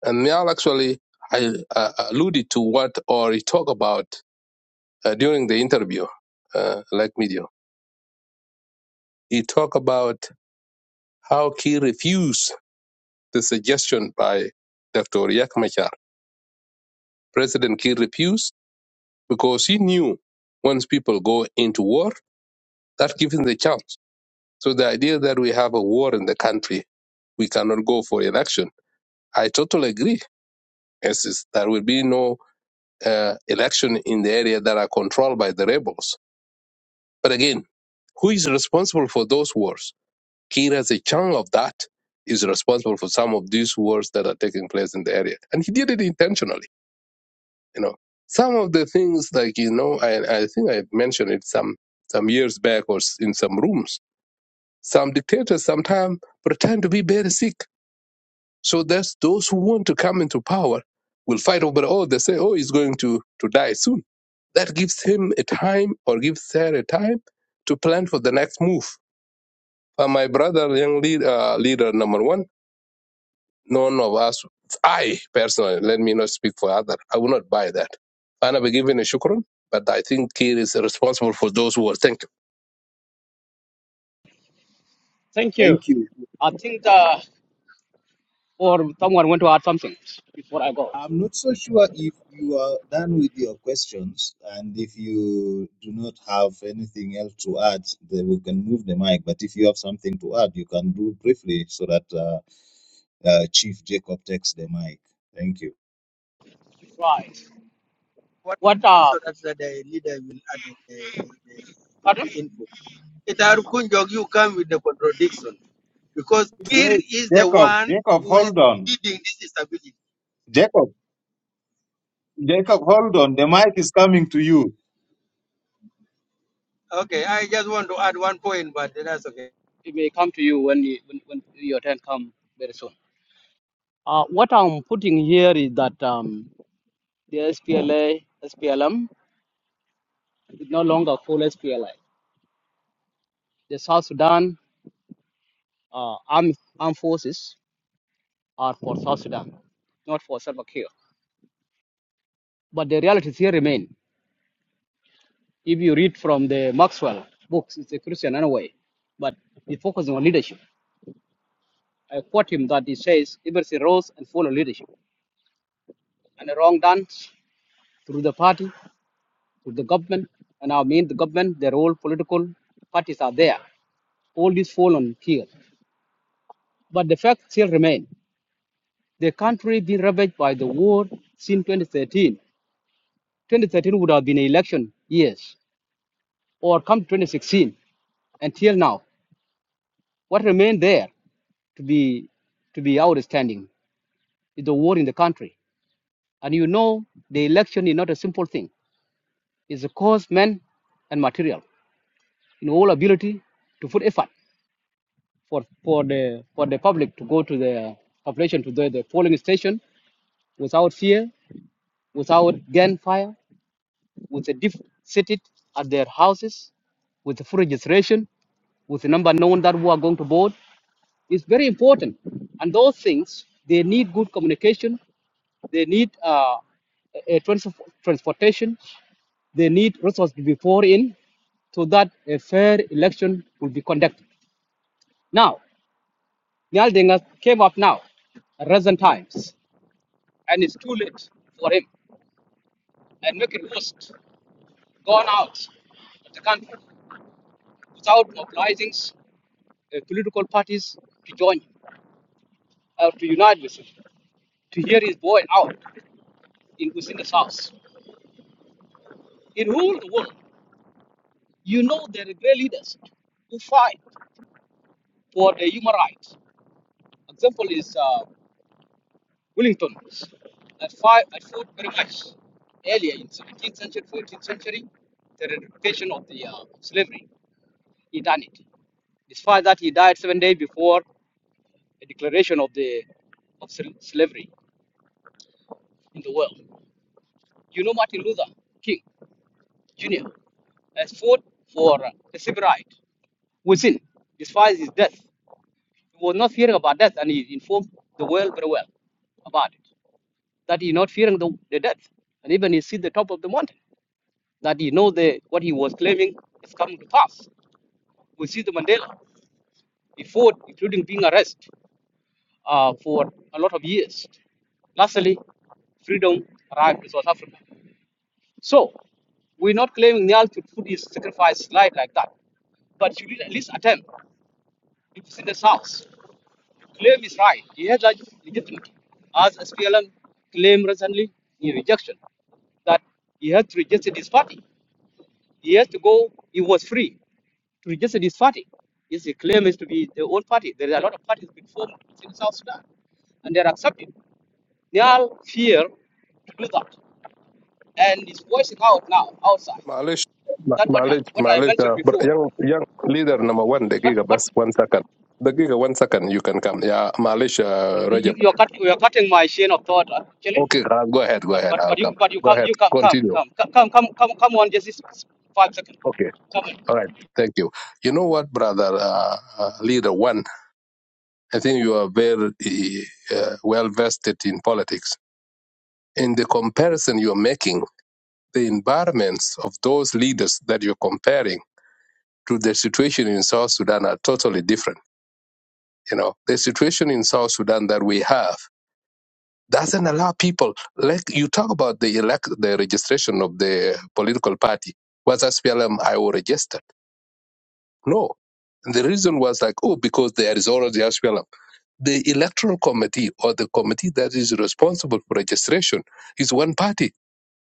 S16: and Niall actually I, uh, alluded to what, or he talked about uh, during the interview, uh, like media. He talked about how he refused the suggestion by Dr. Riek Machar. President Kiir refused because he knew once people go into war, that gives him the chance. So the idea that we have a war in the country, we cannot go for election. I totally agree. Yes, it's- there will be no uh, election in the area that are controlled by the rebels. But again, who is responsible for those wars? Kir has a chunk of that is responsible for some of these wars that are taking place in the area. And he did it intentionally You know, some of the things like you know, I I think I mentioned it some some years back or s- in some rooms. Some dictators sometimes pretend to be very sick, so that's those who want to come into power will fight over. Oh, they say, oh, he's going to to die soon. That gives him a time or gives her a time to plan for the next move. Uh, my brother, young lead, uh, leader number one. None of us, I personally, let me not speak for other. I will not buy that. And I'll be given a shukran, but I think Kir is responsible for those who are thinking.
S4: Thank you.
S19: Thank you.
S4: I think uh, or someone want to add something before I go.
S19: I'm not so sure if you are done with your questions and if you do not have anything else to add, then we can move the mic. But if you have something to add, you can do briefly so that uh, uh, Chief Jacob takes the mic. Thank you.
S4: Right.
S24: what
S4: What uh,
S24: so that the leader will add the, the, the, the
S4: Adam,
S24: input. It are Kunjog, you come with the contradiction because here
S19: Wait,
S24: is the
S19: Jacob,
S24: one
S19: Jacob,
S24: who is
S19: hold on.
S24: leading this stability.
S19: Jacob, Jacob, hold on. The mic is coming to you.
S24: Okay, I just want to add one point, but that's okay.
S4: it may come to you when, you, when when your turn come very soon. Uh, what I'm putting here is that um, the SPLA, SPLM is no longer full SPLA. The South Sudan uh, armed, armed forces are for South Sudan, not for Salva Kiir. But the realities here remain. If you read from the Maxwell books, it's a Christian anyway, but he focuses on leadership. I quote him that he says, Liberty rose and full of leadership. And the wrong done through the party, through the government, and I mean the government, their all political parties are there. All this fall on Kiir. But the facts still remain. The country been ravaged by the war since 2013. 2013 would have been an election years, or come 2016 until now. What remained there to be to be outstanding is the war in the country. And you know the election is not a simple thing. It's a cost, man, and material. In all ability to put effort for, for the for the public to go to the population to the, the polling station without fear, without gunfire, with a diff- seated at their houses with the full registration, with the number known that we are going to board. It's very important. And those things, they need good communication, they need uh, a a trans- transportation, they need resources before in so that a fair election will be conducted. Now, Nyal Denga came up now, at recent times, and it's too late for him and make it worse, gone out of the country without mobilizing. uh, political parties to join him, uh, to unite with him, to hear his voice out in within the South. In all the world, you know there are great leaders who fight for the human rights. Example is uh, Wellington that fight that fought very much earlier in 17th century, 14th century, the eradication of the uh, slavery in eternity. Despite that, he died seven days before the declaration of the of slavery in the world. You know Martin Luther King Jr. has fought for uh, the civil right within, despite his death. He was not fearing about death, and he informed the world very well about it. That he's not fearing the, the death, and even he see the top of the mountain. That he know the what he was claiming is coming to pass. We see the Mandela. He fought, including being arrested uh, for a lot of years. Lastly, freedom arrived to South Africa. So, we're not claiming Nyal to put his sacrifice life like that, but should at least attempt. It is in the South. Claim is right. He has a legitimate. As SPLM claimed recently in rejection, that he had to reject his party. He has to go, he was free to reject his party. Yes, he claims to be the own party. There are a lot of parties being formed in South Sudan, and they are accepted. They all fear to do that, and it's voicing out now outside.
S16: Malish, ma-
S4: That what I-
S16: Malish,
S4: what I
S16: Malish,
S4: mentioned
S16: uh, br-
S4: before.
S16: young, young leader number one, the
S4: What
S16: giga,
S4: what
S16: bus one second. The giga, one second, you can come. Yeah, Malish, uh,
S4: you,
S16: Rajab.
S4: you're cut, you're cutting my chain of thought, actually.
S16: Okay, Khalas, go ahead, go
S4: But
S16: ahead,
S4: but
S16: I'll
S4: but you
S16: come.
S4: but you
S16: Go
S4: come
S16: ahead,
S4: you come come
S16: continue.
S4: come come come come come come on just this five seconds.
S16: Okay,
S4: Come on.
S16: all right, thank you. You know what, brother, uh, uh, leader one, I think you are very uh, well vested in politics in the comparison you're making, the environments of those leaders that you're comparing to the situation in South Sudan are totally different. You know, the situation in South Sudan that we have doesn't allow people like you talk about the elect the registration of the political party. Was SPLM IO registered? No. The reason was like, oh, because there is already SPLM. The electoral committee or the committee that is responsible for registration is one party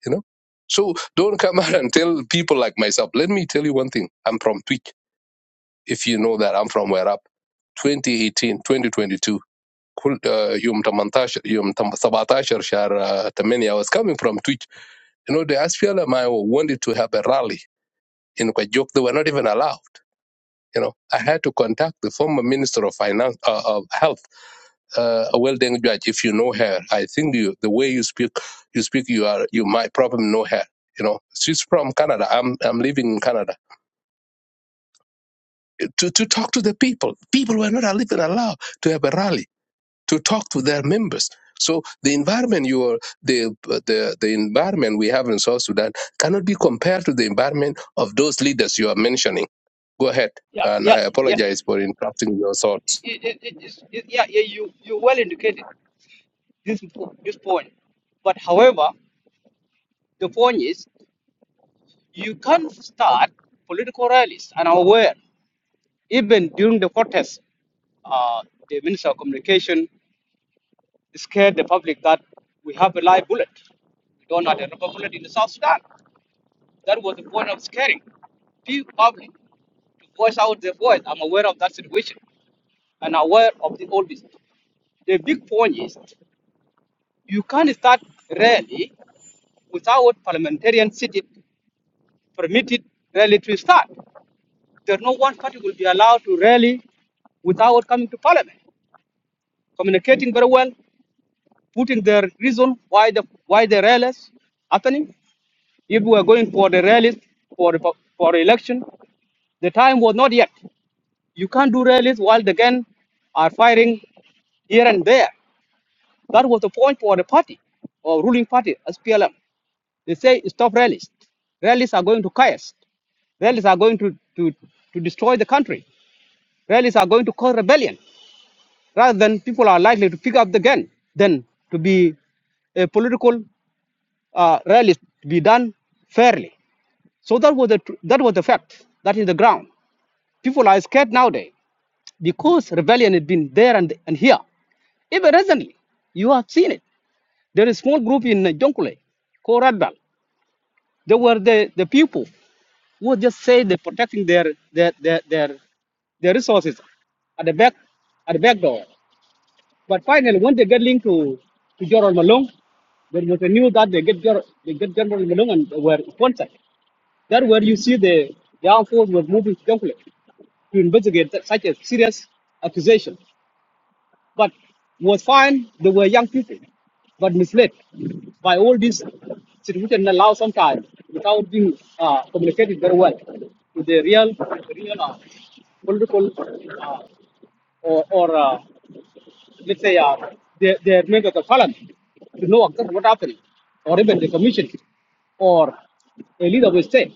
S16: you know so don't come out and tell people like myself let me tell you one thing i'm from tweak if you know that i'm from where up 2018 2022 كل- uh, يوم 18 يوم 17 شهر uh, 8 I was coming from Twitch you know the SPLMIO wanted to have a rally in Kwajok they were not even allowed you know I had to contact the former minister of finance uh, of health uh, well done judge if you know her i think you the way you speak you speak you are you might probably know her you know she's from canada i'm i'm living in canada to to talk to the people people were not even allowed to have a rally to talk to their members so the environment you are the the the environment we have in south sudan cannot be compared to the environment of those leaders you are mentioning go ahead
S4: Yeah
S16: and
S4: yeah
S16: i
S4: yeah
S16: apologize for interrupting your thoughts
S4: it, it, it, it's- it- yeah yeah you you well indicated this po- this point. But however, the point is you can start political rallies. And I'm aware even during the protest, uh, the minister of communication scared the public that we have a live bullet. We don't have a rubber bullet in the South Sudan. That was the point of scaring the public voice out their voice. I'm aware of that situation and aware of the all this. The big point is you can't start rally without parliamentarian seated permitted rally to start. There's no one party will be allowed to rally without coming to parliament, communicating very well, putting their reason why the why the rallies happening. If we are going for the rallies for the, for the election, the time was not yet. You can't do rallies while the gun are firing here and there. That was the point for the party or ruling party as PLM. They say stop rallies. Rallies are going to chaos. Rallies are going to, to, to destroy the country. Rallies are going to cause rebellion. Rather than people are likely to pick up the gun than to be a political uh, rallies to be done fairly. So that was the tr- that was the fact. That is the ground. People are scared nowadays because rebellion has been there and, and here. Even recently, you have seen it. There is small group in uh, Jonkule called Red Bell. They were the, the people who just say they're protecting their their, their their their resources at the back at the back door. But finally, when they get linked to to General Malone, there was a news that they get Jor- they get General Malone and they were sponsored. That's where you see the the armed force was moving to Jonglei to investigate that- such a serious accusation but was fine. They were young people, but misled by all these situation allowed sometimes without being uh, communicated very well to the real, real uh, political uh, or, or uh, let's say uh, their, their members of parliament to know exactly what happened, or even the commission or a leader of a state.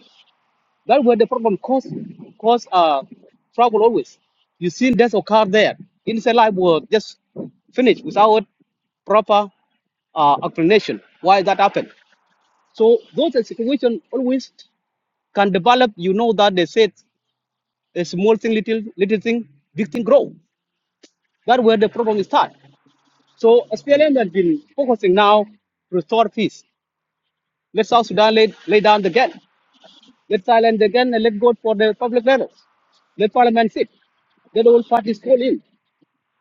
S4: That where the problem cause cause uh trouble always. You seen there's a car there. Innocent life will just finish without proper uh, explanation why that happened. So those are situation always can develop. You know that they said a small thing, little little thing, big thing grow. That where the problem is start. So SPLM has been focusing now to restore peace. Let South Sudan lay, lay down the gun. Let Thailand again and let go for the public levels. Let parliament sit. Let all parties call in.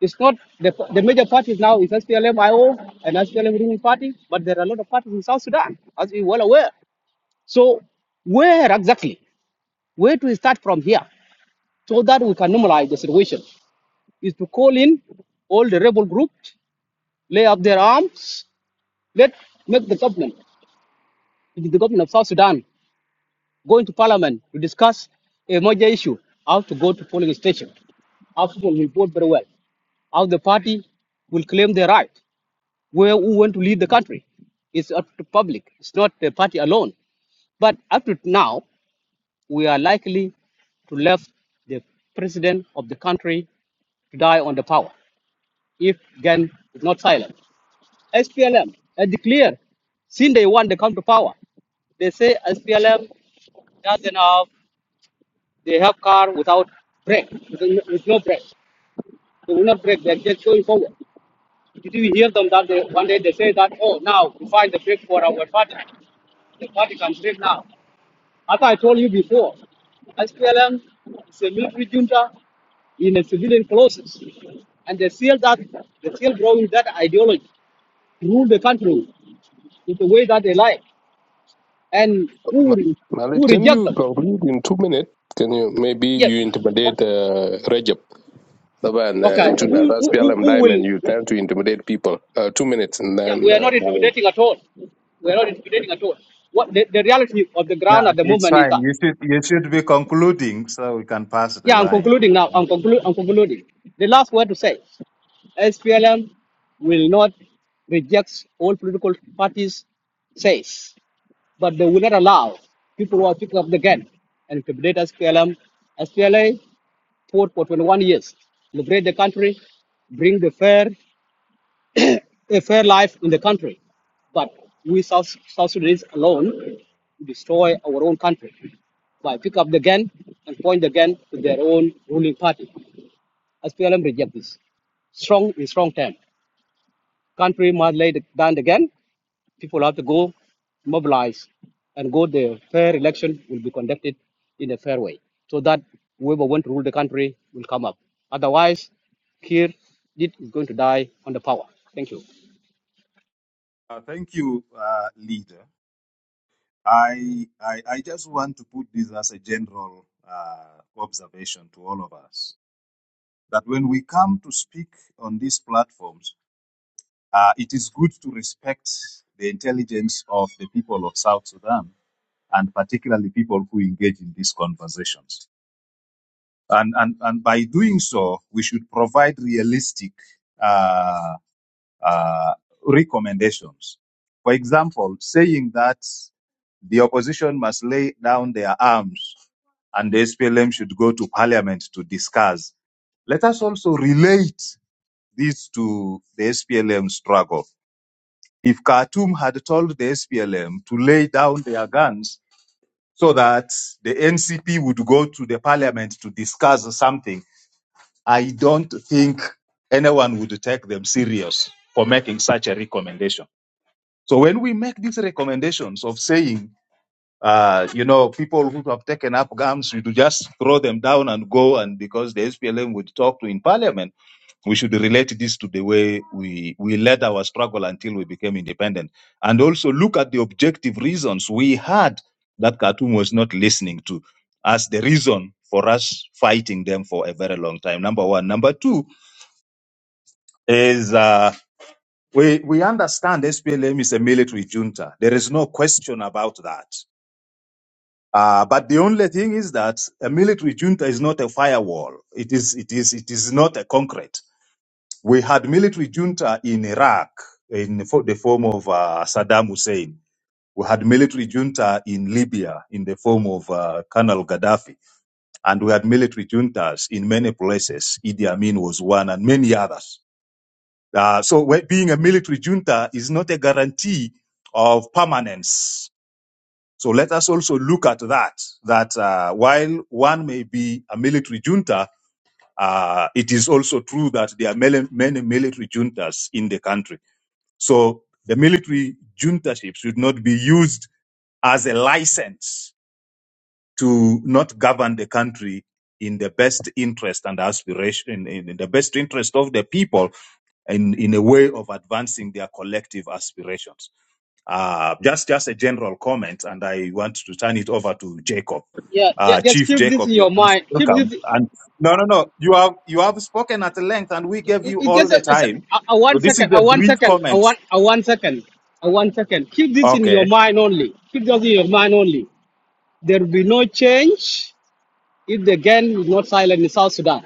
S4: It's not the, the major parties now is SPLM IO and SPLM ruling party, but there are a lot of parties in South Sudan, as we well aware. So where exactly? Where do we start from here? So that we can normalize the situation is to call in all the rebel groups, lay up their arms, let make the government, the government of South Sudan going to parliament to discuss a major issue, how to go to polling station, how people will vote very well, how the party will claim their right, where who want to lead the country. It's up to public. It's not the party alone. But up to now, we are likely to left the president of the country to die on the power if Gan is not silent. SPLM has declared since they want to come to power, they say SPLM doesn't have They have car without brake, with no with no brake. They will not brake, they're just going forward. Did you hear them that they, one day they say that, oh, now we find the brake for our party. The party can break now. As I told you before, SPLM is a military junta in a civilian clothes. And they feel that they still growing that ideology to rule the country in the way that they like. And who will
S16: Malik, Malik,
S4: who
S16: can
S4: reject
S16: you
S4: them?
S16: conclude in two minutes? Can you maybe
S4: Yes.
S16: you intimidate uh, Rajab Laban uh,
S4: Okay.
S16: into that
S4: Who who, who
S16: SPLM
S4: who
S16: diamond?
S4: will
S16: You tend to intimidate people. Uh, two minutes, and
S4: Yeah,
S16: then
S4: we are
S16: uh,
S4: not
S16: I-
S4: intimidating at all. We are not intimidating at all. What the, the reality of the
S19: Yeah,
S4: ground at the
S19: it's
S4: movement is
S19: fine.
S4: that.
S19: You should you should be concluding so we can pass the
S4: Yeah, I'm
S19: line.
S4: concluding now. I'm, conclu- I'm concluding. The last word to say SPLM will not reject all political parties says, but they will not allow people who are picking up the gun and intimidate SPLM. SPLA fought for 21 years, liberate the country, bring the fair a fair life in the country. But we South, South Sudanese alone destroy our own country by pick up the gun and point the gun to their own ruling party. SPLM reject this. Strong in strong term. Country must lay down the gun. People have to go mobilize and go the fair election will be conducted in a fair way so that whoever want to rule the country will come up. Otherwise, here it is going to die on the power. Thank you.
S19: Uh, thank you, uh, leader. I, I, I just want to put this as a general uh, observation to all of us that when we come to speak on these platforms, uh, it is good to respect the intelligence of the people of South Sudan and particularly people who engage in these conversations. And, and, and by doing so, we should provide realistic uh, uh, recommendations. For example, saying that the opposition must lay down their arms and the SPLM should go to parliament to discuss. Let us also relate this to the SPLM struggle. If Khartoum had told the SPLM to lay down their guns so that the NCP would go to the parliament to discuss something, I don't think anyone would take them serious for making such a recommendation. So when we make these recommendations of saying, uh, you know, people who have taken up arms, we do just throw them down and go, and because the SPLM would talk to in parliament, we should relate this to the way we, we led our struggle until we became independent. And also look at the objective reasons we had that Khartoum was not listening to as the reason for us fighting them for a very long time. Number one. Number two is. uh, we we understand SPLM is a military junta. There is no question about that. Uh, but the only thing is that a military junta is not a firewall. It is it is it is not a concrete. We had military junta in Iraq in the fo- the form of uh, Saddam Hussein. We had military junta in Libya in the form of uh, Colonel Gaddafi, and we had military juntas in many places. Idi Amin was one, and many others. Uh, so we- being a military junta is not a guarantee of permanence. So let us also look at that, that uh, while one may be a military junta, uh, it is also true that there are many, many military juntas in the country. So the military juntaship should not be used as a license to not govern the country in the best interest and aspiration, in in the best interest of the people in, in a way of advancing their collective aspirations. Uh, just, just a general comment, and I want to turn it over to Jacob.
S4: Yeah, yeah,
S19: Uh,
S4: just
S19: Chief
S4: keep this
S19: Jacob,
S4: in
S19: you are
S4: your
S19: most
S4: mind. Keep
S19: welcome.
S4: this.
S19: And no, no, no, you have you have spoken at length, and we gave
S4: It,
S19: you
S4: it
S19: all
S4: just a,
S19: the
S4: a, se-
S19: time.
S4: a a one
S19: So this is
S4: second, a
S19: a
S4: one
S19: brief
S4: second, a
S19: comment.
S4: one, a one second, a one second. Keep this in your
S19: Okay.
S4: mind only. Keep this in your mind only. There will be no change if the gang is not silent in South Sudan.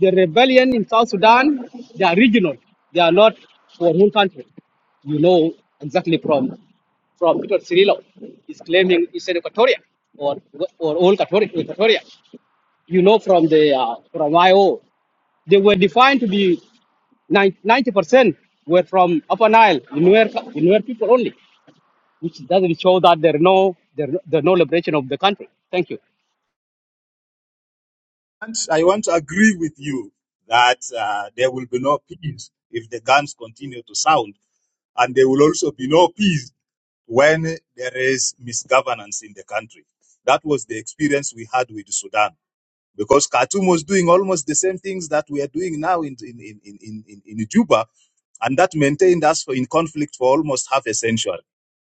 S4: The rebellion in South Sudan, they are regional. They are not for one country. You know exactly from from Peter Cirillo is claiming it's an Equatoria or or all Equatoria. Equatoria. You know from the uh, from IO. They were defined to be 90% were from Upper Nile, Nuer Inuer people only, which doesn't show that there are no there, are no- there are no liberation of the country. Thank you.
S19: And I want to agree with you that uh, there will be no peace if the guns continue to sound, and there will also be no peace when there is misgovernance in the country. That was the experience we had with Sudan because Khartoum was doing almost the same things that we are doing now in, in, in, in, in, in Juba, and that maintained us for, in conflict for almost half a century.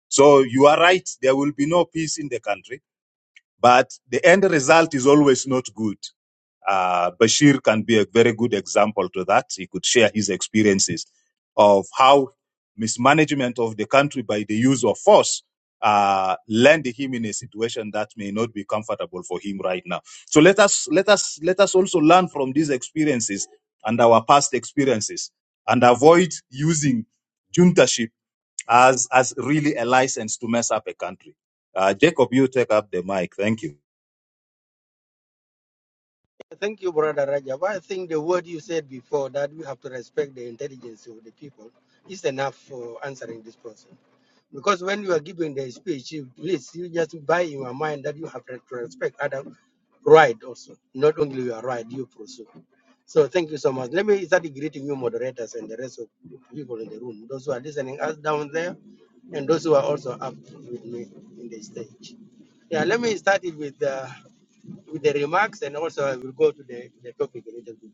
S19: So you are right, there will be no peace in the country, but the end result is always not good. Uh, Bashir can be a very good example to that. He could share his experiences of how mismanagement of the country by the use of force uh, land him in a situation that may not be comfortable for him right now. So let us let us let us also learn from these experiences and our past experiences and avoid using juntaship as as really a license to mess up a country. Uh, Jacob, you take up the mic. Thank you.
S24: Thank you, Brother Rajab. I think the word you said before that we have to respect the intelligence of the people is enough for answering this person. Because when you are giving the speech, you, please, you just buy in your mind that you have to respect other right also, not only your right you pursue. So thank you so much. Let me start greeting you moderators and the rest of people in the room, those who are listening us down there, and those who are also up with me in the stage. Yeah, let me start it with uh, with the remarks, and also I will go to the, the topic a little bit.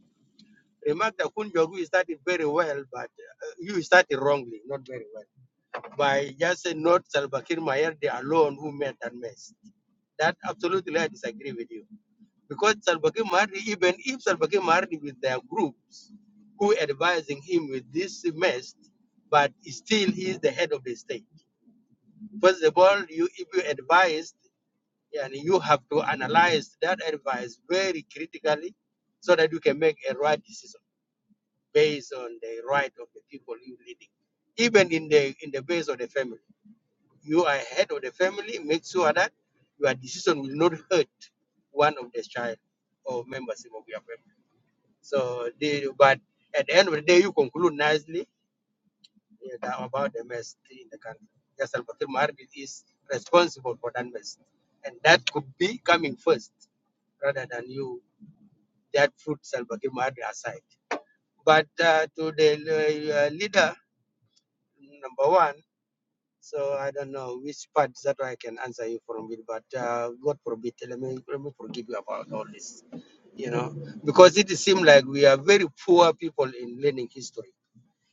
S24: Remark that Kunjogu started very well, but uh, you started wrongly, not very well, by just saying not Salva Kiir Mayardi alone who made that mess. That absolutely I disagree with you because Salva Kiir Mahdi, even if Salva Kiir Mahdi with their groups who advising him with this mess, but still he is the head of the state. First of all, you if you advise, and you have to analyze that advice very critically, so that you can make a right decision based on the right of the people you leading, even in the in the base of the family. You are head of the family. Make sure that your decision will not hurt one of the child or members of your family. So, they, but at the end of the day, you conclude nicely you know, about the mess in the country. Yes, Al Bakir Maharbin is responsible for that mess. And that could be coming first rather than you, that put Al Bakir Maharbin aside. But uh, to the uh, leader, number one, so I don't know which part that I can answer you from it, but uh, God forbid, let me, let me forgive you about all this, you know, because it seems like we are very poor people in learning history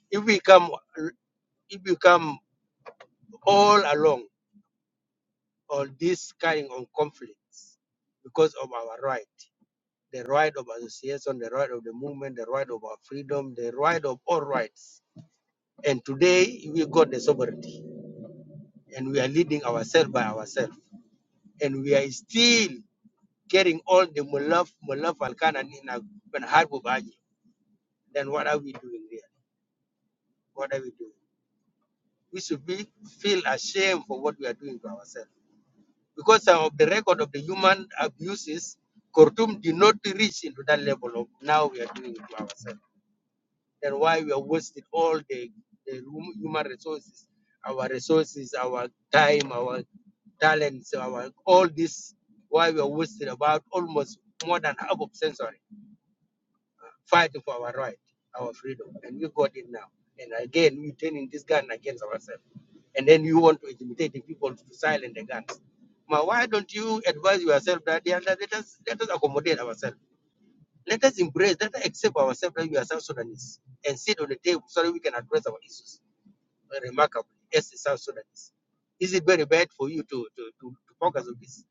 S24: If we come, if we come all along on this kind of conflicts because of our right, the right of association, the right of the movement, the right of our freedom, the right of all rights. And today we got the sovereignty and we are leading ourselves by ourselves. And we are still getting all the mulaf, mulaf alkan and in a Then what are we doing there? What are we doing? We should be feel ashamed for what we are doing to ourselves because of the record of the human abuses, Khartoum did not reach into that level of now we are doing it to ourselves. That's why we are wasting all the, the human resources, our resources, our time, our talents, our all this. Why we are wasting about almost more than half of century fight for our right, our freedom, and we got it now. And again, we're turning this gun against ourselves. And then you want to intimidate the people to silence the guns. Now, why don't you advise yourself that yeah, let let us let us accommodate ourselves? Let us embrace, let us accept ourselves that we are South Sudanese and sit on the table so that we can address our issues remarkably as the South Sudanese. Is it very bad for you to, to, to, to focus on this?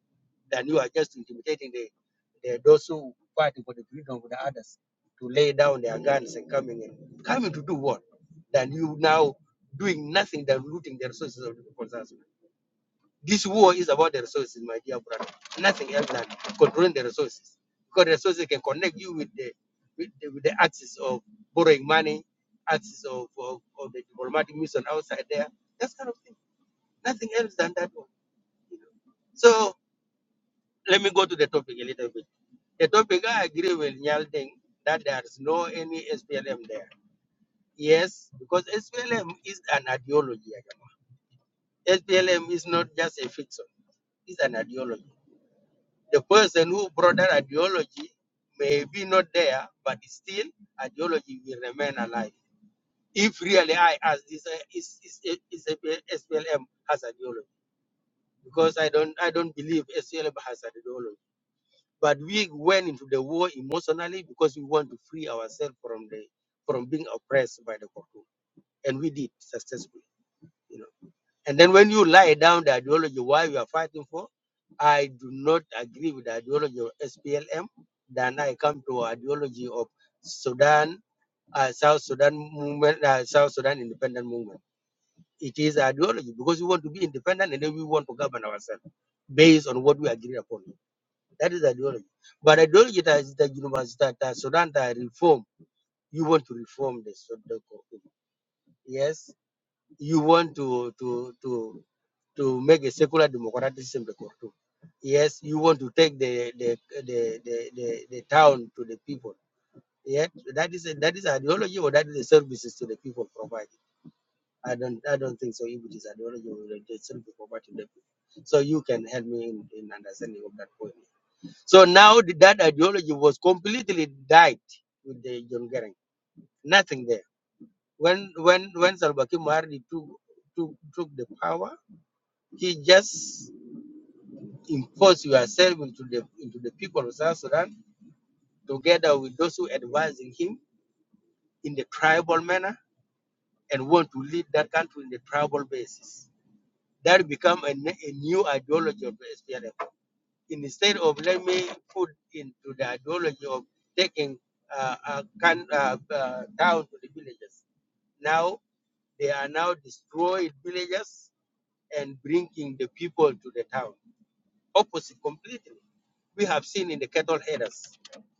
S24: Then you are just intimidating the, the those who fighting for the freedom of the others to lay down their guns and coming in. Coming to do what? Then you now doing nothing than looting the resources of the people. of South Sudan. This war is about the resources, my dear brother. Nothing else than controlling the resources. Because the resources can connect you with the with the, with the access of borrowing money, access of, of, of the diplomatic mission outside there. That kind of thing. Nothing else than that one. you know. So let me go to the topic a little bit. The topic I agree with Nyalding that there's no any SPLM there. Yes, because SPLM is an ideology. Ajama. SPLM is not just a fiction, it's an ideology. The person who brought that ideology may be not there, but still ideology will remain alive. If really I ask this uh, is is is SPLM has ideology, because I don't I don't believe SPLM has ideology. But we went into the war emotionally because we want to free ourselves from the from being oppressed by the Korku, and we did successfully. You know. And then when you lie down the ideology why you are fighting for, I do not agree with the ideology of SPLM. Then I come to ideology of Sudan, uh, South Sudan movement, uh, South Sudan independent movement. It is ideology because we want to be independent and then we want to govern ourselves based on what we agree upon. That is ideology. But ideology that is the university that that Sudan that reform. You want to reform the Sudan. Yes you want to to to to make a secular democratic system the Khartoum. Yes, you want to take the the the, the, the, the town to the people. Yeah, that is a, that is ideology or that is the services to the people provided. I don't I don't think so. If it is ideology or the the service provided to the people, so you can help me in, in understanding of that point. So now the- that ideology was completely died with the John Garang. Nothing there. When when when Salva Kiir took, took took the power he just imposed yourself into the into the people of South Sudan together with those who advising him in the tribal manner and want to lead that country in the tribal basis. That become a, ne- a new ideology of the SPLM. Instead of let me put into the ideology of taking uh, a can, uh, uh, town to the villages. Now they are now destroying villages and bringing the people to the town. Opposite completely We have seen in the cattle headers,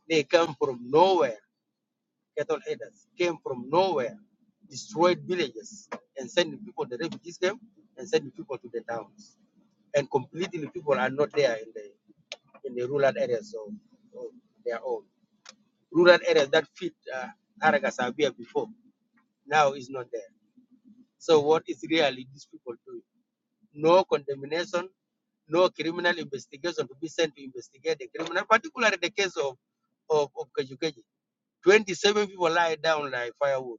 S24: they come from nowhere. Cattle headers came from nowhere, destroyed villages, and sending people, the refugees came, and sending people to the towns. And completely people are not there in the in the rural areas of, of their own. Rural areas that fit uh, Aragasabia before, now is not there. So what is really these people doing? No condemnation, no criminal investigation to be sent to investigate the criminal, particularly the case of of, of Kajukeji. 27 people lie down like firewood,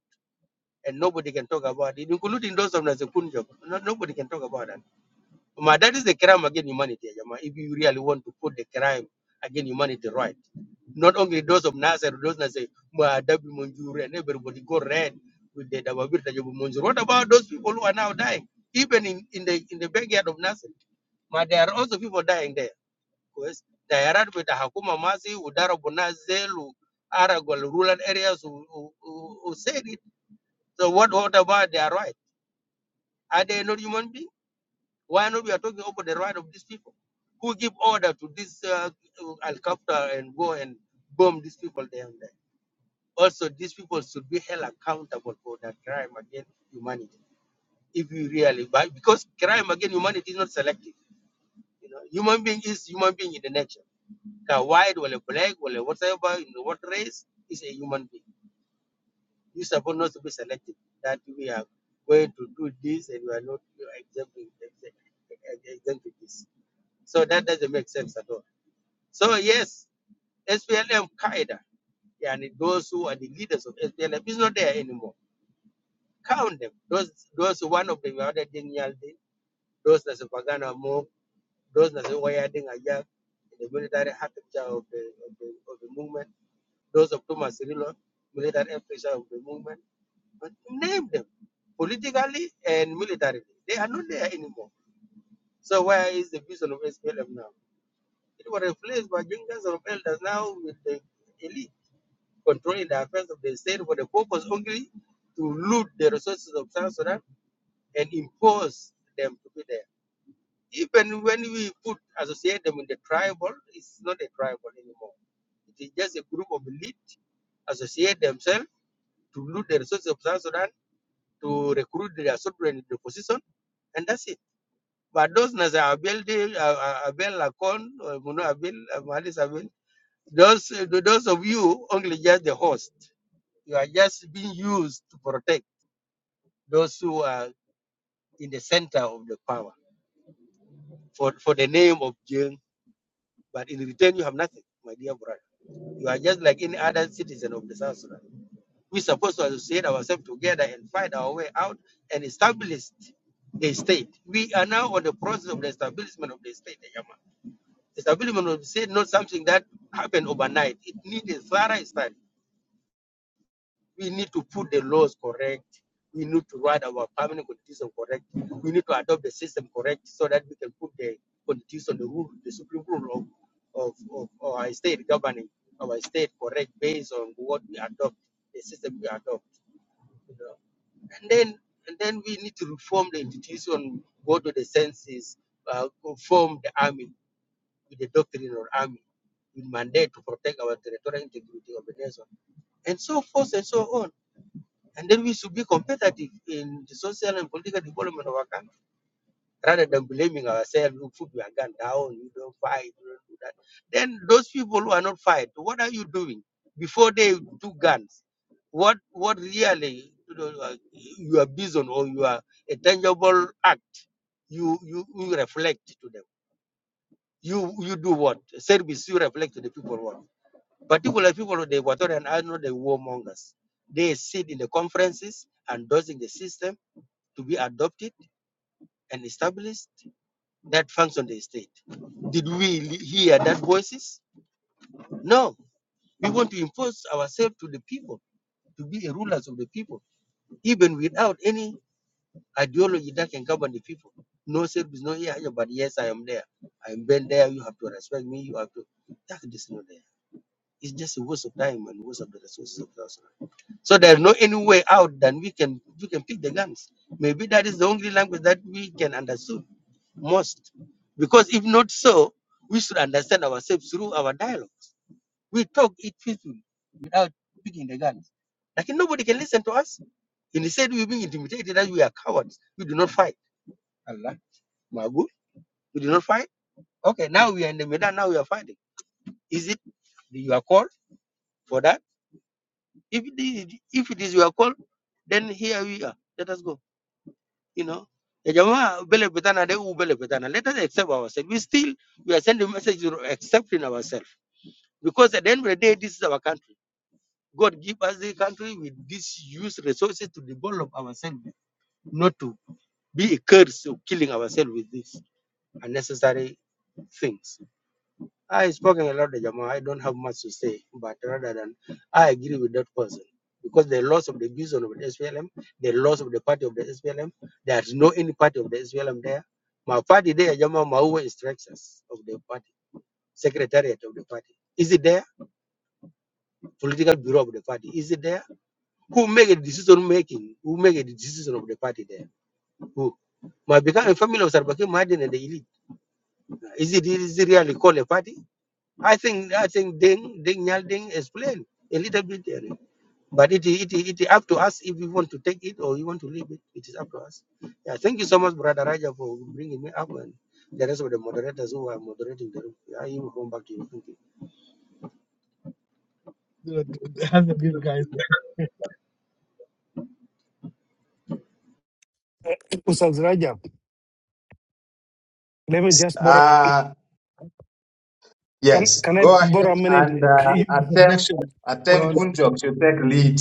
S24: and nobody can talk about it, including those of Nasekunjok. No, nobody can talk about that. Ma, that is the crime against humanity, Ajama, if you really want to put the crime against humanity right. Not only those of Nasser, those Nasser, Ma, Dabi Munjuri, and everybody go red with the Dababir Tajabu Munjuri. What about those people who are now dying, even in, in, the, in the backyard of Nasser? Ma, there are also people dying there. كويس دائرات بتحكم ماسي وضربوا ناس زيل وارجوا rural areas who, who, who who said it. So what, what about their right? Are they not human beings? Why not we are talking about the right of these people? Who give order to this uh, helicopter and go and bomb these people there and there? Also, these people should be held accountable for that crime against humanity. If you really, but because crime against humanity is not selective, you know, human being is human being in the nature ka white or a black or a whatever in what race is a human being. You supposed not to be selective that we are going to do this and we are not exempting exempting- this. So that doesn't make sense at all. So yes, SPLM Qaeda and those who are the leaders of SPLM is not there anymore. Count them. Those those one of them are the Yaldi, those that's a Pagana Mo, those that's a Wayading Ayak, the military heart of the, of the of the movement those of Thomas Cirillo, military officers of the movement, but name them politically and militarily. They are not there anymore. So where is the vision of SPLM now? It was replaced by juniors of elders now with the elite controlling the affairs of the state for the purpose only to loot the resources of South Sudan and impose them to be there. Even when we put associate them with the tribal, it's not a tribal anymore. It is just a group of elite associate themselves to loot the resources of South Sudan, to recruit their soldiers in the position, and that's it. But those Naza Abel, De- uh, uh, Abel Lacon, uh, Muno Abel, uh, Mahalis Abel, those, uh, those of you only just the host. You are just being used to protect those who are in the center of the power for, for the name of Jing. But in return, you have nothing, my dear brother. You are just like any other citizen of the South Sudan. We're supposed to associate ourselves together and find our way out and establish the state. We are now on the process of the establishment of the state. The Establishment of the state is not something that happened overnight. It needs a thorough study. We need to put the laws correct. We need to write our permanent constitution correct. We need to adopt the system correct so that we can put the constitution, the rule, the supreme rule of, of, of our state governing our state correct based on what we adopt, the system we adopt. You know and then and then we need to reform the institution, go to the census, uh, reform the army with the doctrine of army, with mandate to protect our territorial integrity of the nation, and so forth and so on. And then we should be competitive in the social and political development of our country rather than blaming ourselves, look, put your gun down, you don't fight, you don't do that. Then those people who are not fight, what are you doing before they do guns? What what really you know, uh, you or you are a tangible act? You you, you reflect to them. You you do what service? You reflect to the people what? Particular people of the Equatorian are not the warmongers. They sit in the conferences and dosing the system to be adopted and established that function the state. Did we hear that voices? No. We want to impose ourselves to the people, to be a rulers of the people, even without any ideology that can govern the people. No service, no yeah, yeah, but yes, I am there. I am been there. You have to respect me. You have to. That is not there. It's just a waste of time and waste of the resources of South Sudan. So there's no any way out than we can we can pick the guns. Maybe that is the only language that we can understand most. Because if not so, we should understand ourselves through our dialogues. We talk it peacefully without picking the guns. Like nobody can listen to us. And he said we're being intimidated that we are cowards. We do not fight. Allah, Magu, we do not fight. Okay, now we are in the Medan, now we are fighting. Is it your call for that? If it is, if it is your call, then here we are. Let us go. You know. Ya jamaa, bele petana, de u bele petana. Let us accept ourselves. We still we are sending messages of accepting ourselves Because at the end of the day, this is our country. God give us the country with this use resources to develop ourselves, not to be a curse of killing ourselves with these unnecessary things. I spoken a lot, Jama. I don't have much to say, but rather than I agree with that person. Because the loss of the vision of the SPLM, the loss of the party of the SPLM, there's no any party of the SPLM there. My party there, Jama Maua is structures of the party, secretariat of the party. Is it there? Political bureau of the party. Is it there? Who make a decision making? Who make a decision of the party there? Who? might become a family of Sarbaki Madin and the elite. Is it is it really called a party? I think I think Deng Deng Nyal Deng explained a little bit there. But it it it up to us if we want to take it or we want to leave it. It is up to us. Yeah, thank you so much, Brother Raja, for bringing me up and the rest of the moderators who are moderating the room. Yeah, you come back to you. Thank you.
S22: Have the good guys.
S6: uh, Ustaz Rajab. Let me just borrow.
S19: Uh,
S6: Can
S19: Yes,
S6: can I
S19: go
S6: borrow a
S19: ahead and
S6: minute?
S19: uh,
S6: I,
S19: Atem,
S22: Objection.
S19: Atem Kunjok should take lead.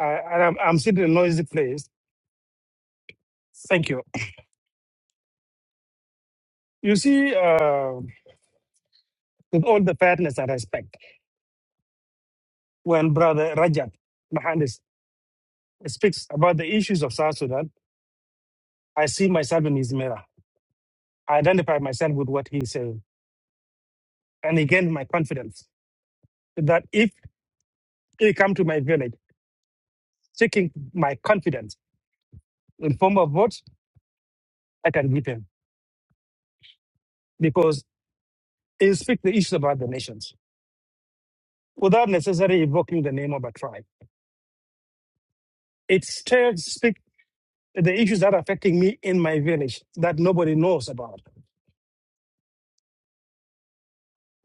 S6: I, I'm, I'm sitting in a noisy place. Thank you. You see, uh, with all the fairness and respect, when Brother Rajab, Mahandis speaks about the issues of South Sudan, I see myself in his mirror. I identify myself with what he's saying. And again, my confidence that if he come to my village seeking my confidence in form of votes, I can give him because he speaks the issues about the nations without necessarily evoking the name of a tribe. It still speaks the issues that are affecting me in my village that nobody knows about.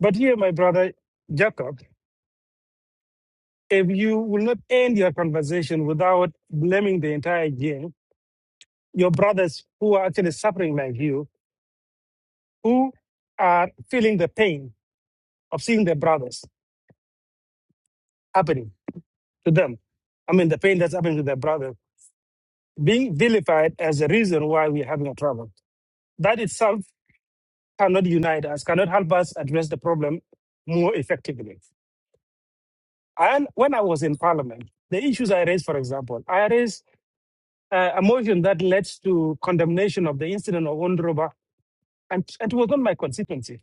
S6: But here, my brother Jacob, if you will not end your conversation without blaming the entire game, your brothers who are actually suffering like you, who are feeling the pain of seeing their brothers happening to them. I mean, the pain that's happening to their brother being vilified as the reason why we're having a trouble. That itself cannot unite us, cannot help us address the problem more effectively. And when I was in parliament, the issues I raised, for example, I raised uh, a motion that led to condemnation of the incident of Ondroba, and, and it was not my constituency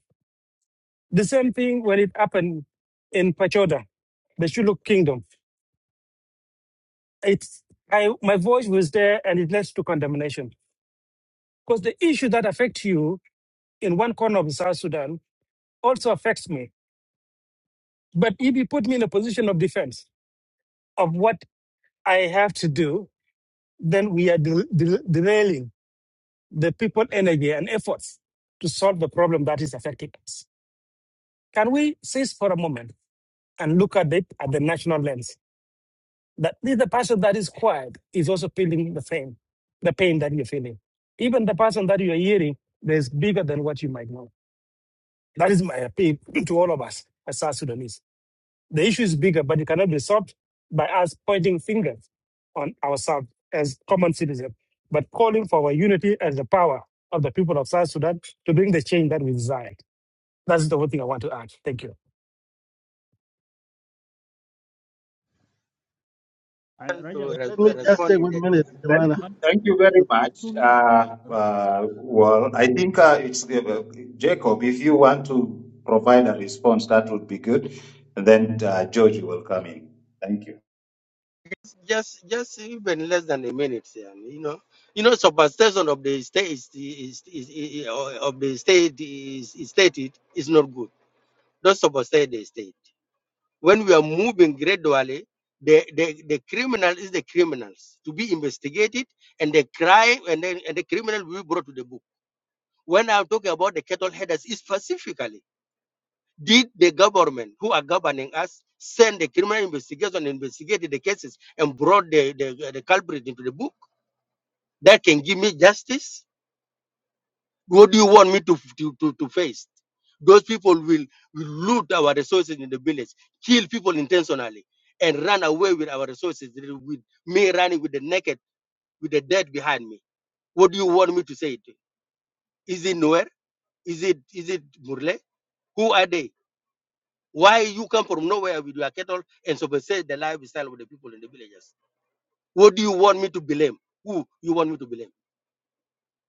S6: The same thing when it happened in Pachoda, the Shilluk kingdom. It's, I, my voice was there and it leads to condemnation. Because the issue that affects you in one corner of South Sudan also affects me. But if you put me in a position of defense of what I have to do, then we are del- del- derailing the people energy and efforts to solve the problem that is affecting us. Can we cease for a moment and look at it at the national lens? That the person that is quiet is also feeling the pain, the pain that you're feeling. Even the person that you're hearing there's bigger than what you might know. That is my appeal to all of us as South Sudanese. The issue is bigger, but it cannot be solved by us pointing fingers on ourselves as common citizens, but calling for our unity and the power of the people of South Sudan to bring the change that we desire. That's the whole thing I want to add. Thank you.
S21: آه،
S22: Yeah,
S24: To
S21: رجب
S24: re-
S22: let me just
S24: respond
S22: take
S24: in
S22: one minute,
S19: Thank
S22: Jemana.
S19: you, thank you very
S21: بس
S19: much.
S21: توني-
S19: Uh,
S21: رجب
S19: uh, well, I think uh, it's uh, Jacob. If you want to provide a response, that would be good. And then uh, George will come in. Thank you.
S24: just just even less than a minute and you know you know superstition of the state is, is, is, is uh, of the state is, is stated is not good don't superstate the state when we are moving gradually the, the the criminal is the criminals to be investigated and the crime and then and the criminal will be brought to the book when i'm talking about the cattle headers is specifically did the government who are governing us send the criminal investigation investigated the cases and brought the, the, the culprit into the book that can give me justice? What do you want me to, to, to, to face? Those people will, will loot our resources in the village, kill people intentionally, and run away with our resources, with me running with the naked, with the dead behind me. What do you want me to say? To? Is it nowhere? Is it is it Murle? Who are they? Why you come from nowhere with your cattle and say the lifestyle of the people in the villages? What do you want me to blame? Who you want me to blame?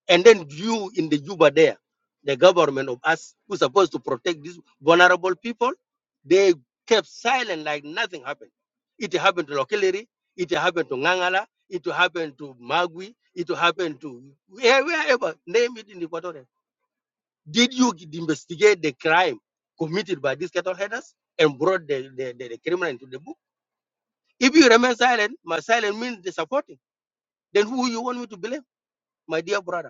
S24: And then you in the Juba there, the government of us who's supposed to protect these vulnerable people, they kept silent like nothing happened. It happened to Lokeliri, it happened to Ngangala, it happened to Magui, it happened to where- wherever, name it in Equatorial. Did you investigate the crime committed by these cattle headers and brought the, the, the, the criminal into the book? If you remain silent, my silent means the supporting. Then who you want me to blame, my dear brother?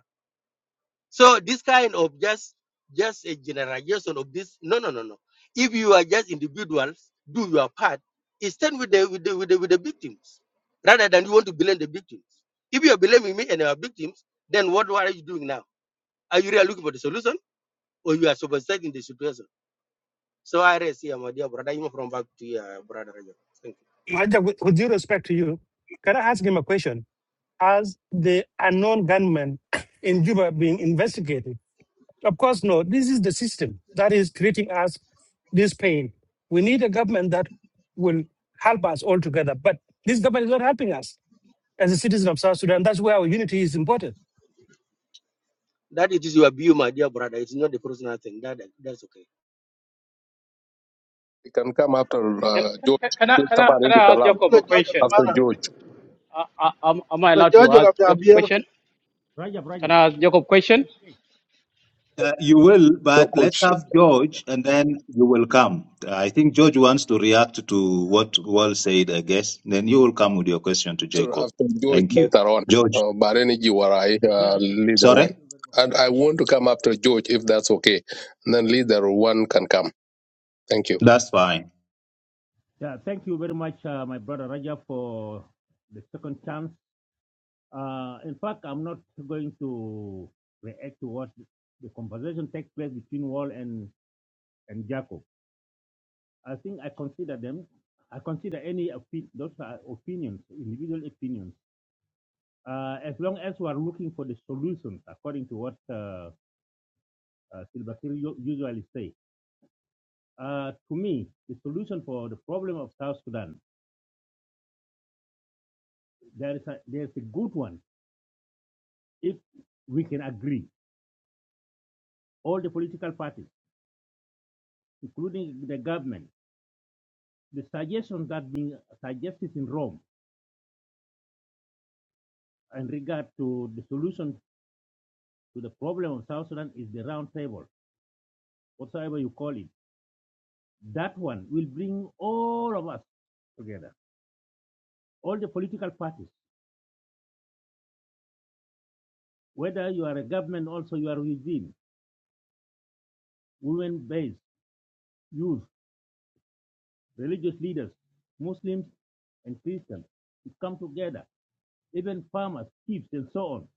S24: So this kind of just just a generalization of this. No, no, no, no. If you are just individuals, do your part. Stand with the with the with the, with the victims rather than you want to blame the victims. If you are blaming me and our victims, then what, what are you doing now? Are you really looking for the solution or you are superseding the situation? So I rest here, my dear brother. You from back to your brother. Rajab. Thank you.
S6: Maja, with, with due respect to you, can I ask him a question? Has the unknown gunman in Juba being investigated? Of course, no. This is the system that is creating us this pain. We need a government that will help us all together. But this government is not helping us as a citizen of South Sudan. That's where our unity is important.
S24: That it is your view, my dear brother. It's not the personal thing. That that's okay.
S16: you can come after
S4: Can,
S16: uh, George.
S4: can, can, I,
S16: You
S4: can,
S16: Come
S4: I,
S16: on
S4: can
S16: into
S4: I ask
S16: Kalam
S4: Jacob
S22: the
S4: a
S22: judge of
S4: question?
S16: after
S22: Jemana,
S16: George.
S21: رجب
S4: Uh, uh, am, am I
S22: the
S4: allowed to
S22: judge of
S4: ask
S22: the
S4: Jacob
S22: appeal.
S4: question?
S21: رجب
S4: Can
S21: رجب
S4: I ask Jacob question?
S21: It is me. It is
S16: Your
S21: me,
S16: coach.
S21: my brother leader.
S19: to what Wal said, I guess, then you will come with your question to
S16: So
S19: Jacob.
S16: after George
S19: Thank you.
S16: later on,
S19: George,
S16: uh, but any Jiwarai
S21: Yeah,
S16: uh,
S21: yeah. Uh,
S16: leader
S21: thank
S16: one.
S19: right?
S21: you very much.
S16: And I want to come after George if that's okay. And then leader one can come. Thank you.
S19: That's fine.
S21: Yeah, thank you very much, uh, my brother Raja, for the second chance. Uh, in fact, I'm not going to react to what the conversation takes place between Wall and, and Jacob. I think I consider them, I consider any of those are opinions, individual opinions. Uh, as long as we are looking for the solutions, according to what uh, uh, Silva Kiir u- usually say, uh, to me, the solution for the problem of South Sudan, there is a, there is a good one if we can agree all the political parties, including the government, the suggestions that being suggested in Rome in regard to the solution to the problem of South Sudan is the round table, whatsoever you call it. That one will bring all of us together, all the political parties, whether you are a government, also you are within, women-based, youth, religious leaders, Muslims and Christians, to come together, even farmers, chiefs, and so on.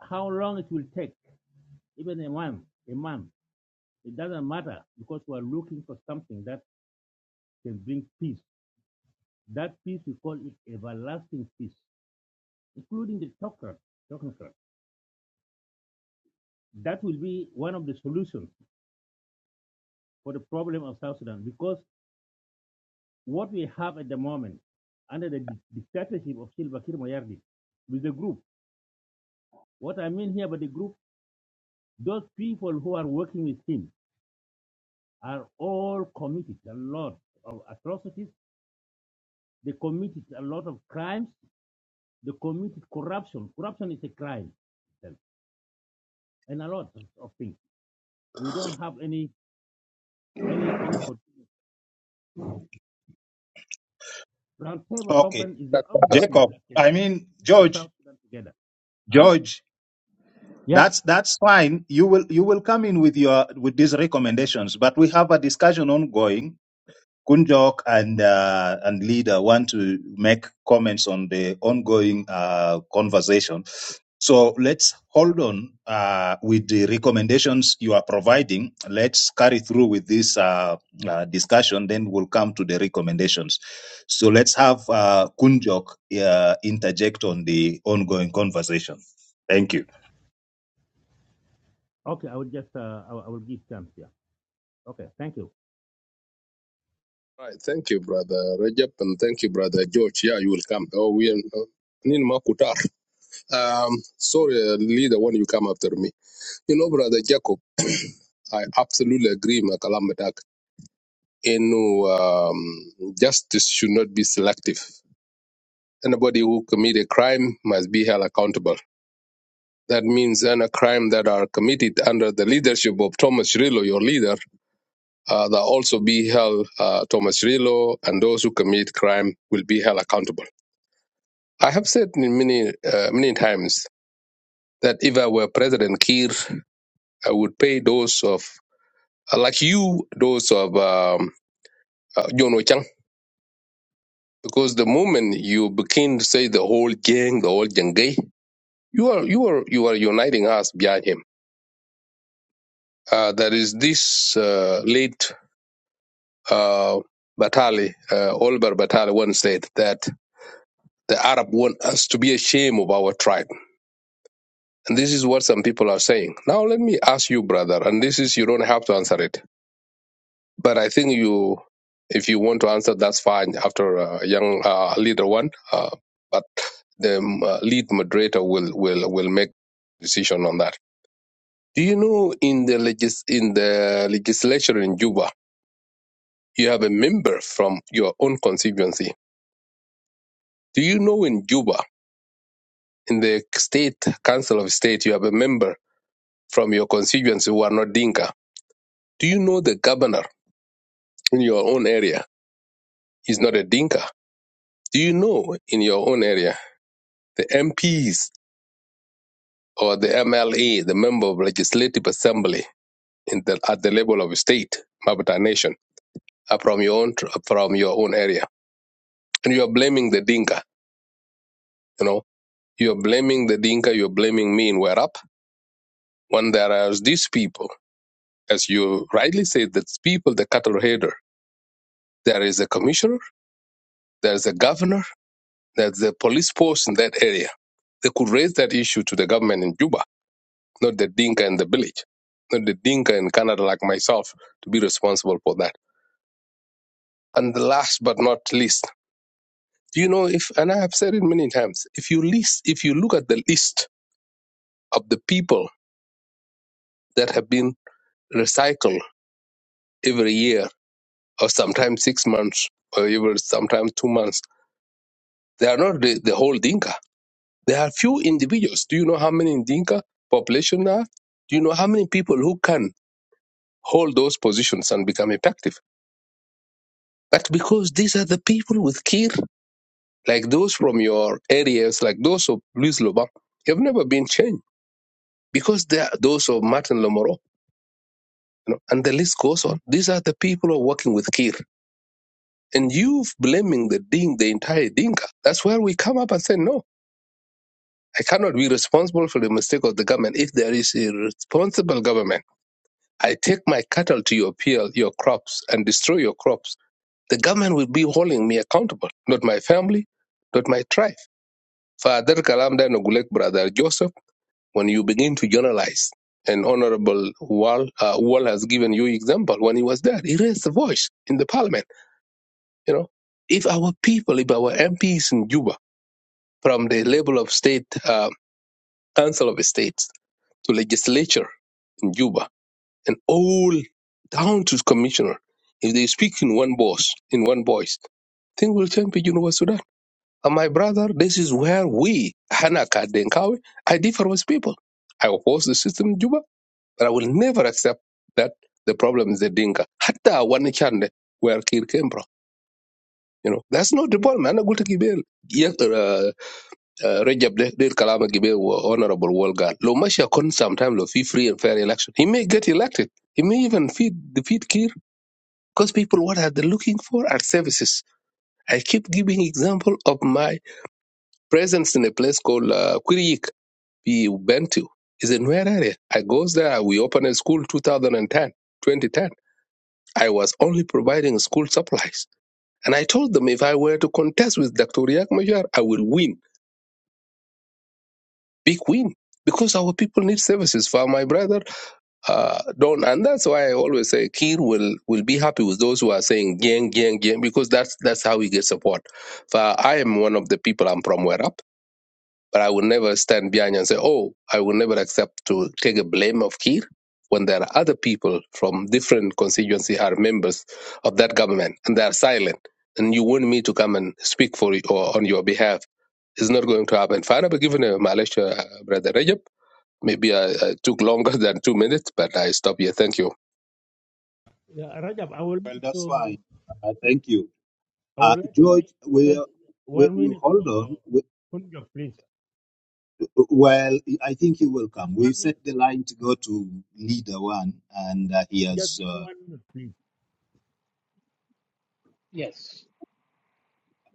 S21: How long it will take, even a month, a month It doesn't matter because we are looking for something that can bring peace. That peace we call it everlasting peace, including the Tokra. Tokra. That will be one of the solutions for the problem of South Sudan because what we have at the moment under the dictatorship of Salva Kiir Mayardit with the group, what I mean here by the group, those people who are working with him are all committed a lot of atrocities. They committed a lot of crimes They committed corruption. Corruption is a crime, itself, and a lot of things. We don't have any any any pro- roundtable
S19: Okay,
S21: conference is the only thing
S19: Jacob.
S21: that can
S19: I
S21: bring
S19: mean
S21: people of
S19: George.
S21: South Sudan together. Huh?
S19: George.
S21: Yeah.
S19: That's that's fine. You will you will come in with your with these recommendations, but we have a discussion ongoing. Kunjok and uh, and leader want to make comments on the ongoing uh, conversation. So let's hold on uh, with the recommendations you are providing. Let's carry through with this uh, uh, discussion, then we'll come to the recommendations. So let's have uh, Kunjok uh, interject on the ongoing conversation. Thank you.
S21: Okay. I will just uh, I, will- I will give chance here. Okay. Thank you.
S16: Right. Thank you, brother Rajab, and thank you, brother George. Yeah, you will come. Oh, we are. Nin Makutar. Um, sorry, uh, leader, when you come after me. You know, brother Jacob, I absolutely agree, Makalamadak. In um, justice should not be selective. Anybody who commit a crime must be held accountable. That means any crime that are committed under the leadership of Thomas Rilo, your leader, uh, that also be held. Uh, Thomas Rilo and those who commit crime will be held accountable. I have said in many uh, many times that if I were President Kiir, I would pay those of uh, like you those of um, uh, John Ochang because the moment you begin to say the whole gang, the whole jengay, you are you are you are uniting us behind him. Uh, there is this uh, late uh, Batali, uh, Oliver Batali once said that the Arab want us to be ashamed of our tribe. And this is what some people are saying. Now let me ask you, brother, and this is you don't have to answer it But I think you, if you want to answer, that's fine. After uh, young uh, leader one, uh, but the um, uh, lead moderator will will will make decision on that. Do you know in the legis- in the legislature in Juba, you have a member from your own constituency. Do you know in Juba, in the state council of state, you have a member from your constituency who are not Dinka? Do you know the governor in your own area is not a Dinka? Do you know in your own area? The MPs or the MLA, the Member of Legislative Assembly in the, at the level of state, Mabata Nation, are from your own tr- from your own area, and you are blaming the Dinka. You know, you are blaming the Dinka. You are blaming me in Werap when there are these people, as you rightly said, that people, the cattle header. There is a commissioner, there is a governor, there's a police force in that area. They could raise that issue to the government in Juba not the Dinka in the village, not the Dinka in Canada like myself to be responsible for that. And the last but not least, do you know if and I have said it many times, if you list if you look at the list of the people that have been recycled every year or sometimes six months or even sometimes two months, they are not the, the whole Dinka. There are few individuals. Do you know how many Dinka population there are? Do you know how many people who can hold those positions and become effective? But because these are the people with care like those from your areas, like those of Louis Lobam, have never been changed because they are those of Martin Lomoro. You know, and the list goes on. These are the people who are working with Kir. And you blaming the Ding, the entire Dinka. That's where we come up and say, no, I cannot be responsible for the mistake of the government. If there is a responsible government, I take my cattle to your peel, your crops, and destroy your crops. The government will be holding me accountable, not my family, not my tribe. Father Kalam Nogulek, brother Joseph. when you begin to generalize, and Honorable Wall, uh, Wall has given you example when he was there, he raised the voice in the parliament. You know, if our people, if our MPs in Juba, from the level of state, uh, council of states to legislature in Juba, and all down to commissioner, if they speak in one voice, in one voice, thing will change in Juba, Sudan. And my brother, this is where we, Hanaka Denkawi, I differ with people. I oppose the system in Juba. But I will never accept that the problem is the Dinka. Hatta one chande where Kir came from. You know, that's not the problem. Ana gulta gibel. Yek uh, uh, Rajab de del kalama gibel wa honorable Wolgar. Lo masha kon sometime lo fi free and fair election. He may get elected. He may even feed defeat Kir because people what are they looking for are services. I keep giving example of my presence in a place called uh, Quiriyik, Bentu. It's a new area. I goes there. We open a school 2010, 2010. I was only providing school supplies. And I told them if I were to contest with Dr. Riak Machar, I will win, big win, because our people need services for my brother uh, Don. And that's why I always say Kir will, will be happy with those who are saying gang, gang, gang, because that's that's how he gets support. For I am one of the people, I'm from Werap. But I will never stand behind and say, oh, I will never accept to take a blame of Kir when there are other people from different constituency are members of that government and they are silent. And you want me to come and speak for you or on your behalf. It's not going to happen. Fine, I've given a Malaysia, uh, Brother Rajab. Maybe I, I took longer than two minutes, but I stop here. Thank you.
S21: Yeah, Rajab, I would
S19: Well,
S21: like
S19: that's
S21: to
S19: fine. Uh, thank you.
S21: I
S19: Uh,
S21: would like to take,
S19: George,
S21: to take
S19: we, we,
S21: one
S19: we
S21: minute
S19: hold on.
S21: for
S19: We,
S21: Punjab, please.
S19: well, I think he will
S21: Just
S19: come. We've
S21: one
S19: set
S21: minute.
S19: the line to go to leader one, and uh, he
S21: Just
S19: has.
S21: give me
S19: Uh,
S21: one minute, please.
S4: Yes.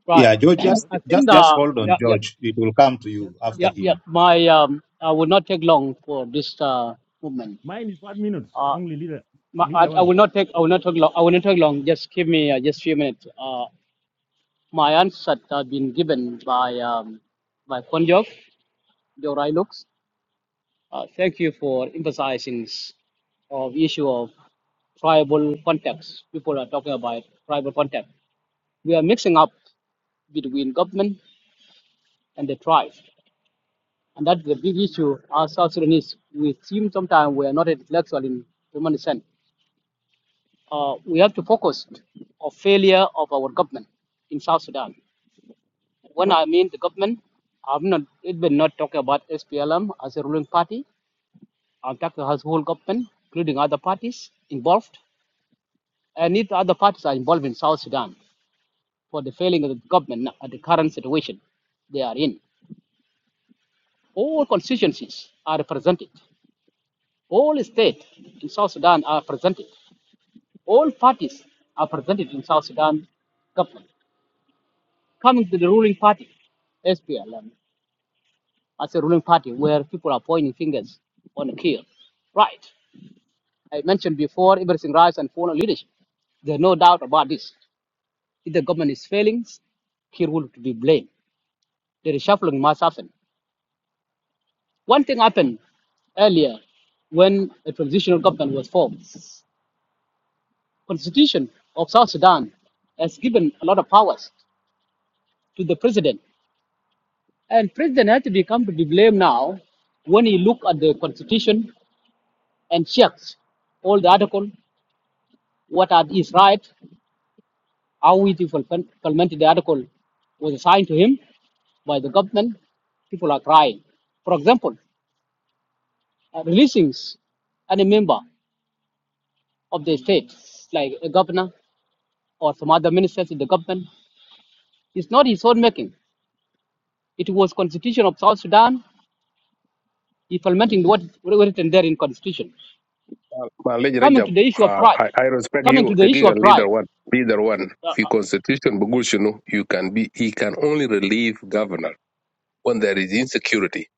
S4: Right.
S19: yeah, George, just,
S21: Hello.
S4: I think
S19: just, just
S4: that
S19: hold
S4: yeah
S19: on,
S4: yeah
S19: George. It will come to
S21: Just
S19: you
S21: one
S4: yeah
S19: after
S21: thing.
S4: yeah
S19: him.
S4: my um I will not take long for this uh movement.
S21: Mine is one minute
S4: Uh,
S21: only, leader
S4: my, I,
S21: leader
S4: I
S21: one.
S4: will not take I will not take long I will not take long. Just give me uh, just few minutes. Uh, my answer have been given by um, by Konjok, Jorai Lux. Uh, thank you for emphasizing of the issue of tribal context. People are talking about tribal context. We are mixing up between government and the tribe, and that's the big issue. As South Sudanese, we seem sometimes we are not intellectual in human sense. Uh, we have to focus on failure of our government in South Sudan. When I mean the government, I'm not It will not talk about SPLM as a ruling party. I'm talking as whole government, including other parties involved, and if other parties are involved in South Sudan for the failing of the government at the current situation they are in. All constituencies are represented. All states in South Sudan are represented. All parties are represented in South Sudan government. Coming to the ruling party, SPLM. as a ruling party where people are pointing fingers on a kill. Right. I mentioned before everything rise and fall on leadership. There's no doubt about this. If the government is failing, Kir will be blamed. The reshuffling must happen. One thing happened earlier when a transitional government was formed. Constitution of South Sudan has given a lot of powers to the president. And president had to become to be blamed now when he look at the constitution and checks all the article. what are his rights, how is he to fulfill- implement the article was assigned to him by the government, people are crying. For example, uh, releasing any member of the state, like a governor or some other ministers in the government, is not his own making. It was constitution of South Sudan, implementing what is written there in constitution.
S16: Malaysia
S4: Coming to
S16: Rajab,
S4: the issue of
S16: uh,
S4: pride,
S16: I, I respect
S4: coming to
S16: you,
S4: the
S16: the
S4: issue
S16: giga
S4: of
S16: leader
S4: pride.
S16: one. Leader one. The constitution, Bugushinu, you can be, he can only relieve governor. when there is insecurity.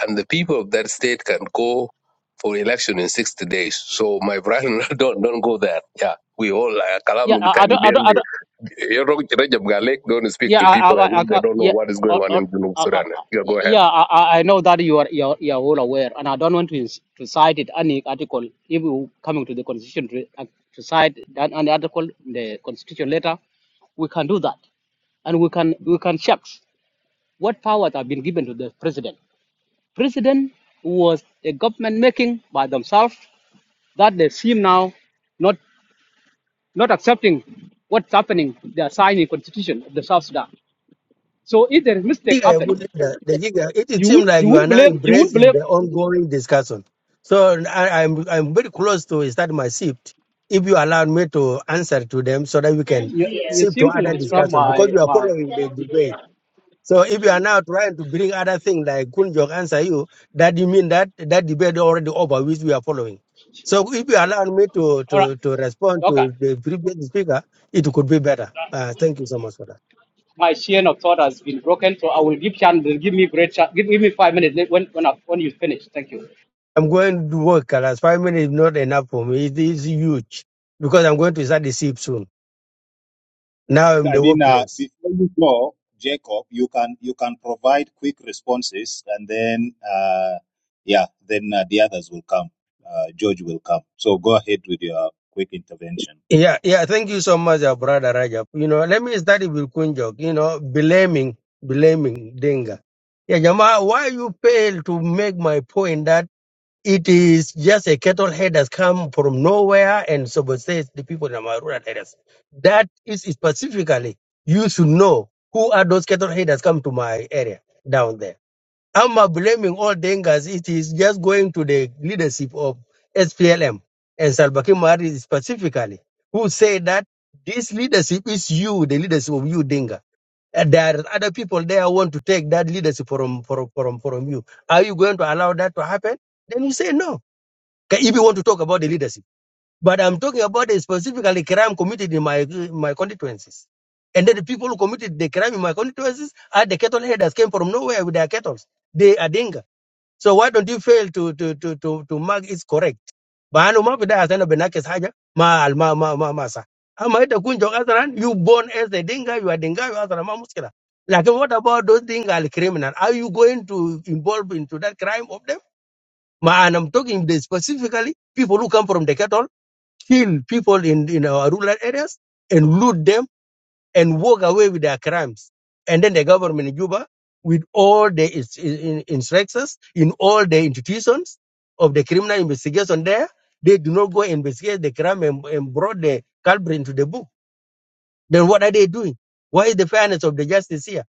S16: And the people of that state can go for election in 60 days. So my brother, don't don't go there. Yeah. We all uh,
S4: Yeah,
S16: kalam
S4: I, I, don't, I,
S16: takbir.
S4: don't, I, don't,
S16: You know, Rajab Galek don't speak
S4: Yeah,
S16: to
S4: I,
S16: people
S4: I,
S16: as
S4: I,
S16: if they
S4: I
S16: don't know
S4: yeah,
S16: what is going
S4: uh,
S16: on
S4: uh,
S16: in Junub
S4: uh, uh,
S16: Sudan.
S4: uh,
S16: Yeah, go ahead.
S4: yeah. I, I I know that you are you are, you are all aware, and I don't want to ins- to cite it any article. If you coming to the constitution to, uh, to cite that any article in the constitution later, we can do that, and we can we can check what powers have been given to the president. President was a government making by themselves that they seem now not not accepting what's happening. They are signing constitution of the South Sudan. So if there is mistake
S24: Giga, you
S4: happen,
S24: good leader. The Giga, it
S4: You
S24: seems
S4: wouldn't
S24: like
S4: you
S24: you are
S4: wouldn't
S24: now
S4: believe you wouldn't
S24: embracing
S4: believe
S24: the ongoing discussion. So I, I'm I'm very close to start my shift. If you allow me to answer to them, so that we can
S4: you, you
S24: shift to
S4: seem to
S24: other
S4: describe
S24: discussion because
S4: my
S24: you are
S4: my
S24: following the debate. So if you are now trying to bring other thing like Kunjok answer you, that you mean that that debate already over which we are following. So if you allow me to
S4: all right
S24: to to respond
S4: okay
S24: to the previous speaker, it could be better. Uh, thank you so much for that.
S4: my chain of thought has been broken so I will give chance give me great chance give, give me five minutes let- when when I, when you finish thank you
S24: I'm going to work, Kalas. Five minutes is not enough for me. It is huge because I'm going to start the ship soon. Now I'm
S19: I
S24: the
S19: mean, uh,
S24: workplace.
S19: before you go, Jacob, you can you can provide quick responses, and then uh, yeah, then uh, the others will come. Uh, George will come. So go ahead with your quick intervention.
S24: Yeah, yeah. Thank you so much, uh, brother Rajab. You know, let me start with Kunjok. You know, blaming, blaming Denga. Yeah, Jama, why you fail to make my point that it is just a cattle head that's come from nowhere and subsists the people in our rural areas. That is specifically, you should know who are those cattle head that's come to my area down there I'm not blaming all Dengas. It is just going to the leadership of SPLM and Salva Kiir Mahari specifically, who say that this leadership is you, the leadership of you, Denga. And there are other people there who want to take that leadership from, from, from, from you. Are you going to allow that to happen? Then you say no. Okay, If you want to talk about the leadership. But I'm talking about the specifically crime committed in my, my constituencies. And then the people who committed the crime in my constituencies are the cattle headers came from nowhere with their cattle. They are Denga so why don't you fail to to to to to mark is correct? Baano ma bida asana benakes haja ma al- ma ma ma masa. Ama ita kunjo asaran you born as a dinga you are dinga you asara ma muskila. Like what about those dinga criminal? Are you going to involve into that crime of them? Ma and I'm talking this specifically people who come from the cattle kill people in in our rural areas and loot them and walk away with their crimes. And then the government in Juba, with all the ins- in- instructors in all the institutions of the criminal investigation there, they do not go investigate the crime and, and brought the culprit into the book. Then what are they doing? Why is the fairness of the justice here?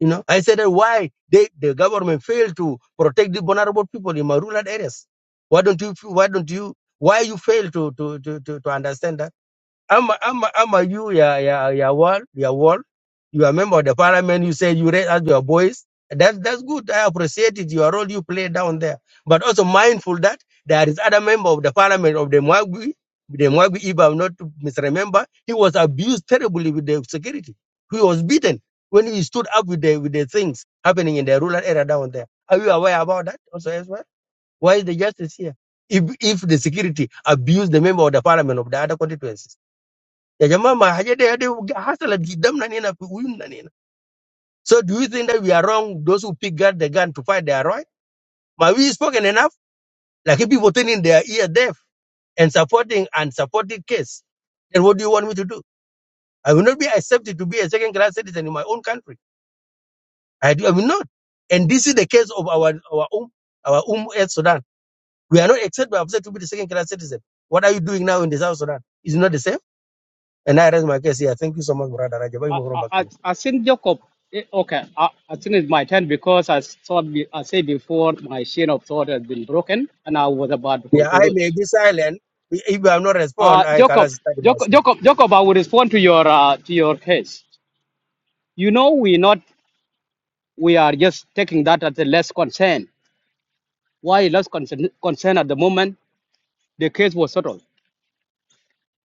S24: You know, I said that why they, the government failed to protect the vulnerable people in my rural areas. Why don't you? Why don't you? Why you fail to to to to, to understand that? Amma, Amma, Amma, you, yeah, yeah, yeah, wall, yeah, wall. You are member of the parliament. You say you raise as your boys. That's that's good. I appreciate it. Your role you play down there, but also mindful that there is other member of the parliament of the Mwagwi, the Mwagwi. If I'm not to misremember, he was abused terribly with the security. He was beaten when he stood up with the with the things happening in the rural area down there. Are you aware about that also as well? Why is the justice here? If if the security abused the member of the parliament of the other constituencies. Ya jamaa mahajede hadi hasala gidamna nina fi uyumna nina. So do you think that we are wrong, those who pick up the gun to fight they are right? Ma we spoken enough, like people turning their ear deaf and supporting and supporting case. Then what do you want me to do? I will not be accepted to be a second class citizen in my own country. I, do, I will not. And this is the case of our our um our um El Sudan. We are not accepted by upset to be the second class citizen. What are you doing now in the South Sudan? Is it not the same? And I raise my case here. Thank you so much, brother Rajab. I'm
S4: I
S24: going
S4: I
S24: back to you.
S4: I, I think Jacob eh, okay I, I think it's my turn because I thought be- I said before my chain of thought has been broken and I was about to
S24: Yeah, I
S4: conclude
S24: may be silent. I- If I am not
S4: uh
S24: respond, I
S4: Jacob
S24: can start
S4: Jacob
S24: myself.
S4: Jacob, Jacob I will respond to your uh, to your case you know we're not we are just taking that as a less concern. Why less concern, concern at the moment? The case was settled.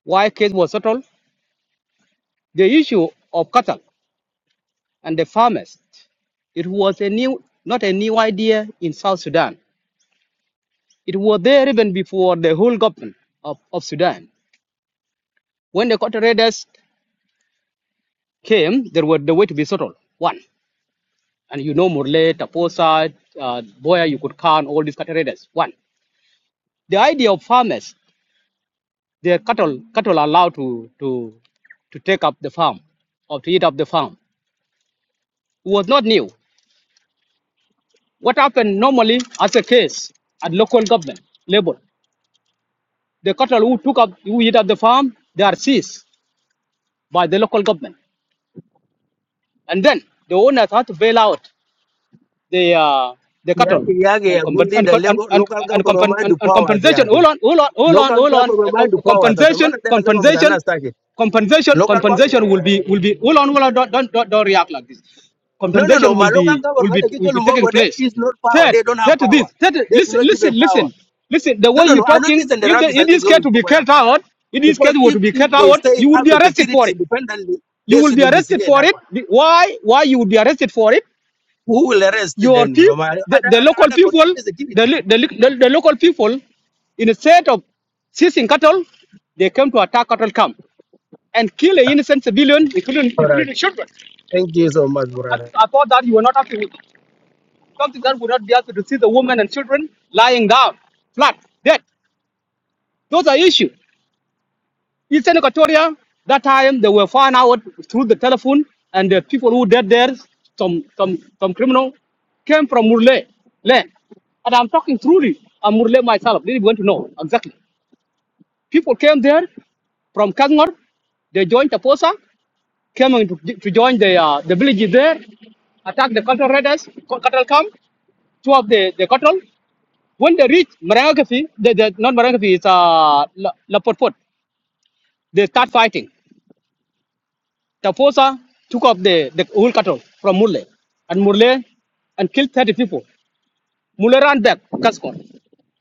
S4: Why case was settled? The issue of cattle and the farmers. It was a new, not a new idea in South Sudan. It was there even before the whole government of, of Sudan. When the cattle raiders came, there were the way to be settled. One. And you know Murle, Taposa, uh, Boya, you could count all these cattle raiders. One. The idea of farmers Their cattle cattle are allowed to to to take up the farm or to eat up the farm. It was not new. What happened normally as a case at local government level, the cattle who took up who eat up the farm, they are seized by the local government. And then the owners had to bail out the uh, the cattle
S24: Yake, yake,
S4: and
S24: a
S4: compen-
S24: good
S4: and,
S24: leader,
S4: co- and,
S24: lego-
S4: and,
S24: local
S4: and,
S24: government
S4: compen-
S24: mind
S4: and,
S24: the
S4: and
S24: powers,
S4: compensation. Hold
S24: yake.
S4: on, hold on, hold on,
S24: Local
S4: hold on.
S24: government
S4: Uh, co-
S24: mind the powers. As a matter
S4: compensation,
S24: of fact, government are
S4: compensation,
S24: not starting.
S4: compensation,
S24: Local power.
S4: compensation will be will be. Hold on, hold on. Don't don't don't, don't react like this.
S24: No, no, no.
S4: Compensation will
S24: My local
S4: be will
S24: government,
S4: be
S24: the
S4: will
S24: people
S4: be taking
S24: Lumbago, they
S4: place.
S24: is not power.
S4: Third,
S24: They don't have
S4: third to
S24: power.
S4: this. Third,
S24: They do
S4: listen,
S24: not give them
S4: listen,
S24: power.
S4: listen, listen. The
S24: No,
S4: way
S24: no,
S4: you're
S24: no. I not
S4: talking,
S24: listen the
S4: if the,
S24: rabbis. I
S4: it
S24: take
S4: is
S24: you
S4: care
S24: to
S4: to be cut
S24: brother.
S4: out, it is care
S24: Because
S4: to
S24: if,
S4: be cut
S24: if they
S4: out.
S24: say it
S4: You would
S24: have
S4: be
S24: the
S4: arrested for
S24: security
S4: it.
S24: independently,
S4: You
S24: they
S4: will
S24: should
S4: be arrested
S24: investigate
S4: for
S24: that
S4: it.
S24: one.
S4: Why? Why you would be arrested for it?
S24: Who will arrest
S4: your
S24: them?
S4: people,
S24: My
S4: the,
S24: Other,
S4: the
S24: other,
S4: local
S24: other,
S4: people, the,
S24: security.
S4: li- the, li- the, the local people, instead of seizing cattle, they came to attack cattle camp and kill an innocent civilian, including,
S24: All right.
S4: including children.
S24: Thank you so much,
S4: I,
S24: brother.
S4: th- I thought that you were not happy with something that would not be happy to see the women and children lying down, flat, dead. Those are issues. Eastern Equatoria, that time they were found out through the telephone, and the people who dead there, some some some criminal, came from Murle land. And I'm talking truly, I'm Murle myself. They want to know exactly. People came there from Kangor, they joined Taposa, came in to, to join the uh, the village there, attacked the cattle raiders, co- cattle camp, two of the, the cattle. When they reach Marangakafi, the, the, not Marangakafi, it's uh, La, La Potpot, they start fighting. Tafosa took up the, the whole cattle from Murle and Murle and killed 30 people. Murle ran back to Kaskon,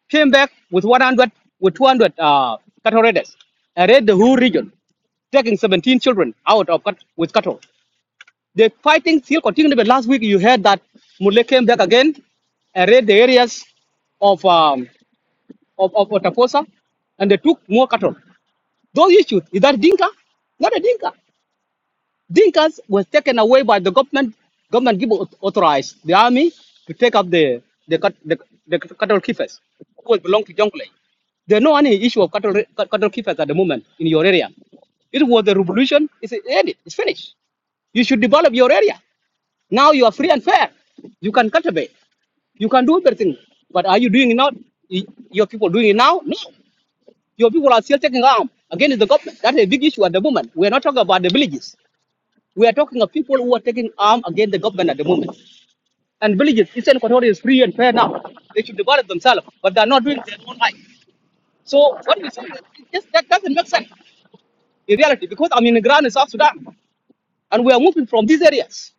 S4: came back with 100, with 200 uh, cattle raiders and raided the whole region, taking 17 children out of cat- with cattle. The fighting still continued, but last week you heard that Murle came back again and raided the areas of, um, of, of Tafosa and they took more cattle. Those issues, is that Dinka? Not a Dinka. Dinkas was taken away by the government. Government give au- authorized the army to take up the the cut- the, the cattle keepers who will belong to Jonglei. There are no any issue of cattle re- cut- cattle keepers at the moment in your area. It was the revolution. It's ended. It's finished. You should develop your area. Now you are free and fair. You can cultivate. You can do everything. But are you doing it now? Y- Your people doing it now? No. Your people are still taking arm against the government. That's a big issue at the moment. We're not talking about the villages we are talking of people who are taking arm against the government at the moment. And villages, Eastern Equatoria is free and fair now. They should develop themselves, but they are not doing their own right. So what we say, it just, that doesn't make sense in reality, because I'm in the ground in South Sudan, and we are moving from these areas.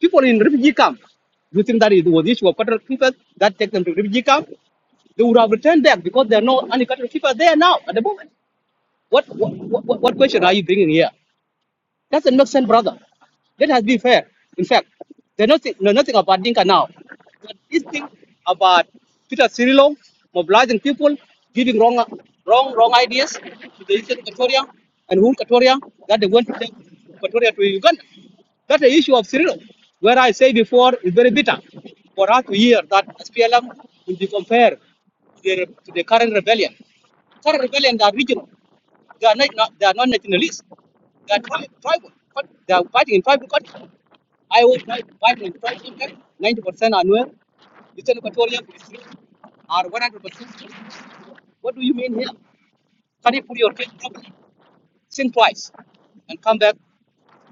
S4: People in refugee camp, you think that it was the issue of cattle people that take them to refugee camp? They would have returned back because there are no any cattle people there now at the moment. What, what, what, what question are you bringing here? Doesn't make sense, brother. Let us be fair. In fact, they know, nothing- know nothing about Dinka now. But this thing about Peter Cirillo mobilizing people, giving wrong, wrong, wrong ideas to the Eastern Equatoria and whole Equatoria that they want to take Equatoria to Uganda. That's the issue of Cirillo, where I say before is very bitter for us to hear that SPLM will be compared to the, to the current rebellion. Current rebellion are regional. They are not, not they are not nationalists. They are tri- tribal. they are fighting in tribal country. I was tri- fighting in tribal country. Ninety percent are Nuer. Eastern Equatorial Are one hundred percent. What do you mean here? Can you put your case properly? Think twice and come back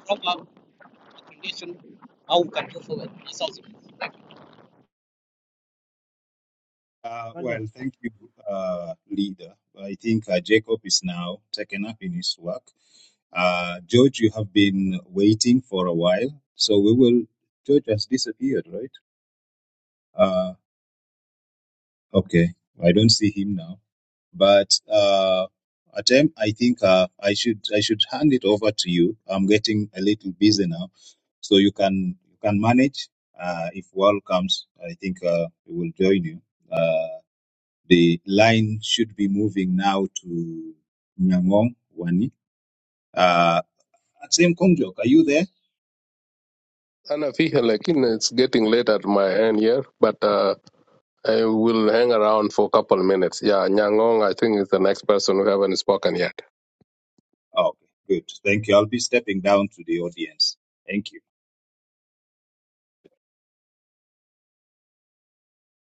S4: from our recommendation how we can go forward South
S19: Uh,
S21: Rajab.
S19: well, thank you, uh, leader. I think uh, Jacob is now taken up in his work. Uh, George, you have been waiting for a while, so we will. George has disappeared, right? Uh, okay, I don't see him now. But uh, attempt, I think uh, I should I should hand it over to you. I'm getting a little busy now, so you can you can manage. Uh, if Wal comes, I think uh, we will join you. Uh, The line should be moving now to Nyangong, Wani. Uh, same Kongjok, are you there?
S16: Ana fiha lakin it's getting late at my end here, but uh, I will hang around for a couple minutes. Yeah, Nyangong, I think is the next person who haven't spoken yet.
S19: Okay, good. Thank you. I'll be stepping down to the audience. Thank you.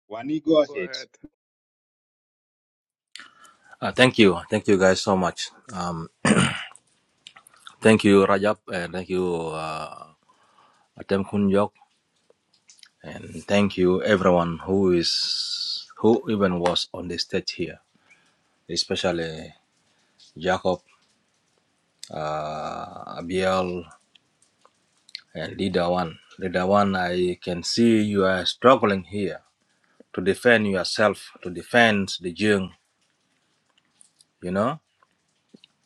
S19: Wani, go
S16: Go
S19: ahead.
S16: ahead.
S25: Uh, thank you. Thank you guys so much. Um, thank you, Rajab, and thank you, uh, Atem Kunyok, and thank you everyone who is, who even was on the stage here, especially Jacob, uh, Abiel, and Leader One. Leader One, I can see you are struggling here to defend yourself, to defend the Jung, you know,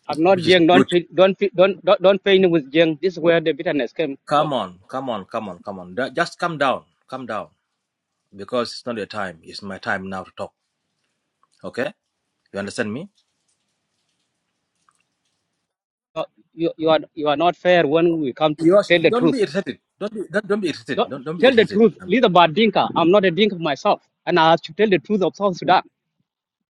S4: I'm not
S25: which is
S4: young. Don't
S25: good.
S4: don't don't don't don't pay him with young. This is where the bitterness came from.
S25: Come on, come on, come on, come on. Da- Just come down, come down. because it's not your time. It's my time now to talk. Okay, you understand me?
S4: Uh, You, you are you are not fair when we come to
S25: Yes.
S4: tell the
S25: Don't be
S4: truth.
S25: irritated. Don't be don't, don't be irritated.
S4: Don't
S25: Don't don't be
S4: tell the
S25: irritated.
S4: truth.
S25: Um,
S4: Lead about Dinka. I'm not a Dinka myself. And I should tell the truth of South Sudan.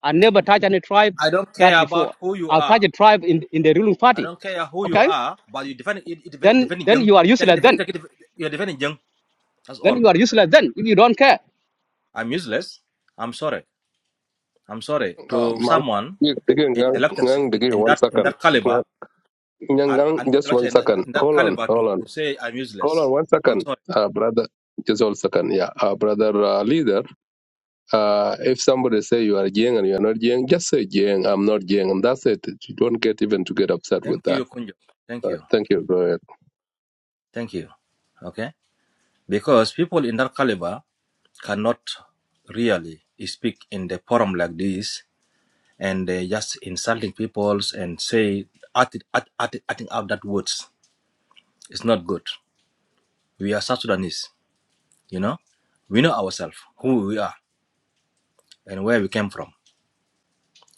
S4: I never touched any tribe
S25: I don't
S4: that
S25: care
S4: before.
S25: about who you
S4: I'll touch
S25: are.
S4: a tribe in, in the ruling
S25: I
S4: party.
S25: don't care who you
S4: Okay?
S25: are, but you defend it, it
S4: Then
S25: defending
S4: then
S25: young.
S4: you are
S25: Take it,
S4: useless
S25: def-
S4: then.
S25: take it, def- you're defending young. That's
S4: Then
S25: all.
S4: you are useless then if you don't care.
S25: I'm useless. I'm sorry. I'm sorry
S16: Uh,
S25: to
S16: Mal-
S25: someone
S16: Digi- Digi- Ngang-
S25: intellectual
S16: Ngang
S25: in, in
S16: one
S25: that in
S16: second.
S25: that caliber and
S16: Nyangang,
S25: an
S16: just one
S25: intellectual in that,
S16: second.
S25: in that
S16: Hold on,
S25: caliber
S16: hold
S25: to,
S16: on,
S25: to say I'm
S16: hold on
S25: useless.
S16: one
S25: I'm
S16: second,
S25: sorry.
S16: uh, brother. Just one second, yeah, uh, brother uh, leader. Uh, if somebody say you are Jiang and you are not Jiang, just say Jiang. I'm not Jiang, and that's it. You don't get even to get upset with
S25: Thank
S16: that.
S25: you, Kunjo. Thank
S16: Uh,
S25: you.
S16: thank you. Go ahead.
S25: Thank you. Okay. Because people in that caliber cannot really speak in the forum like this and they just insulting peoples and say acting act, act, acting out that words it's not good we are south sudanese you know we know ourselves who we are and where we came from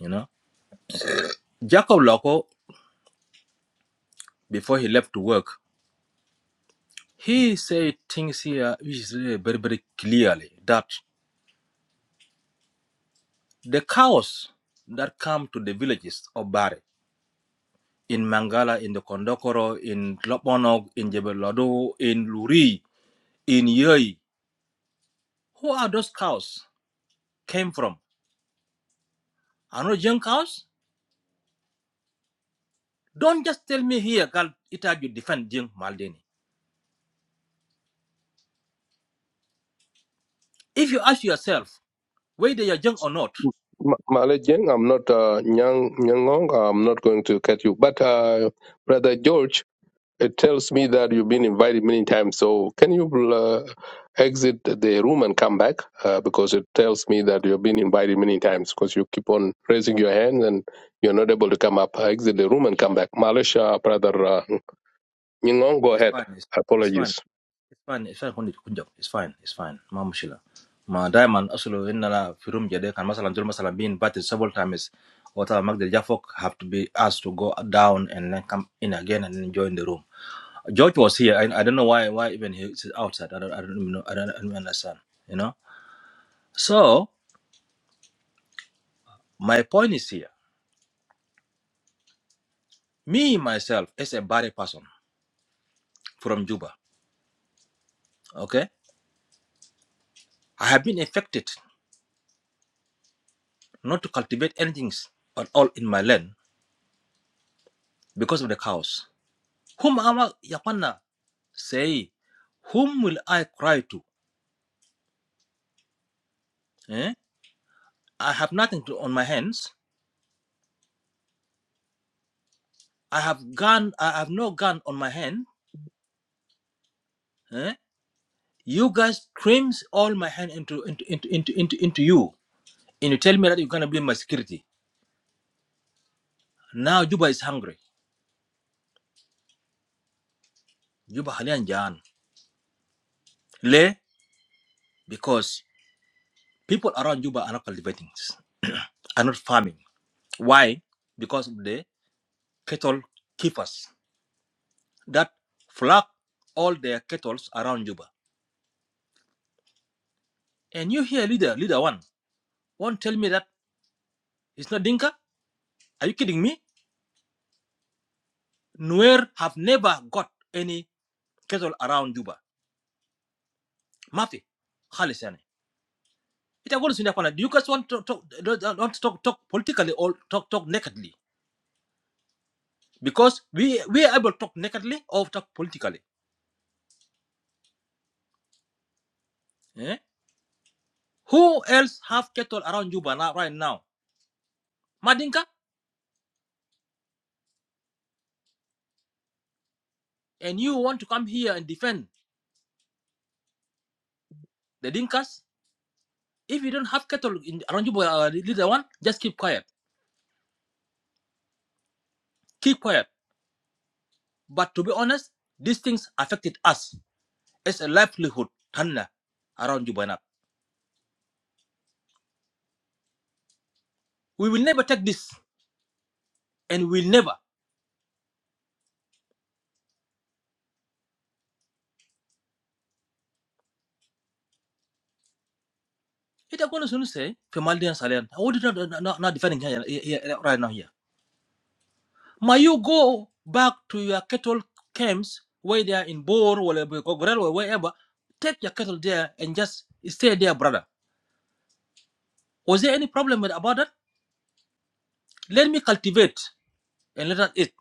S25: you know jacob Loko, before he left to work he said things here which is really very very clearly that the cows that come to the villages of bari in Mangala, in the Kondokoro, in Lopmonog, in Jebel Lodo, in Luri, in Yei. Who are those cows came from? Are not Jeng cows? Don't just tell me here, Gal, it had you defend Jeng Maldini. If you ask yourself whether you're Jeng or not,
S16: Ma- Male Jiang, I'm not uh, Nyang Nyangong. I'm not going to cut you, but uh, brother George. it tells me that you've been invited many times. So can you uh, exit the room and come back? Uh, because it tells me that you've been invited many times because you keep on raising your hand and you're not able to come up. Uh, exit the room and come back. Malaysia, brother uh, Nying'ong, go
S25: it's
S16: ahead.
S25: fine, it's fine, it's fine,
S16: Apologies.
S25: it's fine, it's fine, Hundi, Kunjab, it's fine, it's fine, Ma Mushila. Ma diamond asulu innala firum jade kan masalan jul masalan being batted several times or magdal jafok have to be asked to go down and then come in again and then join the room George was here. I, I don't know why why even he's outside. I don't I don't even know. I don't, I don't understand. You know. So my point is here. Me myself as a Bari person from Juba. Okay, I have been affected not to cultivate anything at all in my land because of the cows. Whom am I, Yapana say, whom will I cry to? Eh? I have nothing to, on my hands. I have gun. I have no gun on my hand. Eh? You guys crimps all my hand into into into into into, into you. And you tell me that you're gonna be my security. Now Juba is hungry. Juba halian jaan. Le because people around Juba are not cultivating, are not farming. Why? Because of the cattle keepers that flock all their cattle around Juba. And you here, leader, leader one, won't tell me that it's not Dinka? Are you kidding me? Nuer have never got any cattle around Juba. Mafi, خالص يعني. Do You guys want to talk, want to talk, talk politically or talk, talk nakedly because we we are able to talk nakedly or talk politically. eh? Who else have cattle around Juba now, right now? Madinka, and you want to come here and defend the Dinkas? If you don't have cattle in, around Juba, uh, leader one, just keep quiet, keep quiet. But to be honest, these things affected us. as a livelihood, Tanna, around Juba now. We will never take this, and we'll never. It I'm gonna say Femaldin Salian. I would not, not not defending here, right now here. May you go back to your cattle camps where they are in Bor or Gogrel or wherever. Take your cattle there and just stay there, brother. Was there any problem with about that? Let me cultivate and let us eat.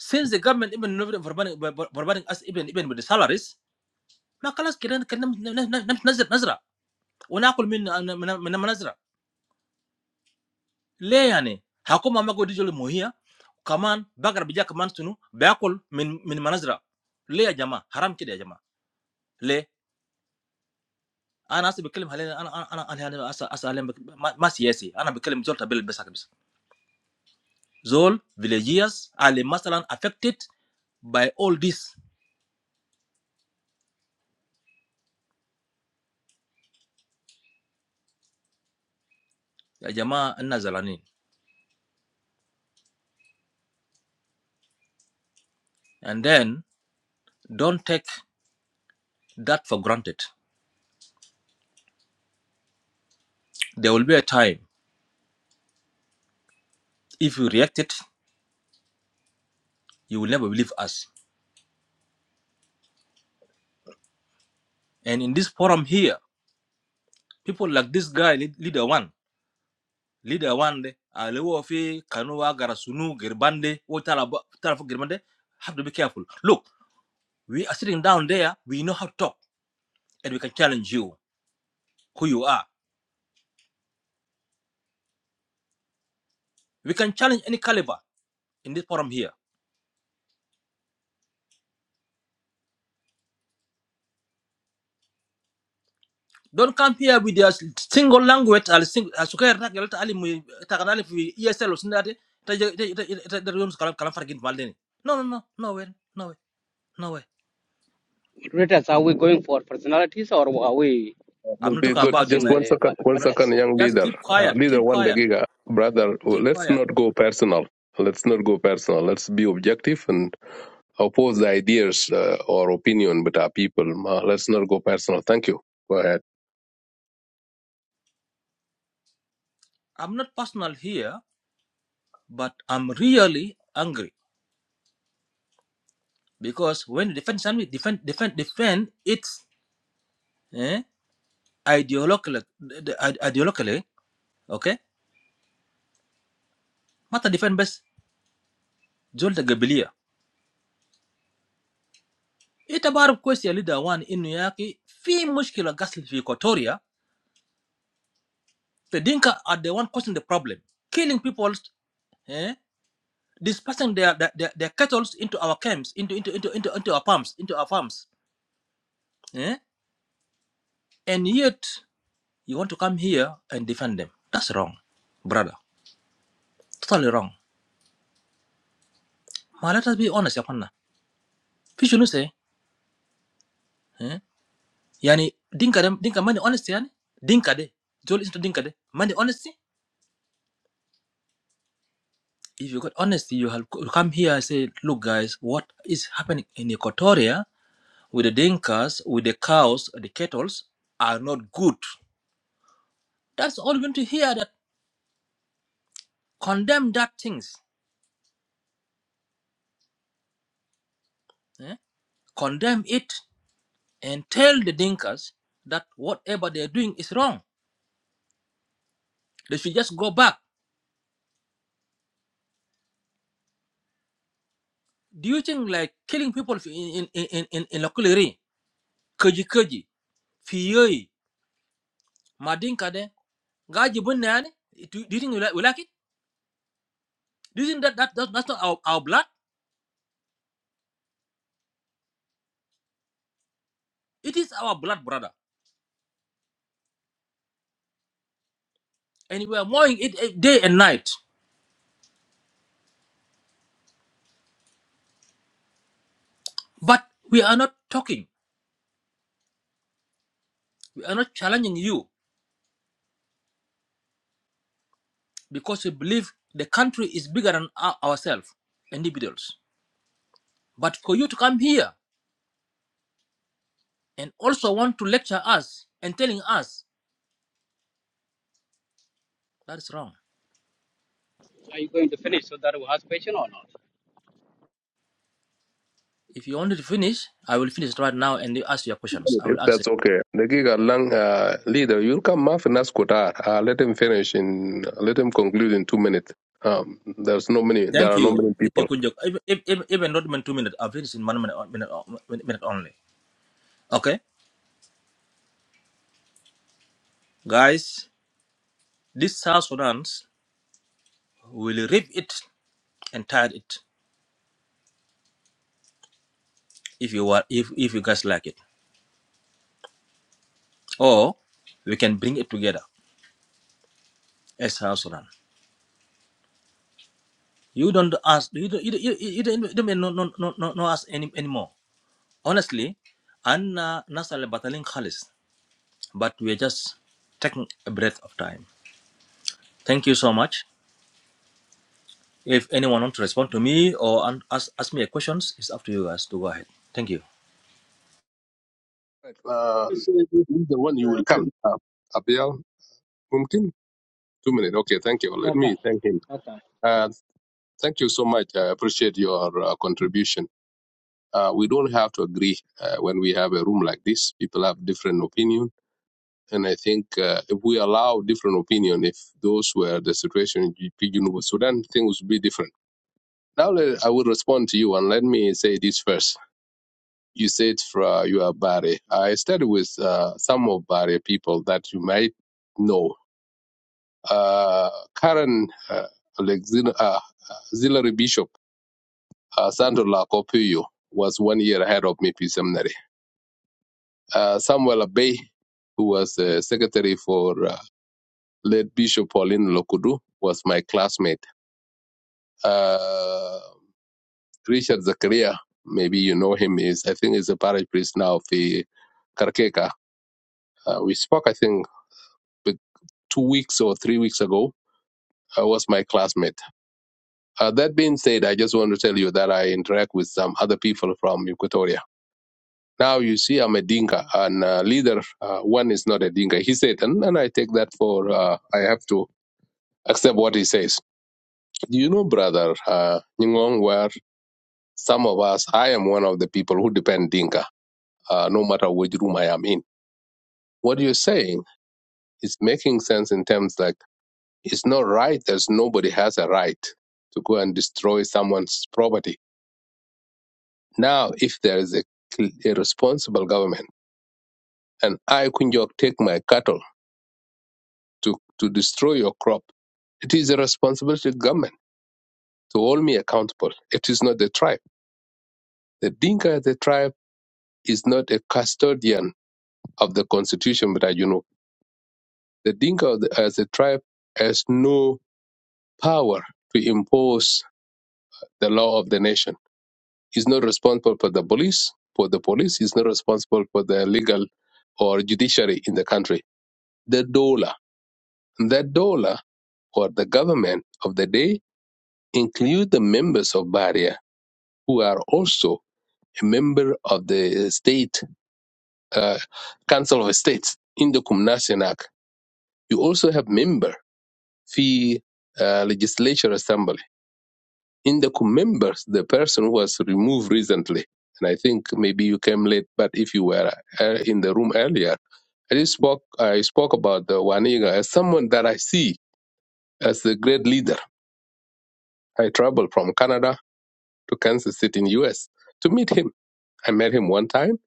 S25: Since the government even not providing us even even with the salaries, ما خلاص كده كده نزرع وناكل من من من نزرع. ليه يعني؟ حكومة ما قد يجوا كمان بقرا بيجا كمان شنو بياكل من من منازرة. ليه يا جماعه؟ حرام كده يا جماعه. ليه؟ انا هسه بتكلم عليه، انا انا انا انا اسال ما سياسي، انا بتكلم زول تبل بس بس زول فيليجياس اللي مثلا affected by all this. يا جماعه الناس زعلانين. And then don't take that for granted. There will be a time if you react it, you will never believe us. And in this forum here, people like this guy leader one, leader wande ale wo fi kanu wa gara sunu girbande wo tala ba- tala girbande have to be careful look we are sitting down there we know how to talk and we can challenge you who you are we can challenge any caliber in this forum here don't come here with your single language al single asuka ta galata ali mu ta kana fi ESL o sindade ta je- ta ta ta ta- ta riyom su kalam kalam fargin balde no no no no way no way no way
S4: Moderators, are we going for personalities or are we
S16: Uh,
S25: i'm
S16: Will
S25: not
S16: be
S25: talking
S16: good.
S25: about you
S16: Just
S4: discussing
S25: man
S16: one
S4: the ma-
S16: second, one
S25: I'm not,
S16: second,
S4: matters?
S16: young
S25: just
S16: leader.
S25: keep
S16: Uh,
S25: quiet
S16: leader
S25: keep
S16: one the
S25: quiet
S16: giga, brother.
S25: keep
S16: Let's
S25: quiet
S16: not go personal. Let's not go personal. Let's be objective and. oppose the ideas uh, or opinion with our people. Ma, let's not go personal. Thank you. Go ahead.
S25: i'm not personal here But I'm really angry because when you defend something, defend, defend, defend it's eh, ideologically, the- ide- ideologically, okay? Mata defend best زول قبلية. أنت بعرف كويس يا leader وان إنه ياكي في مشكلة قتل في إيكواتوريا. The Dinka are the one causing the problem, killing people, eh? dispersing their their, their, their cattle into our camps, into into into into into our farms, into our farms. eh? And yet you want to come here and defend them. That's wrong, brother. Totally wrong. Ma let us be honest, Yapana. Fish you say, eh? Yani, dinka them, dinka money honesty, yani? Dinka de. Joel is to dinka de. Money honesty? If you got honesty, you have you come here and say, look guys, what is happening in Equatoria with the dinkas, with the cows, the kettles are not good. That's all you're going to hear that condemn that things. eh? Condemn it and tell the dinkas that whatever they're doing is wrong. They should just go back. Do you think like killing people in in in in, in Lokuliri? Kaji kaji. Fiyoi. Madinka de. Gaji bunyan. Do do you think we like, we like it? Do you think that, that, that that's not our, our blood? It is our blood, brother. And we are mowing it eh, day and night. But we are not talking. We are not challenging you because we believe the country is bigger than our- ourselves, individuals. But for you to come here and also want to lecture us and telling us that is wrong.
S4: Are you going to finish so that we ask question or not?
S25: If you want to finish, I will finish right now and you ask your questions. I
S16: If
S25: will answer.
S16: that's okay. Dagiga Lang, uh, leader, you'll come Maf and Qatar. Uh, let him finish in, let him conclude in two minutes. Um, there's no many, there are
S25: Thank
S16: no
S25: you.
S16: many
S25: Thank you,
S16: people.
S25: Kunjok. Even, even, even not even two minutes. I finished in one minute, one minute, one minute only. Okay, guys, this South Sudan will rip it and tear it if you want, if if you guys like it, or we can bring it together as South Sudan. You don't ask. You don't. You don't. You, you you don't, you don't even know, no, no, no, no ask any anymore. Honestly, Anna Nasal Batalin Khalis, but we're just taking a breath of time. Thank you so much. If anyone wants to respond to me or an- ask, ask me a questions, it's up to you guys to go ahead. Thank you.
S16: Uh,
S22: is, uh,
S16: leader one, you will come.
S22: ten-
S16: Uh, Abiel, Mumkin? Two minutes. Okay, thank you. Let
S4: Okay.
S16: me thank him.
S4: Okay.
S16: Uh, thank you so much. I appreciate your uh, contribution. Uh, we don't have to agree uh, when we have a room like this. People have different opinions And I think uh, if we allow different opinion, if those were the situation in GP University Sudan, things would be different. Now let, I will respond to you, and let me say this first. You said for, you are Bari. I studied with uh, some of Bari people that you might know. Uh, current uh, auxil- uh, auxiliary bishop, uh, Sandro Lacopuyo, was one year ahead of me, P. Seminary. Uh, Samuel Abbey, who was uh, secretary for uh, late Bishop Pauline Lokudu was my classmate. Uh, Richard Zakaria, maybe you know him, is I think is a parish priest now of the Karkeka. Uh, we spoke, I think, but two weeks or three weeks ago. I was my classmate. Uh, that being said, I just want to tell you that I interact with some other people from Equatoria. Now you see, I'm a Dinka, and uh, leader uh, one is not a Dinka. He said, and, and I take that for uh, I have to accept what he says. Do you know, brother uh, Nyingong, where Some of us, I am one of the people who depend Dinka, uh, no matter which room I am in. What you're saying is making sense in terms like it's not right as nobody has a right to go and destroy someone's property. Now, if there is a, cl- a responsible government and I, Kunjok, take my cattle to, to destroy your crop, it is a responsibility of government to hold me accountable. It is not the tribe. The Dinka, the tribe, is not a custodian of the constitution, but I, you know. The Dinka as a tribe has no power to impose the law of the nation. He's not responsible for the police, for the police. He's not responsible for the legal or judiciary in the country. The dollar, the Dola, or the government of the day include the members of Barrier who are also a member of the state uh, council of states in the Kumnasian Act. You also have member fee uh, legislature assembly in the co- members, the person who was removed recently, and I think maybe you came late, but if you were uh, in the room earlier, I just spoke. I spoke about the Waniga as someone that I see as a great leader. I traveled from Canada to Kansas City in U.S. to meet him. I met him one time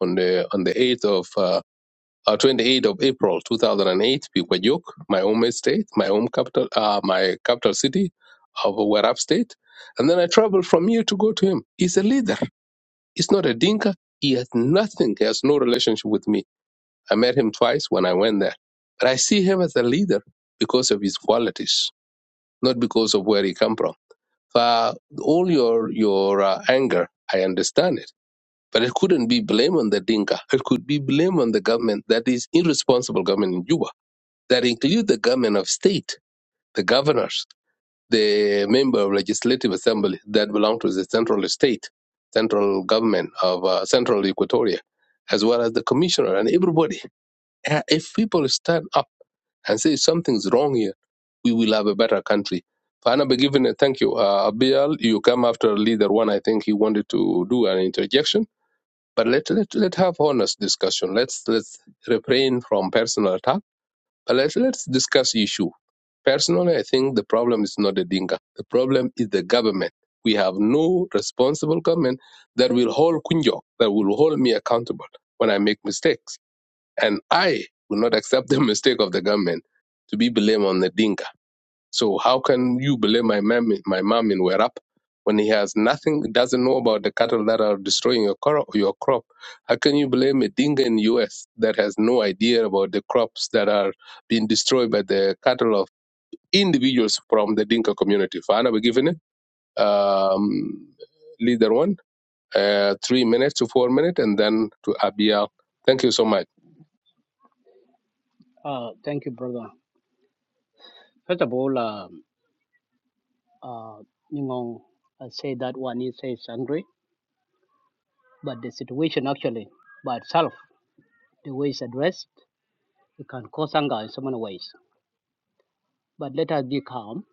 S16: on the on the eighth of. Uh, uh, 28th of April 2008, Piquajuk, my home state, my home capital, uh, my capital city of Warab State. And then I traveled from here to go to him. He's a leader He's not a dinka. He has nothing. He has no relationship with me. I met him twice when I went there. But I see him as a leader because of his qualities, not because of where he come from. For all your, your uh, anger, I understand it. But it couldn't be blame on the dinka. It could be blame on the government that is irresponsible government in Juba that include the government of state, the governors the member of legislative assembly that belong to the central state, central government of uh, central Equatoria, as well as the commissioner and everybody. Uh, If people stand up and say something's wrong here, we will have a better country. Fana Begivene, thank you. Uh, Abiel, you come after leader one. I think he wanted to do an interjection, but let let let have honest discussion. Let's let's refrain from personal attack uh, Let's, let's discuss issue. Personally, I think the problem is not the Dinka. The problem is the government. We have no responsible government that will hold Kunjo, that will hold me accountable when I make mistakes. And I will not accept the mistake of the government to be blamed on the Dinka. So how can you blame my mom, my mom in Werap when he has nothing, doesn't know about the cattle that are destroying your crop? Your crop. How can you blame a dinga in U.S. that has no idea about the crops that are being destroyed by the cattle of individuals from the dinka community? Fana, we given it. Um, leader one, uh, three minutes to four minutes, and then to Abia. Thank you so much.
S4: Uh, thank you, brother. First of all, um, uh, you know, I say that one is says angry. But the situation actually by itself, the way it's addressed, it can cause anger in so many ways. But let us be calm.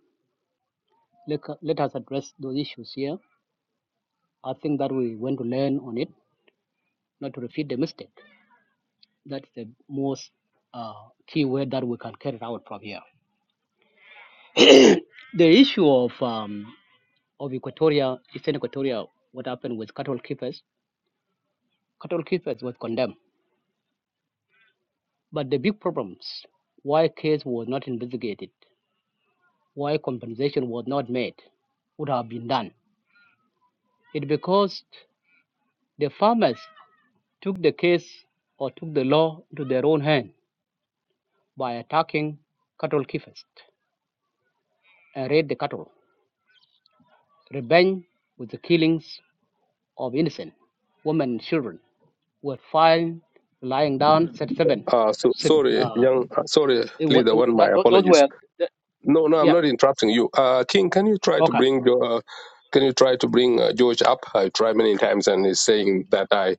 S4: Let, let us address those issues here. I think that we want to learn on it, not to repeat the mistake. That's the most uh, key word that we can carry out from here. The issue of um, of Equatoria, Eastern Equatoria, what happened with cattle keepers, cattle keepers was condemned. But the big problems, why case was not investigated why compensation was not made would have been done. It's because the farmers took the case or took the law into their own hand by attacking cattle keepers and raid the cattle. Revenge with the killings of innocent women and children were found lying down set seven.
S16: Uh, so,
S4: Set,
S16: sorry,
S4: uh,
S16: young, sorry,
S4: it, wa-
S16: leader
S4: it,
S16: one, my
S4: that, those
S16: apologies.
S4: were, that,
S16: No, no, I'm
S4: yeah,
S16: not interrupting you. Uh, King, can you try to
S4: okay,
S16: bring Jo- uh, can you try to bring uh, George up? I tried many times, and he's saying that I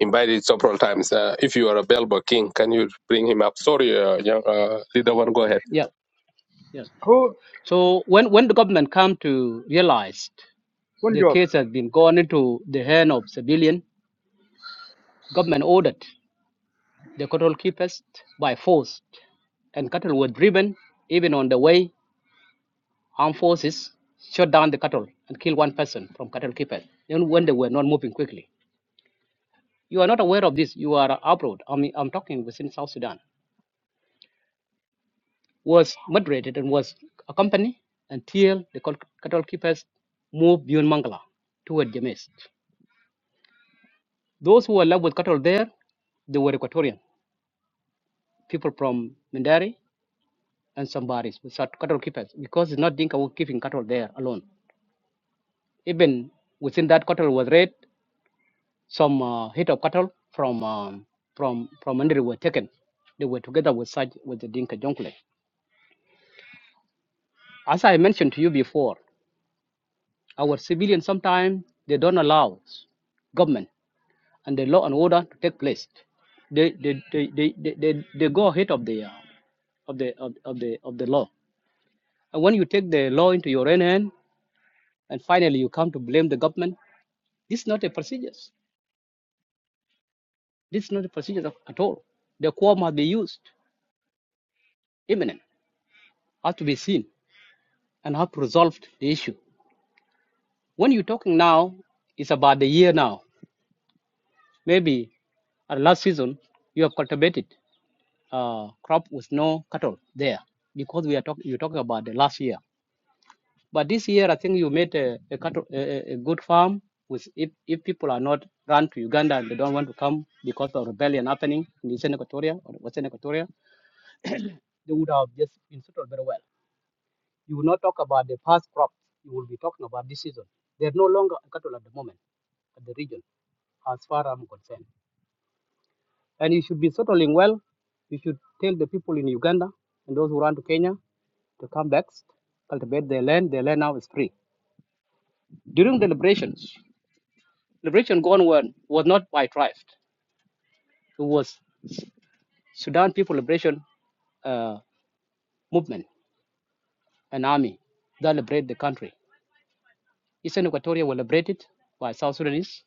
S16: invited several times. Uh, if you are available, King, can you bring him up? Sorry, uh, young, uh, leader one, go ahead.
S4: yeah, yeah. So when, when the government come to realize The case has been gone into the hand of civilian. Government ordered the cattle keepers by force, and cattle were driven even on the way. Armed forces shot down the cattle and killed one person from cattle keepers, even when they were not moving quickly. You are not aware of this. You are abroad. I mean, I'm talking within South Sudan. Was moderated and was accompanied until the cat- cattle keepers moved beyond Mangala toward James. Those who were left with cattle there, they were Equatorian people from Mindari and some barriers with cattle keepers because it's not Dinka who keeping cattle there alone. Even within that cattle was raid, some uh, head of cattle from um, from from Mandiri were taken. They were together with such with the Dinka Jonkle. As I mentioned to you before, our civilians sometimes they don't allow government and the law and order to take place. They they they, they, they, they, they go ahead of the uh, of the of, of the of the law. And when you take the law into your own hand and finally you come to blame the government This is not a procedure. This is not a procedure of- at all. The core must be used, imminent, has to be seen, and have to resolve the issue. When you're talking now, it's about the year now. Maybe at last season, you have cultivated uh, crop with no cattle there because we are talking. You're talking about the last year, but this year I think you made a, a cattle a a good farm. With if, if people are not run to Uganda and they don't want to come because of rebellion happening in Eastern Equatoria or Western Equatoria, they would have just been settled very well. You will not talk about the past crops. You will be talking about this season. There's no longer cattle at the moment at the region, as far as I'm concerned. And you should be settling well. You should tell the people in Uganda and those who run to Kenya to come back, cultivate their land. Their land now is free. During the liberations, liberation gone on was not by tribes. It was Sudan People Liberation uh, Movement, an army that liberated the country. Eastern Equatoria were liberated by South Sudanese,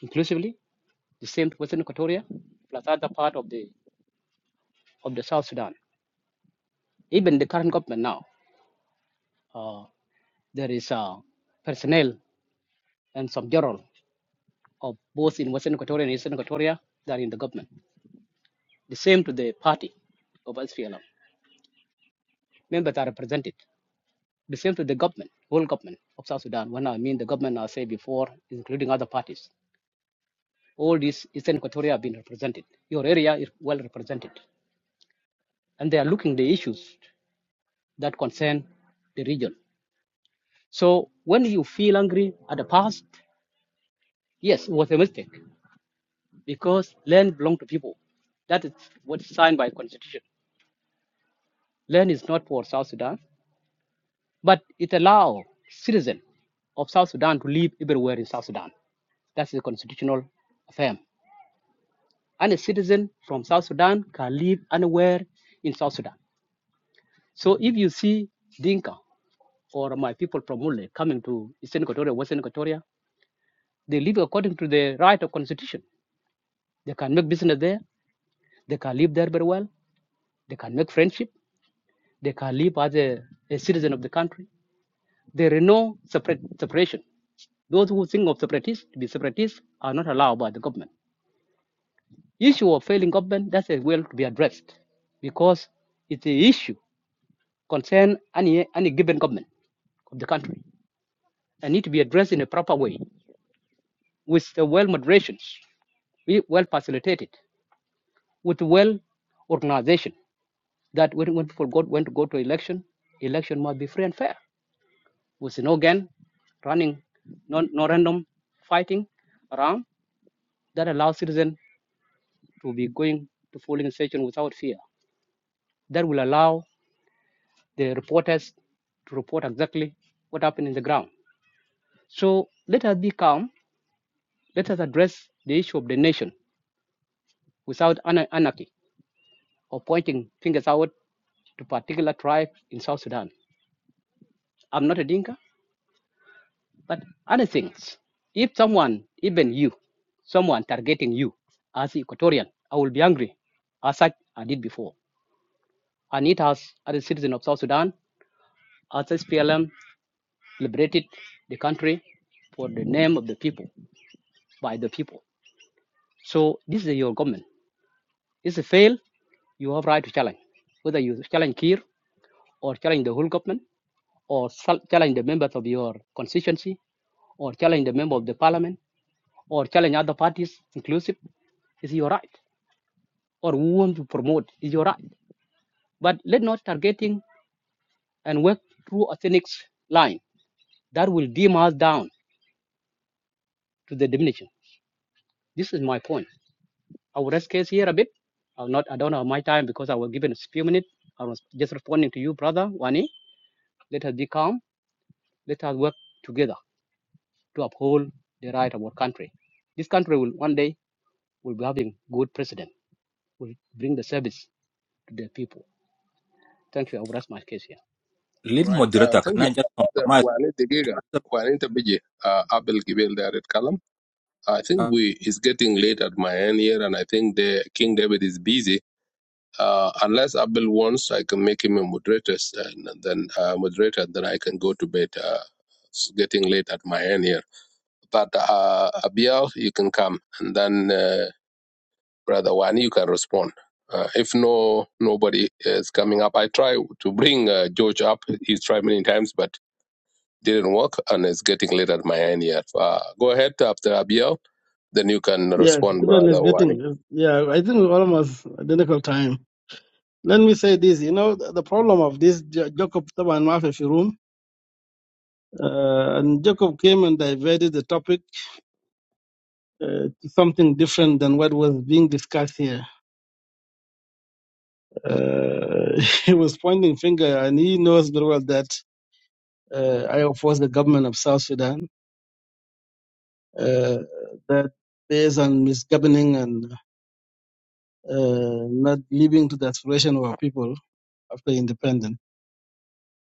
S4: inclusively. the same to Western Equatoria, plus other part of the of the South Sudan. Even the current government now, uh, there is uh, personnel and some general of both in Western Equatoria and Eastern Equatoria that are in the government. The same to the party of SPLM, members are represented. The same to the government, whole government of South Sudan. When I mean the government, I say before, including other parties. All these Eastern Equatoria have been represented. Your area is well represented. And they are looking the issues that concern the region So when you feel angry at the past, yes, it was a mistake because land belongs to people. That is what is signed by constitution. Land is not for South Sudan, but it allows citizens of South Sudan to live everywhere in South Sudan. That's the constitutional affirm. And a citizen from South Sudan can live anywhere in South Sudan. So if you see Dinka or my people from Mule coming to Eastern Equatoria, Western Equatoria, they live according to the right of constitution. They can make business there They can live there very well. They can make friendship. They can live as a, a citizen of the country. There is no separate, separation. Those who think of separatists to be separatists are not allowed by the government. Issue of failing government, that's a well to be addressed because it's an issue concern any, any given government of the country and need to be addressed in a proper way with the well moderation, we- well facilitated, with well organization that when, when people go, want to go to election, election must be free and fair. with no gun running, no, no random fighting around that allows citizens to be going to polling station without fear. That will allow the reporters to report exactly what happened in the ground. So let us be calm. Let us address the issue of the nation without anarchy or pointing fingers out to particular tribe in South Sudan. I'm not a Dinka. But other things, if someone, even you, someone targeting you as Equatorian, I will be angry, as such I did before. And it has, as a citizen of South Sudan, as SPLM liberated the country for the name of the people, by the people. So this is your government. If it fails, you have right to challenge. Whether you challenge Kir or challenge the whole government or challenge the members of your constituency or challenge the member of the parliament or challenge other parties inclusive. Is your right. Or who want to promote is your right. But let not targeting and work through a cynics line that will dim us down to the diminution. This is my point. I will rest case here a bit. I'll not I don't have my time because I was given a few minutes. I was just responding to you, brother Wani. Let us be calm. Let us work together to uphold the right of our country. This country will one day will be having good president. Will bring the service to the people. Thank you. I will rest my case here.
S16: All
S25: Lead
S16: right, uh,
S25: moderator, can
S16: thank you.
S25: I just compromise?
S16: Juanita Giga, Juanita Biji, uh, Abel Gibel there at Kalam. I think
S25: Uh,
S16: we is getting late at my end here, and I think the King David is busy. Uh, unless Abel wants, I can make him a moderator, and then uh, moderator, then I can go to bed. Uh, it's getting late at my end here. But uh, Abiel, you can come, and then uh, Brother Wani, you can respond. Uh, if no, nobody is coming up. I try to bring uh, George up. He's tried many times, but didn't work, and it's getting late at my end here. Uh, go ahead after Abiel, then you can
S22: Yes,
S16: respond,
S22: even is
S16: Brother Wani.
S22: getting. Yeah, I think we're almost identical time. Let me say this. You know, the, the problem of this Ja- Jacob Taban Mafefi room, uh, and Jacob came and diverted the topic uh, to something different than what was being discussed here. Uh, he was pointing finger, and he knows very well that uh, I oppose the government of South Sudan uh, that based on misgoverning and uh, not living to the aspiration of our people after independence.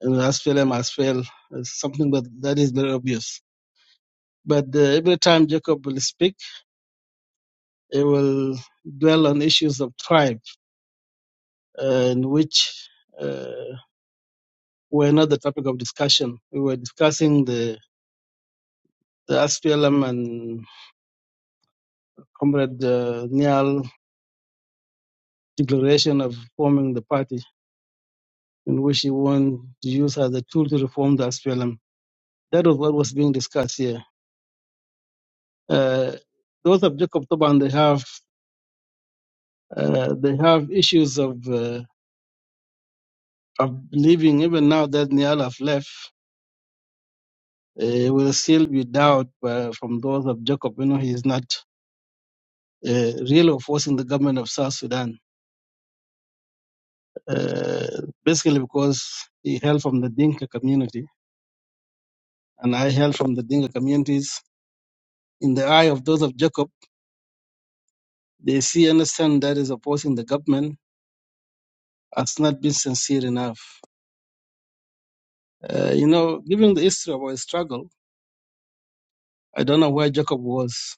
S22: And as failure has failed, is something that, that is very obvious. But uh, every time Jacob will speak, he will dwell on issues of tribe, uh, in which uh, were not the topic of discussion. We were discussing the, the SPLM and Comrade uh, Nial declaration of forming the party, in which he wanted to use as a tool to reform the SPLM That was what was being discussed here. Uh, those of Jacob Toban, they have uh, they have issues of uh, of believing even now that Niall have left, uh, will still be doubt uh, from those of Jacob. You know, he is not uh, really forcing the government of South Sudan, uh, basically because he hailed from the Dinka community, and I hail from the Dinka communities. In the eye of those of Jacob, they see and understand that is opposing the government has not been sincere enough. Uh, you know, given the history of our struggle, I don't know where Jacob was.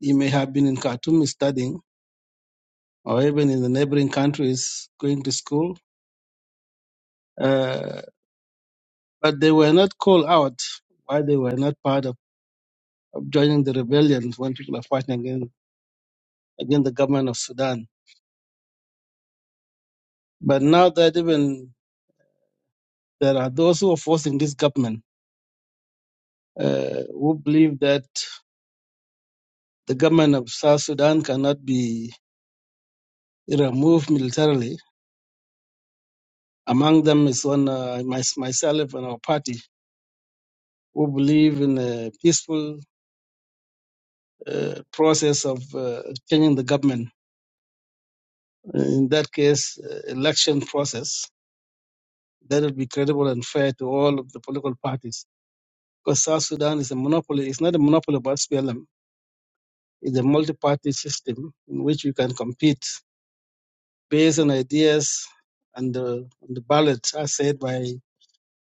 S22: He may have been in Khartoum studying or even in the neighboring countries going to school. Uh, but they were not called out why they were not part of, of joining the rebellion when people are fighting against, against the government of Sudan. But now that even there are those who are forcing this government uh, who believe that the government of South Sudan cannot be removed militarily. Among them is one uh, my, myself and our party who believe in a peaceful uh, process of uh, changing the government. In that case, uh, election process that will be credible and fair to all of the political parties. Because South Sudan is a monopoly. It's not a monopoly of SPLM. It's a multi-party system in which we can compete based on ideas and uh, on the ballot, as said by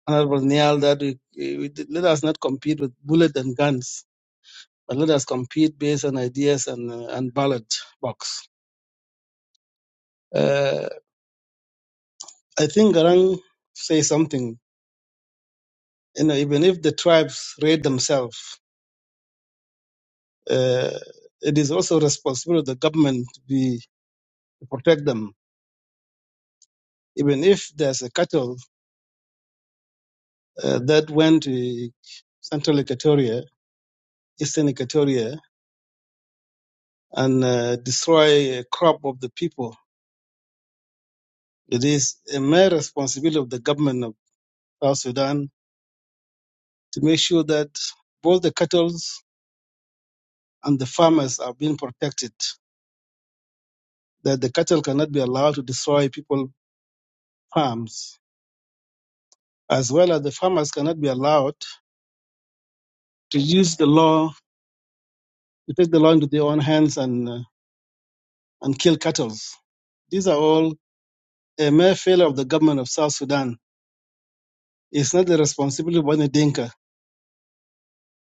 S22: Honorable Niall, that we, we, let us not compete with bullets and guns, but let us compete based on ideas and, uh, and ballot box Uh, I think Garang say something. You know, even if the tribes raid themselves, uh, it is also responsible of the government to be to protect them. Even if there's a cattle uh, that went to Central Equatoria, Eastern Equatoria, and uh, destroy a crop of the people, it is a mere responsibility of the government of South Sudan to make sure that both the cattle and the farmers are being protected. That the cattle cannot be allowed to destroy people farms, as well as the farmers cannot be allowed to use the law to take the law into their own hands and uh, and kill cattle. These are all a mere failure of the government of South Sudan. It's not the responsibility of the Dinka.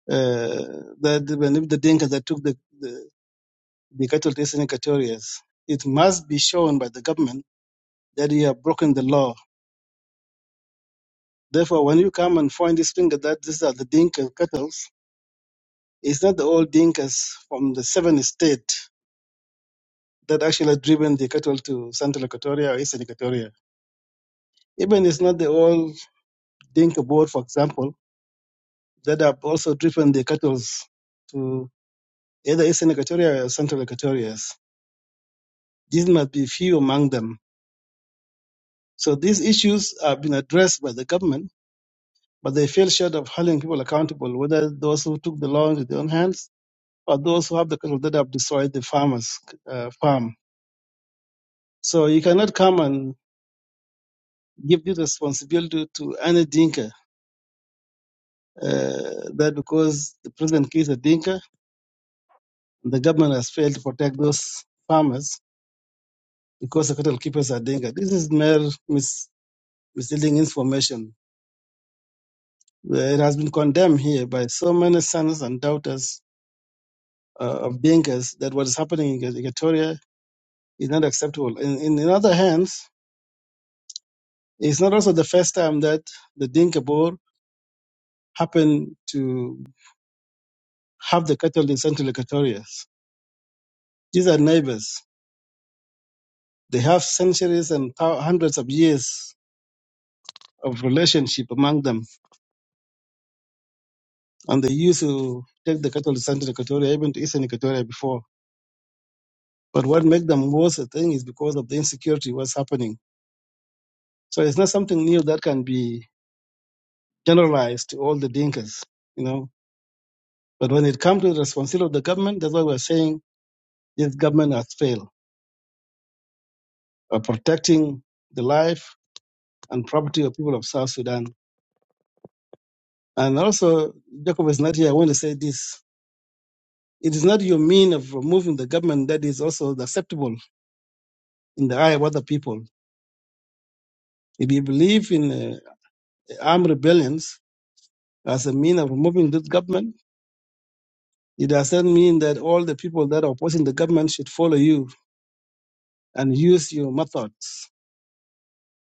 S22: Uh, that when the Dinka that took the, the, the cattle to Eastern Equatoria, it must be shown by the government that you have broken the law. Therefore, when you come and find this finger that these are the Dinka cattle, it's not the old Dinkas from the seven state that actually has driven the cattle to Central Equatoria or Eastern Equatoria. Even it's not the old Dinka board, for example, that have also driven the cattle to either Eastern Equatoria or Central Equatoria. These must be few among them. So these issues have been addressed by the government, but they fell short of holding people accountable, whether those who took the law into their own hands or those who have the cattle that have destroyed the farmers' uh, farm. So you cannot come and give this responsibility to any Dinka Uh, that because the president Keith is a dinka, and the government has failed to protect those farmers because the cattle keepers are dinka. This is mere mis- misleading information. Uh, It has been condemned here by so many sons and daughters uh, of dinkas that what is happening in Equatoria is not acceptable. In, in, in other hands, it's not also the first time that the dinka boar happen to have the cattle in central Equatoria. These are neighbors. They have centuries and thou- hundreds of years of relationship among them. And they used to take the cattle to Central Equatoria, even to Eastern Equatoria before. But what made them worse, I think, is because of the insecurity was happening. So it's not something new that can be generalized to all the Dinkas, you know. But when it comes to the responsibility of the government, that's why we're saying this government has failed by protecting the life and property of people of South Sudan. And also, Jacob is not here. I want to say this. It is not your mean of removing the government that is also acceptable in the eye of other people If you believe in uh, armed rebellions as a mean of removing this government, it doesn't mean that all the people that are opposing the government should follow you and use your methods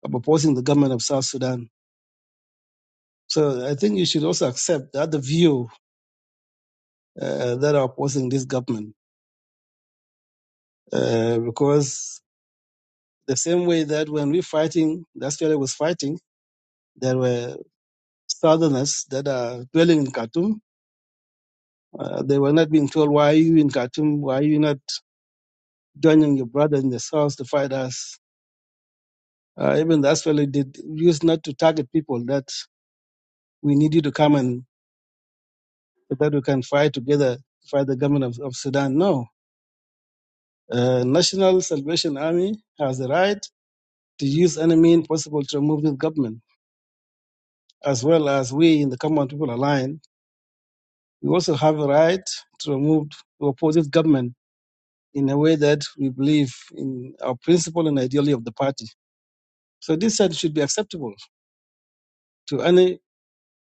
S22: of opposing the government of South Sudan. So I think you should also accept the other view uh, that are opposing this government, uh, because the same way that when we fighting, the Australia was fighting, there were Southerners that are dwelling in Khartoum. Uh, they were not being told, "Why are you in Khartoum? Why are you not?" joining your brother in the south to fight us. Uh, even the Aswali did used not to target people that we need you to come and so that we can fight together, fight the government of, of Sudan. No. Uh, National Salvation Army has the right to use any means possible to remove this government, as well as we in the Common People Alliance. We also have a right to remove to oppose this government in a way that we believe in our principle and ideology of the party. So this said should be acceptable to any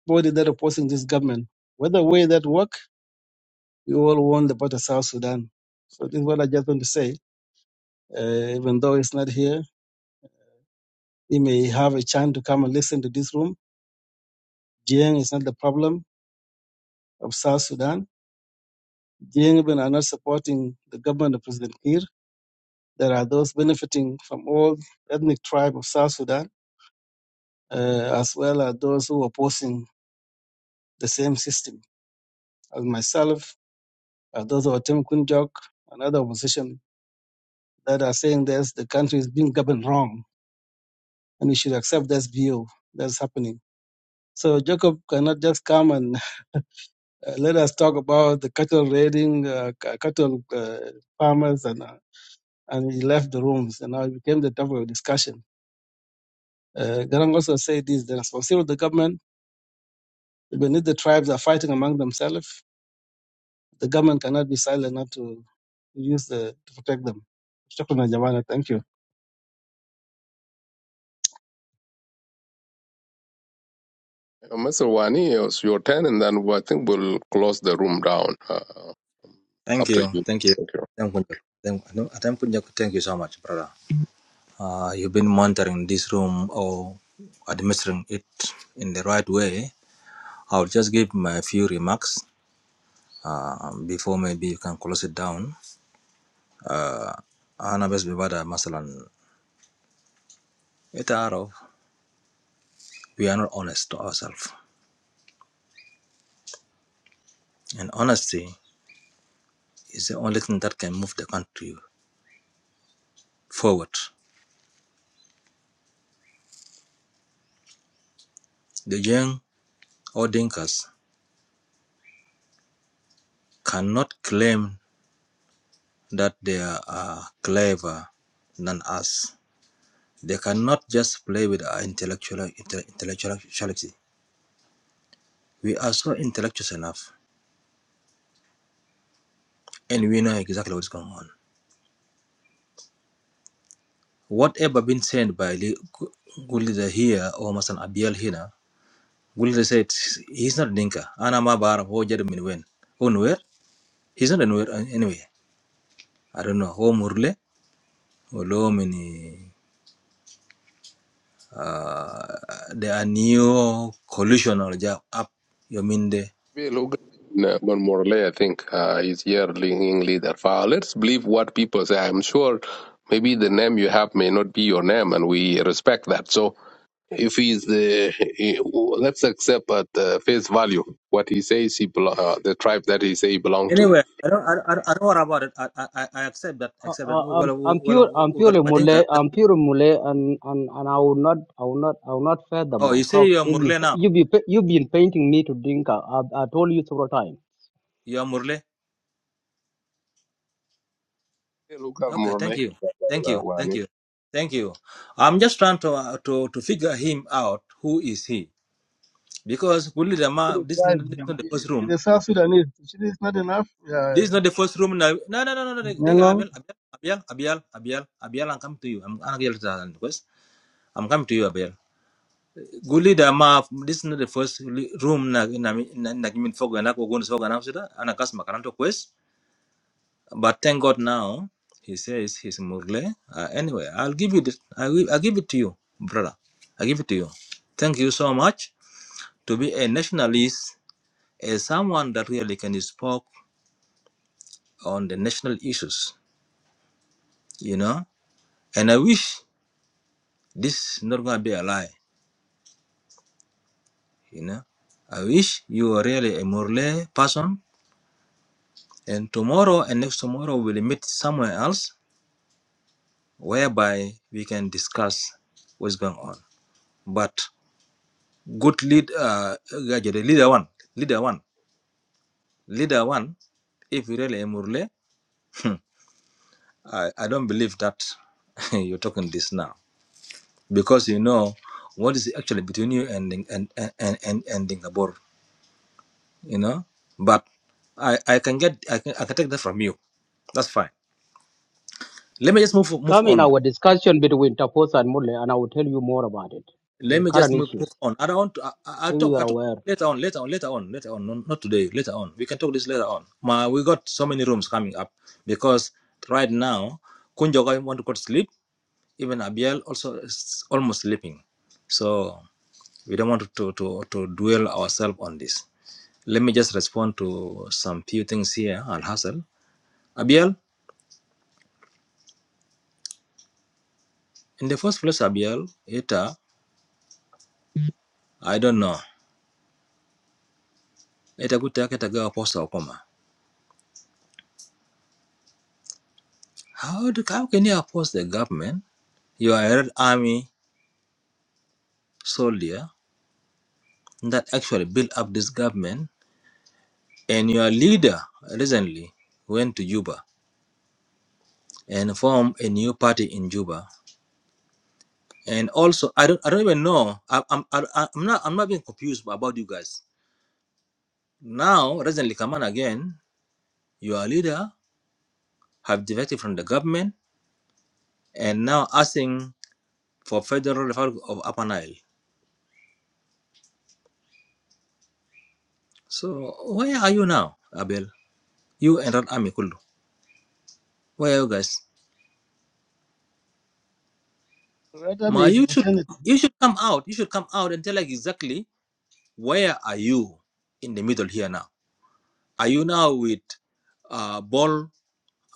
S22: body that opposing this government. Whether way that work, we all want the better South Sudan. So this is what I just want to say. Uh, even though it's not here, he may have a chance to come and listen to this room. Jiang is not the problem of South Sudan. Jiang even are not supporting the government of President Kiir. There are those benefiting from all ethnic tribe of South Sudan, uh, as well as those who are opposing the same system. As myself, as those of Tim Kunjok, another opposition that are saying this, the country is being governed wrong and we should accept this view that's happening. So Jacob cannot just come and uh, let us talk about the cattle raiding, uh, c- cattle uh, farmers, and uh, and he left the rooms, and now it became the topic of discussion. Uh, Garang also said this: the responsibility of the government beneath the tribes are fighting among themselves. The government cannot be silent not to use the to protect them. Shukran, Jamana. Thank you.
S16: Uh, Mr. Wani, it's your turn, and then we- I think we'll close the room down uh,
S25: thank
S16: after
S25: you.
S16: you.
S25: Thank you.
S16: Thank you.
S25: Thank you. Thank no, thank you Thank you so much, brother. Uh, you've been monitoring this room or administering it in the right way. I'll just give my few remarks uh, before maybe you can close it down. Uh, Anabes Bibada Masalan, it are we are not honest to ourselves. And honesty is the only thing that can move the country forward. The young or Dinkas cannot claim that they are clever than us. They cannot just play with our intellectual intellectuality. We are so intellectual enough, and we know exactly what's going on. Whatever been said by Li- good leader here or Masan Abiel here, good leader said he's not Dinka. Anama Bar, who Jeremy Nguyen. Who Nuer? He's not a Nuer uh, anyway. I don't know. Who Murle? Olomi ni uh, there are new collision or job up your minde.
S16: We look no, one more layer, I think, uh, is here leading leader. Uh, let's believe what people say. I'm sure maybe the name you have may not be your name, and we respect that. So if he's the, he- let's accept at uh, face value what he says he belo- uh, the tribe that he say he belong to.
S25: Anyway, I don't, I, I, I don't worry about it. I, I, I I accept that.
S4: Uh,
S25: Accept that.
S4: uh,
S25: Oh,
S4: I'm,
S25: well,
S4: I'm
S25: well,
S4: pure.
S25: well,
S4: I'm
S25: well,
S4: purely
S25: Madinka.
S4: Malay. I'm pure Malay, and, and, and I will not. I will not. I will not further
S25: Oh,
S4: my
S25: you say
S4: talk.
S25: you're
S4: If you
S25: Murle
S4: you
S25: now.
S4: be you've been painting me to drink. I, I, I told you several times.
S25: You're Murle.
S16: Hey, look at
S25: Okay, thank
S16: Morley.
S25: you, thank you, thank you, thank you. I'm just trying to uh, to to figure him out. Who is he? Because Gulli
S22: To
S25: Dama,
S22: The
S25: this is
S22: tribe,
S25: this is
S22: Jam-
S25: not the first room.
S22: the South Sudanese, it is not enough. Uh,
S25: This is not the first room now. No, no, no, no, no. They, they,
S22: Nyang'ong,
S25: Abiel, Abiel, Abiel, Abiel, Abiel, I'm coming to you. I'm I'm Abiel Zahran request. I'm coming to you, Abiel. Guli da ma. This is not the first li- room na na na na gimin fog na ko gun fog na usida. Ana kas makaranto quest. But thank God now he says he's murle. Uh, anyway, I'll give you this. I will. I give it to you, brother. I give it to you. Thank you so much to be a nationalist, as someone that really can speak on the national issues. You know, and I wish This is not gonna be a lie, you know. I wish you are really a Murle person, and tomorrow and next tomorrow we'll meet somewhere else whereby we can discuss what's going on. But good lead, uh, uh, leader one, leader one, leader one. If you really a Murle, I, I don't believe that you're talking this now because you know what is actually between you and and and and and, and Dingabor. you know. But I, I can get I can, I can take that from you. That's fine. Let me just move move
S4: Come in
S25: on.
S4: our discussion between Taposa and Malay, and I will tell you more about it. The
S25: Let me
S4: current
S25: just move move
S4: issues,
S25: on. I don't want to. I, I- I'll
S4: if you
S25: talk.
S4: are
S25: I will talk
S4: aware.
S25: later on. Later on. Later on. Later on. No, not today. Later on. We can talk this later on. Ma, we got so many rooms coming up because right now Kunjoga want to go to sleep. Even Abiel also is almost sleeping. So we don't want to to to dwell ourselves on this. Let me just respond to some few things here. Al Hassel, Abiel. In the first place, Abiel, Eta, I don't know. Eta could take it a apostle, How, do, how can you oppose the government? You are a Red Army soldier that actually built up this government, and your leader recently went to Juba and formed a new party in Juba. And also, I don't, I don't even know. I, I'm, I, I'm not, I'm not being confused about you guys. Now, recently, come on again. Your leader have defected from the government, and now asking for Federal Republic of Upper Nile. So where are you now, Abel? You and Red Army Kulu. Where are you guys?
S22: Radam
S25: Ma,
S22: is a
S25: you should
S22: fraternity.
S25: you should come out. You should come out and tell us exactly where are you in the middle here now. Are you now with uh, Ball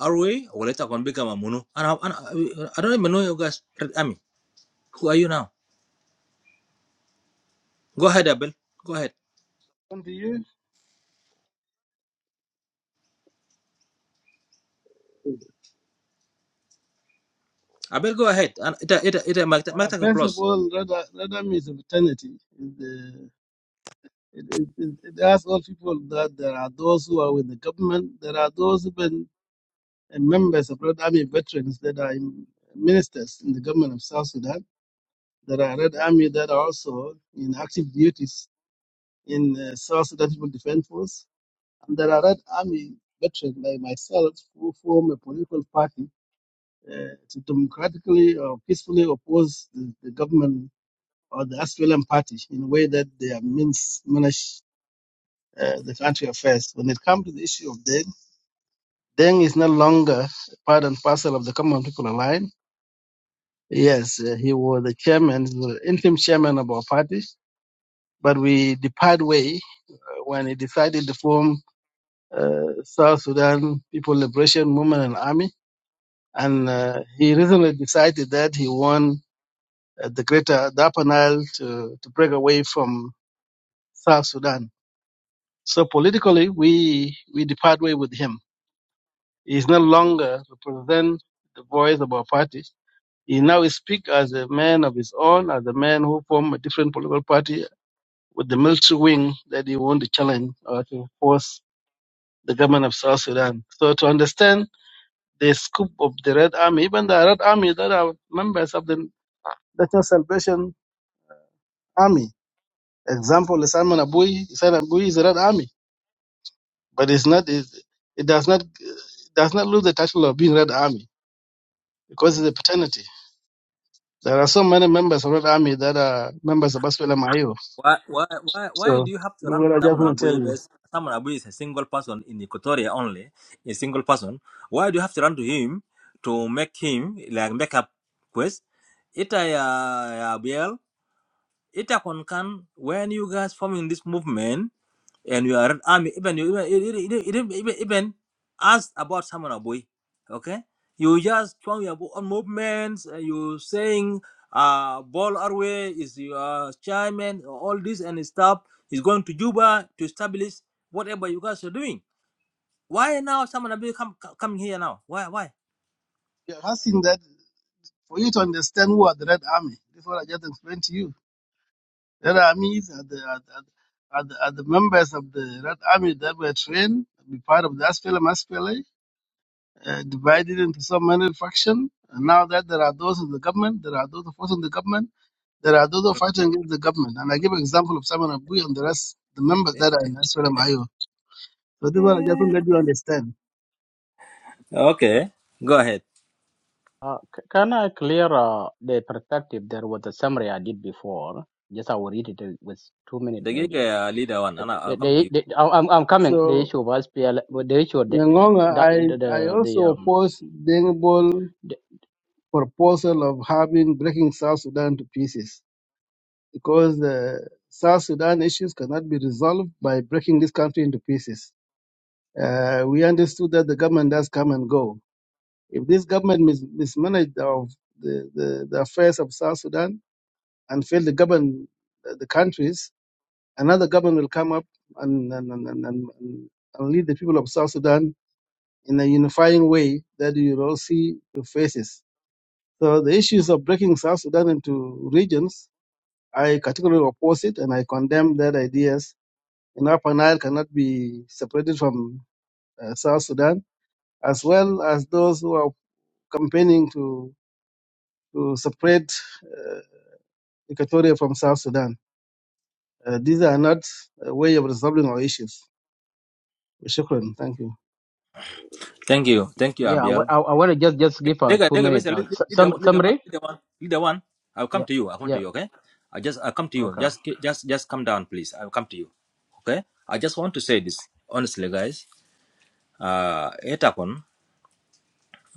S25: Arway or later going to become Amunu? And I, and I, I don't even know you guys, Red Army. Who are you now? Go ahead, Abel. Go ahead.
S22: Continue.
S25: Abel, go ahead. And it it it it might
S22: Uh, first
S25: close.
S22: of all, Radha- Radham is a fraternity. It, uh, it, it, it it asks all people that there are those who are with the government, there are those who have been uh, members of Red Army veterans that are in, ministers in the government of South Sudan. There are Red Army that are also in active duties in uh, South Sudan People Defense Force. And there are Red Army veterans like myself who form a political party uh, to democratically or peacefully oppose the, the government or the Australian party in a way that they have means manage uh, the country affairs. When it comes to the issue of Deng, Deng is no longer part and parcel of the Common People Alliance. Yes, uh, he was the chairman, he was the interim chairman of our party, but we depart way uh, when he decided to form uh, South Sudan People Liberation Movement and Army. And uh, he recently decided that he won uh, the greater the Upper Nile to, to break away from South Sudan So politically, we we depart way with him. He's no longer represent the voice of our party. He now speak as a man of his own, as a man who formed a different political party with the military wing that he want to challenge or to force the government of South Sudan. So to understand the scope of the Red Army, even the Red Army that are members of the National Salvation Army. Example, Simon Abui, Simon Abui is the Red Army But it's not it, it does not it does not lose the title of being Red Army because it's a paternity. There are so many members of Red Army that are members of Baswela Mayo.
S25: Why, why, why, why
S22: So
S25: do you have
S22: this
S25: to
S22: is
S25: run
S22: what I just
S25: Simon
S22: want to tell
S25: Abu?
S22: you.
S25: Simon Abu is a single person in Equatoria only, a single person. Why do you have to run to him to make him like make up quest? Ita ya ya Biel, ita konkan when you guys forming this movement and you are an army even you even, even, even, even even ask about someone Aboy, okay you just strong your bo- own movements and you saying uh ball Arwe is your chairman all this and stuff is going to Juba to establish whatever you guys are doing why now someone Aboy come co- coming here now why why
S22: You're asking that for you to understand who are the Red Army. This is what I just explained to you. Red Armies are the are, the- are, the, are the members of the Red Army that were trained to be part of the SPLM, SPLA, uh, divided into so many factions. And now that there are those in the government, there are those opposing the government There are those who are fighting against the government. And I give an example of Simon Abu and the rest, the members that are in SLMIO. So this one I just want to let you understand.
S25: okay go ahead
S4: Uh, c- can I clear uh, the perspective? There was a summary I did before. Just I will read it in- with two minutes
S25: the gig
S4: maybe.
S25: uh, leader one
S4: The,
S25: and I-
S4: the,
S25: I'll
S4: the,
S25: come to you
S4: the- I'm, I'm I'm coming. The
S22: So,
S4: issue of SPL, the issue of the,
S22: Nyangonga,
S4: the, the,
S22: I, I
S4: the, the
S22: also
S4: um,
S22: oppose Deng Bol
S4: D-
S22: proposal of having breaking South Sudan to pieces because the South Sudan issues cannot be resolved by breaking this country into pieces. Uh, we understood that the government does come and go. If this government mis- mismanaged of the, the, the affairs of South Sudan, and fail to govern the countries, another government will come up and, and, and, and, and, and lead the people of South Sudan in a unifying way that you will all see the faces. So the issues of breaking South Sudan into regions, I categorically oppose it and I condemn that ideas. And Upper Nile cannot be separated from uh, South Sudan, as well as those who are campaigning to, to separate uh, Equatoria from South Sudan. Uh, these are not a way of resolving our issues. Shukran. Thank you.
S25: thank you thank you
S4: Yeah, I,
S25: Abiel
S4: want to just just give a
S25: Dega,
S4: two
S25: Dega,
S4: minute uh,
S25: basically, lead
S4: s-
S25: lead the,
S4: sum,
S25: lead the one,
S4: summary.
S25: lead the one, lead the one. I'll come
S4: Yeah,
S25: to you. I'll come to
S4: yeah,
S25: you. Okay. I just, I'll come to you.
S4: okay.
S25: Just, ki- just, just come down, please. I'll come to you. Okay. I just want to say this honestly, guys. Uh, Etakon,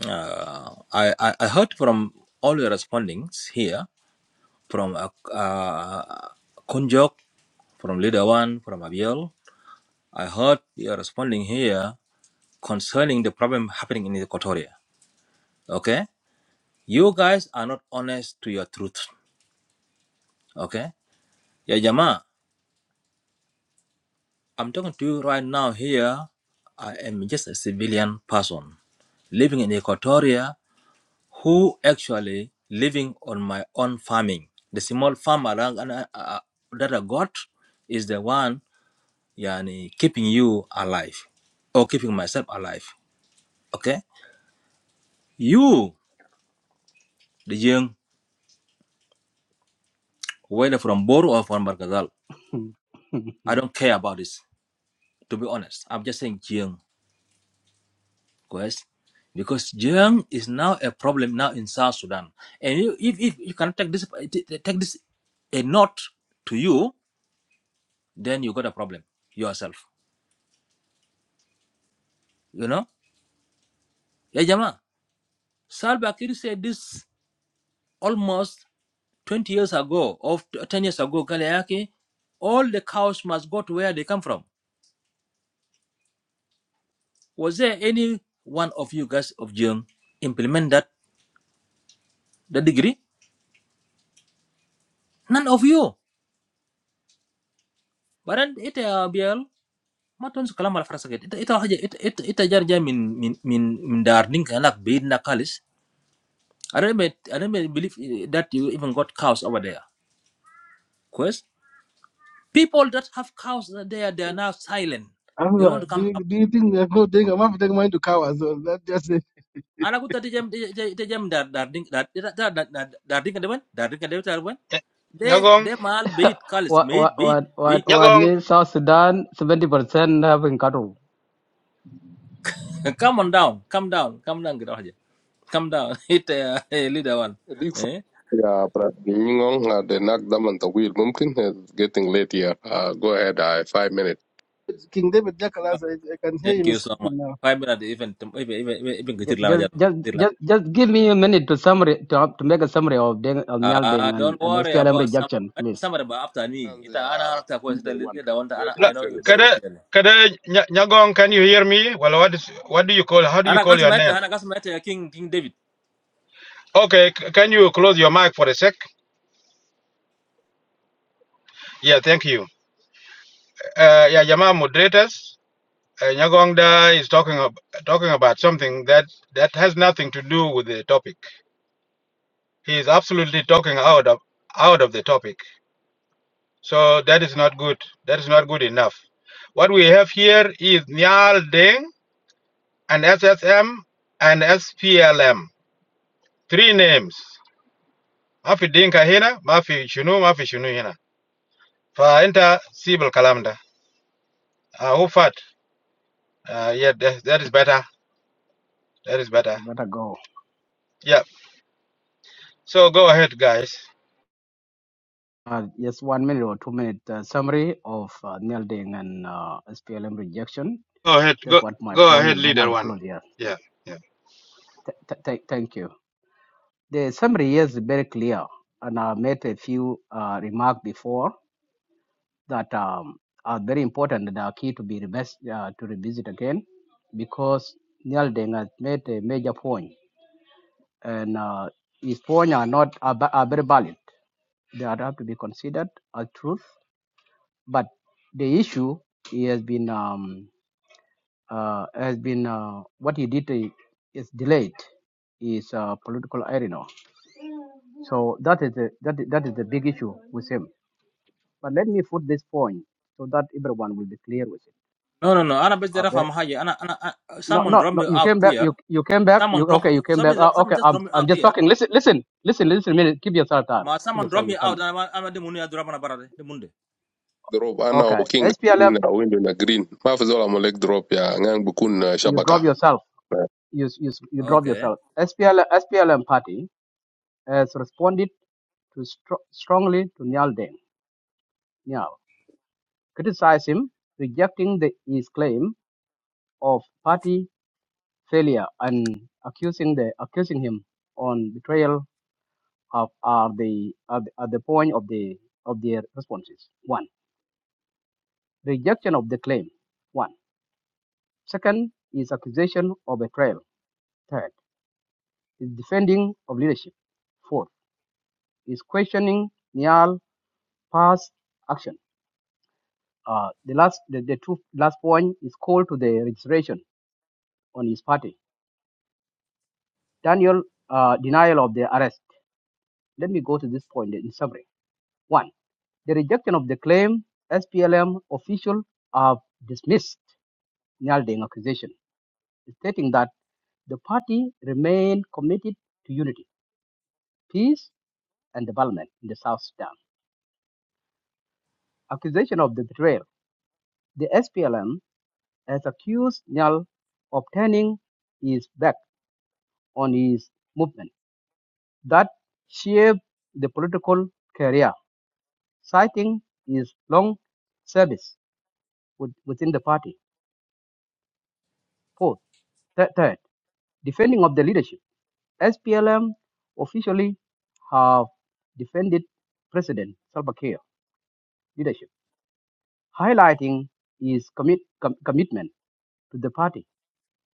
S25: uh, I, I, I heard from all your respondings here from uh, uh, Kunjok, from Leader One, from Abiel. I heard you're responding here concerning the problem happening in Equatoria. Okay? You guys are not honest to your truth. Okay? Ya Jama, I'm talking to you right now here. I am just a civilian person living in Equatoria who actually living on my own farming. The small farm around, uh, uh, that I got is the one yani, keeping you alive or keeping myself alive. Okay? You, the young, whether from Boru or from Barkazal, I don't care about this, to be honest. I'm just saying, young. guys, because Jiang is now a problem now in South Sudan. And you, if, if you can take this take this a note to you, then you got a problem yourself. You know, yeah, Jama. Salva Kiir said this almost 20 years ago, or 10 years ago, Kaleaki, all the cows must go to where they come from. Was there any one of you guys of Jiang implement that, that degree? None of you. But then it uh, BL. ما تمسك كلام على فراسك انت انت حاجه انت انت انت جار جاي من من من من دار دينك هناك بعيدنا خالص I don't even, I don't even believe that you even got cows over there. Quest people that have cows there they are now silent. They don't
S22: Hamza,
S25: want to
S22: do
S25: come
S22: you,
S25: up.
S22: do you think there's no danger? I'm having to take mine to cow as well. That just
S25: Anak aku tadi jam tadi jam dar darling, ding dar dar dar dar darling, dar ding darling, dar ding kedepan kedepan. They they mal beat kalis
S4: what
S25: beat
S4: what
S25: beat
S4: what what
S25: beat.
S4: what needs South Sudan seventy percent having cattle.
S25: Come on down, come down, come down kita aja. Come down. It uh, leader one.
S16: اديك فرصة
S25: Eh?
S16: يا Brad. uh, the knock them the wheel. ممكن it's getting late here uh, go ahead uh, five minutes
S22: King David Jackalas, I, I can hear
S25: Thank
S22: him
S25: you so much.
S22: speaking now.
S25: Five minutes, even even even even even كتير
S4: Ju-
S25: لنا
S4: Just
S25: جاته
S4: just
S25: كتير لنا.
S4: just just give me a minute to summary to, to make a summary of Deng, of Nial
S25: Ah,
S4: Deng and
S25: don't
S4: and
S25: worry
S4: SPLM
S25: about some
S4: rejection, please.
S25: somebody but after me.
S16: And,
S25: Ita ana
S16: uh,
S25: عرفتها كويس. إنت
S16: number one
S25: leader وأنت ana
S16: let
S26: No,
S16: him
S25: I know you
S16: finish
S25: very well
S26: Kada,
S25: clearly.
S26: kada, Nya- Nyagong, can you hear me? Well, what is, what do you call, how do you
S25: Ana
S26: call
S25: قاسم
S26: your
S25: ana
S26: name?
S25: أنا ya king king David.
S26: Okay, thank you. What we, and,
S4: You better go. Uh, just one minute or two minute uh, summary of uh, Nial Deng and uh, SPLM rejection. That's what my point, and then I will close here. Thank, th- th- thank thank you. The summary is very clear, and I made a few uh, remarks before that um, are very important and are key to be revis- uh, to revisit again because Neil Deng has made a major point, and uh, his points are not are, ba- are very valid. They are have to be considered as truth, but the issue he has been um, uh, has been uh, what he did uh, is delayed is uh, political arena. So that is the that, is- that is the big issue with him But let me put this point so that everyone will be clear with it.
S25: No no no. Ana بس بدي
S4: Uh, but
S25: أفهم ana أنا أنا
S4: no,
S25: someone
S4: no,
S25: drop
S4: no.
S25: me
S4: You
S25: out
S4: came back.
S25: here.
S4: You you came back.
S25: Someone
S4: You
S25: drop
S4: okay? You came back.
S25: someone
S4: Uh,
S25: drop- someone
S4: okay.
S25: just
S4: I'm
S25: drop me
S4: I'm
S25: out
S4: just
S25: here.
S4: talking. Listen, listen, listen, listen. A minute. Keep yourself down.
S25: Ma
S4: Keep
S25: someone drop
S4: yourself.
S25: me
S4: You
S25: out.
S4: coming?
S25: Ana ما- أنا دي مني na أنا برا munde.
S16: drop انا
S4: Okay.
S16: وكينج
S4: SPLM.
S16: na window na green ما في زول عمل molek drop يا ngang bukun uh,
S4: You drop
S16: شبكة
S4: yourself. You you you drop
S25: Okay.
S4: yourself. SPLM SPLM party has responded to stro- strongly to Niall Deng. Niall criticized him, rejecting the, his claim of party failure and accusing the accusing him on betrayal of, are the at, at the point of the of their responses. One, rejection of the claim. One. Second is accusation of betrayal. Third is defending of leadership. Fourth is questioning Nial past action. Uh, the last the, the two last point is call to the registration on his party. Daniel uh, denial of the arrest. Let me go to this point in summary. One, the rejection of the claim SPLM official have dismissed Nial Deng accusation stating that the party remained committed to unity, peace, and development in the South Sudan. Accusation of the betrayal. The SPLM has accused Nyal of turning his back on his movement that shaped the political career, citing his long service with- within the party. Fourth, third, third, defending of the leadership. SPLM officially have defended President Salva Kiir leadership highlighting his commit, com- commitment to the party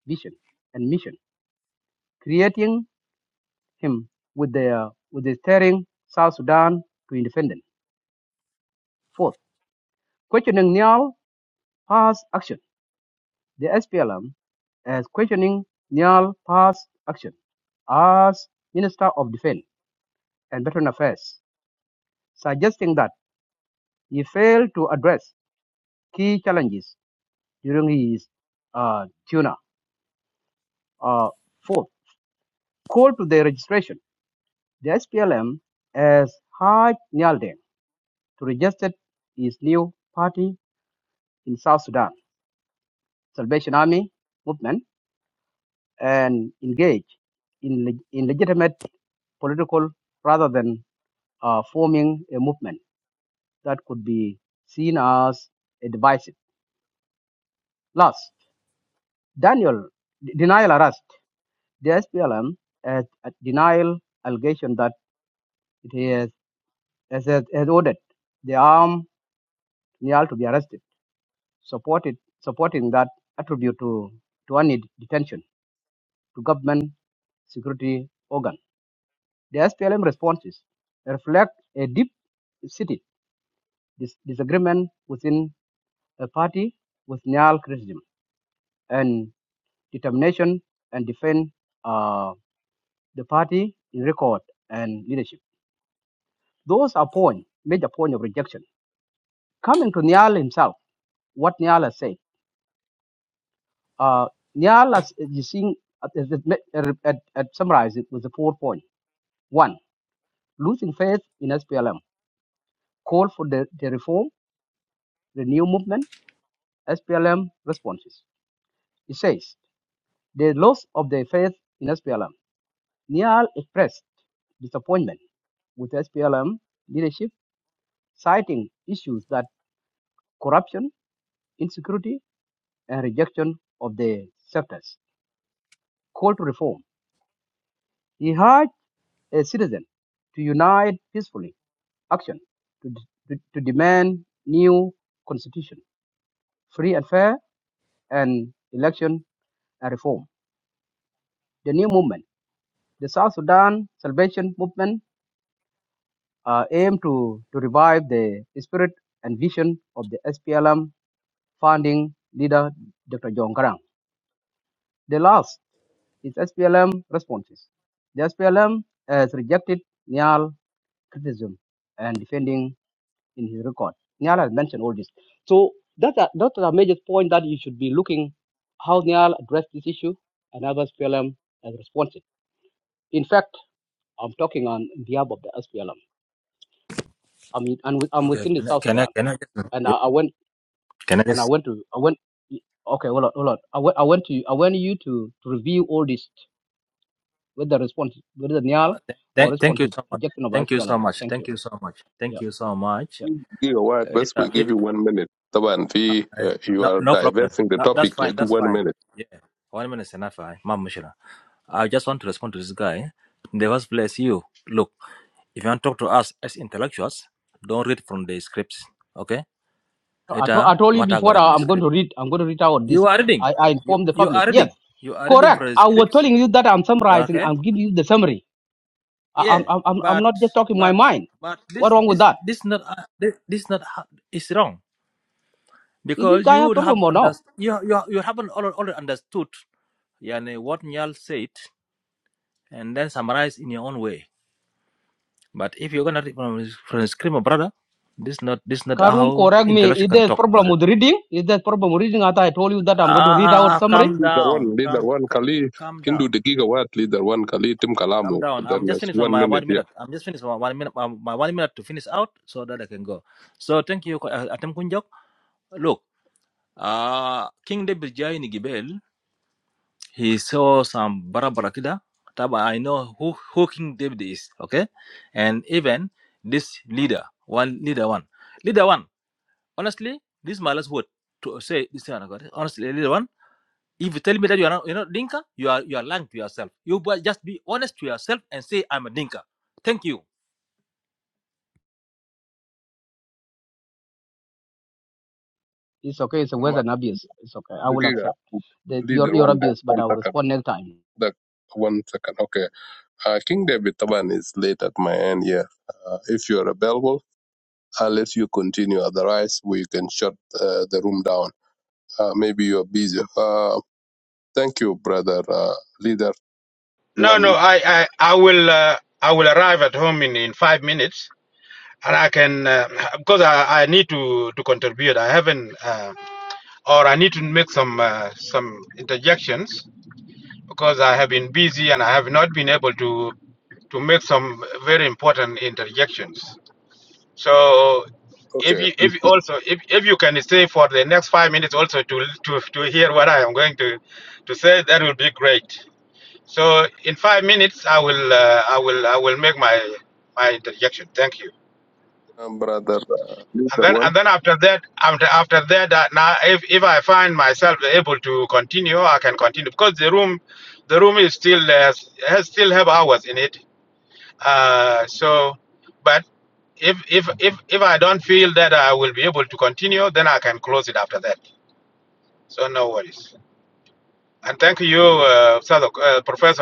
S4: vision and mission, creating him with the with the steering South Sudan to independence. Fourth, questioning Nial past action. The SPLM is questioning Nial past action as Minister of Defense and Veteran Affairs, suggesting that he failed to address key challenges during his uh, tuna. Uh, fourth, call to the registration The SPLM has Haj Nyalde to register his new party in South Sudan, Salvation Army movement, and engage in, leg- in legitimate political rather than uh, forming a movement that could be seen as a divisive. Last, Daniel denial arrest. The SPLM has a denial allegation that it has, has, has ordered the armed Nial to be arrested supported supporting that attribute to, to any detention to government security organ. The SPLM responses reflect a deep seated dis- disagreement within a party with Nyal criticism and determination and defend uh, the party in record and leadership. Those are point, major point of rejection. Coming to Nyal himself, what Nyal has said. Uh, Nyala, you seen, at, at, at, at summarize it with the four point. One, losing faith in SPLM, call for the, the reform, the new movement, SPLM responses. It says, the loss of their faith in SPLM. Nyal expressed disappointment with SPLM leadership, citing issues that corruption, insecurity, and rejection of the sectors. Call to reform. He urged a citizen to unite peacefully action to, d- to demand new constitution, free and fair, and election and reform. The new movement, the South Sudan Salvation Movement, uh, aim to, to revive the spirit and vision of the SPLM founding leader, Dr. John Garang. The last is SPLM responses. The SPLM has rejected Nial criticism and defending in his record. Niall has mentioned all this. So that's a, that's a major point that you should be looking how Niall addressed this issue and how SPLM has responded. In fact, I'm talking on behalf of the SPLM. I mean, I'm, I'm
S25: Okay.
S4: within the South
S25: Can I
S4: Sudan,
S25: can I can I
S4: and I,
S25: just
S4: I went
S25: can I
S4: and I
S25: just
S4: went to I went. Okay, hold on, hold on. I went, I went to I want you to, to review all this with the response whether Niall
S25: Uh, th-
S4: or
S25: th- thank
S4: responses
S25: you
S4: is
S25: so much.
S4: rejection of
S25: Thank you
S4: SPLM.
S25: so much.
S4: Thank
S25: Thank
S4: you.
S25: you so much.
S4: Yeah,
S25: Thank you so much.
S4: yeah, yeah.
S16: دقيقة واحد
S25: It,
S16: بس we
S25: uh,
S16: give
S25: it,
S16: you one minute طبعا
S25: uh,
S16: في uh, you
S25: no,
S16: are
S25: no problem.
S16: diverting the
S25: No, that's
S16: topic
S25: fine.
S16: like
S25: That's
S16: one
S25: fine.
S16: minute
S25: Yeah. One minute is enough. I, Ma'am Mushira. I just want to respond to this guy. In the first place, you look. If you want to talk to us as intellectuals, don't read from the scripts. Okay?
S4: I,
S25: It
S4: to-
S25: uh,
S4: I told you
S25: matagara
S4: before.
S25: in
S4: I,
S25: the
S4: am going
S25: script.
S4: to read. I'm going to read out this.
S25: You are reading.
S4: I, I
S25: You
S4: informed the
S25: you
S4: public.
S25: are
S4: Yes,
S25: reading. You are reading
S4: correct.
S25: from the
S4: I was
S25: scripts.
S4: telling you that I'm summarizing.
S25: Okay?
S4: I'm giving you the summary. I, I'm,
S25: yeah
S4: I'm, I'm I'm
S25: but
S4: not just talking my
S25: but
S4: mind.
S25: but
S4: What
S25: this
S4: wrong with
S25: this
S4: that?
S25: this not uh, this, this not ha- is wrong
S4: Is this
S25: because you
S4: guy a
S25: would have
S4: problem or no?
S25: understood you you, you haven't already, already understood yani what Nyal said and then summarize in your own way but if you're gonna read from his- from his screamer brother this not this not
S4: Karum,
S25: how
S4: correct me.
S25: intellectual
S4: Is
S25: can
S4: there a
S25: talk
S4: problem
S25: about it
S4: with reading? Is there a problem with reading? After I told you that I'm going to
S25: ah
S4: read
S16: Uh,
S25: ah,
S4: out
S25: ah,
S4: summary.
S25: calm
S16: leader
S25: down
S16: one leader
S25: calm
S16: one
S25: ca-
S16: خليه
S25: calm
S16: Hindu
S25: down
S16: the gigawatt leader one خليه يتم
S25: calm
S16: كلامه
S25: down i'm just
S16: there's
S25: finished with
S16: one
S25: my one
S16: minute
S25: minute i'm just finished with my one minute my, my one minute to finish out so that i can go so thank you uh, atem Look, uh, King David Jai ni Gibel, he saw some Barabara Kida. Taba, I know who, who King David is, okay? And even this leader, one leader one. Leader one, honestly, this is my last word to say this one. okay? Honestly, leader one, if you tell me that you are not, you're not Dinka, you are you are lying to yourself. You bu- just be honest to yourself and say I'm a Dinka. Thank you.
S4: It's okay. It's a
S16: yeah.
S4: words and abuse. It's okay. I will
S16: دقيقة
S4: accept the,
S16: leader
S4: your your
S16: one there,
S4: abuse, but
S16: one
S4: I will
S16: second.
S4: respond next time.
S16: That one second. Okay. Uh, King David Taban is late at my end. Yeah. Uh, if you're available, I'll let you continue. Otherwise, we can shut uh, the room down. Uh, maybe you're busy. Uh, thank you, brother. Uh, leader one.
S26: uh, because I have been busy and I have not been able to, so if
S16: Okay.
S26: you, if you also for the next five minutes also to, to, to, going to, to say that will be great. So in five minutes, I will, I will, I will make my,
S16: Um, brother uh, leader one.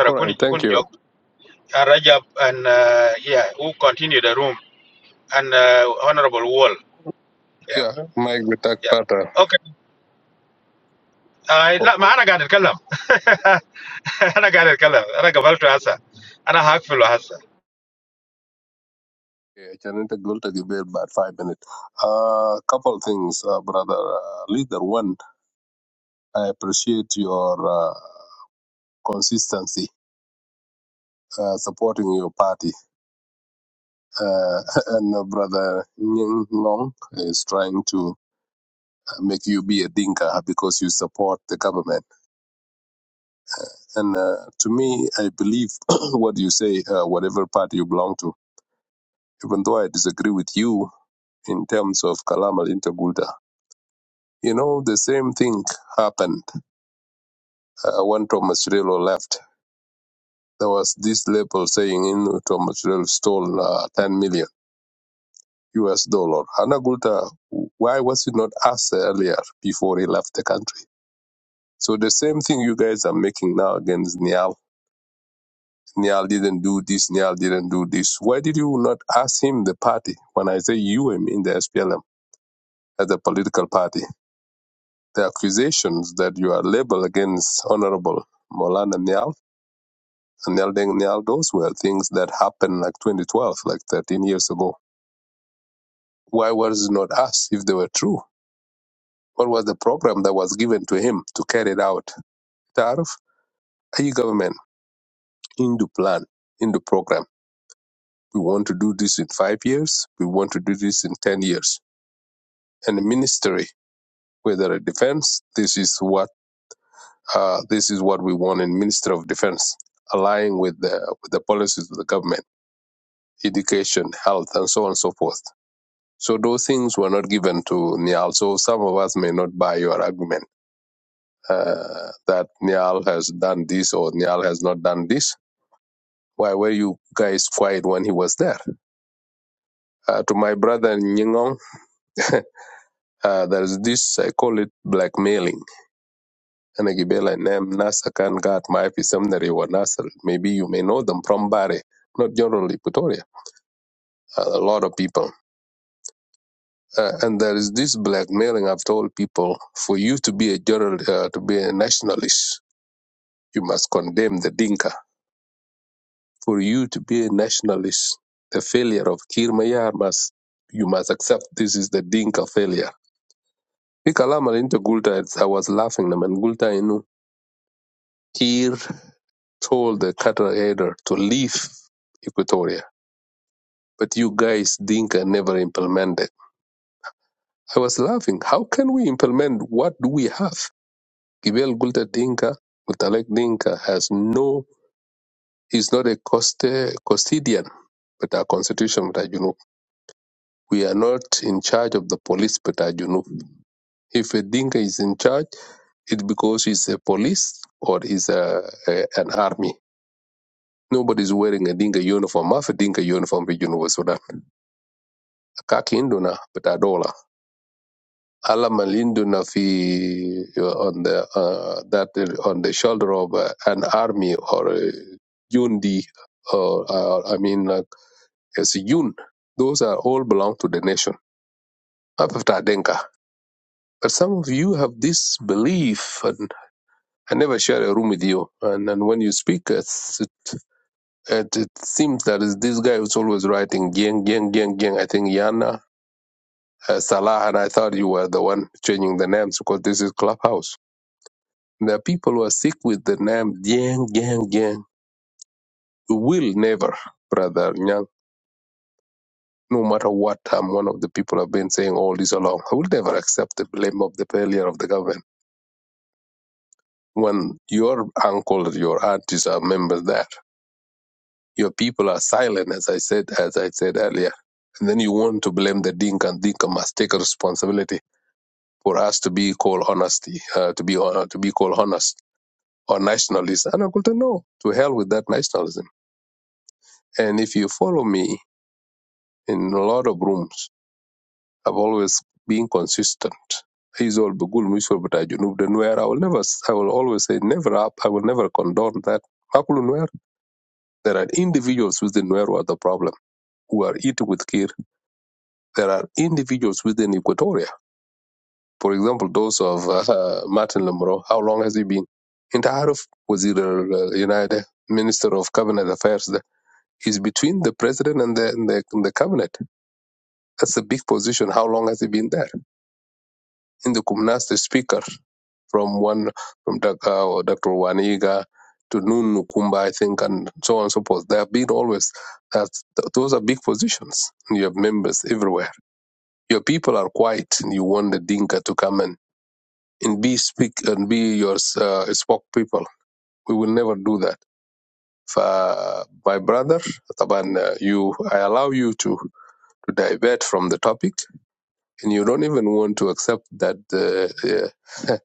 S16: All right. Thank you. Yeah. Mike Vitak Pata. Okay, Janet Gulta Gibel, about five minutes. A uh, couple things, uh, brother. Uh, leader one. I appreciate your uh, consistency uh, supporting your party. Uh, and uh, Brother Nguyen Long is trying to make you be a dinka because you support the government. And uh, to me, I believe what you say, uh, whatever party you belong to, even though I disagree with you in terms of Kalamal Intagulda. You know, the same thing happened uh, when Thomas Relo left. There was this label saying, in Thomas Relo stole uh, 10 million US dollar. Hannah Gulta, why was he not asked earlier before he left the country? So the same thing you guys are making now against Nial. Nial didn't do this, Nial didn't do this. Why did you not ask him, the party? When I say you, I mean the SPLM as a political party. The accusations that you are labeled against Honorable Molana Nial and Nial Deng Nial, those were things that happened like 2012, like 13 years ago. Why was it not asked if they were true? What was the program that was given to him to carry it out? Tarif, Ayi government, in the plan, in the program. We want to do this in five years. We want to do this in 10 years. And the ministry, whether a defense, this is what, uh, this is what we want in Ministry of Defense, aligning with the, with the policies of the government, education, health, and so on and so forth. So those things were not given to Niall. So some of us may not buy your argument uh, that Niall has done this or Niall has not done this. Why were you guys quiet when he was there? Uh, to my brother Nyingong, uh, there's this, I call it blackmailing. And I give you a name, Nasa can guard my seminary or Nasa. Maybe you may know them from Bari, not generally Pretoria. Uh, a lot of people. Uh, and there is this blackmailing I've told people, for you to be a general, uh, to be a nationalist, you must condemn the Dinka. For you to be a nationalist, the failure of Kirmayar must, you must accept this is the Dinka failure I kalam al inta gulta, it's- I was laughing naman gulta inu Kir told the cattle header to leave Equatoria. But you guys, Dinka, never implemented. I was laughing. How can we implement? What do we have? Gibel Gulta Dinka, Gutalek Dinka has no, he's not a coste, custodian, but our constitution, but you know, we are not in charge of the police, but you know, if a Dinka is in charge, it's because he's a police or is a, a, an army. Nobody's wearing a dinka uniform. Mafi dinka uniform fi Junuba Sudan. Kaki induna betadola. dola. Alam al fi uh, on the uh, that uh, on the shoulder of uh, an army or a jundi or uh, I mean like as a siyun. Those are all belong to the nation. Mafi bita dinka. But some of you have this belief, and I never share a room with you. And, and when you speak, it's, it, it seems that is this guy who's always writing gang, gang, gang, gang. I think Yan uh, Salah, and I thought you were the one changing the names because this is Clubhouse. The people who are sick with the name Jiang, Jiang, Jiang will never, brother Nyang, no matter what um, one of the people have been saying all this along, I will never accept the blame of the failure of the government. When your uncle, your aunties are members there, your people are silent, as I said, as I said earlier. And then you want to blame the Dinka and Dinka must take responsibility for us to be called honesty, uh, to be hon- to be called honest or nationalism. And Uncle Tom, no, to hell with that nationalism. And if you follow me in a lot of rooms, I've always been consistent. He's all begul mutual but I junub the Nuer. I will never I will always say never up I will never condone that. Makulu Nuer. There are individuals within Nuer who are the problem, who are eating with kir. There are individuals within Equatoria. For example, those of uh, uh, Martin Lemro, how long has he been? In Intaharuf was either uh, United Minister of Cabinet Affairs there is between the president and the, and the, and the cabinet. That's a big position. How long has he been there? In the Kumnas, the speaker from one from Doc- uh, Dr. Waniga to Nun Nukumba, I think, and so on and so forth. They have been always that those are big positions. And you have members everywhere. Your people are quiet, and you want the Dinka to come and and be speak and be your uh, spoke people. We will never do that. For uh, my brother, Taban, uh, you, I allow you to. to divert from the topic, and you don't even want to accept that the uh,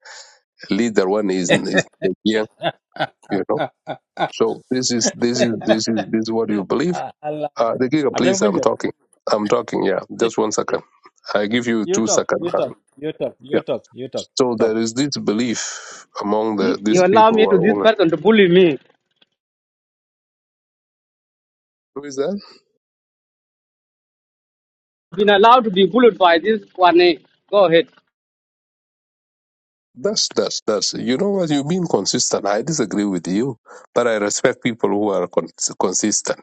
S16: leader one is is young, you know. So this is this is this is this is what you believe.
S25: Allah.
S16: Uh, the giga,
S25: Atem
S16: please, I'm
S25: kunjat.
S16: talking. I'm talking. Yeah, just one second. I give you
S25: You
S16: two
S25: talk,
S16: seconds.
S25: you
S16: Uh,
S25: talk, you talk, you
S16: Yeah.
S25: talk, you talk,
S16: So there
S25: talk.
S16: is this belief among the these
S4: You allow
S16: people
S4: me
S16: who
S4: to
S16: are
S4: this
S16: older.
S4: person to bully me.
S16: Who is that?
S4: Been allowed to be bullied by this one. eh? Go ahead.
S16: That's that's that's. You know what? You've been consistent. I disagree with you, but I respect people who are con- consistent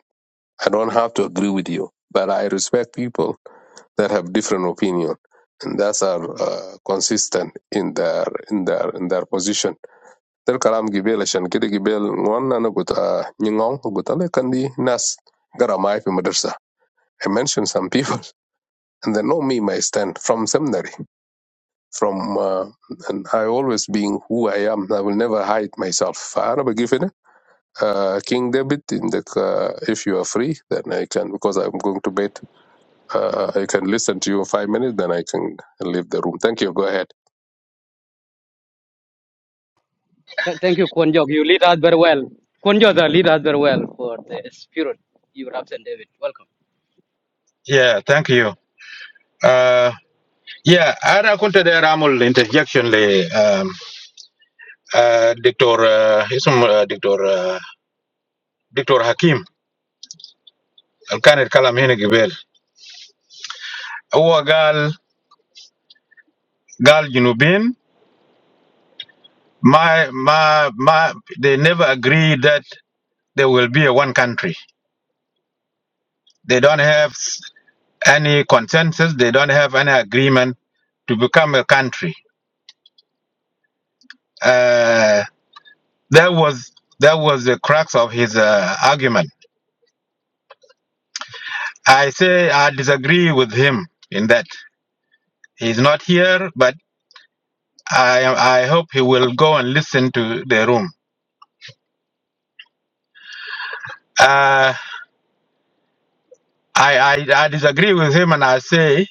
S16: I don't have to agree with you, but I respect people that have different opinion and that are uh, consistent in their in their in their position. Del kalam gibel ashan kida gibel ngwan na gut nyingong gut kandi nas gara mai fi madrasa. I mentioned some people and they know me my stand from seminary from uh, and I always being who I am. I will never hide myself. Fa'ana begifene. Uh, King David, in the, uh, if you are free, then I can because I'm going to bed. Uh, I can listen to you in five minutes, then I can leave the room. Thank you. Go ahead.
S4: Th- thank you, Kwon Jok. You lead us very well. Kwon Jok, uh, lead us very well for the spirit you have sent David. Welcome.
S26: yeah, thank you. Uh, yeah, I raconted the Ramul interjection, le, um, uh, Dr. Uh, ism, uh, Dr. Uh, Dr. Hakim. كان يتكلم هنا قبل هو قال قال جنوبين ما ما ما they never agree that there will be a one country they don't have any consensus they don't have any agreement to become a country uh, that was that was the crux of his uh, argument i say i disagree with him in that he's not here but i i hope he will go and listen to the room Uh, I, I, I disagree with him and I say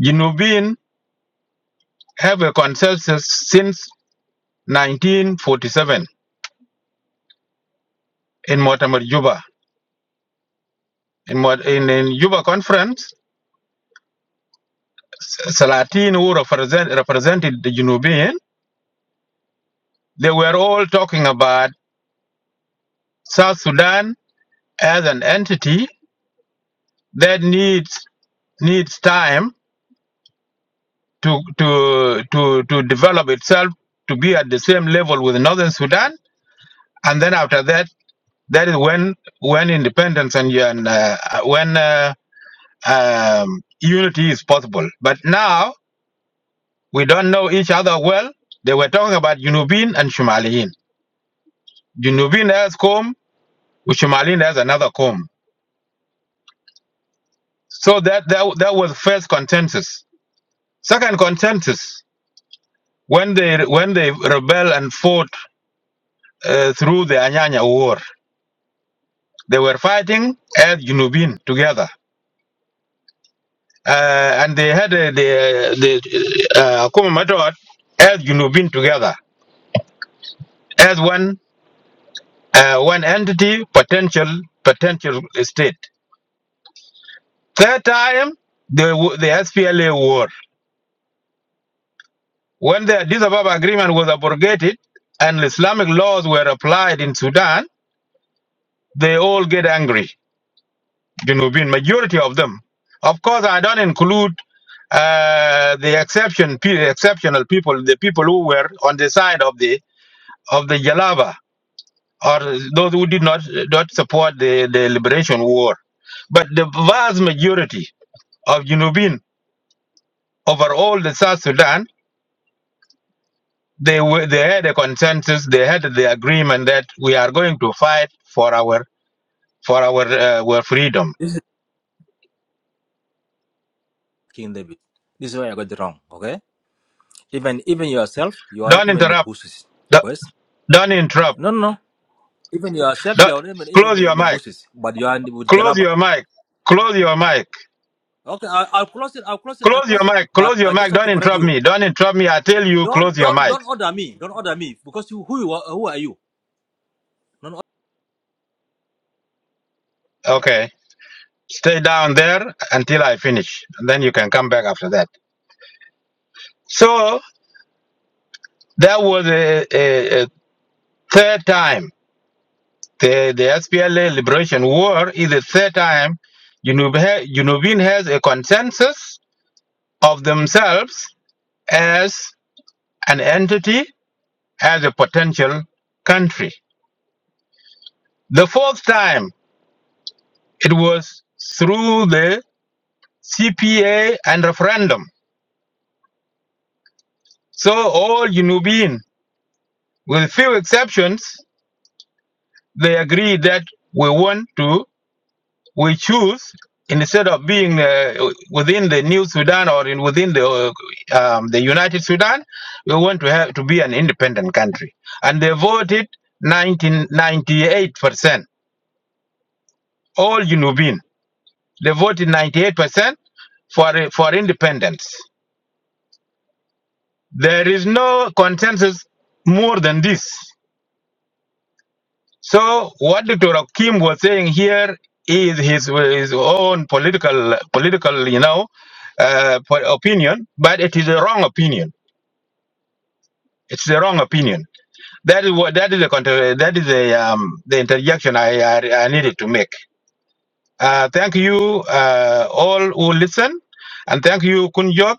S26: Jinubin have a consensus since 1947 in Mortimer Juba. In, Mort- in, in Juba conference, S- Salatin who represent, represented the Jinubin, they were all talking about South Sudan as an entity that needs needs time to to to to develop itself to be at the same level with Northern Sudan, and then after that That is when when independence and, and uh, when uh, um, unity is possible. But now we don't know each other well. They were talking about Junubin and Shumaliin. Junubin has comb, Shumaliin has another comb. So that, that that was first consensus. Second consensus when they when they rebel and fought uh, through the Anyanya war, they were fighting as Junubin together uh, and they had uh, the the uh, Akuma method as Junubin together as one uh, one entity potential potential state. Third time the w- the SPLA war when the Addis Ababa agreement was abrogated and Islamic laws were applied in Sudan, they all get angry. Junubin majority of them. Of course, I don't include uh, the exception pe- exceptional people, the people who were on the side of the of the Jalaba or those who did not not support the, the liberation war. But the vast majority of Junubin over all the South Sudan, they were they had a consensus, they had the agreement that we are going to fight for our for our uh, our freedom.
S25: This is King David. This is why I got it wrong. Okay. Even even yourself, you are not
S26: Don't
S25: even in the
S26: interrupt.
S25: bushes.
S26: Don't
S25: Yes.
S26: don't interrupt.
S25: No, no, no. Even yourself, you
S26: Don't-
S25: are not even even
S26: close your
S25: in the
S26: mic.
S25: bushes, but you are in, with
S26: Close
S25: Jalaba.
S26: your mic. Close your mic.
S25: Okay. I, I'll close it. I'll close it. I'll
S26: Close your
S25: close it.
S26: mic.
S25: But
S26: Close
S25: I
S26: your
S25: just
S26: mic.
S25: want
S26: Don't
S25: to correct
S26: interrupt
S25: you.
S26: me. Don't interrupt me. I tell you,
S25: Don't
S26: close your
S25: don't
S26: mic.
S25: don't order me. Don't order me because you who you are, who are you? Don't order.
S26: Okay. Stay down there until I finish. And then you can come back after that. So that was a, a, a third time. The, the SPLA Liberation War is the third time Junub ha- Junubin has a consensus of themselves as an entity, as a potential country. The fourth time, it was through the CPA and referendum. So all Junubin, with few exceptions, they agree that we want to we choose instead of being uh, within the new Sudan or in within the uh, um, the United Sudan, we want to have to be an independent country, and they voted 98 percent. All Junubin they voted 98 percent for for independence. There is no consensus more than this. So what Dr. Kim was saying here is his his own political political you know uh, po- opinion, but it is a wrong opinion. It's a wrong opinion. That is what that is a contra- that is a um, the interjection I, I I needed to make. Uh, thank you uh, all who listen, and thank you Kunjok.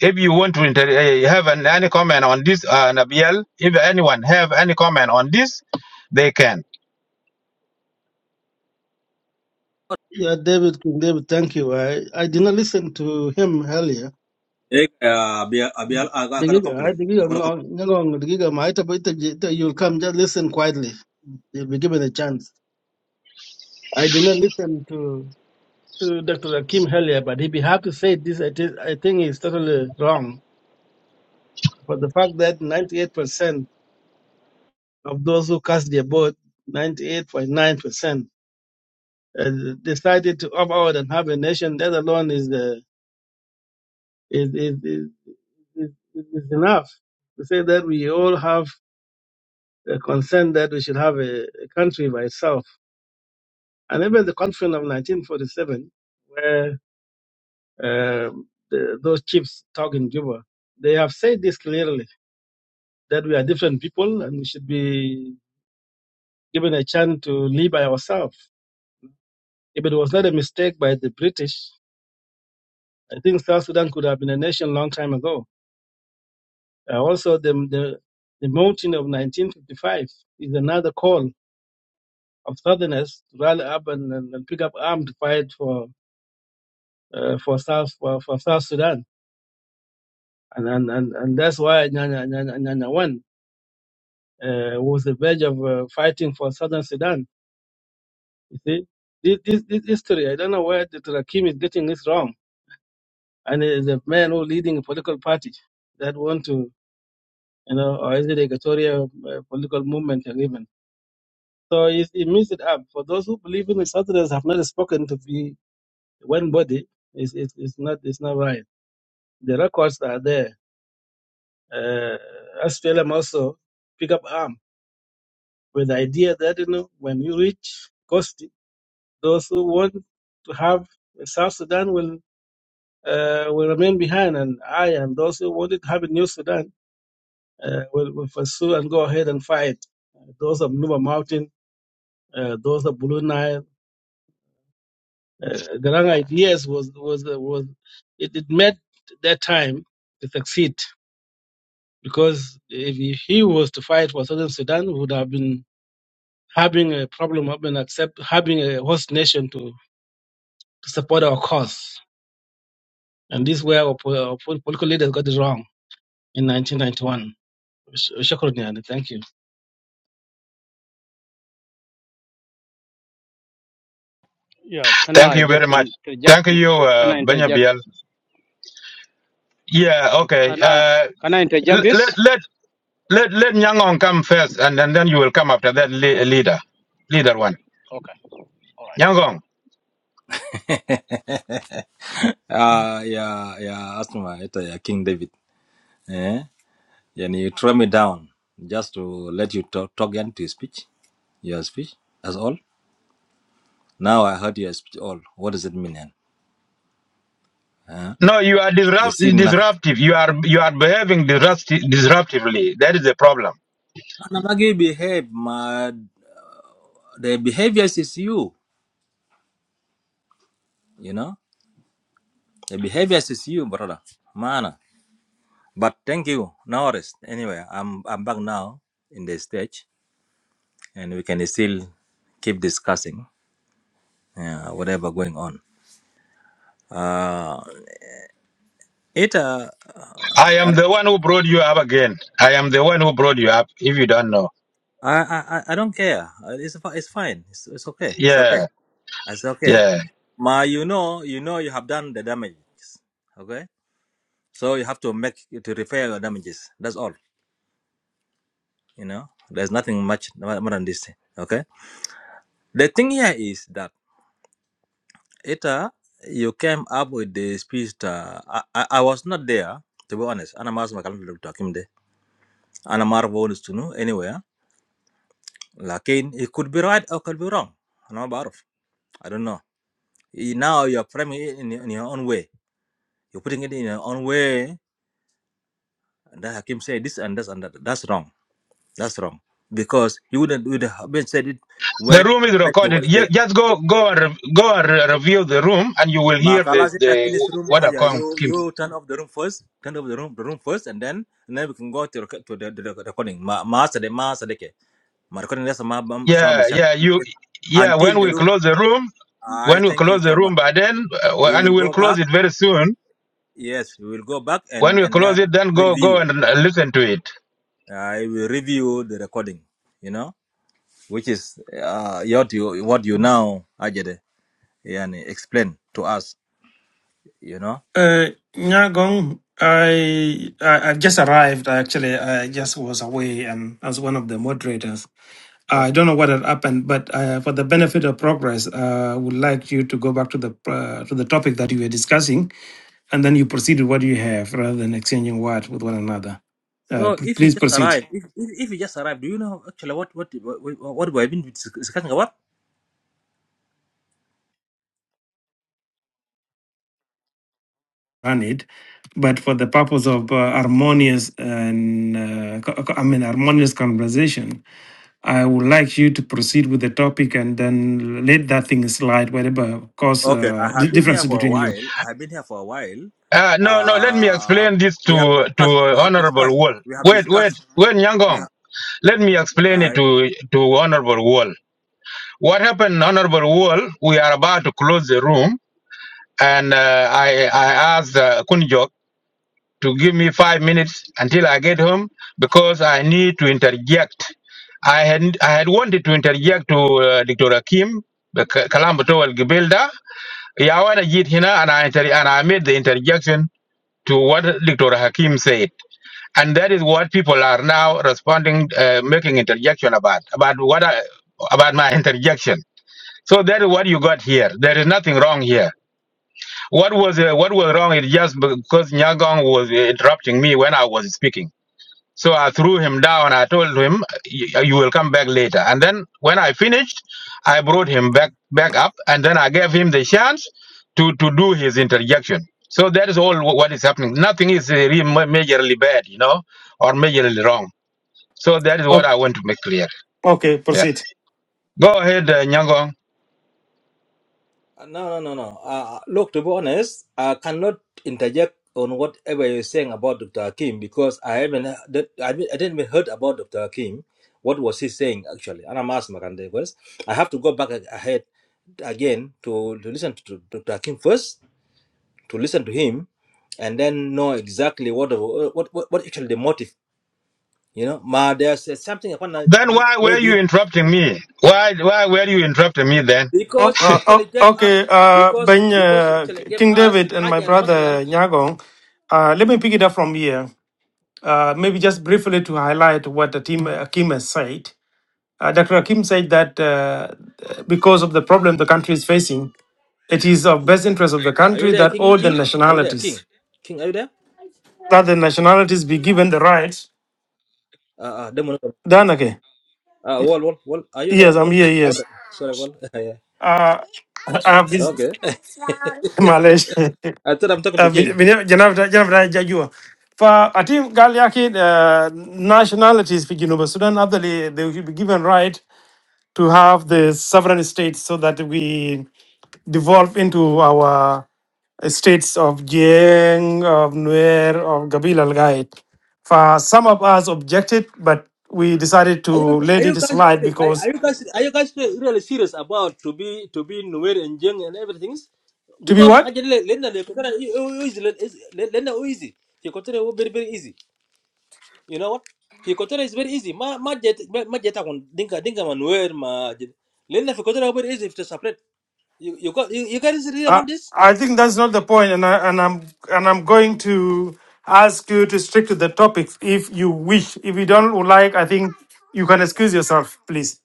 S26: If you want to inter- eh, have an, any comment on this, uh, Nabil, if anyone have any comment on this, they can.
S22: Yeah, David, King David, thank you. I, I did not listen to him earlier.
S25: Hey, uh, Abiel, Abiel, I got, I got a
S22: Digiga, I-
S25: complaint. I
S22: digiga
S25: got a complaint.
S22: ngo- nyang'ong, digiga ma, ita- ita- ita- You'll come, just listen quietly. You'll be given a chance. I did not listen to, to Dr. Akim earlier, but if you have to say this, I, I think it's totally wrong. For the fact that 98%. of those who cast their vote, 98.9%, uh, decided to opt out and have a nation. That alone is, the, is, is, is, is, is enough to say that we all have a consent that we should have a, a country by itself. And even the conference of 1947, where um, the, those chiefs talk in Cuba, they have said this clearly that we are different people and we should be given a chance to live by ourselves. If it was not a mistake by the British I think South Sudan could have been a nation long time ago. Uh, also, the, the the mountain of 1955 is another call of Southerners to rally up and, and, and pick up arms to fight for uh, for South for, for South Sudan, and and, and, and that's why Nyanya, Nyanya, Nyanya won. Uh, was the verge of uh, fighting for Southern Sudan. You see, this, this, this history, I don't know where the Rakim is getting this wrong. And it's a man who leading a political party that want to, you know, or is it a Equatorial uh, political movement even? So it, it means it up. For those who believe in the Saturdays have not spoken to be one body, it's, it's, it's not it's not right. The records are there. Uh, SPLM also pick up arm with the idea that you know when you reach Kosti, those who want to have South Sudan will uh, will remain behind, and I and those who wanted to have a new Sudan uh, will, will pursue and go ahead and fight. Uh, those of Nuba Mountain, uh, those of Blue Nile Uh, the wrong ideas was was uh, was it, it made that time to succeed because if he he was to fight for Southern Sudan, we would have been having a problem, have been accept having a host nation to, to support our cause, and this is where our, po- our po- political leaders got it wrong in 1991. Sh- Shukran, yani. thank you.
S4: Yeah, can
S26: Thank
S4: I
S26: you very
S4: just
S26: much.
S4: interject?
S26: Thank
S4: In,
S26: you,
S4: can
S26: uh,
S4: I interject?
S26: Benyabiel. Yeah, okay.
S4: Can I
S26: Uh,
S4: can I interject
S26: l- let
S4: this?
S26: let let let Nyangong come first, and, and then you will come after that le- leader, leader one.
S4: Okay, all right.
S26: Nyangong.
S25: uh, yeah yeah. Asma, ito yeah, King David. Eh. And you throw me down just to let you talk, talk and to speech, your speech, as all. Now I heard your speech all. What does it mean? Then? Huh?
S26: No, you are
S25: You
S26: disrupt-
S25: see nothing.
S26: disruptive. You are you are behaving disrupti- disruptively. That is the problem.
S25: Anamagi behave, my, the behaviors is you, you know. The behaviors is you, brother. Man. But thank you. Now rest. Anyway, I'm, I'm back now in the stage and we can still keep discussing uh, whatever going on. Uh, it, uh,
S26: I am the one who brought you up again. I am the one who brought you up. If you don't know,
S25: I I I I don't care. Uh, It's fi- it's fine. It's it's okay. It's
S26: yeah,
S25: okay. It's okay.
S26: yeah.
S25: Ma, you know you know you have done the damages. Okay, so you have to make to repair your damages. That's all. You know, there's nothing much more than this. Okay. The thing here is that it uh, you came up with the speech. Uh, I, I I was not there to be honest. Ana mas makalam talking there. Ana mar bonus to know anywhere. Lakin it could be right or could be wrong. Ana ma baruf. I don't know. You- now you're framing it in, your- in your own way. You're putting it in your own way. And the Hakim said this and this and that. That's wrong. That's wrong. Because you wouldn't would have been said it
S26: The
S25: when
S26: room is
S25: when he
S26: recorded.
S25: was
S26: Ye-
S25: there.
S26: Just go go and re- go and re- review the room, and you will hear
S25: Makala
S26: this
S25: said I
S26: the
S25: finish room one
S26: what I
S25: hundred.
S26: call.
S25: You you turn off the room first. Turn off the room the room first and then and then we can go to rec- to the, the, the recording. Ma ma sade ma sade ke. Ma recording that's ma ma sama
S26: Yeah,
S25: bishak.
S26: yeah, you, yeah.
S25: Until
S26: When
S25: the
S26: we
S25: room.
S26: close the room,
S25: I
S26: when we
S25: thank you
S26: close the
S25: so much.
S26: room, but then, uh,
S25: We
S26: and
S25: will
S26: we'll
S25: go
S26: close
S25: back.
S26: it very soon.
S25: Yes, we will go back
S26: When
S25: and
S26: we
S25: and then
S26: close it, then go, go
S25: review.
S26: and uh, listen to it.
S25: I will review the recording, you know, which is uh, what you what you now Ajede, yani, explain to us, you know.
S6: Uh, Nyagong, I, I I just arrived. Actually, I just was away and as one of the moderators.
S25: Oh.
S6: I don't know what had happened, but uh, for the benefit of progress, uh, I would like you to go back to the uh, to the topic that you were discussing, and then you proceed with what you have rather than exchanging words with one another. Uh,
S25: So
S6: p-
S25: if you
S6: please
S25: just
S6: proceed
S25: arrived, if, if if you just arrived, do you know actually what what what, what we have been discussing about?
S6: on it, but for the purpose of uh, harmonious and uh, co- co- I mean harmonious conversation, I would like you to proceed with the topic and then let that thing slide, whatever cause
S25: Okay, I
S6: uh, di-
S25: have been here
S6: differences
S25: for a
S6: between you.
S25: while. I have been here for a while.
S26: Uh, no, no. Let me
S25: Uh,
S26: explain this
S25: we have
S26: to to
S25: discussed. We have
S26: Honorable
S25: discussed.
S26: Wall.
S25: We have
S26: Wait, wait,
S25: discussed.
S26: wait,
S25: We
S26: Nyangong. Let me explain it
S25: have.
S26: to to Honorable Wall. What happened, Honorable Wall? We are about to close the room, and uh, I I asked uh, Kunjok. to give me five minutes until I get home because I need to interject. I had I had wanted to interject to uh, Dr. Akim the K- Kalambo Towel Gibelda. Yeah, I wanna get here and I inter- and I made the interjection to what Dr. Hakim said, and that is what people are now responding, uh, making interjection about about what I, about my interjection. So that is what you got here. There is nothing wrong here. What was uh, what was wrong is just because Nyagong was uh, interrupting me when I was speaking so I threw him down. I told him, "Y- "You will come back later." And then when I finished, I brought him back back up, and then I gave him the chance to to do his interjection. So that is all wh- what is happening. Nothing is uh, really ma- majorly bad, you know, or majorly wrong. So that is what I
S6: Okay,
S26: want to make clear.
S6: okay,
S26: Yeah.
S6: proceed.
S26: Go ahead, uh, Nyangong.
S25: Uh, No, no, no, no. Uh, look, to be honest, I cannot interject on whatever you're saying about Dr. Hakim because I haven't, that- I haven't- I didn't even heard about Dr. Hakim. What was he saying actually? And I'm asking Makande first. I have to go back a- ahead again to, to listen to, to Dr. Hakim first, to listen to him, and then know exactly what the- what what, what actually the motive. You know, ma, there's uh, something upon uh,
S26: Then why were you
S25: maybe
S26: interrupting me? Why why were you interrupting me then?
S6: Oh,
S25: because he
S6: uh,
S25: actually
S6: oh,
S25: gave us
S6: okay, uh,
S25: because
S6: Ben,
S25: because he
S6: uh,
S25: actually gave
S6: King
S25: us
S6: David and my
S25: Hajj al
S6: brother Nyagong, uh, let me pick it up from here. Uh, maybe just briefly to highlight what the team, Akim has said. Uh, Dr. Akim said that uh, because of the problem the country is facing, it is of best interest of the
S25: Are you
S6: country
S25: there,
S6: that
S25: King?
S6: all the
S25: King? Are you there, King?
S6: nationalities,
S25: King, are you there?
S6: that the nationalities be given the rights.
S25: Uh, uh, demon.
S6: Done okay.
S25: Uh, wall, wall, wall. Are you there,
S6: Yes, I'm
S25: wall?
S6: here, yes.
S25: Sorry, sorry, wall. yeah.
S6: Uh, I have this.
S25: Okay.
S6: Malaysia.
S25: I thought I'm talking
S6: uh,
S25: to
S6: vile-
S25: King.
S6: vile- janavita- janavita haijajua fa ati gali yake uh, nationalities fi Juba Sudan actually they should be given right to have the sovereign states so that we devolve into our uh, states of Jiang, of Nuer, of Gabila Lgait. For some of us objected, but we decided
S25: Are you,
S6: to
S25: are
S6: let
S25: you
S6: it
S25: guys,
S6: slide
S25: really- are
S6: because
S25: are you guys, are you guys really really serious about to be, to be nowhere and young and everything?
S6: to be
S25: Because I
S6: what?
S25: actually, Lena, they consider it it- it easy. Lena is le- Lena is easy. They consider it very, very easy. You know what? They consider it very easy. Ma, ma, jet, ma, ma jet. Akon, dinka, dinka man where ma jet. Lena, they consider it very easy to separate. You you got you, you guys really
S6: I
S25: about this?
S6: I think that's not the point, and I, and I'm and I'm going to ask you to stick to the topics if you wish. If you don't like, I think you can excuse yourself, please,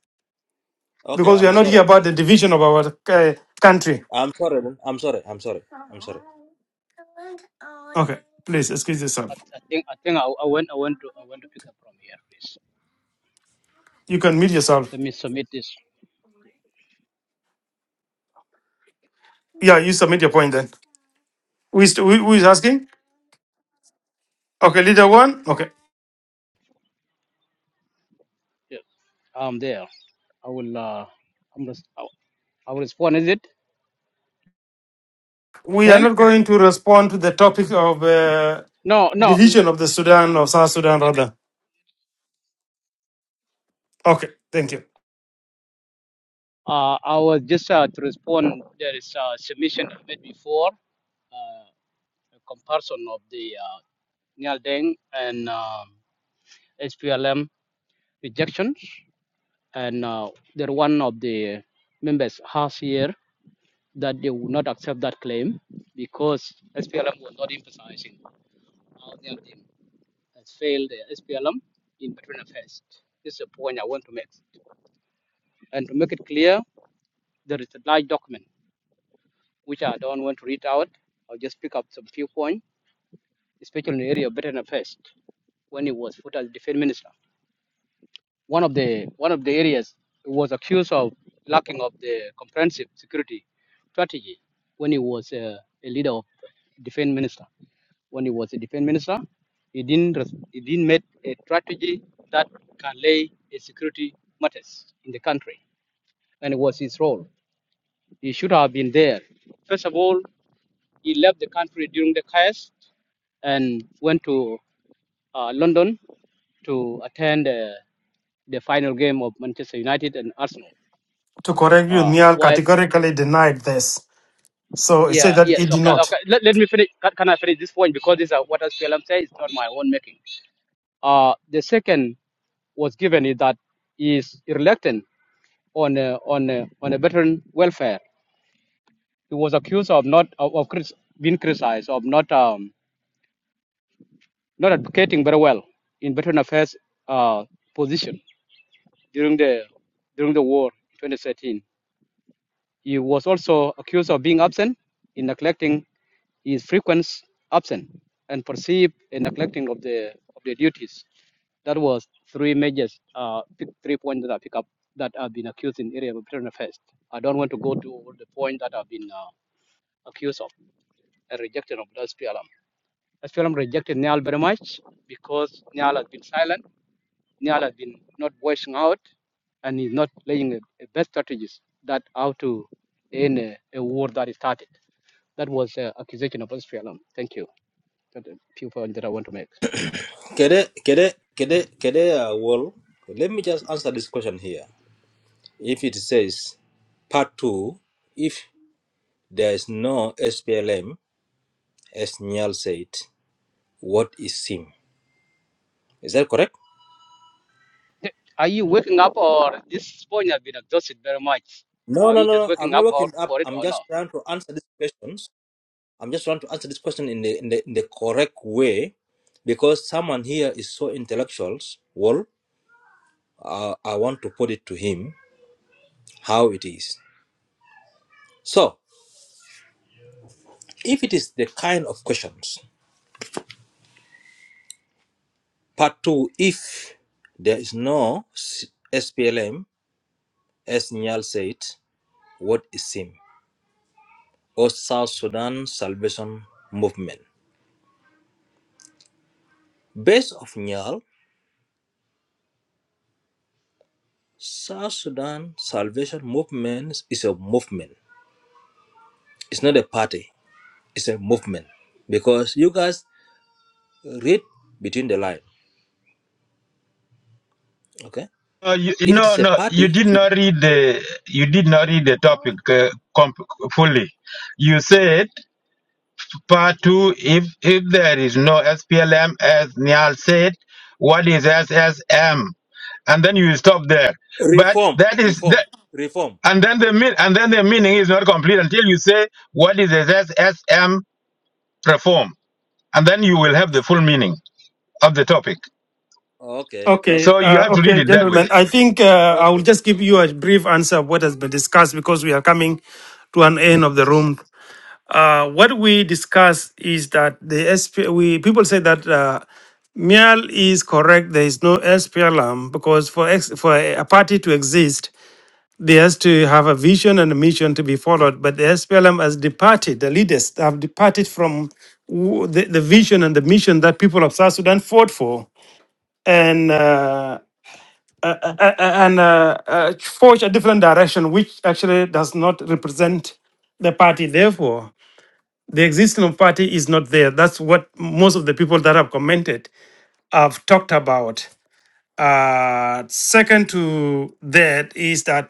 S25: Okay,
S6: because we are
S25: I'm
S6: not here
S25: sorry.
S6: about the division of our uh, country.
S25: I'm sorry. then. I'm sorry. I'm sorry. I'm sorry.
S6: Okay, please excuse yourself.
S4: I, I think I think I, I went I want to I want to pick up from here, please.
S6: You can mute yourself.
S4: Let me submit this.
S6: Yeah, you submit your point then. Who is, who, who is asking? Okay, leader one. Okay,
S4: Yes, I'm there. I will uh I'm just. I I will respond. Is it
S6: we are
S4: ten?
S6: not going to respond to the topic of uh,
S4: No, no.
S6: division of the Sudan of South Sudan rather. Okay, thank you.
S4: Uh, I was just uh, to respond. There is a submission I made before. Uh, a comparison of the uh, Nyal Deng and uh, SPLM rejections. And uh, there one of the members has here that they would not accept that claim because SPLM was not emphasizing how Nyal Deng has failed the SPLM in between affairs. This is a point I want to make. And to make it clear, there is a large document which I don't want to read out. I'll just pick up some few points, especially in the area of veteran affairs when he was put as defense minister. one of the one of the areas he was accused of lacking of the comprehensive security strategy when he was uh, a leader of defense minister. When he was a defense minister, he didn't res- he didn't make a strategy that can lay a security matters in the country, and it was his role. He should have been there. First of all, he left the country during the chaos and went to uh, London to attend uh, the final game of Manchester United and Arsenal.
S6: to correct you,
S4: Uh,
S6: Niall
S4: while,
S6: categorically denied this. So he said
S4: yeah,
S6: that he
S4: yes,
S6: did
S4: okay,
S6: not.
S4: okay. Let, let me finish. Can, can I finish this point? Because this is what SPLM says, it's not my own making. Uh, the second was given is that he is reluctant on uh, on uh, on a veteran welfare. He was accused of not of, of crit- being criticized of not um, not advocating very well in veteran affairs uh, position during the during the war in 2013. He was also accused of being absent in neglecting his frequent absence and perceived a neglecting of the of the duties. That was three measures, uh, three points that I pick up that have been accused in the area of veteran affairs. I don't want to go to all the points that have been uh, accused of and rejected of the SPLM. SPLM rejected Niall very much because Niall has been silent Niall has been not voicing out and he's not playing the the best strategies that how to end a, a war that is started. That was an accusation of Australia. Thank you. That the few points that I want to make. Thank you.
S25: Kede kede kede kede. Uh, well, let me just answer this question here. If it says part two, if there is no SPLM, as Niall said, what is SIM? Is that correct?
S4: Are you waking up or this point has been exhausted very much?
S25: No,
S4: Are
S25: no,
S4: you
S25: no.
S4: just
S25: no, I'm
S4: waking up
S25: not
S4: or
S25: working up.
S4: for it
S25: I'm
S4: or not?
S25: just trying to answer these questions. I'm just trying to answer this question in the in the in the correct way, because someone here is so intellectual. uh, I want to put it to him how it is. So, if it is the kind of questions, part two, if there is no S- SPLM, as Nyal said, what is SIM or South Sudan Salvation Movement? Based of Nyal, South Sudan Salvation Movement is a movement. It's not a party. It's a movement because you guys read between the lines. Okay,
S26: Uh, you,
S25: if it
S26: no,
S25: is a
S26: no, you
S25: party,
S26: did not read the you did not read the topic uh, comp- fully. You said part two. If if there is no SPLM, as Niall said, what is SSM? And then you stop there. But
S25: Reform,
S26: that is
S25: reform,
S26: that,
S25: reform.
S26: and then the mean and then the meaning is not complete until you say what is SSM reform, and then you will have the full meaning of the topic.
S25: Okay, okay,
S6: Okay,
S26: So you
S6: uh,
S26: have to read
S6: okay,
S26: it that way.
S6: gentlemen. I think uh, I will
S25: okay,
S6: just give you a
S25: okay.
S6: brief answer of what has been discussed because we are coming to an end of the room. Uh, what we discussed is that the SP, we people say that uh, Mial is correct. There is no SPLM because for ex, for a party to exist, They has to have a vision and a mission to be followed, but the SPLM has departed. The leaders have departed from the, the vision and the mission that people of South Sudan fought for, and uh, uh, uh, uh, uh, and uh, uh, forged a different direction, which actually does not represent the party. Therefore, the existence of party is not there. That's what most of the people that have commented have talked about. Uh, second to that is that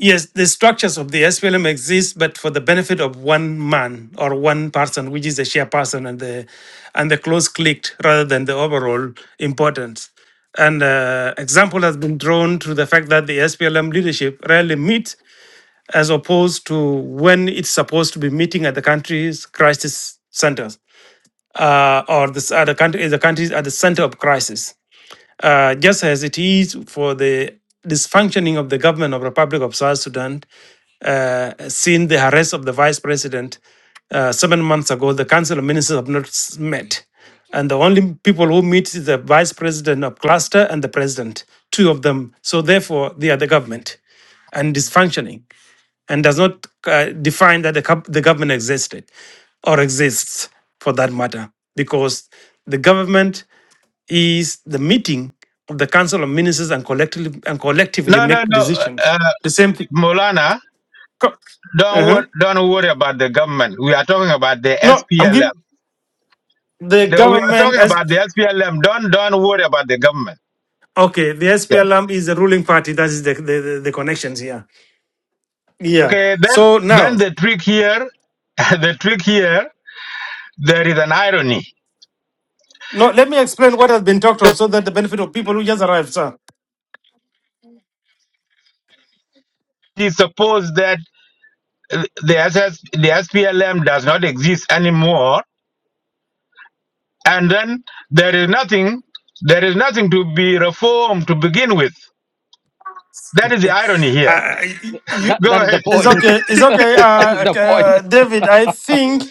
S6: Yes, the structures of the SPLM exist, but for the benefit of one man or one person, which is the chairperson and the and the close clicked, rather than the overall importance. And uh, example has been drawn to the fact that the SPLM leadership rarely meet, as opposed to when it's supposed to be meeting at the country's crisis centers uh, or the, s- at the country, the countries at the center of crisis uh, just as it is for the dysfunctioning of the government of Republic of South Sudan uh, since the arrest of the vice president uh, seven months ago, the Council of Ministers have not s- met. And the only people who meet is the vice president of cluster and the president, two of them. So therefore, they are the government and dysfunctioning and does not uh, define that the, gov- the government existed or exists for that matter because the government is the meeting of the council of ministers and collectively and collectively
S26: No, no,
S6: make
S26: no,
S6: decisions.
S26: uh,
S6: The same thing.
S26: Molana.
S6: Co-
S26: Don't
S6: uh-huh.
S26: wor- don't worry about the government. We are talking about the
S6: No, I'm giving
S26: SPLM.
S6: the
S26: The- we are
S6: government
S26: talking
S6: as
S26: about the SPLM. Don't don't worry about the government.
S6: okay. The
S26: Yes.
S6: SPLM is the ruling party. That is the, the the the connections here. Yeah.
S26: Okay. Then
S6: So now,
S26: then the trick here, the trick here, there is an irony.
S6: no, let me explain what has been talked of, so that the benefit of people who just arrived, sir.
S26: It is supposed that uh, the SS, the SPLM does not exist anymore, and then there is nothing, there is nothing to be reformed to begin with. That is the irony here.
S6: Uh, you,
S4: That
S26: Go
S4: that is
S26: ahead.
S4: the
S6: it's
S4: point.
S6: okay. It's okay.
S4: that is
S6: Uh,
S4: the point.
S6: uh, David, I think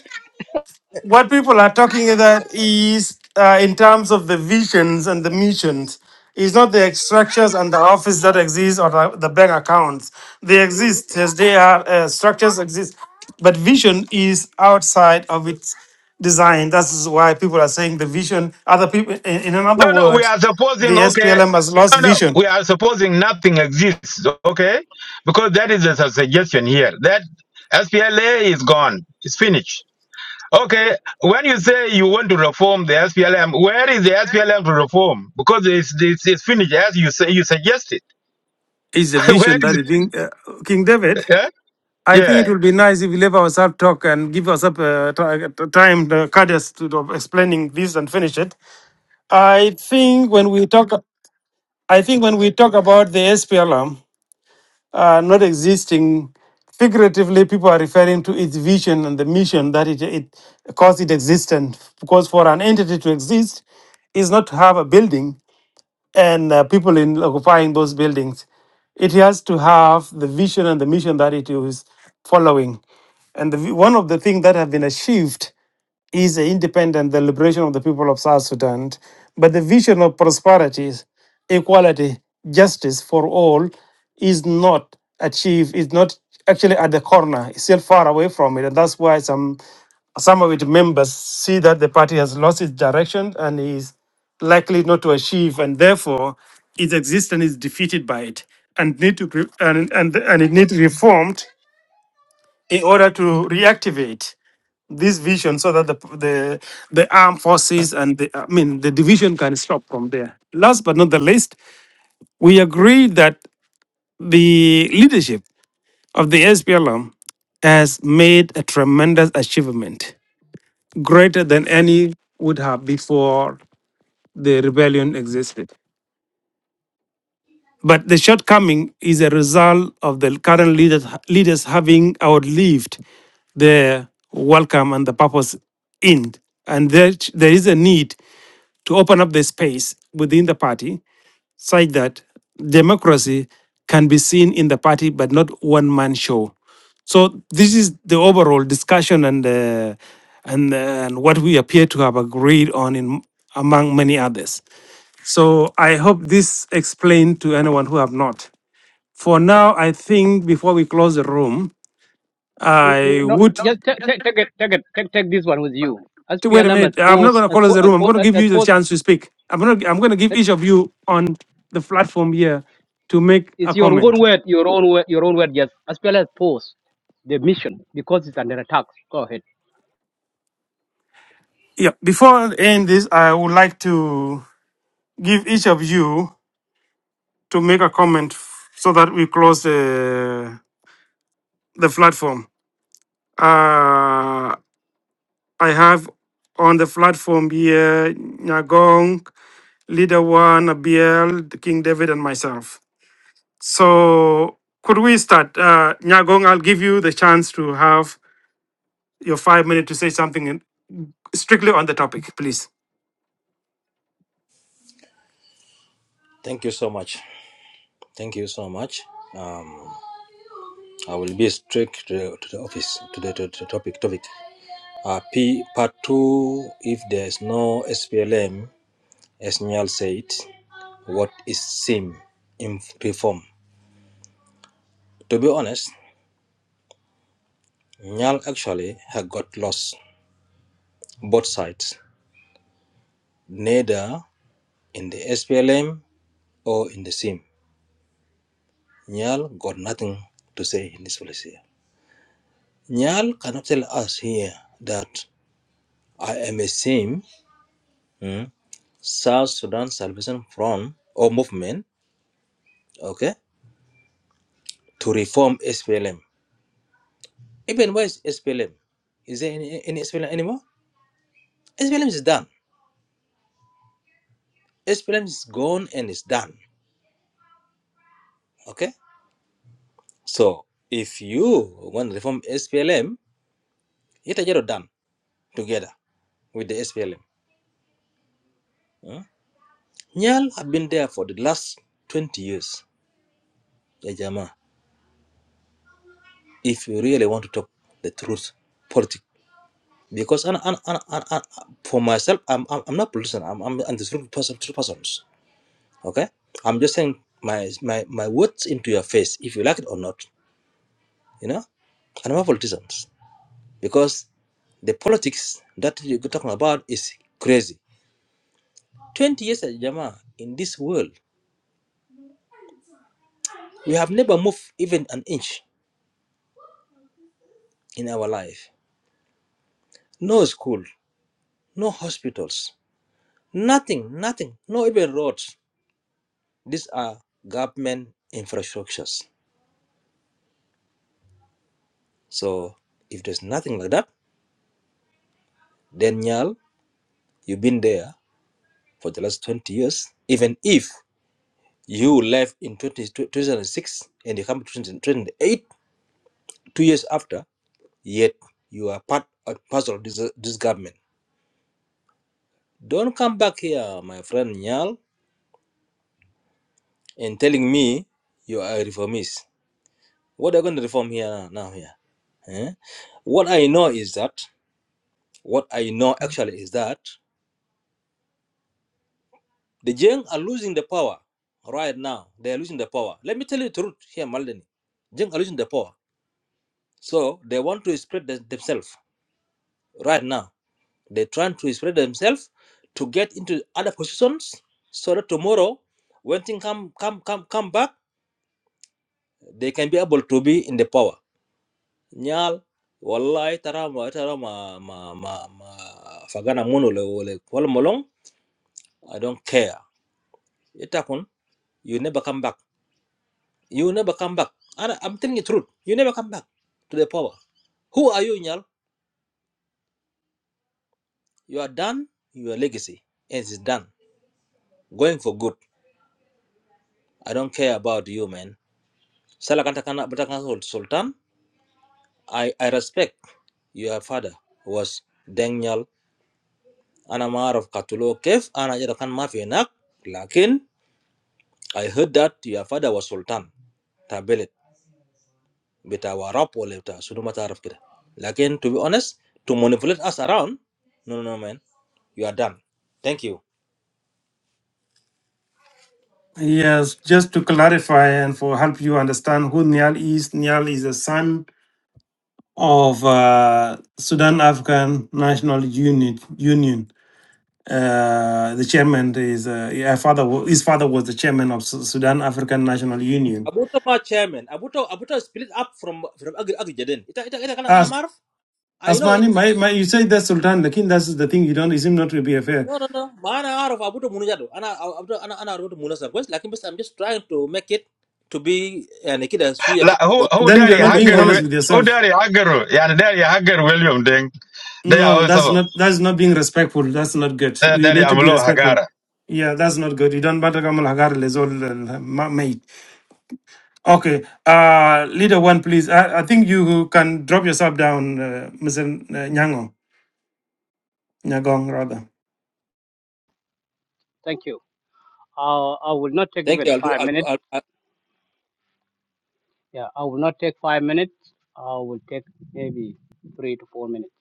S6: what people are talking about is uh, in terms of the visions and the missions is not the structures and the office that exist or the the bank accounts they exist as they are uh, structures exist but vision is outside of its design that's why people are saying the vision other people in, in
S26: No,
S6: another
S26: no, we
S6: word
S26: are supposing,
S6: the
S26: okay.
S6: SPLM has lost
S26: No, no,
S6: vision
S26: we are supposing nothing exists, okay? Because that is a suggestion here. That SPLA is gone, it's finished. Okay, when you say you want to reform the SPLM, where is the SPLM to reform? Because it's, it's, it's finished as you say you suggested.
S6: is the
S26: where
S6: vision that
S26: is
S6: is being uh, King
S26: it?
S6: David
S26: eh?
S6: I think it
S26: Yeah.
S6: will be nice if we leave ourselves talk and give ourselves uh, ti- ti- time, the cadence to of explaining this and finish it. I think when we talk, I think when we talk about the SPLM uh, not existing, figuratively, people are referring to its vision and the mission that it, it caused it existence. Because for an entity to exist, is not to have a building; and uh, people in occupying those buildings. It has to have the vision and the mission that it is following. And the, one of the things that have been achieved is the independent, the liberation of the people of South Sudan, but the vision of prosperity, equality, justice for all is not achieved, is not actually at the corner, it's still far away from it. And that's why some some of its members see that the party has lost its direction and is likely not to achieve, and therefore its existence is defeated by it and need to re- and, and, and it needs reformed in order to reactivate this vision so that the the the armed forces and the I mean the division can stop from there. Last but not the least, we agree that the leadership of the SPLM has made a tremendous achievement, greater than any would have before the rebellion existed. But the shortcoming is a result of the current leaders, leaders having outlived their welcome and the purpose in. And there, there is a need to open up the space within the party such that democracy can be seen in the party but not one man show so this is the overall discussion and uh, and uh, and what we appear to have agreed on in among many others so i hope this explained to anyone who have not for now i think before we close the room
S4: N- n-
S6: i
S4: No,
S6: would
S4: just ta- ta- take it, take it, take, take this one with you. As
S6: t- wait a
S4: SPLM has
S6: minute. I'm not going
S4: posed,
S6: to
S4: has
S6: close the room. I'm going to give you the chance
S4: posed,
S6: to speak. I'm going to I'm going to give each of you on the platform here to make
S4: It's
S6: a
S4: your
S6: comment.
S4: own word, your own word, your own word. Yes, as well as pause the mission because it's under attack. Go ahead.
S6: Yeah. Before I end this, I would like to give each of you to make a comment f- so that we close the the platform. Uh, I have on the platform here Nyagong, Leader One, Abiel, King David, and myself. So could we start? Uh, Nyagong, I'll give you the chance to have your five minutes to say something in- strictly on the topic, please.
S25: Thank you so much. Thank you so much. I will be straight to the, to the office to the, to the topic. Topic. Uh, P part two. If there is no SPLM, as Nyal said, what is SIM in reform? To be honest, Nyal actually had got lost both sides, neither in the SPLM or in the SIM. Nyal got nothing to say in this policy. Nyal cannot tell us here that I am a same mm, South Sudan Salvation Front or movement, okay, to reform SPLM. Even where is SPLM? Is there any, any SPLM anymore? SPLM is done. SPLM is gone and it's done. Okay, so if you want to reform SPLM, it is already done together with the SPLM. mm. Nyal have been there for the last 20 years, ya jamaa. If you really want to talk the truth, politics. because and and and, and, and for myself, I'm, I'm I'm not politician. I'm I'm and this person, two persons. Okay, I'm just saying my my my words into your face, if you like it or not. You know, and I'm not politicians because the politics that you're talking about is crazy. Twenty years, at Jama, in this world, we have never moved even an inch in our life. No school, no hospitals, nothing, nothing, no even roads. These are government infrastructures So if there's nothing like that, then Nyal, you've been there for the last 20 years. Even if you left in 2006 and you come to 2008, two years after, yet you are part and parcel of this, this government. Don't come back here, my friend Nyal, and telling me you are a reformist. What are you going to reform here now here? eh? What I know is that, what I know actually is that The Jeng are losing the power right now. They are losing the power. Let me tell you the truth here, Maldini. Jeng are losing the power. So they want to spread them- themselves right now. They're trying to spread themselves to get into other positions so that tomorrow, when things come come come come back, they can be able to be in the power. Nyal, wallahi tarama tarama ma ma ma ma- fagana mono le wala molong. I don't care. Itakun, you never come back. You never come back. And I'm telling you the truth. You never come back to the power. Who are you, Nyal? You are done. Your legacy is done. Going for good. I don't care about you, man. Salakanta kana Sultan. I, I respect your father was Deng Daniel Anamar of Katulo Cave and Ajarakan Mafianak. Lakin, I heard that your father was Sultan. Tabelit. بتاع وراب ولا بتاع شنو ما تعرف كده لكن to be honest to manipulate us around no no no man you are done thank you
S6: Yes, just to clarify and for help you understand who Niall is, Niall is the son of uh, Sudan African National Unit Union. Uh, the chairman is uh, yeah, father. wa- His father was the chairman of Su- Sudan African National Union.
S25: Abuto ma chairman Abuto Abuto split up from from agri agri jaden ita ita ita kana ana
S6: As
S25: maarif I know it
S6: Asmani, my, my, you say that's Sultan, Lakin, that's the thing. You don't. You seem not to be fair.
S25: no no no ما انا اعرف Abuto منو جادو انا Abuto انا انا اعرف منو سر كويس لكن I'm just trying to make it to be يعني كده شويه
S26: La,
S25: كده
S26: who
S25: فوق
S26: who
S6: Then you are
S26: dari
S25: فوق
S6: not being
S26: hagar
S25: salty
S6: honest
S26: wi-
S6: with
S26: who
S6: yourself.
S26: dari hagar? Yeah, dari hagar William Deng. They
S6: No,
S26: are
S6: that's
S26: also
S6: not that's not being respectful. That's not good.
S26: uh,
S6: We
S26: dari
S6: need to be
S26: Amlo
S6: respectful.
S26: Hagara.
S6: Yeah, that's not good. You don't bother Kamal Hagar Lezol mate. Okay. Uh leader one, please. I, I think you can drop yourself down, uh, Mr. Nyango. Nyagong rather.
S4: Thank you. Uh, I will not take
S25: thank
S4: even
S25: you I'll do
S4: five
S25: I'll
S4: minutes.
S25: do, I'll,
S4: Yeah, I will not take five minutes. I will take maybe three to four minutes.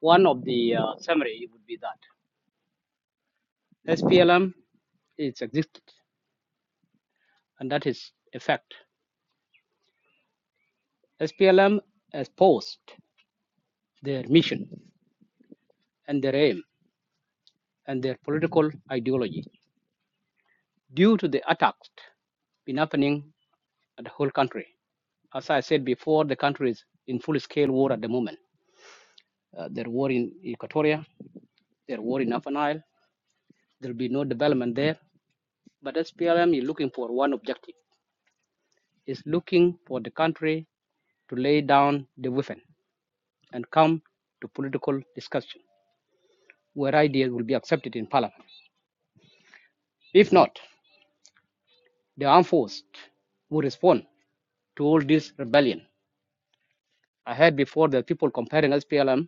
S4: One of the uh, summary would be that SPLM is existed, and that is a fact. SPLM has posed their mission and their aim and their political ideology due to the attacks been happening at the whole country. As I said before, the country is in full scale war at the moment. Uh, there war in Equatoria, there war in Upper Nile. There'll be no development there. But SPLM is looking for one objective. It's looking for the country to lay down the weapon and come to political discussion where ideas will be accepted in parliament. If not, the armed force will respond to all this rebellion. I heard before that people comparing SPLM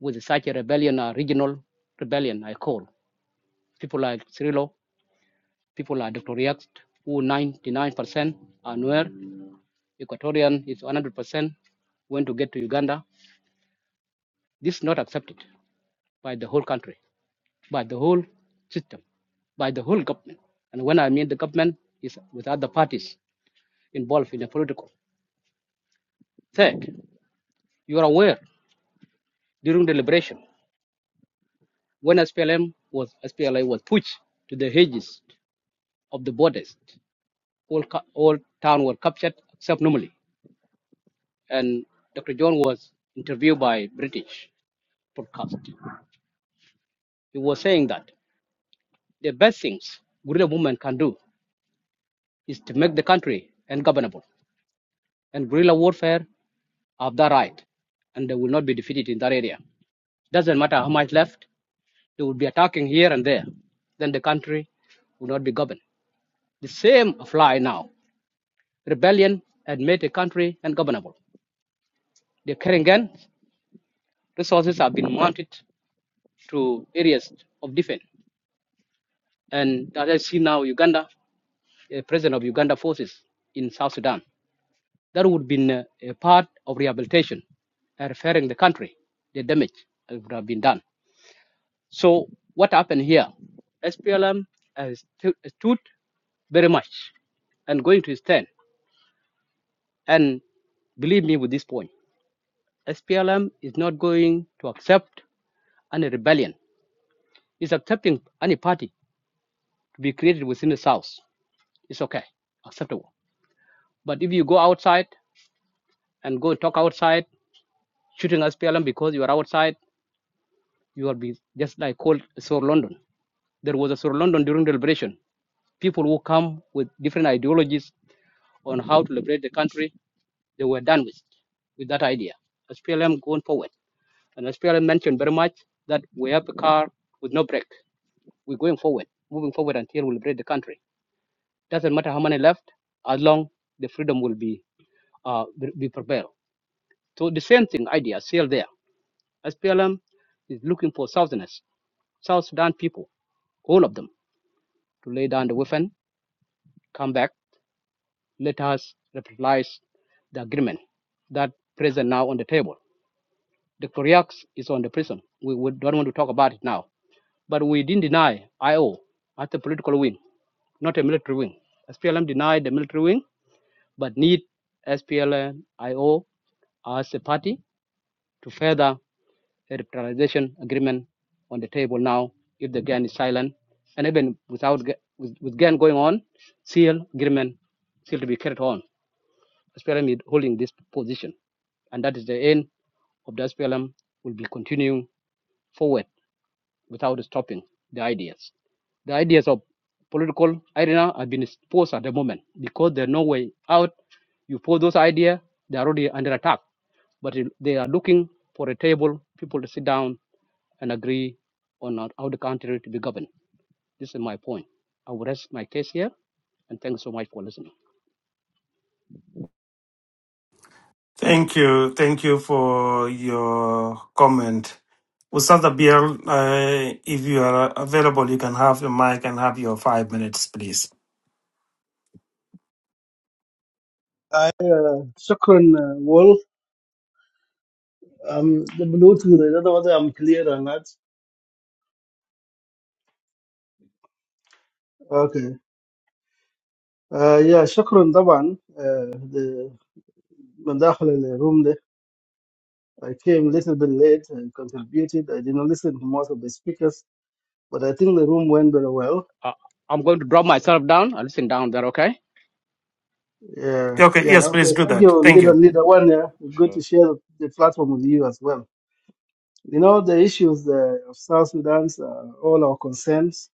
S4: with such a rebellion, a regional rebellion, I call. People like Cirillo People are Equatorians who 99% are Nuer. Equatorian is 100% want to get to Uganda. This is not accepted by the whole country, by the whole system, by the whole government. And when I mean the government, is with other parties involved in the political. Third, you are aware during the liberation, when SPLM was SPLA was pushed to the hedges of the borders, all, all towns were captured except normally. and Dr. John was interviewed by British broadcast. He was saying that the best things guerrilla movement can do is to make the country ungovernable. And guerrilla warfare have that right, and they will not be defeated in that area. Doesn't matter how much left, they will be attacking here and there. Then the country will not be governed. The same apply now. Rebellion had made the country ungovernable. The Keringan resources have been mounted to areas of defense. And as I see now, Uganda, uh, president of Uganda forces in South Sudan, that would be been uh, a part of rehabilitation, uh, referring the country, the damage that would have been done. So what happened here? SPLM has stu- stood very much and going to stand. And believe me with this point, SPLM is not going to accept any rebellion. It's accepting any party to be created within the South. It's okay, acceptable. But if you go outside and go talk outside, shooting us PLM because you are outside, you will be just like called Sir London. There was a Sir London during the liberation. People who come with different ideologies on how to liberate the country, they were done with, with that idea. As PLM going forward. And as PLM mentioned very much that we have a car with no brake. We're going forward, moving forward until we liberate the country. Doesn't matter how many left, as long the freedom will be uh, be be prevailed. So the same thing idea still there SPLM is looking for Southerners, South Sudan people, all of them, to lay down the weapon, come back, let us realize the agreement that present now on the table. The Koreax is on the prison. We, we don't want to talk about it now. But we didn't deny IO as a political wing, not a military wing. SPLM denied the military wing, but need SPLM IO as a party to further a revitalization agreement on the table now if the GAN is silent. And even without with, with GAN going on, seal agreement still to be carried on. SPLM is holding this position. And that is the end of the SPLM will be continuing forward without stopping the ideas. The ideas of political arena have been exposed at the moment because there's no way out. You pose those ideas, they're already under attack. But they are looking for a table, people to sit down and agree on our- how the country to be governed. This is my point. I will rest my case here, and thanks so much for listening.
S6: Thank you. Thank you for your comment. Ustaz Abiel, uh, if you are available, you can have the mic and have your five minutes, please.
S22: Shukran, uh, Wolf. Um, the Bluetooth, I don't know whether I'm clear or not. Okay. Uh, yeah, shukran, طبعا. Uh, the, من داخل الروم I came a little bit late and contributed. I did not listen to most of the speakers, but I think the room went very well.
S4: Uh, I'm going to drop myself down. I'll listen down there, okay?
S22: Yeah,
S6: Okay,
S22: yeah.
S6: yes, please
S22: Okay,
S6: do
S22: thank
S6: that.
S22: you,
S6: Thank
S22: leader,
S6: you.
S22: leader one. Yeah, good to share the platform with you as well. You know, the issues uh, of South Sudan's uh, all our concerns,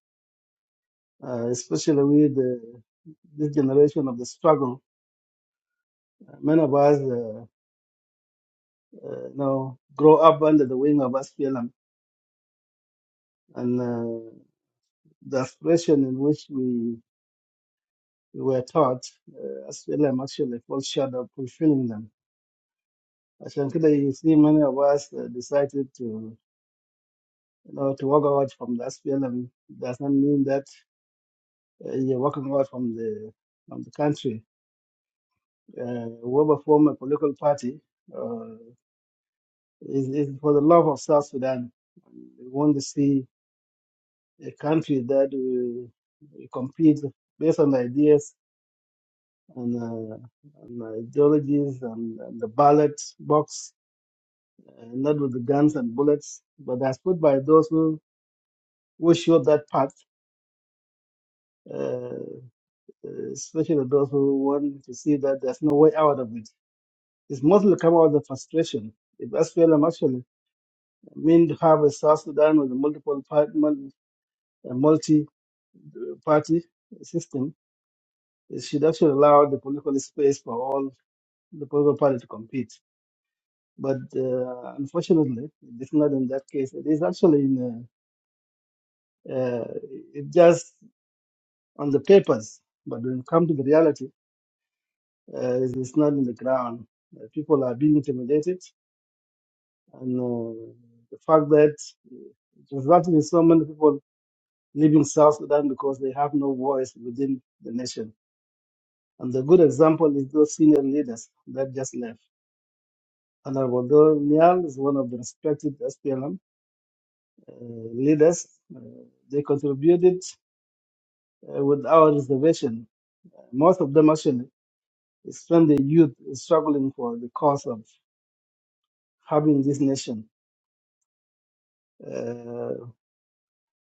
S22: uh, especially with the, this generation of the struggle. Many of us, uh, uh, you grow up under the wing of SPLM, and uh, the aspiration in which we were taught, uh, SPLM actually falls short of fulfilling them عشان كده you see many of us uh, decided to you know to walk out from the SPLM does not mean that uh, you're walking out from the from the country. Uh, whoever form a political party uh, is, is for the love of South Sudan. We want to see a country that will compete based on ideas and uh, ideologies and, and the ballot box, uh, not with the guns and bullets, but as put by those who, who showed that path uh, especially those who want to see that there's no way out of it. It's mostly come out of the frustration. If SPLM actually mean to have a South Sudan with a multiple party, a multi-party system, it should actually allow the political space for all the political party to compete. But uh, unfortunately, it's not in that case. It is actually in uh, uh, it just on the papers, but when it comes to the reality, uh, it's not in the ground. Uh, people are being intimidated and uh, the fact that it resulted in so many people leaving South Sudan because they have no voice within the nation. And the good example is those senior leaders that just left. Honorable Dol Nial is one of the respected SPLM uh, leaders. Uh, they contributed uh, with our reservation. Most of them actually spend their youth struggling for the cause of having this nation. Uh,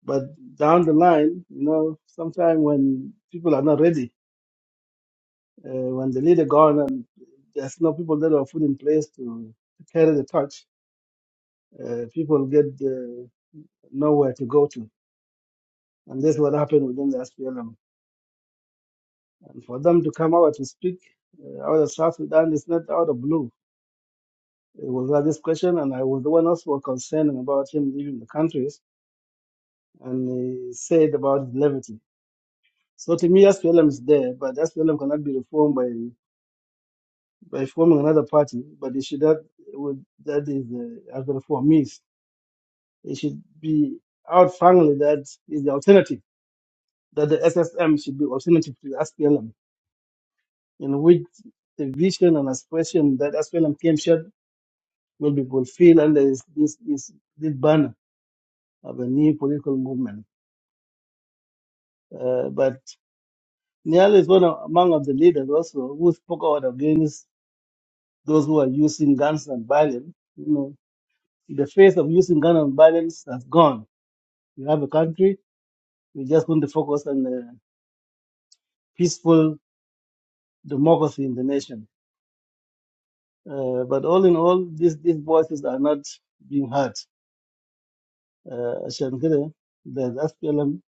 S22: but down the line, you know, sometimes when people are not ready, Uh, when the leader gone and there's no people that are put in place to carry the torch, uh, people get uh, nowhere to go to. And that's what happened within the SPLM. And for them to come out to speak uh, out of South Sudan is not out of blue. It was at this question, and I was the one also concerning about him leaving the countries, and he said about levity. So to me, SPLM is there, but SPLM cannot be reformed by, by forming another party, but it should not, would, that is, uh, as the reform means. It should be out strongly that is the alternative, that the SSM should be alternative to the SPLM, in which the vision and aspiration that SPLM came shared will be fulfilled under this, this, this, this banner of a new political movement. Uh, but Niall is one of, among of the leaders also who spoke out against those who are using guns and violence. You know, the phase of using guns and violence has gone. We have a country. We just want to focus on uh, peaceful democracy in the nation Uh, but all in all, these, these voices are not being heard. Uh, عشان كده the SPLM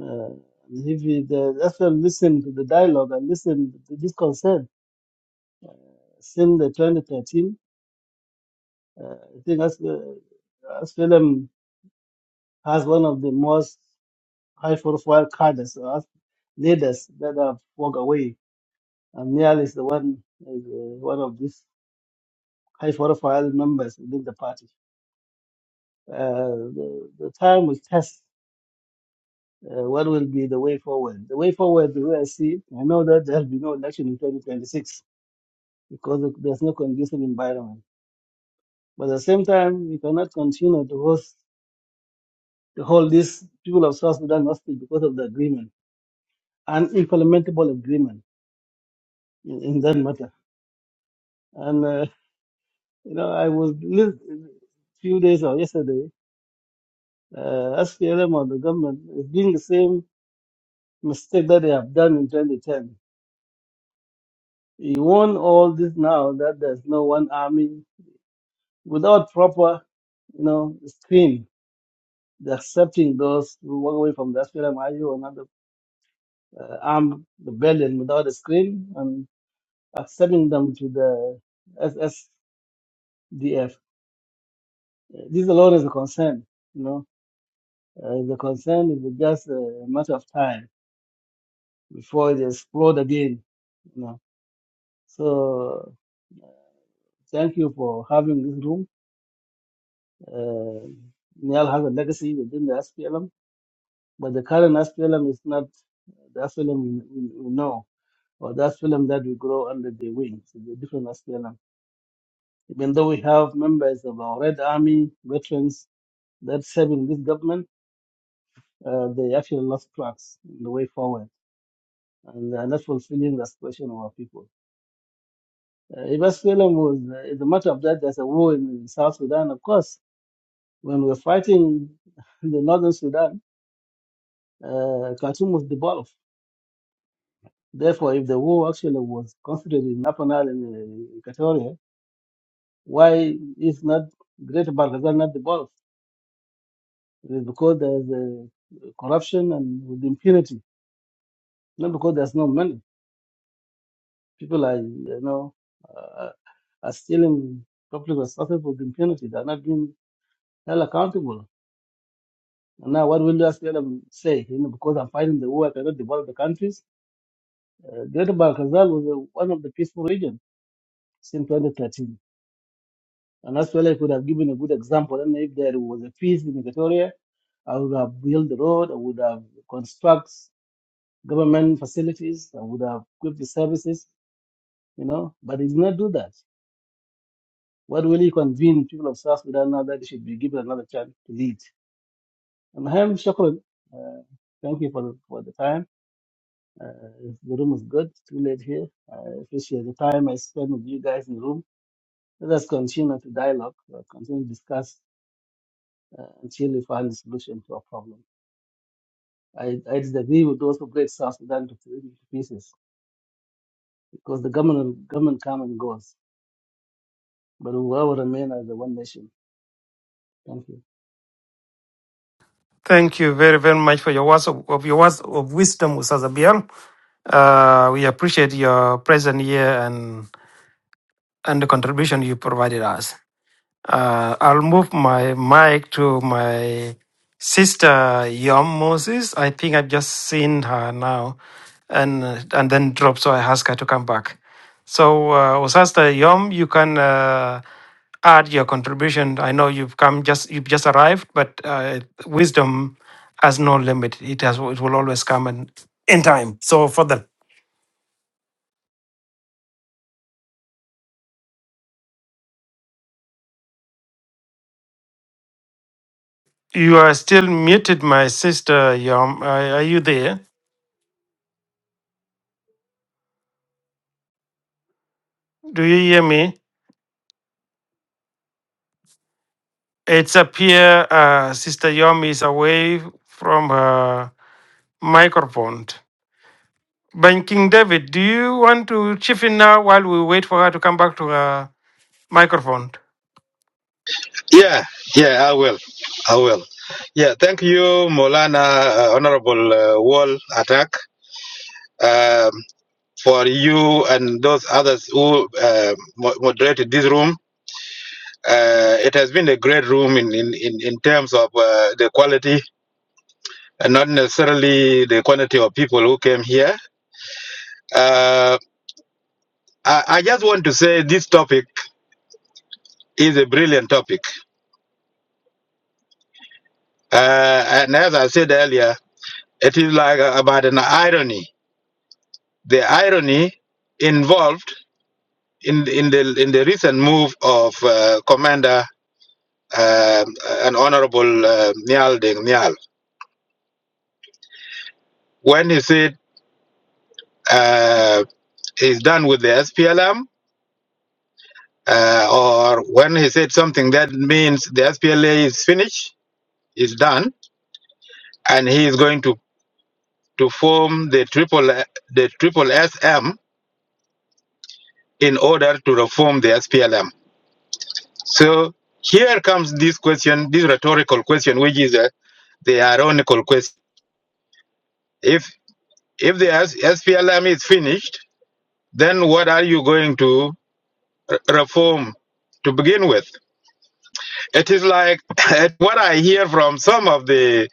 S22: uh, if you, the SPLM listened to the dialogue and listened to this concern since the 2013, uh, I think SPLM has one of the most high profile cadres, uh, leaders that have walked away. And Niall is the one, is, uh, one of these high profile members within the party. Uh, the, the time will test Uh, what will be the way forward? The way forward, the way I see it, I know that there'll be no election in 2026 because of- there's no conducive environment. But at the same time, we cannot continue to host to hold these people of South Sudan hostage because of the agreement, an implementable agreement in, in that matter. And uh, you know, I was lis- few days or yesterday, uh, SPLM or the government is doing the same mistake that they have done in 2010. You want all this now that there's no one army without proper you know, screen the accepting those who walk away from the SPLM IU and other uh, armed rebellion without a screen and accepting them to the SSDF. This alone is a concern. You know, uh, the concern is just a matter of time before it explode again. You know, so thank you for having this room. Uh, Niall has a legacy within the SPLM, but the current SPLM is not the SPLM we, we we know or the asylum that we grow under the wings, the different asylum. Even though we have members of our Red Army veterans that serving this government, uh, they actually lost tracks in the way forward and uh, not fulfilling the aspiration of our people. Uh, if SPLM was uh, the matter of that, there's a war in South Sudan, of course. When we were fighting in the northern Sudan, uh, Khartoum was devolved. Therefore, if the war actually was concentrated in Upper Nile and uh, Equatoria, why is not Greater Barghazal not devolved? It is because there's a corruption and with impunity, not because there's no money. People are, you know, uh, are stealing public resources with impunity. They're not being held accountable. And now, what will you ask say? You know, because I'm fighting the war, I cannot develop the countries. Uh, Greater Balkazal was uh, one of the peaceful regions since 2013. And that's where I could have given a good example. And if there was a peace in Equatoria, I would have built the road, I would have constructed government facilities, I would have equipped the services you know, but he did not do that. What will he convince people of South Sudan now that they should be given another chance to lead? And Ham Shokran, uh, thank you for, for the time. Uh, the room is good. It's too late here. I appreciate the time I spent with you guys in the room. Let us continue to dialogue, uh, continue to discuss until we find a solution to our problem. I, I disagree with those who break South Sudan to three pieces because the government government comes and goes, but we will remain as the one nation. Thank you.
S6: Thank you very, very much for your words of, of your words of wisdom, Ustaz Abiel. Uh, we appreciate your presence here and and the contribution you provided us. Uh, I'll move my mic to my sister Yom Moses. I think I've just seen her now, and uh, and then dropped, so I asked her to come back. So, uh, Sister Yom, you can uh, add your contribution. I know you've come just you've just arrived, but uh, wisdom has no limit. It has it will always come and in time. So, for that, you are still muted, my sister Yom. Are, are you there? Do you hear me? It's appear uh, Sister Yom is away from her microphone. But King David, do you want to chip in now while we wait for her to come back to her microphone?
S26: Yeah, yeah, I will. I will. Yeah, thank you, Molana, uh, Honorable uh, Wall Attack, um, for you and those others who uh, mo- moderated this room. Uh, it has been a great room in, in, in, in terms of uh, the quality and not necessarily the quantity of people who came here. Uh, I, I just want to say this topic is a brilliant topic. Uh, and as I said earlier, it is like a, about an irony The irony involved in in the in the recent move of uh, Commander um and Honorable uh, Nial Deng Nial when he said uh, he's done with the SPLM, uh, or when he said something that means the SPLA is finished, is done, and he is going to to form the triple the triple SM in order to reform the SPLM. So here comes this question, this rhetorical question, which is uh, the ironical question. If if the S- SPLM is finished, then what are you going to reform to begin with? It is like what I hear from some of the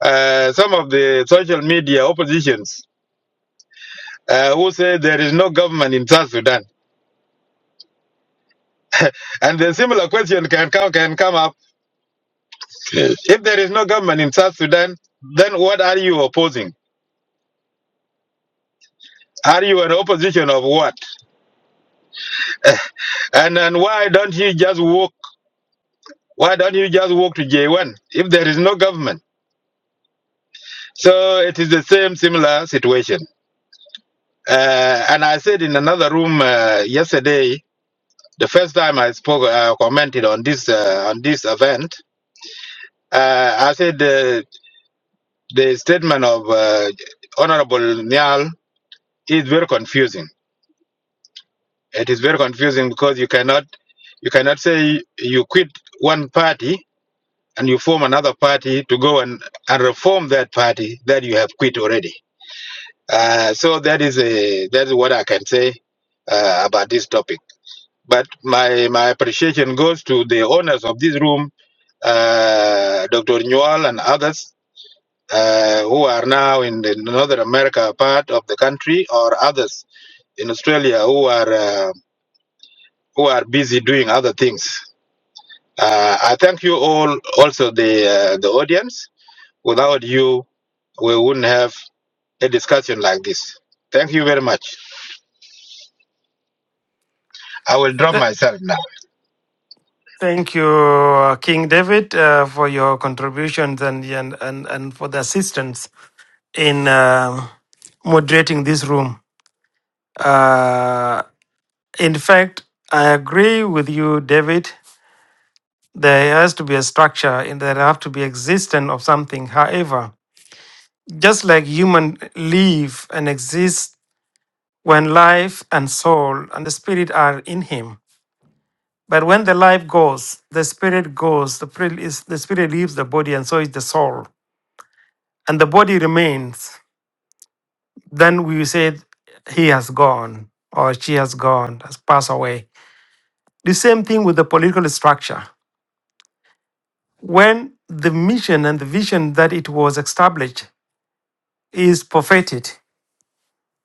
S26: uh, some of the social media oppositions uh, who say there is no government in South Sudan, and the similar question can come can come up. Yes. If there is no government in South Sudan, then what are you opposing? Are you an opposition of what? And and why don't you just walk? Why don't you just walk to J1 if there is no government? So it is the same similar situation. Uh, and I said in another room uh, yesterday, the first time I spoke, uh, commented on this uh, on this event. Uh, I said uh, the statement of uh, Honorable Nyal is very confusing. It is very confusing because you cannot you cannot say you quit one party and you form another party to go and, and reform that party that you have quit already. Uh, so that is a that is what I can say uh, about this topic. But my my appreciation goes to the owners of this room, uh, Dr. Newell and others uh, who are now in the Northern America part of the country, or others in Australia who are uh, who are busy doing other things. Uh, I thank you all, also the uh, the audience Without you, we wouldn't have a discussion like this. Thank you very much. I will drop
S6: Th-
S26: myself now.
S6: Thank you, uh, King David, uh, for your contributions and, and, and, and for the assistance in uh, moderating this room. Uh, in fact, I agree with you, David. There has to be a structure and there have to be existence of something. However, just like human live and exist when life and soul and the spirit are in him but when the life goes the spirit goes the spirit, is, the spirit leaves the body and so is the soul and the body remains then we say he has gone or she has gone has passed away the same thing with the political structure when the mission and the vision that it was established is perfected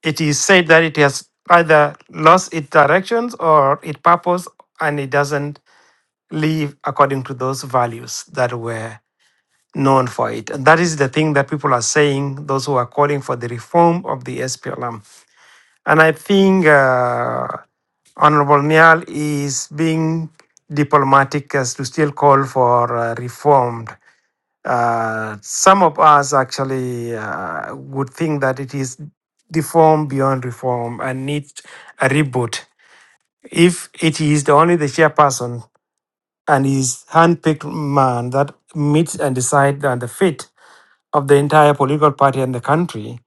S6: it is said that it has either lost its directions or its purpose and it doesn't live according to those values that were known for it. And that is the thing that people are saying, those who are calling for the reform of the SPLM. And I think uh, Honorable Nial is being diplomatic as to still call for uh, reformed uh, some of us actually uh, would think that it is deformed beyond reform and needs a reboot. If it is the only the chairperson and his handpicked man that meets and decides on the fate of the entire political party and the country,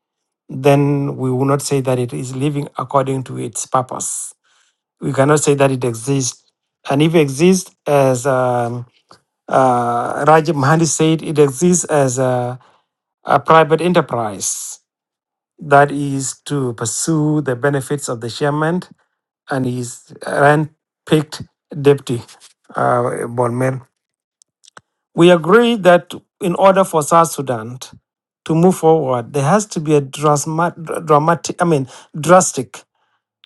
S6: then we will not say that it is living according to its purpose. We cannot say that it exists. And if it exists, as um, uh, Rajib Mahdi said, it exists as a a private enterprise that is to pursue the benefits of the chairman and his hand-picked deputy, uh, Bonmel. We agree that in order for South Sudan to move forward, there has to be a drasma- dramatic, I mean, drastic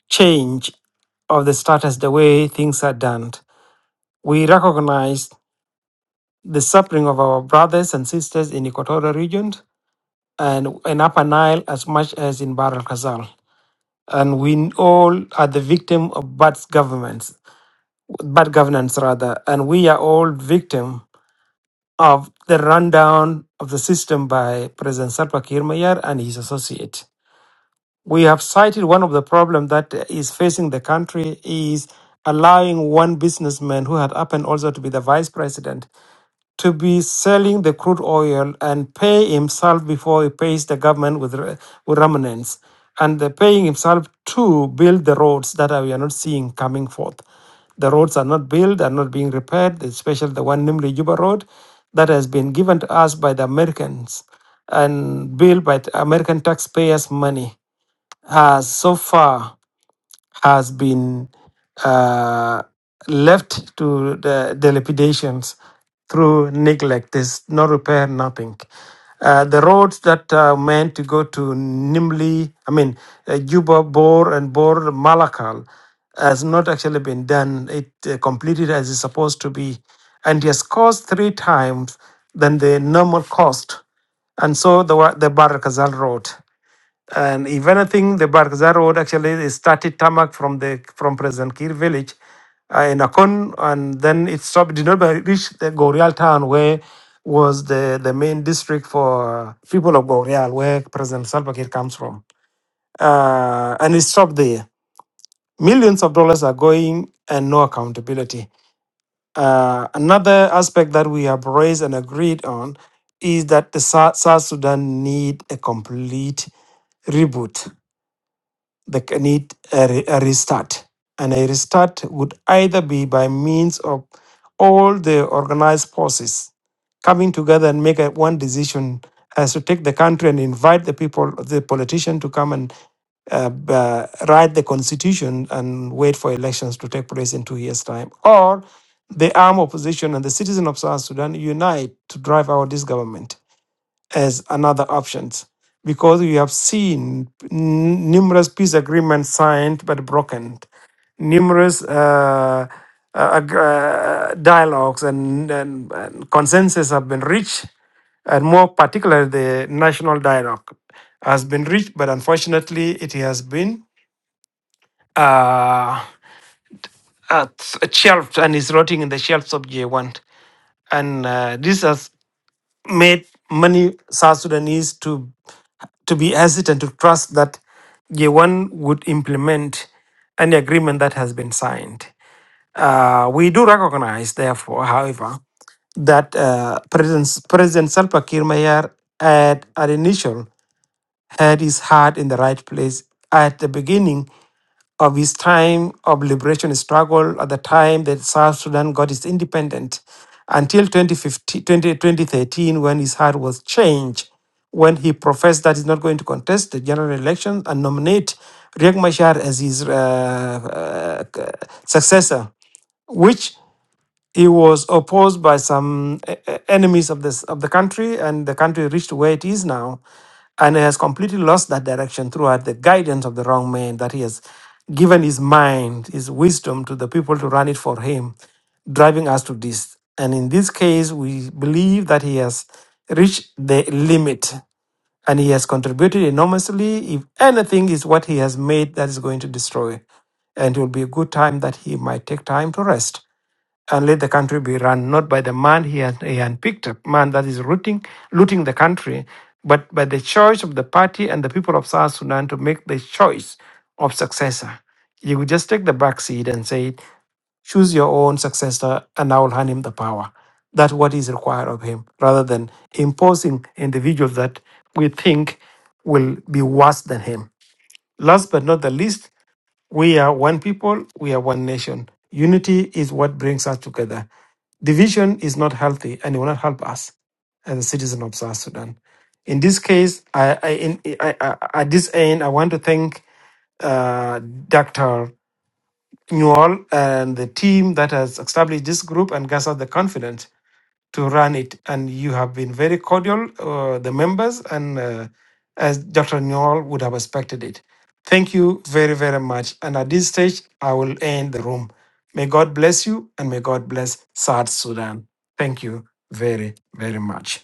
S6: change of the status, the way things are done. We recognize the suffering of our brothers and sisters in Equatorial region and in Upper Nile as much as in Bahr el Ghazal. and we all are the victim of bad governments, bad governance rather, and we are all victim of the rundown of the system by President Salva Kiir Mayar and his associate. We have cited one of the problems that is facing the country is allowing one businessman who had happened also to be the vice president to be selling the crude oil and pay himself before he pays the government with, re- with remnants and the paying himself to build the roads that we are not seeing coming forth. The roads are not built, are not being repaired, especially the one namely Juba Road that has been given to us by the Americans and built by the American taxpayers' money has so far has been uh, left to the, the lapidations through neglect. There's no repair, nothing. Uh, the roads that are meant to go to Nimli, I mean, uh, Juba, Bor, and Bor, Malakal, has not actually been done. It uh, completed as it's supposed to be, and it has cost three times than the normal cost. And so the wa- the Barakazal road. And if anything, the Barkazar Road actually started tarmac from the from President Kir village uh, in Akon, and then it stopped, did not reach the Gorial town where was the, the main district for uh, people of Gorial, where President Salva Kiir comes from. Uh, and it stopped there. Millions of dollars are going and no accountability. Uh, another aspect that we have raised and agreed on is that the South, South Sudan need a complete reboot They can need a, re- a restart. And a restart would either be by means of all the organized forces coming together and make a, one decision as to take the country and invite the people, the politician to come and uh, b- uh, write the constitution and wait for elections to take place in two years' time, or the armed opposition and the citizen of South Sudan unite to drive out this government as another options because we have seen n- numerous peace agreements signed but broken, numerous uh, uh, ag- uh, dialogues and, and, and consensus have been reached, and more particularly the national dialogue has been reached, but unfortunately it has been uh, uh, shelved and is rotting in the shelves of J1. And uh, this has made many South Sudanese to to be hesitant to trust that J1 would implement any agreement that has been signed. Uh, we do recognize, therefore, however, that uh, President, President Salva Kiir Mayar at, at initial had his heart in the right place at the beginning of his time of liberation struggle at the time that South Sudan got its independence until 2015, 20, 2013 when his heart was changed when he professed that he's not going to contest the general election and nominate Riek Machar as his uh, uh, successor, which he was opposed by some e- e- enemies of this of the country, and the country reached where it is now, and it has completely lost that direction throughout the guidance of the wrong man that he has given his mind, his wisdom to the people to run it for him, driving us to this. And in this case, we believe that he has reached the limit and he has contributed enormously. If anything is what he has made, that is going to destroy. And it will be a good time that he might take time to rest and let the country be run not by the man he has he had picked up, man that is rooting, looting the country, but by the choice of the party and the people of South Sudan to make the choice of successor. You would just take the back seat and say, choose your own successor and I will hand him the power. That's what is required of him, rather than imposing individuals that we think will be worse than him. Last but not the least, we are one people, we are one nation. Unity is what brings us together. Division is not healthy and it will not help us as a citizen of South Sudan. In this case, I, I, in, I, I, at this end, I want to thank uh, Dr. Newall and the team that has established this group and gives us the confidence to run it. And you have been very cordial, uh, the members, and uh, as Dr. Newell would have expected it. Thank you very, very much. And at this stage, I will end the room. May God bless you and may God bless South Sudan. Thank you very, very much.